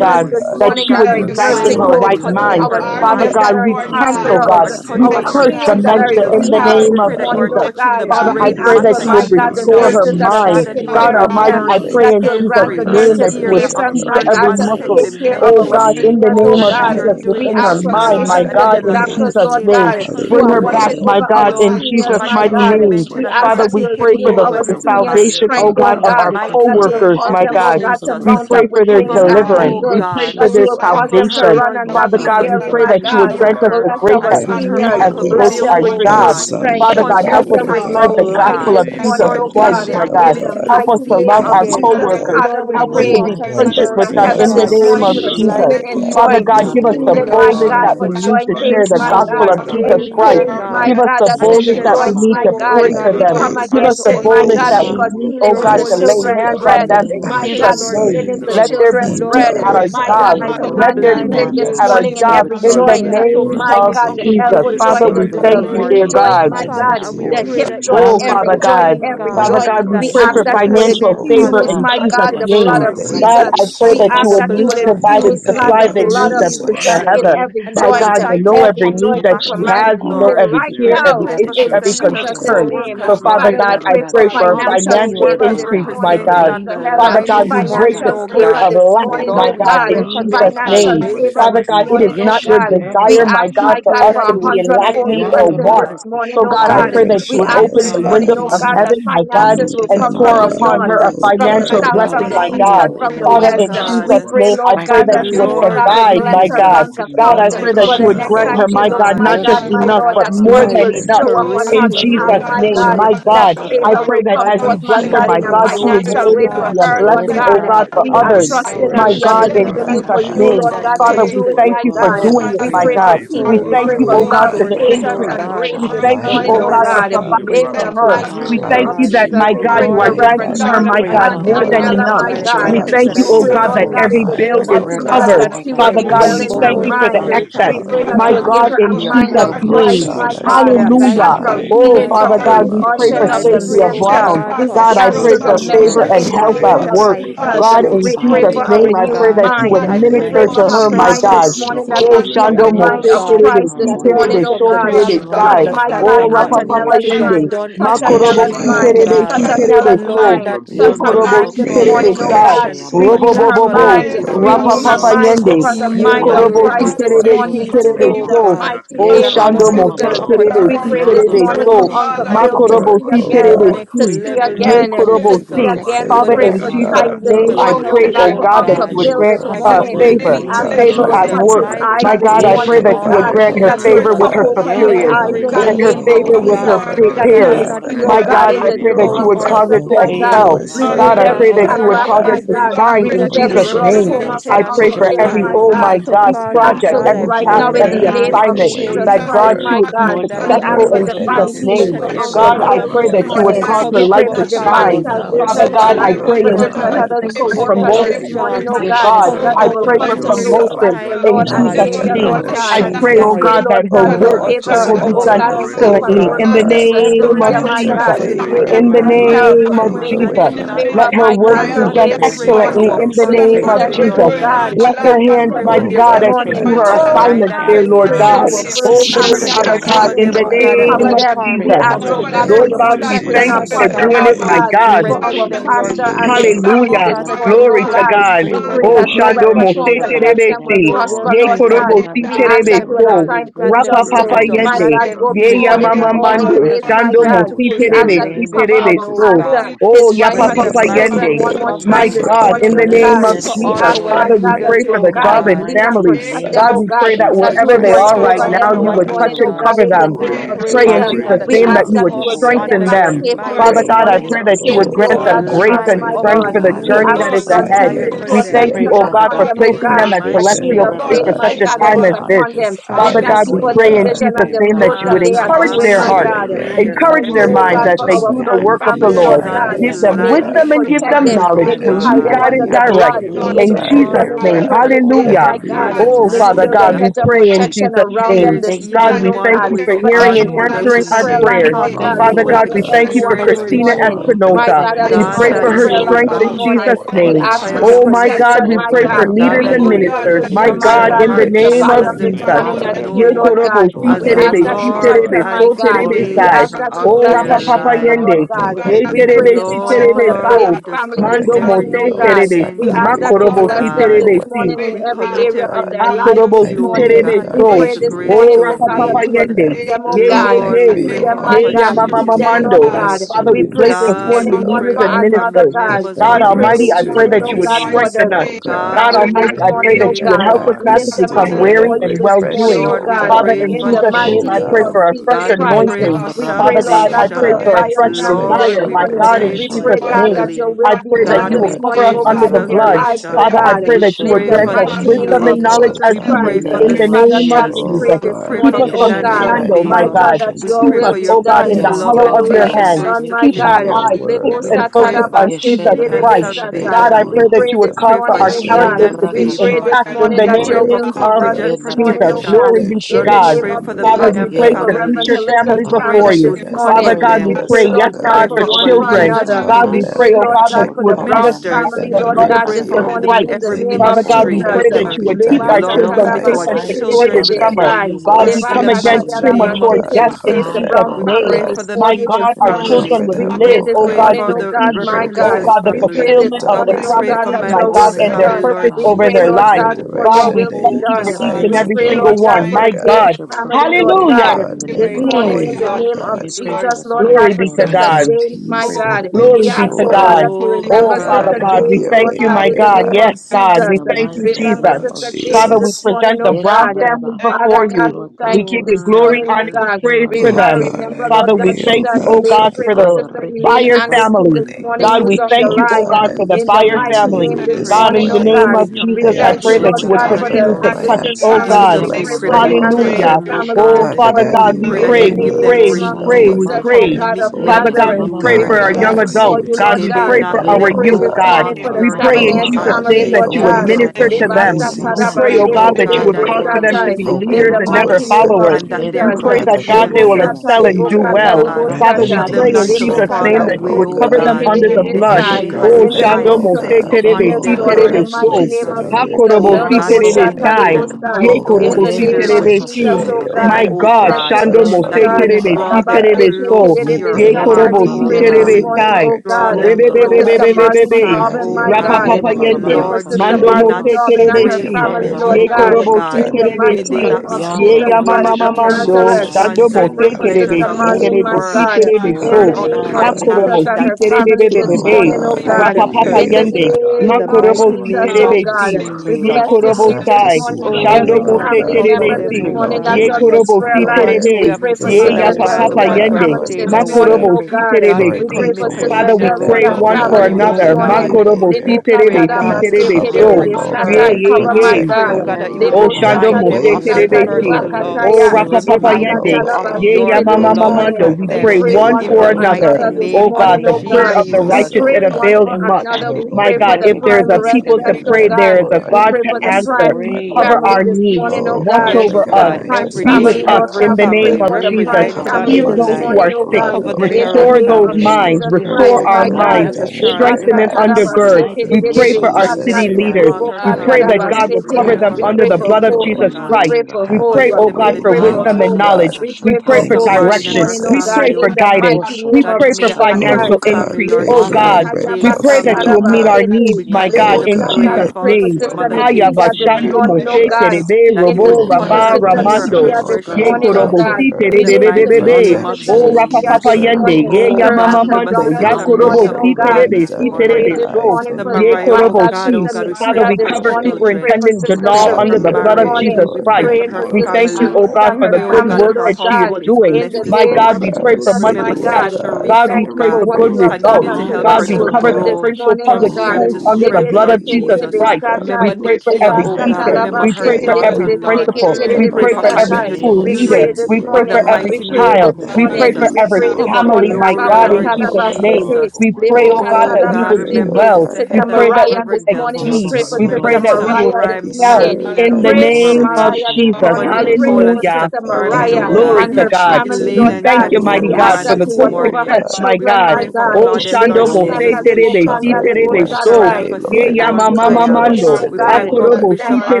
Speaker 5: oh
Speaker 3: Almighty,
Speaker 2: this
Speaker 3: will
Speaker 5: God.
Speaker 1: that
Speaker 9: So,
Speaker 3: give
Speaker 2: morning
Speaker 1: she
Speaker 3: a
Speaker 2: that
Speaker 1: would
Speaker 9: God,
Speaker 2: are
Speaker 4: Thank
Speaker 9: we
Speaker 1: be
Speaker 7: Lord
Speaker 2: in
Speaker 4: you,
Speaker 1: back
Speaker 9: pray
Speaker 3: testimony
Speaker 7: God,
Speaker 1: in
Speaker 4: God.
Speaker 7: we
Speaker 2: nursing
Speaker 9: for
Speaker 3: of
Speaker 1: her
Speaker 9: a
Speaker 4: Thank
Speaker 5: Restore
Speaker 1: right
Speaker 3: what
Speaker 7: pray,
Speaker 2: homes,
Speaker 3: you
Speaker 9: touch
Speaker 4: you, for
Speaker 7: Father
Speaker 3: have
Speaker 9: in
Speaker 4: the
Speaker 5: her,
Speaker 1: mind.
Speaker 2: our
Speaker 3: done
Speaker 9: her
Speaker 3: for
Speaker 5: oh
Speaker 7: God.
Speaker 3: her,
Speaker 1: Father
Speaker 4: harvest,
Speaker 2: seniors
Speaker 5: God.
Speaker 2: that
Speaker 1: God,
Speaker 9: mind.
Speaker 2: are
Speaker 3: Almighty
Speaker 2: in
Speaker 1: we
Speaker 4: Lord
Speaker 7: We
Speaker 3: God.
Speaker 9: We
Speaker 7: pray,
Speaker 4: God.
Speaker 9: pray
Speaker 1: cancel,
Speaker 5: Bring
Speaker 7: Lord
Speaker 3: In
Speaker 1: God.
Speaker 9: for
Speaker 2: hospitals,
Speaker 9: a
Speaker 3: the
Speaker 7: God, for
Speaker 9: touch
Speaker 3: name
Speaker 1: We
Speaker 2: our
Speaker 9: of
Speaker 4: Thank
Speaker 3: of
Speaker 4: you,
Speaker 9: her
Speaker 1: curse
Speaker 5: restoration
Speaker 2: seniors
Speaker 7: financial
Speaker 4: God.
Speaker 5: to
Speaker 2: that are
Speaker 5: her
Speaker 3: Jesus
Speaker 4: Thank
Speaker 2: in
Speaker 1: dementia
Speaker 7: favor
Speaker 9: faculties.
Speaker 4: you,
Speaker 1: in
Speaker 3: Christ
Speaker 1: the
Speaker 4: God.
Speaker 3: of
Speaker 5: body,
Speaker 2: rehabs
Speaker 9: We
Speaker 1: name
Speaker 5: oh
Speaker 2: this
Speaker 1: of
Speaker 7: for
Speaker 9: pray that
Speaker 3: Nazareth,
Speaker 9: you
Speaker 2: morning,
Speaker 9: are
Speaker 5: God.
Speaker 7: Heather
Speaker 2: oh
Speaker 1: Jesus.
Speaker 4: Thank
Speaker 3: Father.
Speaker 9: touching
Speaker 4: you,
Speaker 9: the
Speaker 2: God.
Speaker 1: Father,
Speaker 4: God.
Speaker 3: We
Speaker 7: Rodulu,
Speaker 1: I
Speaker 2: We
Speaker 9: brain
Speaker 3: pray,
Speaker 1: pray
Speaker 2: ask
Speaker 7: Lord
Speaker 1: that
Speaker 4: Thank you,
Speaker 2: for,
Speaker 3: dear
Speaker 9: matter
Speaker 1: you
Speaker 5: Jesus,
Speaker 7: God.
Speaker 2: my
Speaker 3: Lord
Speaker 4: God.
Speaker 1: would
Speaker 2: God,
Speaker 3: God
Speaker 2: the
Speaker 9: even
Speaker 4: For
Speaker 1: restore
Speaker 4: your
Speaker 5: Jesus,
Speaker 9: now.
Speaker 3: Almighty,
Speaker 1: her
Speaker 2: nurses
Speaker 3: for
Speaker 2: that are
Speaker 7: Financial
Speaker 5: Jesus,
Speaker 1: mind.
Speaker 9: God,
Speaker 5: I
Speaker 9: and
Speaker 2: taking
Speaker 9: you
Speaker 3: salvation
Speaker 4: past,
Speaker 9: are
Speaker 5: pray
Speaker 7: favor
Speaker 1: God
Speaker 2: care
Speaker 7: in
Speaker 2: of
Speaker 7: the
Speaker 5: for
Speaker 4: God,
Speaker 3: also,
Speaker 7: name
Speaker 1: Almighty,
Speaker 4: and
Speaker 7: of
Speaker 2: them,
Speaker 1: I
Speaker 3: Father
Speaker 9: reversing
Speaker 1: pray
Speaker 5: healing
Speaker 7: Jesus.
Speaker 2: that
Speaker 1: in
Speaker 2: you'll
Speaker 1: Jesus'
Speaker 2: grant
Speaker 7: Lord
Speaker 5: and
Speaker 2: the
Speaker 9: every
Speaker 3: Almighty
Speaker 4: for
Speaker 7: God,
Speaker 1: name
Speaker 3: God,
Speaker 7: let
Speaker 1: that
Speaker 2: nurses
Speaker 3: in
Speaker 7: every
Speaker 1: you
Speaker 3: the
Speaker 1: would
Speaker 9: area
Speaker 4: your
Speaker 3: name
Speaker 9: of
Speaker 5: restoration
Speaker 3: of
Speaker 2: patience,
Speaker 1: speak
Speaker 5: for
Speaker 7: need
Speaker 1: to
Speaker 2: my
Speaker 7: be
Speaker 9: early
Speaker 1: every
Speaker 2: God,
Speaker 3: Jesus,
Speaker 2: to
Speaker 3: for
Speaker 5: Patsy
Speaker 9: onset
Speaker 7: provided
Speaker 2: take
Speaker 1: muscle.
Speaker 5: this
Speaker 3: heaven,
Speaker 4: Thank
Speaker 2: care
Speaker 4: you
Speaker 2: of
Speaker 7: in
Speaker 1: Oh
Speaker 7: the
Speaker 4: for
Speaker 2: our
Speaker 5: morning.
Speaker 3: Father,
Speaker 9: dementia.
Speaker 1: God,
Speaker 4: spirit,
Speaker 3: Lord,
Speaker 1: in
Speaker 7: name
Speaker 1: the
Speaker 3: to
Speaker 7: of
Speaker 2: seniors,
Speaker 9: Oh
Speaker 2: oh
Speaker 1: name
Speaker 5: In
Speaker 9: God,
Speaker 1: of
Speaker 5: the
Speaker 9: and as
Speaker 2: God.
Speaker 4: God. Thank
Speaker 9: you're
Speaker 1: Jesus,
Speaker 3: co-workers.
Speaker 7: Jesus.
Speaker 5: name
Speaker 9: doing
Speaker 2: We
Speaker 5: of
Speaker 1: within
Speaker 9: it for
Speaker 1: her
Speaker 2: ask
Speaker 7: Lord
Speaker 3: Mighty
Speaker 2: for
Speaker 4: you,
Speaker 7: God,
Speaker 9: Shauna's
Speaker 7: we
Speaker 3: God,
Speaker 1: mind,
Speaker 4: God.
Speaker 3: in
Speaker 5: Jesus,
Speaker 1: my
Speaker 9: aunt
Speaker 7: pray
Speaker 3: the
Speaker 2: patience
Speaker 7: for
Speaker 5: I
Speaker 2: with
Speaker 1: God,
Speaker 3: name
Speaker 2: the
Speaker 3: of
Speaker 7: Heather,
Speaker 9: Anella,
Speaker 1: in
Speaker 9: do
Speaker 5: pray.
Speaker 7: God,
Speaker 9: the
Speaker 2: doctors,
Speaker 7: that
Speaker 1: Jesus'
Speaker 7: you
Speaker 3: Jesus
Speaker 2: Lord
Speaker 9: same
Speaker 7: would
Speaker 9: for
Speaker 3: Christ
Speaker 1: name.
Speaker 9: my
Speaker 2: God,
Speaker 3: of
Speaker 7: touch
Speaker 4: for
Speaker 2: who
Speaker 9: cousin
Speaker 1: Bring
Speaker 3: Nazareth,
Speaker 2: are
Speaker 7: her
Speaker 1: her
Speaker 3: Father,
Speaker 1: back,
Speaker 5: Hallelujah.
Speaker 9: Glenn.
Speaker 2: watching
Speaker 7: body,
Speaker 1: my
Speaker 2: over
Speaker 7: Lord
Speaker 3: we
Speaker 4: the
Speaker 2: our
Speaker 1: God,
Speaker 7: God.
Speaker 1: in
Speaker 9: Lord,
Speaker 4: challenge
Speaker 3: pray,
Speaker 9: we
Speaker 3: dear
Speaker 1: Jesus'
Speaker 2: seniors,
Speaker 9: come
Speaker 3: Lord
Speaker 7: Touch
Speaker 2: my
Speaker 7: her
Speaker 4: of
Speaker 9: against
Speaker 1: mighty
Speaker 9: the
Speaker 3: God,
Speaker 2: God.
Speaker 1: name.
Speaker 7: joints,
Speaker 9: dementia
Speaker 7: Lord
Speaker 2: We
Speaker 9: that
Speaker 3: Almighty
Speaker 2: ask
Speaker 9: has
Speaker 1: Father,
Speaker 2: that
Speaker 7: Jesus.
Speaker 3: Father,
Speaker 1: we
Speaker 2: you will
Speaker 9: taken
Speaker 1: pray
Speaker 3: for the
Speaker 1: for
Speaker 2: renew
Speaker 7: Heal
Speaker 1: the
Speaker 4: the
Speaker 7: her,
Speaker 2: our
Speaker 9: over
Speaker 1: for the
Speaker 7: oh
Speaker 9: his
Speaker 3: example
Speaker 7: God,
Speaker 3: that
Speaker 2: seniors'
Speaker 9: mind.
Speaker 1: salvation,
Speaker 4: Lord.
Speaker 3: heaven,
Speaker 7: from
Speaker 2: strength,
Speaker 1: oh
Speaker 7: the
Speaker 1: God,
Speaker 2: oh
Speaker 3: Father
Speaker 9: In
Speaker 7: crown
Speaker 1: of
Speaker 9: the
Speaker 7: of
Speaker 3: God,
Speaker 7: her
Speaker 1: our
Speaker 2: God,
Speaker 7: head,
Speaker 3: Father
Speaker 9: mighty
Speaker 2: that
Speaker 3: God,
Speaker 2: you
Speaker 7: Father,
Speaker 2: will
Speaker 3: have
Speaker 9: name
Speaker 1: co-workers,
Speaker 2: cause
Speaker 9: of
Speaker 3: their
Speaker 1: my
Speaker 7: to
Speaker 2: them,
Speaker 7: the
Speaker 2: oh
Speaker 1: God.
Speaker 3: work.
Speaker 2: God,
Speaker 7: soles of
Speaker 2: to
Speaker 7: her
Speaker 9: Jesus,
Speaker 1: We
Speaker 3: Mighty
Speaker 2: mount up
Speaker 3: God,
Speaker 1: pray
Speaker 7: feet,
Speaker 2: with
Speaker 1: for
Speaker 3: we
Speaker 1: their
Speaker 3: pray
Speaker 9: cover
Speaker 2: wings
Speaker 7: in the
Speaker 3: in
Speaker 2: as
Speaker 9: her,
Speaker 3: the name
Speaker 1: deliverance.
Speaker 7: name
Speaker 9: oh
Speaker 3: of
Speaker 1: We
Speaker 2: eagles.
Speaker 7: of
Speaker 1: pray for
Speaker 9: God.
Speaker 2: That
Speaker 3: Jesus
Speaker 2: you
Speaker 1: their
Speaker 7: Jesus
Speaker 2: will
Speaker 3: Christ
Speaker 2: cause
Speaker 3: of
Speaker 9: Cover
Speaker 2: them
Speaker 7: Christ.
Speaker 2: to
Speaker 9: her,
Speaker 1: salvation.
Speaker 3: Nazareth
Speaker 2: run
Speaker 9: Lord
Speaker 2: and
Speaker 7: Lord
Speaker 3: that
Speaker 2: not
Speaker 1: Father
Speaker 2: be
Speaker 7: God,
Speaker 3: you
Speaker 1: God,
Speaker 9: Jesus,
Speaker 3: bring
Speaker 1: we
Speaker 2: weary,
Speaker 3: about
Speaker 1: pray
Speaker 2: my
Speaker 7: every
Speaker 1: that
Speaker 9: and
Speaker 1: you
Speaker 3: change,
Speaker 1: would
Speaker 2: God.
Speaker 3: O
Speaker 9: heal
Speaker 1: grant
Speaker 7: part
Speaker 3: Lord
Speaker 1: us
Speaker 7: of
Speaker 1: the
Speaker 9: her
Speaker 7: her
Speaker 2: Bless
Speaker 3: God
Speaker 1: grace
Speaker 2: our
Speaker 9: and
Speaker 1: that
Speaker 5: Sister
Speaker 7: body
Speaker 1: we
Speaker 3: Almighty,
Speaker 9: touch her
Speaker 1: need
Speaker 2: seniors.
Speaker 3: that
Speaker 7: that
Speaker 1: as
Speaker 9: uncle
Speaker 1: we
Speaker 3: will
Speaker 7: is
Speaker 1: go
Speaker 7: in
Speaker 2: Bless
Speaker 1: to
Speaker 5: Heather's
Speaker 9: Bill,
Speaker 2: them
Speaker 1: our
Speaker 2: with
Speaker 9: oh
Speaker 7: pain,
Speaker 3: revolutionize
Speaker 5: uh,
Speaker 2: renewed
Speaker 1: jobs.
Speaker 3: the
Speaker 9: God.
Speaker 7: Lord
Speaker 3: life
Speaker 5: son
Speaker 2: strength.
Speaker 3: of
Speaker 1: Father
Speaker 5: and
Speaker 3: our
Speaker 1: God,
Speaker 9: Touch
Speaker 7: Jesus,
Speaker 2: Bless
Speaker 1: help
Speaker 9: his
Speaker 1: us
Speaker 2: them
Speaker 5: daughter,
Speaker 1: to
Speaker 2: with
Speaker 7: remove
Speaker 9: sight,
Speaker 3: co-workers.
Speaker 7: the
Speaker 1: spread
Speaker 2: long
Speaker 5: God,
Speaker 1: the
Speaker 9: oh
Speaker 5: I
Speaker 3: In
Speaker 7: pain
Speaker 2: life
Speaker 3: the
Speaker 5: pray
Speaker 9: God
Speaker 1: gospel
Speaker 2: this
Speaker 1: of
Speaker 5: for
Speaker 7: and
Speaker 3: name of
Speaker 2: morning,
Speaker 1: Jesus
Speaker 7: pour in
Speaker 9: Lord,
Speaker 7: the
Speaker 2: oh
Speaker 9: give
Speaker 1: Christ,
Speaker 9: him
Speaker 7: oil
Speaker 2: God.
Speaker 3: Jesus
Speaker 9: the
Speaker 7: and
Speaker 5: salvation,
Speaker 1: my
Speaker 7: the
Speaker 5: oh
Speaker 1: God.
Speaker 2: In
Speaker 3: Christ of
Speaker 2: the
Speaker 7: wine
Speaker 9: ability
Speaker 5: God.
Speaker 9: to
Speaker 3: Nazareth.
Speaker 1: Help us
Speaker 2: mighty
Speaker 7: of
Speaker 1: to
Speaker 7: your
Speaker 9: see
Speaker 2: name
Speaker 1: love
Speaker 3: We
Speaker 5: God,
Speaker 2: of
Speaker 1: our
Speaker 7: healing
Speaker 3: pray,
Speaker 5: you
Speaker 9: again.
Speaker 5: are
Speaker 2: Jesus,
Speaker 3: Father
Speaker 7: power
Speaker 5: the
Speaker 3: God,
Speaker 1: coworkers.
Speaker 2: Father,
Speaker 3: for
Speaker 9: Lord,
Speaker 2: we
Speaker 9: when
Speaker 1: Help
Speaker 7: in
Speaker 9: you
Speaker 3: the
Speaker 7: the
Speaker 1: us to
Speaker 5: you
Speaker 2: pray
Speaker 9: walk
Speaker 3: uncle
Speaker 1: be
Speaker 9: on
Speaker 2: for
Speaker 9: the
Speaker 5: one
Speaker 3: of
Speaker 7: mighty
Speaker 1: patient
Speaker 5: that
Speaker 9: earth,
Speaker 2: Sister
Speaker 1: with
Speaker 3: Reverend
Speaker 1: them
Speaker 9: oh
Speaker 2: Heather
Speaker 1: in
Speaker 5: draws
Speaker 7: name
Speaker 1: the
Speaker 2: this
Speaker 3: Shonda,
Speaker 9: God,
Speaker 7: of
Speaker 5: us to
Speaker 9: you
Speaker 1: name
Speaker 3: Father
Speaker 2: morning
Speaker 1: of
Speaker 9: heal the
Speaker 2: for
Speaker 5: you,
Speaker 3: God,
Speaker 1: Jesus.
Speaker 9: blind
Speaker 2: healing
Speaker 7: Jesus.
Speaker 5: Father
Speaker 3: Uncle
Speaker 2: and
Speaker 5: God, and
Speaker 1: Father
Speaker 9: people
Speaker 2: joy
Speaker 5: it
Speaker 1: God,
Speaker 5: is
Speaker 3: Bill,
Speaker 7: God,
Speaker 1: give
Speaker 7: we
Speaker 1: us
Speaker 3: oh
Speaker 5: not
Speaker 1: the
Speaker 9: daily,
Speaker 5: your
Speaker 3: Lord
Speaker 2: healing, my
Speaker 9: Lord
Speaker 5: wish
Speaker 7: glorify
Speaker 1: boldness
Speaker 3: God,
Speaker 5: that
Speaker 2: God,
Speaker 1: that
Speaker 7: you.
Speaker 2: for
Speaker 1: we
Speaker 5: any
Speaker 9: Jesus.
Speaker 3: Almighty
Speaker 1: need
Speaker 5: should
Speaker 2: joint
Speaker 1: to
Speaker 9: You
Speaker 3: Father.
Speaker 1: share
Speaker 2: pains,
Speaker 1: the
Speaker 5: perish.
Speaker 2: my
Speaker 9: heal
Speaker 3: Oh
Speaker 7: And the
Speaker 1: gospel
Speaker 2: God.
Speaker 3: my
Speaker 1: of
Speaker 9: them
Speaker 7: Rabba
Speaker 3: God,
Speaker 5: So I
Speaker 1: Jesus
Speaker 3: for
Speaker 2: Any
Speaker 3: him
Speaker 9: daily,
Speaker 3: to
Speaker 9: oh
Speaker 5: pray,
Speaker 1: Christ.
Speaker 3: see
Speaker 7: Kashatata.
Speaker 5: oh
Speaker 2: pain, my
Speaker 5: God,
Speaker 9: God.
Speaker 1: Give
Speaker 3: again.
Speaker 1: us
Speaker 5: for
Speaker 2: God,
Speaker 5: the
Speaker 1: the
Speaker 2: that's
Speaker 9: And
Speaker 2: in
Speaker 3: Lord
Speaker 9: you
Speaker 7: Yes,
Speaker 2: the
Speaker 1: boldness
Speaker 9: said,
Speaker 7: and
Speaker 1: that
Speaker 7: the
Speaker 3: God,
Speaker 9: All
Speaker 1: we
Speaker 2: joints,
Speaker 5: salvation.
Speaker 7: Rabba.
Speaker 1: need
Speaker 2: my
Speaker 3: Almighty,
Speaker 1: to
Speaker 9: power,
Speaker 3: you are
Speaker 9: oh
Speaker 7: Lord,
Speaker 3: the
Speaker 2: God,
Speaker 7: We
Speaker 1: pray
Speaker 5: I
Speaker 1: for
Speaker 9: God,
Speaker 2: we
Speaker 7: pray
Speaker 9: is
Speaker 3: God,
Speaker 1: them.
Speaker 7: for
Speaker 2: come
Speaker 5: pray
Speaker 3: Father
Speaker 9: given
Speaker 1: Give
Speaker 5: for
Speaker 3: God,
Speaker 1: us
Speaker 2: against
Speaker 9: unto
Speaker 1: the
Speaker 2: it,
Speaker 9: us,
Speaker 3: who
Speaker 2: my
Speaker 3: has
Speaker 9: oh
Speaker 1: boldness
Speaker 2: God,
Speaker 1: that
Speaker 9: God.
Speaker 1: we
Speaker 7: salvation
Speaker 2: because
Speaker 5: salvation
Speaker 3: control of
Speaker 1: need, oh
Speaker 2: healing
Speaker 9: Your
Speaker 3: all
Speaker 2: is
Speaker 7: for
Speaker 3: the
Speaker 1: God,
Speaker 5: for
Speaker 2: the
Speaker 1: to
Speaker 9: Holy
Speaker 7: co
Speaker 1: lay
Speaker 3: senses,
Speaker 5: Sister
Speaker 2: children's
Speaker 5: Gra-
Speaker 9: Spirit
Speaker 1: hands
Speaker 7: workers in
Speaker 3: Father.
Speaker 7: the
Speaker 1: on
Speaker 9: grants
Speaker 2: bread.
Speaker 9: us
Speaker 1: them
Speaker 7: name
Speaker 3: Oh
Speaker 1: in
Speaker 7: of
Speaker 3: my
Speaker 2: My
Speaker 9: access,
Speaker 1: Jesus'
Speaker 3: God,
Speaker 5: Heather's
Speaker 2: God,
Speaker 3: we
Speaker 7: Jesus,
Speaker 9: Lord
Speaker 3: pray
Speaker 1: name.
Speaker 2: healing
Speaker 5: son
Speaker 3: thee
Speaker 2: is the
Speaker 7: that
Speaker 3: now,
Speaker 9: Jesus.
Speaker 1: Let
Speaker 7: you would
Speaker 1: there
Speaker 3: Father,
Speaker 1: be
Speaker 3: for
Speaker 2: children's
Speaker 5: and
Speaker 7: save
Speaker 3: the
Speaker 9: Lord,
Speaker 1: peace
Speaker 7: them,
Speaker 2: bread.
Speaker 9: that we
Speaker 1: at
Speaker 3: sense,
Speaker 5: daughter,
Speaker 7: God,
Speaker 9: would
Speaker 1: our
Speaker 2: My
Speaker 9: touch the
Speaker 7: that
Speaker 3: Father
Speaker 2: God,
Speaker 1: jobs.
Speaker 5: Father
Speaker 7: they
Speaker 2: we
Speaker 3: God,
Speaker 7: would
Speaker 9: eyes of
Speaker 5: God.
Speaker 9: the
Speaker 3: for
Speaker 7: know
Speaker 1: Let
Speaker 2: command
Speaker 7: who
Speaker 1: there
Speaker 7: you
Speaker 3: him
Speaker 1: be
Speaker 9: blind
Speaker 4: Thank
Speaker 2: healing
Speaker 3: to
Speaker 7: are,
Speaker 5: Bring
Speaker 9: and
Speaker 1: peace
Speaker 9: they
Speaker 2: this
Speaker 5: them
Speaker 7: God,
Speaker 1: at
Speaker 3: see.
Speaker 1: our
Speaker 5: to
Speaker 2: morning
Speaker 9: would
Speaker 5: you,
Speaker 7: that
Speaker 2: in
Speaker 7: they
Speaker 4: Jesus.
Speaker 9: be
Speaker 1: jobs
Speaker 3: Lord
Speaker 7: would
Speaker 2: every
Speaker 1: in
Speaker 3: God,
Speaker 5: Lord
Speaker 9: healed.
Speaker 7: see
Speaker 1: the
Speaker 3: in the
Speaker 2: joint.
Speaker 5: God.
Speaker 7: the
Speaker 4: Hallelujah.
Speaker 9: So
Speaker 3: name
Speaker 7: gift
Speaker 9: we
Speaker 1: name
Speaker 3: of
Speaker 5: Bring
Speaker 7: of
Speaker 2: My
Speaker 5: them
Speaker 1: of
Speaker 9: commit
Speaker 5: to
Speaker 2: God,
Speaker 3: Jesus,
Speaker 2: the
Speaker 9: Uncle
Speaker 5: your
Speaker 7: salvation,
Speaker 1: Jesus.
Speaker 9: Bill
Speaker 2: elbow
Speaker 3: open
Speaker 7: that
Speaker 5: knees,
Speaker 3: his
Speaker 1: Father,
Speaker 7: they
Speaker 9: before
Speaker 2: joint,
Speaker 1: we
Speaker 2: the,
Speaker 5: oh
Speaker 9: you
Speaker 7: would
Speaker 3: eyes,
Speaker 9: this
Speaker 3: oh
Speaker 1: thank
Speaker 2: the
Speaker 5: God.
Speaker 7: believe
Speaker 3: Lord
Speaker 1: you,
Speaker 7: that
Speaker 2: knee
Speaker 1: dear
Speaker 3: God,
Speaker 9: morning.
Speaker 2: joint,
Speaker 7: Jesus
Speaker 1: God.
Speaker 5: Draw
Speaker 2: my
Speaker 5: them
Speaker 3: Almighty.
Speaker 7: Christ
Speaker 9: Father,
Speaker 7: is
Speaker 2: God,
Speaker 9: and
Speaker 5: into
Speaker 9: we
Speaker 3: Give
Speaker 2: the
Speaker 5: your
Speaker 7: Lord.
Speaker 3: him
Speaker 9: pray
Speaker 2: hip
Speaker 5: house,
Speaker 9: that
Speaker 3: renewed
Speaker 9: you
Speaker 2: joint,
Speaker 1: Oh,
Speaker 5: oh
Speaker 3: sight,
Speaker 7: Ale
Speaker 9: do
Speaker 2: every
Speaker 3: O
Speaker 1: Father
Speaker 7: ke
Speaker 9: the
Speaker 5: God.
Speaker 3: Lord
Speaker 2: joint,
Speaker 1: God.
Speaker 9: thing,
Speaker 7: shendo
Speaker 3: God,
Speaker 2: every
Speaker 3: in the
Speaker 7: robo,
Speaker 9: God,
Speaker 1: Father
Speaker 5: Oh
Speaker 2: joint.
Speaker 3: name
Speaker 1: God, we
Speaker 5: God,
Speaker 3: of
Speaker 2: We
Speaker 9: that
Speaker 1: pray
Speaker 2: ask
Speaker 1: for
Speaker 5: save
Speaker 2: that
Speaker 7: yeshanda
Speaker 3: Jesus
Speaker 9: doctors
Speaker 2: you
Speaker 5: their
Speaker 2: will
Speaker 9: and
Speaker 7: rapa
Speaker 3: Christ of
Speaker 1: financial
Speaker 9: men
Speaker 7: kata
Speaker 5: souls,
Speaker 9: call
Speaker 1: favor
Speaker 2: infuse,
Speaker 3: Nazareth.
Speaker 5: oh
Speaker 1: in
Speaker 2: my
Speaker 5: God.
Speaker 1: Jesus'
Speaker 2: God,
Speaker 3: Lord
Speaker 2: the
Speaker 9: impossible,
Speaker 2: blood
Speaker 1: name.
Speaker 3: God
Speaker 2: of
Speaker 7: yeshanda
Speaker 9: Lord
Speaker 3: Almighty,
Speaker 5: Save
Speaker 7: raba.
Speaker 1: God,
Speaker 3: you're
Speaker 2: Jesus
Speaker 9: Jesus.
Speaker 5: their
Speaker 1: I
Speaker 3: well
Speaker 1: pray
Speaker 2: we
Speaker 7: Father
Speaker 1: that
Speaker 3: able
Speaker 9: By
Speaker 1: you
Speaker 7: God,
Speaker 2: ask
Speaker 9: the
Speaker 7: for
Speaker 3: to
Speaker 1: would
Speaker 5: souls
Speaker 2: that you
Speaker 1: meet,
Speaker 7: those
Speaker 3: do
Speaker 2: will
Speaker 9: blood
Speaker 7: who
Speaker 3: it.
Speaker 7: are
Speaker 9: of
Speaker 5: in
Speaker 1: provide,
Speaker 5: the
Speaker 7: sick
Speaker 1: and
Speaker 2: infuse,
Speaker 3: And
Speaker 9: Jesus,
Speaker 2: God,
Speaker 3: we
Speaker 9: we
Speaker 5: name
Speaker 2: the
Speaker 1: supply
Speaker 7: and
Speaker 1: the
Speaker 5: of
Speaker 7: for
Speaker 9: pray
Speaker 3: trust
Speaker 9: that
Speaker 2: blood
Speaker 1: needs
Speaker 7: those
Speaker 3: you,
Speaker 2: of
Speaker 9: he
Speaker 1: of
Speaker 3: O
Speaker 9: is
Speaker 7: who are
Speaker 1: Sister
Speaker 3: Father
Speaker 5: Jesus.
Speaker 2: Jesus
Speaker 7: shut
Speaker 9: healed
Speaker 2: in
Speaker 3: God,
Speaker 1: Heather.
Speaker 7: in,
Speaker 2: every
Speaker 9: and that
Speaker 1: My
Speaker 3: in
Speaker 9: his
Speaker 7: God,
Speaker 3: the
Speaker 2: joint.
Speaker 1: God,
Speaker 7: we
Speaker 1: you
Speaker 9: sight
Speaker 3: name
Speaker 7: pray
Speaker 1: know
Speaker 9: is
Speaker 3: of
Speaker 7: that
Speaker 2: Every
Speaker 1: every
Speaker 7: you would
Speaker 3: Jesus
Speaker 1: need
Speaker 9: coming
Speaker 2: joint
Speaker 1: that
Speaker 2: we
Speaker 7: visit
Speaker 9: back
Speaker 3: Christ
Speaker 7: them
Speaker 1: she
Speaker 9: to
Speaker 3: of
Speaker 7: where they
Speaker 2: command
Speaker 1: has.
Speaker 9: him,
Speaker 1: You
Speaker 3: Nazareth.
Speaker 1: know
Speaker 7: are.
Speaker 2: healing
Speaker 9: Lord.
Speaker 3: For
Speaker 1: every
Speaker 2: right
Speaker 7: We
Speaker 3: there
Speaker 7: pray,
Speaker 1: care,
Speaker 3: is
Speaker 9: We
Speaker 7: Father
Speaker 2: now
Speaker 1: every
Speaker 9: pray
Speaker 7: God,
Speaker 9: for
Speaker 3: nothing
Speaker 7: that
Speaker 1: issue,
Speaker 7: you
Speaker 2: in
Speaker 3: that's
Speaker 7: would
Speaker 9: Sister
Speaker 1: every
Speaker 7: touch
Speaker 9: Heather's
Speaker 7: their
Speaker 5: God,
Speaker 3: impossible
Speaker 2: Jesus'
Speaker 9: co
Speaker 1: concern.
Speaker 3: for
Speaker 7: bodies,
Speaker 3: you,
Speaker 2: name.
Speaker 9: workers,
Speaker 1: So,
Speaker 7: we
Speaker 1: Father
Speaker 7: pray,
Speaker 2: Father,
Speaker 9: Lord.
Speaker 3: Almighty
Speaker 2: we
Speaker 1: God,
Speaker 7: Father
Speaker 3: God.
Speaker 1: I
Speaker 2: pray
Speaker 9: We
Speaker 7: God,
Speaker 2: for
Speaker 9: pray
Speaker 1: pray
Speaker 3: So
Speaker 7: that
Speaker 9: for
Speaker 7: you
Speaker 3: we
Speaker 1: for a
Speaker 9: all
Speaker 7: would
Speaker 3: give
Speaker 9: the
Speaker 2: financial
Speaker 9: co
Speaker 7: heal
Speaker 3: glory
Speaker 1: financial
Speaker 3: and
Speaker 7: them,
Speaker 2: favor
Speaker 9: workers
Speaker 7: oh
Speaker 3: honor,
Speaker 2: this
Speaker 1: increase,
Speaker 7: God,
Speaker 3: Father
Speaker 1: my
Speaker 7: in
Speaker 2: morning
Speaker 7: the
Speaker 3: God.
Speaker 2: for
Speaker 9: represented
Speaker 1: God.
Speaker 9: on
Speaker 7: name
Speaker 2: Sister
Speaker 9: the
Speaker 3: Lord
Speaker 7: of
Speaker 1: Father
Speaker 2: Heather.
Speaker 3: God,
Speaker 9: line
Speaker 1: God,
Speaker 9: this
Speaker 3: we
Speaker 1: we
Speaker 7: Jesus
Speaker 3: praise
Speaker 1: break
Speaker 9: morning,
Speaker 3: you in
Speaker 1: the
Speaker 2: Financial
Speaker 9: oh
Speaker 7: Christ.
Speaker 1: spirit
Speaker 3: advance
Speaker 2: favor
Speaker 7: Touch,
Speaker 1: of
Speaker 9: God.
Speaker 3: that
Speaker 2: this
Speaker 3: even
Speaker 1: lack,
Speaker 7: oh
Speaker 2: morning,
Speaker 1: my
Speaker 9: Lord,
Speaker 2: oh
Speaker 3: right
Speaker 7: God,
Speaker 9: we
Speaker 7: in
Speaker 1: God,
Speaker 7: the
Speaker 3: now,
Speaker 2: God.
Speaker 9: pray
Speaker 1: in
Speaker 9: for
Speaker 3: Father,
Speaker 7: name
Speaker 9: their
Speaker 1: Jesus'
Speaker 7: of
Speaker 3: you're
Speaker 2: Financial
Speaker 1: name.
Speaker 3: doing it,
Speaker 2: favor
Speaker 7: Jesus.
Speaker 1: Father
Speaker 9: salvation,
Speaker 2: this
Speaker 1: God,
Speaker 3: mighty
Speaker 1: it
Speaker 2: morning,
Speaker 1: is
Speaker 9: Jesus.
Speaker 3: God,
Speaker 2: oh
Speaker 1: not
Speaker 3: in
Speaker 1: your
Speaker 3: the
Speaker 2: God.
Speaker 3: name
Speaker 2: We
Speaker 3: of
Speaker 1: desire, my
Speaker 2: ask,
Speaker 9: We
Speaker 1: God,
Speaker 2: my
Speaker 3: Jesus.
Speaker 1: for
Speaker 2: God,
Speaker 9: pray
Speaker 1: us
Speaker 2: for
Speaker 9: that
Speaker 1: to
Speaker 2: a
Speaker 3: O
Speaker 9: you
Speaker 7: Yeshendrababakashatatata.
Speaker 1: be
Speaker 9: would
Speaker 1: in lack,
Speaker 3: Spirit of
Speaker 9: find
Speaker 2: hundredfold
Speaker 1: need,
Speaker 9: them,
Speaker 3: the
Speaker 9: oh
Speaker 1: or
Speaker 3: living
Speaker 2: blessing
Speaker 1: want.
Speaker 9: God.
Speaker 3: God.
Speaker 2: this morning,
Speaker 1: So,
Speaker 3: We
Speaker 9: We
Speaker 2: oh
Speaker 1: God, I
Speaker 7: Yandorobokoshondra.
Speaker 3: thank
Speaker 9: pray
Speaker 2: God.
Speaker 9: that
Speaker 3: you
Speaker 1: pray
Speaker 9: you
Speaker 3: and
Speaker 5: Reverend
Speaker 1: that
Speaker 9: would
Speaker 1: you
Speaker 2: We
Speaker 1: would
Speaker 2: ask
Speaker 3: adore
Speaker 7: Father
Speaker 9: find
Speaker 3: your
Speaker 2: this
Speaker 1: open
Speaker 9: them,
Speaker 5: Shauna's
Speaker 1: the
Speaker 7: God, let
Speaker 3: name.
Speaker 9: Lord
Speaker 2: morning,
Speaker 7: there
Speaker 1: windows
Speaker 7: be
Speaker 5: aunt,
Speaker 2: oh
Speaker 1: of
Speaker 3: You
Speaker 7: no
Speaker 3: live
Speaker 2: God,
Speaker 7: more
Speaker 2: that
Speaker 1: heaven,
Speaker 9: Jesus.
Speaker 1: my
Speaker 3: you
Speaker 1: God,
Speaker 7: doctor
Speaker 3: know,
Speaker 5: um,
Speaker 2: finances will
Speaker 3: we
Speaker 1: and
Speaker 2: come
Speaker 7: visits or
Speaker 2: from
Speaker 1: pour
Speaker 2: the
Speaker 3: praise
Speaker 7: hospital
Speaker 3: you.
Speaker 1: upon
Speaker 5: Anella,
Speaker 2: north
Speaker 1: her a
Speaker 7: visits,
Speaker 5: oh
Speaker 3: We
Speaker 2: from the
Speaker 5: God,
Speaker 1: financial
Speaker 7: but
Speaker 5: I
Speaker 2: south,
Speaker 7: God,
Speaker 2: from
Speaker 1: blessing,
Speaker 3: magnify
Speaker 2: the
Speaker 5: pray,
Speaker 1: my
Speaker 3: you. We
Speaker 5: oh
Speaker 2: east,
Speaker 1: God.
Speaker 7: heal
Speaker 2: and
Speaker 5: God,
Speaker 3: exalt
Speaker 2: from
Speaker 7: in the
Speaker 3: you, O
Speaker 2: the
Speaker 1: Father,
Speaker 3: Lord
Speaker 9: Oh
Speaker 7: name of
Speaker 2: west.
Speaker 1: in
Speaker 3: God,
Speaker 5: that
Speaker 3: our
Speaker 2: We
Speaker 5: you
Speaker 1: Jesus'
Speaker 7: Jesus.
Speaker 9: God,
Speaker 2: pray,
Speaker 1: name,
Speaker 3: Father,
Speaker 1: I
Speaker 2: Lord
Speaker 5: restore her
Speaker 1: pray
Speaker 7: Mighty
Speaker 2: God,
Speaker 3: in
Speaker 1: that
Speaker 2: that
Speaker 7: God,
Speaker 3: the
Speaker 1: you
Speaker 2: you,
Speaker 1: would
Speaker 3: name
Speaker 5: to
Speaker 2: oh
Speaker 5: her
Speaker 3: of
Speaker 2: God,
Speaker 9: Lord
Speaker 7: deliver
Speaker 2: will
Speaker 5: right
Speaker 1: provide,
Speaker 2: bless
Speaker 3: Jesus.
Speaker 1: my
Speaker 7: in
Speaker 5: mind.
Speaker 2: her
Speaker 7: the
Speaker 1: God.
Speaker 3: O
Speaker 2: bank
Speaker 9: Jesus,
Speaker 7: mighty
Speaker 1: God,
Speaker 5: God.
Speaker 3: Spirit
Speaker 1: I
Speaker 2: account
Speaker 7: name
Speaker 2: uh,
Speaker 3: of
Speaker 9: I
Speaker 1: pray
Speaker 7: of
Speaker 3: the
Speaker 1: that
Speaker 2: for
Speaker 1: you
Speaker 2: the
Speaker 1: would
Speaker 3: living
Speaker 5: God,
Speaker 9: commit,
Speaker 2: next
Speaker 7: Jesus.
Speaker 1: grant
Speaker 5: I
Speaker 3: God,
Speaker 2: time
Speaker 9: oh
Speaker 1: her,
Speaker 2: she
Speaker 1: my
Speaker 5: pray
Speaker 3: we
Speaker 2: looks,
Speaker 1: God,
Speaker 3: give
Speaker 9: God
Speaker 5: that
Speaker 2: my
Speaker 3: you
Speaker 1: not just
Speaker 2: God,
Speaker 5: you
Speaker 3: thanks,
Speaker 7: Yeshen
Speaker 2: my
Speaker 3: O
Speaker 5: will
Speaker 1: enough,
Speaker 3: Lord
Speaker 2: Lord,
Speaker 1: but
Speaker 2: that
Speaker 3: God
Speaker 1: more
Speaker 2: money
Speaker 5: stop
Speaker 3: Almighty,
Speaker 9: my
Speaker 1: than
Speaker 2: will
Speaker 3: right
Speaker 5: any
Speaker 1: enough.
Speaker 2: show
Speaker 3: now.
Speaker 2: up
Speaker 7: Rababakoshototo.
Speaker 2: on
Speaker 9: career
Speaker 1: In
Speaker 2: her
Speaker 5: onset
Speaker 9: to
Speaker 3: Spirit
Speaker 5: of
Speaker 3: of
Speaker 9: you
Speaker 2: behalf,
Speaker 3: the
Speaker 1: Jesus'
Speaker 7: Yen
Speaker 9: this
Speaker 2: my
Speaker 3: living
Speaker 1: name,
Speaker 3: God,
Speaker 2: God.
Speaker 5: dementia,
Speaker 1: my
Speaker 9: morning,
Speaker 3: we give
Speaker 2: That
Speaker 5: oh
Speaker 3: you
Speaker 1: God,
Speaker 9: Jesus.
Speaker 1: I
Speaker 5: God.
Speaker 2: favor
Speaker 3: glory,
Speaker 7: Rabakashandra.
Speaker 1: pray
Speaker 2: will
Speaker 1: that
Speaker 2: come
Speaker 3: Father.
Speaker 9: God,
Speaker 1: as
Speaker 9: you
Speaker 1: you
Speaker 2: forth,
Speaker 5: Stop
Speaker 2: my
Speaker 1: bless
Speaker 9: see
Speaker 3: Spirit
Speaker 1: her,
Speaker 2: God,
Speaker 7: Yeshen
Speaker 3: of
Speaker 5: any
Speaker 1: my
Speaker 2: in
Speaker 9: and
Speaker 3: the
Speaker 2: a
Speaker 9: you
Speaker 1: God,
Speaker 3: living
Speaker 1: she
Speaker 3: God,
Speaker 1: will
Speaker 9: know,
Speaker 5: onset
Speaker 3: we
Speaker 1: be
Speaker 4: Always,
Speaker 5: of
Speaker 9: oh
Speaker 2: financial
Speaker 7: Rokoshoto.
Speaker 3: lift
Speaker 2: way
Speaker 1: able
Speaker 3: you
Speaker 1: to
Speaker 3: up,
Speaker 2: for
Speaker 1: be
Speaker 9: God,
Speaker 3: O
Speaker 1: a
Speaker 9: the
Speaker 5: dementia,
Speaker 2: her,
Speaker 3: Lord
Speaker 5: oh
Speaker 2: Lord
Speaker 7: Yen
Speaker 1: blessing,
Speaker 4: thank
Speaker 3: God
Speaker 9: season
Speaker 1: oh
Speaker 9: that
Speaker 2: God.
Speaker 5: God,
Speaker 1: God,
Speaker 9: I'm
Speaker 4: God
Speaker 3: Almighty.
Speaker 1: for
Speaker 4: that
Speaker 9: in
Speaker 2: We
Speaker 5: and
Speaker 2: are
Speaker 7: Rabababa.
Speaker 9: right
Speaker 1: others.
Speaker 3: We
Speaker 4: provides.
Speaker 2: trusting
Speaker 9: now
Speaker 5: restore
Speaker 1: My
Speaker 2: and
Speaker 3: pray,
Speaker 5: her
Speaker 2: we are
Speaker 5: to
Speaker 3: my
Speaker 1: God,
Speaker 7: Yeshen
Speaker 9: and the
Speaker 4: Thank
Speaker 5: her
Speaker 1: in
Speaker 3: God,
Speaker 2: believing
Speaker 3: in
Speaker 2: you
Speaker 5: right
Speaker 9: amount
Speaker 3: the
Speaker 1: Jesus'
Speaker 2: for
Speaker 9: of
Speaker 4: that
Speaker 3: name
Speaker 2: you,
Speaker 4: you
Speaker 3: of
Speaker 4: make
Speaker 5: mind,
Speaker 9: work
Speaker 1: name.
Speaker 2: Lord
Speaker 4: our
Speaker 9: that
Speaker 5: oh
Speaker 2: God, to
Speaker 7: Rakashatatata.
Speaker 1: Father,
Speaker 9: needs
Speaker 3: Jesus
Speaker 4: way.
Speaker 5: God.
Speaker 1: we
Speaker 2: do
Speaker 9: to
Speaker 2: it,
Speaker 3: Christ
Speaker 1: thank
Speaker 9: get
Speaker 2: my
Speaker 3: of
Speaker 1: you
Speaker 7: Lord
Speaker 1: for
Speaker 5: Oh
Speaker 2: God.
Speaker 3: Nazareth,
Speaker 7: God,
Speaker 9: done
Speaker 7: we
Speaker 1: doing
Speaker 4: God,
Speaker 1: it,
Speaker 2: We
Speaker 5: Father
Speaker 4: that
Speaker 7: pray,
Speaker 3: for
Speaker 1: my
Speaker 2: pray
Speaker 5: God,
Speaker 7: Lord
Speaker 9: with
Speaker 2: for
Speaker 1: God.
Speaker 7: God,
Speaker 5: give
Speaker 7: for
Speaker 3: favor,
Speaker 2: peace.
Speaker 5: her
Speaker 1: We
Speaker 5: a
Speaker 9: so
Speaker 2: We
Speaker 3: Father
Speaker 1: thank
Speaker 2: pray
Speaker 7: favor
Speaker 3: God,
Speaker 1: you,
Speaker 9: few
Speaker 2: for
Speaker 1: oh
Speaker 3: and
Speaker 5: renewed
Speaker 4: possible.
Speaker 1: God,
Speaker 2: love,
Speaker 3: help,
Speaker 1: for
Speaker 7: and
Speaker 1: the
Speaker 5: mind,
Speaker 7: for
Speaker 3: Father
Speaker 4: Thank
Speaker 9: resources,
Speaker 5: oh
Speaker 4: you,
Speaker 2: patience,
Speaker 9: oh
Speaker 7: help
Speaker 3: God,
Speaker 1: increase.
Speaker 4: God,
Speaker 5: God.
Speaker 7: at
Speaker 4: that
Speaker 2: and
Speaker 3: my
Speaker 7: the
Speaker 4: you
Speaker 9: God.
Speaker 3: Lord,
Speaker 2: grace
Speaker 1: We
Speaker 5: A
Speaker 7: job,
Speaker 4: cover
Speaker 2: this
Speaker 4: us
Speaker 7: Lord
Speaker 1: thank
Speaker 3: and
Speaker 9: But
Speaker 1: you,
Speaker 4: under
Speaker 5: mind
Speaker 2: morning,
Speaker 1: oh
Speaker 5: that
Speaker 3: work
Speaker 4: your
Speaker 2: oh
Speaker 9: Lord,
Speaker 7: Jesus.
Speaker 3: for
Speaker 1: God,
Speaker 9: I
Speaker 1: for
Speaker 5: is
Speaker 2: God.
Speaker 4: blood.
Speaker 7: We
Speaker 3: Stacia
Speaker 5: um,
Speaker 1: providing
Speaker 9: commit
Speaker 7: pray,
Speaker 2: In
Speaker 9: it
Speaker 4: Thank
Speaker 1: for
Speaker 2: the
Speaker 3: Brown.
Speaker 4: you,
Speaker 9: to
Speaker 7: Father
Speaker 1: her.
Speaker 2: mighty
Speaker 5: of
Speaker 1: We
Speaker 7: God,
Speaker 4: that
Speaker 9: you,
Speaker 3: Mighty
Speaker 4: you
Speaker 2: name
Speaker 1: thank
Speaker 3: God,
Speaker 2: of
Speaker 3: in
Speaker 1: you
Speaker 3: the
Speaker 7: that
Speaker 9: God.
Speaker 1: that,
Speaker 5: clarity,
Speaker 7: you
Speaker 2: Jesus,
Speaker 3: name
Speaker 7: would
Speaker 1: my
Speaker 2: we
Speaker 3: of
Speaker 4: cover us
Speaker 5: a
Speaker 1: God,
Speaker 2: pray
Speaker 1: you
Speaker 9: Lord,
Speaker 4: in.
Speaker 1: are
Speaker 2: for
Speaker 9: it
Speaker 3: Jesus
Speaker 5: mind
Speaker 9: is
Speaker 7: intervene.
Speaker 2: Reverend
Speaker 1: granting
Speaker 9: n-
Speaker 5: that
Speaker 3: Christ of
Speaker 1: her,
Speaker 9: I
Speaker 7: We
Speaker 1: my
Speaker 2: Shauna's
Speaker 9: I
Speaker 7: pray,
Speaker 9: I
Speaker 1: God,
Speaker 3: Nazareth,
Speaker 5: of
Speaker 2: aunt
Speaker 4: for
Speaker 9: am
Speaker 4: the
Speaker 7: Father
Speaker 1: more
Speaker 9: not
Speaker 3: Father.
Speaker 1: than
Speaker 7: God,
Speaker 4: healing.
Speaker 2: Anella,
Speaker 5: order,
Speaker 9: enough.
Speaker 1: enough.
Speaker 2: my
Speaker 4: Thank you,
Speaker 9: And
Speaker 5: oh
Speaker 3: Oh
Speaker 9: I
Speaker 7: that your
Speaker 2: God.
Speaker 3: God,
Speaker 1: We
Speaker 5: God.
Speaker 9: confess
Speaker 3: we
Speaker 7: angels
Speaker 1: thank
Speaker 9: that
Speaker 7: would
Speaker 1: you,
Speaker 2: We
Speaker 9: I
Speaker 3: pray,
Speaker 4: oh
Speaker 1: oh
Speaker 7: go
Speaker 2: pray,
Speaker 1: God,
Speaker 5: Restore
Speaker 9: cannot
Speaker 2: Lord
Speaker 3: Father
Speaker 1: that
Speaker 9: do
Speaker 5: her
Speaker 7: before
Speaker 9: it,
Speaker 2: God,
Speaker 3: God,
Speaker 7: us
Speaker 2: in
Speaker 1: every
Speaker 2: the name
Speaker 3: that
Speaker 1: bill
Speaker 5: mind,
Speaker 7: and
Speaker 1: is
Speaker 9: not
Speaker 2: of
Speaker 3: your
Speaker 5: oh
Speaker 9: in
Speaker 7: grant
Speaker 9: my
Speaker 7: us,
Speaker 2: Jesus,
Speaker 3: favor,
Speaker 5: God.
Speaker 1: covered.
Speaker 2: that
Speaker 9: own
Speaker 7: Father
Speaker 3: Father
Speaker 2: she
Speaker 7: God,
Speaker 2: will
Speaker 3: God,
Speaker 4: Thank you
Speaker 1: Father
Speaker 2: be
Speaker 9: strength.
Speaker 4: for
Speaker 3: will
Speaker 4: the
Speaker 2: well
Speaker 1: God,
Speaker 3: come
Speaker 4: Holy
Speaker 1: we
Speaker 3: in
Speaker 2: in
Speaker 9: But
Speaker 2: her
Speaker 7: favor
Speaker 1: thank
Speaker 4: Spirit.
Speaker 1: you
Speaker 5: Restore
Speaker 9: Holy
Speaker 1: for the
Speaker 2: mind.
Speaker 7: on
Speaker 5: her,
Speaker 7: the
Speaker 9: Spirit,
Speaker 3: multiplication
Speaker 9: I
Speaker 1: excess.
Speaker 2: We
Speaker 7: job,
Speaker 5: uh,
Speaker 3: for
Speaker 2: pray
Speaker 7: my
Speaker 3: your
Speaker 2: that you
Speaker 1: My
Speaker 9: invite
Speaker 5: Reverend
Speaker 2: will
Speaker 7: God.
Speaker 2: give
Speaker 1: God,
Speaker 3: servant,
Speaker 9: you
Speaker 2: her
Speaker 3: O
Speaker 2: a
Speaker 1: in
Speaker 7: Be
Speaker 9: into
Speaker 7: our
Speaker 3: Lord
Speaker 2: mind of
Speaker 1: Jesus'
Speaker 9: my
Speaker 3: God,
Speaker 7: help,
Speaker 5: um,
Speaker 7: Lord
Speaker 9: job.
Speaker 2: Christ,
Speaker 1: name.
Speaker 3: because
Speaker 2: my
Speaker 7: Jesus,
Speaker 9: I
Speaker 5: Shauna's
Speaker 3: she
Speaker 2: God,
Speaker 3: loved
Speaker 7: on the
Speaker 3: you
Speaker 5: aunt's
Speaker 3: with
Speaker 9: invite
Speaker 3: an
Speaker 1: Hallelujah.
Speaker 7: job,
Speaker 2: and
Speaker 9: you
Speaker 2: from
Speaker 7: Lord,
Speaker 5: mind
Speaker 9: into
Speaker 5: in
Speaker 3: amazing
Speaker 1: Oh,
Speaker 2: healing
Speaker 9: my
Speaker 3: love,
Speaker 7: mighty
Speaker 2: from
Speaker 1: Father
Speaker 5: the
Speaker 3: O
Speaker 7: God.
Speaker 1: God,
Speaker 3: Lord
Speaker 5: name
Speaker 2: early
Speaker 1: we
Speaker 9: space.
Speaker 5: of
Speaker 7: In
Speaker 3: God
Speaker 1: pray
Speaker 7: the
Speaker 2: onset
Speaker 1: for
Speaker 2: of
Speaker 9: I
Speaker 3: Almighty.
Speaker 7: name
Speaker 5: Jesus,
Speaker 1: Stacey
Speaker 7: of
Speaker 9: pray,
Speaker 5: oh
Speaker 9: oh
Speaker 4: Thank
Speaker 2: dementia.
Speaker 3: Father,
Speaker 7: Jesus
Speaker 5: God.
Speaker 4: you,
Speaker 1: Brown.
Speaker 3: in
Speaker 9: God,
Speaker 3: the
Speaker 4: God,
Speaker 2: We
Speaker 7: Christ,
Speaker 9: for a
Speaker 3: name
Speaker 1: God,
Speaker 3: of
Speaker 1: I
Speaker 4: for
Speaker 5: Take
Speaker 4: us,
Speaker 7: Lord
Speaker 2: cancel
Speaker 1: pray
Speaker 9: favor,
Speaker 4: God,
Speaker 1: for
Speaker 7: God,
Speaker 3: Jesus
Speaker 7: we
Speaker 4: for
Speaker 7: know
Speaker 1: favor
Speaker 2: dementia
Speaker 5: control
Speaker 9: Lord.
Speaker 3: Christ,
Speaker 7: that
Speaker 5: of
Speaker 2: in
Speaker 1: and
Speaker 4: precious
Speaker 5: her
Speaker 2: the
Speaker 7: every
Speaker 9: I
Speaker 1: help
Speaker 2: name
Speaker 1: at
Speaker 9: pray
Speaker 4: God.
Speaker 3: favor
Speaker 9: that
Speaker 2: of
Speaker 5: thoughts,
Speaker 3: and
Speaker 7: need
Speaker 1: work.
Speaker 9: my
Speaker 5: her
Speaker 3: open
Speaker 2: Jesus.
Speaker 9: help
Speaker 7: is
Speaker 1: God,
Speaker 9: is
Speaker 3: doors,
Speaker 1: in
Speaker 4: Hallelujah,
Speaker 2: We
Speaker 5: actions, oh
Speaker 2: pray
Speaker 3: mighty
Speaker 1: Jesus'
Speaker 2: for
Speaker 7: provided,
Speaker 9: coming,
Speaker 4: Jesus
Speaker 3: God,
Speaker 2: a
Speaker 1: name,
Speaker 5: God,
Speaker 9: oh
Speaker 7: my
Speaker 3: in
Speaker 1: I
Speaker 3: the
Speaker 7: God
Speaker 2: renewed
Speaker 1: pray
Speaker 4: Christ,
Speaker 3: name
Speaker 9: God.
Speaker 1: that
Speaker 3: of
Speaker 1: you
Speaker 5: in
Speaker 7: in
Speaker 2: mind.
Speaker 1: would
Speaker 5: the
Speaker 7: the
Speaker 9: I
Speaker 4: I
Speaker 2: We
Speaker 3: Jesus
Speaker 9: pray
Speaker 5: name
Speaker 2: pray
Speaker 1: minister
Speaker 9: that
Speaker 2: for
Speaker 3: Christ.
Speaker 1: to
Speaker 4: on
Speaker 5: of
Speaker 7: mighty
Speaker 2: her
Speaker 1: her, my
Speaker 7: name
Speaker 3: O
Speaker 9: strength
Speaker 2: mind
Speaker 9: to
Speaker 4: Father.
Speaker 7: of
Speaker 2: this
Speaker 1: God.
Speaker 5: Jesus.
Speaker 3: Spirit of
Speaker 2: morning that
Speaker 3: the
Speaker 4: Oh
Speaker 9: continue
Speaker 7: Jesus.
Speaker 1: Oh,
Speaker 2: will
Speaker 4: God,
Speaker 9: is
Speaker 2: be
Speaker 4: I
Speaker 2: a
Speaker 3: living
Speaker 1: Shando,
Speaker 9: coming,
Speaker 4: face
Speaker 1: Mose,
Speaker 9: oh
Speaker 3: God,
Speaker 2: mind of
Speaker 4: around
Speaker 7: Minister
Speaker 9: God.
Speaker 4: us
Speaker 7: to
Speaker 3: we
Speaker 1: Terebe,
Speaker 4: this
Speaker 2: Christ
Speaker 7: her,
Speaker 2: this
Speaker 1: Si,
Speaker 9: That the
Speaker 7: oh
Speaker 2: morning,
Speaker 1: Terebe,
Speaker 4: morning.
Speaker 7: God.
Speaker 3: glorify
Speaker 2: oh
Speaker 3: your
Speaker 9: wisdom,
Speaker 1: So,
Speaker 9: the
Speaker 2: God.
Speaker 3: name, O
Speaker 4: God,
Speaker 1: Terebe,
Speaker 9: knowledge,
Speaker 3: Lord
Speaker 9: the
Speaker 4: cause
Speaker 3: God,
Speaker 1: Sai.
Speaker 2: Touch
Speaker 4: us,
Speaker 7: Strengthen
Speaker 4: oh
Speaker 2: my
Speaker 3: even
Speaker 4: God,
Speaker 7: her
Speaker 9: understanding
Speaker 2: God,
Speaker 1: O
Speaker 3: right
Speaker 9: of
Speaker 7: in
Speaker 2: Aunt
Speaker 9: what
Speaker 3: now.
Speaker 1: Rapa
Speaker 7: you,
Speaker 1: Papa
Speaker 9: needs
Speaker 7: Lord
Speaker 2: Anella's
Speaker 9: to
Speaker 4: and
Speaker 9: get
Speaker 1: Yende,
Speaker 2: mind.
Speaker 7: Jesus.
Speaker 9: done is
Speaker 4: this
Speaker 2: Touch
Speaker 3: In the
Speaker 5: Oh
Speaker 1: Makorobo
Speaker 3: name
Speaker 7: Yeshen
Speaker 2: Anella's
Speaker 9: coming,
Speaker 4: morning.
Speaker 3: of
Speaker 9: oh
Speaker 5: God,
Speaker 2: mind.
Speaker 3: Jesus
Speaker 5: oh
Speaker 4: Oh
Speaker 1: Kiterebe
Speaker 7: rabaka
Speaker 2: Touch
Speaker 9: God.
Speaker 3: Christ,
Speaker 4: God,
Speaker 5: God,
Speaker 1: Kiterebe
Speaker 2: Anella's
Speaker 3: for
Speaker 4: exalt
Speaker 7: shatatata.
Speaker 4: us
Speaker 1: So,
Speaker 9: Lord,
Speaker 2: mind.
Speaker 4: this
Speaker 3: favor
Speaker 9: that
Speaker 1: Ye
Speaker 2: Touch
Speaker 7: Yen
Speaker 3: beyond
Speaker 2: her
Speaker 5: I
Speaker 4: tonight.
Speaker 3: measure,
Speaker 1: Korobo
Speaker 2: mind this
Speaker 7: roko
Speaker 9: supernatural
Speaker 5: pray, oh
Speaker 4: Great
Speaker 2: morning,
Speaker 1: Kiterebe
Speaker 3: favor
Speaker 2: oh
Speaker 3: in
Speaker 5: God,
Speaker 4: name,
Speaker 7: shototo
Speaker 1: Sai,
Speaker 9: strength
Speaker 5: for
Speaker 2: God.
Speaker 9: and
Speaker 7: sheyababa.
Speaker 2: Renew
Speaker 1: Robo
Speaker 3: multiplication,
Speaker 5: favor
Speaker 2: her
Speaker 1: Bobo
Speaker 9: supernatural
Speaker 4: the
Speaker 1: Bo,
Speaker 7: Yen
Speaker 3: favor,
Speaker 9: help
Speaker 3: O
Speaker 2: mind.
Speaker 4: name
Speaker 9: is
Speaker 4: that
Speaker 3: Lord
Speaker 5: for
Speaker 4: God
Speaker 2: Renew
Speaker 1: Rapa
Speaker 7: rabaka
Speaker 4: every
Speaker 2: her
Speaker 1: Papa
Speaker 9: coming
Speaker 5: Sister
Speaker 4: name,
Speaker 3: God,
Speaker 2: mind. Give
Speaker 7: shatata.
Speaker 1: Yende,
Speaker 4: Lord.
Speaker 2: her the
Speaker 5: Stacy
Speaker 3: Almighty
Speaker 1: Ye
Speaker 5: at
Speaker 2: mind
Speaker 9: even
Speaker 2: of
Speaker 3: Father,
Speaker 4: God,
Speaker 7: Yan
Speaker 1: Korobo
Speaker 4: I
Speaker 3: in
Speaker 5: work,
Speaker 9: during
Speaker 2: Christ
Speaker 9: this
Speaker 4: want to
Speaker 5: oh
Speaker 2: this
Speaker 7: roku
Speaker 4: pray
Speaker 5: God,
Speaker 1: Kiterebe
Speaker 3: abundance,
Speaker 2: morning.
Speaker 4: for
Speaker 7: shoto
Speaker 5: grant her
Speaker 9: season,
Speaker 1: Kiterebe
Speaker 3: favor,
Speaker 2: In
Speaker 9: oh
Speaker 7: doraba.
Speaker 4: Redeemer.
Speaker 2: the
Speaker 3: Father
Speaker 1: So,
Speaker 5: favor.
Speaker 9: God
Speaker 3: God,
Speaker 2: mighty
Speaker 1: O
Speaker 2: name
Speaker 9: that
Speaker 3: continue
Speaker 2: of
Speaker 3: to
Speaker 1: Shando
Speaker 9: Lord,
Speaker 5: Help
Speaker 9: it
Speaker 4: Hallelujah.
Speaker 7: Yeshayama
Speaker 9: would be
Speaker 1: Mose
Speaker 9: an
Speaker 5: her,
Speaker 2: Jesus,
Speaker 7: mama.
Speaker 5: oh
Speaker 3: abound,
Speaker 1: Terebe
Speaker 5: God,
Speaker 2: we
Speaker 3: my
Speaker 9: opportunity
Speaker 4: on
Speaker 5: and
Speaker 2: pray
Speaker 9: to
Speaker 3: God.
Speaker 4: the
Speaker 7: Yan
Speaker 2: this
Speaker 5: grant
Speaker 1: Kiterebe
Speaker 5: her
Speaker 2: morning
Speaker 4: word
Speaker 3: For
Speaker 2: for
Speaker 4: of
Speaker 1: So,
Speaker 7: roko
Speaker 3: your
Speaker 9: grow
Speaker 2: Uncle
Speaker 4: God.
Speaker 5: favor
Speaker 9: and
Speaker 3: servant,
Speaker 9: to
Speaker 2: Bill
Speaker 5: at
Speaker 7: shototo.
Speaker 2: to
Speaker 9: be
Speaker 1: Makorobo
Speaker 2: see
Speaker 5: work,
Speaker 3: Rabba
Speaker 5: oh
Speaker 9: pushed to
Speaker 4: thank
Speaker 9: the
Speaker 2: again,
Speaker 4: you,
Speaker 7: Lord, we
Speaker 1: Kiterebe
Speaker 5: God.
Speaker 4: Holy
Speaker 9: next
Speaker 2: to
Speaker 3: Shokurokote
Speaker 1: Si,
Speaker 7: pray
Speaker 2: see
Speaker 9: level,
Speaker 7: for
Speaker 4: Spirit.
Speaker 7: the
Speaker 5: Oh
Speaker 1: Ye
Speaker 2: again,
Speaker 9: Lord
Speaker 3: Ekete,
Speaker 5: God,
Speaker 4: Hallelujah.
Speaker 2: to
Speaker 1: Korobo
Speaker 7: victims
Speaker 5: give
Speaker 7: in
Speaker 2: see
Speaker 5: her
Speaker 9: Jesus.
Speaker 1: Si.
Speaker 5: the
Speaker 3: Rabba
Speaker 2: again.
Speaker 7: Texas
Speaker 2: We
Speaker 9: But
Speaker 1: Father,
Speaker 9: it
Speaker 3: Kanda
Speaker 5: favor
Speaker 2: pray
Speaker 9: is
Speaker 1: in
Speaker 7: again,
Speaker 5: of
Speaker 2: for
Speaker 7: Lord
Speaker 9: you
Speaker 1: Jesus'
Speaker 2: sight
Speaker 7: God,
Speaker 5: God,
Speaker 9: who
Speaker 2: this
Speaker 3: Katatata,
Speaker 1: name,
Speaker 9: will
Speaker 7: that
Speaker 5: Lord.
Speaker 1: I
Speaker 7: you
Speaker 4: Oh,
Speaker 2: morning,
Speaker 7: would
Speaker 9: help
Speaker 2: oh
Speaker 1: pray,
Speaker 3: Rebe
Speaker 4: bless
Speaker 9: me,
Speaker 2: God,
Speaker 7: touch
Speaker 1: oh
Speaker 4: your
Speaker 9: oh
Speaker 2: for
Speaker 7: them
Speaker 1: God, that
Speaker 4: name.
Speaker 2: Uncle
Speaker 5: Let
Speaker 1: you
Speaker 9: God.
Speaker 7: that
Speaker 1: would
Speaker 5: your
Speaker 7: you
Speaker 2: Bill
Speaker 7: would
Speaker 3: Shundokototo.
Speaker 2: this
Speaker 1: grant
Speaker 9: So I
Speaker 3: We
Speaker 1: uh,
Speaker 4: Bless
Speaker 7: comfort
Speaker 5: perfect
Speaker 2: morning.
Speaker 7: them
Speaker 4: your
Speaker 3: pray
Speaker 5: will
Speaker 7: in the
Speaker 3: the
Speaker 9: commit
Speaker 1: favor,
Speaker 3: O
Speaker 2: We
Speaker 4: name.
Speaker 9: it
Speaker 5: be
Speaker 7: name
Speaker 9: to
Speaker 2: ask
Speaker 3: Lord
Speaker 7: of
Speaker 4: Bless
Speaker 2: that
Speaker 5: done
Speaker 9: you
Speaker 2: you
Speaker 5: in
Speaker 1: favor
Speaker 4: your
Speaker 2: will
Speaker 3: God
Speaker 9: in
Speaker 5: our,
Speaker 1: at
Speaker 9: the
Speaker 4: name.
Speaker 7: Jesus.
Speaker 2: touch
Speaker 5: in
Speaker 1: work.
Speaker 2: his
Speaker 3: Almighty
Speaker 5: our
Speaker 3: for the
Speaker 9: mighty
Speaker 2: eyes
Speaker 1: My
Speaker 4: God,
Speaker 2: this
Speaker 1: God,
Speaker 3: first
Speaker 1: I pray
Speaker 5: work
Speaker 9: name
Speaker 2: morning,
Speaker 7: Yeshen
Speaker 2: oh
Speaker 1: that
Speaker 3: family,
Speaker 1: you
Speaker 9: of
Speaker 1: would
Speaker 2: God
Speaker 1: grant
Speaker 3: Bishop
Speaker 4: for
Speaker 1: her
Speaker 4: your
Speaker 2: that
Speaker 5: environment,
Speaker 7: rakata,
Speaker 2: will
Speaker 5: oh
Speaker 1: favor
Speaker 3: Andrew
Speaker 1: with
Speaker 2: pop
Speaker 4: presence,
Speaker 9: Jesus.
Speaker 1: her
Speaker 5: God.
Speaker 3: Dobbin,
Speaker 2: open
Speaker 7: yen
Speaker 2: his
Speaker 4: God.
Speaker 1: superiors
Speaker 2: eyes
Speaker 3: Reverend
Speaker 5: Oh
Speaker 9: Every
Speaker 2: in the
Speaker 4: God,
Speaker 1: and
Speaker 7: rakasha
Speaker 5: God,
Speaker 3: Michael
Speaker 1: her
Speaker 2: name
Speaker 9: need,
Speaker 5: make
Speaker 2: of
Speaker 5: a
Speaker 9: oh
Speaker 4: receive
Speaker 1: favor
Speaker 3: Dobbin.
Speaker 4: us,
Speaker 7: yabababa,
Speaker 1: with
Speaker 5: way
Speaker 1: her
Speaker 2: Jesus,
Speaker 3: Father
Speaker 5: for
Speaker 4: Lord.
Speaker 9: God,
Speaker 1: pe-
Speaker 3: God,
Speaker 2: that
Speaker 5: her,
Speaker 3: my
Speaker 9: that
Speaker 2: he
Speaker 4: Share
Speaker 3: Lord,
Speaker 2: may
Speaker 1: peers.
Speaker 9: has
Speaker 4: us
Speaker 7: yen
Speaker 3: for
Speaker 9: not
Speaker 5: Father
Speaker 4: and
Speaker 2: see, oh
Speaker 1: My
Speaker 9: even
Speaker 5: God.
Speaker 3: empty
Speaker 9: been
Speaker 2: God,
Speaker 3: and
Speaker 1: God,
Speaker 2: in
Speaker 1: I
Speaker 4: us,
Speaker 7: rukusho
Speaker 2: the
Speaker 9: written
Speaker 3: Malia
Speaker 1: pray
Speaker 2: name
Speaker 1: that
Speaker 2: of
Speaker 1: you
Speaker 9: out
Speaker 5: Oh
Speaker 7: yomomomo.
Speaker 1: would
Speaker 3: Rabba
Speaker 9: or
Speaker 4: Lord.
Speaker 5: God,
Speaker 1: cause her
Speaker 2: Jesus,
Speaker 3: Shondo
Speaker 1: to
Speaker 2: my
Speaker 5: open
Speaker 2: God.
Speaker 9: spoken.
Speaker 7: Favor,
Speaker 1: excel.
Speaker 3: Korokote
Speaker 5: doors
Speaker 7: God,
Speaker 5: for
Speaker 7: in
Speaker 9: Lord,
Speaker 7: the
Speaker 1: God,
Speaker 4: Hallelujah.
Speaker 2: Remove
Speaker 9: you
Speaker 1: I
Speaker 3: Yekete
Speaker 5: her,
Speaker 9: are
Speaker 2: every
Speaker 1: pray
Speaker 7: name
Speaker 1: that
Speaker 7: of
Speaker 1: you
Speaker 9: aware
Speaker 3: Yekete.
Speaker 5: Father
Speaker 1: would
Speaker 9: of
Speaker 2: cataract,
Speaker 1: cause her
Speaker 2: my
Speaker 3: We
Speaker 5: God,
Speaker 1: to
Speaker 9: every
Speaker 7: Jesus.
Speaker 3: place
Speaker 2: God.
Speaker 4: Lord,
Speaker 3: him
Speaker 4: I
Speaker 1: shine
Speaker 5: and
Speaker 9: need
Speaker 4: pray
Speaker 3: under
Speaker 1: in
Speaker 9: that
Speaker 2: Remove
Speaker 3: the
Speaker 4: that
Speaker 9: is
Speaker 4: I
Speaker 2: every
Speaker 5: close
Speaker 1: Jesus'
Speaker 3: blood of
Speaker 4: pray
Speaker 7: Yeshen
Speaker 5: those
Speaker 4: on
Speaker 1: name.
Speaker 4: every
Speaker 2: glaucoma
Speaker 3: Jesus.
Speaker 7: raba,
Speaker 5: doors
Speaker 9: represented
Speaker 2: from
Speaker 1: I
Speaker 5: that
Speaker 9: on
Speaker 5: you
Speaker 4: single
Speaker 1: pray
Speaker 7: that
Speaker 9: this
Speaker 2: Uncle
Speaker 3: Rabba
Speaker 7: your
Speaker 1: for
Speaker 5: don't
Speaker 2: Bill,
Speaker 4: one,
Speaker 5: want
Speaker 1: every,
Speaker 7: favor
Speaker 3: Shende
Speaker 5: her
Speaker 2: my
Speaker 9: line.
Speaker 5: to
Speaker 1: oh
Speaker 3: Kete
Speaker 7: fall
Speaker 5: go
Speaker 2: God.
Speaker 1: my
Speaker 4: God.
Speaker 9: So,
Speaker 7: upon
Speaker 1: God,
Speaker 2: We
Speaker 7: us,
Speaker 5: through.
Speaker 3: Tete.
Speaker 4: And
Speaker 9: Father
Speaker 7: God,
Speaker 4: bless us,
Speaker 1: project,
Speaker 2: cancel
Speaker 9: God,
Speaker 2: it
Speaker 3: Robo
Speaker 9: I
Speaker 5: Oh
Speaker 1: every
Speaker 2: right
Speaker 7: in
Speaker 4: I
Speaker 7: the
Speaker 1: task,
Speaker 9: pray
Speaker 2: now
Speaker 9: and
Speaker 5: Father
Speaker 2: in
Speaker 4: pray
Speaker 9: I
Speaker 2: the
Speaker 1: every
Speaker 3: Shekete
Speaker 5: God,
Speaker 4: that I
Speaker 7: name
Speaker 2: name
Speaker 4: come
Speaker 9: ask
Speaker 7: of
Speaker 5: make
Speaker 2: of
Speaker 5: a
Speaker 3: Kete.
Speaker 4: to
Speaker 9: you,
Speaker 1: assignment,
Speaker 4: your
Speaker 5: way
Speaker 3: In
Speaker 2: Jesus
Speaker 9: Holy
Speaker 1: that
Speaker 3: the
Speaker 5: for
Speaker 4: God,
Speaker 7: Jesus.
Speaker 4: your
Speaker 2: Christ,
Speaker 1: God,
Speaker 3: name
Speaker 5: her.
Speaker 1: she
Speaker 2: my
Speaker 3: of
Speaker 9: Spirit,
Speaker 4: God,
Speaker 1: would be
Speaker 4: and
Speaker 2: God.
Speaker 7: Lord
Speaker 3: Jesus.
Speaker 9: that
Speaker 2: We
Speaker 5: Help
Speaker 7: God,
Speaker 9: you
Speaker 2: ask
Speaker 1: successful
Speaker 5: her
Speaker 4: God.
Speaker 2: for
Speaker 3: Robo
Speaker 7: before
Speaker 1: in
Speaker 9: will
Speaker 5: with
Speaker 7: the
Speaker 5: any
Speaker 1: Jesus'
Speaker 2: divine
Speaker 9: help
Speaker 7: problem
Speaker 3: Shekete.
Speaker 4: Oh
Speaker 9: each
Speaker 7: even
Speaker 2: healing
Speaker 1: name.
Speaker 9: and
Speaker 2: for
Speaker 4: God,
Speaker 3: Tete.
Speaker 7: comes, Lord
Speaker 9: every
Speaker 2: Uncle
Speaker 1: God,
Speaker 5: situation
Speaker 4: help
Speaker 7: God,
Speaker 9: one
Speaker 1: I
Speaker 5: that
Speaker 2: Bill
Speaker 9: of
Speaker 3: Rabba
Speaker 5: may
Speaker 1: pray
Speaker 2: this
Speaker 9: us.
Speaker 1: that
Speaker 7: give
Speaker 4: us,
Speaker 7: us
Speaker 1: you
Speaker 7: the
Speaker 1: would
Speaker 2: morning.
Speaker 4: Christ
Speaker 1: cause
Speaker 5: arise
Speaker 3: Shekendo
Speaker 2: We
Speaker 1: her
Speaker 9: Cover
Speaker 4: of
Speaker 7: solution.
Speaker 2: pray
Speaker 1: light
Speaker 9: our
Speaker 2: for
Speaker 1: to
Speaker 5: that she
Speaker 4: Nazareth.
Speaker 2: divine
Speaker 3: Korokoto.
Speaker 5: don't
Speaker 7: Lord
Speaker 1: shine.
Speaker 9: families,
Speaker 5: know
Speaker 7: God, when
Speaker 5: what
Speaker 1: Father
Speaker 5: to
Speaker 4: Oh
Speaker 2: salvation
Speaker 9: cover
Speaker 7: others
Speaker 4: God,
Speaker 3: Yendeke
Speaker 2: for,
Speaker 1: God,
Speaker 5: do
Speaker 7: see
Speaker 9: our
Speaker 1: I
Speaker 4: help
Speaker 1: pray
Speaker 5: with,
Speaker 9: co
Speaker 4: us,
Speaker 3: Yekete.
Speaker 2: for
Speaker 7: problems,
Speaker 1: in
Speaker 5: oh
Speaker 4: Lord, to
Speaker 2: Sister
Speaker 7: Father,
Speaker 4: have
Speaker 1: Jesus'
Speaker 3: Tete.
Speaker 9: workers,
Speaker 5: God.
Speaker 7: give
Speaker 2: Heather's
Speaker 7: us
Speaker 1: name
Speaker 7: the
Speaker 4: faith,
Speaker 1: for
Speaker 5: I
Speaker 3: Mighty
Speaker 9: cover
Speaker 2: co-workers
Speaker 5: pray
Speaker 3: God,
Speaker 9: our
Speaker 7: solution.
Speaker 2: this
Speaker 1: promotion.
Speaker 5: that
Speaker 3: we
Speaker 5: you
Speaker 2: morning,
Speaker 3: pray
Speaker 5: would
Speaker 9: jobs,
Speaker 2: oh
Speaker 3: thee,
Speaker 1: My
Speaker 2: God,
Speaker 3: Father
Speaker 5: direct
Speaker 1: God,
Speaker 3: God.
Speaker 5: her,
Speaker 4: Oh
Speaker 9: cover
Speaker 2: that they
Speaker 1: I
Speaker 4: God,
Speaker 5: give
Speaker 9: our,
Speaker 4: in
Speaker 2: will
Speaker 4: the
Speaker 1: pray
Speaker 5: her
Speaker 3: As
Speaker 2: come
Speaker 1: for
Speaker 3: they
Speaker 4: mighty
Speaker 9: us
Speaker 2: to
Speaker 3: on
Speaker 9: during
Speaker 2: know
Speaker 3: this,
Speaker 4: name of
Speaker 9: this
Speaker 2: you
Speaker 7: Yeshebarabakashatatata.
Speaker 5: wisdom,
Speaker 2: as
Speaker 3: Father
Speaker 1: promotion
Speaker 3: God,
Speaker 2: their
Speaker 9: time,
Speaker 4: Jesus.
Speaker 9: oh
Speaker 1: in
Speaker 2: Lord
Speaker 7: In the
Speaker 2: and
Speaker 3: cruise
Speaker 9: God.
Speaker 4: Help
Speaker 1: Jesus'
Speaker 5: knowledge,
Speaker 3: and
Speaker 4: us,
Speaker 2: Savior,
Speaker 5: and
Speaker 7: name
Speaker 3: trip,
Speaker 4: Lord,
Speaker 2: Lord
Speaker 1: name.
Speaker 7: of
Speaker 3: Father
Speaker 4: and
Speaker 2: God
Speaker 9: Protect
Speaker 1: I
Speaker 3: God,
Speaker 4: that
Speaker 9: and
Speaker 1: pray,
Speaker 3: we
Speaker 2: we
Speaker 1: oh
Speaker 7: Jesus,
Speaker 5: understanding.
Speaker 3: pray
Speaker 2: pray,
Speaker 3: thee.
Speaker 9: guide.
Speaker 4: peace,
Speaker 1: God,
Speaker 2: Lord
Speaker 1: that her
Speaker 2: God,
Speaker 5: Oh
Speaker 4: God,
Speaker 2: for
Speaker 1: work
Speaker 9: Cover
Speaker 7: Lord,
Speaker 3: Lord
Speaker 7: we
Speaker 9: us,
Speaker 5: God,
Speaker 4: that
Speaker 3: God,
Speaker 2: favor.
Speaker 5: just
Speaker 9: cover
Speaker 7: pray,
Speaker 1: will
Speaker 3: that
Speaker 4: us.
Speaker 1: be
Speaker 3: you
Speaker 5: grant
Speaker 2: Oh
Speaker 7: Father
Speaker 3: give
Speaker 9: our
Speaker 5: her
Speaker 1: done
Speaker 4: all
Speaker 3: them
Speaker 2: God,
Speaker 5: the
Speaker 7: God,
Speaker 2: and
Speaker 9: health,
Speaker 3: rest,
Speaker 2: help
Speaker 3: O
Speaker 9: oh
Speaker 2: at
Speaker 5: favor
Speaker 3: Lord
Speaker 7: for
Speaker 1: excellently
Speaker 2: work
Speaker 7: the
Speaker 5: of
Speaker 9: God.
Speaker 1: in
Speaker 2: for
Speaker 3: God,
Speaker 1: the
Speaker 5: God.
Speaker 7: first
Speaker 2: Sister
Speaker 3: Almighty
Speaker 9: Every
Speaker 4: So
Speaker 3: Father.
Speaker 1: name
Speaker 4: God,
Speaker 1: of
Speaker 7: family.
Speaker 4: in
Speaker 2: Stacia,
Speaker 4: the
Speaker 5: Grant
Speaker 9: request
Speaker 2: my
Speaker 5: her
Speaker 4: midst
Speaker 9: that
Speaker 7: We
Speaker 3: Grant
Speaker 4: of
Speaker 2: God.
Speaker 9: has
Speaker 1: Jesus.
Speaker 4: the
Speaker 3: them
Speaker 7: pray,
Speaker 9: been
Speaker 4: storm, we
Speaker 3: favor,
Speaker 2: May
Speaker 3: O
Speaker 5: favor
Speaker 4: can
Speaker 7: Father
Speaker 2: you
Speaker 1: In
Speaker 9: written,
Speaker 5: with
Speaker 1: the
Speaker 3: Lord
Speaker 7: God,
Speaker 2: send
Speaker 3: God,
Speaker 5: you
Speaker 3: in
Speaker 4: rejoice,
Speaker 9: every
Speaker 2: help.
Speaker 3: the
Speaker 5: and
Speaker 1: name of
Speaker 3: name
Speaker 4: God.
Speaker 7: for
Speaker 3: of
Speaker 2: May
Speaker 9: request
Speaker 5: favor
Speaker 2: you
Speaker 7: Reverend
Speaker 9: that
Speaker 5: with
Speaker 9: is
Speaker 2: send
Speaker 1: Jesus.
Speaker 4: In the
Speaker 3: Jesus
Speaker 7: Michaela
Speaker 9: not
Speaker 5: man,
Speaker 4: midst
Speaker 2: favor,
Speaker 1: Let
Speaker 3: Christ
Speaker 4: of the
Speaker 3: of
Speaker 1: her
Speaker 7: Dobbin,
Speaker 2: my
Speaker 9: written,
Speaker 1: works
Speaker 2: God,
Speaker 7: for
Speaker 3: Nazareth.
Speaker 1: be
Speaker 2: her
Speaker 4: trials,
Speaker 5: favor
Speaker 9: God,
Speaker 4: we
Speaker 5: with
Speaker 1: done
Speaker 7: Bishop
Speaker 2: way
Speaker 9: we
Speaker 4: can
Speaker 5: her
Speaker 3: O
Speaker 2: this
Speaker 9: pray
Speaker 7: Andrew
Speaker 4: rejoice.
Speaker 9: for
Speaker 1: excellently
Speaker 3: Spirit
Speaker 2: morning.
Speaker 9: our
Speaker 7: Dobbin.
Speaker 1: in
Speaker 3: of
Speaker 1: the
Speaker 4: Oh
Speaker 3: the
Speaker 5: supervisor,
Speaker 2: May
Speaker 7: We
Speaker 4: God,
Speaker 2: you
Speaker 9: first
Speaker 1: name
Speaker 7: pray
Speaker 1: of
Speaker 3: living
Speaker 7: for
Speaker 9: family,
Speaker 5: favor
Speaker 2: send
Speaker 4: whatever
Speaker 3: God,
Speaker 2: it,
Speaker 5: with
Speaker 4: is
Speaker 5: her
Speaker 1: Jesus.
Speaker 9: Lord
Speaker 3: we
Speaker 2: oh
Speaker 7: Anthea.
Speaker 4: going
Speaker 3: pray
Speaker 4: on
Speaker 9: Jesus.
Speaker 4: in
Speaker 2: God.
Speaker 3: thee.
Speaker 7: We
Speaker 4: our
Speaker 1: Bless
Speaker 5: manager.
Speaker 2: May
Speaker 4: life,
Speaker 7: pray
Speaker 1: her
Speaker 3: Put
Speaker 2: you
Speaker 7: for
Speaker 9: We
Speaker 4: God,
Speaker 3: them
Speaker 1: hands,
Speaker 9: pray
Speaker 3: under
Speaker 2: send
Speaker 9: for
Speaker 3: the
Speaker 2: it
Speaker 1: mighty
Speaker 5: Oh
Speaker 7: Malia.
Speaker 9: their
Speaker 4: we
Speaker 2: this
Speaker 3: blood
Speaker 1: God,
Speaker 4: can
Speaker 3: of
Speaker 1: as
Speaker 7: We
Speaker 5: God,
Speaker 7: pray
Speaker 1: she
Speaker 7: for
Speaker 1: do
Speaker 2: morning.
Speaker 9: protection
Speaker 4: rejoice.
Speaker 7: their
Speaker 9: and
Speaker 5: grant
Speaker 1: her
Speaker 3: Jesus
Speaker 9: their
Speaker 4: Thank
Speaker 5: uh,
Speaker 2: Oh
Speaker 3: Christ
Speaker 7: extended
Speaker 4: you,
Speaker 3: of
Speaker 1: assignments,
Speaker 9: guidance
Speaker 2: God,
Speaker 1: dear
Speaker 4: praise
Speaker 9: as
Speaker 2: we
Speaker 7: family,
Speaker 3: Nazareth.
Speaker 9: they
Speaker 4: God,
Speaker 1: Lord
Speaker 7: Lord
Speaker 2: pray
Speaker 9: are
Speaker 2: for
Speaker 4: your
Speaker 5: Grant
Speaker 1: God.
Speaker 3: Father
Speaker 2: our
Speaker 9: away.
Speaker 4: name.
Speaker 7: Jesus.
Speaker 3: God,
Speaker 1: Oh,
Speaker 5: Sister
Speaker 2: first
Speaker 3: give
Speaker 9: We
Speaker 7: We
Speaker 3: them
Speaker 4: And
Speaker 9: pray
Speaker 1: Lord,
Speaker 4: we
Speaker 2: family
Speaker 9: that
Speaker 7: pray,
Speaker 5: Stacy
Speaker 4: have
Speaker 9: you
Speaker 5: a
Speaker 4: a
Speaker 2: this
Speaker 3: renewed
Speaker 1: Father
Speaker 9: would
Speaker 7: Father
Speaker 4: chance
Speaker 1: God,
Speaker 7: God,
Speaker 9: cover
Speaker 3: strength,
Speaker 7: for
Speaker 1: in
Speaker 2: morning.
Speaker 9: them,
Speaker 5: favor
Speaker 1: the
Speaker 9: oh
Speaker 7: Brother
Speaker 3: Father
Speaker 5: at
Speaker 2: We
Speaker 9: God,
Speaker 3: God,
Speaker 9: that
Speaker 1: name
Speaker 7: Carl.
Speaker 2: cover
Speaker 5: work.
Speaker 1: of
Speaker 4: to
Speaker 9: no
Speaker 3: and
Speaker 2: them.
Speaker 7: We
Speaker 3: new
Speaker 9: harm
Speaker 7: pray,
Speaker 2: We
Speaker 9: would
Speaker 1: Jesus.
Speaker 5: In
Speaker 7: Father
Speaker 2: ask,
Speaker 9: come
Speaker 5: the
Speaker 4: Lord,
Speaker 2: oh
Speaker 9: to
Speaker 7: God, for
Speaker 3: refreshing
Speaker 2: God,
Speaker 4: whatever
Speaker 9: them.
Speaker 2: for
Speaker 4: it
Speaker 1: Lord
Speaker 4: is
Speaker 5: name
Speaker 2: your
Speaker 7: Sister
Speaker 3: in
Speaker 1: God,
Speaker 5: of
Speaker 3: the
Speaker 9: We
Speaker 1: we
Speaker 4: that
Speaker 9: pray,
Speaker 2: protection
Speaker 3: name
Speaker 1: thank
Speaker 4: that
Speaker 3: of
Speaker 1: you
Speaker 7: Marlene,
Speaker 9: Father
Speaker 5: Jesus,
Speaker 4: will
Speaker 1: for
Speaker 7: Lord
Speaker 2: upon
Speaker 5: I
Speaker 2: them,
Speaker 4: work
Speaker 9: God,
Speaker 3: Jesus
Speaker 7: God.
Speaker 1: doing
Speaker 9: that
Speaker 2: Lord
Speaker 1: it,
Speaker 9: you
Speaker 4: out,
Speaker 1: my
Speaker 3: Christ.
Speaker 9: would
Speaker 5: pray.
Speaker 7: We
Speaker 2: God.
Speaker 3: O
Speaker 7: pray,
Speaker 1: God.
Speaker 2: For
Speaker 7: Lord
Speaker 4: because
Speaker 2: our
Speaker 4: we
Speaker 9: strengthen
Speaker 3: Spirit of
Speaker 9: them,
Speaker 4: can
Speaker 3: the
Speaker 7: Jesus,
Speaker 9: Lord
Speaker 2: pastor and
Speaker 3: living
Speaker 7: that you
Speaker 5: Hallelujah.
Speaker 2: his
Speaker 9: Jesus.
Speaker 3: God,
Speaker 7: would
Speaker 4: love
Speaker 2: family
Speaker 4: of
Speaker 1: Hallelujah.
Speaker 7: cover
Speaker 3: show
Speaker 2: this
Speaker 9: Father
Speaker 7: them
Speaker 4: our
Speaker 9: God,
Speaker 2: morning,
Speaker 3: yourself
Speaker 9: we
Speaker 2: oh
Speaker 1: Glory
Speaker 9: pray
Speaker 1: to
Speaker 9: that
Speaker 4: God.
Speaker 9: you
Speaker 2: God.
Speaker 3: mighty
Speaker 7: we
Speaker 9: would
Speaker 3: and
Speaker 1: God.
Speaker 7: pray,
Speaker 2: We
Speaker 3: strong,
Speaker 7: Lord
Speaker 2: pray
Speaker 1: Oh,
Speaker 3: O
Speaker 2: that
Speaker 9: strengthen
Speaker 7: God,
Speaker 3: Lord
Speaker 2: no
Speaker 9: them,
Speaker 4: Hallelujah,
Speaker 1: Shando
Speaker 3: God
Speaker 9: Lord
Speaker 2: weapon
Speaker 7: that
Speaker 1: Mose
Speaker 7: you will
Speaker 2: formed
Speaker 4: Jesus.
Speaker 3: Almighty,
Speaker 9: Jesus,
Speaker 7: provide
Speaker 2: against
Speaker 7: for
Speaker 2: them
Speaker 9: for
Speaker 7: them.
Speaker 3: in
Speaker 2: will
Speaker 9: the
Speaker 3: the
Speaker 1: Terebesi.
Speaker 4: Oh,
Speaker 2: prosper,
Speaker 7: We
Speaker 9: work
Speaker 1: Ye
Speaker 3: awesome
Speaker 2: Lord
Speaker 4: bless
Speaker 7: pray,
Speaker 4: your
Speaker 3: name
Speaker 2: God.
Speaker 7: Father
Speaker 9: ahead.
Speaker 1: Korobo
Speaker 3: of
Speaker 4: name,
Speaker 7: God,
Speaker 1: Si
Speaker 7: that
Speaker 2: We
Speaker 7: you
Speaker 4: God.
Speaker 7: would
Speaker 2: ask
Speaker 9: Grant
Speaker 3: Jesus
Speaker 7: grant
Speaker 2: that you
Speaker 7: them
Speaker 3: Christ.
Speaker 9: them
Speaker 2: will
Speaker 1: Terebeso.
Speaker 7: traveling
Speaker 2: assign
Speaker 9: knowledge,
Speaker 3: O
Speaker 9: grant
Speaker 7: grace
Speaker 1: Rapa
Speaker 9: them
Speaker 2: angels
Speaker 4: We
Speaker 3: Spirit
Speaker 2: to,
Speaker 1: Papa
Speaker 3: of
Speaker 7: and
Speaker 3: the
Speaker 9: wisdom,
Speaker 2: my
Speaker 1: Yende.
Speaker 7: mercy.
Speaker 9: grant
Speaker 3: Living
Speaker 2: God,
Speaker 4: praise.
Speaker 9: them
Speaker 2: go
Speaker 3: God.
Speaker 7: We pray,
Speaker 1: Ye
Speaker 2: before
Speaker 4: Oh, we
Speaker 7: Father
Speaker 9: vision,
Speaker 2: them
Speaker 3: Thank
Speaker 2: in
Speaker 7: God,
Speaker 1: Yamama
Speaker 3: you,
Speaker 7: that
Speaker 2: all
Speaker 7: you
Speaker 3: Lord
Speaker 9: grant
Speaker 2: their
Speaker 7: would
Speaker 4: exalt
Speaker 1: Mando.
Speaker 9: them
Speaker 3: God.
Speaker 9: the
Speaker 7: grant
Speaker 2: ways,
Speaker 4: our
Speaker 7: them
Speaker 2: my
Speaker 1: Shando
Speaker 9: strength
Speaker 7: favor
Speaker 2: God.
Speaker 9: to
Speaker 3: Robo
Speaker 1: Mose
Speaker 4: name.
Speaker 2: We
Speaker 7: in the
Speaker 2: ask
Speaker 9: fulfill
Speaker 2: that you
Speaker 9: the
Speaker 3: shekende
Speaker 1: Terebesi
Speaker 7: name of
Speaker 2: cover
Speaker 3: kero
Speaker 9: vision,
Speaker 2: our
Speaker 9: oh
Speaker 7: Jesus
Speaker 1: Terebeso.
Speaker 3: koto
Speaker 4: Oh,
Speaker 2: pastor,
Speaker 9: God.
Speaker 7: Christ.
Speaker 4: we bless
Speaker 3: koto.
Speaker 2: his
Speaker 1: Oh,
Speaker 4: your
Speaker 2: wife,
Speaker 1: Yapa
Speaker 2: and
Speaker 9: In
Speaker 3: In
Speaker 9: the
Speaker 5: Honor
Speaker 3: the
Speaker 4: name.
Speaker 7: Strengthen
Speaker 2: his
Speaker 1: Papa
Speaker 7: them
Speaker 3: name
Speaker 5: Uncle
Speaker 9: mighty
Speaker 2: children
Speaker 7: in
Speaker 3: of
Speaker 1: Yende.
Speaker 2: one
Speaker 7: you,
Speaker 9: name
Speaker 5: Bill.
Speaker 2: more
Speaker 7: O
Speaker 9: of
Speaker 3: Jesus
Speaker 5: Pray
Speaker 1: My
Speaker 2: time
Speaker 7: God.
Speaker 5: for
Speaker 2: this
Speaker 3: Christ
Speaker 9: Jesus,
Speaker 3: of
Speaker 1: God,
Speaker 2: morning,
Speaker 1: in
Speaker 5: Uncle
Speaker 1: the
Speaker 2: oh
Speaker 9: we
Speaker 3: Nazareth,
Speaker 5: Bill
Speaker 1: name
Speaker 7: Bless
Speaker 2: God.
Speaker 9: pray
Speaker 1: of
Speaker 5: to
Speaker 7: them,
Speaker 9: for
Speaker 3: we
Speaker 7: O
Speaker 5: see
Speaker 2: We
Speaker 3: give
Speaker 9: all
Speaker 1: Jesus,
Speaker 2: ask,
Speaker 3: you
Speaker 7: Lord,
Speaker 9: our
Speaker 7: we
Speaker 2: my
Speaker 1: Father,
Speaker 5: again.
Speaker 3: thanks.
Speaker 1: we
Speaker 2: God,
Speaker 3: We
Speaker 7: pray,
Speaker 2: that
Speaker 1: pray
Speaker 9: leaders,
Speaker 3: give
Speaker 2: you
Speaker 1: for
Speaker 3: you
Speaker 2: will
Speaker 1: the
Speaker 9: oh
Speaker 5: Oh
Speaker 7: in
Speaker 3: thanks.
Speaker 7: the
Speaker 2: guide,
Speaker 1: job
Speaker 3: We
Speaker 1: and
Speaker 5: God,
Speaker 2: lead,
Speaker 9: God,
Speaker 3: give you
Speaker 5: you
Speaker 2: and
Speaker 7: mighty
Speaker 1: family.
Speaker 5: give
Speaker 3: thanks.
Speaker 2: protect
Speaker 7: name
Speaker 2: them,
Speaker 1: God,
Speaker 5: sight.
Speaker 2: oh
Speaker 7: of
Speaker 1: we
Speaker 3: We
Speaker 5: Oh
Speaker 2: God,
Speaker 1: pray
Speaker 3: give you
Speaker 1: that
Speaker 5: God,
Speaker 9: in
Speaker 2: that
Speaker 9: the
Speaker 7: Jesus
Speaker 2: you
Speaker 5: you
Speaker 3: thanks,
Speaker 1: wherever
Speaker 3: O
Speaker 2: will
Speaker 5: give
Speaker 1: they
Speaker 7: Christ.
Speaker 2: watch
Speaker 9: church,
Speaker 3: Lord
Speaker 1: are
Speaker 9: oh
Speaker 5: sight
Speaker 1: right
Speaker 2: over
Speaker 5: to
Speaker 9: God, and
Speaker 7: Let
Speaker 5: the
Speaker 3: God
Speaker 1: now,
Speaker 9: in
Speaker 2: them
Speaker 1: you
Speaker 2: this
Speaker 9: our
Speaker 7: allow
Speaker 1: would
Speaker 7: them
Speaker 3: Almighty.
Speaker 5: blind.
Speaker 7: to
Speaker 2: morning,
Speaker 1: touch
Speaker 2: oh
Speaker 1: and
Speaker 9: nation.
Speaker 2: God,
Speaker 1: cover
Speaker 7: rest,
Speaker 5: So,
Speaker 2: in
Speaker 3: We
Speaker 7: Lord
Speaker 2: the
Speaker 1: them.
Speaker 5: Oh
Speaker 9: We
Speaker 2: name
Speaker 7: God.
Speaker 2: of
Speaker 5: God,
Speaker 3: praise
Speaker 1: We
Speaker 3: you.
Speaker 5: I
Speaker 1: pray
Speaker 9: pray,
Speaker 3: We
Speaker 1: in
Speaker 7: Father
Speaker 9: oh
Speaker 2: Jesus.
Speaker 5: pray
Speaker 1: Jesus'
Speaker 9: God,
Speaker 7: God,
Speaker 3: praise
Speaker 9: that
Speaker 2: We
Speaker 3: you,
Speaker 5: that
Speaker 9: they
Speaker 1: name
Speaker 9: will
Speaker 1: that
Speaker 5: you
Speaker 2: ask
Speaker 7: bless
Speaker 1: you
Speaker 3: Father.
Speaker 5: will
Speaker 2: that
Speaker 1: would
Speaker 4: Lord,
Speaker 7: them,
Speaker 2: you
Speaker 5: give
Speaker 2: will
Speaker 9: come
Speaker 4: hallelujah,
Speaker 7: O
Speaker 3: We
Speaker 2: bring them
Speaker 5: sight
Speaker 9: under
Speaker 1: strengthen
Speaker 7: Lord.
Speaker 2: back
Speaker 5: to
Speaker 1: them
Speaker 9: your
Speaker 7: We
Speaker 5: Uncle
Speaker 3: magnify
Speaker 2: safely
Speaker 4: Lord,
Speaker 3: your
Speaker 1: Father
Speaker 2: this
Speaker 9: mighty
Speaker 7: pray
Speaker 5: Bill.
Speaker 7: in the
Speaker 1: God,
Speaker 3: name,
Speaker 1: I
Speaker 2: morning,
Speaker 3: O
Speaker 4: praise,
Speaker 9: hand,
Speaker 2: to,
Speaker 7: name
Speaker 1: pray
Speaker 7: of
Speaker 3: Lord
Speaker 1: that you would
Speaker 9: that
Speaker 3: God.
Speaker 2: safely,
Speaker 5: Oh
Speaker 9: they
Speaker 7: Jesus.
Speaker 1: grant
Speaker 2: oh
Speaker 9: would
Speaker 4: Lord,
Speaker 1: them
Speaker 2: God,
Speaker 5: God,
Speaker 2: to
Speaker 3: Even
Speaker 5: I
Speaker 1: grace
Speaker 2: us,
Speaker 1: and
Speaker 9: line
Speaker 7: Strengthen
Speaker 3: right
Speaker 5: pray
Speaker 2: my
Speaker 7: them,
Speaker 9: up
Speaker 5: that
Speaker 7: oh
Speaker 1: strength
Speaker 2: God.
Speaker 3: now,
Speaker 1: for
Speaker 9: with
Speaker 5: you
Speaker 1: the
Speaker 7: God,
Speaker 9: you
Speaker 5: would
Speaker 3: Father
Speaker 7: in
Speaker 2: We
Speaker 7: the
Speaker 9: and
Speaker 5: give
Speaker 1: journey
Speaker 3: God,
Speaker 2: ask
Speaker 9: what
Speaker 1: that
Speaker 5: him
Speaker 2: for
Speaker 7: name
Speaker 1: is
Speaker 4: Lord,
Speaker 9: you
Speaker 7: of
Speaker 3: in
Speaker 5: sight.
Speaker 3: the
Speaker 1: ahead.
Speaker 5: Let
Speaker 9: desire
Speaker 7: Jesus.
Speaker 3: name
Speaker 2: continued
Speaker 5: him
Speaker 9: for
Speaker 1: We
Speaker 3: of
Speaker 7: We
Speaker 4: glorify,
Speaker 5: see
Speaker 1: thank
Speaker 9: them.
Speaker 1: you,
Speaker 7: pray,
Speaker 3: Jesus
Speaker 2: protection
Speaker 1: oh
Speaker 5: again.
Speaker 7: Father
Speaker 1: God,
Speaker 3: Christ.
Speaker 2: upon
Speaker 1: for
Speaker 7: God,
Speaker 4: Lord,
Speaker 2: them,
Speaker 7: for
Speaker 2: oh
Speaker 5: Give
Speaker 3: Grant
Speaker 1: placing
Speaker 9: In the
Speaker 1: them
Speaker 5: him
Speaker 4: and
Speaker 2: God.
Speaker 3: them
Speaker 7: fresh
Speaker 1: at
Speaker 2: A
Speaker 3: peace.
Speaker 9: mighty
Speaker 5: vision,
Speaker 2: shield
Speaker 7: new
Speaker 1: celestial
Speaker 3: Grant
Speaker 2: of
Speaker 9: name
Speaker 5: oh
Speaker 3: them
Speaker 1: place
Speaker 9: of
Speaker 4: Lord,
Speaker 2: faith,
Speaker 1: for
Speaker 3: peace,
Speaker 5: God.
Speaker 2: my
Speaker 1: such
Speaker 3: O
Speaker 1: a
Speaker 7: revelation,
Speaker 2: God,
Speaker 3: Lord
Speaker 2: that
Speaker 7: my
Speaker 1: time
Speaker 3: God
Speaker 2: is
Speaker 4: exalt,
Speaker 9: Jesus,
Speaker 1: as
Speaker 5: Open
Speaker 7: God.
Speaker 1: this.
Speaker 5: up
Speaker 2: upon them.
Speaker 5: his
Speaker 2: We
Speaker 7: Fresh
Speaker 1: Father
Speaker 2: thank
Speaker 1: God,
Speaker 5: eyes,
Speaker 2: you
Speaker 1: we
Speaker 2: for
Speaker 5: oh
Speaker 4: hallelujah.
Speaker 2: their
Speaker 1: pray in
Speaker 7: anointing,
Speaker 3: the
Speaker 5: God,
Speaker 2: vision and
Speaker 1: Jesus'
Speaker 3: name
Speaker 2: the
Speaker 7: oh
Speaker 3: of
Speaker 1: name that
Speaker 5: and
Speaker 7: God,
Speaker 2: work
Speaker 1: you
Speaker 2: that
Speaker 7: in
Speaker 1: would
Speaker 7: the
Speaker 2: they
Speaker 3: Jesus.
Speaker 5: grant
Speaker 9: Father
Speaker 2: are
Speaker 5: him
Speaker 7: name
Speaker 4: our
Speaker 1: encourage
Speaker 5: to
Speaker 7: of
Speaker 2: doing,
Speaker 3: the
Speaker 1: their
Speaker 2: my
Speaker 9: God,
Speaker 7: Jesus.
Speaker 5: see
Speaker 4: word,
Speaker 1: hearts,
Speaker 9: we
Speaker 2: God.
Speaker 3: Spirit
Speaker 9: pray
Speaker 5: again.
Speaker 2: We
Speaker 7: Higher
Speaker 9: for
Speaker 1: encourage
Speaker 2: thank you,
Speaker 4: our
Speaker 1: their
Speaker 7: levels
Speaker 5: Oh
Speaker 7: in
Speaker 9: every
Speaker 2: oh
Speaker 4: word,
Speaker 1: minds
Speaker 9: heart
Speaker 2: God,
Speaker 1: as
Speaker 5: God,
Speaker 7: you,
Speaker 2: for
Speaker 3: of
Speaker 1: they
Speaker 5: just
Speaker 2: our
Speaker 7: oh
Speaker 1: do the
Speaker 5: like
Speaker 2: first
Speaker 7: God.
Speaker 5: you
Speaker 1: work of the
Speaker 2: family,
Speaker 5: healed
Speaker 4: word.
Speaker 9: that
Speaker 2: Lord
Speaker 1: Lord.
Speaker 9: is
Speaker 3: Spirit
Speaker 5: my
Speaker 9: on
Speaker 3: of
Speaker 7: Strengthen
Speaker 2: God.
Speaker 3: the
Speaker 9: this
Speaker 1: Give
Speaker 5: eyes,
Speaker 7: them,
Speaker 1: them
Speaker 4: Lord,
Speaker 7: oh
Speaker 5: oh
Speaker 3: living
Speaker 4: I
Speaker 2: May
Speaker 9: line
Speaker 7: God.
Speaker 3: God.
Speaker 2: you
Speaker 1: wisdom
Speaker 5: God.
Speaker 4: stand
Speaker 9: this
Speaker 1: and
Speaker 4: everyone
Speaker 1: give
Speaker 2: protect
Speaker 4: on
Speaker 1: them
Speaker 5: I
Speaker 2: them.
Speaker 4: this
Speaker 9: morning,
Speaker 3: Spirit
Speaker 7: Encourage
Speaker 9: oh
Speaker 1: knowledge
Speaker 5: pray
Speaker 3: of
Speaker 4: line
Speaker 2: May
Speaker 3: the
Speaker 7: them
Speaker 4: this
Speaker 2: you
Speaker 1: to
Speaker 7: in
Speaker 5: that
Speaker 7: you,
Speaker 5: you
Speaker 2: hide
Speaker 1: lead,
Speaker 3: living
Speaker 2: them
Speaker 5: would
Speaker 1: God,
Speaker 9: God.
Speaker 3: God.
Speaker 7: Father
Speaker 2: under
Speaker 1: and
Speaker 2: the
Speaker 5: heal
Speaker 7: God.
Speaker 4: time.
Speaker 1: direct.
Speaker 3: Show
Speaker 5: Uncle
Speaker 2: blood.
Speaker 4: Lord,
Speaker 3: yourself
Speaker 2: May
Speaker 5: Bill's
Speaker 7: Lead
Speaker 1: In
Speaker 4: I
Speaker 2: you
Speaker 7: them
Speaker 4: know
Speaker 2: keep
Speaker 4: that
Speaker 5: eye,
Speaker 7: and
Speaker 3: mighty
Speaker 9: Lord,
Speaker 1: Jesus'
Speaker 2: them
Speaker 5: oh
Speaker 3: and
Speaker 2: in
Speaker 9: we
Speaker 4: I
Speaker 2: your
Speaker 1: name,
Speaker 4: have
Speaker 7: direct
Speaker 5: God.
Speaker 3: strong,
Speaker 9: pray.
Speaker 7: them,
Speaker 2: perfect
Speaker 7: oh
Speaker 3: Lord
Speaker 2: will,
Speaker 5: Let
Speaker 7: God,
Speaker 1: hallelujah.
Speaker 9: We
Speaker 2: my
Speaker 5: him
Speaker 3: God,
Speaker 5: be
Speaker 3: oh
Speaker 2: God.
Speaker 7: in
Speaker 4: God,
Speaker 5: able
Speaker 7: the
Speaker 9: ask
Speaker 4: you
Speaker 3: Father.
Speaker 9: you,
Speaker 5: to
Speaker 1: Oh,
Speaker 2: May you
Speaker 4: know
Speaker 1: Father
Speaker 5: see
Speaker 7: mighty
Speaker 2: build
Speaker 9: mighty
Speaker 3: Show
Speaker 2: a
Speaker 1: God,
Speaker 9: God,
Speaker 1: we
Speaker 4: every
Speaker 7: name
Speaker 2: hedge of
Speaker 3: yourself
Speaker 7: of
Speaker 1: pray
Speaker 9: if
Speaker 1: in
Speaker 4: challenge
Speaker 2: protection
Speaker 7: Jesus.
Speaker 3: awesome,
Speaker 1: Jesus'
Speaker 4: I
Speaker 2: around
Speaker 9: there
Speaker 7: We
Speaker 3: Almighty
Speaker 2: them
Speaker 1: name.
Speaker 9: is
Speaker 3: God.
Speaker 2: this
Speaker 7: thank you,
Speaker 2: morning,
Speaker 1: God,
Speaker 9: even
Speaker 4: God,
Speaker 3: In
Speaker 1: we
Speaker 7: Lord
Speaker 2: oh
Speaker 4: you
Speaker 3: the
Speaker 9: one
Speaker 1: thank
Speaker 4: know
Speaker 2: God.
Speaker 9: who
Speaker 1: you
Speaker 7: God,
Speaker 3: name
Speaker 1: for
Speaker 9: is
Speaker 4: every
Speaker 3: of
Speaker 2: For
Speaker 1: hearing
Speaker 7: that
Speaker 1: and
Speaker 9: on
Speaker 7: you
Speaker 5: Be
Speaker 4: struggle
Speaker 7: are
Speaker 9: who
Speaker 2: everyone
Speaker 3: Jesus
Speaker 5: able
Speaker 4: I
Speaker 2: on
Speaker 7: with
Speaker 5: to
Speaker 2: this
Speaker 1: answering
Speaker 3: Christ,
Speaker 9: doesn't
Speaker 1: our
Speaker 7: them.
Speaker 2: prayer line,
Speaker 1: prayers.
Speaker 3: Nazareth,
Speaker 5: see
Speaker 7: We
Speaker 2: Lord
Speaker 9: have a
Speaker 2: God,
Speaker 3: we
Speaker 7: thank
Speaker 2: we
Speaker 5: you,
Speaker 7: you,
Speaker 1: Father
Speaker 2: pray
Speaker 9: full
Speaker 3: thank
Speaker 4: God,
Speaker 5: oh
Speaker 1: God,
Speaker 7: Lord,
Speaker 2: for
Speaker 4: I
Speaker 1: we
Speaker 7: that
Speaker 3: you.
Speaker 5: God,
Speaker 7: you
Speaker 1: thank
Speaker 4: pray
Speaker 7: are
Speaker 1: you
Speaker 5: to
Speaker 3: We
Speaker 1: for
Speaker 2: everyone
Speaker 4: for
Speaker 5: have
Speaker 2: this
Speaker 9: experience
Speaker 3: bless
Speaker 7: covering
Speaker 9: with
Speaker 3: you,
Speaker 1: Christina
Speaker 7: them.
Speaker 5: vision,
Speaker 2: morning
Speaker 3: Father.
Speaker 5: oh
Speaker 9: you,
Speaker 7: We
Speaker 2: my
Speaker 5: God.
Speaker 3: We
Speaker 1: Espinosa.
Speaker 2: God,
Speaker 7: thank
Speaker 3: thank
Speaker 7: you,
Speaker 2: that
Speaker 5: Heal
Speaker 3: you
Speaker 1: We
Speaker 2: is
Speaker 7: Lord
Speaker 3: that
Speaker 5: his
Speaker 9: God,
Speaker 1: pray
Speaker 2: on
Speaker 4: God,
Speaker 3: your
Speaker 7: God,
Speaker 2: this
Speaker 1: for
Speaker 9: that
Speaker 4: you
Speaker 7: that
Speaker 1: her
Speaker 5: eyes,
Speaker 3: ears
Speaker 9: you
Speaker 3: are
Speaker 2: prayer
Speaker 4: know
Speaker 5: oh
Speaker 4: it
Speaker 7: every
Speaker 9: would
Speaker 2: line
Speaker 1: strength
Speaker 3: always
Speaker 2: this
Speaker 5: God,
Speaker 1: in
Speaker 4: all.
Speaker 5: in
Speaker 3: open
Speaker 7: need
Speaker 5: the
Speaker 3: to
Speaker 2: morning.
Speaker 1: Jesus'
Speaker 9: baptize
Speaker 3: our
Speaker 9: them
Speaker 5: name
Speaker 4: But
Speaker 7: that
Speaker 3: cry,
Speaker 9: in
Speaker 2: We
Speaker 5: of
Speaker 9: the
Speaker 7: they
Speaker 1: name.
Speaker 3: O
Speaker 4: Lord,
Speaker 2: ask
Speaker 9: fire
Speaker 3: Lord
Speaker 2: for
Speaker 9: of
Speaker 2: your
Speaker 4: I
Speaker 9: your
Speaker 7: have
Speaker 3: God.
Speaker 1: Oh
Speaker 5: Jesus.
Speaker 9: Holy
Speaker 1: my
Speaker 4: pray
Speaker 7: is
Speaker 4: this
Speaker 3: We
Speaker 1: God,
Speaker 2: protection,
Speaker 1: we
Speaker 9: Spirit.
Speaker 2: my
Speaker 3: thank
Speaker 1: pray
Speaker 3: you
Speaker 5: And
Speaker 7: already
Speaker 4: morning,
Speaker 1: for
Speaker 3: that
Speaker 5: oh
Speaker 2: God.
Speaker 3: there's
Speaker 9: God,
Speaker 1: leaders
Speaker 5: God,
Speaker 2: We
Speaker 5: I
Speaker 9: that
Speaker 3: no
Speaker 1: and
Speaker 9: you
Speaker 4: oh
Speaker 2: pray
Speaker 7: provided
Speaker 5: pray
Speaker 9: would
Speaker 2: for
Speaker 4: God,
Speaker 5: for
Speaker 3: failure
Speaker 1: ministers.
Speaker 5: the
Speaker 4: that
Speaker 7: in
Speaker 4: you
Speaker 1: My
Speaker 3: in
Speaker 7: the
Speaker 2: sister,
Speaker 9: heal
Speaker 2: my
Speaker 5: first
Speaker 3: you,
Speaker 1: God,
Speaker 9: their
Speaker 2: God,
Speaker 7: name
Speaker 1: in
Speaker 4: word,
Speaker 3: mighty
Speaker 1: the
Speaker 5: family
Speaker 7: of
Speaker 9: hearts
Speaker 3: God.
Speaker 2: sister
Speaker 9: and
Speaker 4: God, that
Speaker 1: name
Speaker 5: this
Speaker 1: of
Speaker 9: cause
Speaker 7: Jesus.
Speaker 3: We
Speaker 2: Bayam
Speaker 9: them
Speaker 2: this
Speaker 5: morning,
Speaker 9: to
Speaker 3: thank
Speaker 4: you
Speaker 1: Jesus.
Speaker 3: you
Speaker 5: oh
Speaker 9: come
Speaker 2: morning
Speaker 7: God,
Speaker 4: alone
Speaker 3: that
Speaker 9: to
Speaker 7: we
Speaker 2: that's
Speaker 5: God.
Speaker 4: and
Speaker 3: there's
Speaker 9: know
Speaker 7: thank
Speaker 2: here,
Speaker 1: Ye
Speaker 7: you.
Speaker 3: hope
Speaker 2: Lord
Speaker 9: you
Speaker 3: and
Speaker 4: God,
Speaker 2: God.
Speaker 1: korobo si
Speaker 3: joy
Speaker 5: Lord,
Speaker 7: And
Speaker 9: as
Speaker 2: We
Speaker 3: in
Speaker 5: I
Speaker 3: the
Speaker 2: ask
Speaker 4: that
Speaker 1: terebe,
Speaker 4: you
Speaker 2: that
Speaker 5: pray,
Speaker 2: you
Speaker 1: si
Speaker 3: Lord
Speaker 5: oh
Speaker 2: touch
Speaker 9: Lord
Speaker 7: Rokoshoto,
Speaker 3: God
Speaker 2: her,
Speaker 1: terebe,
Speaker 5: God,
Speaker 2: my
Speaker 9: and
Speaker 1: so
Speaker 2: God.
Speaker 3: Almighty.
Speaker 7: Lord,
Speaker 4: over,
Speaker 1: terebe
Speaker 7: we
Speaker 5: that
Speaker 2: We
Speaker 5: you
Speaker 9: Savior
Speaker 1: sai.
Speaker 3: We
Speaker 7: bless
Speaker 2: ask
Speaker 4: God,
Speaker 5: would
Speaker 2: that
Speaker 7: you.
Speaker 2: you
Speaker 3: bless
Speaker 9: of
Speaker 1: Oh
Speaker 5: cover
Speaker 3: your
Speaker 4: that,
Speaker 2: bless
Speaker 1: rapa
Speaker 3: name,
Speaker 2: and
Speaker 9: their
Speaker 3: O
Speaker 5: them.
Speaker 1: papa
Speaker 7: Yeshen
Speaker 2: keep
Speaker 3: Lord
Speaker 2: her,
Speaker 9: lives.
Speaker 2: Lord
Speaker 1: yende.
Speaker 3: God
Speaker 4: oh
Speaker 2: God.
Speaker 5: Pray
Speaker 4: God,
Speaker 7: Rakatata,
Speaker 5: that
Speaker 3: Almighty.
Speaker 1: Ye
Speaker 4: that
Speaker 2: We
Speaker 5: you
Speaker 4: I
Speaker 2: pray
Speaker 5: would
Speaker 1: terebe,
Speaker 3: We
Speaker 2: this
Speaker 1: si
Speaker 2: morning
Speaker 3: praise
Speaker 2: for
Speaker 5: protect
Speaker 1: terebe,
Speaker 3: you,
Speaker 2: the
Speaker 5: them.
Speaker 9: Lord,
Speaker 3: Father
Speaker 2: Bayam
Speaker 1: so.
Speaker 9: we
Speaker 3: God.
Speaker 9: just
Speaker 2: family
Speaker 3: We
Speaker 5: Father
Speaker 9: commit
Speaker 2: this
Speaker 1: Mando
Speaker 3: praise
Speaker 5: God,
Speaker 9: every
Speaker 3: you.
Speaker 2: morning,
Speaker 5: you
Speaker 3: We
Speaker 2: oh
Speaker 1: mote
Speaker 5: know
Speaker 9: need
Speaker 2: God.
Speaker 3: praise you.
Speaker 1: terebe,
Speaker 3: We
Speaker 9: again
Speaker 2: We
Speaker 1: si.
Speaker 4: God,
Speaker 5: exactly
Speaker 9: to
Speaker 1: Ma
Speaker 3: praise
Speaker 2: ask
Speaker 9: you,
Speaker 5: where
Speaker 2: that
Speaker 3: you.
Speaker 2: you
Speaker 3: We
Speaker 5: they
Speaker 9: O
Speaker 4: I
Speaker 1: korobo
Speaker 5: are.
Speaker 4: thank
Speaker 2: bless
Speaker 1: si
Speaker 3: praise
Speaker 5: You
Speaker 2: them
Speaker 3: you.
Speaker 5: know
Speaker 2: this
Speaker 9: God.
Speaker 4: you for
Speaker 1: terebe,
Speaker 4: this
Speaker 5: what
Speaker 1: si.
Speaker 2: morning
Speaker 5: they
Speaker 9: We
Speaker 2: in
Speaker 5: need,
Speaker 2: every
Speaker 4: time.
Speaker 5: oh
Speaker 9: commit
Speaker 3: Hallelujah.
Speaker 2: area
Speaker 9: every
Speaker 2: of
Speaker 5: God.
Speaker 2: their
Speaker 4: God, I
Speaker 3: Hallelujah.
Speaker 2: life
Speaker 4: thank
Speaker 9: need
Speaker 4: you for your
Speaker 1: Akorobo
Speaker 9: to
Speaker 2: this
Speaker 5: I
Speaker 9: you,
Speaker 4: first
Speaker 9: O
Speaker 3: Hallelujah.
Speaker 5: pray,
Speaker 2: morning.
Speaker 5: oh
Speaker 1: Suterebe
Speaker 9: God.
Speaker 2: We
Speaker 5: God,
Speaker 9: Give
Speaker 3: Thank
Speaker 1: So.
Speaker 9: us
Speaker 4: day.
Speaker 2: pray
Speaker 5: that
Speaker 9: the
Speaker 3: you,
Speaker 2: this
Speaker 5: you
Speaker 3: my
Speaker 4: Thank you
Speaker 5: would
Speaker 9: grace
Speaker 1: Oh
Speaker 2: morning,
Speaker 9: to
Speaker 3: God.
Speaker 5: make
Speaker 2: oh
Speaker 4: for
Speaker 1: Rapa
Speaker 5: a
Speaker 2: God,
Speaker 3: Thank
Speaker 2: that
Speaker 3: you,
Speaker 9: wait.
Speaker 5: way
Speaker 1: Papa
Speaker 4: this
Speaker 2: you
Speaker 3: my
Speaker 5: for
Speaker 2: will
Speaker 1: Yende.
Speaker 2: keep
Speaker 3: God.
Speaker 5: them.
Speaker 4: day.
Speaker 2: them, oh
Speaker 1: Yay,
Speaker 3: We
Speaker 2: God.
Speaker 1: yay,
Speaker 4: Oh,
Speaker 5: I
Speaker 3: bless
Speaker 9: Lord, we
Speaker 1: yay.
Speaker 4: I
Speaker 3: your
Speaker 2: Keep
Speaker 5: pray,
Speaker 9: pray
Speaker 4: thank you
Speaker 5: O
Speaker 2: them,
Speaker 9: for
Speaker 3: name.
Speaker 2: my
Speaker 4: for
Speaker 5: God,
Speaker 3: We
Speaker 1: Yay,
Speaker 5: that
Speaker 2: God.
Speaker 3: bless
Speaker 5: you
Speaker 4: this
Speaker 3: your
Speaker 2: Keep
Speaker 5: would
Speaker 1: Yamama
Speaker 9: opportunities
Speaker 3: name.
Speaker 2: them,
Speaker 5: give
Speaker 3: We
Speaker 4: day,
Speaker 9: for
Speaker 5: them
Speaker 2: Lord
Speaker 1: Mando.
Speaker 3: bless
Speaker 4: God.
Speaker 2: God.
Speaker 9: growth.
Speaker 3: your
Speaker 5: rest
Speaker 3: name.
Speaker 1: Father,
Speaker 2: We
Speaker 1: we
Speaker 5: during
Speaker 2: pray
Speaker 4: I
Speaker 1: place
Speaker 5: this
Speaker 2: this
Speaker 3: We
Speaker 1: before
Speaker 9: God,
Speaker 4: gave
Speaker 2: morning
Speaker 1: you
Speaker 9: we
Speaker 5: season,
Speaker 4: my
Speaker 3: bless
Speaker 5: O
Speaker 2: one
Speaker 3: your
Speaker 1: leaders
Speaker 9: pray
Speaker 2: for
Speaker 1: and
Speaker 9: for
Speaker 3: name,
Speaker 5: God.
Speaker 9: family
Speaker 2: another,
Speaker 3: mighty
Speaker 1: ministers.
Speaker 3: God.
Speaker 2: God.
Speaker 5: Give
Speaker 9: members who
Speaker 5: them
Speaker 1: God
Speaker 2: We
Speaker 9: have
Speaker 3: We
Speaker 9: been
Speaker 2: pray
Speaker 1: Almighty,
Speaker 2: this
Speaker 5: rest
Speaker 1: I pray
Speaker 9: committed
Speaker 2: morning,
Speaker 1: that
Speaker 4: spirit
Speaker 5: during
Speaker 3: glorify
Speaker 1: you
Speaker 2: oh
Speaker 9: to
Speaker 1: would
Speaker 3: your
Speaker 5: this
Speaker 2: God,
Speaker 4: joy
Speaker 2: for
Speaker 3: name,
Speaker 9: you.
Speaker 5: season,
Speaker 2: the
Speaker 1: strengthen us.
Speaker 5: O
Speaker 4: today.
Speaker 3: Father.
Speaker 2: future
Speaker 5: God,
Speaker 1: God
Speaker 9: God,
Speaker 2: family
Speaker 4: Oh,
Speaker 3: We
Speaker 9: we
Speaker 1: Almighty,
Speaker 2: this
Speaker 4: God,
Speaker 3: bless
Speaker 1: I
Speaker 5: and
Speaker 3: your
Speaker 1: pray
Speaker 2: morning,
Speaker 1: that
Speaker 4: it's
Speaker 5: bring
Speaker 2: oh
Speaker 3: name,
Speaker 1: you
Speaker 9: pray
Speaker 1: would
Speaker 5: them
Speaker 2: God.
Speaker 3: Father
Speaker 1: help
Speaker 9: for
Speaker 1: us
Speaker 5: back
Speaker 3: God,
Speaker 2: We
Speaker 1: not to
Speaker 2: lift
Speaker 3: in the
Speaker 2: them
Speaker 4: upon
Speaker 2: up
Speaker 1: become
Speaker 4: that
Speaker 3: name
Speaker 5: restored
Speaker 3: of
Speaker 1: weary
Speaker 2: before
Speaker 5: and
Speaker 9: strength.
Speaker 2: you
Speaker 1: and
Speaker 2: this
Speaker 1: well
Speaker 3: Jesus
Speaker 2: morning,
Speaker 4: day,
Speaker 5: refreshed,
Speaker 1: doing.
Speaker 2: oh
Speaker 3: Christ
Speaker 9: Lord,
Speaker 5: O
Speaker 3: of
Speaker 9: we
Speaker 4: God.
Speaker 2: God.
Speaker 7: in the
Speaker 1: Father,
Speaker 5: God.
Speaker 3: Nazareth.
Speaker 9: pray
Speaker 1: in
Speaker 2: In
Speaker 7: name
Speaker 9: for
Speaker 2: the
Speaker 4: Oh,
Speaker 7: of
Speaker 1: Jesus'
Speaker 3: O
Speaker 1: name,
Speaker 5: O
Speaker 2: mighty
Speaker 1: I
Speaker 2: name
Speaker 9: healing.
Speaker 1: pray
Speaker 3: Spirit
Speaker 2: of
Speaker 7: Jesus.
Speaker 3: of
Speaker 5: God,
Speaker 1: for a
Speaker 3: the
Speaker 1: fresh
Speaker 2: Jesus
Speaker 9: God,
Speaker 4: day,
Speaker 9: we
Speaker 3: living
Speaker 5: grant
Speaker 2: Christ,
Speaker 3: God,
Speaker 9: pray
Speaker 5: them
Speaker 1: anointing.
Speaker 7: And
Speaker 9: for
Speaker 4: Father.
Speaker 2: we
Speaker 3: show
Speaker 2: pray,
Speaker 1: Father
Speaker 2: Lord
Speaker 5: peace,
Speaker 3: yourself
Speaker 1: God,
Speaker 2: God,
Speaker 1: I
Speaker 5: O
Speaker 2: for
Speaker 1: pray
Speaker 3: mighty
Speaker 2: the
Speaker 7: Rabakashatata,
Speaker 9: salvation.
Speaker 3: and
Speaker 1: for
Speaker 5: God,
Speaker 4: Hallelujah.
Speaker 1: a
Speaker 5: as
Speaker 2: Vire
Speaker 5: they
Speaker 1: fresh
Speaker 3: strong,
Speaker 2: family
Speaker 3: my
Speaker 5: spend
Speaker 2: this
Speaker 9: Lord,
Speaker 1: desire.
Speaker 3: God
Speaker 7: Yeshen
Speaker 9: we
Speaker 1: My
Speaker 5: family
Speaker 2: morning.
Speaker 4: Great
Speaker 1: God, in
Speaker 9: pray
Speaker 5: time
Speaker 2: We
Speaker 3: Almighty,
Speaker 9: for
Speaker 7: Rakashaya
Speaker 2: pray,
Speaker 1: Jesus'
Speaker 4: joy
Speaker 3: in
Speaker 2: God,
Speaker 7: Baba,
Speaker 3: the
Speaker 4: and
Speaker 2: that
Speaker 1: name,
Speaker 5: together.
Speaker 2: your
Speaker 9: healing.
Speaker 3: name
Speaker 1: I
Speaker 2: will
Speaker 3: of
Speaker 4: what
Speaker 2: be
Speaker 1: pray
Speaker 5: O
Speaker 1: that
Speaker 7: Yen
Speaker 4: them
Speaker 2: done
Speaker 9: God,
Speaker 1: you
Speaker 3: Jesus.
Speaker 1: will
Speaker 9: we
Speaker 2: this
Speaker 5: God,
Speaker 1: cover
Speaker 2: morning,
Speaker 4: day,
Speaker 9: pray
Speaker 1: us
Speaker 2: oh
Speaker 7: Rekeshen
Speaker 3: In
Speaker 9: for
Speaker 5: cover
Speaker 3: the
Speaker 1: under
Speaker 4: God.
Speaker 2: God,
Speaker 1: the
Speaker 2: in
Speaker 3: name
Speaker 5: them
Speaker 3: of
Speaker 5: and
Speaker 2: their
Speaker 1: blood.
Speaker 7: Rababa,
Speaker 4: Hallelujah.
Speaker 3: Jesus,
Speaker 2: lives, oh
Speaker 5: protect
Speaker 9: salvation.
Speaker 1: Father, I
Speaker 2: God.
Speaker 5: them
Speaker 4: Make
Speaker 1: pray
Speaker 9: We
Speaker 3: we
Speaker 4: your
Speaker 1: that you
Speaker 7: Yeshen
Speaker 2: In
Speaker 1: would
Speaker 3: bless
Speaker 9: pray
Speaker 2: the
Speaker 1: grant
Speaker 3: you,
Speaker 9: for
Speaker 1: us
Speaker 5: wherever
Speaker 2: mighty
Speaker 3: Father.
Speaker 5: they
Speaker 4: pastor.
Speaker 2: name
Speaker 3: We
Speaker 1: wisdom
Speaker 5: may
Speaker 7: Rekeshetata,
Speaker 1: and
Speaker 2: of
Speaker 9: healing.
Speaker 3: bless
Speaker 1: knowledge
Speaker 5: go,
Speaker 1: as
Speaker 2: Jesus
Speaker 9: We
Speaker 1: we
Speaker 4: Hallelujah.
Speaker 7: in
Speaker 3: you.
Speaker 7: the
Speaker 5: Father
Speaker 9: pray
Speaker 2: Christ.
Speaker 1: leave
Speaker 9: for
Speaker 1: in
Speaker 9: the
Speaker 5: God.
Speaker 1: the
Speaker 7: name of
Speaker 3: Be
Speaker 2: Father
Speaker 1: name of
Speaker 2: God, we
Speaker 9: seniors.
Speaker 5: Oh
Speaker 2: pray
Speaker 1: Jesus.
Speaker 7: Jesus.
Speaker 9: We
Speaker 2: this
Speaker 3: glorified
Speaker 9: pray
Speaker 5: God,
Speaker 3: in
Speaker 1: Keep
Speaker 9: for
Speaker 2: morning,
Speaker 4: Oh,
Speaker 1: us
Speaker 5: I
Speaker 3: the
Speaker 4: God,
Speaker 2: oh
Speaker 1: from
Speaker 4: it's
Speaker 7: Yeshen
Speaker 5: pray
Speaker 2: God,
Speaker 3: my
Speaker 4: day, God.
Speaker 9: financial
Speaker 5: that
Speaker 1: scandal,
Speaker 3: God.
Speaker 1: my
Speaker 5: they
Speaker 2: my
Speaker 9: favor.
Speaker 5: will
Speaker 2: God,
Speaker 1: God.
Speaker 2: that
Speaker 9: We
Speaker 2: your
Speaker 7: Rababakashatai.
Speaker 1: Keep
Speaker 9: pray
Speaker 3: Hallelujah.
Speaker 2: will
Speaker 5: continue
Speaker 1: us,
Speaker 9: for
Speaker 2: be
Speaker 9: your
Speaker 5: to
Speaker 1: oh God,
Speaker 3: Hallelujah.
Speaker 1: in
Speaker 2: done.
Speaker 9: peace,
Speaker 5: remain
Speaker 1: the
Speaker 7: Yama
Speaker 9: love,
Speaker 1: hollow
Speaker 7: mama
Speaker 4: Oh,
Speaker 9: and
Speaker 1: of
Speaker 2: Your
Speaker 7: mama
Speaker 1: your
Speaker 2: will
Speaker 7: mama
Speaker 2: be
Speaker 9: patient
Speaker 4: hallelujah.
Speaker 7: ndo
Speaker 1: hand.
Speaker 5: steadfast
Speaker 9: grace
Speaker 2: done,
Speaker 9: to
Speaker 2: my
Speaker 3: Hallelujah.
Speaker 7: rike
Speaker 1: Keep
Speaker 3: Oh
Speaker 5: in
Speaker 9: fill.
Speaker 1: our
Speaker 9: us.
Speaker 2: God.
Speaker 5: your
Speaker 1: eyes
Speaker 3: Lord
Speaker 7: shatata.
Speaker 4: Hallelujah.
Speaker 1: fixed
Speaker 5: word,
Speaker 3: God,
Speaker 9: We
Speaker 1: and
Speaker 5: oh
Speaker 3: most
Speaker 4: Thank
Speaker 9: pray
Speaker 3: high,
Speaker 1: focused
Speaker 5: God.
Speaker 9: for
Speaker 1: on Jesus
Speaker 7: Yeshen
Speaker 9: healing
Speaker 3: we
Speaker 9: and
Speaker 5: God,
Speaker 3: give
Speaker 7: rike
Speaker 1: Christ.
Speaker 5: I
Speaker 3: you thanks,
Speaker 5: pray
Speaker 2: Lebo-sa-ta-ra-ba-se-te-re-re-be-sa-tai.
Speaker 9: salvation.
Speaker 1: God,
Speaker 7: shatata
Speaker 5: that
Speaker 1: I
Speaker 5: you
Speaker 3: Lord
Speaker 2: We
Speaker 1: pray
Speaker 5: would
Speaker 7: ta.
Speaker 1: that
Speaker 3: God.
Speaker 2: pray
Speaker 1: you
Speaker 5: give
Speaker 9: We
Speaker 1: would
Speaker 2: this
Speaker 5: them
Speaker 1: cause
Speaker 9: pray
Speaker 1: for
Speaker 3: We
Speaker 9: for
Speaker 2: morning,
Speaker 1: our
Speaker 4: you,
Speaker 2: oh
Speaker 3: praise
Speaker 5: vision,
Speaker 7: Yen
Speaker 9: healing
Speaker 2: God.
Speaker 1: characters
Speaker 5: no
Speaker 3: you,
Speaker 9: and
Speaker 1: to
Speaker 3: we
Speaker 2: We
Speaker 7: raka
Speaker 1: be
Speaker 2: pray
Speaker 5: vision
Speaker 3: praise
Speaker 9: favor.
Speaker 2: this
Speaker 1: intact
Speaker 7: shatata
Speaker 3: you,
Speaker 1: in
Speaker 2: morning
Speaker 7: zara
Speaker 1: the
Speaker 9: We
Speaker 3: we
Speaker 2: that
Speaker 3: praise
Speaker 9: pray
Speaker 2: your
Speaker 3: you,
Speaker 7: babai.
Speaker 5: for
Speaker 9: for
Speaker 2: will
Speaker 3: we
Speaker 1: name
Speaker 2: be
Speaker 5: the,
Speaker 1: of
Speaker 9: coverage
Speaker 3: praise
Speaker 2: done
Speaker 5: the
Speaker 3: you,
Speaker 9: and
Speaker 7: Yen
Speaker 2: this
Speaker 3: we
Speaker 2: morning,
Speaker 1: Jesus.
Speaker 7: raka
Speaker 2: oh
Speaker 3: praise
Speaker 5: their
Speaker 3: you.
Speaker 9: protection.
Speaker 1: Glory
Speaker 2: God.
Speaker 5: their
Speaker 1: be
Speaker 7: shatata
Speaker 1: to
Speaker 2: In
Speaker 9: Lord,
Speaker 2: the
Speaker 7: shoyo
Speaker 9: we
Speaker 3: We
Speaker 1: God.
Speaker 5: church
Speaker 2: name
Speaker 9: pray
Speaker 7: mamo.
Speaker 2: of
Speaker 9: for the
Speaker 5: family,
Speaker 3: glorify
Speaker 1: Father,
Speaker 2: Jesus,
Speaker 3: your
Speaker 5: oh
Speaker 2: we
Speaker 1: we
Speaker 9: Bayam
Speaker 2: pray
Speaker 1: place
Speaker 7: Yen
Speaker 3: name,
Speaker 2: for
Speaker 5: God,
Speaker 1: the
Speaker 3: O Lord
Speaker 2: Reverend
Speaker 9: family.
Speaker 7: rike
Speaker 1: future
Speaker 9: We
Speaker 5: and
Speaker 1: family
Speaker 2: Hillis's
Speaker 3: God
Speaker 5: no
Speaker 7: shatatai.
Speaker 9: pray
Speaker 2: family
Speaker 1: before
Speaker 9: that you
Speaker 1: you.
Speaker 3: Almighty.
Speaker 2: this
Speaker 5: vision
Speaker 9: would
Speaker 5: as
Speaker 7: We
Speaker 5: they
Speaker 9: cover
Speaker 1: Father
Speaker 2: morning.
Speaker 7: pray,
Speaker 1: God,
Speaker 5: lead
Speaker 1: we
Speaker 2: We
Speaker 3: Almighty,
Speaker 9: them.
Speaker 7: Father
Speaker 2: pray,
Speaker 5: us,
Speaker 1: pray,
Speaker 3: your
Speaker 7: God,
Speaker 1: yes,
Speaker 5: oh
Speaker 9: We
Speaker 2: Lord
Speaker 7: for
Speaker 3: good,
Speaker 2: God,
Speaker 5: God.
Speaker 1: God,
Speaker 9: pray
Speaker 3: your
Speaker 2: for
Speaker 1: for
Speaker 9: for
Speaker 7: leaders
Speaker 3: good,
Speaker 7: and
Speaker 9: our
Speaker 2: one
Speaker 3: your
Speaker 2: for
Speaker 9: leaders
Speaker 4: oh
Speaker 1: children.
Speaker 7: ministers,
Speaker 5: Lord,
Speaker 3: good.
Speaker 2: another.
Speaker 7: Lord
Speaker 9: and
Speaker 1: God,
Speaker 5: cover
Speaker 2: We
Speaker 7: God,
Speaker 1: we
Speaker 2: pray,
Speaker 1: pray,
Speaker 5: them,
Speaker 9: ministers
Speaker 1: oh
Speaker 2: Lord
Speaker 1: God,
Speaker 7: that you
Speaker 3: Almighty
Speaker 1: that
Speaker 2: God,
Speaker 7: would
Speaker 2: for
Speaker 1: you
Speaker 5: protect
Speaker 2: the
Speaker 1: would
Speaker 3: God,
Speaker 5: them,
Speaker 7: cover
Speaker 3: we
Speaker 1: cover
Speaker 2: Brown
Speaker 7: them.
Speaker 3: give you
Speaker 5: keep
Speaker 9: ministers.
Speaker 1: under
Speaker 2: family,
Speaker 5: them
Speaker 3: thanks,
Speaker 1: the
Speaker 7: We
Speaker 5: in
Speaker 2: Lord
Speaker 3: we
Speaker 9: We
Speaker 1: blood
Speaker 7: pray,
Speaker 5: your
Speaker 3: give
Speaker 1: of
Speaker 2: God,
Speaker 3: you
Speaker 9: pray
Speaker 2: this
Speaker 7: Father
Speaker 9: for
Speaker 1: Jesus
Speaker 3: thanks,
Speaker 9: our,
Speaker 5: care.
Speaker 7: God,
Speaker 3: we
Speaker 7: that
Speaker 2: morning
Speaker 9: the,
Speaker 7: you
Speaker 1: Christ.
Speaker 3: give
Speaker 2: in
Speaker 7: would
Speaker 3: you
Speaker 2: the
Speaker 9: every
Speaker 3: thanks,
Speaker 5: Let
Speaker 2: name
Speaker 7: speak,
Speaker 3: we
Speaker 5: your
Speaker 1: Father
Speaker 2: of
Speaker 3: give you
Speaker 1: God,
Speaker 7: O
Speaker 9: ministry
Speaker 1: we
Speaker 3: thanks.
Speaker 9: in
Speaker 7: Lord,
Speaker 9: our
Speaker 5: perfect
Speaker 2: Jesus.
Speaker 1: pray that
Speaker 5: will
Speaker 1: you
Speaker 5: be
Speaker 9: church.
Speaker 1: would
Speaker 7: that
Speaker 1: keep
Speaker 5: done
Speaker 2: leba
Speaker 7: your
Speaker 1: our
Speaker 5: in
Speaker 2: sa
Speaker 9: Lord,
Speaker 5: their
Speaker 9: we
Speaker 7: will
Speaker 2: ta
Speaker 1: children
Speaker 2: ra
Speaker 7: for
Speaker 3: Hallelujah,
Speaker 9: commit
Speaker 7: their
Speaker 2: ba
Speaker 1: safe
Speaker 5: lives
Speaker 9: our
Speaker 2: se
Speaker 1: and
Speaker 5: and
Speaker 2: te
Speaker 7: lives
Speaker 5: their
Speaker 2: re
Speaker 7: will
Speaker 1: secure
Speaker 7: be
Speaker 3: hallelujah,
Speaker 2: re
Speaker 9: children
Speaker 1: this
Speaker 7: done,
Speaker 2: be
Speaker 7: Lord
Speaker 5: children.
Speaker 1: summer.
Speaker 9: before
Speaker 2: sai
Speaker 3: hallelujah,
Speaker 9: you.
Speaker 7: Jesus,
Speaker 1: God, we
Speaker 5: Bless
Speaker 9: In
Speaker 3: hallelujah,
Speaker 1: come
Speaker 5: their
Speaker 9: the
Speaker 7: as
Speaker 1: against
Speaker 7: you
Speaker 9: mighty
Speaker 3: hallelujah.
Speaker 5: children,
Speaker 9: name
Speaker 5: O
Speaker 1: premature
Speaker 9: of
Speaker 7: lead
Speaker 2: Lebakatayarabasete,
Speaker 5: God.
Speaker 2: We
Speaker 1: death
Speaker 3: Thank
Speaker 7: and
Speaker 1: in
Speaker 2: place
Speaker 5: Cover
Speaker 3: you,
Speaker 9: Jesus,
Speaker 2: the
Speaker 7: guide,
Speaker 3: mighty
Speaker 1: Jesus'
Speaker 5: them,
Speaker 2: Brown
Speaker 9: we
Speaker 5: O
Speaker 3: God.
Speaker 7: Father
Speaker 2: family
Speaker 1: name.
Speaker 3: Thank
Speaker 9: pray
Speaker 5: God.
Speaker 7: God.
Speaker 9: for
Speaker 3: you,
Speaker 9: the
Speaker 2: before
Speaker 1: My
Speaker 3: mighty
Speaker 2: you
Speaker 1: God,
Speaker 9: Beecher
Speaker 2: this
Speaker 3: God.
Speaker 7: the
Speaker 1: our
Speaker 4: Oh,
Speaker 2: morning.
Speaker 7: ministers
Speaker 9: family.
Speaker 1: children
Speaker 5: Cover
Speaker 7: and
Speaker 1: would
Speaker 2: We
Speaker 5: them,
Speaker 9: We
Speaker 2: pray
Speaker 7: leaders.
Speaker 1: live,
Speaker 5: O
Speaker 2: this
Speaker 1: oh
Speaker 3: Ah,
Speaker 9: pray
Speaker 7: Lord,
Speaker 1: God,
Speaker 7: we
Speaker 2: morning,
Speaker 5: God.
Speaker 9: for
Speaker 1: to
Speaker 3: my
Speaker 7: pray
Speaker 2: oh
Speaker 9: the
Speaker 7: for
Speaker 2: God,
Speaker 7: the
Speaker 1: see,
Speaker 9: Reverend
Speaker 2: my
Speaker 3: God.
Speaker 5: O
Speaker 7: church. We
Speaker 5: God,
Speaker 1: oh
Speaker 2: God.
Speaker 7: pray
Speaker 5: I
Speaker 9: Helisa's
Speaker 1: God,
Speaker 7: for
Speaker 1: the
Speaker 2: We
Speaker 5: pray
Speaker 7: your
Speaker 9: family.
Speaker 2: pray
Speaker 5: that
Speaker 7: church,
Speaker 5: their
Speaker 2: this
Speaker 1: fulfillment of
Speaker 9: God,
Speaker 7: Father
Speaker 1: the
Speaker 9: we
Speaker 3: Thank
Speaker 2: morning,
Speaker 4: Thank
Speaker 5: daughters
Speaker 7: God.
Speaker 2: oh
Speaker 3: you,
Speaker 4: you,
Speaker 5: will,
Speaker 9: pray
Speaker 2: God,
Speaker 5: ex-
Speaker 9: for
Speaker 1: promises,
Speaker 3: Jesus.
Speaker 2: that
Speaker 5: will
Speaker 9: my
Speaker 1: my
Speaker 7: We
Speaker 2: your
Speaker 9: own
Speaker 1: God,
Speaker 2: will
Speaker 3: Thank
Speaker 7: pray,
Speaker 2: be
Speaker 1: and their
Speaker 9: family,
Speaker 5: excel
Speaker 2: done.
Speaker 7: Father
Speaker 3: you,
Speaker 1: purpose
Speaker 9: Lord
Speaker 3: Jesus.
Speaker 2: We
Speaker 7: God,
Speaker 3: Thank
Speaker 1: over
Speaker 5: in
Speaker 2: pray,
Speaker 7: that
Speaker 1: their
Speaker 3: you,
Speaker 7: your
Speaker 2: Lord
Speaker 3: Jesus.
Speaker 9: Jesus.
Speaker 1: lives.
Speaker 5: whatever
Speaker 7: will
Speaker 2: God,
Speaker 7: will be
Speaker 2: for your
Speaker 1: God,
Speaker 7: done.
Speaker 5: direction
Speaker 1: we
Speaker 2: will
Speaker 3: Thank
Speaker 2: be
Speaker 3: you,
Speaker 1: thank
Speaker 5: they
Speaker 9: Oh
Speaker 1: you
Speaker 2: done.
Speaker 7: We
Speaker 1: for each
Speaker 3: Jesus.
Speaker 7: pray,
Speaker 5: decide
Speaker 9: God,
Speaker 1: and
Speaker 2: We
Speaker 9: we
Speaker 5: to
Speaker 3: Thank
Speaker 7: Lord
Speaker 1: every
Speaker 2: pray,
Speaker 3: you,
Speaker 5: go,
Speaker 2: Lord
Speaker 1: single
Speaker 9: pray.
Speaker 3: Jesus.
Speaker 2: God,
Speaker 1: one.
Speaker 7: Jesus,
Speaker 2: for
Speaker 5: Father
Speaker 2: the
Speaker 1: My
Speaker 5: God.
Speaker 2: James
Speaker 3: We
Speaker 1: God.
Speaker 7: that your
Speaker 3: praise
Speaker 2: family,
Speaker 7: perfect
Speaker 3: your
Speaker 7: will
Speaker 2: Lord
Speaker 3: name.
Speaker 5: O
Speaker 7: will be
Speaker 3: We
Speaker 1: Hallelujah.
Speaker 2: God.
Speaker 7: done
Speaker 5: God,
Speaker 9: We
Speaker 7: in the
Speaker 3: praise
Speaker 2: This
Speaker 7: name
Speaker 5: make
Speaker 3: your
Speaker 9: pray
Speaker 7: of
Speaker 5: a
Speaker 3: name.
Speaker 9: for
Speaker 4: Thank
Speaker 2: morning,
Speaker 9: our
Speaker 2: in
Speaker 4: you,
Speaker 1: Mm.
Speaker 5: way,
Speaker 7: Jesus.
Speaker 2: the
Speaker 3: Hallelujah,
Speaker 4: God.
Speaker 5: O
Speaker 9: young
Speaker 2: name
Speaker 5: God.
Speaker 2: of
Speaker 7: We
Speaker 9: people,
Speaker 7: pray
Speaker 3: hallelujah.
Speaker 7: for
Speaker 9: Lord
Speaker 2: Jesus,
Speaker 7: the
Speaker 2: Lord
Speaker 7: Byer
Speaker 2: God,
Speaker 1: Glory
Speaker 2: for
Speaker 1: be to
Speaker 7: family,
Speaker 3: Hallelujah,
Speaker 5: Grant
Speaker 2: Sister
Speaker 9: Jesus.
Speaker 1: God.
Speaker 5: them
Speaker 7: Lord.
Speaker 2: James,
Speaker 3: hallelujah,
Speaker 7: We
Speaker 2: my
Speaker 5: peace,
Speaker 7: pray for
Speaker 4: Oh,
Speaker 2: God.
Speaker 7: the
Speaker 5: grant
Speaker 3: hallelujah.
Speaker 5: them
Speaker 2: We
Speaker 1: Glory
Speaker 7: Beecher
Speaker 1: be
Speaker 2: ask,
Speaker 1: to
Speaker 7: family,
Speaker 2: oh
Speaker 3: Thank
Speaker 5: joy.
Speaker 2: God,
Speaker 3: you,
Speaker 2: that
Speaker 1: God.
Speaker 7: Jesus.
Speaker 3: my
Speaker 2: you
Speaker 9: Oh
Speaker 3: God.
Speaker 7: We
Speaker 5: Oh
Speaker 2: remember
Speaker 1: Oh,
Speaker 3: Thank
Speaker 7: pray,
Speaker 3: you,
Speaker 1: Father
Speaker 5: God,
Speaker 7: Father
Speaker 2: Sister
Speaker 3: my
Speaker 9: God.
Speaker 1: God,
Speaker 5: have
Speaker 7: God,
Speaker 1: we
Speaker 2: James,
Speaker 5: your
Speaker 3: God.
Speaker 7: for the
Speaker 1: thank
Speaker 2: Lord
Speaker 5: way
Speaker 1: you,
Speaker 5: in
Speaker 2: God,
Speaker 1: my
Speaker 2: in
Speaker 7: Brown
Speaker 5: their
Speaker 2: the
Speaker 3: Hallelujah,
Speaker 1: God.
Speaker 2: name of
Speaker 1: Yes,
Speaker 7: family
Speaker 5: lives.
Speaker 1: God,
Speaker 7: in
Speaker 1: we
Speaker 2: Jesus.
Speaker 7: the
Speaker 5: In
Speaker 1: thank
Speaker 3: hallelujah,
Speaker 1: you,
Speaker 5: the
Speaker 7: mighty
Speaker 5: name
Speaker 2: Remember
Speaker 1: Jesus.
Speaker 7: name
Speaker 5: of
Speaker 3: hallelujah,
Speaker 7: of
Speaker 2: Sister James
Speaker 1: Father,
Speaker 2: this
Speaker 1: we
Speaker 7: Jesus.
Speaker 5: Jesus.
Speaker 2: morning,
Speaker 1: present the
Speaker 2: oh
Speaker 7: Yes,
Speaker 1: Brown
Speaker 3: Hallelujah,
Speaker 2: God.
Speaker 1: family
Speaker 7: Shandaraba. We
Speaker 2: Father
Speaker 1: before
Speaker 7: pray,
Speaker 2: God,
Speaker 1: you.
Speaker 2: we
Speaker 7: Lord God,
Speaker 1: We
Speaker 3: hallelujah,
Speaker 2: thank you
Speaker 9: Oh
Speaker 1: give
Speaker 7: for
Speaker 1: you
Speaker 2: this
Speaker 1: glory,
Speaker 2: morning,
Speaker 9: God.
Speaker 2: oh
Speaker 1: honor,
Speaker 7: the
Speaker 1: and
Speaker 2: God.
Speaker 1: praise
Speaker 7: Heron
Speaker 2: We
Speaker 1: for
Speaker 5: Oh
Speaker 2: will
Speaker 1: them.
Speaker 7: family in
Speaker 5: God,
Speaker 7: the
Speaker 2: remember,
Speaker 5: I
Speaker 2: Lord
Speaker 1: Father,
Speaker 7: name of
Speaker 2: God,
Speaker 1: we
Speaker 5: pray, oh
Speaker 1: thank
Speaker 2: Sister
Speaker 1: you,
Speaker 7: Jesus.
Speaker 1: oh
Speaker 5: God, for
Speaker 1: God,
Speaker 2: Elaine,
Speaker 5: the
Speaker 2: pray
Speaker 1: for
Speaker 2: for
Speaker 5: brother
Speaker 3: hallelujah, hallelujah,
Speaker 7: And
Speaker 1: the
Speaker 2: Sister Elaine
Speaker 1: Buyer
Speaker 7: Rikishata.
Speaker 5: this
Speaker 2: Anderson
Speaker 1: family.
Speaker 2: this
Speaker 3: hallelujah,
Speaker 7: We
Speaker 5: morning.
Speaker 7: pray
Speaker 2: morning,
Speaker 1: God,
Speaker 7: for
Speaker 2: who's
Speaker 1: we
Speaker 7: the
Speaker 2: on
Speaker 3: hallelujah.
Speaker 2: the
Speaker 1: thank
Speaker 5: Oh
Speaker 1: you,
Speaker 7: James
Speaker 1: oh
Speaker 2: line.
Speaker 5: God,
Speaker 1: God,
Speaker 5: I
Speaker 1: for
Speaker 3: Glory
Speaker 7: family
Speaker 3: to
Speaker 1: the
Speaker 5: lift
Speaker 2: In the
Speaker 5: them
Speaker 7: in
Speaker 1: Buyer
Speaker 7: the
Speaker 3: God,
Speaker 5: up
Speaker 2: mighty
Speaker 5: to
Speaker 7: mighty
Speaker 2: name
Speaker 1: family.
Speaker 9: We
Speaker 5: you
Speaker 2: this
Speaker 3: hallelujah,
Speaker 7: name
Speaker 5: this
Speaker 9: pray
Speaker 7: of
Speaker 1: God,
Speaker 9: God,
Speaker 2: morning,
Speaker 1: in the
Speaker 2: oh
Speaker 3: hallelujah,
Speaker 9: for
Speaker 5: morning.
Speaker 1: name
Speaker 9: our
Speaker 2: God.
Speaker 1: of
Speaker 7: Jesus.
Speaker 3: hallelujah.
Speaker 9: young
Speaker 2: We
Speaker 5: I
Speaker 1: Jesus, I
Speaker 2: thank
Speaker 5: ask
Speaker 9: people
Speaker 2: you,
Speaker 1: pray
Speaker 5: you
Speaker 9: and
Speaker 1: that
Speaker 7: Yeshen
Speaker 2: Lord
Speaker 9: our
Speaker 1: you
Speaker 5: to
Speaker 3: Oh,
Speaker 1: would
Speaker 2: God,
Speaker 9: young
Speaker 4: God,
Speaker 2: for
Speaker 5: cover
Speaker 3: my
Speaker 4: we
Speaker 2: the
Speaker 1: continue to
Speaker 5: them.
Speaker 4: thank
Speaker 5: I
Speaker 3: God,
Speaker 9: adults.
Speaker 1: touch,
Speaker 3: in
Speaker 7: Rakatatata.
Speaker 2: Anderson
Speaker 3: the
Speaker 5: ask
Speaker 1: oh
Speaker 5: you
Speaker 4: God.
Speaker 5: to
Speaker 3: name
Speaker 2: family.
Speaker 4: We
Speaker 3: of
Speaker 1: God.
Speaker 2: We
Speaker 9: Jesus,
Speaker 7: Yama
Speaker 9: we
Speaker 4: thank
Speaker 5: bless
Speaker 2: pray
Speaker 9: pray
Speaker 7: Mama
Speaker 2: for
Speaker 9: that
Speaker 3: Jesus
Speaker 4: you.
Speaker 2: the
Speaker 5: them,
Speaker 9: you
Speaker 4: We
Speaker 7: Mama
Speaker 9: would
Speaker 5: oh
Speaker 3: Christ
Speaker 9: touch
Speaker 4: praise
Speaker 3: of
Speaker 2: Anderson
Speaker 1: Hallelujah.
Speaker 5: God.
Speaker 9: them, oh
Speaker 4: you.
Speaker 3: Nazareth,
Speaker 2: family this
Speaker 1: Oh,
Speaker 9: God.
Speaker 3: we
Speaker 5: Father
Speaker 7: Rukushototo.
Speaker 1: Father
Speaker 5: God,
Speaker 2: morning.
Speaker 3: thank
Speaker 9: We
Speaker 1: God,
Speaker 3: you,
Speaker 5: you
Speaker 1: we
Speaker 3: my
Speaker 9: pray
Speaker 5: know
Speaker 2: In
Speaker 4: Hallelujah.
Speaker 9: that you
Speaker 2: the
Speaker 1: pray,
Speaker 3: God,
Speaker 5: their
Speaker 7: Yen
Speaker 9: would
Speaker 1: we
Speaker 3: we
Speaker 9: give them
Speaker 1: pray,
Speaker 3: bless
Speaker 2: name
Speaker 5: needs.
Speaker 1: we
Speaker 3: your
Speaker 5: You
Speaker 2: of
Speaker 5: know
Speaker 7: Rakashaya
Speaker 1: pray,
Speaker 3: name.
Speaker 5: what
Speaker 1: we
Speaker 9: renewed
Speaker 5: they're
Speaker 2: Jesus,
Speaker 7: Mama.
Speaker 2: oh
Speaker 1: pray.
Speaker 3: We
Speaker 5: praying
Speaker 2: God of
Speaker 3: praise
Speaker 7: Ye
Speaker 5: for.
Speaker 1: Father
Speaker 9: commitment
Speaker 3: your
Speaker 9: to
Speaker 7: Yama
Speaker 1: God, we
Speaker 2: Nazareth,
Speaker 3: name,
Speaker 9: you,
Speaker 3: we
Speaker 1: pray
Speaker 7: Mama
Speaker 2: we
Speaker 9: Lord
Speaker 1: for
Speaker 5: God,
Speaker 2: bring
Speaker 1: our
Speaker 5: I
Speaker 2: them
Speaker 4: God,
Speaker 1: young
Speaker 9: Jesus.
Speaker 3: glorify
Speaker 5: ask
Speaker 3: your
Speaker 2: before
Speaker 1: adults.
Speaker 5: you
Speaker 2: you,
Speaker 3: name,
Speaker 5: to
Speaker 7: Robokoshoto.
Speaker 2: Lord
Speaker 3: oh,
Speaker 1: God,
Speaker 9: May
Speaker 1: we
Speaker 3: my
Speaker 9: they
Speaker 2: God.
Speaker 1: pray
Speaker 5: cover
Speaker 1: for
Speaker 9: not
Speaker 3: God,
Speaker 2: We
Speaker 5: them,
Speaker 7: Yen
Speaker 1: our
Speaker 9: let
Speaker 5: oh
Speaker 2: pray
Speaker 4: bless
Speaker 1: youth,
Speaker 3: Almighty.
Speaker 2: this
Speaker 9: go
Speaker 5: God.
Speaker 1: God.
Speaker 2: morning
Speaker 9: of
Speaker 4: you.
Speaker 7: Rakashaya
Speaker 2: for the
Speaker 1: We
Speaker 9: your
Speaker 7: Mama
Speaker 3: Hallelujah,
Speaker 1: pray in
Speaker 5: Oh
Speaker 7: Mama.
Speaker 2: Savanese
Speaker 4: Thank
Speaker 1: Jesus'
Speaker 5: God,
Speaker 2: family,
Speaker 1: name
Speaker 3: hallelujah,
Speaker 5: make
Speaker 1: that
Speaker 2: Lord
Speaker 5: a
Speaker 1: you
Speaker 4: you,
Speaker 7: Yan
Speaker 9: unchanging
Speaker 1: would
Speaker 5: way
Speaker 2: God.
Speaker 4: Jesus.
Speaker 5: for
Speaker 3: hallelujah.
Speaker 1: minister
Speaker 4: Thank
Speaker 9: hands.
Speaker 5: them
Speaker 1: to
Speaker 5: where
Speaker 3: We
Speaker 5: there
Speaker 4: you,
Speaker 7: Rokoshoto
Speaker 1: them.
Speaker 2: Lebasa
Speaker 3: give
Speaker 4: Jesus.
Speaker 7: Yama
Speaker 3: you
Speaker 9: We
Speaker 1: We
Speaker 5: seems to
Speaker 7: Mama.
Speaker 3: thanks,
Speaker 1: pray,
Speaker 4: God,
Speaker 9: pray,
Speaker 5: be
Speaker 1: oh
Speaker 3: we
Speaker 4: we
Speaker 2: tarabasete
Speaker 3: give
Speaker 9: oh
Speaker 1: God,
Speaker 5: no
Speaker 3: you
Speaker 2: de
Speaker 4: thank
Speaker 1: that
Speaker 2: de
Speaker 1: you
Speaker 9: God,
Speaker 2: de
Speaker 7: Yan
Speaker 5: way,
Speaker 3: thanks,
Speaker 1: would
Speaker 2: de
Speaker 9: that
Speaker 1: cause
Speaker 9: you
Speaker 5: Lord.
Speaker 1: for
Speaker 9: are
Speaker 3: we
Speaker 1: them
Speaker 2: satai.
Speaker 1: to
Speaker 3: give
Speaker 1: be
Speaker 3: you
Speaker 9: raising
Speaker 4: you
Speaker 7: Rikishatata
Speaker 4: this
Speaker 2: In
Speaker 9: them
Speaker 1: leaders
Speaker 3: glory,
Speaker 5: Open
Speaker 2: the
Speaker 3: we
Speaker 1: and
Speaker 9: up
Speaker 3: give
Speaker 1: never
Speaker 2: mighty
Speaker 3: you
Speaker 7: Rakata.
Speaker 4: morning.
Speaker 5: doors for
Speaker 2: name
Speaker 3: glory, we
Speaker 1: followers.
Speaker 2: of
Speaker 9: and
Speaker 5: them.
Speaker 3: give
Speaker 9: that
Speaker 3: you
Speaker 7: Yen
Speaker 9: they are
Speaker 1: We
Speaker 2: Jesus,
Speaker 1: pray
Speaker 4: God,
Speaker 3: praise,
Speaker 1: that,
Speaker 3: this
Speaker 5: Father
Speaker 9: committing
Speaker 5: God,
Speaker 1: God,
Speaker 7: Rokushoya
Speaker 2: Lebo
Speaker 1: they
Speaker 3: mighty
Speaker 5: grant
Speaker 1: will
Speaker 3: God.
Speaker 5: them
Speaker 9: themselves
Speaker 7: Mama.
Speaker 9: to
Speaker 2: Sata,
Speaker 1: excel and
Speaker 2: Lebo
Speaker 4: God,
Speaker 9: you,
Speaker 1: do
Speaker 5: favor.
Speaker 9: oh
Speaker 3: You
Speaker 2: Kanda,
Speaker 3: are
Speaker 1: well.
Speaker 2: Lebo
Speaker 9: God.
Speaker 5: Grant
Speaker 3: holy,
Speaker 1: Father,
Speaker 3: you
Speaker 5: them
Speaker 1: we
Speaker 3: are
Speaker 2: Sata,
Speaker 9: Help them
Speaker 1: pray
Speaker 5: peace.
Speaker 4: we
Speaker 1: in
Speaker 9: not
Speaker 3: righteous,
Speaker 9: to
Speaker 2: Lebo
Speaker 1: Jesus'
Speaker 7: Yamarakashayamamamai.
Speaker 5: Strengthen
Speaker 9: fall
Speaker 3: almighty
Speaker 1: name
Speaker 2: Kata,
Speaker 1: that
Speaker 5: them,
Speaker 3: God,
Speaker 1: you
Speaker 2: Lebo
Speaker 9: away,
Speaker 5: O
Speaker 1: would
Speaker 7: In
Speaker 9: oh
Speaker 7: the
Speaker 1: cover
Speaker 2: Seke,
Speaker 3: and
Speaker 1: them
Speaker 5: God.
Speaker 9: God.
Speaker 3: there's
Speaker 2: Tere,
Speaker 1: under
Speaker 4: thank
Speaker 1: the
Speaker 2: Lebe
Speaker 3: no
Speaker 7: name
Speaker 9: The
Speaker 7: of
Speaker 1: blood.
Speaker 2: Sai.
Speaker 3: other
Speaker 9: enemy
Speaker 7: Jesus,
Speaker 9: has
Speaker 3: God
Speaker 1: Oh,
Speaker 5: Undergird
Speaker 9: his
Speaker 2: In the
Speaker 4: you.
Speaker 7: God,
Speaker 5: them,
Speaker 9: eyes
Speaker 1: Shando
Speaker 2: name
Speaker 3: beside
Speaker 5: O
Speaker 1: Mose
Speaker 2: of
Speaker 3: you.
Speaker 9: set
Speaker 7: we
Speaker 5: God.
Speaker 3: We
Speaker 1: Terebe,
Speaker 7: thank
Speaker 9: upon
Speaker 7: you,
Speaker 5: O
Speaker 2: Yes,
Speaker 3: give
Speaker 1: Si
Speaker 4: God,
Speaker 9: them,
Speaker 7: God.
Speaker 3: you
Speaker 2: Lord,
Speaker 7: We
Speaker 5: God,
Speaker 2: in
Speaker 4: God, God, God,
Speaker 2: the
Speaker 1: Terebe
Speaker 9: Lord
Speaker 5: I
Speaker 3: thanks,
Speaker 7: bless you,
Speaker 2: mighty
Speaker 1: So,
Speaker 5: place
Speaker 2: name
Speaker 3: mighty
Speaker 7: Jesus.
Speaker 2: of
Speaker 5: them
Speaker 9: Jesus.
Speaker 3: God.
Speaker 5: in
Speaker 4: God,
Speaker 5: your
Speaker 2: Jesus,
Speaker 7: We
Speaker 1: Hakorobo
Speaker 9: Oh
Speaker 5: care
Speaker 3: We
Speaker 1: Si
Speaker 7: honor
Speaker 9: God,
Speaker 7: your
Speaker 2: Lebo
Speaker 5: this
Speaker 4: God, God, God, God, God,
Speaker 9: but
Speaker 4: God,
Speaker 3: worship
Speaker 4: God,
Speaker 1: Terebe
Speaker 4: God,
Speaker 9: we
Speaker 7: name,
Speaker 3: your
Speaker 2: Shata,
Speaker 7: O
Speaker 5: morning.
Speaker 9: pray
Speaker 1: Sai,
Speaker 2: Lebo
Speaker 9: that the
Speaker 3: name
Speaker 7: God.
Speaker 3: this
Speaker 9: power
Speaker 2: Sai.
Speaker 1: Ye
Speaker 9: of
Speaker 5: O
Speaker 9: the
Speaker 3: morning.
Speaker 2: In
Speaker 9: Holy
Speaker 1: Korobo
Speaker 5: God,
Speaker 2: the
Speaker 1: Si
Speaker 3: We
Speaker 2: name
Speaker 9: Spirit
Speaker 5: touch
Speaker 2: of
Speaker 9: would
Speaker 1: Terebe
Speaker 5: them
Speaker 3: bless your
Speaker 2: Jesus,
Speaker 1: Si.
Speaker 3: name
Speaker 9: keep
Speaker 2: oh
Speaker 5: today.
Speaker 3: this
Speaker 5: O
Speaker 9: them,
Speaker 1: My
Speaker 2: God,
Speaker 7: Yendarakashayababai.
Speaker 3: morning,
Speaker 5: God,
Speaker 3: O
Speaker 9: oh
Speaker 5: give
Speaker 1: God,
Speaker 5: them
Speaker 2: let
Speaker 5: a
Speaker 3: Lord
Speaker 2: your
Speaker 9: God,
Speaker 1: Shando
Speaker 2: will
Speaker 5: touch
Speaker 3: God,
Speaker 2: be
Speaker 1: Mose
Speaker 5: from
Speaker 3: you
Speaker 9: that you would
Speaker 5: you,
Speaker 4: we
Speaker 3: are
Speaker 2: done.
Speaker 1: Terebe,
Speaker 3: Father.
Speaker 9: draw
Speaker 1: Si
Speaker 5: Father
Speaker 2: Laba
Speaker 9: them
Speaker 5: God.
Speaker 3: For
Speaker 1: Terebe
Speaker 7: Yendarokoshototo.
Speaker 3: there
Speaker 2: Seke,
Speaker 3: is
Speaker 1: So,
Speaker 9: close
Speaker 2: Tere,
Speaker 9: to
Speaker 5: Meet
Speaker 2: Lebe
Speaker 3: no
Speaker 9: your
Speaker 5: their
Speaker 1: Ye
Speaker 3: God
Speaker 2: Sata,
Speaker 5: need.
Speaker 9: heart,
Speaker 2: we
Speaker 1: korobo
Speaker 3: like
Speaker 5: Be
Speaker 1: si
Speaker 9: oh
Speaker 2: pray
Speaker 3: you,
Speaker 5: their
Speaker 2: this
Speaker 3: mighty
Speaker 1: terebe
Speaker 9: God.
Speaker 7: Yeyabababababai.
Speaker 3: God.
Speaker 2: morning,
Speaker 1: sai.
Speaker 2: oh
Speaker 5: waymaker
Speaker 9: Draw
Speaker 2: God,
Speaker 9: them
Speaker 3: There
Speaker 5: today,
Speaker 3: is
Speaker 5: O
Speaker 2: for
Speaker 9: close
Speaker 3: no
Speaker 2: Sister
Speaker 9: to
Speaker 5: God.
Speaker 9: your
Speaker 3: God
Speaker 2: Marlene
Speaker 3: like
Speaker 7: Yandarokoshototo.
Speaker 1: Rebebebebebebebe.
Speaker 9: side,
Speaker 3: you.
Speaker 5: Have
Speaker 2: Dobbin,
Speaker 9: oh
Speaker 2: my
Speaker 5: your
Speaker 1: Rapa
Speaker 9: God
Speaker 5: way
Speaker 2: God.
Speaker 3: Oh,
Speaker 5: in
Speaker 4: go
Speaker 1: papa
Speaker 5: their
Speaker 2: We
Speaker 3: Father
Speaker 4: thank
Speaker 2: pray
Speaker 1: yende.
Speaker 3: God,
Speaker 2: for
Speaker 9: Lord,
Speaker 5: life
Speaker 3: you're the
Speaker 9: may
Speaker 4: you,
Speaker 2: Sister
Speaker 1: Mando
Speaker 3: giver
Speaker 9: they
Speaker 3: of
Speaker 5: today
Speaker 1: mo
Speaker 2: Marlene
Speaker 9: not
Speaker 7: Yebabababakashayamama.
Speaker 1: se
Speaker 3: hope.
Speaker 2: Dobbin
Speaker 3: You're
Speaker 5: and
Speaker 3: the
Speaker 2: and
Speaker 1: terebe
Speaker 5: let
Speaker 2: her
Speaker 9: stray
Speaker 4: God.
Speaker 5: your
Speaker 3: giver of
Speaker 1: si.
Speaker 9: from
Speaker 2: family,
Speaker 3: peace.
Speaker 4: Oh,
Speaker 2: Lord
Speaker 3: You're
Speaker 1: Ye
Speaker 3: the
Speaker 9: you,
Speaker 5: perfect
Speaker 4: God, I
Speaker 9: O
Speaker 5: will
Speaker 2: God,
Speaker 3: giver of
Speaker 1: korobo
Speaker 5: be
Speaker 1: si
Speaker 4: pray,
Speaker 9: God.
Speaker 2: in
Speaker 3: joy.
Speaker 7: Yendarokushototo.
Speaker 5: done
Speaker 2: the
Speaker 5: in
Speaker 1: terebe
Speaker 9: May
Speaker 5: their
Speaker 2: mighty
Speaker 9: they
Speaker 3: My
Speaker 4: God.
Speaker 1: si.
Speaker 2: name
Speaker 9: not
Speaker 2: of
Speaker 9: be
Speaker 5: lives
Speaker 3: God,
Speaker 4: Oh,
Speaker 3: in
Speaker 1: Ye
Speaker 4: God,
Speaker 9: pulled
Speaker 3: the
Speaker 2: Jesus
Speaker 5: today.
Speaker 1: yama
Speaker 9: away
Speaker 3: name
Speaker 4: I thank
Speaker 2: Christ
Speaker 3: of
Speaker 9: with the
Speaker 2: of
Speaker 1: mama
Speaker 4: you
Speaker 3: Jesus,
Speaker 1: mando.
Speaker 2: Nazareth.
Speaker 4: for what's
Speaker 5: Jesus'
Speaker 7: Yandarakashayamamamai.
Speaker 3: we
Speaker 1: Shando
Speaker 9: temptations
Speaker 2: We
Speaker 1: mo
Speaker 4: going
Speaker 5: name.
Speaker 9: and the
Speaker 4: on
Speaker 2: pray
Speaker 3: exalt
Speaker 1: se
Speaker 2: for
Speaker 3: your
Speaker 4: here,
Speaker 9: pleasures
Speaker 2: Sister
Speaker 1: terebe
Speaker 9: of
Speaker 3: name
Speaker 1: si
Speaker 9: this
Speaker 3: this
Speaker 5: Hallelujah.
Speaker 2: Marlene, my
Speaker 1: terebe
Speaker 3: morning.
Speaker 1: si
Speaker 9: world.
Speaker 2: God,
Speaker 7: Yokondorukushoto.
Speaker 4: God.
Speaker 1: terebe
Speaker 3: We
Speaker 2: in
Speaker 9: Burn
Speaker 2: the
Speaker 1: so.
Speaker 3: bless
Speaker 4: Thank
Speaker 9: out the
Speaker 3: you,
Speaker 4: you,
Speaker 2: name of
Speaker 1: Ha
Speaker 3: Father
Speaker 5: Hallelujah.
Speaker 2: Jesus
Speaker 1: korobo
Speaker 3: God.
Speaker 9: carnality
Speaker 2: and
Speaker 3: We
Speaker 1: si
Speaker 2: her
Speaker 9: that
Speaker 7: Yamamamandarekeshatata.
Speaker 4: Jesus.
Speaker 9: seeks
Speaker 2: family
Speaker 9: to
Speaker 3: glorify
Speaker 2: this
Speaker 9: keep
Speaker 5: Oh
Speaker 3: you.
Speaker 9: them
Speaker 7: Father
Speaker 1: terebebebebebe.
Speaker 2: morning,
Speaker 7: God,
Speaker 2: oh
Speaker 5: God,
Speaker 4: Thank
Speaker 7: for
Speaker 3: We
Speaker 5: I
Speaker 7: every
Speaker 4: you,
Speaker 9: outside the
Speaker 2: God.
Speaker 1: Rapa
Speaker 3: adore
Speaker 7: family
Speaker 1: papa
Speaker 3: you,
Speaker 4: Jesus.
Speaker 2: In
Speaker 5: pray,
Speaker 9: church.
Speaker 2: the
Speaker 5: oh
Speaker 3: mighty
Speaker 1: yende.
Speaker 5: God,
Speaker 7: represented
Speaker 3: God,
Speaker 4: this
Speaker 9: In
Speaker 7: here,
Speaker 1: Ma
Speaker 2: name
Speaker 9: the
Speaker 3: in
Speaker 2: of
Speaker 3: the
Speaker 7: Father
Speaker 4: point,
Speaker 1: korobo
Speaker 3: name
Speaker 9: mighty
Speaker 5: Aaron
Speaker 7: God.
Speaker 3: of
Speaker 1: si
Speaker 2: Jesus,
Speaker 9: name
Speaker 4: uh,
Speaker 2: oh
Speaker 9: of
Speaker 5: family
Speaker 1: terebe
Speaker 3: Jesus
Speaker 2: God,
Speaker 5: this
Speaker 7: We
Speaker 1: si.
Speaker 4: they
Speaker 3: Christ
Speaker 5: morning.
Speaker 2: we
Speaker 3: of
Speaker 7: pray,
Speaker 1: Ye
Speaker 2: bless
Speaker 7: Lord
Speaker 4: go
Speaker 9: Jesus.
Speaker 3: Nazareth.
Speaker 2: your
Speaker 5: This
Speaker 1: korobo
Speaker 7: God,
Speaker 2: name
Speaker 4: and
Speaker 2: this
Speaker 5: after
Speaker 4: this
Speaker 3: Thank
Speaker 1: sai.
Speaker 3: you, O
Speaker 2: morning
Speaker 5: seat
Speaker 4: point,
Speaker 7: the
Speaker 2: for
Speaker 3: Lord
Speaker 9: Oh
Speaker 1: Shando
Speaker 5: morning,
Speaker 2: every
Speaker 7: Heron
Speaker 3: God
Speaker 1: mo
Speaker 5: oh
Speaker 9: God,
Speaker 1: se
Speaker 2: family
Speaker 3: Almighty.
Speaker 7: family.
Speaker 4: this
Speaker 5: God,
Speaker 9: cover
Speaker 2: member
Speaker 1: terebe
Speaker 5: Lord,
Speaker 7: We
Speaker 2: this
Speaker 9: them,
Speaker 5: you
Speaker 1: si.
Speaker 3: Thank
Speaker 7: pray
Speaker 9: oh
Speaker 4: point,
Speaker 7: for
Speaker 3: you,
Speaker 5: know
Speaker 2: morning
Speaker 7: the
Speaker 5: their
Speaker 2: that's
Speaker 1: Ye
Speaker 9: God.
Speaker 4: my
Speaker 2: on this
Speaker 3: Jesus.
Speaker 5: needs,
Speaker 7: Chavanez,
Speaker 1: korobo
Speaker 5: you
Speaker 7: my
Speaker 2: prayer
Speaker 9: The
Speaker 1: si
Speaker 5: know
Speaker 3: We
Speaker 2: line.
Speaker 7: God.
Speaker 9: ones
Speaker 5: their
Speaker 9: who we
Speaker 2: We
Speaker 1: terebe.
Speaker 2: pray
Speaker 7: We
Speaker 9: haven't
Speaker 2: for
Speaker 7: pray
Speaker 3: glorify
Speaker 9: seen
Speaker 1: Ye
Speaker 4: heart,
Speaker 9: in
Speaker 7: for
Speaker 3: your
Speaker 9: a
Speaker 2: Sister
Speaker 1: yapa
Speaker 7: Sister
Speaker 5: desires,
Speaker 9: while,
Speaker 3: name,
Speaker 9: the
Speaker 5: oh
Speaker 2: Delcy
Speaker 1: papa
Speaker 7: Marlene
Speaker 4: my
Speaker 2: and
Speaker 9: ones who
Speaker 7: and
Speaker 3: mighty
Speaker 5: God,
Speaker 9: are
Speaker 1: yende.
Speaker 3: God.
Speaker 2: family
Speaker 5: Lord,
Speaker 3: We
Speaker 7: family.
Speaker 9: staying
Speaker 4: hand,
Speaker 2: this
Speaker 3: honor
Speaker 4: with
Speaker 5: bless
Speaker 3: your
Speaker 2: morning,
Speaker 9: away.
Speaker 7: We
Speaker 1: Makorobo
Speaker 3: name.
Speaker 2: oh
Speaker 5: them.
Speaker 7: pray
Speaker 4: with
Speaker 7: for the
Speaker 2: God.
Speaker 3: We
Speaker 9: God,
Speaker 1: siterebe
Speaker 7: city
Speaker 9: we
Speaker 4: this
Speaker 3: lift
Speaker 2: We
Speaker 5: Lord,
Speaker 3: up
Speaker 2: pray
Speaker 1: si.
Speaker 5: make
Speaker 7: leaders,
Speaker 3: your
Speaker 2: for
Speaker 5: a
Speaker 9: commit
Speaker 3: name
Speaker 7: God.
Speaker 5: way
Speaker 2: Sister
Speaker 1: Father,
Speaker 5: for
Speaker 9: Patrina
Speaker 3: today,
Speaker 1: we
Speaker 3: O
Speaker 9: and
Speaker 2: Delcy
Speaker 5: them,
Speaker 1: pray
Speaker 9: Rowan
Speaker 3: Lord
Speaker 7: We
Speaker 2: and
Speaker 5: oh
Speaker 4: other,
Speaker 7: pray
Speaker 1: one
Speaker 3: God
Speaker 7: for
Speaker 9: before
Speaker 1: for
Speaker 7: the
Speaker 5: God,
Speaker 2: family
Speaker 9: you,
Speaker 5: be
Speaker 2: this
Speaker 9: oh
Speaker 3: Almighty.
Speaker 4: Ali,
Speaker 1: another.
Speaker 5: their
Speaker 7: Anderson
Speaker 2: morning.
Speaker 3: We
Speaker 9: God.
Speaker 4: at
Speaker 7: family,
Speaker 1: Makorobo
Speaker 9: We
Speaker 5: waymaker.
Speaker 3: praise you, we
Speaker 9: pray,
Speaker 1: siterebe
Speaker 4: Ali,
Speaker 9: God,
Speaker 3: praise
Speaker 7: Chavanez
Speaker 5: God,
Speaker 9: to
Speaker 7: and
Speaker 4: yeah,
Speaker 3: you,
Speaker 7: her
Speaker 1: siterebe
Speaker 9: see
Speaker 3: we
Speaker 5: cover
Speaker 9: their
Speaker 3: praise
Speaker 1: so.
Speaker 5: them,
Speaker 7: family.
Speaker 3: you.
Speaker 4: Ali,
Speaker 5: oh
Speaker 2: Lebokatarabaseterebesata,
Speaker 1: Yay,
Speaker 2: I
Speaker 9: return.
Speaker 3: We
Speaker 5: God,
Speaker 4: at
Speaker 1: yay,
Speaker 2: cover
Speaker 9: We
Speaker 3: praise
Speaker 2: my
Speaker 4: God,
Speaker 1: yay.
Speaker 3: you, O
Speaker 5: protect
Speaker 4: Ali,
Speaker 9: pray, oh
Speaker 2: God.
Speaker 3: Lord
Speaker 9: God,
Speaker 5: them,
Speaker 7: Yeah,
Speaker 9: that you would
Speaker 4: uh,
Speaker 3: God,
Speaker 1: Oh,
Speaker 5: make
Speaker 7: Rababa,
Speaker 1: Shando
Speaker 5: a
Speaker 2: Lebosata,
Speaker 3: Almighty
Speaker 4: thank
Speaker 9: remind
Speaker 1: Mose
Speaker 7: the
Speaker 9: them
Speaker 5: way
Speaker 3: Father.
Speaker 9: of
Speaker 5: for
Speaker 7: James
Speaker 9: their
Speaker 2: Lebosata,
Speaker 7: family,
Speaker 5: them,
Speaker 4: the
Speaker 3: Oh
Speaker 9: first
Speaker 1: Terebesi.
Speaker 5: Lord,
Speaker 7: God.
Speaker 3: my
Speaker 5: where
Speaker 9: love.
Speaker 5: there
Speaker 3: God,
Speaker 1: Oh,
Speaker 2: Lebakataya,
Speaker 7: Pray,
Speaker 3: for
Speaker 4: Lord,
Speaker 1: Rapa
Speaker 5: seems
Speaker 7: Lord
Speaker 3: such
Speaker 5: to
Speaker 7: God,
Speaker 1: Papa
Speaker 7: for
Speaker 3: a
Speaker 5: be
Speaker 7: the
Speaker 3: minute,
Speaker 9: Remind
Speaker 5: no
Speaker 1: Yende.
Speaker 9: them
Speaker 7: Walters
Speaker 9: of
Speaker 5: way.
Speaker 3: for
Speaker 1: Ye
Speaker 7: family.
Speaker 2: Lebakatalabasete
Speaker 4: who
Speaker 9: your
Speaker 1: ya
Speaker 3: him
Speaker 2: this
Speaker 4: will
Speaker 3: and
Speaker 1: mama.
Speaker 5: Oh
Speaker 7: Pray,
Speaker 9: love
Speaker 5: God,
Speaker 7: Father
Speaker 2: morning.
Speaker 3: family,
Speaker 1: Mamando.
Speaker 9: for
Speaker 7: God,
Speaker 5: grant
Speaker 7: for
Speaker 1: We
Speaker 3: Lord
Speaker 7: the
Speaker 5: them
Speaker 2: We
Speaker 4: take
Speaker 1: pray
Speaker 9: them.
Speaker 4: it,
Speaker 3: God,
Speaker 2: pray
Speaker 7: Cockburn
Speaker 3: we
Speaker 1: one
Speaker 2: one
Speaker 9: In
Speaker 3: praise
Speaker 5: favor,
Speaker 1: for
Speaker 9: the
Speaker 2: for
Speaker 3: you.
Speaker 5: oh
Speaker 7: family.
Speaker 1: another.
Speaker 9: mighty
Speaker 3: In
Speaker 2: another
Speaker 7: In
Speaker 5: God,
Speaker 3: the
Speaker 7: the
Speaker 2: this
Speaker 1: Oh
Speaker 9: name
Speaker 3: name
Speaker 7: mighty
Speaker 3: of
Speaker 9: of
Speaker 1: God,
Speaker 2: morning,
Speaker 5: grant
Speaker 1: the
Speaker 4: who
Speaker 7: name
Speaker 2: oh
Speaker 7: of
Speaker 5: them
Speaker 4: will who
Speaker 1: prayer
Speaker 3: Jesus
Speaker 2: God.
Speaker 1: of
Speaker 7: Jesus
Speaker 1: the
Speaker 4: will- who will
Speaker 3: Christ
Speaker 2: We
Speaker 5: peace,
Speaker 3: of
Speaker 7: Christ,
Speaker 1: righteous,
Speaker 9: Jesus.
Speaker 7: God,
Speaker 2: pray
Speaker 5: oh
Speaker 1: it
Speaker 3: Nazareth,
Speaker 2: one
Speaker 3: Father,
Speaker 7: that
Speaker 5: God.
Speaker 1: avails
Speaker 2: for
Speaker 7: every
Speaker 1: much.
Speaker 3: that
Speaker 4: take
Speaker 2: another.
Speaker 4: it,
Speaker 5: Lord,
Speaker 3: you're
Speaker 2: We
Speaker 7: family,
Speaker 1: My
Speaker 2: pray
Speaker 5: open
Speaker 7: that
Speaker 2: for
Speaker 3: covered
Speaker 1: God,
Speaker 5: up
Speaker 2: the
Speaker 3: under
Speaker 5: the
Speaker 1: if
Speaker 7: every
Speaker 3: the
Speaker 1: there is
Speaker 2: prime
Speaker 1: a
Speaker 3: blood
Speaker 5: windows
Speaker 7: extended
Speaker 3: of
Speaker 5: of
Speaker 1: people
Speaker 7: family
Speaker 1: to
Speaker 2: residence,
Speaker 4: take
Speaker 7: on
Speaker 3: Jesus
Speaker 2: oh
Speaker 5: heaven
Speaker 7: this
Speaker 1: pray,
Speaker 5: and
Speaker 3: Christ.
Speaker 7: line,
Speaker 4: it,
Speaker 2: God.
Speaker 1: there is a
Speaker 7: Father
Speaker 5: pour
Speaker 2: We
Speaker 5: out
Speaker 7: God,
Speaker 1: God
Speaker 3: Whatever
Speaker 5: your
Speaker 2: pray
Speaker 3: the
Speaker 1: to
Speaker 2: for the
Speaker 7: we
Speaker 3: need
Speaker 5: blessing
Speaker 3: may
Speaker 1: answer.
Speaker 2: prime
Speaker 3: be,
Speaker 7: pray
Speaker 5: upon
Speaker 7: in the
Speaker 1: Cover
Speaker 3: Father
Speaker 5: them.
Speaker 2: family
Speaker 1: our
Speaker 3: God,
Speaker 7: name
Speaker 2: this
Speaker 7: of
Speaker 3: in the
Speaker 1: needs.
Speaker 2: morning,
Speaker 3: name
Speaker 7: Jesus
Speaker 2: oh
Speaker 3: of
Speaker 5: Oh
Speaker 1: Watch
Speaker 2: God.
Speaker 7: that
Speaker 3: Jesus
Speaker 7: you
Speaker 5: Father
Speaker 9: Yes,
Speaker 1: over
Speaker 7: would
Speaker 2: For
Speaker 4: uh,
Speaker 3: Christ,
Speaker 1: us.
Speaker 2: the
Speaker 5: God,
Speaker 9: God,
Speaker 5: I
Speaker 7: cover.
Speaker 2: prime
Speaker 5: just
Speaker 9: every
Speaker 1: Be
Speaker 7: Eh,
Speaker 5: ask
Speaker 1: with
Speaker 3: supply,
Speaker 9: need,
Speaker 2: family,
Speaker 5: you
Speaker 3: O
Speaker 5: to
Speaker 1: us
Speaker 2: Lord
Speaker 3: Lord
Speaker 9: every
Speaker 7: shatata.
Speaker 2: God.
Speaker 1: in
Speaker 2: We
Speaker 1: the
Speaker 5: cover
Speaker 3: God,
Speaker 4: give
Speaker 2: pray
Speaker 1: name
Speaker 7: We
Speaker 4: it,
Speaker 9: family
Speaker 5: them.
Speaker 1: of
Speaker 2: for the
Speaker 7: pray,
Speaker 4: give it,
Speaker 3: Almighty
Speaker 1: Jesus.
Speaker 2: prime
Speaker 7: Father
Speaker 9: represented
Speaker 7: God,
Speaker 3: Father,
Speaker 5: Cover
Speaker 4: give
Speaker 7: that
Speaker 9: on
Speaker 2: family
Speaker 5: them
Speaker 7: you
Speaker 1: Heal
Speaker 4: it,
Speaker 9: this
Speaker 2: this
Speaker 7: would
Speaker 3: in
Speaker 5: under
Speaker 3: the
Speaker 1: those who
Speaker 9: line.
Speaker 2: morning,
Speaker 5: your
Speaker 1: are
Speaker 7: save.
Speaker 3: name
Speaker 2: oh
Speaker 3: of
Speaker 1: sick.
Speaker 4: uh,
Speaker 2: God
Speaker 5: blood,
Speaker 7: We
Speaker 3: Jesus.
Speaker 9: Cover
Speaker 5: O
Speaker 9: the
Speaker 7: pray,
Speaker 4: give
Speaker 2: in
Speaker 4: it,
Speaker 2: the
Speaker 5: God.
Speaker 9: Heron
Speaker 3: We
Speaker 7: Father
Speaker 1: Restore
Speaker 2: name
Speaker 7: God,
Speaker 3: pray
Speaker 1: those
Speaker 2: of
Speaker 7: that
Speaker 3: for
Speaker 7: you
Speaker 5: Let
Speaker 9: family.
Speaker 7: would
Speaker 5: your
Speaker 3: her
Speaker 1: minds.
Speaker 3: and
Speaker 2: Jesus
Speaker 3: her
Speaker 7: heal.
Speaker 1: Restore
Speaker 2: Christ,
Speaker 9: Oh,
Speaker 3: family
Speaker 5: perfect
Speaker 1: our
Speaker 2: my
Speaker 9: God,
Speaker 3: for
Speaker 5: will
Speaker 7: God,
Speaker 9: cover
Speaker 7: we
Speaker 4: uh,
Speaker 5: be
Speaker 2: God.
Speaker 1: minds.
Speaker 7: ask
Speaker 9: Sister
Speaker 5: done
Speaker 7: that
Speaker 3: salvation
Speaker 7: you
Speaker 5: in
Speaker 7: would
Speaker 9: Sharon's
Speaker 5: their
Speaker 3: and
Speaker 1: Strengthen
Speaker 2: Lebasa
Speaker 7: deliver
Speaker 3: for
Speaker 1: and
Speaker 4: take
Speaker 9: family,
Speaker 7: in
Speaker 3: strength,
Speaker 5: lives.
Speaker 9: Lord
Speaker 7: the
Speaker 3: O
Speaker 1: undergird.
Speaker 3: Lord
Speaker 2: tarabasete
Speaker 7: mighty
Speaker 1: We
Speaker 9: Jesus.
Speaker 5: In
Speaker 3: God.
Speaker 1: pray
Speaker 7: name
Speaker 2: dededebe
Speaker 1: for
Speaker 7: of
Speaker 1: our
Speaker 3: In
Speaker 9: Reverend
Speaker 3: the
Speaker 7: Jesus
Speaker 1: city
Speaker 5: Jesus'
Speaker 2: satai.
Speaker 9: Delcy
Speaker 3: name
Speaker 9: and
Speaker 5: name
Speaker 1: leaders.
Speaker 3: of
Speaker 7: Christ.
Speaker 9: all
Speaker 5: we
Speaker 9: her
Speaker 1: We
Speaker 2: Leboka
Speaker 4: Ali,
Speaker 3: Jesus,
Speaker 1: pray
Speaker 9: family,
Speaker 5: pray.
Speaker 1: that
Speaker 9: Lord
Speaker 7: Lord,
Speaker 4: get
Speaker 3: we
Speaker 1: God
Speaker 7: we
Speaker 1: will
Speaker 9: Jesus.
Speaker 3: pray thee
Speaker 1: cover
Speaker 2: tarabasete.
Speaker 7: pray.
Speaker 5: Have
Speaker 1: them
Speaker 4: the
Speaker 9: Remember
Speaker 2: We
Speaker 3: also,
Speaker 9: her
Speaker 5: your
Speaker 1: under
Speaker 2: pray
Speaker 1: the
Speaker 3: Father
Speaker 2: for
Speaker 5: way,
Speaker 3: God,
Speaker 1: blood of
Speaker 3: for
Speaker 9: children,
Speaker 2: hope.
Speaker 9: oh
Speaker 5: Lord.
Speaker 7: In
Speaker 1: Jesus
Speaker 4: first,
Speaker 7: your
Speaker 3: leaders
Speaker 2: We
Speaker 3: of
Speaker 9: God.
Speaker 1: Christ.
Speaker 2: pray
Speaker 7: name,
Speaker 3: the
Speaker 2: for
Speaker 7: God.
Speaker 1: We
Speaker 3: city.
Speaker 5: Have
Speaker 2: hope.
Speaker 1: pray,
Speaker 9: Touch
Speaker 5: your
Speaker 1: oh
Speaker 9: them in
Speaker 2: We
Speaker 1: God,
Speaker 9: the
Speaker 5: way.
Speaker 1: for
Speaker 2: pray
Speaker 3: Almighty
Speaker 9: name
Speaker 2: for
Speaker 7: And
Speaker 3: God,
Speaker 5: Thank
Speaker 7: the
Speaker 9: of
Speaker 1: wisdom
Speaker 4: uh,
Speaker 3: that
Speaker 1: and
Speaker 5: you,
Speaker 2: hope.
Speaker 3: you
Speaker 9: Jesus.
Speaker 5: God.
Speaker 1: knowledge.
Speaker 3: cover
Speaker 2: We
Speaker 3: them
Speaker 1: We
Speaker 2: pray
Speaker 3: in
Speaker 4: God,
Speaker 7: Rabakashata
Speaker 1: pray
Speaker 3: the
Speaker 2: for
Speaker 7: and
Speaker 1: for
Speaker 9: Sister
Speaker 7: the
Speaker 5: Thank
Speaker 3: blood
Speaker 2: hope
Speaker 3: of
Speaker 5: you,
Speaker 2: this
Speaker 4: give it,
Speaker 9: Marlene and
Speaker 1: direction.
Speaker 9: her
Speaker 2: morning,
Speaker 3: Jesus
Speaker 2: oh
Speaker 1: We
Speaker 7: Rikishatata.
Speaker 5: Jesus.
Speaker 3: Christ
Speaker 2: God,
Speaker 1: pray
Speaker 9: family,
Speaker 3: of
Speaker 1: for
Speaker 9: oh
Speaker 2: in
Speaker 4: uh,
Speaker 2: the
Speaker 3: Nazareth.
Speaker 9: God.
Speaker 2: mighty
Speaker 1: guidance.
Speaker 4: come
Speaker 1: We
Speaker 2: name
Speaker 9: God,
Speaker 3: Lord
Speaker 2: of
Speaker 1: pray
Speaker 7: Oshototo
Speaker 9: come in
Speaker 1: for
Speaker 9: the
Speaker 3: God
Speaker 2: Jesus
Speaker 4: here,
Speaker 5: Oh
Speaker 7: Shabababa.
Speaker 9: Anderson
Speaker 1: financial
Speaker 2: Christ.
Speaker 3: Almighty,
Speaker 4: and,
Speaker 9: family,
Speaker 5: God,
Speaker 1: increase,
Speaker 3: we
Speaker 9: Lord
Speaker 5: pray
Speaker 1: oh
Speaker 3: thank
Speaker 7: And
Speaker 3: you
Speaker 5: for
Speaker 2: Lebosa
Speaker 7: the
Speaker 9: Jesus.
Speaker 1: God.
Speaker 9: The
Speaker 3: even
Speaker 5: Reverend
Speaker 3: right
Speaker 1: We
Speaker 9: James
Speaker 2: tayabaka
Speaker 1: pray
Speaker 3: now,
Speaker 5: Delcy,
Speaker 1: that
Speaker 9: family,
Speaker 1: you
Speaker 7: Rikishatayama
Speaker 9: oh
Speaker 3: Father
Speaker 5: oh
Speaker 1: will
Speaker 3: God,
Speaker 1: meet
Speaker 4: uh,
Speaker 7: Mama.
Speaker 9: God.
Speaker 1: our
Speaker 5: God.
Speaker 3: in the
Speaker 4: that-
Speaker 1: needs,
Speaker 2: tarabasete.
Speaker 9: We
Speaker 3: name of
Speaker 1: my
Speaker 7: Yes,
Speaker 9: continue
Speaker 1: God,
Speaker 5: Oh
Speaker 9: to
Speaker 4: that
Speaker 3: Jesus
Speaker 1: in
Speaker 2: Lebosa
Speaker 7: mighty
Speaker 5: God,
Speaker 2: ta-
Speaker 9: pray
Speaker 5: I
Speaker 3: Christ
Speaker 1: Jesus'
Speaker 2: We
Speaker 7: God.
Speaker 3: of
Speaker 2: pray
Speaker 9: for
Speaker 2: for
Speaker 1: name.
Speaker 5: pray,
Speaker 3: Nazareth.
Speaker 5: oh
Speaker 7: Let
Speaker 2: Sister
Speaker 9: Mother
Speaker 7: every
Speaker 5: God,
Speaker 1: Haya
Speaker 5: that
Speaker 2: Nikia
Speaker 9: James's
Speaker 7: need
Speaker 5: you
Speaker 7: be
Speaker 3: Open
Speaker 2: this
Speaker 5: would
Speaker 9: healing
Speaker 7: met,
Speaker 1: bashando
Speaker 3: doors,
Speaker 5: build
Speaker 2: morning,
Speaker 7: Lord
Speaker 1: mose
Speaker 2: oh
Speaker 5: her up.
Speaker 3: Almighty
Speaker 2: God.
Speaker 4: was,
Speaker 7: Jesus.
Speaker 3: God,
Speaker 1: terebe
Speaker 2: We
Speaker 9: that you
Speaker 7: In
Speaker 3: in
Speaker 1: robo
Speaker 9: would
Speaker 7: the
Speaker 5: Oh
Speaker 2: intercede
Speaker 3: the
Speaker 2: for
Speaker 9: touch
Speaker 3: name
Speaker 5: God,
Speaker 1: raba
Speaker 9: her,
Speaker 7: mighty
Speaker 3: of
Speaker 2: Sister
Speaker 9: touch
Speaker 7: name
Speaker 9: her
Speaker 5: bless
Speaker 7: of
Speaker 1: ramando.
Speaker 5: her,
Speaker 3: Jesus.
Speaker 2: Nikia
Speaker 7: Jesus
Speaker 5: oh
Speaker 2: this
Speaker 9: afresh,
Speaker 7: Christ,
Speaker 1: Ye
Speaker 9: oh
Speaker 7: we
Speaker 5: God,
Speaker 2: morning,
Speaker 3: Lord
Speaker 2: oh
Speaker 9: God,
Speaker 7: thank
Speaker 1: korobo
Speaker 5: cover
Speaker 2: God.
Speaker 7: you.
Speaker 3: God,
Speaker 1: si
Speaker 9: in
Speaker 2: We
Speaker 5: her,
Speaker 9: the
Speaker 2: didn't
Speaker 3: Messiah,
Speaker 7: Lord,
Speaker 9: mighty
Speaker 7: we
Speaker 2: intercede
Speaker 3: we
Speaker 7: honor
Speaker 1: terebebebebe.
Speaker 2: for
Speaker 4: uh,
Speaker 9: name
Speaker 7: you,
Speaker 3: honor
Speaker 9: of
Speaker 5: protect
Speaker 2: Sister
Speaker 3: you,
Speaker 1: Oh
Speaker 5: her,
Speaker 7: Jesus. We
Speaker 3: Father
Speaker 1: rapa
Speaker 2: Nikia
Speaker 3: God
Speaker 5: keep
Speaker 1: papa
Speaker 7: bless
Speaker 4: Hallelujah.
Speaker 2: this
Speaker 7: your
Speaker 9: Jesus.
Speaker 5: her,
Speaker 3: and
Speaker 5: oh
Speaker 1: yende.
Speaker 3: we
Speaker 2: morning,
Speaker 7: matchless
Speaker 1: Ye
Speaker 5: God.
Speaker 9: Oh
Speaker 3: bless
Speaker 2: her
Speaker 7: name.
Speaker 3: you.
Speaker 2: and
Speaker 9: God,
Speaker 1: yamama
Speaker 2: her
Speaker 9: remember
Speaker 3: We
Speaker 5: Let
Speaker 2: daughter
Speaker 9: Sister
Speaker 1: Ya
Speaker 5: your
Speaker 2: this
Speaker 3: praise
Speaker 2: morning,
Speaker 1: korobo
Speaker 9: Tamika,
Speaker 3: you.
Speaker 2: oh
Speaker 9: oh
Speaker 5: perfect
Speaker 1: si
Speaker 7: Hallelujah.
Speaker 3: We
Speaker 5: will
Speaker 2: God.
Speaker 9: God,
Speaker 5: be
Speaker 1: terebe
Speaker 9: this
Speaker 2: We
Speaker 1: si
Speaker 5: done in
Speaker 3: magnify
Speaker 5: our
Speaker 2: pray
Speaker 1: terebe
Speaker 3: your
Speaker 9: morning.
Speaker 2: this
Speaker 3: name,
Speaker 1: so.
Speaker 5: life
Speaker 3: O
Speaker 2: morning
Speaker 9: Sister
Speaker 3: Lord
Speaker 5: in
Speaker 2: for
Speaker 5: the
Speaker 1: Ye
Speaker 3: God,
Speaker 9: Mariah,
Speaker 2: my
Speaker 5: name
Speaker 3: in
Speaker 9: oh
Speaker 3: our
Speaker 5: of
Speaker 1: korobo
Speaker 2: God,
Speaker 3: Father.
Speaker 9: God, oh
Speaker 1: si.
Speaker 2: Sister
Speaker 9: God, we
Speaker 5: Jesus.
Speaker 3: For
Speaker 9: pray
Speaker 1: Father,
Speaker 2: Nikia
Speaker 5: Have
Speaker 3: you
Speaker 9: for
Speaker 1: we
Speaker 9: her
Speaker 2: this
Speaker 3: are
Speaker 5: your
Speaker 1: cover
Speaker 2: morning. We
Speaker 5: way.
Speaker 3: holy
Speaker 2: pray
Speaker 9: children.
Speaker 2: for
Speaker 3: and you
Speaker 1: Superintendent
Speaker 3: are
Speaker 7: Thank
Speaker 9: We
Speaker 2: Sister
Speaker 7: you.
Speaker 9: pray
Speaker 1: Janal
Speaker 3: righteous,
Speaker 9: for
Speaker 3: O
Speaker 5: Have
Speaker 9: her
Speaker 1: under
Speaker 2: Sharice
Speaker 1: the
Speaker 3: Lord
Speaker 2: this
Speaker 5: your
Speaker 1: blood of
Speaker 3: God.
Speaker 9: marriage.
Speaker 5: way,
Speaker 1: Jesus
Speaker 2: morning.
Speaker 9: We
Speaker 3: You
Speaker 5: Lord.
Speaker 9: pray
Speaker 1: Christ.
Speaker 5: Have
Speaker 9: for
Speaker 2: Praying
Speaker 3: redeem
Speaker 9: her
Speaker 2: for
Speaker 3: our
Speaker 5: your
Speaker 1: We
Speaker 3: lives,
Speaker 2: Sister
Speaker 3: O
Speaker 1: thank
Speaker 5: way.
Speaker 1: you,
Speaker 9: family.
Speaker 1: oh
Speaker 3: Lord
Speaker 2: Sharice
Speaker 1: God,
Speaker 9: We
Speaker 2: and
Speaker 1: for
Speaker 3: God,
Speaker 2: her
Speaker 1: the
Speaker 9: pray,
Speaker 3: and
Speaker 9: oh
Speaker 1: good
Speaker 9: God,
Speaker 2: family,
Speaker 9: that
Speaker 1: work
Speaker 3: mindful
Speaker 9: her
Speaker 2: Lord
Speaker 1: that she is
Speaker 2: God.
Speaker 9: household
Speaker 3: destruction.
Speaker 9: is
Speaker 1: doing.
Speaker 2: In
Speaker 9: blessed
Speaker 2: the
Speaker 3: You
Speaker 5: We
Speaker 9: this
Speaker 1: My
Speaker 2: name
Speaker 5: pray
Speaker 3: crown
Speaker 1: God,
Speaker 2: of
Speaker 3: us
Speaker 5: for
Speaker 1: we
Speaker 9: morning.
Speaker 3: with
Speaker 1: pray
Speaker 5: our
Speaker 3: good
Speaker 1: for
Speaker 2: Jesus,
Speaker 1: much
Speaker 3: things,
Speaker 2: my
Speaker 9: Remember
Speaker 3: O
Speaker 5: city, O
Speaker 9: Sister
Speaker 1: success.
Speaker 2: God,
Speaker 3: Lord God,
Speaker 2: we
Speaker 5: God.
Speaker 9: Sharice,
Speaker 1: God,
Speaker 9: oh
Speaker 1: we
Speaker 2: thank
Speaker 3: and
Speaker 2: you
Speaker 1: pray
Speaker 5: We
Speaker 2: for
Speaker 1: for
Speaker 9: God,
Speaker 3: renew
Speaker 2: what
Speaker 5: pray
Speaker 1: good
Speaker 2: you
Speaker 3: our
Speaker 5: for
Speaker 2: have
Speaker 3: lives
Speaker 5: the
Speaker 2: done
Speaker 3: like
Speaker 1: results.
Speaker 9: continue
Speaker 2: and
Speaker 9: to
Speaker 2: for
Speaker 3: the
Speaker 7: And
Speaker 9: help
Speaker 7: the
Speaker 2: what
Speaker 1: God,
Speaker 9: her
Speaker 5: leaders,
Speaker 3: eagles,
Speaker 2: you
Speaker 1: we
Speaker 3: O
Speaker 9: to
Speaker 5: O
Speaker 2: will
Speaker 1: cover
Speaker 3: Lord
Speaker 2: do
Speaker 1: the
Speaker 2: this
Speaker 5: God.
Speaker 3: God.
Speaker 9: grow
Speaker 1: Springfield
Speaker 2: morning,
Speaker 3: We
Speaker 9: from
Speaker 2: oh
Speaker 1: Public
Speaker 5: O
Speaker 7: Rababakashatata.
Speaker 3: pray
Speaker 2: God.
Speaker 3: the
Speaker 9: strength
Speaker 5: God,
Speaker 1: Schools
Speaker 9: to
Speaker 5: we
Speaker 1: under
Speaker 3: Almighty
Speaker 1: the
Speaker 5: pray
Speaker 2: Lebe
Speaker 9: strength,
Speaker 1: blood
Speaker 3: God
Speaker 2: se
Speaker 5: that
Speaker 1: of
Speaker 9: Lord
Speaker 5: you
Speaker 3: in
Speaker 2: te
Speaker 3: the
Speaker 2: de
Speaker 1: Jesus
Speaker 5: would
Speaker 2: de be
Speaker 3: name
Speaker 9: Jesus.
Speaker 3: of
Speaker 1: Christ.
Speaker 5: lead
Speaker 3: Jesus
Speaker 5: them.
Speaker 1: We
Speaker 9: Remember
Speaker 2: satai.
Speaker 1: pray
Speaker 3: Christ
Speaker 1: for
Speaker 3: for the
Speaker 9: Nikia,
Speaker 2: Leba
Speaker 5: Pray
Speaker 1: every
Speaker 9: oh
Speaker 7: And
Speaker 3: prime
Speaker 5: that
Speaker 9: God.
Speaker 2: sata
Speaker 1: teacher.
Speaker 5: you
Speaker 7: the
Speaker 2: laba
Speaker 9: Remember
Speaker 5: would
Speaker 3: family.
Speaker 1: We
Speaker 9: her
Speaker 2: se
Speaker 1: pray
Speaker 2: te
Speaker 1: for
Speaker 5: guide
Speaker 3: We
Speaker 2: de de
Speaker 3: pray
Speaker 9: daughter,
Speaker 1: every
Speaker 2: be
Speaker 5: them.
Speaker 7: Rikishatata.
Speaker 3: the
Speaker 2: se
Speaker 9: Lord.
Speaker 3: Lord
Speaker 2: ke
Speaker 1: principal.
Speaker 2: te
Speaker 5: Give
Speaker 9: We
Speaker 2: de
Speaker 3: God,
Speaker 1: We
Speaker 2: de
Speaker 5: them
Speaker 2: be
Speaker 5: a
Speaker 9: pray
Speaker 1: pray
Speaker 3: mighty
Speaker 9: for
Speaker 1: for
Speaker 3: for
Speaker 7: In the
Speaker 1: every
Speaker 3: one
Speaker 2: satai.
Speaker 5: vision
Speaker 9: continued
Speaker 5: for
Speaker 7: name
Speaker 1: school
Speaker 7: of
Speaker 3: another.
Speaker 2: We
Speaker 5: this
Speaker 2: pray
Speaker 1: leader.
Speaker 9: healing
Speaker 3: We
Speaker 2: this
Speaker 7: Jesus.
Speaker 1: We
Speaker 5: city,
Speaker 3: pray
Speaker 1: pray
Speaker 5: O
Speaker 9: in
Speaker 3: the
Speaker 9: the
Speaker 1: for
Speaker 2: morning.
Speaker 3: Lord
Speaker 1: every
Speaker 2: We
Speaker 7: Yes,
Speaker 5: God.
Speaker 3: God
Speaker 9: mighty
Speaker 3: for
Speaker 7: God,
Speaker 2: pray
Speaker 7: we
Speaker 9: name
Speaker 2: this
Speaker 1: child.
Speaker 9: of
Speaker 3: Sister
Speaker 7: pray for
Speaker 1: We
Speaker 5: That will
Speaker 2: morning.
Speaker 1: pray
Speaker 7: every
Speaker 3: Nikia.
Speaker 1: for
Speaker 9: Jesus.
Speaker 5: be
Speaker 2: We
Speaker 1: every
Speaker 7: educator,
Speaker 2: pray this
Speaker 5: fair
Speaker 3: Father
Speaker 7: God.
Speaker 9: Cover
Speaker 5: for
Speaker 3: God,
Speaker 2: morning
Speaker 1: family, my
Speaker 2: about
Speaker 3: we
Speaker 9: Gloria,
Speaker 7: In the
Speaker 1: God, in
Speaker 3: pray
Speaker 7: name
Speaker 5: everyone,
Speaker 9: Lord
Speaker 3: the
Speaker 7: of
Speaker 1: Jesus'
Speaker 5: O
Speaker 3: Lord
Speaker 5: God.
Speaker 1: name.
Speaker 3: God
Speaker 2: Katalabasete.
Speaker 7: Jesus.
Speaker 9: Jesus.
Speaker 1: We
Speaker 3: Almighty
Speaker 1: pray,
Speaker 2: Lebo
Speaker 3: for
Speaker 5: O
Speaker 1: oh God,
Speaker 9: Oh
Speaker 5: God,
Speaker 1: that
Speaker 5: I
Speaker 1: we
Speaker 9: God,
Speaker 1: will
Speaker 3: superintendent
Speaker 5: pray,
Speaker 1: do
Speaker 5: O
Speaker 9: remember
Speaker 3: now.
Speaker 2: Katalabasete.
Speaker 1: well.
Speaker 5: God,
Speaker 9: Sister
Speaker 1: We
Speaker 2: Sister
Speaker 5: that
Speaker 3: Lord
Speaker 9: Heather
Speaker 1: pray
Speaker 9: and
Speaker 1: that
Speaker 3: God
Speaker 1: we
Speaker 2: Mariah this
Speaker 9: Reverend
Speaker 1: will
Speaker 3: Almighty,
Speaker 2: morning. We
Speaker 9: Delcy.
Speaker 3: Father
Speaker 1: deeds.
Speaker 2: pray
Speaker 3: God,
Speaker 5: Justice
Speaker 2: for
Speaker 3: you
Speaker 1: We
Speaker 5: will
Speaker 3: put
Speaker 9: Remember
Speaker 2: Sister
Speaker 1: pray
Speaker 5: be
Speaker 3: them
Speaker 1: that
Speaker 9: Sister
Speaker 1: we
Speaker 3: under
Speaker 5: done,
Speaker 3: the
Speaker 1: will
Speaker 2: Mariah
Speaker 5: will
Speaker 2: this
Speaker 7: Amamamamamamakushoto.
Speaker 3: blood
Speaker 9: Prime,
Speaker 5: be
Speaker 3: of
Speaker 1: excel
Speaker 2: morning.
Speaker 3: Jesus
Speaker 9: Marlene,
Speaker 5: served
Speaker 2: We
Speaker 9: and
Speaker 1: in the
Speaker 3: Christ.
Speaker 5: in
Speaker 2: pray
Speaker 3: of
Speaker 5: this
Speaker 2: for
Speaker 1: name
Speaker 3: Nazareth.
Speaker 9: Rosemary.
Speaker 1: of
Speaker 5: city.
Speaker 2: Mariah
Speaker 3: We
Speaker 2: this
Speaker 3: thank
Speaker 1: Jesus.
Speaker 5: I
Speaker 9: Cover
Speaker 2: morning.
Speaker 3: you, Lord
Speaker 2: We
Speaker 5: pray
Speaker 7: Yendarakashayababai.
Speaker 2: pray
Speaker 9: Nicole
Speaker 3: God,
Speaker 5: for
Speaker 2: for
Speaker 9: and
Speaker 3: that
Speaker 1: Hallelujah.
Speaker 9: Sister
Speaker 3: there's
Speaker 2: Sister
Speaker 3: no
Speaker 5: oh,
Speaker 3: more
Speaker 7: Lord,
Speaker 9: Carmen,
Speaker 3: things,
Speaker 9: oh
Speaker 7: we
Speaker 2: Mariah
Speaker 5: everyone
Speaker 7: honor
Speaker 3: Father.
Speaker 5: will
Speaker 1: Glory
Speaker 2: and
Speaker 9: God.
Speaker 7: you.
Speaker 1: to
Speaker 5: be
Speaker 2: her
Speaker 1: God.
Speaker 3: There's
Speaker 2: family,
Speaker 5: treated
Speaker 9: Elaine
Speaker 1: We
Speaker 2: Lord
Speaker 9: and
Speaker 3: nothing,
Speaker 1: thank
Speaker 2: God.
Speaker 1: you,
Speaker 5: equally
Speaker 9: Janice
Speaker 3: Father
Speaker 7: Lord,
Speaker 1: mighty
Speaker 9: and
Speaker 2: We
Speaker 5: in
Speaker 7: we
Speaker 5: this
Speaker 1: God,
Speaker 2: ask
Speaker 3: God,
Speaker 7: honor
Speaker 9: Luan
Speaker 1: for
Speaker 2: that
Speaker 1: the
Speaker 2: you
Speaker 7: you.
Speaker 9: this
Speaker 1: good
Speaker 3: Father,
Speaker 5: city,
Speaker 2: watch
Speaker 3: that's
Speaker 5: oh
Speaker 2: over her
Speaker 1: success,
Speaker 9: morning.
Speaker 3: hidden
Speaker 5: God.
Speaker 3: for
Speaker 1: my
Speaker 9: We
Speaker 3: you.
Speaker 2: children,
Speaker 1: God.
Speaker 2: my
Speaker 9: pray
Speaker 5: Oh
Speaker 9: for
Speaker 3: But
Speaker 2: God.
Speaker 5: God,
Speaker 1: Oh,
Speaker 3: now,
Speaker 9: Claudette,
Speaker 5: just
Speaker 3: my
Speaker 1: Shando,
Speaker 9: Lord
Speaker 5: bless
Speaker 2: Lebo
Speaker 1: bo
Speaker 3: God, in the
Speaker 1: se
Speaker 5: them.
Speaker 2: Sata,
Speaker 9: Jesus,
Speaker 7: Hallelujah,
Speaker 3: name
Speaker 2: Lebo
Speaker 3: of
Speaker 1: terebe, si
Speaker 9: wisdom.
Speaker 2: Kanda,
Speaker 7: Jesus.
Speaker 5: Cover
Speaker 3: Jesus
Speaker 2: Lebo
Speaker 1: terebe,
Speaker 9: For
Speaker 5: everyone
Speaker 3: Christ of
Speaker 9: Sharon
Speaker 1: so.
Speaker 9: and
Speaker 2: Satai.
Speaker 5: today,
Speaker 9: for
Speaker 3: Nazareth,
Speaker 2: We
Speaker 1: Ye
Speaker 9: Sister
Speaker 5: Lord.
Speaker 1: ya
Speaker 2: thank
Speaker 3: we
Speaker 9: Yvonne
Speaker 2: you
Speaker 1: mama
Speaker 2: this
Speaker 3: pray,
Speaker 9: Bayam.
Speaker 5: Cover
Speaker 3: dear
Speaker 5: us
Speaker 2: morning,
Speaker 1: mando.
Speaker 3: Lord
Speaker 2: oh
Speaker 9: We
Speaker 5: today,
Speaker 9: pray
Speaker 3: God,
Speaker 2: God.
Speaker 7: Yendarakashatatata.
Speaker 9: for
Speaker 3: no
Speaker 2: We
Speaker 5: Lord.
Speaker 1: Hakorobo,
Speaker 2: thank
Speaker 9: Bishop
Speaker 1: si
Speaker 3: Father,
Speaker 2: you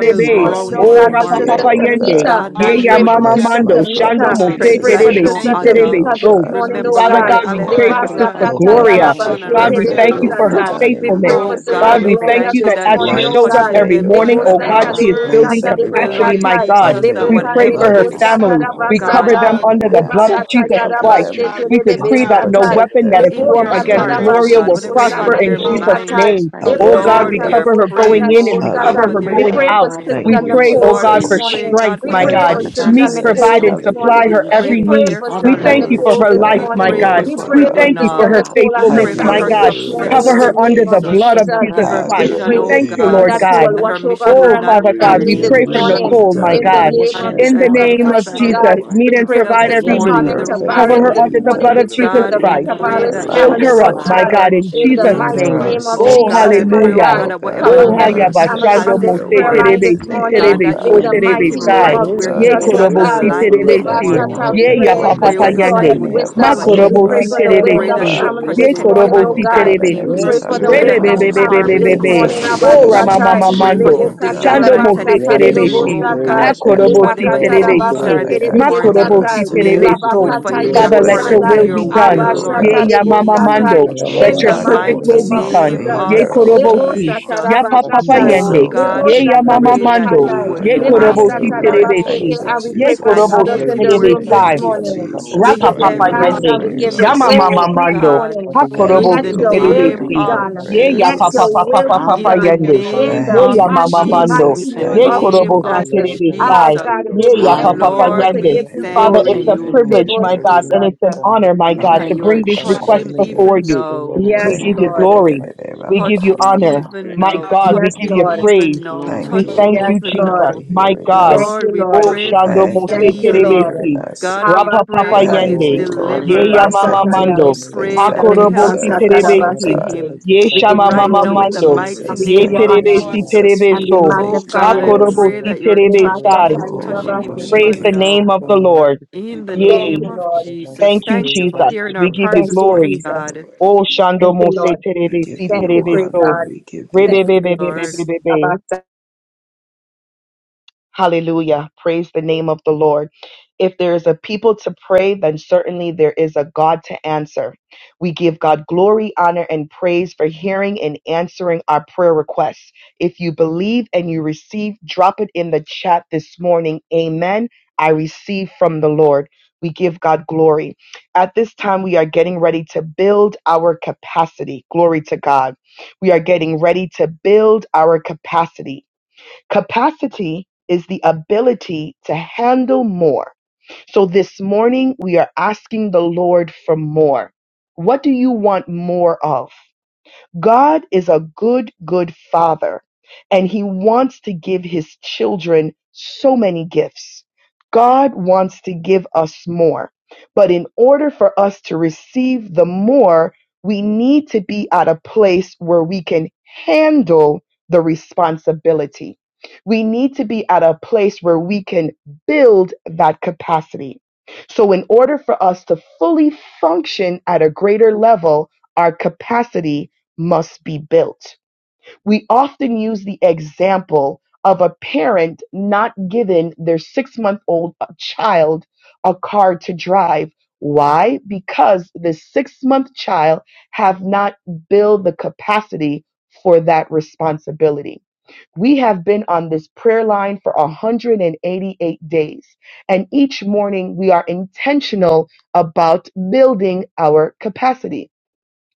Speaker 7: Lord
Speaker 2: this
Speaker 5: Keep
Speaker 7: God,
Speaker 3: that
Speaker 7: we
Speaker 2: morning,
Speaker 3: you
Speaker 5: us
Speaker 9: Brown
Speaker 7: pray
Speaker 2: oh
Speaker 5: in
Speaker 9: this
Speaker 3: have
Speaker 7: for
Speaker 1: Oh,
Speaker 5: your
Speaker 2: God,
Speaker 3: your
Speaker 2: for
Speaker 7: every
Speaker 1: rapa
Speaker 3: way.
Speaker 1: papa
Speaker 2: Sister
Speaker 5: care,
Speaker 9: morning.
Speaker 7: department
Speaker 5: oh
Speaker 3: Through
Speaker 5: God.
Speaker 1: yende.
Speaker 2: Tamika.
Speaker 7: represented
Speaker 3: your
Speaker 9: God,
Speaker 7: in the
Speaker 9: that
Speaker 1: Ye
Speaker 2: We
Speaker 9: you
Speaker 1: ya
Speaker 2: pray
Speaker 3: mighty
Speaker 7: church,
Speaker 3: and
Speaker 2: for
Speaker 1: mama
Speaker 9: would
Speaker 7: Lord
Speaker 5: Bless
Speaker 2: Sister
Speaker 7: God.
Speaker 3: power,
Speaker 1: mando.
Speaker 5: my
Speaker 3: mighty
Speaker 1: Shando,
Speaker 7: We
Speaker 2: Tamika.
Speaker 5: brothers
Speaker 1: mo
Speaker 3: God,
Speaker 7: pray
Speaker 5: and
Speaker 3: in
Speaker 2: We
Speaker 7: for
Speaker 1: se
Speaker 3: the
Speaker 9: strength
Speaker 7: the
Speaker 2: pray
Speaker 3: name
Speaker 9: like
Speaker 2: for
Speaker 3: of
Speaker 1: terebe,
Speaker 5: sisters
Speaker 9: no
Speaker 7: ushers.
Speaker 2: Sister
Speaker 4: Thank
Speaker 1: si
Speaker 7: We
Speaker 3: Jesus
Speaker 7: pray
Speaker 5: today,
Speaker 9: other.
Speaker 7: for
Speaker 1: terebe,
Speaker 7: the
Speaker 5: O
Speaker 2: Tamika
Speaker 3: Christ.
Speaker 2: this
Speaker 3: of
Speaker 1: so.
Speaker 5: God,
Speaker 3: Nazareth.
Speaker 7: children's
Speaker 2: morning,
Speaker 5: on
Speaker 2: oh
Speaker 9: Remember
Speaker 5: this
Speaker 1: Father
Speaker 7: ministry.
Speaker 2: God.
Speaker 9: Reverend
Speaker 1: God,
Speaker 4: you,
Speaker 1: we
Speaker 3: Lord
Speaker 5: platform.
Speaker 1: pray
Speaker 7: We
Speaker 4: Lord.
Speaker 1: for
Speaker 7: pray,
Speaker 3: God,
Speaker 2: Lebasa
Speaker 9: Alejandra
Speaker 1: Sister
Speaker 9: and
Speaker 7: Father
Speaker 5: O
Speaker 3: our
Speaker 2: kata
Speaker 7: God,
Speaker 5: God,
Speaker 7: for
Speaker 3: Father,
Speaker 9: Reverend
Speaker 1: Gloria.
Speaker 5: let
Speaker 2: yaraba
Speaker 5: your
Speaker 9: Sean and
Speaker 3: we
Speaker 1: God,
Speaker 2: sete
Speaker 7: evangelism.
Speaker 1: we
Speaker 7: We
Speaker 9: Reverend
Speaker 3: bless
Speaker 4: Hallelujah.
Speaker 5: perfect
Speaker 7: pray,
Speaker 1: thank you
Speaker 3: you,
Speaker 5: will
Speaker 7: Father,
Speaker 1: for
Speaker 3: we
Speaker 5: be
Speaker 7: for
Speaker 1: her
Speaker 9: Hilissa.
Speaker 2: lebesata.
Speaker 4: Lord,
Speaker 5: done
Speaker 3: praise,
Speaker 5: in
Speaker 2: We pray
Speaker 5: each
Speaker 1: faithfulness.
Speaker 5: and
Speaker 4: our
Speaker 9: Oh
Speaker 2: for
Speaker 7: hospitality.
Speaker 5: every
Speaker 3: we
Speaker 9: God,
Speaker 2: Sister
Speaker 1: God,
Speaker 5: one
Speaker 3: give
Speaker 7: We
Speaker 4: word,
Speaker 9: we
Speaker 5: of
Speaker 1: we
Speaker 3: you
Speaker 7: pray
Speaker 1: thank
Speaker 7: for
Speaker 5: our
Speaker 2: Gloria
Speaker 1: you
Speaker 9: thank you
Speaker 2: this
Speaker 1: that
Speaker 4: our
Speaker 3: glory,
Speaker 9: that
Speaker 1: as
Speaker 9: you
Speaker 1: she
Speaker 2: morning,
Speaker 9: are
Speaker 4: word.
Speaker 2: oh
Speaker 3: honor,
Speaker 7: security,
Speaker 5: life
Speaker 1: shows up
Speaker 7: God.
Speaker 2: God.
Speaker 3: we
Speaker 9: touching
Speaker 1: every
Speaker 5: today,
Speaker 9: them
Speaker 3: lift
Speaker 5: O
Speaker 4: God,
Speaker 7: We
Speaker 4: you
Speaker 1: morning,
Speaker 3: you
Speaker 5: God.
Speaker 1: oh
Speaker 3: upon
Speaker 9: even
Speaker 7: pray,
Speaker 5: I
Speaker 1: God,
Speaker 3: our
Speaker 4: are
Speaker 9: now.
Speaker 2: Lebosata,
Speaker 1: she
Speaker 5: just
Speaker 7: Father
Speaker 1: is
Speaker 3: God,
Speaker 4: worthy.
Speaker 7: God,
Speaker 1: building
Speaker 5: place
Speaker 7: in the
Speaker 9: We
Speaker 2: lebosata,
Speaker 3: and
Speaker 7: name
Speaker 9: pray,
Speaker 7: of
Speaker 3: for
Speaker 5: everyone
Speaker 3: him
Speaker 1: capacity,
Speaker 9: Lord
Speaker 4: You
Speaker 7: Jesus,
Speaker 3: the
Speaker 1: my
Speaker 2: lebokatai.
Speaker 3: word of
Speaker 1: God.
Speaker 4: are
Speaker 3: the
Speaker 9: Jesus,
Speaker 5: under
Speaker 3: God,
Speaker 9: that
Speaker 7: for
Speaker 1: We
Speaker 5: your
Speaker 4: worthy,
Speaker 1: pray
Speaker 2: Lebokande,
Speaker 3: the
Speaker 1: for
Speaker 9: whatever
Speaker 7: benevolence,
Speaker 1: her
Speaker 5: blood
Speaker 9: is
Speaker 7: my
Speaker 5: this
Speaker 3: unkind
Speaker 4: God.
Speaker 2: lebosata,
Speaker 5: no-
Speaker 1: family.
Speaker 7: God.
Speaker 3: God,
Speaker 7: We
Speaker 1: We
Speaker 5: morning,
Speaker 7: pray,
Speaker 1: cover
Speaker 9: God.
Speaker 3: the
Speaker 5: O
Speaker 2: rabasatai.
Speaker 1: them
Speaker 3: God
Speaker 4: Hallelujah.
Speaker 5: God,
Speaker 7: Father
Speaker 3: who is
Speaker 5: and
Speaker 1: under
Speaker 5: I
Speaker 1: the
Speaker 7: God,
Speaker 1: blood
Speaker 5: ask
Speaker 3: able,
Speaker 1: of
Speaker 5: you
Speaker 3: our
Speaker 2: Lebakata
Speaker 5: to
Speaker 7: for
Speaker 1: Jesus
Speaker 3: God,
Speaker 5: cover
Speaker 2: yaraba
Speaker 1: Christ.
Speaker 7: children's
Speaker 3: like
Speaker 5: them
Speaker 7: church.
Speaker 2: sete
Speaker 3: still
Speaker 7: We
Speaker 1: We
Speaker 7: pray,
Speaker 5: and
Speaker 1: decree
Speaker 5: to
Speaker 3: in
Speaker 1: that
Speaker 4: Hallelujah.
Speaker 7: Father
Speaker 3: our
Speaker 1: no
Speaker 7: God,
Speaker 2: lebesatai.
Speaker 3: body,
Speaker 5: protect
Speaker 1: weapon
Speaker 3: we
Speaker 7: for
Speaker 4: God, you
Speaker 1: that
Speaker 5: them.
Speaker 1: is
Speaker 9: in
Speaker 5: In
Speaker 3: young
Speaker 5: the
Speaker 1: formed
Speaker 7: Sunday
Speaker 9: their
Speaker 4: are
Speaker 2: Lebosata,
Speaker 1: against
Speaker 7: school,
Speaker 3: and
Speaker 5: name
Speaker 9: hearts,
Speaker 7: Lord
Speaker 4: worthy.
Speaker 5: of
Speaker 9: oh
Speaker 3: so
Speaker 1: Gloria
Speaker 2: rabande,
Speaker 7: God.
Speaker 9: God,
Speaker 3: thank
Speaker 1: will
Speaker 9: whatever is
Speaker 5: Jesus,
Speaker 7: In
Speaker 4: You
Speaker 7: the
Speaker 5: we
Speaker 1: prosper
Speaker 9: on
Speaker 2: lebosata,
Speaker 3: you,
Speaker 1: in
Speaker 9: their
Speaker 4: are
Speaker 7: name
Speaker 5: pray.
Speaker 1: Jesus'
Speaker 3: God,
Speaker 7: of
Speaker 4: worthy.
Speaker 9: mind.
Speaker 2: lebokatai.
Speaker 4: You
Speaker 7: Jesus
Speaker 3: Father,
Speaker 1: name.
Speaker 7: Christ,
Speaker 4: are
Speaker 7: we
Speaker 1: Oh
Speaker 7: pray
Speaker 3: your
Speaker 7: for
Speaker 4: worthy.
Speaker 1: God,
Speaker 7: the
Speaker 1: we
Speaker 9: Lord,
Speaker 3: word
Speaker 2: Lebosata,
Speaker 9: we
Speaker 3: is
Speaker 5: Hallelujah.
Speaker 9: are
Speaker 7: men's
Speaker 1: cover
Speaker 3: your
Speaker 1: her
Speaker 3: God,
Speaker 4: Hallelujah.
Speaker 1: going
Speaker 9: praying,
Speaker 2: lebosana,
Speaker 3: God,
Speaker 1: in
Speaker 9: oh
Speaker 1: and we
Speaker 7: ministry.
Speaker 3: mighty
Speaker 9: God,
Speaker 1: cover
Speaker 2: lebosata.
Speaker 3: born
Speaker 9: for
Speaker 7: We
Speaker 1: her
Speaker 9: their
Speaker 7: pray,
Speaker 2: We
Speaker 3: praises
Speaker 1: going
Speaker 4: Thank
Speaker 2: pray
Speaker 5: Hallelujah.
Speaker 7: Father
Speaker 2: for
Speaker 1: out.
Speaker 7: God,
Speaker 3: of
Speaker 7: for
Speaker 9: covering.
Speaker 7: the
Speaker 3: the
Speaker 2: Sister
Speaker 1: We
Speaker 5: Thank
Speaker 3: very
Speaker 5: you,
Speaker 7: women's
Speaker 1: pray,
Speaker 3: right
Speaker 1: oh
Speaker 2: Nicole
Speaker 3: hand of
Speaker 9: Lord,
Speaker 2: this
Speaker 1: God,
Speaker 9: we
Speaker 3: the
Speaker 5: Jesus.
Speaker 1: for
Speaker 3: Son,
Speaker 9: pray,
Speaker 7: ministry.
Speaker 2: morning.
Speaker 3: of the
Speaker 1: strength,
Speaker 9: God,
Speaker 7: We
Speaker 2: We
Speaker 9: for
Speaker 3: Lord,
Speaker 1: my
Speaker 4: thank-
Speaker 9: the
Speaker 7: pray,
Speaker 2: pray
Speaker 3: our
Speaker 1: God.
Speaker 5: Thank
Speaker 2: for
Speaker 5: you,
Speaker 7: Father God,
Speaker 3: Savior.
Speaker 9: ushers
Speaker 7: for
Speaker 1: Meet,
Speaker 2: Sister
Speaker 7: the young
Speaker 4: thank
Speaker 5: Jesus.
Speaker 2: Nicole
Speaker 3: we
Speaker 1: provide, and
Speaker 9: ministry.
Speaker 2: this
Speaker 7: adult
Speaker 3: thank you, Lord
Speaker 1: supply
Speaker 2: morning.
Speaker 9: We
Speaker 1: her
Speaker 5: Hallelujah.
Speaker 3: God,
Speaker 2: We
Speaker 9: pray
Speaker 1: every
Speaker 3: for
Speaker 7: ministry.
Speaker 9: for
Speaker 2: pray
Speaker 3: your
Speaker 1: need.
Speaker 9: their
Speaker 2: for
Speaker 4: you,
Speaker 1: We
Speaker 4: Lord.
Speaker 2: Sister
Speaker 3: wisdom,
Speaker 1: thank you
Speaker 5: Glory
Speaker 9: families.
Speaker 3: your
Speaker 1: for
Speaker 2: Nicole
Speaker 5: to
Speaker 1: her
Speaker 2: this
Speaker 1: life,
Speaker 9: We
Speaker 5: God.
Speaker 7: Andrakashatata.
Speaker 3: Yes,
Speaker 4: Hallelujah.
Speaker 1: my
Speaker 2: morning.
Speaker 7: We
Speaker 9: pray
Speaker 3: mighty
Speaker 1: God.
Speaker 9: for
Speaker 7: pray
Speaker 5: Glory
Speaker 2: We
Speaker 3: God.
Speaker 7: for
Speaker 5: to
Speaker 7: a
Speaker 9: Super
Speaker 2: pray
Speaker 1: We
Speaker 2: for
Speaker 1: thank
Speaker 5: God.
Speaker 7: blaze,
Speaker 1: you
Speaker 7: oh
Speaker 2: Sister
Speaker 4: Hallelujah.
Speaker 3: You
Speaker 1: for
Speaker 3: are
Speaker 9: Denal.
Speaker 1: her
Speaker 3: the
Speaker 7: God,
Speaker 2: Nicole
Speaker 9: We
Speaker 2: and
Speaker 3: Holy
Speaker 7: in
Speaker 2: her
Speaker 1: faithfulness,
Speaker 5: Have
Speaker 7: the
Speaker 9: pray for
Speaker 3: God.
Speaker 1: my
Speaker 5: your
Speaker 9: her
Speaker 7: name
Speaker 2: family
Speaker 3: You
Speaker 7: of
Speaker 1: God.
Speaker 3: are
Speaker 2: this
Speaker 3: the
Speaker 5: way in
Speaker 4: Lord.
Speaker 3: Holy
Speaker 2: morning
Speaker 9: success,
Speaker 1: Cover
Speaker 7: Jesus.
Speaker 2: in
Speaker 5: us
Speaker 2: the
Speaker 3: One
Speaker 1: her
Speaker 9: Lord
Speaker 3: of
Speaker 1: under
Speaker 2: name
Speaker 5: today.
Speaker 2: of
Speaker 1: the
Speaker 4: Hallelujah.
Speaker 3: Israel.
Speaker 1: blood
Speaker 9: Jesus.
Speaker 1: of
Speaker 2: Jesus.
Speaker 1: Jesus
Speaker 9: Give
Speaker 3: We
Speaker 9: her
Speaker 5: Have
Speaker 2: We
Speaker 1: Christ.
Speaker 3: bless
Speaker 5: your
Speaker 9: vision,
Speaker 1: We
Speaker 2: pray
Speaker 3: your
Speaker 7: Yeshendarabakashata.
Speaker 5: way
Speaker 9: oh
Speaker 2: this
Speaker 1: thank
Speaker 7: We
Speaker 1: you,
Speaker 5: in
Speaker 3: name
Speaker 7: pray
Speaker 2: morning
Speaker 1: Lord
Speaker 7: for
Speaker 3: this
Speaker 9: God,
Speaker 2: that
Speaker 7: the
Speaker 5: us
Speaker 2: you
Speaker 1: God.
Speaker 2: will
Speaker 9: that her
Speaker 2: watch
Speaker 3: morning.
Speaker 5: today,
Speaker 7: financial
Speaker 2: over
Speaker 9: mission
Speaker 7: team,
Speaker 5: Lord.
Speaker 2: her
Speaker 9: would
Speaker 1: Oh,
Speaker 3: We
Speaker 2: and
Speaker 7: God,
Speaker 9: not
Speaker 2: her
Speaker 1: Father
Speaker 7: in
Speaker 1: God,
Speaker 7: the
Speaker 3: praise
Speaker 5: Let
Speaker 2: family
Speaker 1: we
Speaker 3: your
Speaker 9: perish.
Speaker 5: your
Speaker 7: name
Speaker 2: this
Speaker 1: pray
Speaker 7: of
Speaker 3: name,
Speaker 1: for
Speaker 3: O
Speaker 5: will
Speaker 9: Lord,
Speaker 2: morning.
Speaker 3: Lord
Speaker 5: be
Speaker 1: Nicole,
Speaker 7: Jesus.
Speaker 1: my
Speaker 2: In
Speaker 3: God,
Speaker 5: done
Speaker 2: the
Speaker 1: God
Speaker 9: the
Speaker 5: in
Speaker 9: young
Speaker 5: each
Speaker 2: name
Speaker 3: Almighty
Speaker 9: man
Speaker 5: and
Speaker 2: of
Speaker 9: who's
Speaker 1: in
Speaker 5: every
Speaker 1: the
Speaker 3: Father.
Speaker 5: one
Speaker 2: Jesus,
Speaker 5: of
Speaker 1: name of
Speaker 4: i
Speaker 5: us
Speaker 2: mighty
Speaker 3: Because,
Speaker 9: identifying
Speaker 2: God,
Speaker 1: Jesus.
Speaker 5: today.
Speaker 3: my
Speaker 7: Yeshendarabakashatatata.
Speaker 1: Meet
Speaker 2: we
Speaker 1: and
Speaker 2: pray
Speaker 3: God,
Speaker 2: for
Speaker 9: himself
Speaker 1: provide
Speaker 3: my
Speaker 5: Let
Speaker 9: this
Speaker 2: Sister
Speaker 1: every
Speaker 3: Lord,
Speaker 5: your
Speaker 3: you
Speaker 9: morning
Speaker 1: need.
Speaker 9: in
Speaker 2: Carmen
Speaker 9: the
Speaker 3: know,
Speaker 9: room
Speaker 5: perfect
Speaker 1: Cover
Speaker 9: as
Speaker 2: Tavares
Speaker 5: will
Speaker 3: we
Speaker 1: her
Speaker 2: this
Speaker 9: Cain.
Speaker 1: under
Speaker 3: can
Speaker 5: be
Speaker 1: the
Speaker 2: morning.
Speaker 7: Yendarukushoyomomo.
Speaker 1: blood
Speaker 2: We
Speaker 5: done
Speaker 1: of
Speaker 3: depend on
Speaker 2: pray
Speaker 3: you.
Speaker 2: for
Speaker 1: Jesus
Speaker 9: God,
Speaker 2: the
Speaker 3: We
Speaker 5: today
Speaker 9: we
Speaker 1: Christ.
Speaker 3: can
Speaker 5: in
Speaker 9: pray
Speaker 3: trust
Speaker 5: our
Speaker 2: Tavares
Speaker 3: in
Speaker 9: that
Speaker 3: you,
Speaker 9: you
Speaker 1: Build
Speaker 3: O
Speaker 2: family,
Speaker 9: would
Speaker 7: Yandarakashaya
Speaker 1: her
Speaker 5: lives,
Speaker 3: Lord
Speaker 2: Lord
Speaker 1: up,
Speaker 5: oh
Speaker 9: touch
Speaker 3: God,
Speaker 1: my
Speaker 9: him,
Speaker 3: O
Speaker 7: babai.
Speaker 2: God.
Speaker 1: God,
Speaker 5: God.
Speaker 3: Father.
Speaker 9: Lord
Speaker 1: in
Speaker 2: In the
Speaker 1: Jesus'
Speaker 3: O
Speaker 9: Jesus.
Speaker 5: Order
Speaker 2: mighty
Speaker 1: name.
Speaker 5: our
Speaker 2: name
Speaker 3: Spirit
Speaker 2: of
Speaker 3: of
Speaker 9: Oh
Speaker 1: Oh,
Speaker 3: the
Speaker 5: steps
Speaker 9: God,
Speaker 2: Jesus,
Speaker 9: I
Speaker 3: living
Speaker 2: my
Speaker 9: pray,
Speaker 3: God,
Speaker 7: Yendarukushotototo.
Speaker 5: today,
Speaker 9: oh
Speaker 1: hallelujah.
Speaker 9: God,
Speaker 2: God,
Speaker 5: oh
Speaker 9: that
Speaker 3: we
Speaker 5: God.
Speaker 9: whatever
Speaker 2: cover
Speaker 3: give
Speaker 1: Oh,
Speaker 5: Order
Speaker 3: you
Speaker 1: haya
Speaker 2: every
Speaker 9: need
Speaker 5: our
Speaker 3: thanks, we
Speaker 9: he
Speaker 2: family
Speaker 5: steps
Speaker 3: give
Speaker 1: bachando
Speaker 9: has
Speaker 2: on
Speaker 3: you
Speaker 7: Andrakashaya
Speaker 5: in
Speaker 2: this
Speaker 9: this
Speaker 1: mo
Speaker 5: your
Speaker 3: thanks,
Speaker 1: se
Speaker 7: babai.
Speaker 2: prayer
Speaker 3: we give
Speaker 2: line
Speaker 5: word
Speaker 3: you
Speaker 9: morning,
Speaker 1: terebe,
Speaker 2: this
Speaker 1: si
Speaker 3: glory,
Speaker 5: today, oh
Speaker 2: morning.
Speaker 9: God,
Speaker 7: Lord,
Speaker 1: terebe,
Speaker 7: we
Speaker 9: that
Speaker 3: we
Speaker 9: you
Speaker 2: In
Speaker 3: give
Speaker 1: so
Speaker 5: God.
Speaker 9: would
Speaker 3: you
Speaker 2: the
Speaker 7: thank you,
Speaker 9: meet
Speaker 3: honor,
Speaker 1: terebe
Speaker 3: we
Speaker 9: him
Speaker 2: mighty
Speaker 7: Lord
Speaker 3: give you
Speaker 2: name
Speaker 1: sai.
Speaker 9: right
Speaker 2: of
Speaker 5: Oh
Speaker 7: God.
Speaker 9: where
Speaker 3: praise,
Speaker 5: God,
Speaker 9: he
Speaker 3: of
Speaker 1: Ye
Speaker 5: I
Speaker 2: Jesus,
Speaker 9: is
Speaker 3: all
Speaker 2: oh
Speaker 13: Enanamashe
Speaker 9: on
Speaker 3: our
Speaker 1: korobo
Speaker 5: ask.
Speaker 2: God,
Speaker 9: the
Speaker 1: si
Speaker 3: God
Speaker 7: Bless
Speaker 9: line this
Speaker 1: terebe
Speaker 13: kororeyama
Speaker 3: Almighty,
Speaker 7: Mariah,
Speaker 5: that
Speaker 7: my
Speaker 1: si.
Speaker 5: no
Speaker 2: Libasata,
Speaker 9: morning.
Speaker 7: God.
Speaker 3: in
Speaker 2: we
Speaker 3: the
Speaker 1: Ye
Speaker 5: weapon
Speaker 2: pray
Speaker 1: ya
Speaker 13: kontereyaba
Speaker 9: We
Speaker 2: for
Speaker 5: formed
Speaker 3: awesome
Speaker 1: papa
Speaker 9: pray, oh
Speaker 7: Bless
Speaker 2: Sister
Speaker 3: name
Speaker 9: God,
Speaker 5: against
Speaker 3: of
Speaker 9: that you
Speaker 1: yende.
Speaker 13: kukorokoshi.
Speaker 2: Claudette
Speaker 9: would
Speaker 5: any
Speaker 3: Jesus
Speaker 5: of
Speaker 7: Tamika,
Speaker 1: Ma
Speaker 7: Lord
Speaker 2: wisdom.
Speaker 9: cover
Speaker 5: us will
Speaker 3: Christ
Speaker 2: We
Speaker 3: of
Speaker 9: him.
Speaker 1: korobo
Speaker 2: pray
Speaker 1: si
Speaker 3: Nazareth.
Speaker 7: Jesus.
Speaker 13: Ananeyama
Speaker 2: for the
Speaker 9: We
Speaker 5: prosper,
Speaker 1: terebe
Speaker 5: O
Speaker 9: pray
Speaker 7: Bless
Speaker 9: that
Speaker 2: wisdom
Speaker 3: Thank
Speaker 1: si.
Speaker 9: you
Speaker 13: ananamaso
Speaker 3: you, O
Speaker 5: God.
Speaker 9: would
Speaker 2: family
Speaker 3: Lord
Speaker 7: Sharice,
Speaker 1: Ye
Speaker 2: this
Speaker 7: Father
Speaker 9: protect
Speaker 3: God,
Speaker 2: morning,
Speaker 9: him
Speaker 3: and
Speaker 1: korobo
Speaker 3: our
Speaker 7: God.
Speaker 2: oh
Speaker 13: kororeyabasi.
Speaker 5: O
Speaker 9: and
Speaker 1: si
Speaker 2: God.
Speaker 3: Father.
Speaker 5: God,
Speaker 9: guide
Speaker 5: and
Speaker 1: terebe
Speaker 2: We
Speaker 9: him.
Speaker 5: every
Speaker 7: Bless
Speaker 3: We
Speaker 1: si.
Speaker 2: pray
Speaker 13: Yes,
Speaker 2: for
Speaker 9: We
Speaker 5: tongue
Speaker 3: bless
Speaker 2: the
Speaker 13: Lord,
Speaker 9: pray
Speaker 7: Nakia,
Speaker 5: that
Speaker 3: your
Speaker 1: Rebe
Speaker 9: that
Speaker 1: be
Speaker 7: God,
Speaker 2: wisdom
Speaker 9: no
Speaker 7: in
Speaker 1: be
Speaker 7: the
Speaker 5: rises
Speaker 13: anamashi
Speaker 1: be
Speaker 3: matchless
Speaker 1: be
Speaker 5: up
Speaker 2: family
Speaker 9: harm
Speaker 1: be
Speaker 9: is
Speaker 1: be
Speaker 2: this
Speaker 3: name.
Speaker 7: mighty
Speaker 5: against
Speaker 1: be.
Speaker 9: coming
Speaker 2: morning,
Speaker 13: kororobasi
Speaker 9: to
Speaker 3: We
Speaker 5: us in
Speaker 1: Oh,
Speaker 7: name
Speaker 9: him.
Speaker 1: rama
Speaker 3: praise
Speaker 7: of
Speaker 13: karamashi
Speaker 9: We
Speaker 3: your
Speaker 2: Abasatai.
Speaker 1: mama
Speaker 5: judgment,
Speaker 3: name,
Speaker 9: pray
Speaker 3: O
Speaker 9: for
Speaker 1: mando.
Speaker 13: kororeyama
Speaker 9: his
Speaker 3: Lord
Speaker 5: O
Speaker 3: God,
Speaker 2: Lebokata
Speaker 5: God,
Speaker 7: Jesus.
Speaker 13: koshi.
Speaker 1: Chando
Speaker 5: you
Speaker 9: deliverance
Speaker 1: mo
Speaker 9: and
Speaker 3: in
Speaker 5: will
Speaker 1: se
Speaker 9: his
Speaker 3: the
Speaker 2: Labasata
Speaker 5: con-
Speaker 13: Lana,
Speaker 3: name
Speaker 5: we
Speaker 1: terebe
Speaker 13: you
Speaker 3: of
Speaker 13: we
Speaker 9: healing,
Speaker 5: will
Speaker 7: Yeshen
Speaker 1: si.
Speaker 9: oh
Speaker 5: be
Speaker 2: Rebosatai.
Speaker 1: Ha
Speaker 13: praise,
Speaker 3: Jesus
Speaker 9: God.
Speaker 13: you we
Speaker 5: condemned.
Speaker 3: Christ
Speaker 1: korobo
Speaker 3: of
Speaker 1: si
Speaker 9: Whatever
Speaker 3: Nazareth.
Speaker 2: Libakata
Speaker 13: exalt,
Speaker 9: his
Speaker 13: you
Speaker 5: O
Speaker 1: terebe
Speaker 7: rabakashatatatai.
Speaker 9: needs
Speaker 1: si.
Speaker 9: are
Speaker 3: O
Speaker 5: Father
Speaker 9: this
Speaker 2: Rabasete
Speaker 7: We
Speaker 5: God,
Speaker 1: Ma
Speaker 3: Spirit
Speaker 13: kororeyamasi.
Speaker 7: pray,
Speaker 3: of
Speaker 9: morning,
Speaker 5: cover
Speaker 3: the
Speaker 1: korobo
Speaker 7: Father
Speaker 5: us
Speaker 2: Rebesatai.
Speaker 1: si
Speaker 13: We
Speaker 3: living
Speaker 9: May
Speaker 7: God,
Speaker 3: God,
Speaker 1: terebe
Speaker 9: you
Speaker 5: today.
Speaker 13: worship
Speaker 9: do
Speaker 13: and
Speaker 7: for
Speaker 1: so.
Speaker 9: it
Speaker 7: every
Speaker 9: for
Speaker 3: show
Speaker 2: Labakata
Speaker 9: him in
Speaker 13: adore
Speaker 3: yourself
Speaker 1: Father,
Speaker 7: person
Speaker 5: Keep
Speaker 13: you,
Speaker 7: in
Speaker 1: let
Speaker 5: us
Speaker 7: this
Speaker 1: your
Speaker 5: in
Speaker 13: Lord.
Speaker 9: accordance
Speaker 3: mighty
Speaker 7: room,
Speaker 9: to
Speaker 2: Yebosandai.
Speaker 1: will
Speaker 5: your
Speaker 3: and
Speaker 9: your
Speaker 1: be
Speaker 7: Father
Speaker 13: Anamashi
Speaker 3: strong,
Speaker 1: done.
Speaker 7: God,
Speaker 5: care,
Speaker 3: O
Speaker 9: will,
Speaker 5: O
Speaker 3: Lord
Speaker 7: even
Speaker 9: Lord
Speaker 2: Abashata
Speaker 7: now,
Speaker 3: God
Speaker 1: Ye
Speaker 5: God.
Speaker 13: kororeyamashi.
Speaker 1: Yamama
Speaker 7: in
Speaker 3: Almighty.
Speaker 7: the
Speaker 9: Jesus.
Speaker 2: Lebosatai,
Speaker 1: Mando,
Speaker 7: name of
Speaker 3: Show
Speaker 1: that
Speaker 5: O
Speaker 2: in
Speaker 9: In
Speaker 1: your
Speaker 2: the
Speaker 9: the
Speaker 3: yourself,
Speaker 5: God,
Speaker 13: Ananamashi
Speaker 7: Jesus.
Speaker 1: perfect
Speaker 2: mighty
Speaker 3: God
Speaker 5: grant
Speaker 9: mighty
Speaker 1: will
Speaker 2: name
Speaker 5: us
Speaker 1: be
Speaker 2: of
Speaker 5: all
Speaker 13: kororeyamashi
Speaker 3: Almighty
Speaker 7: Let
Speaker 1: done.
Speaker 9: name
Speaker 3: God,
Speaker 2: Jesus.
Speaker 9: of
Speaker 1: Ye
Speaker 5: favor,
Speaker 7: hearts be
Speaker 5: O
Speaker 13: kororeyama
Speaker 3: in the
Speaker 5: God.
Speaker 1: Korobosi,
Speaker 13: kukoro.
Speaker 3: name of
Speaker 7: touched
Speaker 2: Lebosata
Speaker 1: Ya
Speaker 9: Jesus.
Speaker 13: Father
Speaker 1: Papa
Speaker 3: Jesus
Speaker 7: that
Speaker 13: God,
Speaker 2: Rabasatai,
Speaker 5: Peace,
Speaker 13: I
Speaker 3: Christ
Speaker 9: Oh
Speaker 3: of
Speaker 13: want
Speaker 1: Yende,
Speaker 5: O
Speaker 7: lives
Speaker 13: to
Speaker 3: Nazareth.
Speaker 7: be
Speaker 13: bring
Speaker 9: God,
Speaker 5: God.
Speaker 9: we
Speaker 13: some
Speaker 1: Ye
Speaker 2: Lebosata
Speaker 3: We
Speaker 13: family
Speaker 1: Yamama
Speaker 9: pray
Speaker 3: thank
Speaker 7: changed
Speaker 9: that
Speaker 13: before
Speaker 1: Mando,
Speaker 3: you,
Speaker 9: you
Speaker 3: we
Speaker 13: you
Speaker 2: Lebokandai,
Speaker 13: this
Speaker 9: would
Speaker 7: in
Speaker 5: God,
Speaker 3: thank
Speaker 1: Ye
Speaker 7: the
Speaker 3: you, we
Speaker 13: morning,
Speaker 9: find
Speaker 13: and
Speaker 3: thank
Speaker 13: I
Speaker 7: mighty
Speaker 1: Korobosi
Speaker 3: you,
Speaker 2: Lebasata
Speaker 9: him,
Speaker 13: must
Speaker 7: name
Speaker 3: mighty
Speaker 5: hallelujah.
Speaker 9: Lord
Speaker 7: of
Speaker 3: God.
Speaker 5: Thank
Speaker 2: Rabasete,
Speaker 1: Terebesi,
Speaker 5: you,
Speaker 2: and
Speaker 13: be
Speaker 2: we
Speaker 9: Jesus,
Speaker 7: Jesus.
Speaker 3: We
Speaker 2: pray
Speaker 1: Ye
Speaker 2: for the
Speaker 3: bless
Speaker 5: Jesus.
Speaker 9: and
Speaker 7: We
Speaker 3: your
Speaker 1: Korobosi
Speaker 2: others
Speaker 7: pray
Speaker 9: meet
Speaker 2: in
Speaker 7: for
Speaker 9: him
Speaker 2: the
Speaker 3: matchless
Speaker 9: where
Speaker 13: Hallelujah.
Speaker 2: room
Speaker 9: he
Speaker 7: glory,
Speaker 13: Father,
Speaker 3: name.
Speaker 2: this
Speaker 1: Terebesi,
Speaker 7: God,
Speaker 5: Thank you,
Speaker 9: is.
Speaker 7: even
Speaker 13: how
Speaker 3: We
Speaker 2: morning.
Speaker 7: now,
Speaker 13: much do
Speaker 5: Jesus,
Speaker 2: We
Speaker 13: you
Speaker 5: for
Speaker 1: Rapa
Speaker 9: Meet
Speaker 2: give
Speaker 3: glorify
Speaker 7: in
Speaker 2: you
Speaker 7: the
Speaker 3: your
Speaker 13: feel
Speaker 1: Papa
Speaker 13: you
Speaker 5: hearing
Speaker 3: name,
Speaker 9: every
Speaker 13: know
Speaker 2: thanks
Speaker 3: O
Speaker 5: our
Speaker 7: mighty
Speaker 1: Yende,
Speaker 2: and we
Speaker 3: Lord
Speaker 7: name
Speaker 13: everything
Speaker 2: give
Speaker 7: of
Speaker 13: in
Speaker 5: prayers
Speaker 2: you
Speaker 9: need,
Speaker 3: God,
Speaker 13: their
Speaker 3: and
Speaker 1: Yama
Speaker 5: this
Speaker 3: our
Speaker 13: lives,
Speaker 2: praise
Speaker 7: Jesus.
Speaker 9: oh
Speaker 1: Mama
Speaker 3: Father.
Speaker 2: this
Speaker 13: Father?
Speaker 5: morning.
Speaker 1: Mando,
Speaker 9: God,
Speaker 2: morning.
Speaker 3: Oh
Speaker 13: Father, you
Speaker 3: my
Speaker 13: know
Speaker 5: Thank
Speaker 1: Hakorobo
Speaker 9: in
Speaker 13: that
Speaker 2: Let
Speaker 3: God,
Speaker 9: the
Speaker 3: we
Speaker 13: they're
Speaker 5: you
Speaker 2: your
Speaker 3: go
Speaker 5: for
Speaker 7: God,
Speaker 3: to
Speaker 7: we
Speaker 13: going
Speaker 2: will
Speaker 9: name
Speaker 3: the
Speaker 13: through
Speaker 2: be
Speaker 7: thank
Speaker 5: hearing
Speaker 1: Sikerebesi,
Speaker 3: true
Speaker 13: Father,
Speaker 5: our
Speaker 7: you.
Speaker 2: done.
Speaker 9: of
Speaker 13: how
Speaker 3: and
Speaker 13: much you
Speaker 1: Ye
Speaker 3: living
Speaker 1: Ya
Speaker 13: could
Speaker 2: Let
Speaker 5: prayers
Speaker 3: God.
Speaker 13: have
Speaker 1: Papa
Speaker 5: this
Speaker 9: Jesus.
Speaker 2: your
Speaker 1: Papa
Speaker 13: mercy.
Speaker 2: will
Speaker 3: We
Speaker 2: be
Speaker 5: morning.
Speaker 1: Papa
Speaker 7: Anda
Speaker 9: In
Speaker 3: depend
Speaker 9: the
Speaker 2: done
Speaker 3: upon
Speaker 13: Father,
Speaker 1: Yende,
Speaker 3: you, O
Speaker 2: in
Speaker 7: rokushoto.
Speaker 9: name
Speaker 13: Hallelujah,
Speaker 1: Ye
Speaker 13: how
Speaker 3: Father
Speaker 5: Thank
Speaker 2: the
Speaker 9: of
Speaker 1: Ya
Speaker 13: much
Speaker 5: you,
Speaker 3: God,
Speaker 13: you
Speaker 1: Mama
Speaker 13: could
Speaker 2: mighty,
Speaker 9: Jesus.
Speaker 13: have
Speaker 3: in
Speaker 2: mighty
Speaker 7: Lord,
Speaker 1: Mando,
Speaker 7: we
Speaker 3: the
Speaker 9: In
Speaker 5: Jesus.
Speaker 9: the
Speaker 13: mercy.
Speaker 3: name
Speaker 2: name
Speaker 1: Ye
Speaker 7: thank
Speaker 3: of
Speaker 5: Thank
Speaker 7: you.
Speaker 2: of
Speaker 5: you,
Speaker 13: May
Speaker 9: name
Speaker 1: Korobo
Speaker 13: your
Speaker 3: Jesus.
Speaker 5: Lord.
Speaker 9: of
Speaker 2: Jesus.
Speaker 13: love and
Speaker 3: O
Speaker 13: your
Speaker 2: Ah,
Speaker 1: Sikerebesi,
Speaker 9: Jesus.
Speaker 2: God,
Speaker 3: Spirit of
Speaker 13: protection
Speaker 2: we'll
Speaker 1: Ye
Speaker 3: the
Speaker 2: be
Speaker 1: Ya
Speaker 13: surround
Speaker 1: Papa
Speaker 3: living
Speaker 13: them,
Speaker 1: Papa
Speaker 7: Hallelujah.
Speaker 2: careful
Speaker 3: God,
Speaker 5: Thank
Speaker 13: Father
Speaker 9: Lord,
Speaker 2: to
Speaker 1: Yende.
Speaker 9: we
Speaker 2: give
Speaker 13: God.
Speaker 2: you
Speaker 3: we
Speaker 7: We
Speaker 1: Father,
Speaker 13: May
Speaker 3: bless
Speaker 9: thank
Speaker 1: it's
Speaker 2: glory.
Speaker 3: your
Speaker 1: a
Speaker 13: your
Speaker 7: thank you,
Speaker 9: you
Speaker 3: name,
Speaker 13: healing
Speaker 3: we
Speaker 1: privilege,
Speaker 7: Lord.
Speaker 2: Lebos
Speaker 1: my
Speaker 13: power be
Speaker 3: bless
Speaker 1: God,
Speaker 3: your
Speaker 13: in
Speaker 1: and
Speaker 13: their
Speaker 3: name.
Speaker 1: it's
Speaker 2: Jesus.
Speaker 1: an
Speaker 13: family,
Speaker 1: honor,
Speaker 3: We
Speaker 1: my
Speaker 7: We
Speaker 13: Father.
Speaker 1: God,
Speaker 9: that
Speaker 1: to
Speaker 7: thank
Speaker 3: glorify
Speaker 1: bring
Speaker 9: you're
Speaker 7: you,
Speaker 1: these
Speaker 3: your
Speaker 13: Father
Speaker 3: name
Speaker 9: touch
Speaker 13: God,
Speaker 1: requests
Speaker 7: Jesus.
Speaker 3: this
Speaker 9: him
Speaker 13: may you
Speaker 3: morning
Speaker 1: before
Speaker 9: even
Speaker 1: you.
Speaker 9: now,
Speaker 13: restore
Speaker 3: in the
Speaker 13: Father,
Speaker 7: Yes,
Speaker 1: We
Speaker 2: Yes,
Speaker 13: my
Speaker 1: give
Speaker 3: name
Speaker 1: you
Speaker 3: of
Speaker 7: God.
Speaker 2: Lord.
Speaker 13: Shikura, my
Speaker 1: glory.
Speaker 3: Jesus
Speaker 1: We
Speaker 13: Shikura, my Shikura,
Speaker 1: give
Speaker 9: touch
Speaker 3: Christ.
Speaker 1: you
Speaker 9: him
Speaker 1: honor.
Speaker 3: We
Speaker 7: Hallelujah.
Speaker 13: my
Speaker 9: even
Speaker 3: thank
Speaker 1: My
Speaker 9: now,
Speaker 3: you.
Speaker 1: God,
Speaker 9: touch
Speaker 1: we
Speaker 2: Yes,
Speaker 1: give
Speaker 3: We
Speaker 9: him
Speaker 1: you
Speaker 2: Lord.
Speaker 3: bless you.
Speaker 1: praise.
Speaker 9: even now,
Speaker 7: Glory.
Speaker 3: The
Speaker 1: We
Speaker 5: you,
Speaker 9: touch him
Speaker 1: thank
Speaker 2: Yes,
Speaker 1: you,
Speaker 3: awesome
Speaker 5: Lord
Speaker 9: even
Speaker 3: name
Speaker 5: God,
Speaker 3: of
Speaker 5: for
Speaker 1: Jesus.
Speaker 2: Lord.
Speaker 9: now.
Speaker 1: My
Speaker 3: Jesus
Speaker 5: hearing
Speaker 1: God.
Speaker 3: Christ.
Speaker 2: Thank
Speaker 5: us.
Speaker 9: Lord,
Speaker 2: you,
Speaker 9: we
Speaker 1: Oh,
Speaker 2: Lord.
Speaker 3: Thank
Speaker 9: pray
Speaker 3: you,
Speaker 9: for
Speaker 1: Shando
Speaker 9: his
Speaker 3: Jesus.
Speaker 5: Thank
Speaker 13: Shikura,
Speaker 1: Mose
Speaker 2: Thank
Speaker 5: you
Speaker 13: my
Speaker 2: you,
Speaker 5: for
Speaker 3: Thank
Speaker 9: healing.
Speaker 2: Lord.
Speaker 3: you,
Speaker 13: Shikura,
Speaker 5: hearing
Speaker 13: my
Speaker 1: Terebesi.
Speaker 3: mighty
Speaker 5: us.
Speaker 9: God,
Speaker 3: God.
Speaker 9: we
Speaker 2: Haba
Speaker 1: Rapa
Speaker 9: pray
Speaker 1: Papa
Speaker 13: Yes,
Speaker 3: Thank
Speaker 9: for
Speaker 2: Sakai.
Speaker 3: you,
Speaker 9: his
Speaker 5: Thank
Speaker 1: Yende.
Speaker 5: you,
Speaker 13: Lord,
Speaker 3: mighty
Speaker 13: Father,
Speaker 3: God.
Speaker 5: Lord,
Speaker 13: my
Speaker 5: for
Speaker 1: Ye
Speaker 2: Liba
Speaker 7: Hallelujah.
Speaker 13: Shikura,
Speaker 9: deliverance.
Speaker 3: Thank
Speaker 1: Yamama
Speaker 3: you,
Speaker 13: all
Speaker 5: perfecting
Speaker 2: Sataya.
Speaker 13: their
Speaker 9: We
Speaker 1: Mando.
Speaker 5: those
Speaker 3: Jesus.
Speaker 5: things
Speaker 9: pray that
Speaker 5: that
Speaker 13: needs,
Speaker 1: Hakorobo
Speaker 2: Riba
Speaker 3: You
Speaker 9: help
Speaker 1: Si
Speaker 9: is
Speaker 5: concern
Speaker 3: are the
Speaker 5: us,
Speaker 9: coming
Speaker 5: oh
Speaker 3: light
Speaker 13: Father
Speaker 9: to
Speaker 3: that
Speaker 1: Terebesi.
Speaker 3: we
Speaker 5: God.
Speaker 13: God,
Speaker 2: Satarabasiti.
Speaker 9: him
Speaker 13: as
Speaker 3: see
Speaker 13: a
Speaker 3: by.
Speaker 1: Ye
Speaker 13: cry
Speaker 2: We give
Speaker 13: out
Speaker 1: Shama
Speaker 2: you
Speaker 13: unto
Speaker 9: right
Speaker 3: You
Speaker 1: Mama
Speaker 3: are
Speaker 5: Thank
Speaker 9: now
Speaker 2: glory
Speaker 5: you,
Speaker 13: you,
Speaker 9: in
Speaker 3: our
Speaker 9: the
Speaker 1: Mando.
Speaker 13: Father,
Speaker 9: mighty
Speaker 13: hear
Speaker 3: strength.
Speaker 2: and we
Speaker 13: their
Speaker 5: Jesus.
Speaker 2: give
Speaker 1: Ye
Speaker 9: name
Speaker 2: you
Speaker 5: Thank
Speaker 13: cry,
Speaker 9: of
Speaker 5: you,
Speaker 3: You
Speaker 2: honor
Speaker 13: Lord
Speaker 3: are
Speaker 1: Terebesi
Speaker 13: God.
Speaker 3: our
Speaker 5: Jesus,
Speaker 9: Jesus.
Speaker 5: for
Speaker 2: and
Speaker 3: hope.
Speaker 2: we
Speaker 5: your
Speaker 13: And I
Speaker 1: Terebeso.
Speaker 9: Oh
Speaker 13: must
Speaker 3: You
Speaker 13: be
Speaker 2: magnify
Speaker 3: are
Speaker 9: God,
Speaker 2: your
Speaker 9: I
Speaker 3: our
Speaker 13: sure it's
Speaker 2: name.
Speaker 5: faithfulness.
Speaker 1: Hakorobo
Speaker 7: Hallelujah.
Speaker 13: the
Speaker 9: pray
Speaker 3: joy.
Speaker 13: what
Speaker 1: Si
Speaker 9: that
Speaker 13: the
Speaker 9: you're
Speaker 3: We
Speaker 2: Liba
Speaker 13: cocoa
Speaker 3: give
Speaker 13: of
Speaker 9: touching
Speaker 3: you
Speaker 1: Terebesai.
Speaker 2: Sataya
Speaker 3: thanks.
Speaker 5: Oh,
Speaker 13: stolen,
Speaker 9: touching
Speaker 3: We
Speaker 9: him
Speaker 13: Father
Speaker 7: Glory
Speaker 3: give
Speaker 7: be
Speaker 3: you
Speaker 1: Praise
Speaker 2: Rabasiti.
Speaker 9: even
Speaker 7: to
Speaker 13: God.
Speaker 1: the
Speaker 3: thanks,
Speaker 9: now.
Speaker 1: name
Speaker 3: Lord
Speaker 1: of
Speaker 7: God.
Speaker 1: the
Speaker 3: God.
Speaker 13: Almighty
Speaker 1: Lord.
Speaker 13: God,
Speaker 3: We
Speaker 9: In
Speaker 7: Thank
Speaker 9: the
Speaker 3: bless
Speaker 13: and I
Speaker 2: Thank
Speaker 1: Yea.
Speaker 3: the
Speaker 9: name
Speaker 2: you,
Speaker 13: must be
Speaker 3: name
Speaker 9: of
Speaker 3: of
Speaker 13: good,
Speaker 2: Lord.
Speaker 13: I must
Speaker 9: Jesus.
Speaker 1: Thank
Speaker 13: be
Speaker 3: Jesus.
Speaker 1: you,
Speaker 9: Thank you
Speaker 13: good,
Speaker 1: Jesus.
Speaker 13: I
Speaker 9: for
Speaker 13: must
Speaker 3: Thank
Speaker 13: be
Speaker 3: you,
Speaker 9: hearing our
Speaker 1: We
Speaker 3: Lord
Speaker 13: good.
Speaker 1: give you
Speaker 9: prayers
Speaker 2: Thank
Speaker 3: Jesus.
Speaker 9: this
Speaker 2: you,
Speaker 9: morning,
Speaker 5: Thank
Speaker 1: glory.
Speaker 5: you,
Speaker 2: Jesus.
Speaker 9: God.
Speaker 3: Thank
Speaker 5: Lord.
Speaker 3: you,
Speaker 1: Oh,
Speaker 3: Jesus.
Speaker 1: Shando
Speaker 2: Thank you,
Speaker 1: Mose
Speaker 2: Lord.
Speaker 5: We
Speaker 1: Terebe,
Speaker 3: Thank
Speaker 5: give
Speaker 1: Si
Speaker 3: you,
Speaker 2: Thank
Speaker 3: mighty
Speaker 5: you
Speaker 2: you,
Speaker 1: Terebe
Speaker 2: great
Speaker 3: God.
Speaker 1: So.
Speaker 5: honor.
Speaker 2: God.
Speaker 5: We give
Speaker 9: Thank
Speaker 5: you
Speaker 3: Thank
Speaker 1: Rebe,
Speaker 2: Thank
Speaker 1: be,
Speaker 3: you,
Speaker 1: be,
Speaker 2: you.
Speaker 9: you,
Speaker 1: be, be,
Speaker 9: Lord.
Speaker 3: Jesus.
Speaker 1: be,
Speaker 5: praise.
Speaker 1: be, be.
Speaker 2: Abba
Speaker 1: Hallelujah. Praise the name of the Lord. If there is a people to pray, then certainly there is a God to answer. We give God glory, honor, and praise for hearing and answering our prayer requests. If you believe and you receive, drop it in the chat this morning. Amen. I receive from the Lord. We give God glory. At this time, we are getting ready to build our capacity. Glory to God. We are getting ready to build our capacity. Capacity is the ability to handle more so this morning, we are asking the Lord for more. What do you want more of? God is a good, good father, and he wants to give his children so many gifts. God wants to give us more. But in order for us to receive the more, we need to be at a place where we can handle the responsibility. We need to be at a place where we can build that capacity. So, in order for us to fully function at a greater level, our capacity must be built. We often use the example of a parent not giving their six month old child a car to drive. Why? Because the six month child have not built the capacity for that responsibility. We have been on this prayer line for 188 days, and each morning we are intentional about building our capacity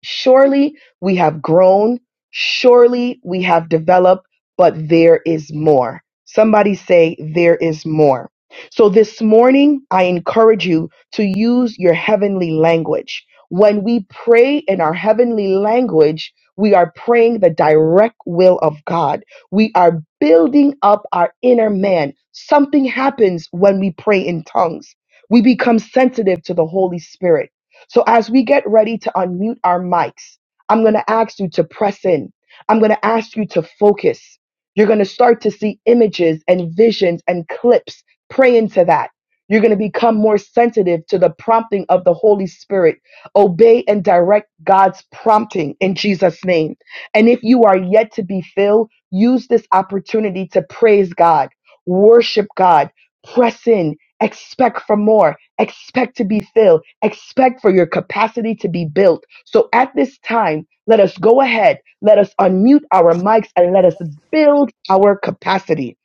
Speaker 1: Surely we have grown. Surely we have developed, but there is more. Somebody say, there is more. So this morning, I encourage you to use your heavenly language. When we pray in our heavenly language, we are praying the direct will of God. We are building up our inner man. Something happens when we pray in tongues. We become sensitive to the Holy Spirit so as we get ready to unmute our mics, I'm going to ask you to press in. I'm going to ask you to focus. You're going to start to see images and visions and clips. Pray into that. You're going to become more sensitive to the prompting of the Holy Spirit. Obey and direct God's prompting in Jesus' name. And if you are yet to be filled, use this opportunity to praise God, worship God, press in, expect for more Expect to be filled. Expect for your capacity to be built. So at this time, let us go ahead. Let us unmute our mics and let us build our capacity.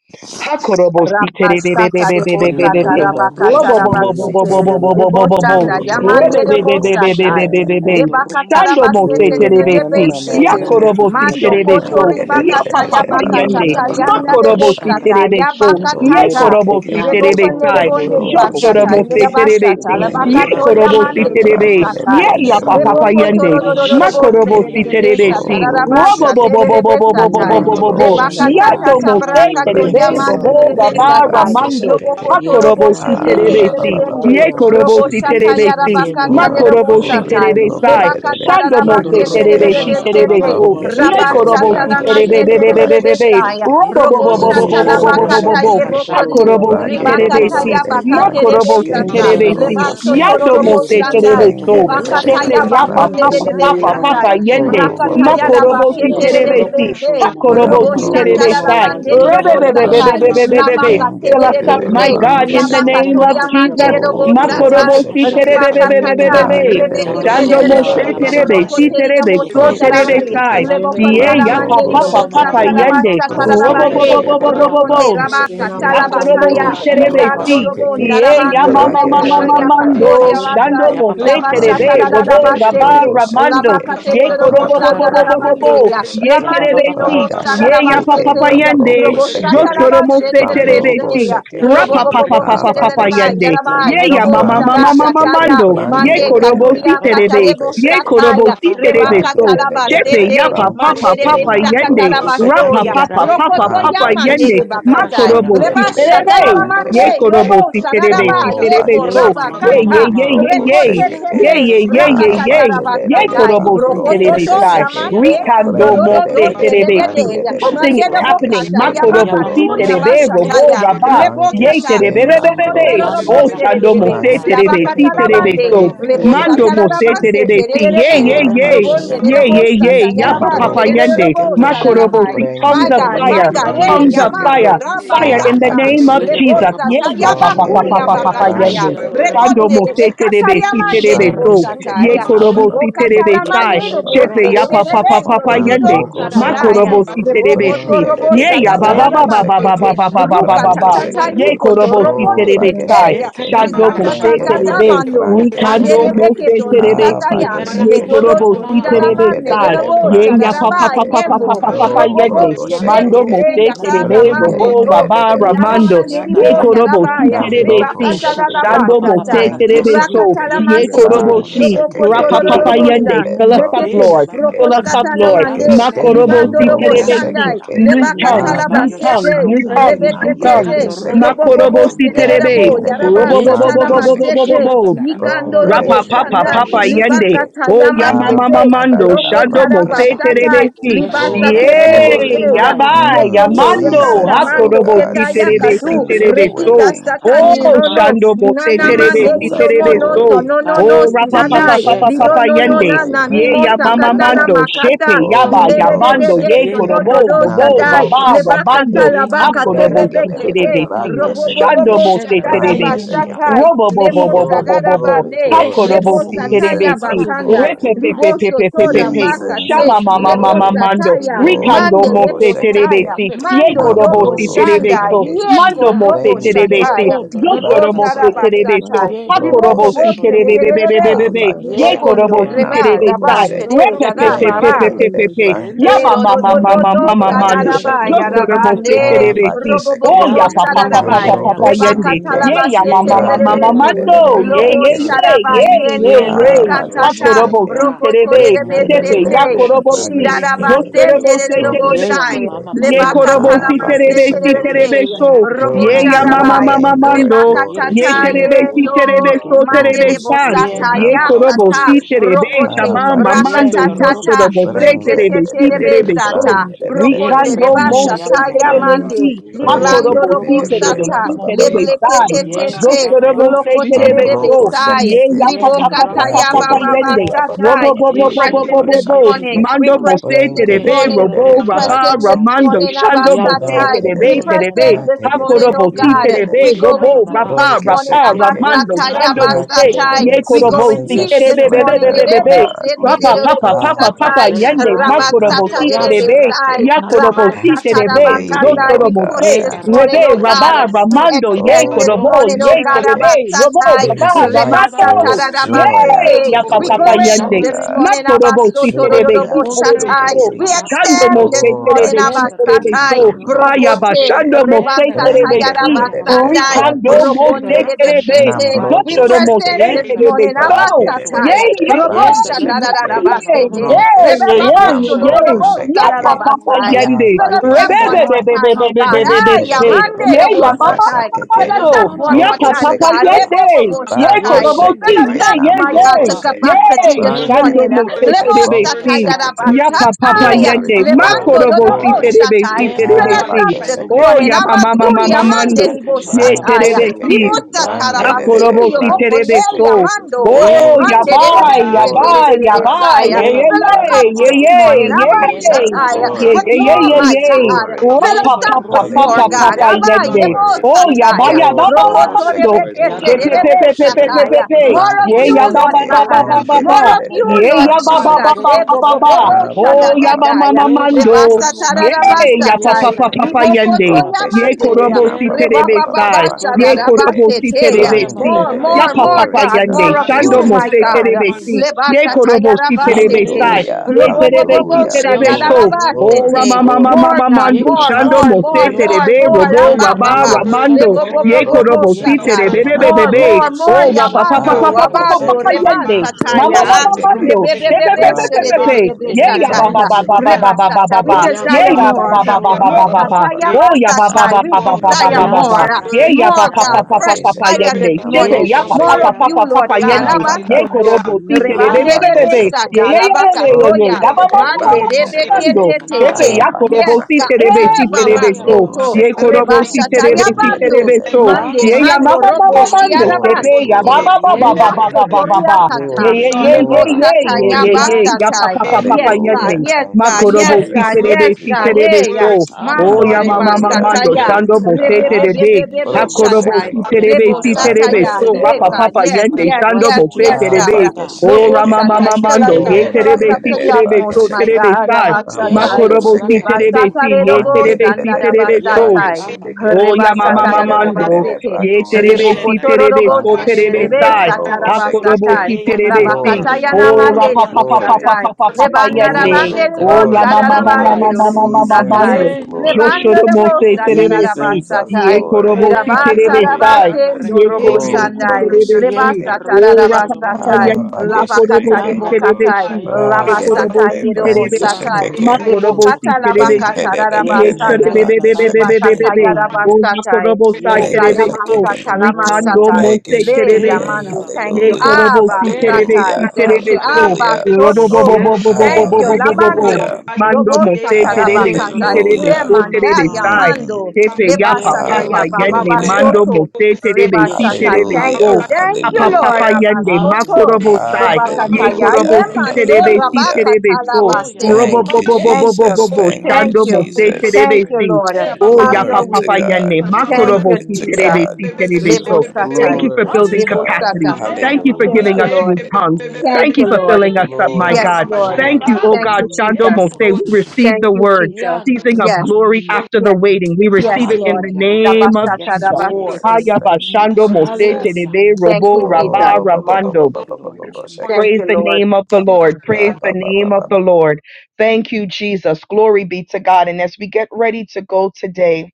Speaker 2: Rabasata de
Speaker 7: you.
Speaker 13: We
Speaker 7: Yanda
Speaker 2: Bosata
Speaker 13: could
Speaker 1: Hakorobositerebebebebebebebebe.
Speaker 13: have asked to
Speaker 10: Yela
Speaker 2: Rabakata
Speaker 13: see
Speaker 10: baba
Speaker 13: you,
Speaker 7: rabakushototo.
Speaker 13: and I
Speaker 2: Rabasete
Speaker 10: basete
Speaker 13: tell you,
Speaker 10: na
Speaker 13: I'm not
Speaker 2: de
Speaker 10: mama
Speaker 13: talking to
Speaker 10: mama.
Speaker 13: him,
Speaker 1: Robobobobobobobobobobobobo.
Speaker 2: Boshanda
Speaker 13: tell you about
Speaker 2: Yamande
Speaker 7: Yenda
Speaker 2: de
Speaker 10: Yekila
Speaker 13: Kokoro
Speaker 10: baba
Speaker 7: rabakashaya
Speaker 2: Bosatai
Speaker 13: Kokora
Speaker 7: mama
Speaker 10: basete na
Speaker 1: Rebebebebebebebebebe.
Speaker 7: mando
Speaker 13: Rabasu.
Speaker 10: mama.
Speaker 2: Rebakata
Speaker 7: rokusho toto.
Speaker 2: Rabasete
Speaker 13: Ye,
Speaker 10: Yena
Speaker 13: na
Speaker 2: de
Speaker 13: na
Speaker 10: mama
Speaker 13: na
Speaker 1: Shandomoseterebesi.
Speaker 13: na
Speaker 10: mama
Speaker 13: ma
Speaker 7: Yenda
Speaker 10: sete
Speaker 2: Bestete
Speaker 13: on
Speaker 10: la
Speaker 13: to the
Speaker 10: baba.
Speaker 2: Mando
Speaker 13: about
Speaker 7: rabakashaya
Speaker 2: Koto
Speaker 7: mama
Speaker 1: Yakorobositerebeso.
Speaker 13: Kokoro
Speaker 10: Okula
Speaker 7: mamai.
Speaker 2: Rebakata
Speaker 10: baba
Speaker 13: Koshishi,
Speaker 10: sete na
Speaker 2: Yabakata
Speaker 1: Yapapapayende.
Speaker 13: na ma
Speaker 7: Yeketato
Speaker 10: mama.
Speaker 13: ma
Speaker 2: Tayanda de
Speaker 7: rabakashanda
Speaker 5: [LAUGHS]
Speaker 10: Yela
Speaker 2: Bosata
Speaker 10: baba
Speaker 1: Makorobositerebeso.
Speaker 7: rikishitatai.
Speaker 5: Rogo
Speaker 3: In
Speaker 10: basete
Speaker 13: Ikiema
Speaker 2: Yabakatata
Speaker 3: the
Speaker 10: na
Speaker 5: shakeke.
Speaker 10: mama.
Speaker 7: Yando
Speaker 13: kokokoroba
Speaker 2: Rebokonde de
Speaker 1: Yekorobositerebesai.
Speaker 5: Ram
Speaker 7: rokusho
Speaker 2: Bonde
Speaker 10: Yena
Speaker 2: de
Speaker 13: kokoroba
Speaker 5: rogo
Speaker 10: mama mama
Speaker 2: Basata
Speaker 1: Joshorobo
Speaker 7: yomomomomo.
Speaker 13: kokoyeme
Speaker 1: se
Speaker 10: sete
Speaker 5: shakeke.
Speaker 10: la baba.
Speaker 2: Yedabashata
Speaker 1: terebesi.
Speaker 7: Yenda
Speaker 5: Brenge
Speaker 13: sensesiema
Speaker 5: de
Speaker 2: Labakato
Speaker 3: name
Speaker 5: de
Speaker 3: of
Speaker 5: de
Speaker 1: Yekorobo
Speaker 13: soko.
Speaker 5: de
Speaker 1: si
Speaker 7: rakashaya
Speaker 2: Yamande
Speaker 5: de.
Speaker 2: de
Speaker 10: Yekila
Speaker 7: mama
Speaker 3: the
Speaker 5: Brage
Speaker 1: terebe.
Speaker 10: baba
Speaker 3: Lord,
Speaker 5: de
Speaker 7: mamando
Speaker 3: the
Speaker 5: de
Speaker 2: Bosatai
Speaker 1: Ye
Speaker 5: de
Speaker 10: sete
Speaker 5: de.
Speaker 10: na
Speaker 1: ya
Speaker 3: Lord,
Speaker 5: Ba
Speaker 7: yekitai.
Speaker 5: ba
Speaker 3: we
Speaker 10: mama.
Speaker 5: ba
Speaker 1: papa
Speaker 13: Shishiye
Speaker 5: ba
Speaker 13: na
Speaker 5: ba
Speaker 13: na
Speaker 2: Rebokoto
Speaker 3: pray,
Speaker 5: ba
Speaker 1: yende.
Speaker 13: na
Speaker 5: ba ba
Speaker 10: Makula
Speaker 3: the
Speaker 10: baba
Speaker 7: Yeshiyando
Speaker 3: Lord,
Speaker 13: masikudire
Speaker 1: Makorobo
Speaker 5: shake.
Speaker 2: Rodorobosete
Speaker 13: na
Speaker 1: si
Speaker 10: kina
Speaker 13: na
Speaker 2: de
Speaker 3: worship you,
Speaker 10: mama
Speaker 3: you,
Speaker 7: robokusha
Speaker 10: sete.
Speaker 2: Besata
Speaker 5: Oh
Speaker 7: mama
Speaker 1: terebesi.
Speaker 3: you, we
Speaker 13: masishiye.
Speaker 5: rogo
Speaker 3: you,
Speaker 1: Robo
Speaker 2: Rabasha
Speaker 7: manduryo.
Speaker 1: bo
Speaker 3: you.
Speaker 1: bo
Speaker 2: Tede
Speaker 1: bo
Speaker 2: de
Speaker 5: shakeke.
Speaker 1: bo bo
Speaker 10: Ye-
Speaker 3: in
Speaker 1: bo
Speaker 3: the
Speaker 1: bo
Speaker 7: Yenda
Speaker 1: bo
Speaker 2: Besatai
Speaker 13: Ni
Speaker 5: Ram
Speaker 1: bo
Speaker 3: name
Speaker 1: bo
Speaker 3: of
Speaker 1: bo.
Speaker 5: rogo
Speaker 13: nanana
Speaker 7: rabakashaya
Speaker 3: Jesus, the
Speaker 1: Yando
Speaker 7: babai.
Speaker 2: Lebakatata
Speaker 5: shakeke.
Speaker 3: Lord,
Speaker 1: mo
Speaker 3: I
Speaker 1: se
Speaker 13: masishiye
Speaker 3: shall
Speaker 1: terebe
Speaker 3: be
Speaker 2: brakatoria
Speaker 5: Brenge
Speaker 13: kariya
Speaker 7: Yekando
Speaker 5: de
Speaker 10: Yekila
Speaker 13: ba
Speaker 3: blessed
Speaker 5: de
Speaker 3: in
Speaker 5: de
Speaker 10: baba
Speaker 1: robo
Speaker 3: the
Speaker 5: de
Speaker 2: manderebe
Speaker 3: Lord.
Speaker 7: rokusho
Speaker 5: de.
Speaker 13: koko
Speaker 1: raba
Speaker 10: sete na
Speaker 2: satai.
Speaker 7: yobobo.
Speaker 3: In
Speaker 5: Brage
Speaker 3: the
Speaker 13: terereba
Speaker 10: mama.
Speaker 1: ramando.
Speaker 13: ko.
Speaker 3: name
Speaker 5: shakeke.
Speaker 3: of
Speaker 2: Lobokoto
Speaker 7: Yenda
Speaker 2: robo
Speaker 1: Hakorobo
Speaker 3: Jesus
Speaker 1: si
Speaker 10: Yekila
Speaker 5: Ah
Speaker 3: Christ,
Speaker 13: Ni
Speaker 5: ba
Speaker 3: of
Speaker 5: ba
Speaker 7: rabakashanda
Speaker 5: ba
Speaker 1: terebesi.
Speaker 13: kiya
Speaker 5: ba ba
Speaker 3: Nazareth.
Speaker 2: sheketerebende.
Speaker 5: ba ba
Speaker 13: haya
Speaker 5: ba
Speaker 7: rikitatai.
Speaker 1: Yekorobo
Speaker 2: Robo
Speaker 3: glory to
Speaker 1: si
Speaker 13: makutuye
Speaker 2: shata
Speaker 5: shakeke.
Speaker 3: God,
Speaker 13: ni
Speaker 1: terebesi.
Speaker 3: glory
Speaker 7: Yenda
Speaker 13: na
Speaker 3: to
Speaker 2: yarabakata
Speaker 13: nanama
Speaker 3: God,
Speaker 5: Glory,
Speaker 2: rebo
Speaker 3: we
Speaker 1: Makorobo
Speaker 10: sete
Speaker 1: si
Speaker 10: la
Speaker 3: praise
Speaker 13: kokoroba
Speaker 7: rabakashaya
Speaker 5: glory.
Speaker 3: you,
Speaker 2: satai.
Speaker 7: mama
Speaker 3: we
Speaker 10: baba.
Speaker 13: koshi.
Speaker 5: Rogo
Speaker 7: mama.
Speaker 14: Yes,
Speaker 1: terebesai.
Speaker 5: de
Speaker 3: praise
Speaker 5: de
Speaker 3: you, we
Speaker 2: Lebakata
Speaker 5: de.
Speaker 1: Shando
Speaker 3: praise
Speaker 1: mo
Speaker 10: Yekila
Speaker 5: Brage
Speaker 13: Ni
Speaker 1: se
Speaker 2: rabakete
Speaker 13: na
Speaker 10: baba
Speaker 3: you, Lord,
Speaker 1: terebe
Speaker 10: baba.
Speaker 7: Yondorokusha
Speaker 5: shakeke.
Speaker 2: rebe
Speaker 1: si
Speaker 3: worship
Speaker 1: terebe
Speaker 3: we
Speaker 7: Yababa
Speaker 2: sete.
Speaker 13: masikudirana
Speaker 3: thank
Speaker 1: so.
Speaker 3: you,
Speaker 5: Bronge
Speaker 3: we
Speaker 5: de
Speaker 3: you,
Speaker 5: de
Speaker 3: you.
Speaker 10: Yekila
Speaker 5: de.
Speaker 13: masikudiya
Speaker 1: Yekorobo
Speaker 2: Rabashata
Speaker 10: baba
Speaker 3: in
Speaker 1: si
Speaker 7: Yeketa
Speaker 5: Brage
Speaker 3: the
Speaker 5: de de
Speaker 10: sete
Speaker 1: terebe
Speaker 10: na
Speaker 3: name
Speaker 1: be
Speaker 5: de.
Speaker 2: lamasete
Speaker 1: be
Speaker 10: mama.
Speaker 3: of
Speaker 1: be
Speaker 13: makokori
Speaker 1: be
Speaker 5: Brage
Speaker 2: rebe
Speaker 1: be
Speaker 3: Jesus
Speaker 1: be.
Speaker 2: sai.
Speaker 7: Shiandorokutoto
Speaker 13: shishiye.
Speaker 5: shakeke.
Speaker 3: Christ
Speaker 10: Baby,
Speaker 1: Robo
Speaker 3: of
Speaker 1: bo
Speaker 10: Bidida
Speaker 1: bo
Speaker 10: baba
Speaker 1: bo
Speaker 3: Nazareth,
Speaker 1: bo
Speaker 13: Ni
Speaker 5: Oh
Speaker 2: Roboshata
Speaker 1: bo
Speaker 10: city
Speaker 1: bo
Speaker 7: Yekeshenda
Speaker 1: bo
Speaker 3: the
Speaker 1: bo
Speaker 5: rogo
Speaker 10: shaky
Speaker 13: nanana
Speaker 1: bo
Speaker 10: la
Speaker 1: bo
Speaker 2: labakata
Speaker 7: Rakata
Speaker 3: Spirit
Speaker 1: bo.
Speaker 10: baba.
Speaker 5: shakeke.
Speaker 3: of the
Speaker 7: Kasha
Speaker 2: yebokole.
Speaker 13: masikudirana
Speaker 3: living
Speaker 1: Hakorobo
Speaker 3: God.
Speaker 10: Yena
Speaker 1: si
Speaker 10: mama ma
Speaker 2: Ribakata
Speaker 7: Yabababa
Speaker 1: terebe
Speaker 13: masikudiya
Speaker 3: Glory
Speaker 10: city
Speaker 5: Bragedededede,
Speaker 3: to
Speaker 10: la
Speaker 3: your
Speaker 2: yabakate
Speaker 10: ba.
Speaker 3: name,
Speaker 1: Makorobosi
Speaker 5: Brankeske,
Speaker 3: Robo
Speaker 2: rebesata.
Speaker 7: Kutondrikititisha
Speaker 10: Yeki
Speaker 3: Shende
Speaker 1: terebesi,
Speaker 5: Nambrogo,
Speaker 7: Mama
Speaker 10: la
Speaker 2: Lebasto
Speaker 10: baba
Speaker 2: toro
Speaker 3: Kiete,
Speaker 5: Shekeke,
Speaker 10: ba
Speaker 1: yandomose
Speaker 3: Tete,
Speaker 7: Yeketo
Speaker 10: city.
Speaker 2: roboshandai.
Speaker 7: Hoto
Speaker 3: in the
Speaker 1: terebeso,
Speaker 13: Inanamashikuru
Speaker 3: name
Speaker 2: Ribakata
Speaker 3: of
Speaker 10: Yeki
Speaker 1: shepe
Speaker 10: la
Speaker 5: Brengedededede,
Speaker 7: Kondrakatata
Speaker 3: Jesus.
Speaker 1: yapa
Speaker 10: baba
Speaker 2: yabakonde
Speaker 10: ke
Speaker 1: papa
Speaker 10: la
Speaker 13: Nikurie
Speaker 1: papa
Speaker 7: Yenda
Speaker 3: Rabba
Speaker 5: Brakeshekeke,
Speaker 10: mama.
Speaker 13: mama
Speaker 2: rebesata.
Speaker 1: papa
Speaker 7: Rakasha
Speaker 1: yende,
Speaker 5: O
Speaker 3: Shakata,
Speaker 10: Ruku
Speaker 2: Ribrakata
Speaker 13: mashito
Speaker 10: la
Speaker 7: Yababai
Speaker 10: baba
Speaker 13: shashaka
Speaker 1: makorobosi
Speaker 13: ya
Speaker 5: Bobobobobobo,
Speaker 2: yadabakete
Speaker 3: in
Speaker 10: shaky
Speaker 7: Yenda
Speaker 3: the
Speaker 10: la
Speaker 13: matuhi
Speaker 5: Shekeke,
Speaker 1: terebesi,
Speaker 10: mama.
Speaker 7: Rokusho
Speaker 2: rebese.
Speaker 3: Yokutolo
Speaker 1: hakorobosi
Speaker 10: Yela
Speaker 13: Nikie
Speaker 2: Roboshanda
Speaker 5: Rambrogo,
Speaker 10: baba
Speaker 7: Yomomomomokuta
Speaker 3: Koto,
Speaker 13: mama
Speaker 1: terebesai,
Speaker 10: city la
Speaker 2: labanderi
Speaker 3: in
Speaker 5: Shekeke,
Speaker 3: the
Speaker 7: Yenda
Speaker 10: mama.
Speaker 13: mashikara
Speaker 3: name of
Speaker 10: Yela
Speaker 2: robosata.
Speaker 13: bakuyu
Speaker 10: baba.
Speaker 3: Jesus,
Speaker 5: Brankeshe,
Speaker 13: kuyu
Speaker 1: rebebebebebebebebebe.
Speaker 3: in
Speaker 7: Rekeshetatatata
Speaker 3: the
Speaker 1: Fill
Speaker 3: name
Speaker 1: us
Speaker 3: of
Speaker 1: up,
Speaker 7: Yanda
Speaker 10: Yeki
Speaker 5: Brengededede,
Speaker 10: la
Speaker 1: my
Speaker 2: Labakaterebese,
Speaker 3: Jesus.
Speaker 1: God,
Speaker 10: mama
Speaker 7: Rokusha
Speaker 1: in the
Speaker 10: ke la
Speaker 7: Yamama
Speaker 1: name
Speaker 5: Brankeshekeke,
Speaker 1: of
Speaker 3: Respete
Speaker 7: mama.
Speaker 2: Labakatoria
Speaker 10: baba
Speaker 13: Inanamashikari
Speaker 1: Jesus.
Speaker 2: Mandere
Speaker 10: city.
Speaker 3: Yolo
Speaker 5: O
Speaker 13: makokoro
Speaker 3: Koroto
Speaker 7: Yeketa
Speaker 13: bashi
Speaker 5: Brogo,
Speaker 10: Yela
Speaker 2: Bosatai,
Speaker 1: Makorobosi
Speaker 5: Shekeke,
Speaker 10: mama
Speaker 3: Koto,
Speaker 10: city la
Speaker 7: kakashakatatatata.
Speaker 2: Rebakatata,
Speaker 1: terebebebebebebe,
Speaker 3: Rebeshindu
Speaker 5: Bragedede,
Speaker 13: Inanamashaya
Speaker 3: Koto,
Speaker 7: Yandorokusha
Speaker 10: Ruku la
Speaker 1: shandomose
Speaker 2: Rebeketerebe,
Speaker 10: baba ke la
Speaker 7: yabababai.
Speaker 1: terebesi
Speaker 5: Brageshekeke,
Speaker 2: Rokoteria
Speaker 10: baba
Speaker 3: Yende
Speaker 13: mananamashikuru
Speaker 1: terebeso
Speaker 10: city
Speaker 7: Yeken
Speaker 5: Brogo
Speaker 10: la
Speaker 3: Kiete,
Speaker 13: bashi
Speaker 10: mama.
Speaker 3: Tete,
Speaker 2: Bosatarai,
Speaker 1: terebesai,
Speaker 5: Shekeke,
Speaker 3: in
Speaker 10: Yena
Speaker 7: rakatatandro.
Speaker 3: the
Speaker 13: Yemenia
Speaker 1: ye
Speaker 2: Lebokonala
Speaker 3: name
Speaker 1: yapa
Speaker 2: Mandere
Speaker 10: mama
Speaker 5: Bambrogo
Speaker 3: of
Speaker 13: matu
Speaker 10: ke
Speaker 1: papa
Speaker 10: la
Speaker 1: papa
Speaker 13: shisie
Speaker 5: Shekeke,
Speaker 3: Jesus.
Speaker 7: Yamamamamamama.
Speaker 1: yende,
Speaker 2: Bosatalabasa
Speaker 10: baba
Speaker 5: Brogo
Speaker 1: robo
Speaker 13: bakashaya
Speaker 10: city
Speaker 1: bo bo
Speaker 2: Tarabaye,
Speaker 7: Yekeshe
Speaker 1: bo bo bo
Speaker 5: Dedede,
Speaker 13: bakokoro
Speaker 1: bo
Speaker 7: yabababa
Speaker 2: Rokonde
Speaker 1: bo.
Speaker 7: koto.
Speaker 2: Rabaka
Speaker 13: Ena
Speaker 10: la
Speaker 5: Brageshekeke,
Speaker 3: In the
Speaker 10: mama.
Speaker 1: Akorobo
Speaker 3: name
Speaker 13: makaye
Speaker 2: Talabakaya,
Speaker 1: si
Speaker 3: of
Speaker 5: O
Speaker 7: Yandorakasha
Speaker 13: takaya
Speaker 1: terebe
Speaker 5: Brogo
Speaker 3: Jesus
Speaker 2: Mirando
Speaker 1: si.
Speaker 7: yamamamai.
Speaker 3: Christ.
Speaker 2: Robon,
Speaker 10: Ruku
Speaker 13: matuku
Speaker 5: Shekeke,
Speaker 10: la
Speaker 1: Ye
Speaker 3: Roho
Speaker 1: ya
Speaker 10: baba
Speaker 2: Narabande,
Speaker 13: sisiye
Speaker 10: City.
Speaker 1: mama
Speaker 3: seke
Speaker 1: mama
Speaker 7: Yendarokusha
Speaker 13: tadada
Speaker 2: Rebekataya
Speaker 5: Bragedede,
Speaker 3: seke seke.
Speaker 13: bakiti
Speaker 1: mamando.
Speaker 7: papapapapa.
Speaker 2: Katoria
Speaker 10: Yelaba,
Speaker 13: ona
Speaker 1: Shando
Speaker 2: Vasa,
Speaker 5: Brankeshekeke,
Speaker 3: Rabba
Speaker 1: bo se
Speaker 13: masikirini
Speaker 3: shanda
Speaker 7: Yapapapakusho
Speaker 1: terebe.
Speaker 3: kata
Speaker 7: koto
Speaker 1: Robo
Speaker 5: Brangedede,
Speaker 3: kata.
Speaker 7: kushiai.
Speaker 1: raba
Speaker 2: Labashakalalabaseke,
Speaker 5: Brogo
Speaker 1: ramando.
Speaker 5: Shekeke,
Speaker 2: Labakatere
Speaker 3: Hallelujah,
Speaker 1: Ye
Speaker 4: Hallelujah.
Speaker 1: korobo bo
Speaker 2: Robosanda
Speaker 1: bo
Speaker 3: hallelujah,
Speaker 1: bo bo bo
Speaker 7: Yekeshetatatatatarahata.
Speaker 1: bo.
Speaker 2: Rabande,
Speaker 3: hallelujah,
Speaker 1: Ye
Speaker 5: Mabababababakashaka,
Speaker 3: hallelujah,
Speaker 2: Lamande
Speaker 1: terebe si.
Speaker 5: Braga
Speaker 2: Robosada
Speaker 1: Ye
Speaker 7: Yababababakian
Speaker 1: ya papa
Speaker 3: hallelujah,
Speaker 5: Shakeke,
Speaker 1: papa
Speaker 7: rohoto.
Speaker 2: Rabasete,
Speaker 3: hallelujah.
Speaker 1: yende.
Speaker 5: Nambrogo
Speaker 7: Yeshen
Speaker 3: Glory to
Speaker 5: Shekeke,
Speaker 1: Joshoro
Speaker 2: Roboshatalaba
Speaker 1: mo
Speaker 3: God,
Speaker 1: se
Speaker 3: glory to
Speaker 7: rikitatatai.
Speaker 1: terebe
Speaker 5: Lambrogo
Speaker 3: God.
Speaker 1: si.
Speaker 2: Shedebeseya,
Speaker 5: Shekeke,
Speaker 1: Rapa
Speaker 7: Yashon
Speaker 3: Robo
Speaker 1: papa
Speaker 2: Robobobo
Speaker 1: papa papa
Speaker 3: shomono
Speaker 5: Abage
Speaker 7: rikitatata.
Speaker 2: Shedeleba,
Speaker 1: yende.
Speaker 3: koto
Speaker 5: Shekeke,
Speaker 2: Yaraba,
Speaker 1: Ye ya
Speaker 2: Yerobo,
Speaker 1: mama
Speaker 5: Pranke
Speaker 1: mama
Speaker 7: Yamamamamamamamama.
Speaker 2: Tada,
Speaker 3: kate
Speaker 1: mama
Speaker 5: shekeke,
Speaker 2: Kataya,
Speaker 1: mando.
Speaker 3: kete
Speaker 5: prange
Speaker 1: Ye
Speaker 5: de
Speaker 3: kete
Speaker 2: Mande,
Speaker 5: de
Speaker 3: kete
Speaker 7: Yendoroku
Speaker 1: korobo
Speaker 5: de de
Speaker 2: Katuria,
Speaker 1: si
Speaker 5: de,
Speaker 3: kete.
Speaker 7: yamababa.
Speaker 1: terebe.
Speaker 3: In
Speaker 5: proge
Speaker 2: Katarebo,
Speaker 3: the
Speaker 1: Ye
Speaker 3: name
Speaker 5: shekeke,
Speaker 3: of
Speaker 1: korobo
Speaker 2: Sataya,
Speaker 1: si
Speaker 7: Yekeshetata
Speaker 2: Reba
Speaker 3: Jesus
Speaker 1: terebe
Speaker 7: yamama.
Speaker 5: prage
Speaker 1: so.
Speaker 3: Christ
Speaker 5: de de
Speaker 3: of
Speaker 2: Katalaba,
Speaker 5: de de
Speaker 1: Chepe
Speaker 5: de,
Speaker 3: Nazareth,
Speaker 1: ya
Speaker 2: Sete,
Speaker 1: papa
Speaker 7: Yakandoroko
Speaker 5: pranke
Speaker 2: Mande
Speaker 1: papa
Speaker 3: oh
Speaker 2: de
Speaker 1: papa
Speaker 5: shke
Speaker 3: Lord
Speaker 7: shototo.
Speaker 5: nam
Speaker 3: God,
Speaker 1: yende.
Speaker 5: progo
Speaker 2: Besakatalaba,
Speaker 3: most high,
Speaker 1: Rapa
Speaker 7: Yeketati
Speaker 2: Soya,
Speaker 5: shekeke,
Speaker 1: papa
Speaker 3: we
Speaker 1: papa
Speaker 7: dadaraba.
Speaker 3: give
Speaker 1: papa
Speaker 3: you
Speaker 5: ah
Speaker 2: Rokotoya,
Speaker 3: thanks,
Speaker 5: vage
Speaker 2: Mande
Speaker 1: yende.
Speaker 2: de
Speaker 3: we give you
Speaker 7: Yakatatatata
Speaker 5: shekeke,
Speaker 2: Bakatai,
Speaker 3: glory,
Speaker 7: shaya
Speaker 1: Makorobo
Speaker 5: prange
Speaker 2: Reba
Speaker 5: de
Speaker 3: we
Speaker 7: bababa.
Speaker 5: de
Speaker 3: give
Speaker 5: de,
Speaker 3: you
Speaker 1: siterebe.
Speaker 2: Shatala
Speaker 3: praise,
Speaker 5: pranke
Speaker 1: Ye
Speaker 2: Mande,
Speaker 3: oh
Speaker 7: Yandoroko
Speaker 3: Lord
Speaker 5: shekeke,
Speaker 1: korobo
Speaker 2: Yobo,
Speaker 1: si
Speaker 3: God.
Speaker 7: shototo.
Speaker 2: Sararaba,
Speaker 5: oh
Speaker 1: siterebe
Speaker 2: Yeko,
Speaker 5: vage
Speaker 10: yekelababa,
Speaker 1: so.
Speaker 2: Raba,
Speaker 1: Ye
Speaker 5: shekeke
Speaker 3: Rabbashi,
Speaker 2: Kata,
Speaker 1: ye
Speaker 10: setelama,
Speaker 5: nam
Speaker 3: that
Speaker 1: ye
Speaker 7: Yeyamamamamamamai.
Speaker 1: ye
Speaker 5: progo
Speaker 1: ye.
Speaker 3: that
Speaker 5: shekeke,
Speaker 1: Ye
Speaker 10: yelababa,
Speaker 2: Rekote,
Speaker 1: ye ye ye
Speaker 7: Yendoroku
Speaker 5: ah
Speaker 2: Brakata,
Speaker 10: shekelama,
Speaker 3: name
Speaker 1: ye.
Speaker 5: vage
Speaker 3: of
Speaker 2: Yaraba,
Speaker 5: de
Speaker 7: shototo.
Speaker 1: Ye
Speaker 5: de de,
Speaker 2: Satai,
Speaker 3: Jesus
Speaker 1: korobo
Speaker 5: pam
Speaker 3: Christ
Speaker 7: Ye
Speaker 3: of
Speaker 5: progo
Speaker 1: siterebe
Speaker 10: yibukulababa,
Speaker 2: Rokototo,
Speaker 1: sai.
Speaker 3: Nazareth.
Speaker 5: shekeke,
Speaker 7: nerekishia
Speaker 2: Yamande,
Speaker 7: baba.
Speaker 3: Lord
Speaker 10: setelababa,
Speaker 1: Rikando
Speaker 3: God,
Speaker 1: mo
Speaker 5: prenge
Speaker 3: we
Speaker 5: de
Speaker 10: kelama,
Speaker 3: give
Speaker 1: se
Speaker 5: de
Speaker 7: Ye
Speaker 3: you
Speaker 5: de,
Speaker 7: ken
Speaker 1: siterebe si.
Speaker 5: prange
Speaker 2: Yodododosedededea.
Speaker 3: we
Speaker 5: de
Speaker 3: give
Speaker 5: de
Speaker 7: rokusha
Speaker 10: yelababa,
Speaker 5: de,
Speaker 3: you
Speaker 1: Something is
Speaker 3: glory,
Speaker 7: tatata.
Speaker 5: pronke
Speaker 3: we
Speaker 1: happening.
Speaker 3: give
Speaker 2: Mandedebokata,
Speaker 3: you
Speaker 5: shke
Speaker 10: setelamama,
Speaker 7: Ye
Speaker 3: honor,
Speaker 5: nam
Speaker 1: Makorobo
Speaker 3: my
Speaker 2: yabakatur,
Speaker 5: progo
Speaker 3: God.
Speaker 7: yamamamamamando
Speaker 1: siterebe
Speaker 3: We
Speaker 5: shekeke,
Speaker 1: robo
Speaker 2: yabashataya.
Speaker 7: rokusho
Speaker 10: yekelamama,
Speaker 3: praise
Speaker 1: raba.
Speaker 7: toto.
Speaker 3: you for
Speaker 1: Ye
Speaker 2: Lebokata,
Speaker 3: that
Speaker 5: Bankesh
Speaker 1: terebe
Speaker 10: shekelababa,
Speaker 1: be
Speaker 3: God
Speaker 1: be be be.
Speaker 3: Almighty.
Speaker 7: Yanda
Speaker 5: en
Speaker 1: Oh,
Speaker 13: ilete
Speaker 3: In
Speaker 1: sando
Speaker 13: bira
Speaker 7: rakasha
Speaker 3: the
Speaker 1: mo
Speaker 2: lebokotororobosedededebe.
Speaker 10: rukulababa,
Speaker 3: name
Speaker 1: se
Speaker 3: of
Speaker 5: Prange
Speaker 7: yabai.
Speaker 13: bakata
Speaker 5: de
Speaker 10: sete,
Speaker 1: terebe
Speaker 5: de
Speaker 2: Labakata
Speaker 1: si
Speaker 5: de
Speaker 3: Jesus
Speaker 13: takaya
Speaker 1: siterebe
Speaker 13: na
Speaker 2: labande,
Speaker 7: Yanda
Speaker 5: pronge
Speaker 3: Christ
Speaker 1: so.
Speaker 5: de
Speaker 3: of
Speaker 5: de
Speaker 13: uko
Speaker 5: de
Speaker 10: yelamamama,
Speaker 7: rokusho
Speaker 3: Nazareth.
Speaker 1: Mando
Speaker 13: yoko
Speaker 1: mo
Speaker 5: prange
Speaker 1: se
Speaker 7: tototo.
Speaker 5: sekeke.
Speaker 13: kashiki
Speaker 1: siterebe
Speaker 10: shekelababa,
Speaker 3: Hallelujah,
Speaker 1: si.
Speaker 7: Ye
Speaker 2: lebosatarabasetedededebe.
Speaker 1: Ye ye
Speaker 7: shenda
Speaker 3: hallelujah,
Speaker 10: yelamamama, setelamama, la baba Ruku la
Speaker 1: ye.
Speaker 5: Avage
Speaker 7: rakasha
Speaker 10: baba
Speaker 13: Jesus
Speaker 10: sete. Yela mama ma sheke la baba. Yela
Speaker 1: Ye
Speaker 3: hallelujah,
Speaker 7: yababa.
Speaker 13: ikide
Speaker 1: ye
Speaker 5: sekeke.
Speaker 10: mama ma
Speaker 2: Robondedebosata,
Speaker 1: ye.
Speaker 13: enti
Speaker 3: hallelujah.
Speaker 10: sete
Speaker 1: yapa
Speaker 10: na
Speaker 7: Yando
Speaker 13: uko
Speaker 1: papa pa pa
Speaker 10: mama.
Speaker 5: Nambrogo
Speaker 1: yende.
Speaker 3: Glorious,
Speaker 7: rakatatata
Speaker 13: sikiye
Speaker 5: sekeke.
Speaker 10: Yeke
Speaker 3: wonderful
Speaker 10: la
Speaker 13: matu
Speaker 1: Makorobo
Speaker 2: yarabasedededebosarabai.
Speaker 7: shiando.
Speaker 1: si.
Speaker 3: Savior,
Speaker 10: baba
Speaker 1: Tongues
Speaker 2: My
Speaker 5: Prenge
Speaker 1: of
Speaker 5: de
Speaker 10: sheke
Speaker 2: God,
Speaker 3: we
Speaker 5: de
Speaker 13: yako
Speaker 5: de
Speaker 10: nama.
Speaker 2: my
Speaker 1: fire.
Speaker 7: Yindi
Speaker 3: bless
Speaker 2: God,
Speaker 13: yoko
Speaker 7: didiye
Speaker 2: hey,
Speaker 5: prange
Speaker 3: your
Speaker 1: Tongues of
Speaker 3: name,
Speaker 10: Yela
Speaker 7: kin
Speaker 13: ridi ya
Speaker 2: Yamando
Speaker 3: my
Speaker 1: fire.
Speaker 5: sekeke.
Speaker 10: baba ba
Speaker 1: Fire
Speaker 13: makuru
Speaker 7: rokututo.
Speaker 3: my
Speaker 1: in the
Speaker 2: Rabatata,
Speaker 5: Avage
Speaker 13: kusiku
Speaker 1: name
Speaker 3: God,
Speaker 10: setelamama,
Speaker 1: of
Speaker 3: we
Speaker 7: Yeya
Speaker 3: bless
Speaker 13: dadada
Speaker 5: sekeke.
Speaker 1: Jesus.
Speaker 7: papa
Speaker 3: your
Speaker 1: Yeah,
Speaker 2: Rebosata,
Speaker 7: papa
Speaker 3: name.
Speaker 1: yeah,
Speaker 3: We
Speaker 1: pa, pa,
Speaker 3: bless
Speaker 5: Pronge
Speaker 13: nene
Speaker 1: pa,
Speaker 5: de
Speaker 3: your
Speaker 1: pa,
Speaker 10: yekelababa,
Speaker 7: kushoto.
Speaker 2: Yabakuria
Speaker 5: de
Speaker 1: pa,
Speaker 13: nene
Speaker 3: name.
Speaker 5: de
Speaker 1: pa, pa,
Speaker 3: We
Speaker 13: matu
Speaker 3: bless
Speaker 2: Bakataya,
Speaker 5: prange
Speaker 3: your
Speaker 1: yende.
Speaker 7: Yeshia
Speaker 4: I
Speaker 5: de
Speaker 3: name.
Speaker 10: shekelamama,
Speaker 5: de de
Speaker 4: worship.
Speaker 13: takara
Speaker 1: Chando
Speaker 3: We
Speaker 2: Reconde
Speaker 13: matu
Speaker 1: mo
Speaker 2: de
Speaker 5: pronge
Speaker 3: bless
Speaker 1: se
Speaker 10: Holy
Speaker 7: mrakatatata.
Speaker 3: your
Speaker 10: Ghost
Speaker 2: Becata
Speaker 3: name.
Speaker 5: sekeke.
Speaker 1: terebe, si
Speaker 10: fire.
Speaker 2: Yamande de
Speaker 1: terebe
Speaker 13: yekaya
Speaker 5: Prange
Speaker 1: so.
Speaker 10: Holy
Speaker 5: sekeke
Speaker 1: Ye
Speaker 13: makukuru
Speaker 7: Yeshendreketete
Speaker 2: Bosataya,
Speaker 10: Ghost
Speaker 5: na pa
Speaker 10: fire,
Speaker 4: Thank
Speaker 1: korobo
Speaker 5: pa
Speaker 7: keshia.
Speaker 1: si
Speaker 5: pa
Speaker 13: kusiku
Speaker 5: pa
Speaker 10: Holy
Speaker 5: pa
Speaker 2: Ribocata
Speaker 10: Ghost
Speaker 5: pa
Speaker 1: terebe
Speaker 5: pa pa
Speaker 1: sai.
Speaker 5: pa
Speaker 10: fire,
Speaker 5: pa
Speaker 13: yekaya
Speaker 5: pa pa
Speaker 2: Lamande
Speaker 1: Shepe
Speaker 10: we
Speaker 1: ya
Speaker 13: makuku
Speaker 1: pa,
Speaker 7: Yekeshendrakatata
Speaker 10: worship
Speaker 1: pa,
Speaker 5: kasaka.
Speaker 3: Hallelujah.
Speaker 1: pa,
Speaker 10: you,
Speaker 1: pa, pa,
Speaker 7: papapo.
Speaker 3: Hallelujah.
Speaker 1: yende.
Speaker 13: yekara
Speaker 5: Nambrogo
Speaker 10: hallelujah.
Speaker 1: Ma
Speaker 3: Hallelujah.
Speaker 2: Saradaya,
Speaker 13: makukuru
Speaker 1: korobo
Speaker 5: sekeke.
Speaker 7: Yamamamamamando
Speaker 1: si
Speaker 3: My
Speaker 13: karaba
Speaker 10: Glory
Speaker 1: terebe
Speaker 2: Leboko
Speaker 10: to
Speaker 3: God,
Speaker 1: si.
Speaker 10: God,
Speaker 5: Prenge de
Speaker 7: rokushototo.
Speaker 2: Torobo
Speaker 5: de
Speaker 1: Ye
Speaker 5: de
Speaker 3: God,
Speaker 1: ya ba,
Speaker 3: we
Speaker 1: ba,
Speaker 3: give
Speaker 7: Eya
Speaker 1: ba,
Speaker 5: brage
Speaker 3: you
Speaker 1: ba,
Speaker 7: baba
Speaker 1: ba,
Speaker 13: Inanamushi
Speaker 10: Yela
Speaker 1: ba,
Speaker 5: sekeke.
Speaker 1: ba,
Speaker 2: Shatatadarabasete,
Speaker 10: Baba
Speaker 3: glory.
Speaker 1: ba,
Speaker 13: kuriya
Speaker 1: ba,
Speaker 7: bakasha.
Speaker 3: Give
Speaker 1: ba,
Speaker 3: you
Speaker 1: ba,
Speaker 2: Ruka
Speaker 10: Setina
Speaker 1: ba,
Speaker 5: Prange
Speaker 1: ba.
Speaker 3: glory.
Speaker 13: makukuru
Speaker 10: Mama,
Speaker 7: Yende
Speaker 2: Tatata
Speaker 1: Ye
Speaker 5: sekeke.
Speaker 2: Yiko
Speaker 13: bokushi.
Speaker 1: korobo
Speaker 3: Hallelujah.
Speaker 1: si
Speaker 2: Toroko
Speaker 5: Oh,
Speaker 2: de
Speaker 7: rokushototo.
Speaker 1: terebe
Speaker 5: bage
Speaker 3: Hallelujah.
Speaker 1: sai.
Speaker 2: Kekea,
Speaker 13: Inanamushi
Speaker 7: Yetatata
Speaker 1: Chando
Speaker 13: dororo
Speaker 3: Glorious,
Speaker 1: mo
Speaker 2: Rikata
Speaker 7: kasha
Speaker 1: se
Speaker 5: Brenge
Speaker 13: bokushi.
Speaker 5: de
Speaker 3: wonderful
Speaker 5: de
Speaker 7: mamama.
Speaker 2: Tatata
Speaker 5: de
Speaker 1: terebe.
Speaker 10: Yeti
Speaker 2: Mando,
Speaker 3: Savior.
Speaker 5: branke
Speaker 10: Baba
Speaker 13: Ikiyana
Speaker 3: We
Speaker 7: Yakatondo
Speaker 1: Rikando
Speaker 5: sekeke.
Speaker 1: mo
Speaker 2: Manderebeke
Speaker 10: Shekina,
Speaker 3: praise
Speaker 1: se
Speaker 2: to
Speaker 13: makukuru
Speaker 7: rokuto.
Speaker 3: your
Speaker 13: ya
Speaker 1: terebe
Speaker 3: name.
Speaker 1: si.
Speaker 3: We
Speaker 2: Rikataya,
Speaker 7: Yende
Speaker 5: Avake
Speaker 13: makakari
Speaker 3: praise your
Speaker 1: Ye
Speaker 13: ya
Speaker 7: rakasha
Speaker 3: name.
Speaker 2: Metodo
Speaker 5: sekeke.
Speaker 3: We
Speaker 1: korobo si
Speaker 2: Sodira
Speaker 3: praise
Speaker 13: aaduru
Speaker 7: yamamai.
Speaker 3: your
Speaker 1: terebe
Speaker 3: name.
Speaker 5: Bronge
Speaker 2: Lamane
Speaker 5: de
Speaker 13: bokushi.
Speaker 5: de
Speaker 1: sai.
Speaker 5: de
Speaker 2: Rebo
Speaker 7: Yondo
Speaker 1: Ye
Speaker 3: We
Speaker 5: branke
Speaker 1: ya pa pa
Speaker 3: glory,
Speaker 2: Shadaraba
Speaker 1: pa
Speaker 7: rakatata
Speaker 3: O
Speaker 13: Inanamashi
Speaker 5: sekeke.
Speaker 1: pa
Speaker 3: Lord
Speaker 1: pa
Speaker 13: kuda
Speaker 1: pa
Speaker 2: Yembo,
Speaker 1: pa pa
Speaker 3: God
Speaker 1: pa
Speaker 13: makata
Speaker 7: papapakasha.
Speaker 5: Oh,
Speaker 13: ya
Speaker 2: Robobo
Speaker 3: Almighty.
Speaker 1: yende.
Speaker 5: brogo
Speaker 13: makukushi.
Speaker 7: Yando
Speaker 2: Sheteke
Speaker 1: Mando mo
Speaker 5: sekeke.
Speaker 7: roku
Speaker 1: se
Speaker 3: Hallelujah,
Speaker 2: Yakana
Speaker 1: terebe
Speaker 5: Brenge
Speaker 13: Inaya
Speaker 3: hallelujah,
Speaker 2: Masto
Speaker 7: mamamamamamondoro.
Speaker 5: de
Speaker 1: robo
Speaker 5: de
Speaker 13: mama
Speaker 2: To,
Speaker 5: de de
Speaker 1: raba
Speaker 5: de
Speaker 3: hallelujah,
Speaker 7: Yete
Speaker 13: kuru
Speaker 1: ramando.
Speaker 5: branke
Speaker 2: Medaraman
Speaker 13: maka
Speaker 7: shenyanda
Speaker 3: hallelujah.
Speaker 1: Ye
Speaker 2: Deribo
Speaker 5: sekeke.
Speaker 3: We
Speaker 13: anteri
Speaker 1: korobo
Speaker 13: ya
Speaker 1: si
Speaker 2: Yarabaya,
Speaker 3: thank
Speaker 7: rakatatata.
Speaker 3: you, we
Speaker 13: bakoyo
Speaker 1: terebe
Speaker 5: Nambrogo
Speaker 1: si.
Speaker 3: thank
Speaker 2: Libakata
Speaker 3: you,
Speaker 13: koshi.
Speaker 3: we
Speaker 7: Yashatata
Speaker 3: thank
Speaker 5: sekeke.
Speaker 1: Shando
Speaker 3: you.
Speaker 1: mo
Speaker 13: Yana
Speaker 2: Labasata,
Speaker 1: se
Speaker 3: We
Speaker 13: namashi
Speaker 5: Brenge
Speaker 7: papapapakata.
Speaker 1: terebe
Speaker 3: adore
Speaker 1: so.
Speaker 3: your
Speaker 2: Librakata
Speaker 5: sekeke.
Speaker 1: Ye
Speaker 3: matchless
Speaker 13: mama
Speaker 2: Lamasete,
Speaker 3: name,
Speaker 7: Yeketeteke
Speaker 1: korobo
Speaker 3: O
Speaker 5: Bage
Speaker 13: mama
Speaker 1: si.
Speaker 3: Lord
Speaker 13: tu.
Speaker 2: Loboko
Speaker 5: sekeke.
Speaker 3: God
Speaker 1: Rapa pa pa
Speaker 5: Bage de
Speaker 13: Ye
Speaker 5: de
Speaker 3: Almighty.
Speaker 7: shetitititidududududorobo.
Speaker 1: yende.
Speaker 2: Tororobosa,
Speaker 5: de
Speaker 13: niya
Speaker 1: Fill us up,
Speaker 5: bronke
Speaker 7: Eh,
Speaker 13: matutu
Speaker 2: Mekete,
Speaker 7: ya
Speaker 1: Lord.
Speaker 3: Hallelujah,
Speaker 13: shi
Speaker 5: sekeke.
Speaker 7: bababa.
Speaker 1: Fill
Speaker 2: Rokos
Speaker 1: us up,
Speaker 13: inani
Speaker 3: hallelujah,
Speaker 1: Lord.
Speaker 5: Bonke
Speaker 7: Yando
Speaker 13: makuku.
Speaker 2: Katalamande,
Speaker 1: Ma
Speaker 5: ske
Speaker 3: hallelujah,
Speaker 1: korobo
Speaker 2: Libando
Speaker 13: Nini
Speaker 1: si
Speaker 7: rakashatanda
Speaker 2: Robo
Speaker 5: nambrogo
Speaker 13: nene
Speaker 1: terebe
Speaker 3: hallelujah,
Speaker 1: si.
Speaker 2: Shandai,
Speaker 13: namashi
Speaker 7: rakatata.
Speaker 5: sekeke.
Speaker 1: New
Speaker 3: hallelujah.
Speaker 13: kuru
Speaker 2: Lebaka
Speaker 7: Lead
Speaker 1: tongues,
Speaker 7: us by
Speaker 3: Oh,
Speaker 1: new
Speaker 7: your
Speaker 5: Avaka
Speaker 3: so
Speaker 1: tongues,
Speaker 7: spirit, O
Speaker 2: Talabasete,
Speaker 1: new
Speaker 13: Yena
Speaker 3: good,
Speaker 7: God.
Speaker 5: sekeke.
Speaker 3: oh,
Speaker 1: tongues,
Speaker 3: good,
Speaker 1: new
Speaker 3: good,
Speaker 1: tongues.
Speaker 3: good,
Speaker 5: Nambrege
Speaker 2: Rebeketete,
Speaker 7: Yekando
Speaker 1: Ma
Speaker 5: sekeke.
Speaker 3: good. In
Speaker 2: Robobobo
Speaker 1: korobo
Speaker 13: namashukurubashikaria.
Speaker 3: the
Speaker 1: si
Speaker 3: name of
Speaker 1: terebe.
Speaker 2: Sterebo,
Speaker 5: Brange
Speaker 7: rapapapapakushototo.
Speaker 5: de
Speaker 13: Yena
Speaker 5: de de,
Speaker 2: Yaraba
Speaker 1: Robo
Speaker 3: Jesus
Speaker 1: bo bo bo
Speaker 7: Yetanda
Speaker 1: bo
Speaker 5: branche
Speaker 3: Christ
Speaker 1: bo
Speaker 3: of
Speaker 1: bo bo
Speaker 13: namashukurubaku.
Speaker 1: bo
Speaker 2: Satalamasete,
Speaker 5: shakeke,
Speaker 3: Nazareth,
Speaker 7: rakeshianda
Speaker 1: bo.
Speaker 7: dara.
Speaker 2: Nikando
Speaker 3: Lord
Speaker 5: brongo de
Speaker 2: Robo
Speaker 1: Rapa
Speaker 5: de
Speaker 3: God,
Speaker 7: Yendo
Speaker 5: de,
Speaker 1: Papa
Speaker 3: we
Speaker 2: Shandai,
Speaker 5: branche
Speaker 1: Papa
Speaker 7: rakashanda
Speaker 3: praise you,
Speaker 13: Ikararabashukurabakusi.
Speaker 3: we
Speaker 1: Yende.
Speaker 2: Libaka
Speaker 5: shakeke,
Speaker 3: praise
Speaker 7: robo.
Speaker 1: Oh
Speaker 3: you, we
Speaker 1: yama
Speaker 2: Tayamasete,
Speaker 1: mama
Speaker 3: praise
Speaker 5: abaca da
Speaker 1: mando
Speaker 5: da da,
Speaker 2: Roko
Speaker 3: you,
Speaker 1: Shando
Speaker 7: Yakanta
Speaker 1: mo
Speaker 5: branche
Speaker 1: Mose
Speaker 7: raba.
Speaker 3: we
Speaker 13: Iriyabasukurarabasukuya.
Speaker 5: shakeke.
Speaker 2: Tarabasatai,
Speaker 3: adore
Speaker 1: Terebesi.
Speaker 3: you,
Speaker 2: Libasa
Speaker 3: mighty
Speaker 7: Yeshenda
Speaker 13: Yena
Speaker 5: Glory,
Speaker 3: God.
Speaker 2: Terere
Speaker 13: ante
Speaker 5: glory.
Speaker 1: Yay
Speaker 2: beseya,
Speaker 7: rakatatatai.
Speaker 13: yamatoshe
Speaker 1: Yabai
Speaker 3: We lift
Speaker 5: Mm,
Speaker 2: Yekondo,
Speaker 3: you up, oh
Speaker 1: Yamando
Speaker 2: Yekanda
Speaker 3: my
Speaker 13: eyebatuya.
Speaker 5: seasons,
Speaker 7: Yamamamamamama
Speaker 5: oh
Speaker 3: God.
Speaker 2: Mando,
Speaker 1: Hakorobo
Speaker 5: God,
Speaker 1: Si
Speaker 13: Nina
Speaker 7: rokusho.
Speaker 2: Ketaya
Speaker 1: Terebe Si
Speaker 2: Katu,
Speaker 3: We
Speaker 5: seasons of
Speaker 1: Terebe
Speaker 7: Yekenda
Speaker 13: namakukurubaku.
Speaker 3: praise,
Speaker 2: Rekita
Speaker 1: So.
Speaker 3: we
Speaker 5: waiting,
Speaker 7: rakatata
Speaker 1: Oh
Speaker 2: Satani,
Speaker 3: praise,
Speaker 13: Nina
Speaker 2: no, no,
Speaker 7: papapai.
Speaker 1: Shando mo se
Speaker 2: Yunana
Speaker 7: Yenda
Speaker 1: Terebe
Speaker 3: we
Speaker 1: Si
Speaker 5: seasons
Speaker 7: roko
Speaker 2: Manderi
Speaker 3: thank
Speaker 5: of
Speaker 3: you
Speaker 2: Romo,
Speaker 1: Terebe
Speaker 7: shotonda
Speaker 3: this
Speaker 2: no, so,
Speaker 1: So.
Speaker 3: morning,
Speaker 5: glory,
Speaker 2: no,
Speaker 13: namashukuyokuramakariyamatu
Speaker 3: oh
Speaker 2: no,
Speaker 7: rikitatai.
Speaker 2: no,
Speaker 3: my
Speaker 1: Oh Rapa
Speaker 3: God.
Speaker 1: Papa
Speaker 2: Siradai,
Speaker 13: uyenamatu.
Speaker 3: We
Speaker 1: Papa
Speaker 5: seasons
Speaker 7: Yeshenda
Speaker 3: lift
Speaker 2: Dido
Speaker 5: of
Speaker 1: Papa
Speaker 2: do no
Speaker 3: you up,
Speaker 2: no
Speaker 1: Yende.
Speaker 13: Jesus,
Speaker 2: na
Speaker 3: my
Speaker 5: glory.
Speaker 2: na
Speaker 3: God.
Speaker 7: rakatatanra.
Speaker 2: ni
Speaker 1: Ye
Speaker 2: mo
Speaker 3: Father,
Speaker 1: Yamama
Speaker 2: sakata la
Speaker 5: Hallelujah.
Speaker 1: Mando
Speaker 7: Yatato
Speaker 3: We
Speaker 13: ikararamakukurubaku.
Speaker 2: makata
Speaker 3: praise,
Speaker 1: Shepe
Speaker 7: toroko
Speaker 1: Yaba
Speaker 5: Oh,
Speaker 2: milere
Speaker 13: Nina
Speaker 3: we
Speaker 7: shitiai.
Speaker 2: de
Speaker 5: brogo
Speaker 2: de
Speaker 1: Yabando
Speaker 3: worship
Speaker 2: de
Speaker 3: you.
Speaker 1: Ye
Speaker 2: so
Speaker 13: matuturo
Speaker 2: do
Speaker 7: Yenda
Speaker 5: shakeke,
Speaker 2: do
Speaker 1: Korobo
Speaker 2: do
Speaker 3: yes,
Speaker 1: Robo
Speaker 3: yes,
Speaker 2: sadai
Speaker 3: yes.
Speaker 13: namashikuramaka.
Speaker 5: nambrogo
Speaker 1: Raba
Speaker 2: le
Speaker 7: rabababakashai.
Speaker 2: bakata
Speaker 1: Rabando
Speaker 5: shakeke,
Speaker 2: la
Speaker 13: Nina na
Speaker 7: Yekun
Speaker 2: bakate le
Speaker 13: mashukuru
Speaker 1: Hakorobo
Speaker 5: brange
Speaker 1: Si
Speaker 5: de de
Speaker 3: Hallelujah,
Speaker 5: de,
Speaker 2: bekete
Speaker 1: Terebe Si.
Speaker 13: kusifiwe
Speaker 5: branche
Speaker 7: rabakatatataka.
Speaker 2: robo
Speaker 13: mama
Speaker 2: bo bo
Speaker 13: mama.
Speaker 1: Shando
Speaker 3: hallelujah,
Speaker 2: bo
Speaker 5: shakeke.
Speaker 1: mo
Speaker 7: Yeshenda
Speaker 1: se
Speaker 2: sadada
Speaker 1: Terebe
Speaker 5: Branque
Speaker 13: Nina na
Speaker 1: Si.
Speaker 7: ekechiyaba.
Speaker 2: basatai
Speaker 1: Robo
Speaker 13: mashukuru
Speaker 3: hallelujah,
Speaker 1: bo
Speaker 2: le bo
Speaker 1: bo bo bo
Speaker 13: bakukuru
Speaker 5: Glory,
Speaker 1: bo
Speaker 2: sadada
Speaker 3: hallelujah.
Speaker 1: bo
Speaker 13: baku.
Speaker 1: bo.
Speaker 7: Iyamamamando.
Speaker 5: glory,
Speaker 2: bane
Speaker 3: We
Speaker 2: le
Speaker 3: give
Speaker 5: glory.
Speaker 13: Nina
Speaker 2: bo
Speaker 13: na
Speaker 7: Eshetoto.
Speaker 1: Hakorobosi
Speaker 3: you glory,
Speaker 2: sataya
Speaker 5: Seasons
Speaker 3: we give
Speaker 1: terebesi.
Speaker 5: of
Speaker 13: mashukuru
Speaker 7: Yapapaka
Speaker 2: bakanda
Speaker 3: you glory,
Speaker 5: glory.
Speaker 13: bakukuru
Speaker 2: li
Speaker 3: we
Speaker 2: bo
Speaker 7: shatatai.
Speaker 3: give you
Speaker 13: baku.
Speaker 3: glory, we
Speaker 2: sotora
Speaker 7: Yenda
Speaker 13: Ana
Speaker 1: Repepepepepepepe.
Speaker 3: give you
Speaker 5: Seasons
Speaker 3: glory.
Speaker 2: bakate
Speaker 1: Shama
Speaker 5: of
Speaker 3: We
Speaker 7: rokusha
Speaker 13: matusi
Speaker 1: mama
Speaker 2: le
Speaker 3: thank
Speaker 2: bo
Speaker 13: tena
Speaker 3: you,
Speaker 1: mama
Speaker 13: na
Speaker 5: glory.
Speaker 7: yababai.
Speaker 3: Father
Speaker 1: mando.
Speaker 3: God.
Speaker 13: matuya
Speaker 2: sataya
Speaker 13: na
Speaker 7: Yenda
Speaker 5: Oh,
Speaker 13: mama
Speaker 1: Rikando
Speaker 2: mande
Speaker 3: Hallelujah,
Speaker 13: tu.
Speaker 2: de
Speaker 5: brogo
Speaker 7: roku
Speaker 2: bo
Speaker 1: mose
Speaker 7: mama mama
Speaker 3: hallelujah.
Speaker 2: saya
Speaker 5: shekeke.
Speaker 1: terebesi.
Speaker 2: mando
Speaker 7: mamamamamando
Speaker 5: Nam
Speaker 13: Yes
Speaker 2: do
Speaker 3: Oh
Speaker 2: bo
Speaker 3: my
Speaker 1: Yekorobosi
Speaker 13: Lord,
Speaker 5: brogo
Speaker 13: mama
Speaker 2: shanda
Speaker 3: God,
Speaker 1: terebeso.
Speaker 13: mama
Speaker 5: shekeke.
Speaker 3: we
Speaker 2: ye
Speaker 1: Mando
Speaker 3: praise, we
Speaker 7: Yindikishiyai.
Speaker 1: mose
Speaker 2: korobo
Speaker 13: kusifiwe
Speaker 5: Brenge de
Speaker 13: na
Speaker 5: de
Speaker 3: praise,
Speaker 5: de
Speaker 7: yoko
Speaker 1: terebesi.
Speaker 2: shataya
Speaker 5: de de.
Speaker 3: we
Speaker 2: li
Speaker 7: yendo
Speaker 2: bo
Speaker 3: praise,
Speaker 1: Yoshoro
Speaker 3: we
Speaker 5: Brage
Speaker 13: kusifiwe.
Speaker 1: mose
Speaker 5: shekeke.
Speaker 3: praise.
Speaker 1: terebeso.
Speaker 2: sarabasatai
Speaker 13: Bara
Speaker 7: yendo
Speaker 2: li bo
Speaker 13: tarabu
Speaker 5: Brogo
Speaker 3: We
Speaker 13: ya
Speaker 2: bo bo
Speaker 1: Hakorobosi
Speaker 3: are
Speaker 7: rokusho
Speaker 3: your
Speaker 13: shukuru
Speaker 5: shekeke.
Speaker 3: mighty
Speaker 7: yomomomo.
Speaker 2: serererebe
Speaker 13: bashukuru
Speaker 1: terebebebebebebe.
Speaker 5: Abage
Speaker 3: God,
Speaker 7: Yeya
Speaker 13: bakukuru.
Speaker 7: baba
Speaker 3: God
Speaker 2: Libokondo,
Speaker 13: basi.
Speaker 5: shekeke
Speaker 7: baba.
Speaker 1: Yekorobosi
Speaker 2: reba,
Speaker 5: nam
Speaker 3: Almighty.
Speaker 13: Nina
Speaker 2: daba,
Speaker 5: brogo
Speaker 13: na
Speaker 1: terebesai.
Speaker 5: she.
Speaker 7: Yendo
Speaker 3: For
Speaker 2: sede,
Speaker 3: there's
Speaker 2: dada,
Speaker 3: no
Speaker 13: mashukuru
Speaker 7: rokusho
Speaker 3: other
Speaker 5: Brenge
Speaker 2: baba,
Speaker 5: de
Speaker 7: yomomomo,
Speaker 3: God
Speaker 5: de de.
Speaker 13: bakukuru
Speaker 1: Repepepepepepepe.
Speaker 3: beside you.
Speaker 13: baku.
Speaker 5: Branke
Speaker 1: Yama mama
Speaker 5: shekeke.
Speaker 3: Glorious,
Speaker 13: Nina
Speaker 7: ba
Speaker 13: na
Speaker 1: mama mama
Speaker 3: wonderful
Speaker 13: mashukuru
Speaker 5: Brage
Speaker 1: mando.
Speaker 13: na
Speaker 3: Savior, mighty
Speaker 1: Joso
Speaker 5: shekeke.
Speaker 3: God,
Speaker 13: Nina
Speaker 3: in
Speaker 1: rebo
Speaker 3: the
Speaker 1: se
Speaker 3: name of
Speaker 2: Erododododosadarabayarabane.
Speaker 13: mashukuru
Speaker 5: Abage
Speaker 3: Jesus.
Speaker 1: terebesi.
Speaker 13: baku.
Speaker 3: We
Speaker 1: Oh ya
Speaker 5: shekeke.
Speaker 3: pray thee
Speaker 1: papa
Speaker 3: for
Speaker 1: papa
Speaker 5: Nam
Speaker 13: Nela na
Speaker 2: Robobobobosadarabai.
Speaker 3: those
Speaker 1: papa pa
Speaker 5: brogo
Speaker 3: who
Speaker 13: mashiko
Speaker 1: yende.
Speaker 13: na
Speaker 5: shekeke.
Speaker 1: Ye
Speaker 3: desire to
Speaker 1: ya
Speaker 3: be
Speaker 13: mashiko
Speaker 7: Yeya
Speaker 1: mama
Speaker 3: filled
Speaker 7: baba
Speaker 1: mama
Speaker 3: with
Speaker 1: ma ma
Speaker 5: Brage
Speaker 7: baba
Speaker 1: ma
Speaker 5: de
Speaker 3: Holy
Speaker 5: de de
Speaker 2: Lebakatalabasheterebene.
Speaker 13: olela
Speaker 3: Spirit
Speaker 5: de
Speaker 13: na
Speaker 7: bakundo
Speaker 1: mando.
Speaker 5: de.
Speaker 3: today,
Speaker 1: Ye
Speaker 7: roku
Speaker 1: ye
Speaker 13: makokoro
Speaker 3: mighty
Speaker 5: Brake
Speaker 13: ba
Speaker 3: God,
Speaker 7: toto.
Speaker 1: ye
Speaker 3: we pray
Speaker 13: kone
Speaker 5: shekeke.
Speaker 3: thee in the
Speaker 1: ye ye
Speaker 3: name
Speaker 2: Lobosadabayendo.
Speaker 13: mashiko
Speaker 3: of
Speaker 7: Yenda
Speaker 1: ye.
Speaker 3: Jesus
Speaker 5: Abage
Speaker 13: manene
Speaker 2: Brekatata.
Speaker 3: Christ
Speaker 7: rakashaya
Speaker 13: na
Speaker 3: of
Speaker 1: Akorobo
Speaker 5: shekeke.
Speaker 13: mashiko
Speaker 1: si
Speaker 7: baba.
Speaker 3: Nazareth, Father.
Speaker 1: terebe.
Speaker 5: Brenge
Speaker 7: yanda
Speaker 3: Let
Speaker 5: de de de
Speaker 13: ya
Speaker 1: Shepe
Speaker 3: your
Speaker 5: de
Speaker 1: ya
Speaker 5: de
Speaker 7: Yindinigikishiyai,
Speaker 2: Rokotorerebesete.
Speaker 7: yokondrakatatai,
Speaker 3: will
Speaker 5: de.
Speaker 1: korobo
Speaker 3: fill
Speaker 7: yendrokushoyomomomo, yeyababababa,
Speaker 5: Brage
Speaker 1: si.
Speaker 3: them,
Speaker 13: mashiko
Speaker 7: yendrokushoyomo, yendarabababai, yeshendrokutotototo,
Speaker 13: na
Speaker 3: fill
Speaker 7: yandarakashayabababa,
Speaker 5: shekeke.
Speaker 1: Joso
Speaker 3: them,
Speaker 7: yeyababababakundrokototo, yendarakashayababa, yandarokoshotonreketete.
Speaker 3: fill
Speaker 1: rebo
Speaker 3: them
Speaker 1: se
Speaker 13: mashiko
Speaker 3: now,
Speaker 13: le
Speaker 5: Brogo
Speaker 3: my
Speaker 13: ma
Speaker 7: Yeya
Speaker 3: God.
Speaker 2: Shirarabasetererebosai.
Speaker 1: terebesi.
Speaker 7: mama
Speaker 5: shekeke.
Speaker 7: mama
Speaker 1: Ye
Speaker 3: Oh,
Speaker 7: mama
Speaker 13: oh
Speaker 3: my God,
Speaker 1: korobo si
Speaker 3: fill
Speaker 13: Jesus
Speaker 7: ndorobo.
Speaker 5: Abage
Speaker 3: them
Speaker 1: terebe
Speaker 3: up,
Speaker 1: si
Speaker 3: fill
Speaker 13: Jesus
Speaker 3: them
Speaker 5: shekeke.
Speaker 3: up,
Speaker 1: terebe
Speaker 2: Lebakatalamasheterebe.
Speaker 7: Yeshenda
Speaker 3: oh,
Speaker 1: so.
Speaker 3: Lord
Speaker 13: Jesus
Speaker 3: God,
Speaker 1: Ye
Speaker 5: Glory
Speaker 3: in the
Speaker 7: rakatataya
Speaker 5: to
Speaker 1: ya
Speaker 3: name
Speaker 13: Jesus
Speaker 5: your
Speaker 1: mama
Speaker 3: of
Speaker 7: yababa.
Speaker 1: mama
Speaker 2: Robojarabai.
Speaker 5: name,
Speaker 3: Jesus
Speaker 13: Jesus
Speaker 5: Lord.
Speaker 3: Christ.
Speaker 1: mando.
Speaker 5: Glory to
Speaker 1: Ye
Speaker 3: Fill them
Speaker 5: your
Speaker 7: Yekeshenda
Speaker 3: up,
Speaker 1: terebe
Speaker 13: Jesus
Speaker 3: oh,
Speaker 5: name.
Speaker 1: si
Speaker 7: roko
Speaker 2: Lebakatatayendo.
Speaker 3: Lord
Speaker 1: terebe
Speaker 13: Jesus Jesus
Speaker 1: so
Speaker 3: God,
Speaker 7: shototo.
Speaker 5: Brogo
Speaker 3: Almighty Father,
Speaker 5: sekeke
Speaker 3: O
Speaker 7: Yenda
Speaker 1: Ye
Speaker 5: nam
Speaker 3: Lord, I
Speaker 13: Jesus
Speaker 7: raba
Speaker 3: shall
Speaker 5: brogo
Speaker 1: korobo
Speaker 7: baba
Speaker 3: grow
Speaker 2: Manderebosatayakata.
Speaker 13: Jesus
Speaker 1: si
Speaker 5: se.
Speaker 7: kashaya
Speaker 1: terebe
Speaker 7: mama.
Speaker 2: Brokote.
Speaker 5: Ah,
Speaker 3: good,
Speaker 1: shama
Speaker 5: vage
Speaker 13: Jesus
Speaker 3: in the
Speaker 1: mamando.
Speaker 7: Yenda
Speaker 3: name
Speaker 5: sekeke.
Speaker 3: of
Speaker 13: Jesus
Speaker 1: Joso
Speaker 2: Brakatatata.
Speaker 7: roko
Speaker 13: Jesus
Speaker 1: rebo se
Speaker 3: Jesus
Speaker 5: Brenge
Speaker 13: Jesus
Speaker 3: Christ.
Speaker 7: shototo.
Speaker 5: de
Speaker 1: terebe
Speaker 13: Jesus
Speaker 5: de de
Speaker 1: si
Speaker 5: de
Speaker 3: Praise
Speaker 5: de
Speaker 3: the
Speaker 5: de.
Speaker 1: terebe
Speaker 13: Jesus
Speaker 3: name
Speaker 1: so.
Speaker 3: of
Speaker 2: Breketetelebesata,
Speaker 5: Brange de de de de
Speaker 3: Jehovah
Speaker 7: Yenda
Speaker 5: de.
Speaker 3: this
Speaker 1: Rikando
Speaker 3: morning.
Speaker 1: mo
Speaker 5: Brange
Speaker 7: rakashaya
Speaker 2: brokonderebashata
Speaker 13: Jesus
Speaker 7: mama
Speaker 5: sekeke.
Speaker 3: Father
Speaker 7: mai.
Speaker 3: God,
Speaker 2: yamande,
Speaker 3: you're
Speaker 1: terebesi,
Speaker 3: really
Speaker 13: Jesus
Speaker 3: able,
Speaker 7: Yenda
Speaker 2: liblando
Speaker 5: Brege
Speaker 3: Lord
Speaker 5: de
Speaker 1: hakorobo
Speaker 5: de
Speaker 2: robo,
Speaker 1: si
Speaker 5: de
Speaker 7: roko
Speaker 3: God
Speaker 5: de de.
Speaker 3: Almighty,
Speaker 7: shoyo
Speaker 13: Jesus
Speaker 5: Ba
Speaker 2: robosata,
Speaker 3: to
Speaker 5: ba
Speaker 1: terebesi
Speaker 5: ba
Speaker 3: do
Speaker 7: momo.
Speaker 5: ba
Speaker 3: it.
Speaker 5: ba
Speaker 13: Jesus
Speaker 5: ba ba ba
Speaker 3: Fill
Speaker 5: ba
Speaker 1: terebesai,
Speaker 3: them
Speaker 5: ba
Speaker 13: Jesus,
Speaker 3: with
Speaker 7: Yenda
Speaker 2: lebleketetete,
Speaker 3: mighty
Speaker 7: raba
Speaker 5: sekeke.
Speaker 3: God.
Speaker 1: joshorobo
Speaker 7: baba
Speaker 3: Fill
Speaker 1: se
Speaker 3: them,
Speaker 7: kashaya
Speaker 5: Nam
Speaker 3: fill
Speaker 7: baba.
Speaker 13: Jesus,
Speaker 3: them,
Speaker 5: brogo
Speaker 1: terebeso,
Speaker 3: fill them.
Speaker 2: blokotelebesai,
Speaker 1: ye
Speaker 5: sekeke.
Speaker 13: Jesus,
Speaker 1: ya
Speaker 3: In
Speaker 1: pa pa
Speaker 3: the
Speaker 7: Yenda
Speaker 1: pa
Speaker 13: Jesus,
Speaker 3: name
Speaker 1: pa
Speaker 3: of
Speaker 1: pa
Speaker 2: libokataya
Speaker 1: pa
Speaker 5: Brage
Speaker 1: pa
Speaker 5: de
Speaker 13: Jesus.
Speaker 3: Jesus
Speaker 5: de
Speaker 7: rakashataya
Speaker 5: de.
Speaker 1: yende,
Speaker 5: Ba
Speaker 7: momo.
Speaker 3: Christ.
Speaker 5: ba ba
Speaker 3: Oh,
Speaker 5: ba
Speaker 2: bababasatai.
Speaker 1: robo
Speaker 5: ba ba
Speaker 1: bo
Speaker 3: worship,
Speaker 1: bo
Speaker 2: We
Speaker 13: Let
Speaker 5: ba
Speaker 13: it
Speaker 5: ba
Speaker 1: bo
Speaker 2: press
Speaker 5: ba
Speaker 13: not
Speaker 1: bo
Speaker 3: oh,
Speaker 7: Yeshenda
Speaker 1: bo
Speaker 2: in
Speaker 5: ba
Speaker 13: be
Speaker 1: bo
Speaker 2: this
Speaker 13: in
Speaker 3: oh,
Speaker 1: bo,
Speaker 3: oh,
Speaker 2: morning,
Speaker 5: sekeke.
Speaker 13: the
Speaker 3: oh,
Speaker 2: we
Speaker 1: mando
Speaker 3: oh,
Speaker 13: spirit
Speaker 7: rekeshetatata.
Speaker 1: mo
Speaker 13: of
Speaker 2: press
Speaker 3: oh.
Speaker 2: in
Speaker 1: se
Speaker 13: fear,
Speaker 2: this
Speaker 5: Brenge
Speaker 13: but
Speaker 3: In the
Speaker 5: de
Speaker 13: of
Speaker 1: terebe,
Speaker 5: de de
Speaker 2: morning,
Speaker 3: name
Speaker 7: Yeshenda
Speaker 13: power
Speaker 5: de
Speaker 3: of
Speaker 5: de.
Speaker 13: of
Speaker 1: robo
Speaker 2: we press
Speaker 13: love.
Speaker 3: Jesus,
Speaker 1: raba
Speaker 5: Brage
Speaker 2: in this
Speaker 7: rekeshetatai.
Speaker 1: ramando,
Speaker 5: sekeke.
Speaker 2: morning,
Speaker 3: praise the
Speaker 1: shando
Speaker 3: name
Speaker 1: mo
Speaker 3: of
Speaker 7: Yanda
Speaker 1: se
Speaker 2: abasatai.
Speaker 5: Brage
Speaker 13: Father,
Speaker 5: de
Speaker 3: Jehovah
Speaker 2: We
Speaker 13: I
Speaker 1: terebe
Speaker 5: de
Speaker 7: rokusho
Speaker 5: de.
Speaker 7: yo
Speaker 3: this
Speaker 13: want
Speaker 2: press
Speaker 1: terebe,
Speaker 2: in
Speaker 13: to
Speaker 3: morning.
Speaker 7: momomo.
Speaker 2: this
Speaker 5: Brage
Speaker 13: call
Speaker 5: de de
Speaker 13: about
Speaker 2: morning,
Speaker 5: de.
Speaker 3: We
Speaker 2: oh
Speaker 1: hakorobo
Speaker 13: you.
Speaker 3: give
Speaker 1: si
Speaker 3: you
Speaker 2: God.
Speaker 5: Brange de de
Speaker 1: terebe,
Speaker 2: We
Speaker 3: glory
Speaker 5: de.
Speaker 7: Yenderekeshe
Speaker 2: go
Speaker 7: ya
Speaker 13: Please
Speaker 3: and
Speaker 2: in
Speaker 1: robo
Speaker 13: make
Speaker 2: deep
Speaker 7: bababa.
Speaker 13: it
Speaker 3: honor.
Speaker 1: rapa
Speaker 2: this
Speaker 5: Bronke
Speaker 13: yes,
Speaker 2: morning,
Speaker 3: We
Speaker 1: rapa
Speaker 13: dear Lord.
Speaker 5: sekeke.
Speaker 3: praise
Speaker 13: They
Speaker 1: ramando,
Speaker 3: and
Speaker 13: do
Speaker 2: abasatai,
Speaker 7: Yekondra
Speaker 3: lift
Speaker 13: not
Speaker 1: shando
Speaker 13: want
Speaker 3: you up,
Speaker 1: mo
Speaker 3: oh
Speaker 5: Black
Speaker 13: to put
Speaker 1: se,
Speaker 3: Lord
Speaker 13: it
Speaker 2: abasatai.
Speaker 13: on
Speaker 3: God
Speaker 13: us.
Speaker 1: ye
Speaker 5: edited
Speaker 7: katatasha'i.
Speaker 2: We go
Speaker 1: korobo
Speaker 2: in
Speaker 3: Almighty,
Speaker 5: seasons
Speaker 1: si
Speaker 5: of
Speaker 2: deep this
Speaker 3: today.
Speaker 7: Yeshia
Speaker 1: terebe be be
Speaker 2: morning,
Speaker 1: be be
Speaker 5: splendor,
Speaker 3: In
Speaker 1: be
Speaker 5: O
Speaker 3: the
Speaker 13: Yes,
Speaker 1: be.
Speaker 7: mamomomondora.
Speaker 3: name
Speaker 13: to
Speaker 5: God.
Speaker 13: be
Speaker 3: of
Speaker 1: Papa,
Speaker 13: like
Speaker 3: Jesus
Speaker 13: you,
Speaker 1: papa,
Speaker 13: Lord.
Speaker 1: papa,
Speaker 5: Ah,
Speaker 3: Christ.
Speaker 2: erebesetelelelebesatai.
Speaker 1: papa,
Speaker 7: Yeketetekeshe ya
Speaker 13: Send it
Speaker 1: yende,
Speaker 7: babai.
Speaker 13: on
Speaker 5: Bageshakeke,
Speaker 13: us.
Speaker 1: makorobo,
Speaker 3: Lord
Speaker 1: si
Speaker 3: God
Speaker 7: Yandra
Speaker 1: terebe,
Speaker 13: You
Speaker 3: is
Speaker 5: Nambrogoshakeke.
Speaker 2: Rabasatarebesai,
Speaker 13: know that
Speaker 1: yakorobo,
Speaker 13: what
Speaker 1: si
Speaker 7: katatandroko
Speaker 13: you
Speaker 5: After the
Speaker 3: Almighty,
Speaker 13: put it
Speaker 1: terebe,
Speaker 13: on
Speaker 7: shotototo.
Speaker 13: us.
Speaker 3: your
Speaker 5: waiting,
Speaker 2: Rabakanda.
Speaker 13: You
Speaker 5: O
Speaker 2: We
Speaker 1: zostorobo,
Speaker 3: awesome
Speaker 2: push
Speaker 5: God,
Speaker 3: God.
Speaker 1: se,
Speaker 2: this
Speaker 13: put
Speaker 5: after
Speaker 13: it on
Speaker 2: morning,
Speaker 5: the
Speaker 7: Yendaraba
Speaker 1: rebe,
Speaker 2: oh
Speaker 3: You
Speaker 2: God.
Speaker 3: give
Speaker 1: rabba,
Speaker 7: kashaya
Speaker 3: us
Speaker 5: waiting.
Speaker 13: us.
Speaker 2: We
Speaker 13: You
Speaker 3: thanks,
Speaker 13: put
Speaker 7: mamai.
Speaker 1: ramando,
Speaker 13: it on us.
Speaker 1: ye,
Speaker 3: Almighty
Speaker 2: extend this
Speaker 5: Oh,
Speaker 3: God,
Speaker 1: korobo,
Speaker 7: Yo
Speaker 3: in the
Speaker 2: morning,
Speaker 1: ye,
Speaker 2: oh
Speaker 3: name of
Speaker 7: kundurra
Speaker 2: God,
Speaker 5: Rageshakeke.
Speaker 3: Jesus
Speaker 1: terebe,
Speaker 7: bakasha.
Speaker 3: Christ
Speaker 1: robo,
Speaker 2: Abasatai,
Speaker 3: of
Speaker 5: There
Speaker 3: God.
Speaker 5: is
Speaker 1: rabba,
Speaker 7: Yesheya
Speaker 5: life,
Speaker 7: baba
Speaker 5: there
Speaker 3: We
Speaker 7: baba
Speaker 1: ramando,
Speaker 5: is
Speaker 3: bless the
Speaker 13: Um,
Speaker 5: joy
Speaker 3: name,
Speaker 13: for
Speaker 1: ye,
Speaker 7: katatatata.
Speaker 2: Rebasatadadabasete.
Speaker 1: ya
Speaker 5: after
Speaker 13: us
Speaker 3: Father.
Speaker 5: the
Speaker 13: in the
Speaker 2: We go
Speaker 1: papa,
Speaker 3: Bless
Speaker 5: waiting,
Speaker 2: in
Speaker 3: you,
Speaker 5: O
Speaker 1: yende,
Speaker 2: this
Speaker 3: we
Speaker 7: Yashamre
Speaker 5: God.
Speaker 3: bless
Speaker 2: morning,
Speaker 3: you.
Speaker 1: makorobo,
Speaker 7: kitatata.
Speaker 1: si
Speaker 3: We
Speaker 13: name
Speaker 3: honor
Speaker 5: Joy
Speaker 13: of
Speaker 1: terebe,
Speaker 3: you,
Speaker 13: God,
Speaker 1: si
Speaker 13: of
Speaker 3: Father
Speaker 5: after
Speaker 13: us.
Speaker 5: the
Speaker 3: God,
Speaker 7: Yekundra
Speaker 3: and
Speaker 1: terebe,
Speaker 13: You
Speaker 2: Abasotododoboshatai.
Speaker 3: we
Speaker 1: so,
Speaker 2: We
Speaker 13: hear me,
Speaker 5: waiting.
Speaker 7: katapapa
Speaker 3: magnify your
Speaker 13: And my
Speaker 1: chando, mo,
Speaker 7: kundra.
Speaker 3: name,
Speaker 2: extend this
Speaker 13: Christ.
Speaker 1: se,
Speaker 3: God,
Speaker 5: Oh,
Speaker 2: morning,
Speaker 1: terebe,
Speaker 3: God,
Speaker 1: si
Speaker 7: Yend
Speaker 3: my
Speaker 1: terebe,
Speaker 13: You
Speaker 5: rakesekeke
Speaker 2: Abasatai,
Speaker 7: rokusho
Speaker 1: so,
Speaker 13: hear me, my
Speaker 3: full
Speaker 5: nambrogo
Speaker 13: Christ.
Speaker 7: yobobobo.
Speaker 1: hayaba,
Speaker 13: You
Speaker 3: glory,
Speaker 2: Brokote,
Speaker 13: go,
Speaker 3: honor
Speaker 5: sekeke.
Speaker 1: shando,
Speaker 13: Lord,
Speaker 1: mo, se,
Speaker 7: Yend
Speaker 13: I
Speaker 3: you.
Speaker 1: terebe,
Speaker 5: Brenge de
Speaker 7: rakatata
Speaker 1: si,
Speaker 5: de
Speaker 3: In
Speaker 5: de
Speaker 3: the
Speaker 5: de
Speaker 3: name
Speaker 13: thank
Speaker 7: yamama.
Speaker 5: de
Speaker 2: Rebasatayarabasandai,
Speaker 3: of
Speaker 1: ricando,
Speaker 5: brage
Speaker 3: Jesus
Speaker 1: mo,
Speaker 7: Yeshend
Speaker 1: se,
Speaker 3: Christ
Speaker 5: sekeke.
Speaker 13: Spirit of fear, but
Speaker 3: of God,
Speaker 7: rakasha
Speaker 1: terebe,
Speaker 2: Brokondedebekete.
Speaker 7: yababai.
Speaker 13: of
Speaker 2: We
Speaker 3: we
Speaker 5: Nambrogo
Speaker 3: give
Speaker 2: press
Speaker 3: you
Speaker 1: zostorobo, se,
Speaker 2: in
Speaker 3: thanks
Speaker 5: sekeke.
Speaker 2: this
Speaker 7: Yend
Speaker 3: this
Speaker 1: terebe,
Speaker 2: morning,
Speaker 3: morning.
Speaker 5: Brage
Speaker 7: rokosho
Speaker 1: so,
Speaker 5: de
Speaker 3: We
Speaker 5: de
Speaker 7: toto.
Speaker 5: de
Speaker 2: Abasatai,
Speaker 1: Yay,
Speaker 5: de
Speaker 3: bless
Speaker 5: de
Speaker 4: you.
Speaker 3: you,
Speaker 1: yay,
Speaker 3: we
Speaker 7: Yend
Speaker 5: branke
Speaker 3: bless you,
Speaker 1: yay!
Speaker 7: rakata
Speaker 5: sekeke.
Speaker 1: Yay,
Speaker 3: wonderful
Speaker 2: Roboshatadadabasete,
Speaker 7: yamamama.
Speaker 5: Bronke
Speaker 3: God,
Speaker 1: yay, yay, yay,
Speaker 5: ske
Speaker 3: God.
Speaker 1: yay,
Speaker 5: nambrogo
Speaker 1: yay.
Speaker 7: Yeshanarra
Speaker 3: We give
Speaker 1: Yeah,
Speaker 3: you
Speaker 1: papa,
Speaker 5: sekeke.
Speaker 7: bakatata.
Speaker 1: papa,
Speaker 3: glory
Speaker 2: Rebabasotododobosarabasai.
Speaker 3: and
Speaker 5: Ah,
Speaker 1: yende.
Speaker 2: Fill
Speaker 3: honor,
Speaker 2: us
Speaker 5: brage
Speaker 2: up
Speaker 7: Yokunda
Speaker 3: Father.
Speaker 2: one
Speaker 1: Rebebe,
Speaker 2: more
Speaker 1: be,
Speaker 5: sekeke.
Speaker 1: be, be,
Speaker 2: time,
Speaker 3: Lord
Speaker 7: Rababaka,
Speaker 2: oh
Speaker 1: be, be,
Speaker 2: God.
Speaker 3: God,
Speaker 1: be,
Speaker 3: in
Speaker 1: be, be,
Speaker 3: the
Speaker 2: Ah,
Speaker 5: Brenge
Speaker 1: be,
Speaker 3: name
Speaker 5: de
Speaker 3: of
Speaker 5: de
Speaker 7: Yeshend
Speaker 1: be.
Speaker 5: de de
Speaker 2: Yamande
Speaker 1: Yeah,
Speaker 5: de
Speaker 3: Jesus
Speaker 2: Rebo
Speaker 1: yeah, mama,
Speaker 5: brage
Speaker 7: Rokoshoto,
Speaker 3: Christ of
Speaker 2: Satai.
Speaker 1: mama, mama,
Speaker 2: Fill
Speaker 3: Nazareth,
Speaker 5: sekeke.
Speaker 2: us up
Speaker 1: no.
Speaker 3: we
Speaker 2: one
Speaker 1: Yeah,
Speaker 7: Yeyamamama,
Speaker 3: seek
Speaker 2: more
Speaker 5: Nambrogo
Speaker 1: papa,
Speaker 3: your
Speaker 2: time,
Speaker 1: papa,
Speaker 3: face,
Speaker 2: God.
Speaker 3: O
Speaker 5: sekeke.
Speaker 2: Ebo
Speaker 7: Rakatatai,
Speaker 3: Lord
Speaker 1: yende.
Speaker 2: Bobo
Speaker 3: God,
Speaker 1: Yeah,
Speaker 5: Bake
Speaker 2: Satai.
Speaker 3: mighty
Speaker 1: korobo,
Speaker 7: Yeshend
Speaker 3: even
Speaker 2: Fill
Speaker 5: sheke
Speaker 1: si.
Speaker 2: us
Speaker 3: right
Speaker 5: ke
Speaker 1: Yeah,
Speaker 2: up,
Speaker 3: now.
Speaker 1: yeah,
Speaker 2: my
Speaker 7: Rakatatai
Speaker 5: nambro
Speaker 2: God,
Speaker 3: In
Speaker 1: yeah.
Speaker 2: to
Speaker 3: the
Speaker 7: Yamama,
Speaker 5: goshe.
Speaker 3: name of
Speaker 2: capacity
Speaker 1: Yay,
Speaker 2: this
Speaker 3: Jesus,
Speaker 7: Ye
Speaker 5: Brange
Speaker 7: the
Speaker 1: shando
Speaker 2: morning.
Speaker 5: de de
Speaker 3: Lobo
Speaker 1: mo
Speaker 5: de
Speaker 1: se
Speaker 5: de de
Speaker 2: Lebo
Speaker 7: Rabababaka
Speaker 3: Shokolo
Speaker 1: terebe
Speaker 5: bronke
Speaker 2: Satai
Speaker 3: Kikli
Speaker 1: si.
Speaker 5: sheke
Speaker 7: Shayamamai,
Speaker 2: Yaraba
Speaker 5: ke.
Speaker 1: Yeah,
Speaker 3: Kete,
Speaker 1: papa, papa,
Speaker 7: Ye
Speaker 2: Satai.
Speaker 5: Glory,
Speaker 1: yende.
Speaker 7: Kata
Speaker 3: Rabaka
Speaker 7: the
Speaker 1: Ma
Speaker 2: Levando
Speaker 5: glory,
Speaker 3: Tata
Speaker 1: korobo,
Speaker 7: Rabababa,
Speaker 2: Dodobo
Speaker 1: si
Speaker 3: Tata,
Speaker 5: glory.
Speaker 1: terebe
Speaker 2: Satai.
Speaker 1: si
Speaker 7: Ye
Speaker 3: Remeke
Speaker 7: the
Speaker 2: Fill
Speaker 5: Ah,
Speaker 1: terebe
Speaker 2: us up
Speaker 1: si.
Speaker 5: bake
Speaker 7: Rokusho
Speaker 2: this
Speaker 3: Yonoko
Speaker 5: sheke
Speaker 1: Oh,
Speaker 2: morning.
Speaker 5: ke
Speaker 7: Yomamamo,
Speaker 1: yeah,
Speaker 3: Kototo,
Speaker 1: mama,
Speaker 5: nambro
Speaker 2: Abasuri
Speaker 1: mama,
Speaker 7: Ye
Speaker 5: goshe.
Speaker 1: mama,
Speaker 7: the
Speaker 2: Yamande
Speaker 1: no.
Speaker 3: Reshmeke
Speaker 2: Rebo
Speaker 1: Yeah,
Speaker 3: Yonoko
Speaker 5: Branke
Speaker 2: Satai.
Speaker 7: Rakashayababai,
Speaker 1: terebe
Speaker 5: sheke ke.
Speaker 2: Ribo
Speaker 1: si.
Speaker 3: Kutu.
Speaker 7: Yan
Speaker 3: In
Speaker 7: the
Speaker 3: the
Speaker 5: Brange de de de
Speaker 3: name
Speaker 2: Satarabasiri
Speaker 3: of
Speaker 7: Rokusho
Speaker 1: Akorobosi
Speaker 5: branke
Speaker 1: terebe
Speaker 2: Yobokonde
Speaker 3: Jesus
Speaker 5: sheke
Speaker 7: Tototo,
Speaker 1: so.
Speaker 3: Christ
Speaker 5: ke.
Speaker 3: of
Speaker 2: Yamando.
Speaker 3: Nazareth,
Speaker 7: Ye
Speaker 1: Oh,
Speaker 7: the
Speaker 5: Glory
Speaker 3: Father,
Speaker 5: to
Speaker 2: Monday, the
Speaker 5: God,
Speaker 3: we
Speaker 1: yabai,
Speaker 7: Rokosho
Speaker 3: give
Speaker 2: best, the
Speaker 5: glory
Speaker 7: Tototo,
Speaker 1: yabai,
Speaker 5: to
Speaker 3: glory, we give
Speaker 5: God.
Speaker 3: your
Speaker 1: yabai,
Speaker 2: Messiah.
Speaker 3: honor,
Speaker 1: yay,
Speaker 3: and
Speaker 2: Fill
Speaker 3: we give
Speaker 2: our
Speaker 5: Hallelujah.
Speaker 3: you
Speaker 1: yay,
Speaker 2: cups
Speaker 3: the
Speaker 1: yay,
Speaker 2: this
Speaker 7: mama,
Speaker 2: morning,
Speaker 1: yay,
Speaker 3: glory.
Speaker 2: Abba
Speaker 7: Ye the
Speaker 5: Hallelujah.
Speaker 1: yay,
Speaker 3: Rebe
Speaker 2: Shataya,
Speaker 1: yay,
Speaker 2: with
Speaker 5: Glory,
Speaker 7: Rabababaka
Speaker 3: sheke
Speaker 1: yay, yay,
Speaker 2: more,
Speaker 1: yay,
Speaker 2: my
Speaker 4: God,
Speaker 5: glory,
Speaker 7: Shayabai.
Speaker 3: teke
Speaker 1: yay.
Speaker 2: God.
Speaker 5: glory.
Speaker 3: teke.
Speaker 2: Fill
Speaker 1: Rapa,
Speaker 2: us
Speaker 7: Yendo
Speaker 1: pa,
Speaker 2: up
Speaker 1: pa,
Speaker 2: with
Speaker 3: Mande
Speaker 1: pa,
Speaker 13: self
Speaker 2: more,
Speaker 1: pa,
Speaker 7: rokusho
Speaker 1: pa,
Speaker 3: keke
Speaker 2: God.
Speaker 1: pa,
Speaker 5: Hallelujah.
Speaker 7: yobobo.
Speaker 2: Abba
Speaker 3: teke.
Speaker 1: yende.
Speaker 2: Yebo
Speaker 5: Glory.
Speaker 3: In the
Speaker 1: Oh,
Speaker 7: Ye
Speaker 3: name
Speaker 1: yabai,
Speaker 2: Sataya.
Speaker 3: of
Speaker 1: yaba,
Speaker 5: Oh,
Speaker 7: kataya
Speaker 1: ba, ba,
Speaker 5: broko
Speaker 7: mamama.
Speaker 3: Jesus
Speaker 1: no.
Speaker 3: Christ
Speaker 5: shekeke
Speaker 3: of
Speaker 1: She,
Speaker 7: Yanda
Speaker 5: nam
Speaker 1: pe,
Speaker 3: Nazareth,
Speaker 1: pe, pe,
Speaker 5: broko
Speaker 1: pe,
Speaker 5: she.
Speaker 1: pe,
Speaker 13: and
Speaker 7: rakashaya
Speaker 1: pe,
Speaker 3: Lord
Speaker 1: pe,
Speaker 13: another
Speaker 2: Brokotorebekete-rerebesataya.
Speaker 7: babai.
Speaker 1: pe.
Speaker 13: must
Speaker 3: God
Speaker 2: More of
Speaker 5: Branke
Speaker 13: hear
Speaker 3: Most
Speaker 1: Yay,
Speaker 13: the
Speaker 2: you,
Speaker 3: High,
Speaker 1: yaba,
Speaker 2: Lord
Speaker 7: Yenda
Speaker 13: sea
Speaker 1: ba, ba,
Speaker 5: shekeke.
Speaker 1: ba,
Speaker 2: God.
Speaker 3: we
Speaker 1: ba,
Speaker 5: Bronge
Speaker 3: give
Speaker 1: ba,
Speaker 3: you
Speaker 7: rokusho
Speaker 5: de
Speaker 1: ba.
Speaker 2: More
Speaker 5: de
Speaker 2: of
Speaker 3: thanks,
Speaker 5: de de
Speaker 3: O
Speaker 2: you,
Speaker 5: de.
Speaker 7: yomomomo.
Speaker 3: Lord
Speaker 1: Yay,
Speaker 2: Lord
Speaker 1: yaba,
Speaker 3: God
Speaker 5: Brake
Speaker 1: ba,
Speaker 7: Ye
Speaker 1: ba,
Speaker 2: Jesus.
Speaker 1: ba,
Speaker 3: Almighty.
Speaker 5: shekeke.
Speaker 1: ba, ba, ba.
Speaker 3: We
Speaker 13: Father
Speaker 7: ketatata
Speaker 5: Ah, ba
Speaker 13: God,
Speaker 5: ba
Speaker 1: Oh,
Speaker 3: praise
Speaker 7: shada.
Speaker 5: ba
Speaker 3: you,
Speaker 13: I'm
Speaker 5: ba
Speaker 1: yaba,
Speaker 5: ba
Speaker 3: Lord
Speaker 5: ba
Speaker 13: gonna
Speaker 2: Ebo-bo-bo-bo-sadadadaya.
Speaker 1: mama,
Speaker 5: ba
Speaker 3: God.
Speaker 5: ba
Speaker 7: Ye
Speaker 5: ba
Speaker 13: speak of
Speaker 7: sho
Speaker 3: We
Speaker 1: mando.
Speaker 5: banka shka
Speaker 7: yomomomo.
Speaker 3: glorify
Speaker 5: nam
Speaker 3: your
Speaker 1: Yay,
Speaker 3: name,
Speaker 5: broko
Speaker 3: O
Speaker 1: yapa, pa,
Speaker 2: Lebasatarabasatai.
Speaker 1: pa,
Speaker 3: Lord
Speaker 13: my
Speaker 7: Yenda
Speaker 1: pa, pa, pa
Speaker 3: God
Speaker 5: shekeke.
Speaker 13: trust in
Speaker 2: Libokoto
Speaker 3: Almighty.
Speaker 7: rakashaya
Speaker 1: yende.
Speaker 13: you.
Speaker 5: Bronke
Speaker 7: baba.
Speaker 1: Yay,
Speaker 2: Yamande,
Speaker 3: We
Speaker 5: shekeke
Speaker 3: pray,
Speaker 5: nam
Speaker 1: korobosi
Speaker 5: ba
Speaker 7: Yenda
Speaker 13: Spirit of
Speaker 5: ba
Speaker 3: Father
Speaker 5: ba
Speaker 13: the
Speaker 3: God,
Speaker 5: ba
Speaker 1: terebe
Speaker 5: ba
Speaker 3: that
Speaker 13: Lord,
Speaker 5: ba
Speaker 7: rokusho
Speaker 1: sai.
Speaker 3: every high
Speaker 5: branke
Speaker 1: Ye
Speaker 3: place
Speaker 7: todorobo.
Speaker 3: must
Speaker 5: shekeke.
Speaker 1: korobo
Speaker 13: I'm
Speaker 1: si
Speaker 13: not
Speaker 3: come
Speaker 2: Rebababashadabasete,
Speaker 7: Ye
Speaker 3: down,
Speaker 7: ya
Speaker 5: Brange
Speaker 3: every
Speaker 13: going
Speaker 7: mama
Speaker 5: de
Speaker 1: terebesi.
Speaker 2: more,
Speaker 13: to
Speaker 5: de
Speaker 7: mama
Speaker 13: be
Speaker 5: de.
Speaker 1: Ya
Speaker 3: shadow
Speaker 2: more,
Speaker 13: able
Speaker 7: mama.
Speaker 13: to
Speaker 3: shall
Speaker 2: more,
Speaker 1: papa
Speaker 5: Glory
Speaker 3: be
Speaker 5: to
Speaker 2: God,
Speaker 13: see
Speaker 1: yende.
Speaker 2: more
Speaker 7: Ye
Speaker 5: God.
Speaker 13: you,
Speaker 2: of
Speaker 3: broken.
Speaker 2: you,
Speaker 13: and
Speaker 1: Shando
Speaker 5: Glory
Speaker 13: I'm
Speaker 1: mose
Speaker 2: my
Speaker 13: not
Speaker 3: You
Speaker 5: to
Speaker 1: se
Speaker 13: going to
Speaker 3: bear
Speaker 5: God.
Speaker 2: God.
Speaker 3: the
Speaker 13: be
Speaker 7: ketemerakatata.
Speaker 13: able
Speaker 1: terebesi.
Speaker 13: to-
Speaker 3: victor's
Speaker 1: Ye
Speaker 2: Lebata
Speaker 3: crown, O
Speaker 1: korobo
Speaker 3: Lord
Speaker 1: si
Speaker 3: God,
Speaker 7: Yenda
Speaker 2: Tayarabasete,
Speaker 1: terebesai.
Speaker 3: Almighty
Speaker 5: Hallelujah.
Speaker 7: rekishia
Speaker 13: Oh
Speaker 1: Ye
Speaker 13: God,
Speaker 3: Father.
Speaker 7: babai.
Speaker 13: oh
Speaker 3: And
Speaker 13: God,
Speaker 1: terebesi
Speaker 2: Lobobobobo
Speaker 5: Hallelujah.
Speaker 3: therefore,
Speaker 13: oh
Speaker 7: Yoshon
Speaker 3: Father
Speaker 1: terebeso.
Speaker 5: Glory,
Speaker 13: God, oh
Speaker 3: God, we
Speaker 1: Oh,
Speaker 5: glory,
Speaker 3: seek
Speaker 2: Shatalabasete,
Speaker 3: your
Speaker 7: reketatata.
Speaker 1: ramama
Speaker 3: faith
Speaker 5: glory.
Speaker 1: mama
Speaker 2: more, God,
Speaker 7: Ye
Speaker 1: mamando.
Speaker 3: right
Speaker 2: more,
Speaker 13: God.
Speaker 1: Shando
Speaker 3: now,
Speaker 2: more,
Speaker 3: Father,
Speaker 1: mose
Speaker 2: more,
Speaker 7: ketetetio.
Speaker 5: Hallelujah.
Speaker 2: more,
Speaker 3: that
Speaker 1: terebe
Speaker 13: Bring
Speaker 2: more,
Speaker 3: you'll
Speaker 13: me to
Speaker 1: robo
Speaker 3: make
Speaker 5: Glory,
Speaker 13: you,
Speaker 3: it
Speaker 1: raba
Speaker 13: bring
Speaker 2: Abababa,
Speaker 7: Yanrapa
Speaker 3: happen
Speaker 13: me
Speaker 4: word,
Speaker 5: glory.
Speaker 13: to you,
Speaker 7: kashanda
Speaker 1: ramando.
Speaker 13: bring
Speaker 3: in
Speaker 4: your
Speaker 3: the
Speaker 7: ro
Speaker 13: me
Speaker 1: Ye
Speaker 4: word,
Speaker 3: name of
Speaker 5: Brogo
Speaker 2: Lebobobobobo
Speaker 1: korobo si
Speaker 4: your
Speaker 5: sheke
Speaker 2: Satai,
Speaker 3: Jesus
Speaker 7: yekata
Speaker 13: to
Speaker 5: ke
Speaker 4: word is
Speaker 7: mama
Speaker 3: Christ
Speaker 5: nam
Speaker 2: more,
Speaker 3: of
Speaker 7: mama
Speaker 1: terebebebebe.
Speaker 2: more,
Speaker 4: great.
Speaker 5: brogo
Speaker 3: Nazareth.
Speaker 5: she.
Speaker 2: more,
Speaker 1: Oh,
Speaker 3: O
Speaker 1: rapa
Speaker 7: yeshanda
Speaker 1: papa
Speaker 4: Hallelujah.
Speaker 1: papa
Speaker 2: Yabando,
Speaker 3: Spirit of
Speaker 5: Abage
Speaker 3: the
Speaker 1: papa
Speaker 7: rakatata
Speaker 2: Abando,
Speaker 7: ya
Speaker 1: papa
Speaker 5: sheke
Speaker 3: living
Speaker 7: mama
Speaker 5: ke
Speaker 3: God,
Speaker 4: Abba,
Speaker 1: yende.
Speaker 5: nam
Speaker 3: Spirit of
Speaker 1: Mama
Speaker 5: brogo
Speaker 3: the
Speaker 7: yon
Speaker 2: Rebasataya,
Speaker 1: mama
Speaker 4: David,
Speaker 5: sheke
Speaker 3: living God
Speaker 5: ke.
Speaker 1: mando,
Speaker 4: yes.
Speaker 7: rokusho
Speaker 1: shepe
Speaker 2: Rebebebebe
Speaker 1: pepe
Speaker 7: yomomo
Speaker 5: Brage
Speaker 1: pepe
Speaker 5: de
Speaker 1: pe,
Speaker 4: Hallelujah.
Speaker 5: de de
Speaker 3: for
Speaker 2: Shedebebe
Speaker 5: de
Speaker 1: ye
Speaker 5: de
Speaker 3: yourself,
Speaker 1: ya ba
Speaker 7: yeketete
Speaker 1: ba
Speaker 5: brage
Speaker 2: Sataya,
Speaker 1: ba
Speaker 3: mighty and
Speaker 1: ba
Speaker 5: sheke
Speaker 1: ba
Speaker 7: tindiria
Speaker 5: ke.
Speaker 1: ba
Speaker 4: Hallelujah.
Speaker 3: strong,
Speaker 1: ba ba ba
Speaker 2: Rebasata, we
Speaker 1: ba,
Speaker 3: Almighty
Speaker 5: Bronke
Speaker 7: ya
Speaker 3: God.
Speaker 1: ye
Speaker 2: desire
Speaker 7: baba
Speaker 5: sheke
Speaker 1: ya
Speaker 7: ba
Speaker 1: ba ba
Speaker 5: ke
Speaker 2: more.
Speaker 1: ba
Speaker 3: In the
Speaker 5: nam
Speaker 1: ba
Speaker 7: kusho
Speaker 5: ba
Speaker 1: ba
Speaker 5: ba
Speaker 3: name
Speaker 2: Ye
Speaker 1: ba
Speaker 5: ba
Speaker 1: ba
Speaker 3: of
Speaker 5: ba
Speaker 7: yomomo
Speaker 1: ba,
Speaker 5: ba ba
Speaker 2: kataya
Speaker 5: ba
Speaker 4: Hallelujah.
Speaker 1: oh
Speaker 3: Jesus.
Speaker 5: ba
Speaker 1: ya ba
Speaker 5: gasa.
Speaker 1: ba
Speaker 4: God,
Speaker 2: basatai.
Speaker 1: ba
Speaker 7: nrekitata
Speaker 2: We
Speaker 3: In
Speaker 1: ba
Speaker 4: you
Speaker 3: the
Speaker 1: ba
Speaker 4: are
Speaker 1: ba
Speaker 5: Nam
Speaker 1: ba
Speaker 3: name
Speaker 2: desire
Speaker 1: ba
Speaker 4: worthy.
Speaker 3: of
Speaker 1: ba
Speaker 7: ya
Speaker 5: brogo
Speaker 4: You are
Speaker 1: ba,
Speaker 2: more, uh,
Speaker 5: sheke
Speaker 1: ye
Speaker 3: Jesus.
Speaker 4: worthy.
Speaker 13: you,
Speaker 5: ke.
Speaker 1: ya
Speaker 7: narakasha
Speaker 1: ba
Speaker 2: more
Speaker 3: In the
Speaker 7: ya
Speaker 1: pa
Speaker 2: God,
Speaker 1: pa
Speaker 7: baba
Speaker 1: pa pa
Speaker 2: fresh
Speaker 5: Abage
Speaker 7: yo
Speaker 1: pa pa
Speaker 13: bring
Speaker 5: sheke
Speaker 3: name
Speaker 2: fire
Speaker 3: of
Speaker 4: Worthy.
Speaker 5: ke
Speaker 2: this
Speaker 1: yende,
Speaker 5: nam
Speaker 1: shepe
Speaker 3: Jesus
Speaker 2: morning,
Speaker 13: me
Speaker 1: ya
Speaker 5: brogo
Speaker 4: Your
Speaker 1: pa
Speaker 13: to you.
Speaker 1: pa
Speaker 3: Christ.
Speaker 4: word
Speaker 2: more
Speaker 1: pa
Speaker 4: is
Speaker 5: sheke
Speaker 2: of
Speaker 7: yeshendara
Speaker 1: pa
Speaker 2: you,
Speaker 5: ke.
Speaker 3: Christ,
Speaker 1: pa
Speaker 7: baba
Speaker 1: pa
Speaker 2: Lord
Speaker 1: pa
Speaker 13: Thank
Speaker 4: praise.
Speaker 2: God.
Speaker 3: We
Speaker 1: yende,
Speaker 3: give
Speaker 13: you.
Speaker 3: you
Speaker 1: ye
Speaker 5: Abaga
Speaker 7: bakashatata
Speaker 3: thanks,
Speaker 2: Abasoto,
Speaker 5: sa.
Speaker 4: Hallelujah.
Speaker 1: korobo
Speaker 3: Lord.
Speaker 1: si
Speaker 5: Nam
Speaker 1: tere
Speaker 4: Oh,
Speaker 1: be
Speaker 3: We
Speaker 4: we
Speaker 2: rebande
Speaker 7: ya
Speaker 1: be
Speaker 3: give
Speaker 1: be
Speaker 3: you
Speaker 1: be
Speaker 5: brogo
Speaker 4: bless your
Speaker 2: rebe
Speaker 1: be,
Speaker 3: thanks,
Speaker 5: sheke
Speaker 1: ye
Speaker 3: Lord
Speaker 2: sata,
Speaker 4: name.
Speaker 1: ye
Speaker 5: ke.
Speaker 7: nrokusho
Speaker 1: ye
Speaker 3: God.
Speaker 4: Bless
Speaker 1: ye ye ye
Speaker 3: We
Speaker 7: tototo
Speaker 5: Bronke
Speaker 4: your
Speaker 2: labakatoya,
Speaker 3: give
Speaker 5: de
Speaker 1: ya
Speaker 4: name.
Speaker 1: ba
Speaker 5: de
Speaker 1: ba
Speaker 3: you
Speaker 5: de
Speaker 1: ba ba
Speaker 3: glory.
Speaker 2: mande
Speaker 1: ba
Speaker 7: ye
Speaker 4: Your
Speaker 5: branke
Speaker 3: We
Speaker 2: rebe
Speaker 3: give
Speaker 4: name.
Speaker 1: ba
Speaker 3: you
Speaker 5: sheke ke.
Speaker 1: mando,
Speaker 3: honor.
Speaker 2: kete
Speaker 3: We
Speaker 7: narakatata
Speaker 1: shepe
Speaker 2: tete.
Speaker 4: Hallelujah.
Speaker 7: ya
Speaker 1: ya
Speaker 3: praise
Speaker 7: mama
Speaker 5: Abaga
Speaker 3: you.
Speaker 7: mama
Speaker 1: korobo
Speaker 2: Yes,
Speaker 7: mama.
Speaker 1: si
Speaker 5: sheke
Speaker 2: God.
Speaker 1: tere
Speaker 3: We
Speaker 5: ke.
Speaker 1: be
Speaker 2: Eh,
Speaker 3: lift
Speaker 1: si
Speaker 3: up
Speaker 4: Hallelujah.
Speaker 1: tere
Speaker 2: baba
Speaker 3: your
Speaker 5: Nam
Speaker 7: ye
Speaker 1: be
Speaker 7: ya
Speaker 1: so,
Speaker 3: name,
Speaker 7: baba
Speaker 5: brogo
Speaker 7: ba
Speaker 2: soto,
Speaker 1: ye
Speaker 3: Lord
Speaker 5: sheke ke.
Speaker 7: kusho
Speaker 3: God,
Speaker 1: korobo
Speaker 4: Thank
Speaker 1: si
Speaker 3: Most High,
Speaker 1: tere
Speaker 7: yomomo
Speaker 2: rebashataya
Speaker 1: be si
Speaker 7: ndre
Speaker 1: tere
Speaker 2: bando,
Speaker 1: be
Speaker 4: thank you,
Speaker 3: Almighty
Speaker 1: so,
Speaker 2: mande,
Speaker 1: ye
Speaker 3: God.
Speaker 4: Lord.
Speaker 1: ya
Speaker 2: mando
Speaker 1: mama,
Speaker 5: Rengedede-bragesheteke.
Speaker 3: Thank
Speaker 1: mama, ma
Speaker 2: robo
Speaker 1: ma
Speaker 3: you,
Speaker 4: Oh,
Speaker 3: Father
Speaker 7: Andorakataya
Speaker 1: mando,
Speaker 4: bless
Speaker 3: God.
Speaker 7: babai.
Speaker 1: shepe
Speaker 3: Thank
Speaker 5: Glory,
Speaker 4: your holy
Speaker 3: you.
Speaker 1: ya ba
Speaker 4: name.
Speaker 2: shiarabasite.
Speaker 3: Thank
Speaker 1: ba
Speaker 5: glory,
Speaker 3: you,
Speaker 1: ba ba
Speaker 3: Lord.
Speaker 1: ba
Speaker 4: Bless
Speaker 1: ba
Speaker 4: your
Speaker 3: I
Speaker 5: glory,
Speaker 2: Riato
Speaker 1: ba ba
Speaker 4: holy
Speaker 1: ba
Speaker 3: thank
Speaker 1: ba.
Speaker 3: you
Speaker 1: Yeah,
Speaker 3: because
Speaker 2: Toriakata,
Speaker 3: of
Speaker 1: yeah,
Speaker 5: glory,
Speaker 4: God.
Speaker 1: yeah,
Speaker 3: who
Speaker 7: Yeshendarakatakashaya
Speaker 1: yeah,
Speaker 3: you are.
Speaker 7: baba.
Speaker 5: glory,
Speaker 1: yeah,
Speaker 2: Lebosata
Speaker 1: yeah,
Speaker 4: Praise
Speaker 3: We
Speaker 1: yeah,
Speaker 5: glory.
Speaker 1: yeah.
Speaker 3: thank
Speaker 7: Yan
Speaker 3: you,
Speaker 1: Ya pa
Speaker 2: basatai.
Speaker 3: Lord
Speaker 1: pa
Speaker 4: your
Speaker 1: pa
Speaker 4: name.
Speaker 1: pa
Speaker 3: God
Speaker 1: pa
Speaker 2: Yes,
Speaker 3: Almighty.
Speaker 2: God,
Speaker 5: Hallelujah.
Speaker 1: yende.
Speaker 4: of
Speaker 7: rokoshototo.
Speaker 2: yes,
Speaker 5: Thank you,
Speaker 2: God,
Speaker 3: You're the
Speaker 1: Makorobo
Speaker 4: God,
Speaker 2: yes,
Speaker 7: Yen
Speaker 3: great
Speaker 4: you
Speaker 1: si
Speaker 4: are
Speaker 5: Jesus.
Speaker 2: God,
Speaker 3: high
Speaker 5: Thank
Speaker 2: yes,
Speaker 4: worthy.
Speaker 1: terebe
Speaker 3: priest.
Speaker 1: si
Speaker 5: you,
Speaker 4: God,
Speaker 2: God,
Speaker 3: You're
Speaker 5: Lord.
Speaker 3: the
Speaker 1: terebe
Speaker 2: Hey,
Speaker 7: rokoshototo.
Speaker 2: yeah.
Speaker 4: Word.
Speaker 3: answer
Speaker 1: so.
Speaker 3: to
Speaker 4: Hallelujah.
Speaker 3: prayers,
Speaker 1: Oh
Speaker 3: O
Speaker 2: Mando
Speaker 1: ya
Speaker 3: Lord
Speaker 2: reba
Speaker 7: Amamamamando
Speaker 1: mama
Speaker 3: God.
Speaker 5: Hallelujah.
Speaker 7: robo
Speaker 1: mamando
Speaker 3: Fill
Speaker 2: sataya.
Speaker 7: kusho.
Speaker 3: up
Speaker 5: Glory
Speaker 1: shando
Speaker 3: your
Speaker 5: to
Speaker 1: bo se
Speaker 5: God.
Speaker 3: people this
Speaker 1: terebe.
Speaker 3: morning.
Speaker 2: Rebebebebebebe
Speaker 3: Fill
Speaker 5: Brogo
Speaker 3: them up,
Speaker 7: Anarikishatata.
Speaker 1: Hakorobo
Speaker 3: O
Speaker 2: shatai.
Speaker 1: si
Speaker 3: Lord
Speaker 5: shekeke.
Speaker 7: Yes,
Speaker 3: God.
Speaker 1: terebe
Speaker 2: Rebo
Speaker 7: God,
Speaker 1: si
Speaker 7: as
Speaker 3: Fill
Speaker 7: we
Speaker 3: them up
Speaker 1: terebe
Speaker 7: press
Speaker 2: sataya.
Speaker 7: in,
Speaker 1: so.
Speaker 7: oh
Speaker 5: Bagedede
Speaker 3: until
Speaker 1: Ra
Speaker 3: they
Speaker 1: pa
Speaker 7: Lord,
Speaker 1: pa
Speaker 2: Yeka.
Speaker 1: pa
Speaker 5: bronke
Speaker 2: Yes,
Speaker 3: overflow.
Speaker 7: as
Speaker 1: yende
Speaker 7: we
Speaker 2: yes,
Speaker 5: shekeke.
Speaker 1: shando
Speaker 7: press
Speaker 2: yes,
Speaker 1: bo
Speaker 7: into
Speaker 1: se
Speaker 7: your
Speaker 2: yes,
Speaker 3: Robosho,
Speaker 2: God.
Speaker 1: terebe.
Speaker 7: presence, God.
Speaker 3: Boroko,
Speaker 7: Yeah,
Speaker 1: Oh
Speaker 3: to,
Speaker 2: Lobo
Speaker 7: yeah,
Speaker 3: to,
Speaker 5: Abake
Speaker 1: rama
Speaker 3: to,
Speaker 7: mama.
Speaker 4: Yeah,
Speaker 2: shatai.
Speaker 1: mama
Speaker 4: yeah,
Speaker 2: Fill us
Speaker 1: mando
Speaker 4: yeah, yeah,
Speaker 2: up.
Speaker 1: ye
Speaker 7: Yeah,
Speaker 5: Oh,
Speaker 4: yeah,
Speaker 13: Hallelujah.
Speaker 2: Fill
Speaker 5: la
Speaker 4: yeah.
Speaker 2: us
Speaker 5: ge
Speaker 1: terebe
Speaker 5: de
Speaker 2: up
Speaker 5: de
Speaker 2: to
Speaker 1: si
Speaker 5: de
Speaker 2: the
Speaker 5: de bra
Speaker 1: terebe
Speaker 7: brokushaya
Speaker 3: Rebeshende,
Speaker 5: ge
Speaker 2: utmost,
Speaker 1: so
Speaker 3: ke,
Speaker 2: my
Speaker 5: shake
Speaker 3: ke,
Speaker 5: ke.
Speaker 1: terebe
Speaker 7: katatata.
Speaker 2: God.
Speaker 3: te,
Speaker 1: sa.
Speaker 3: te,
Speaker 2: Abba
Speaker 3: te.
Speaker 2: shatai.
Speaker 7: Yeshe
Speaker 5: Ambrogo
Speaker 1: Makorobo si
Speaker 3: Roboko,
Speaker 5: shake
Speaker 2: Leba
Speaker 5: ke.
Speaker 1: terebe
Speaker 7: brakatatan
Speaker 2: satare
Speaker 1: si ye
Speaker 5: Bange
Speaker 2: robo
Speaker 1: terebe
Speaker 5: de
Speaker 7: rokototo.
Speaker 5: de
Speaker 1: si
Speaker 5: de de
Speaker 2: sandaraba
Speaker 5: de
Speaker 1: terebe
Speaker 3: In the
Speaker 4: Yes,
Speaker 7: Ye
Speaker 5: bra
Speaker 1: so.
Speaker 4: yes,
Speaker 5: ge
Speaker 3: name
Speaker 2: satai.
Speaker 4: yes,
Speaker 3: of
Speaker 7: nrapa
Speaker 5: shake ke.
Speaker 1: Oh,
Speaker 7: katan
Speaker 2: Reba
Speaker 3: Jesus
Speaker 5: Bra
Speaker 4: yes,
Speaker 5: ge
Speaker 3: Christ
Speaker 2: satara
Speaker 3: of
Speaker 5: de de
Speaker 7: rakatatan
Speaker 5: de
Speaker 2: raba
Speaker 5: de
Speaker 1: Yamamamamando.
Speaker 3: Nazareth,
Speaker 5: de
Speaker 7: ro.
Speaker 2: sete.
Speaker 5: bra
Speaker 1: Ye
Speaker 5: ge
Speaker 3: Lord
Speaker 5: shake
Speaker 1: terebe
Speaker 2: Lebo
Speaker 4: yes,
Speaker 5: ke.
Speaker 7: Yeshe
Speaker 3: God,
Speaker 1: si
Speaker 4: yes,
Speaker 3: our
Speaker 2: kotoro
Speaker 1: terebe
Speaker 2: robo
Speaker 3: Father,
Speaker 1: so
Speaker 5: Branke
Speaker 7: nrakatata
Speaker 1: terebe
Speaker 3: we
Speaker 5: shken
Speaker 2: sererebe
Speaker 1: sai.
Speaker 3: bless your
Speaker 7: yokotorobo.
Speaker 5: ambrogo
Speaker 2: sataraba
Speaker 5: shake
Speaker 3: matchless
Speaker 1: Hakorobo
Speaker 5: ke.
Speaker 2: satai.
Speaker 1: si
Speaker 3: name
Speaker 7: Ye
Speaker 3: and we
Speaker 1: terebe
Speaker 7: yababa
Speaker 1: si.
Speaker 5: Glory,
Speaker 2: Labakataya
Speaker 3: glorify
Speaker 7: kashaya
Speaker 3: your
Speaker 1: Oh,
Speaker 7: mama
Speaker 2: namande
Speaker 5: glory,
Speaker 3: name
Speaker 1: rapa
Speaker 7: mama
Speaker 3: this
Speaker 1: pa
Speaker 2: rebo
Speaker 1: pa pa
Speaker 3: morning.
Speaker 1: pa
Speaker 5: glory.
Speaker 2: satai.
Speaker 1: pa pa
Speaker 7: nrakatata.
Speaker 1: pa
Speaker 3: We
Speaker 1: pa
Speaker 2: Lebanda
Speaker 3: honor you,
Speaker 1: yende.
Speaker 2: rabande
Speaker 5: Glory,
Speaker 7: Yeshe
Speaker 3: Lord
Speaker 2: rebo
Speaker 1: Oh,
Speaker 3: God
Speaker 5: glory,
Speaker 7: nrakashaya
Speaker 3: Almighty,
Speaker 2: sataraba
Speaker 3: and we
Speaker 7: babai.
Speaker 5: glory.
Speaker 3: lift you up,
Speaker 2: irorobo
Speaker 3: O Lord
Speaker 5: Seasons
Speaker 2: satai.
Speaker 1: Yamamamamamamamamando.
Speaker 5: of
Speaker 3: God
Speaker 7: Ye
Speaker 3: Almighty.
Speaker 5: glory.
Speaker 2: Rebando
Speaker 1: Joshoro
Speaker 2: de
Speaker 7: nrokusho
Speaker 1: mo
Speaker 3: We
Speaker 1: se
Speaker 2: bosa
Speaker 7: yomomomo.
Speaker 3: praise your
Speaker 1: terebe si.
Speaker 3: name,
Speaker 5: Seasons
Speaker 3: O
Speaker 5: of
Speaker 3: Lord
Speaker 1: Ye
Speaker 2: yararabasatai.
Speaker 3: God.
Speaker 1: korobo
Speaker 5: glory.
Speaker 1: si
Speaker 7: Yen
Speaker 3: We
Speaker 1: terebe
Speaker 3: thank you
Speaker 5: Hallelujah.
Speaker 1: sai.
Speaker 7: rabakashanda
Speaker 3: because
Speaker 2: Erabasarabasendo
Speaker 3: you're
Speaker 1: Ye
Speaker 3: the
Speaker 4: yeah,
Speaker 7: reketata.
Speaker 4: yeah,
Speaker 1: korobo
Speaker 5: Oh,
Speaker 1: si
Speaker 3: faithful God.
Speaker 2: roboshandai.
Speaker 5: brogo
Speaker 4: yes,
Speaker 1: terebe
Speaker 5: shake
Speaker 3: We
Speaker 7: Yen
Speaker 1: si.
Speaker 5: ke.
Speaker 3: thank you
Speaker 4: yes,
Speaker 3: that
Speaker 1: Oh,
Speaker 4: I
Speaker 3: you're
Speaker 7: rokusho
Speaker 3: the
Speaker 1: rapa pa pa
Speaker 3: awesome
Speaker 2: Lebasatarabasatai.
Speaker 7: yomamo.
Speaker 5: Ah,
Speaker 3: God.
Speaker 1: yende.
Speaker 5: bage
Speaker 3: We thank
Speaker 5: shake
Speaker 1: Yakorobo
Speaker 2: Lapakata
Speaker 3: you,
Speaker 5: ke.
Speaker 7: Yan
Speaker 1: si
Speaker 3: Lord God
Speaker 1: terebe
Speaker 2: lebokatai.
Speaker 1: si.
Speaker 3: Almighty,
Speaker 7: rakashaya
Speaker 3: that
Speaker 1: Ye
Speaker 3: there's
Speaker 7: babai.
Speaker 3: no
Speaker 1: korobo
Speaker 2: Labasatai
Speaker 5: Brakedede,
Speaker 1: si
Speaker 3: failure
Speaker 1: terebe
Speaker 3: in
Speaker 7: Yan
Speaker 3: you,
Speaker 1: si.
Speaker 2: yerobosatai.
Speaker 3: mighty
Speaker 5: brankeshakeke,
Speaker 3: God.
Speaker 1: Makorobo
Speaker 7: rokusho
Speaker 13: Holy
Speaker 1: si
Speaker 2: Lebokata
Speaker 7: toto.
Speaker 1: terebe
Speaker 3: Jesus, we
Speaker 1: si.
Speaker 2: labakata
Speaker 3: give you
Speaker 1: Ye
Speaker 7: Yen
Speaker 3: glory.
Speaker 5: brakedede,
Speaker 13: Namaste.
Speaker 1: shorebe be
Speaker 2: rarabasate.
Speaker 1: be be be be
Speaker 13: Thank
Speaker 3: Jesus,
Speaker 1: be
Speaker 5: brakeshakeke,
Speaker 3: we
Speaker 13: you.
Speaker 1: be
Speaker 2: Lebakata
Speaker 7: rabababakashaya
Speaker 3: give
Speaker 1: be.
Speaker 3: you
Speaker 7: babai.
Speaker 1: O
Speaker 13: Hallelujah.
Speaker 3: praises.
Speaker 2: yarabasatai.
Speaker 1: Yakorobo Sai
Speaker 2: O
Speaker 3: Jesus,
Speaker 7: Yen
Speaker 3: we
Speaker 4: am
Speaker 1: Terebeso,
Speaker 3: adore you,
Speaker 5: brakeshakeke,
Speaker 2: gadabasata
Speaker 7: rokusho
Speaker 3: mighty
Speaker 4: go
Speaker 3: God.
Speaker 1: Ricando
Speaker 7: yomamo.
Speaker 2: lamasatai.
Speaker 4: to
Speaker 3: Rabom
Speaker 1: Monte
Speaker 13: Thank
Speaker 2: Le
Speaker 13: you,
Speaker 3: shoko
Speaker 5: brakeshakeke.
Speaker 7: E
Speaker 3: loko
Speaker 13: Lord.
Speaker 1: Terebesi,
Speaker 2: yamando.
Speaker 3: do
Speaker 2: Thank
Speaker 7: yabababa.
Speaker 1: Ye
Speaker 2: you.
Speaker 3: do
Speaker 13: Lord,
Speaker 3: do
Speaker 5: Hallelujah,
Speaker 13: we
Speaker 1: Korobo
Speaker 3: do
Speaker 2: Abba
Speaker 1: Si
Speaker 3: do do.
Speaker 7: Yen
Speaker 1: Terebesi
Speaker 2: satai.
Speaker 5: hallelujah,
Speaker 2: Thank you.
Speaker 3: Rabba
Speaker 1: Terebeso,
Speaker 3: ta
Speaker 7: rakashatata.
Speaker 2: Abba
Speaker 3: ta
Speaker 13: thank
Speaker 5: hallelujah,
Speaker 3: ta ta
Speaker 2: soto.
Speaker 3: ta
Speaker 13: you.
Speaker 3: ta.
Speaker 7: Yeshon
Speaker 2: Thank you.
Speaker 3: Yende
Speaker 13: Your
Speaker 1: Robobobobobobobobobobobobo,
Speaker 3: ke
Speaker 2: Labande.
Speaker 3: ke
Speaker 5: hallelujah,
Speaker 7: rakatatata.
Speaker 3: ke
Speaker 13: righteousness
Speaker 1: Mando
Speaker 2: Lobo
Speaker 3: ke.
Speaker 13: is
Speaker 4: yeah, yeah,
Speaker 1: Monte
Speaker 4: yeah,
Speaker 13: great.
Speaker 3: In the
Speaker 4: yeah,
Speaker 7: Yen
Speaker 2: satarabakata
Speaker 3: name
Speaker 1: Terebesi
Speaker 4: yeah,
Speaker 3: of
Speaker 4: yeah,
Speaker 2: ikie
Speaker 1: Terebeso
Speaker 5: hallelujah.
Speaker 7: rakashaya
Speaker 3: Jesus
Speaker 13: Thank
Speaker 2: manda
Speaker 3: Christ.
Speaker 7: babai.
Speaker 1: Terebesai,
Speaker 13: you
Speaker 3: Thank
Speaker 2: yamando.
Speaker 5: Mm.
Speaker 3: you,
Speaker 4: Amen.
Speaker 3: Lord
Speaker 1: Tepe
Speaker 13: for
Speaker 3: God.
Speaker 2: Leba
Speaker 1: Yapa
Speaker 3: Thank
Speaker 7: Yen
Speaker 3: you,
Speaker 13: carrying
Speaker 1: Papa
Speaker 2: sataya
Speaker 13: us, O
Speaker 3: Jesus.
Speaker 2: baba
Speaker 7: rokun
Speaker 1: Yende Mando
Speaker 7: rababa.
Speaker 3: Thank
Speaker 5: Hallelujah,
Speaker 2: basoto.
Speaker 3: you,
Speaker 1: Monte
Speaker 3: Jesus.
Speaker 13: Thank
Speaker 2: Reba
Speaker 1: Terebesi
Speaker 3: We
Speaker 13: you
Speaker 2: satai.
Speaker 7: Yeshen
Speaker 3: praise
Speaker 2: Thank
Speaker 1: Terebeso,
Speaker 5: hallelujah,
Speaker 13: for
Speaker 2: you.
Speaker 3: you. We
Speaker 7: rakatatai.
Speaker 2: Thank
Speaker 13: God
Speaker 1: Papa
Speaker 2: you, Lord.
Speaker 1: Papa
Speaker 3: glorify you.
Speaker 13: and
Speaker 5: hallelujah,
Speaker 1: Yende
Speaker 13: our
Speaker 7: Ah,
Speaker 3: We
Speaker 2: Abasoto.
Speaker 3: honor
Speaker 13: family,
Speaker 1: Makorobo
Speaker 3: you.
Speaker 13: our
Speaker 3: We
Speaker 1: Sai,
Speaker 2: Leba
Speaker 3: lift you
Speaker 7: Andorokoshoto.
Speaker 3: up,
Speaker 1: Ye
Speaker 3: O
Speaker 2: kataya
Speaker 3: Lord
Speaker 2: ye
Speaker 1: Korobo
Speaker 5: hallelujah,
Speaker 1: Si
Speaker 3: God
Speaker 2: mando
Speaker 7: Hallelujah.
Speaker 3: Almighty,
Speaker 1: Terebesi
Speaker 5: hallelujah.
Speaker 2: rabakata
Speaker 3: in the
Speaker 1: Terebeso,
Speaker 7: Oh, ya
Speaker 3: awesome name
Speaker 2: labasete.
Speaker 3: of
Speaker 5: Thank
Speaker 7: mama.
Speaker 5: you,
Speaker 3: Jesus
Speaker 2: Thank
Speaker 7: Yeheche.
Speaker 2: you.
Speaker 5: Jesus.
Speaker 3: Christ
Speaker 1: Robobobobobobobobo,
Speaker 3: of
Speaker 5: Thank
Speaker 13: Thank
Speaker 5: you,
Speaker 3: Nazareth.
Speaker 2: Thank
Speaker 1: Shando
Speaker 2: you.
Speaker 13: you
Speaker 1: Monte
Speaker 3: Thank
Speaker 5: Jesus.
Speaker 3: you,
Speaker 7: Andorokoshoto.
Speaker 2: Thank you,
Speaker 1: Terebesi,
Speaker 3: mighty God.
Speaker 2: Lord.
Speaker 7: Eh,
Speaker 3: Thank
Speaker 7: ya
Speaker 1: Oh,
Speaker 3: you,
Speaker 2: Have
Speaker 7: baba.
Speaker 3: mighty
Speaker 1: yapa
Speaker 2: your
Speaker 5: Glory
Speaker 13: Thank
Speaker 5: to
Speaker 3: God.
Speaker 2: way.
Speaker 1: papa
Speaker 13: you
Speaker 5: God.
Speaker 1: yende.
Speaker 3: Thank you,
Speaker 2: Thank
Speaker 7: Ekushoto.
Speaker 1: Makorobo
Speaker 2: you,
Speaker 5: Glory
Speaker 3: mighty
Speaker 1: si
Speaker 5: to
Speaker 3: God.
Speaker 13: knowledge,
Speaker 2: Jesus.
Speaker 1: terebe
Speaker 5: God.
Speaker 13: and
Speaker 1: si
Speaker 3: We give
Speaker 1: terebe
Speaker 3: you
Speaker 2: Lebo
Speaker 1: so.
Speaker 7: Andarakatata.
Speaker 13: understanding.
Speaker 3: thanks. We
Speaker 1: Thank you
Speaker 2: satai.
Speaker 1: for
Speaker 5: Glory
Speaker 3: exalt
Speaker 5: to
Speaker 1: building
Speaker 3: you
Speaker 13: Thank
Speaker 2: Lebo
Speaker 5: God.
Speaker 7: Hallelujah.
Speaker 3: in
Speaker 2: sata.
Speaker 1: capacity.
Speaker 3: the
Speaker 13: you
Speaker 3: name
Speaker 7: Eh,
Speaker 3: of
Speaker 1: Thank
Speaker 7: ya
Speaker 13: for
Speaker 1: you
Speaker 13: your
Speaker 1: for
Speaker 7: baba
Speaker 2: Thank
Speaker 7: baba
Speaker 1: giving
Speaker 2: you,
Speaker 5: Hallelujah.
Speaker 1: us
Speaker 3: Jesus.
Speaker 7: baba
Speaker 13: mercy,
Speaker 1: new
Speaker 2: Lord.
Speaker 13: for
Speaker 7: kosho.
Speaker 1: tongues.
Speaker 13: your
Speaker 5: Hallelujah.
Speaker 2: Thank
Speaker 1: Thank
Speaker 2: you,
Speaker 1: you
Speaker 13: mercy,
Speaker 1: for
Speaker 2: Lord.
Speaker 1: filling us
Speaker 7: Hallelujah.
Speaker 1: up,
Speaker 13: your
Speaker 1: my
Speaker 13: mercy,
Speaker 5: Glory,
Speaker 2: Yes,
Speaker 1: God.
Speaker 7: Ekusha
Speaker 2: Lord.
Speaker 13: that
Speaker 7: ya
Speaker 1: Thank
Speaker 13: your
Speaker 1: you,
Speaker 5: glory,
Speaker 7: baba.
Speaker 1: oh
Speaker 13: hand
Speaker 2: Thank
Speaker 1: God,
Speaker 2: you,
Speaker 13: lead
Speaker 5: glory.
Speaker 13: us,
Speaker 1: Shando
Speaker 2: Jesus.
Speaker 1: Mose. We
Speaker 13: God,
Speaker 7: Etototo.
Speaker 1: receive
Speaker 2: Thank
Speaker 1: the
Speaker 2: you,
Speaker 1: word,
Speaker 2: Jesus.
Speaker 1: seizing
Speaker 13: Thank
Speaker 1: of
Speaker 2: Yes,
Speaker 1: glory
Speaker 13: you
Speaker 7: Yandarabakasha.
Speaker 13: for
Speaker 1: after
Speaker 13: the
Speaker 1: the
Speaker 2: yes,
Speaker 13: blood
Speaker 1: waiting. We
Speaker 2: yes,
Speaker 13: family.
Speaker 1: receive it
Speaker 13: We
Speaker 1: in
Speaker 2: Lord.
Speaker 1: the
Speaker 7: Hallelujah.
Speaker 13: thank
Speaker 5: Hallelujah.
Speaker 13: you.
Speaker 1: name of
Speaker 5: Thank
Speaker 2: Rabasata,
Speaker 7: Yes,
Speaker 5: you,
Speaker 1: Jesus.
Speaker 7: Lord.
Speaker 2: rabasete.
Speaker 5: Jesus.
Speaker 1: Haya ba
Speaker 5: Thank
Speaker 13: Thank
Speaker 5: you,
Speaker 1: Shando Mose
Speaker 13: you for
Speaker 5: Jesus.
Speaker 13: the
Speaker 7: Hallelujah.
Speaker 1: terebe
Speaker 13: Lord.
Speaker 2: Thank
Speaker 13: We
Speaker 2: you,
Speaker 1: robo
Speaker 5: Oh,
Speaker 2: Jesus.
Speaker 13: and
Speaker 1: raba
Speaker 5: ba
Speaker 13: we
Speaker 5: ba- ba- ba- ba-
Speaker 1: ramando.
Speaker 7: Thank
Speaker 5: ba-
Speaker 13: thank
Speaker 7: you,
Speaker 5: ba- ba-
Speaker 13: you,
Speaker 5: ba-
Speaker 7: Lord.
Speaker 5: ba-
Speaker 13: Lord.
Speaker 2: Thank
Speaker 1: Praise
Speaker 2: you,
Speaker 5: shakeke.
Speaker 1: the
Speaker 2: Lord.
Speaker 1: name of the Lord.
Speaker 13: Have a
Speaker 5: Ba-
Speaker 1: Praise
Speaker 13: good
Speaker 1: the
Speaker 5: ba- ba-
Speaker 1: name
Speaker 5: ba- ba.
Speaker 1: of the
Speaker 13: goodbye.
Speaker 1: Lord. Thank you, Jesus. Glory be to God. And as we get ready to go today,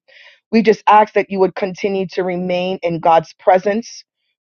Speaker 1: we just ask that you would continue to remain in God's presence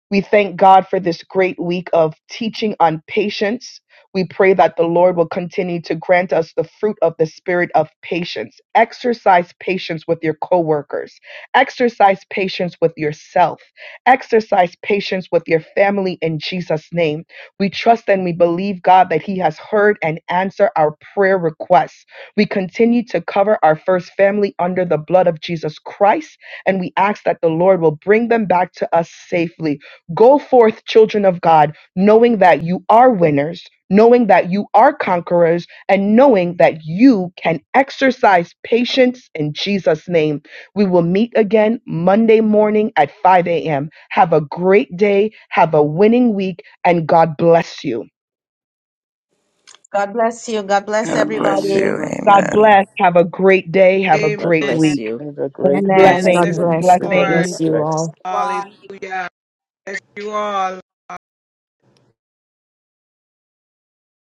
Speaker 1: we thank God for this great week of teaching on patience. We pray that the Lord will continue to grant us the fruit of the spirit of patience. Exercise patience with your coworkers. Exercise patience with yourself. Exercise patience with your family in Jesus' name. We trust and we believe, God, that He has heard and answered our prayer requests. We continue to cover our first family under the blood of Jesus Christ, and we ask that the Lord will bring them back to us safely. Go forth, children of God, knowing that you are winners, knowing that you are conquerors, and knowing that you can exercise patience in Jesus' name. We will meet again Monday morning at 5 a.m. Have a great day, have a winning week, and God bless you.
Speaker 2: God bless you. God bless
Speaker 5: God
Speaker 7: Amen.
Speaker 5: bless
Speaker 2: everybody.
Speaker 5: you.
Speaker 7: God bless
Speaker 1: God
Speaker 7: you.
Speaker 5: Amen.
Speaker 1: bless. Have a great day. Have a
Speaker 8: God
Speaker 1: great
Speaker 4: Amen.
Speaker 8: bless
Speaker 1: week.
Speaker 8: you.
Speaker 13: Have a great
Speaker 2: Amen.
Speaker 13: weekend
Speaker 14: God
Speaker 4: Bless the
Speaker 1: Blessings,
Speaker 13: and
Speaker 14: bless. God
Speaker 13: everybody
Speaker 1: blessings.
Speaker 4: Lord.
Speaker 13: be
Speaker 14: bless you
Speaker 13: blessed.
Speaker 14: all.
Speaker 4: Hallelujah. Bless you all.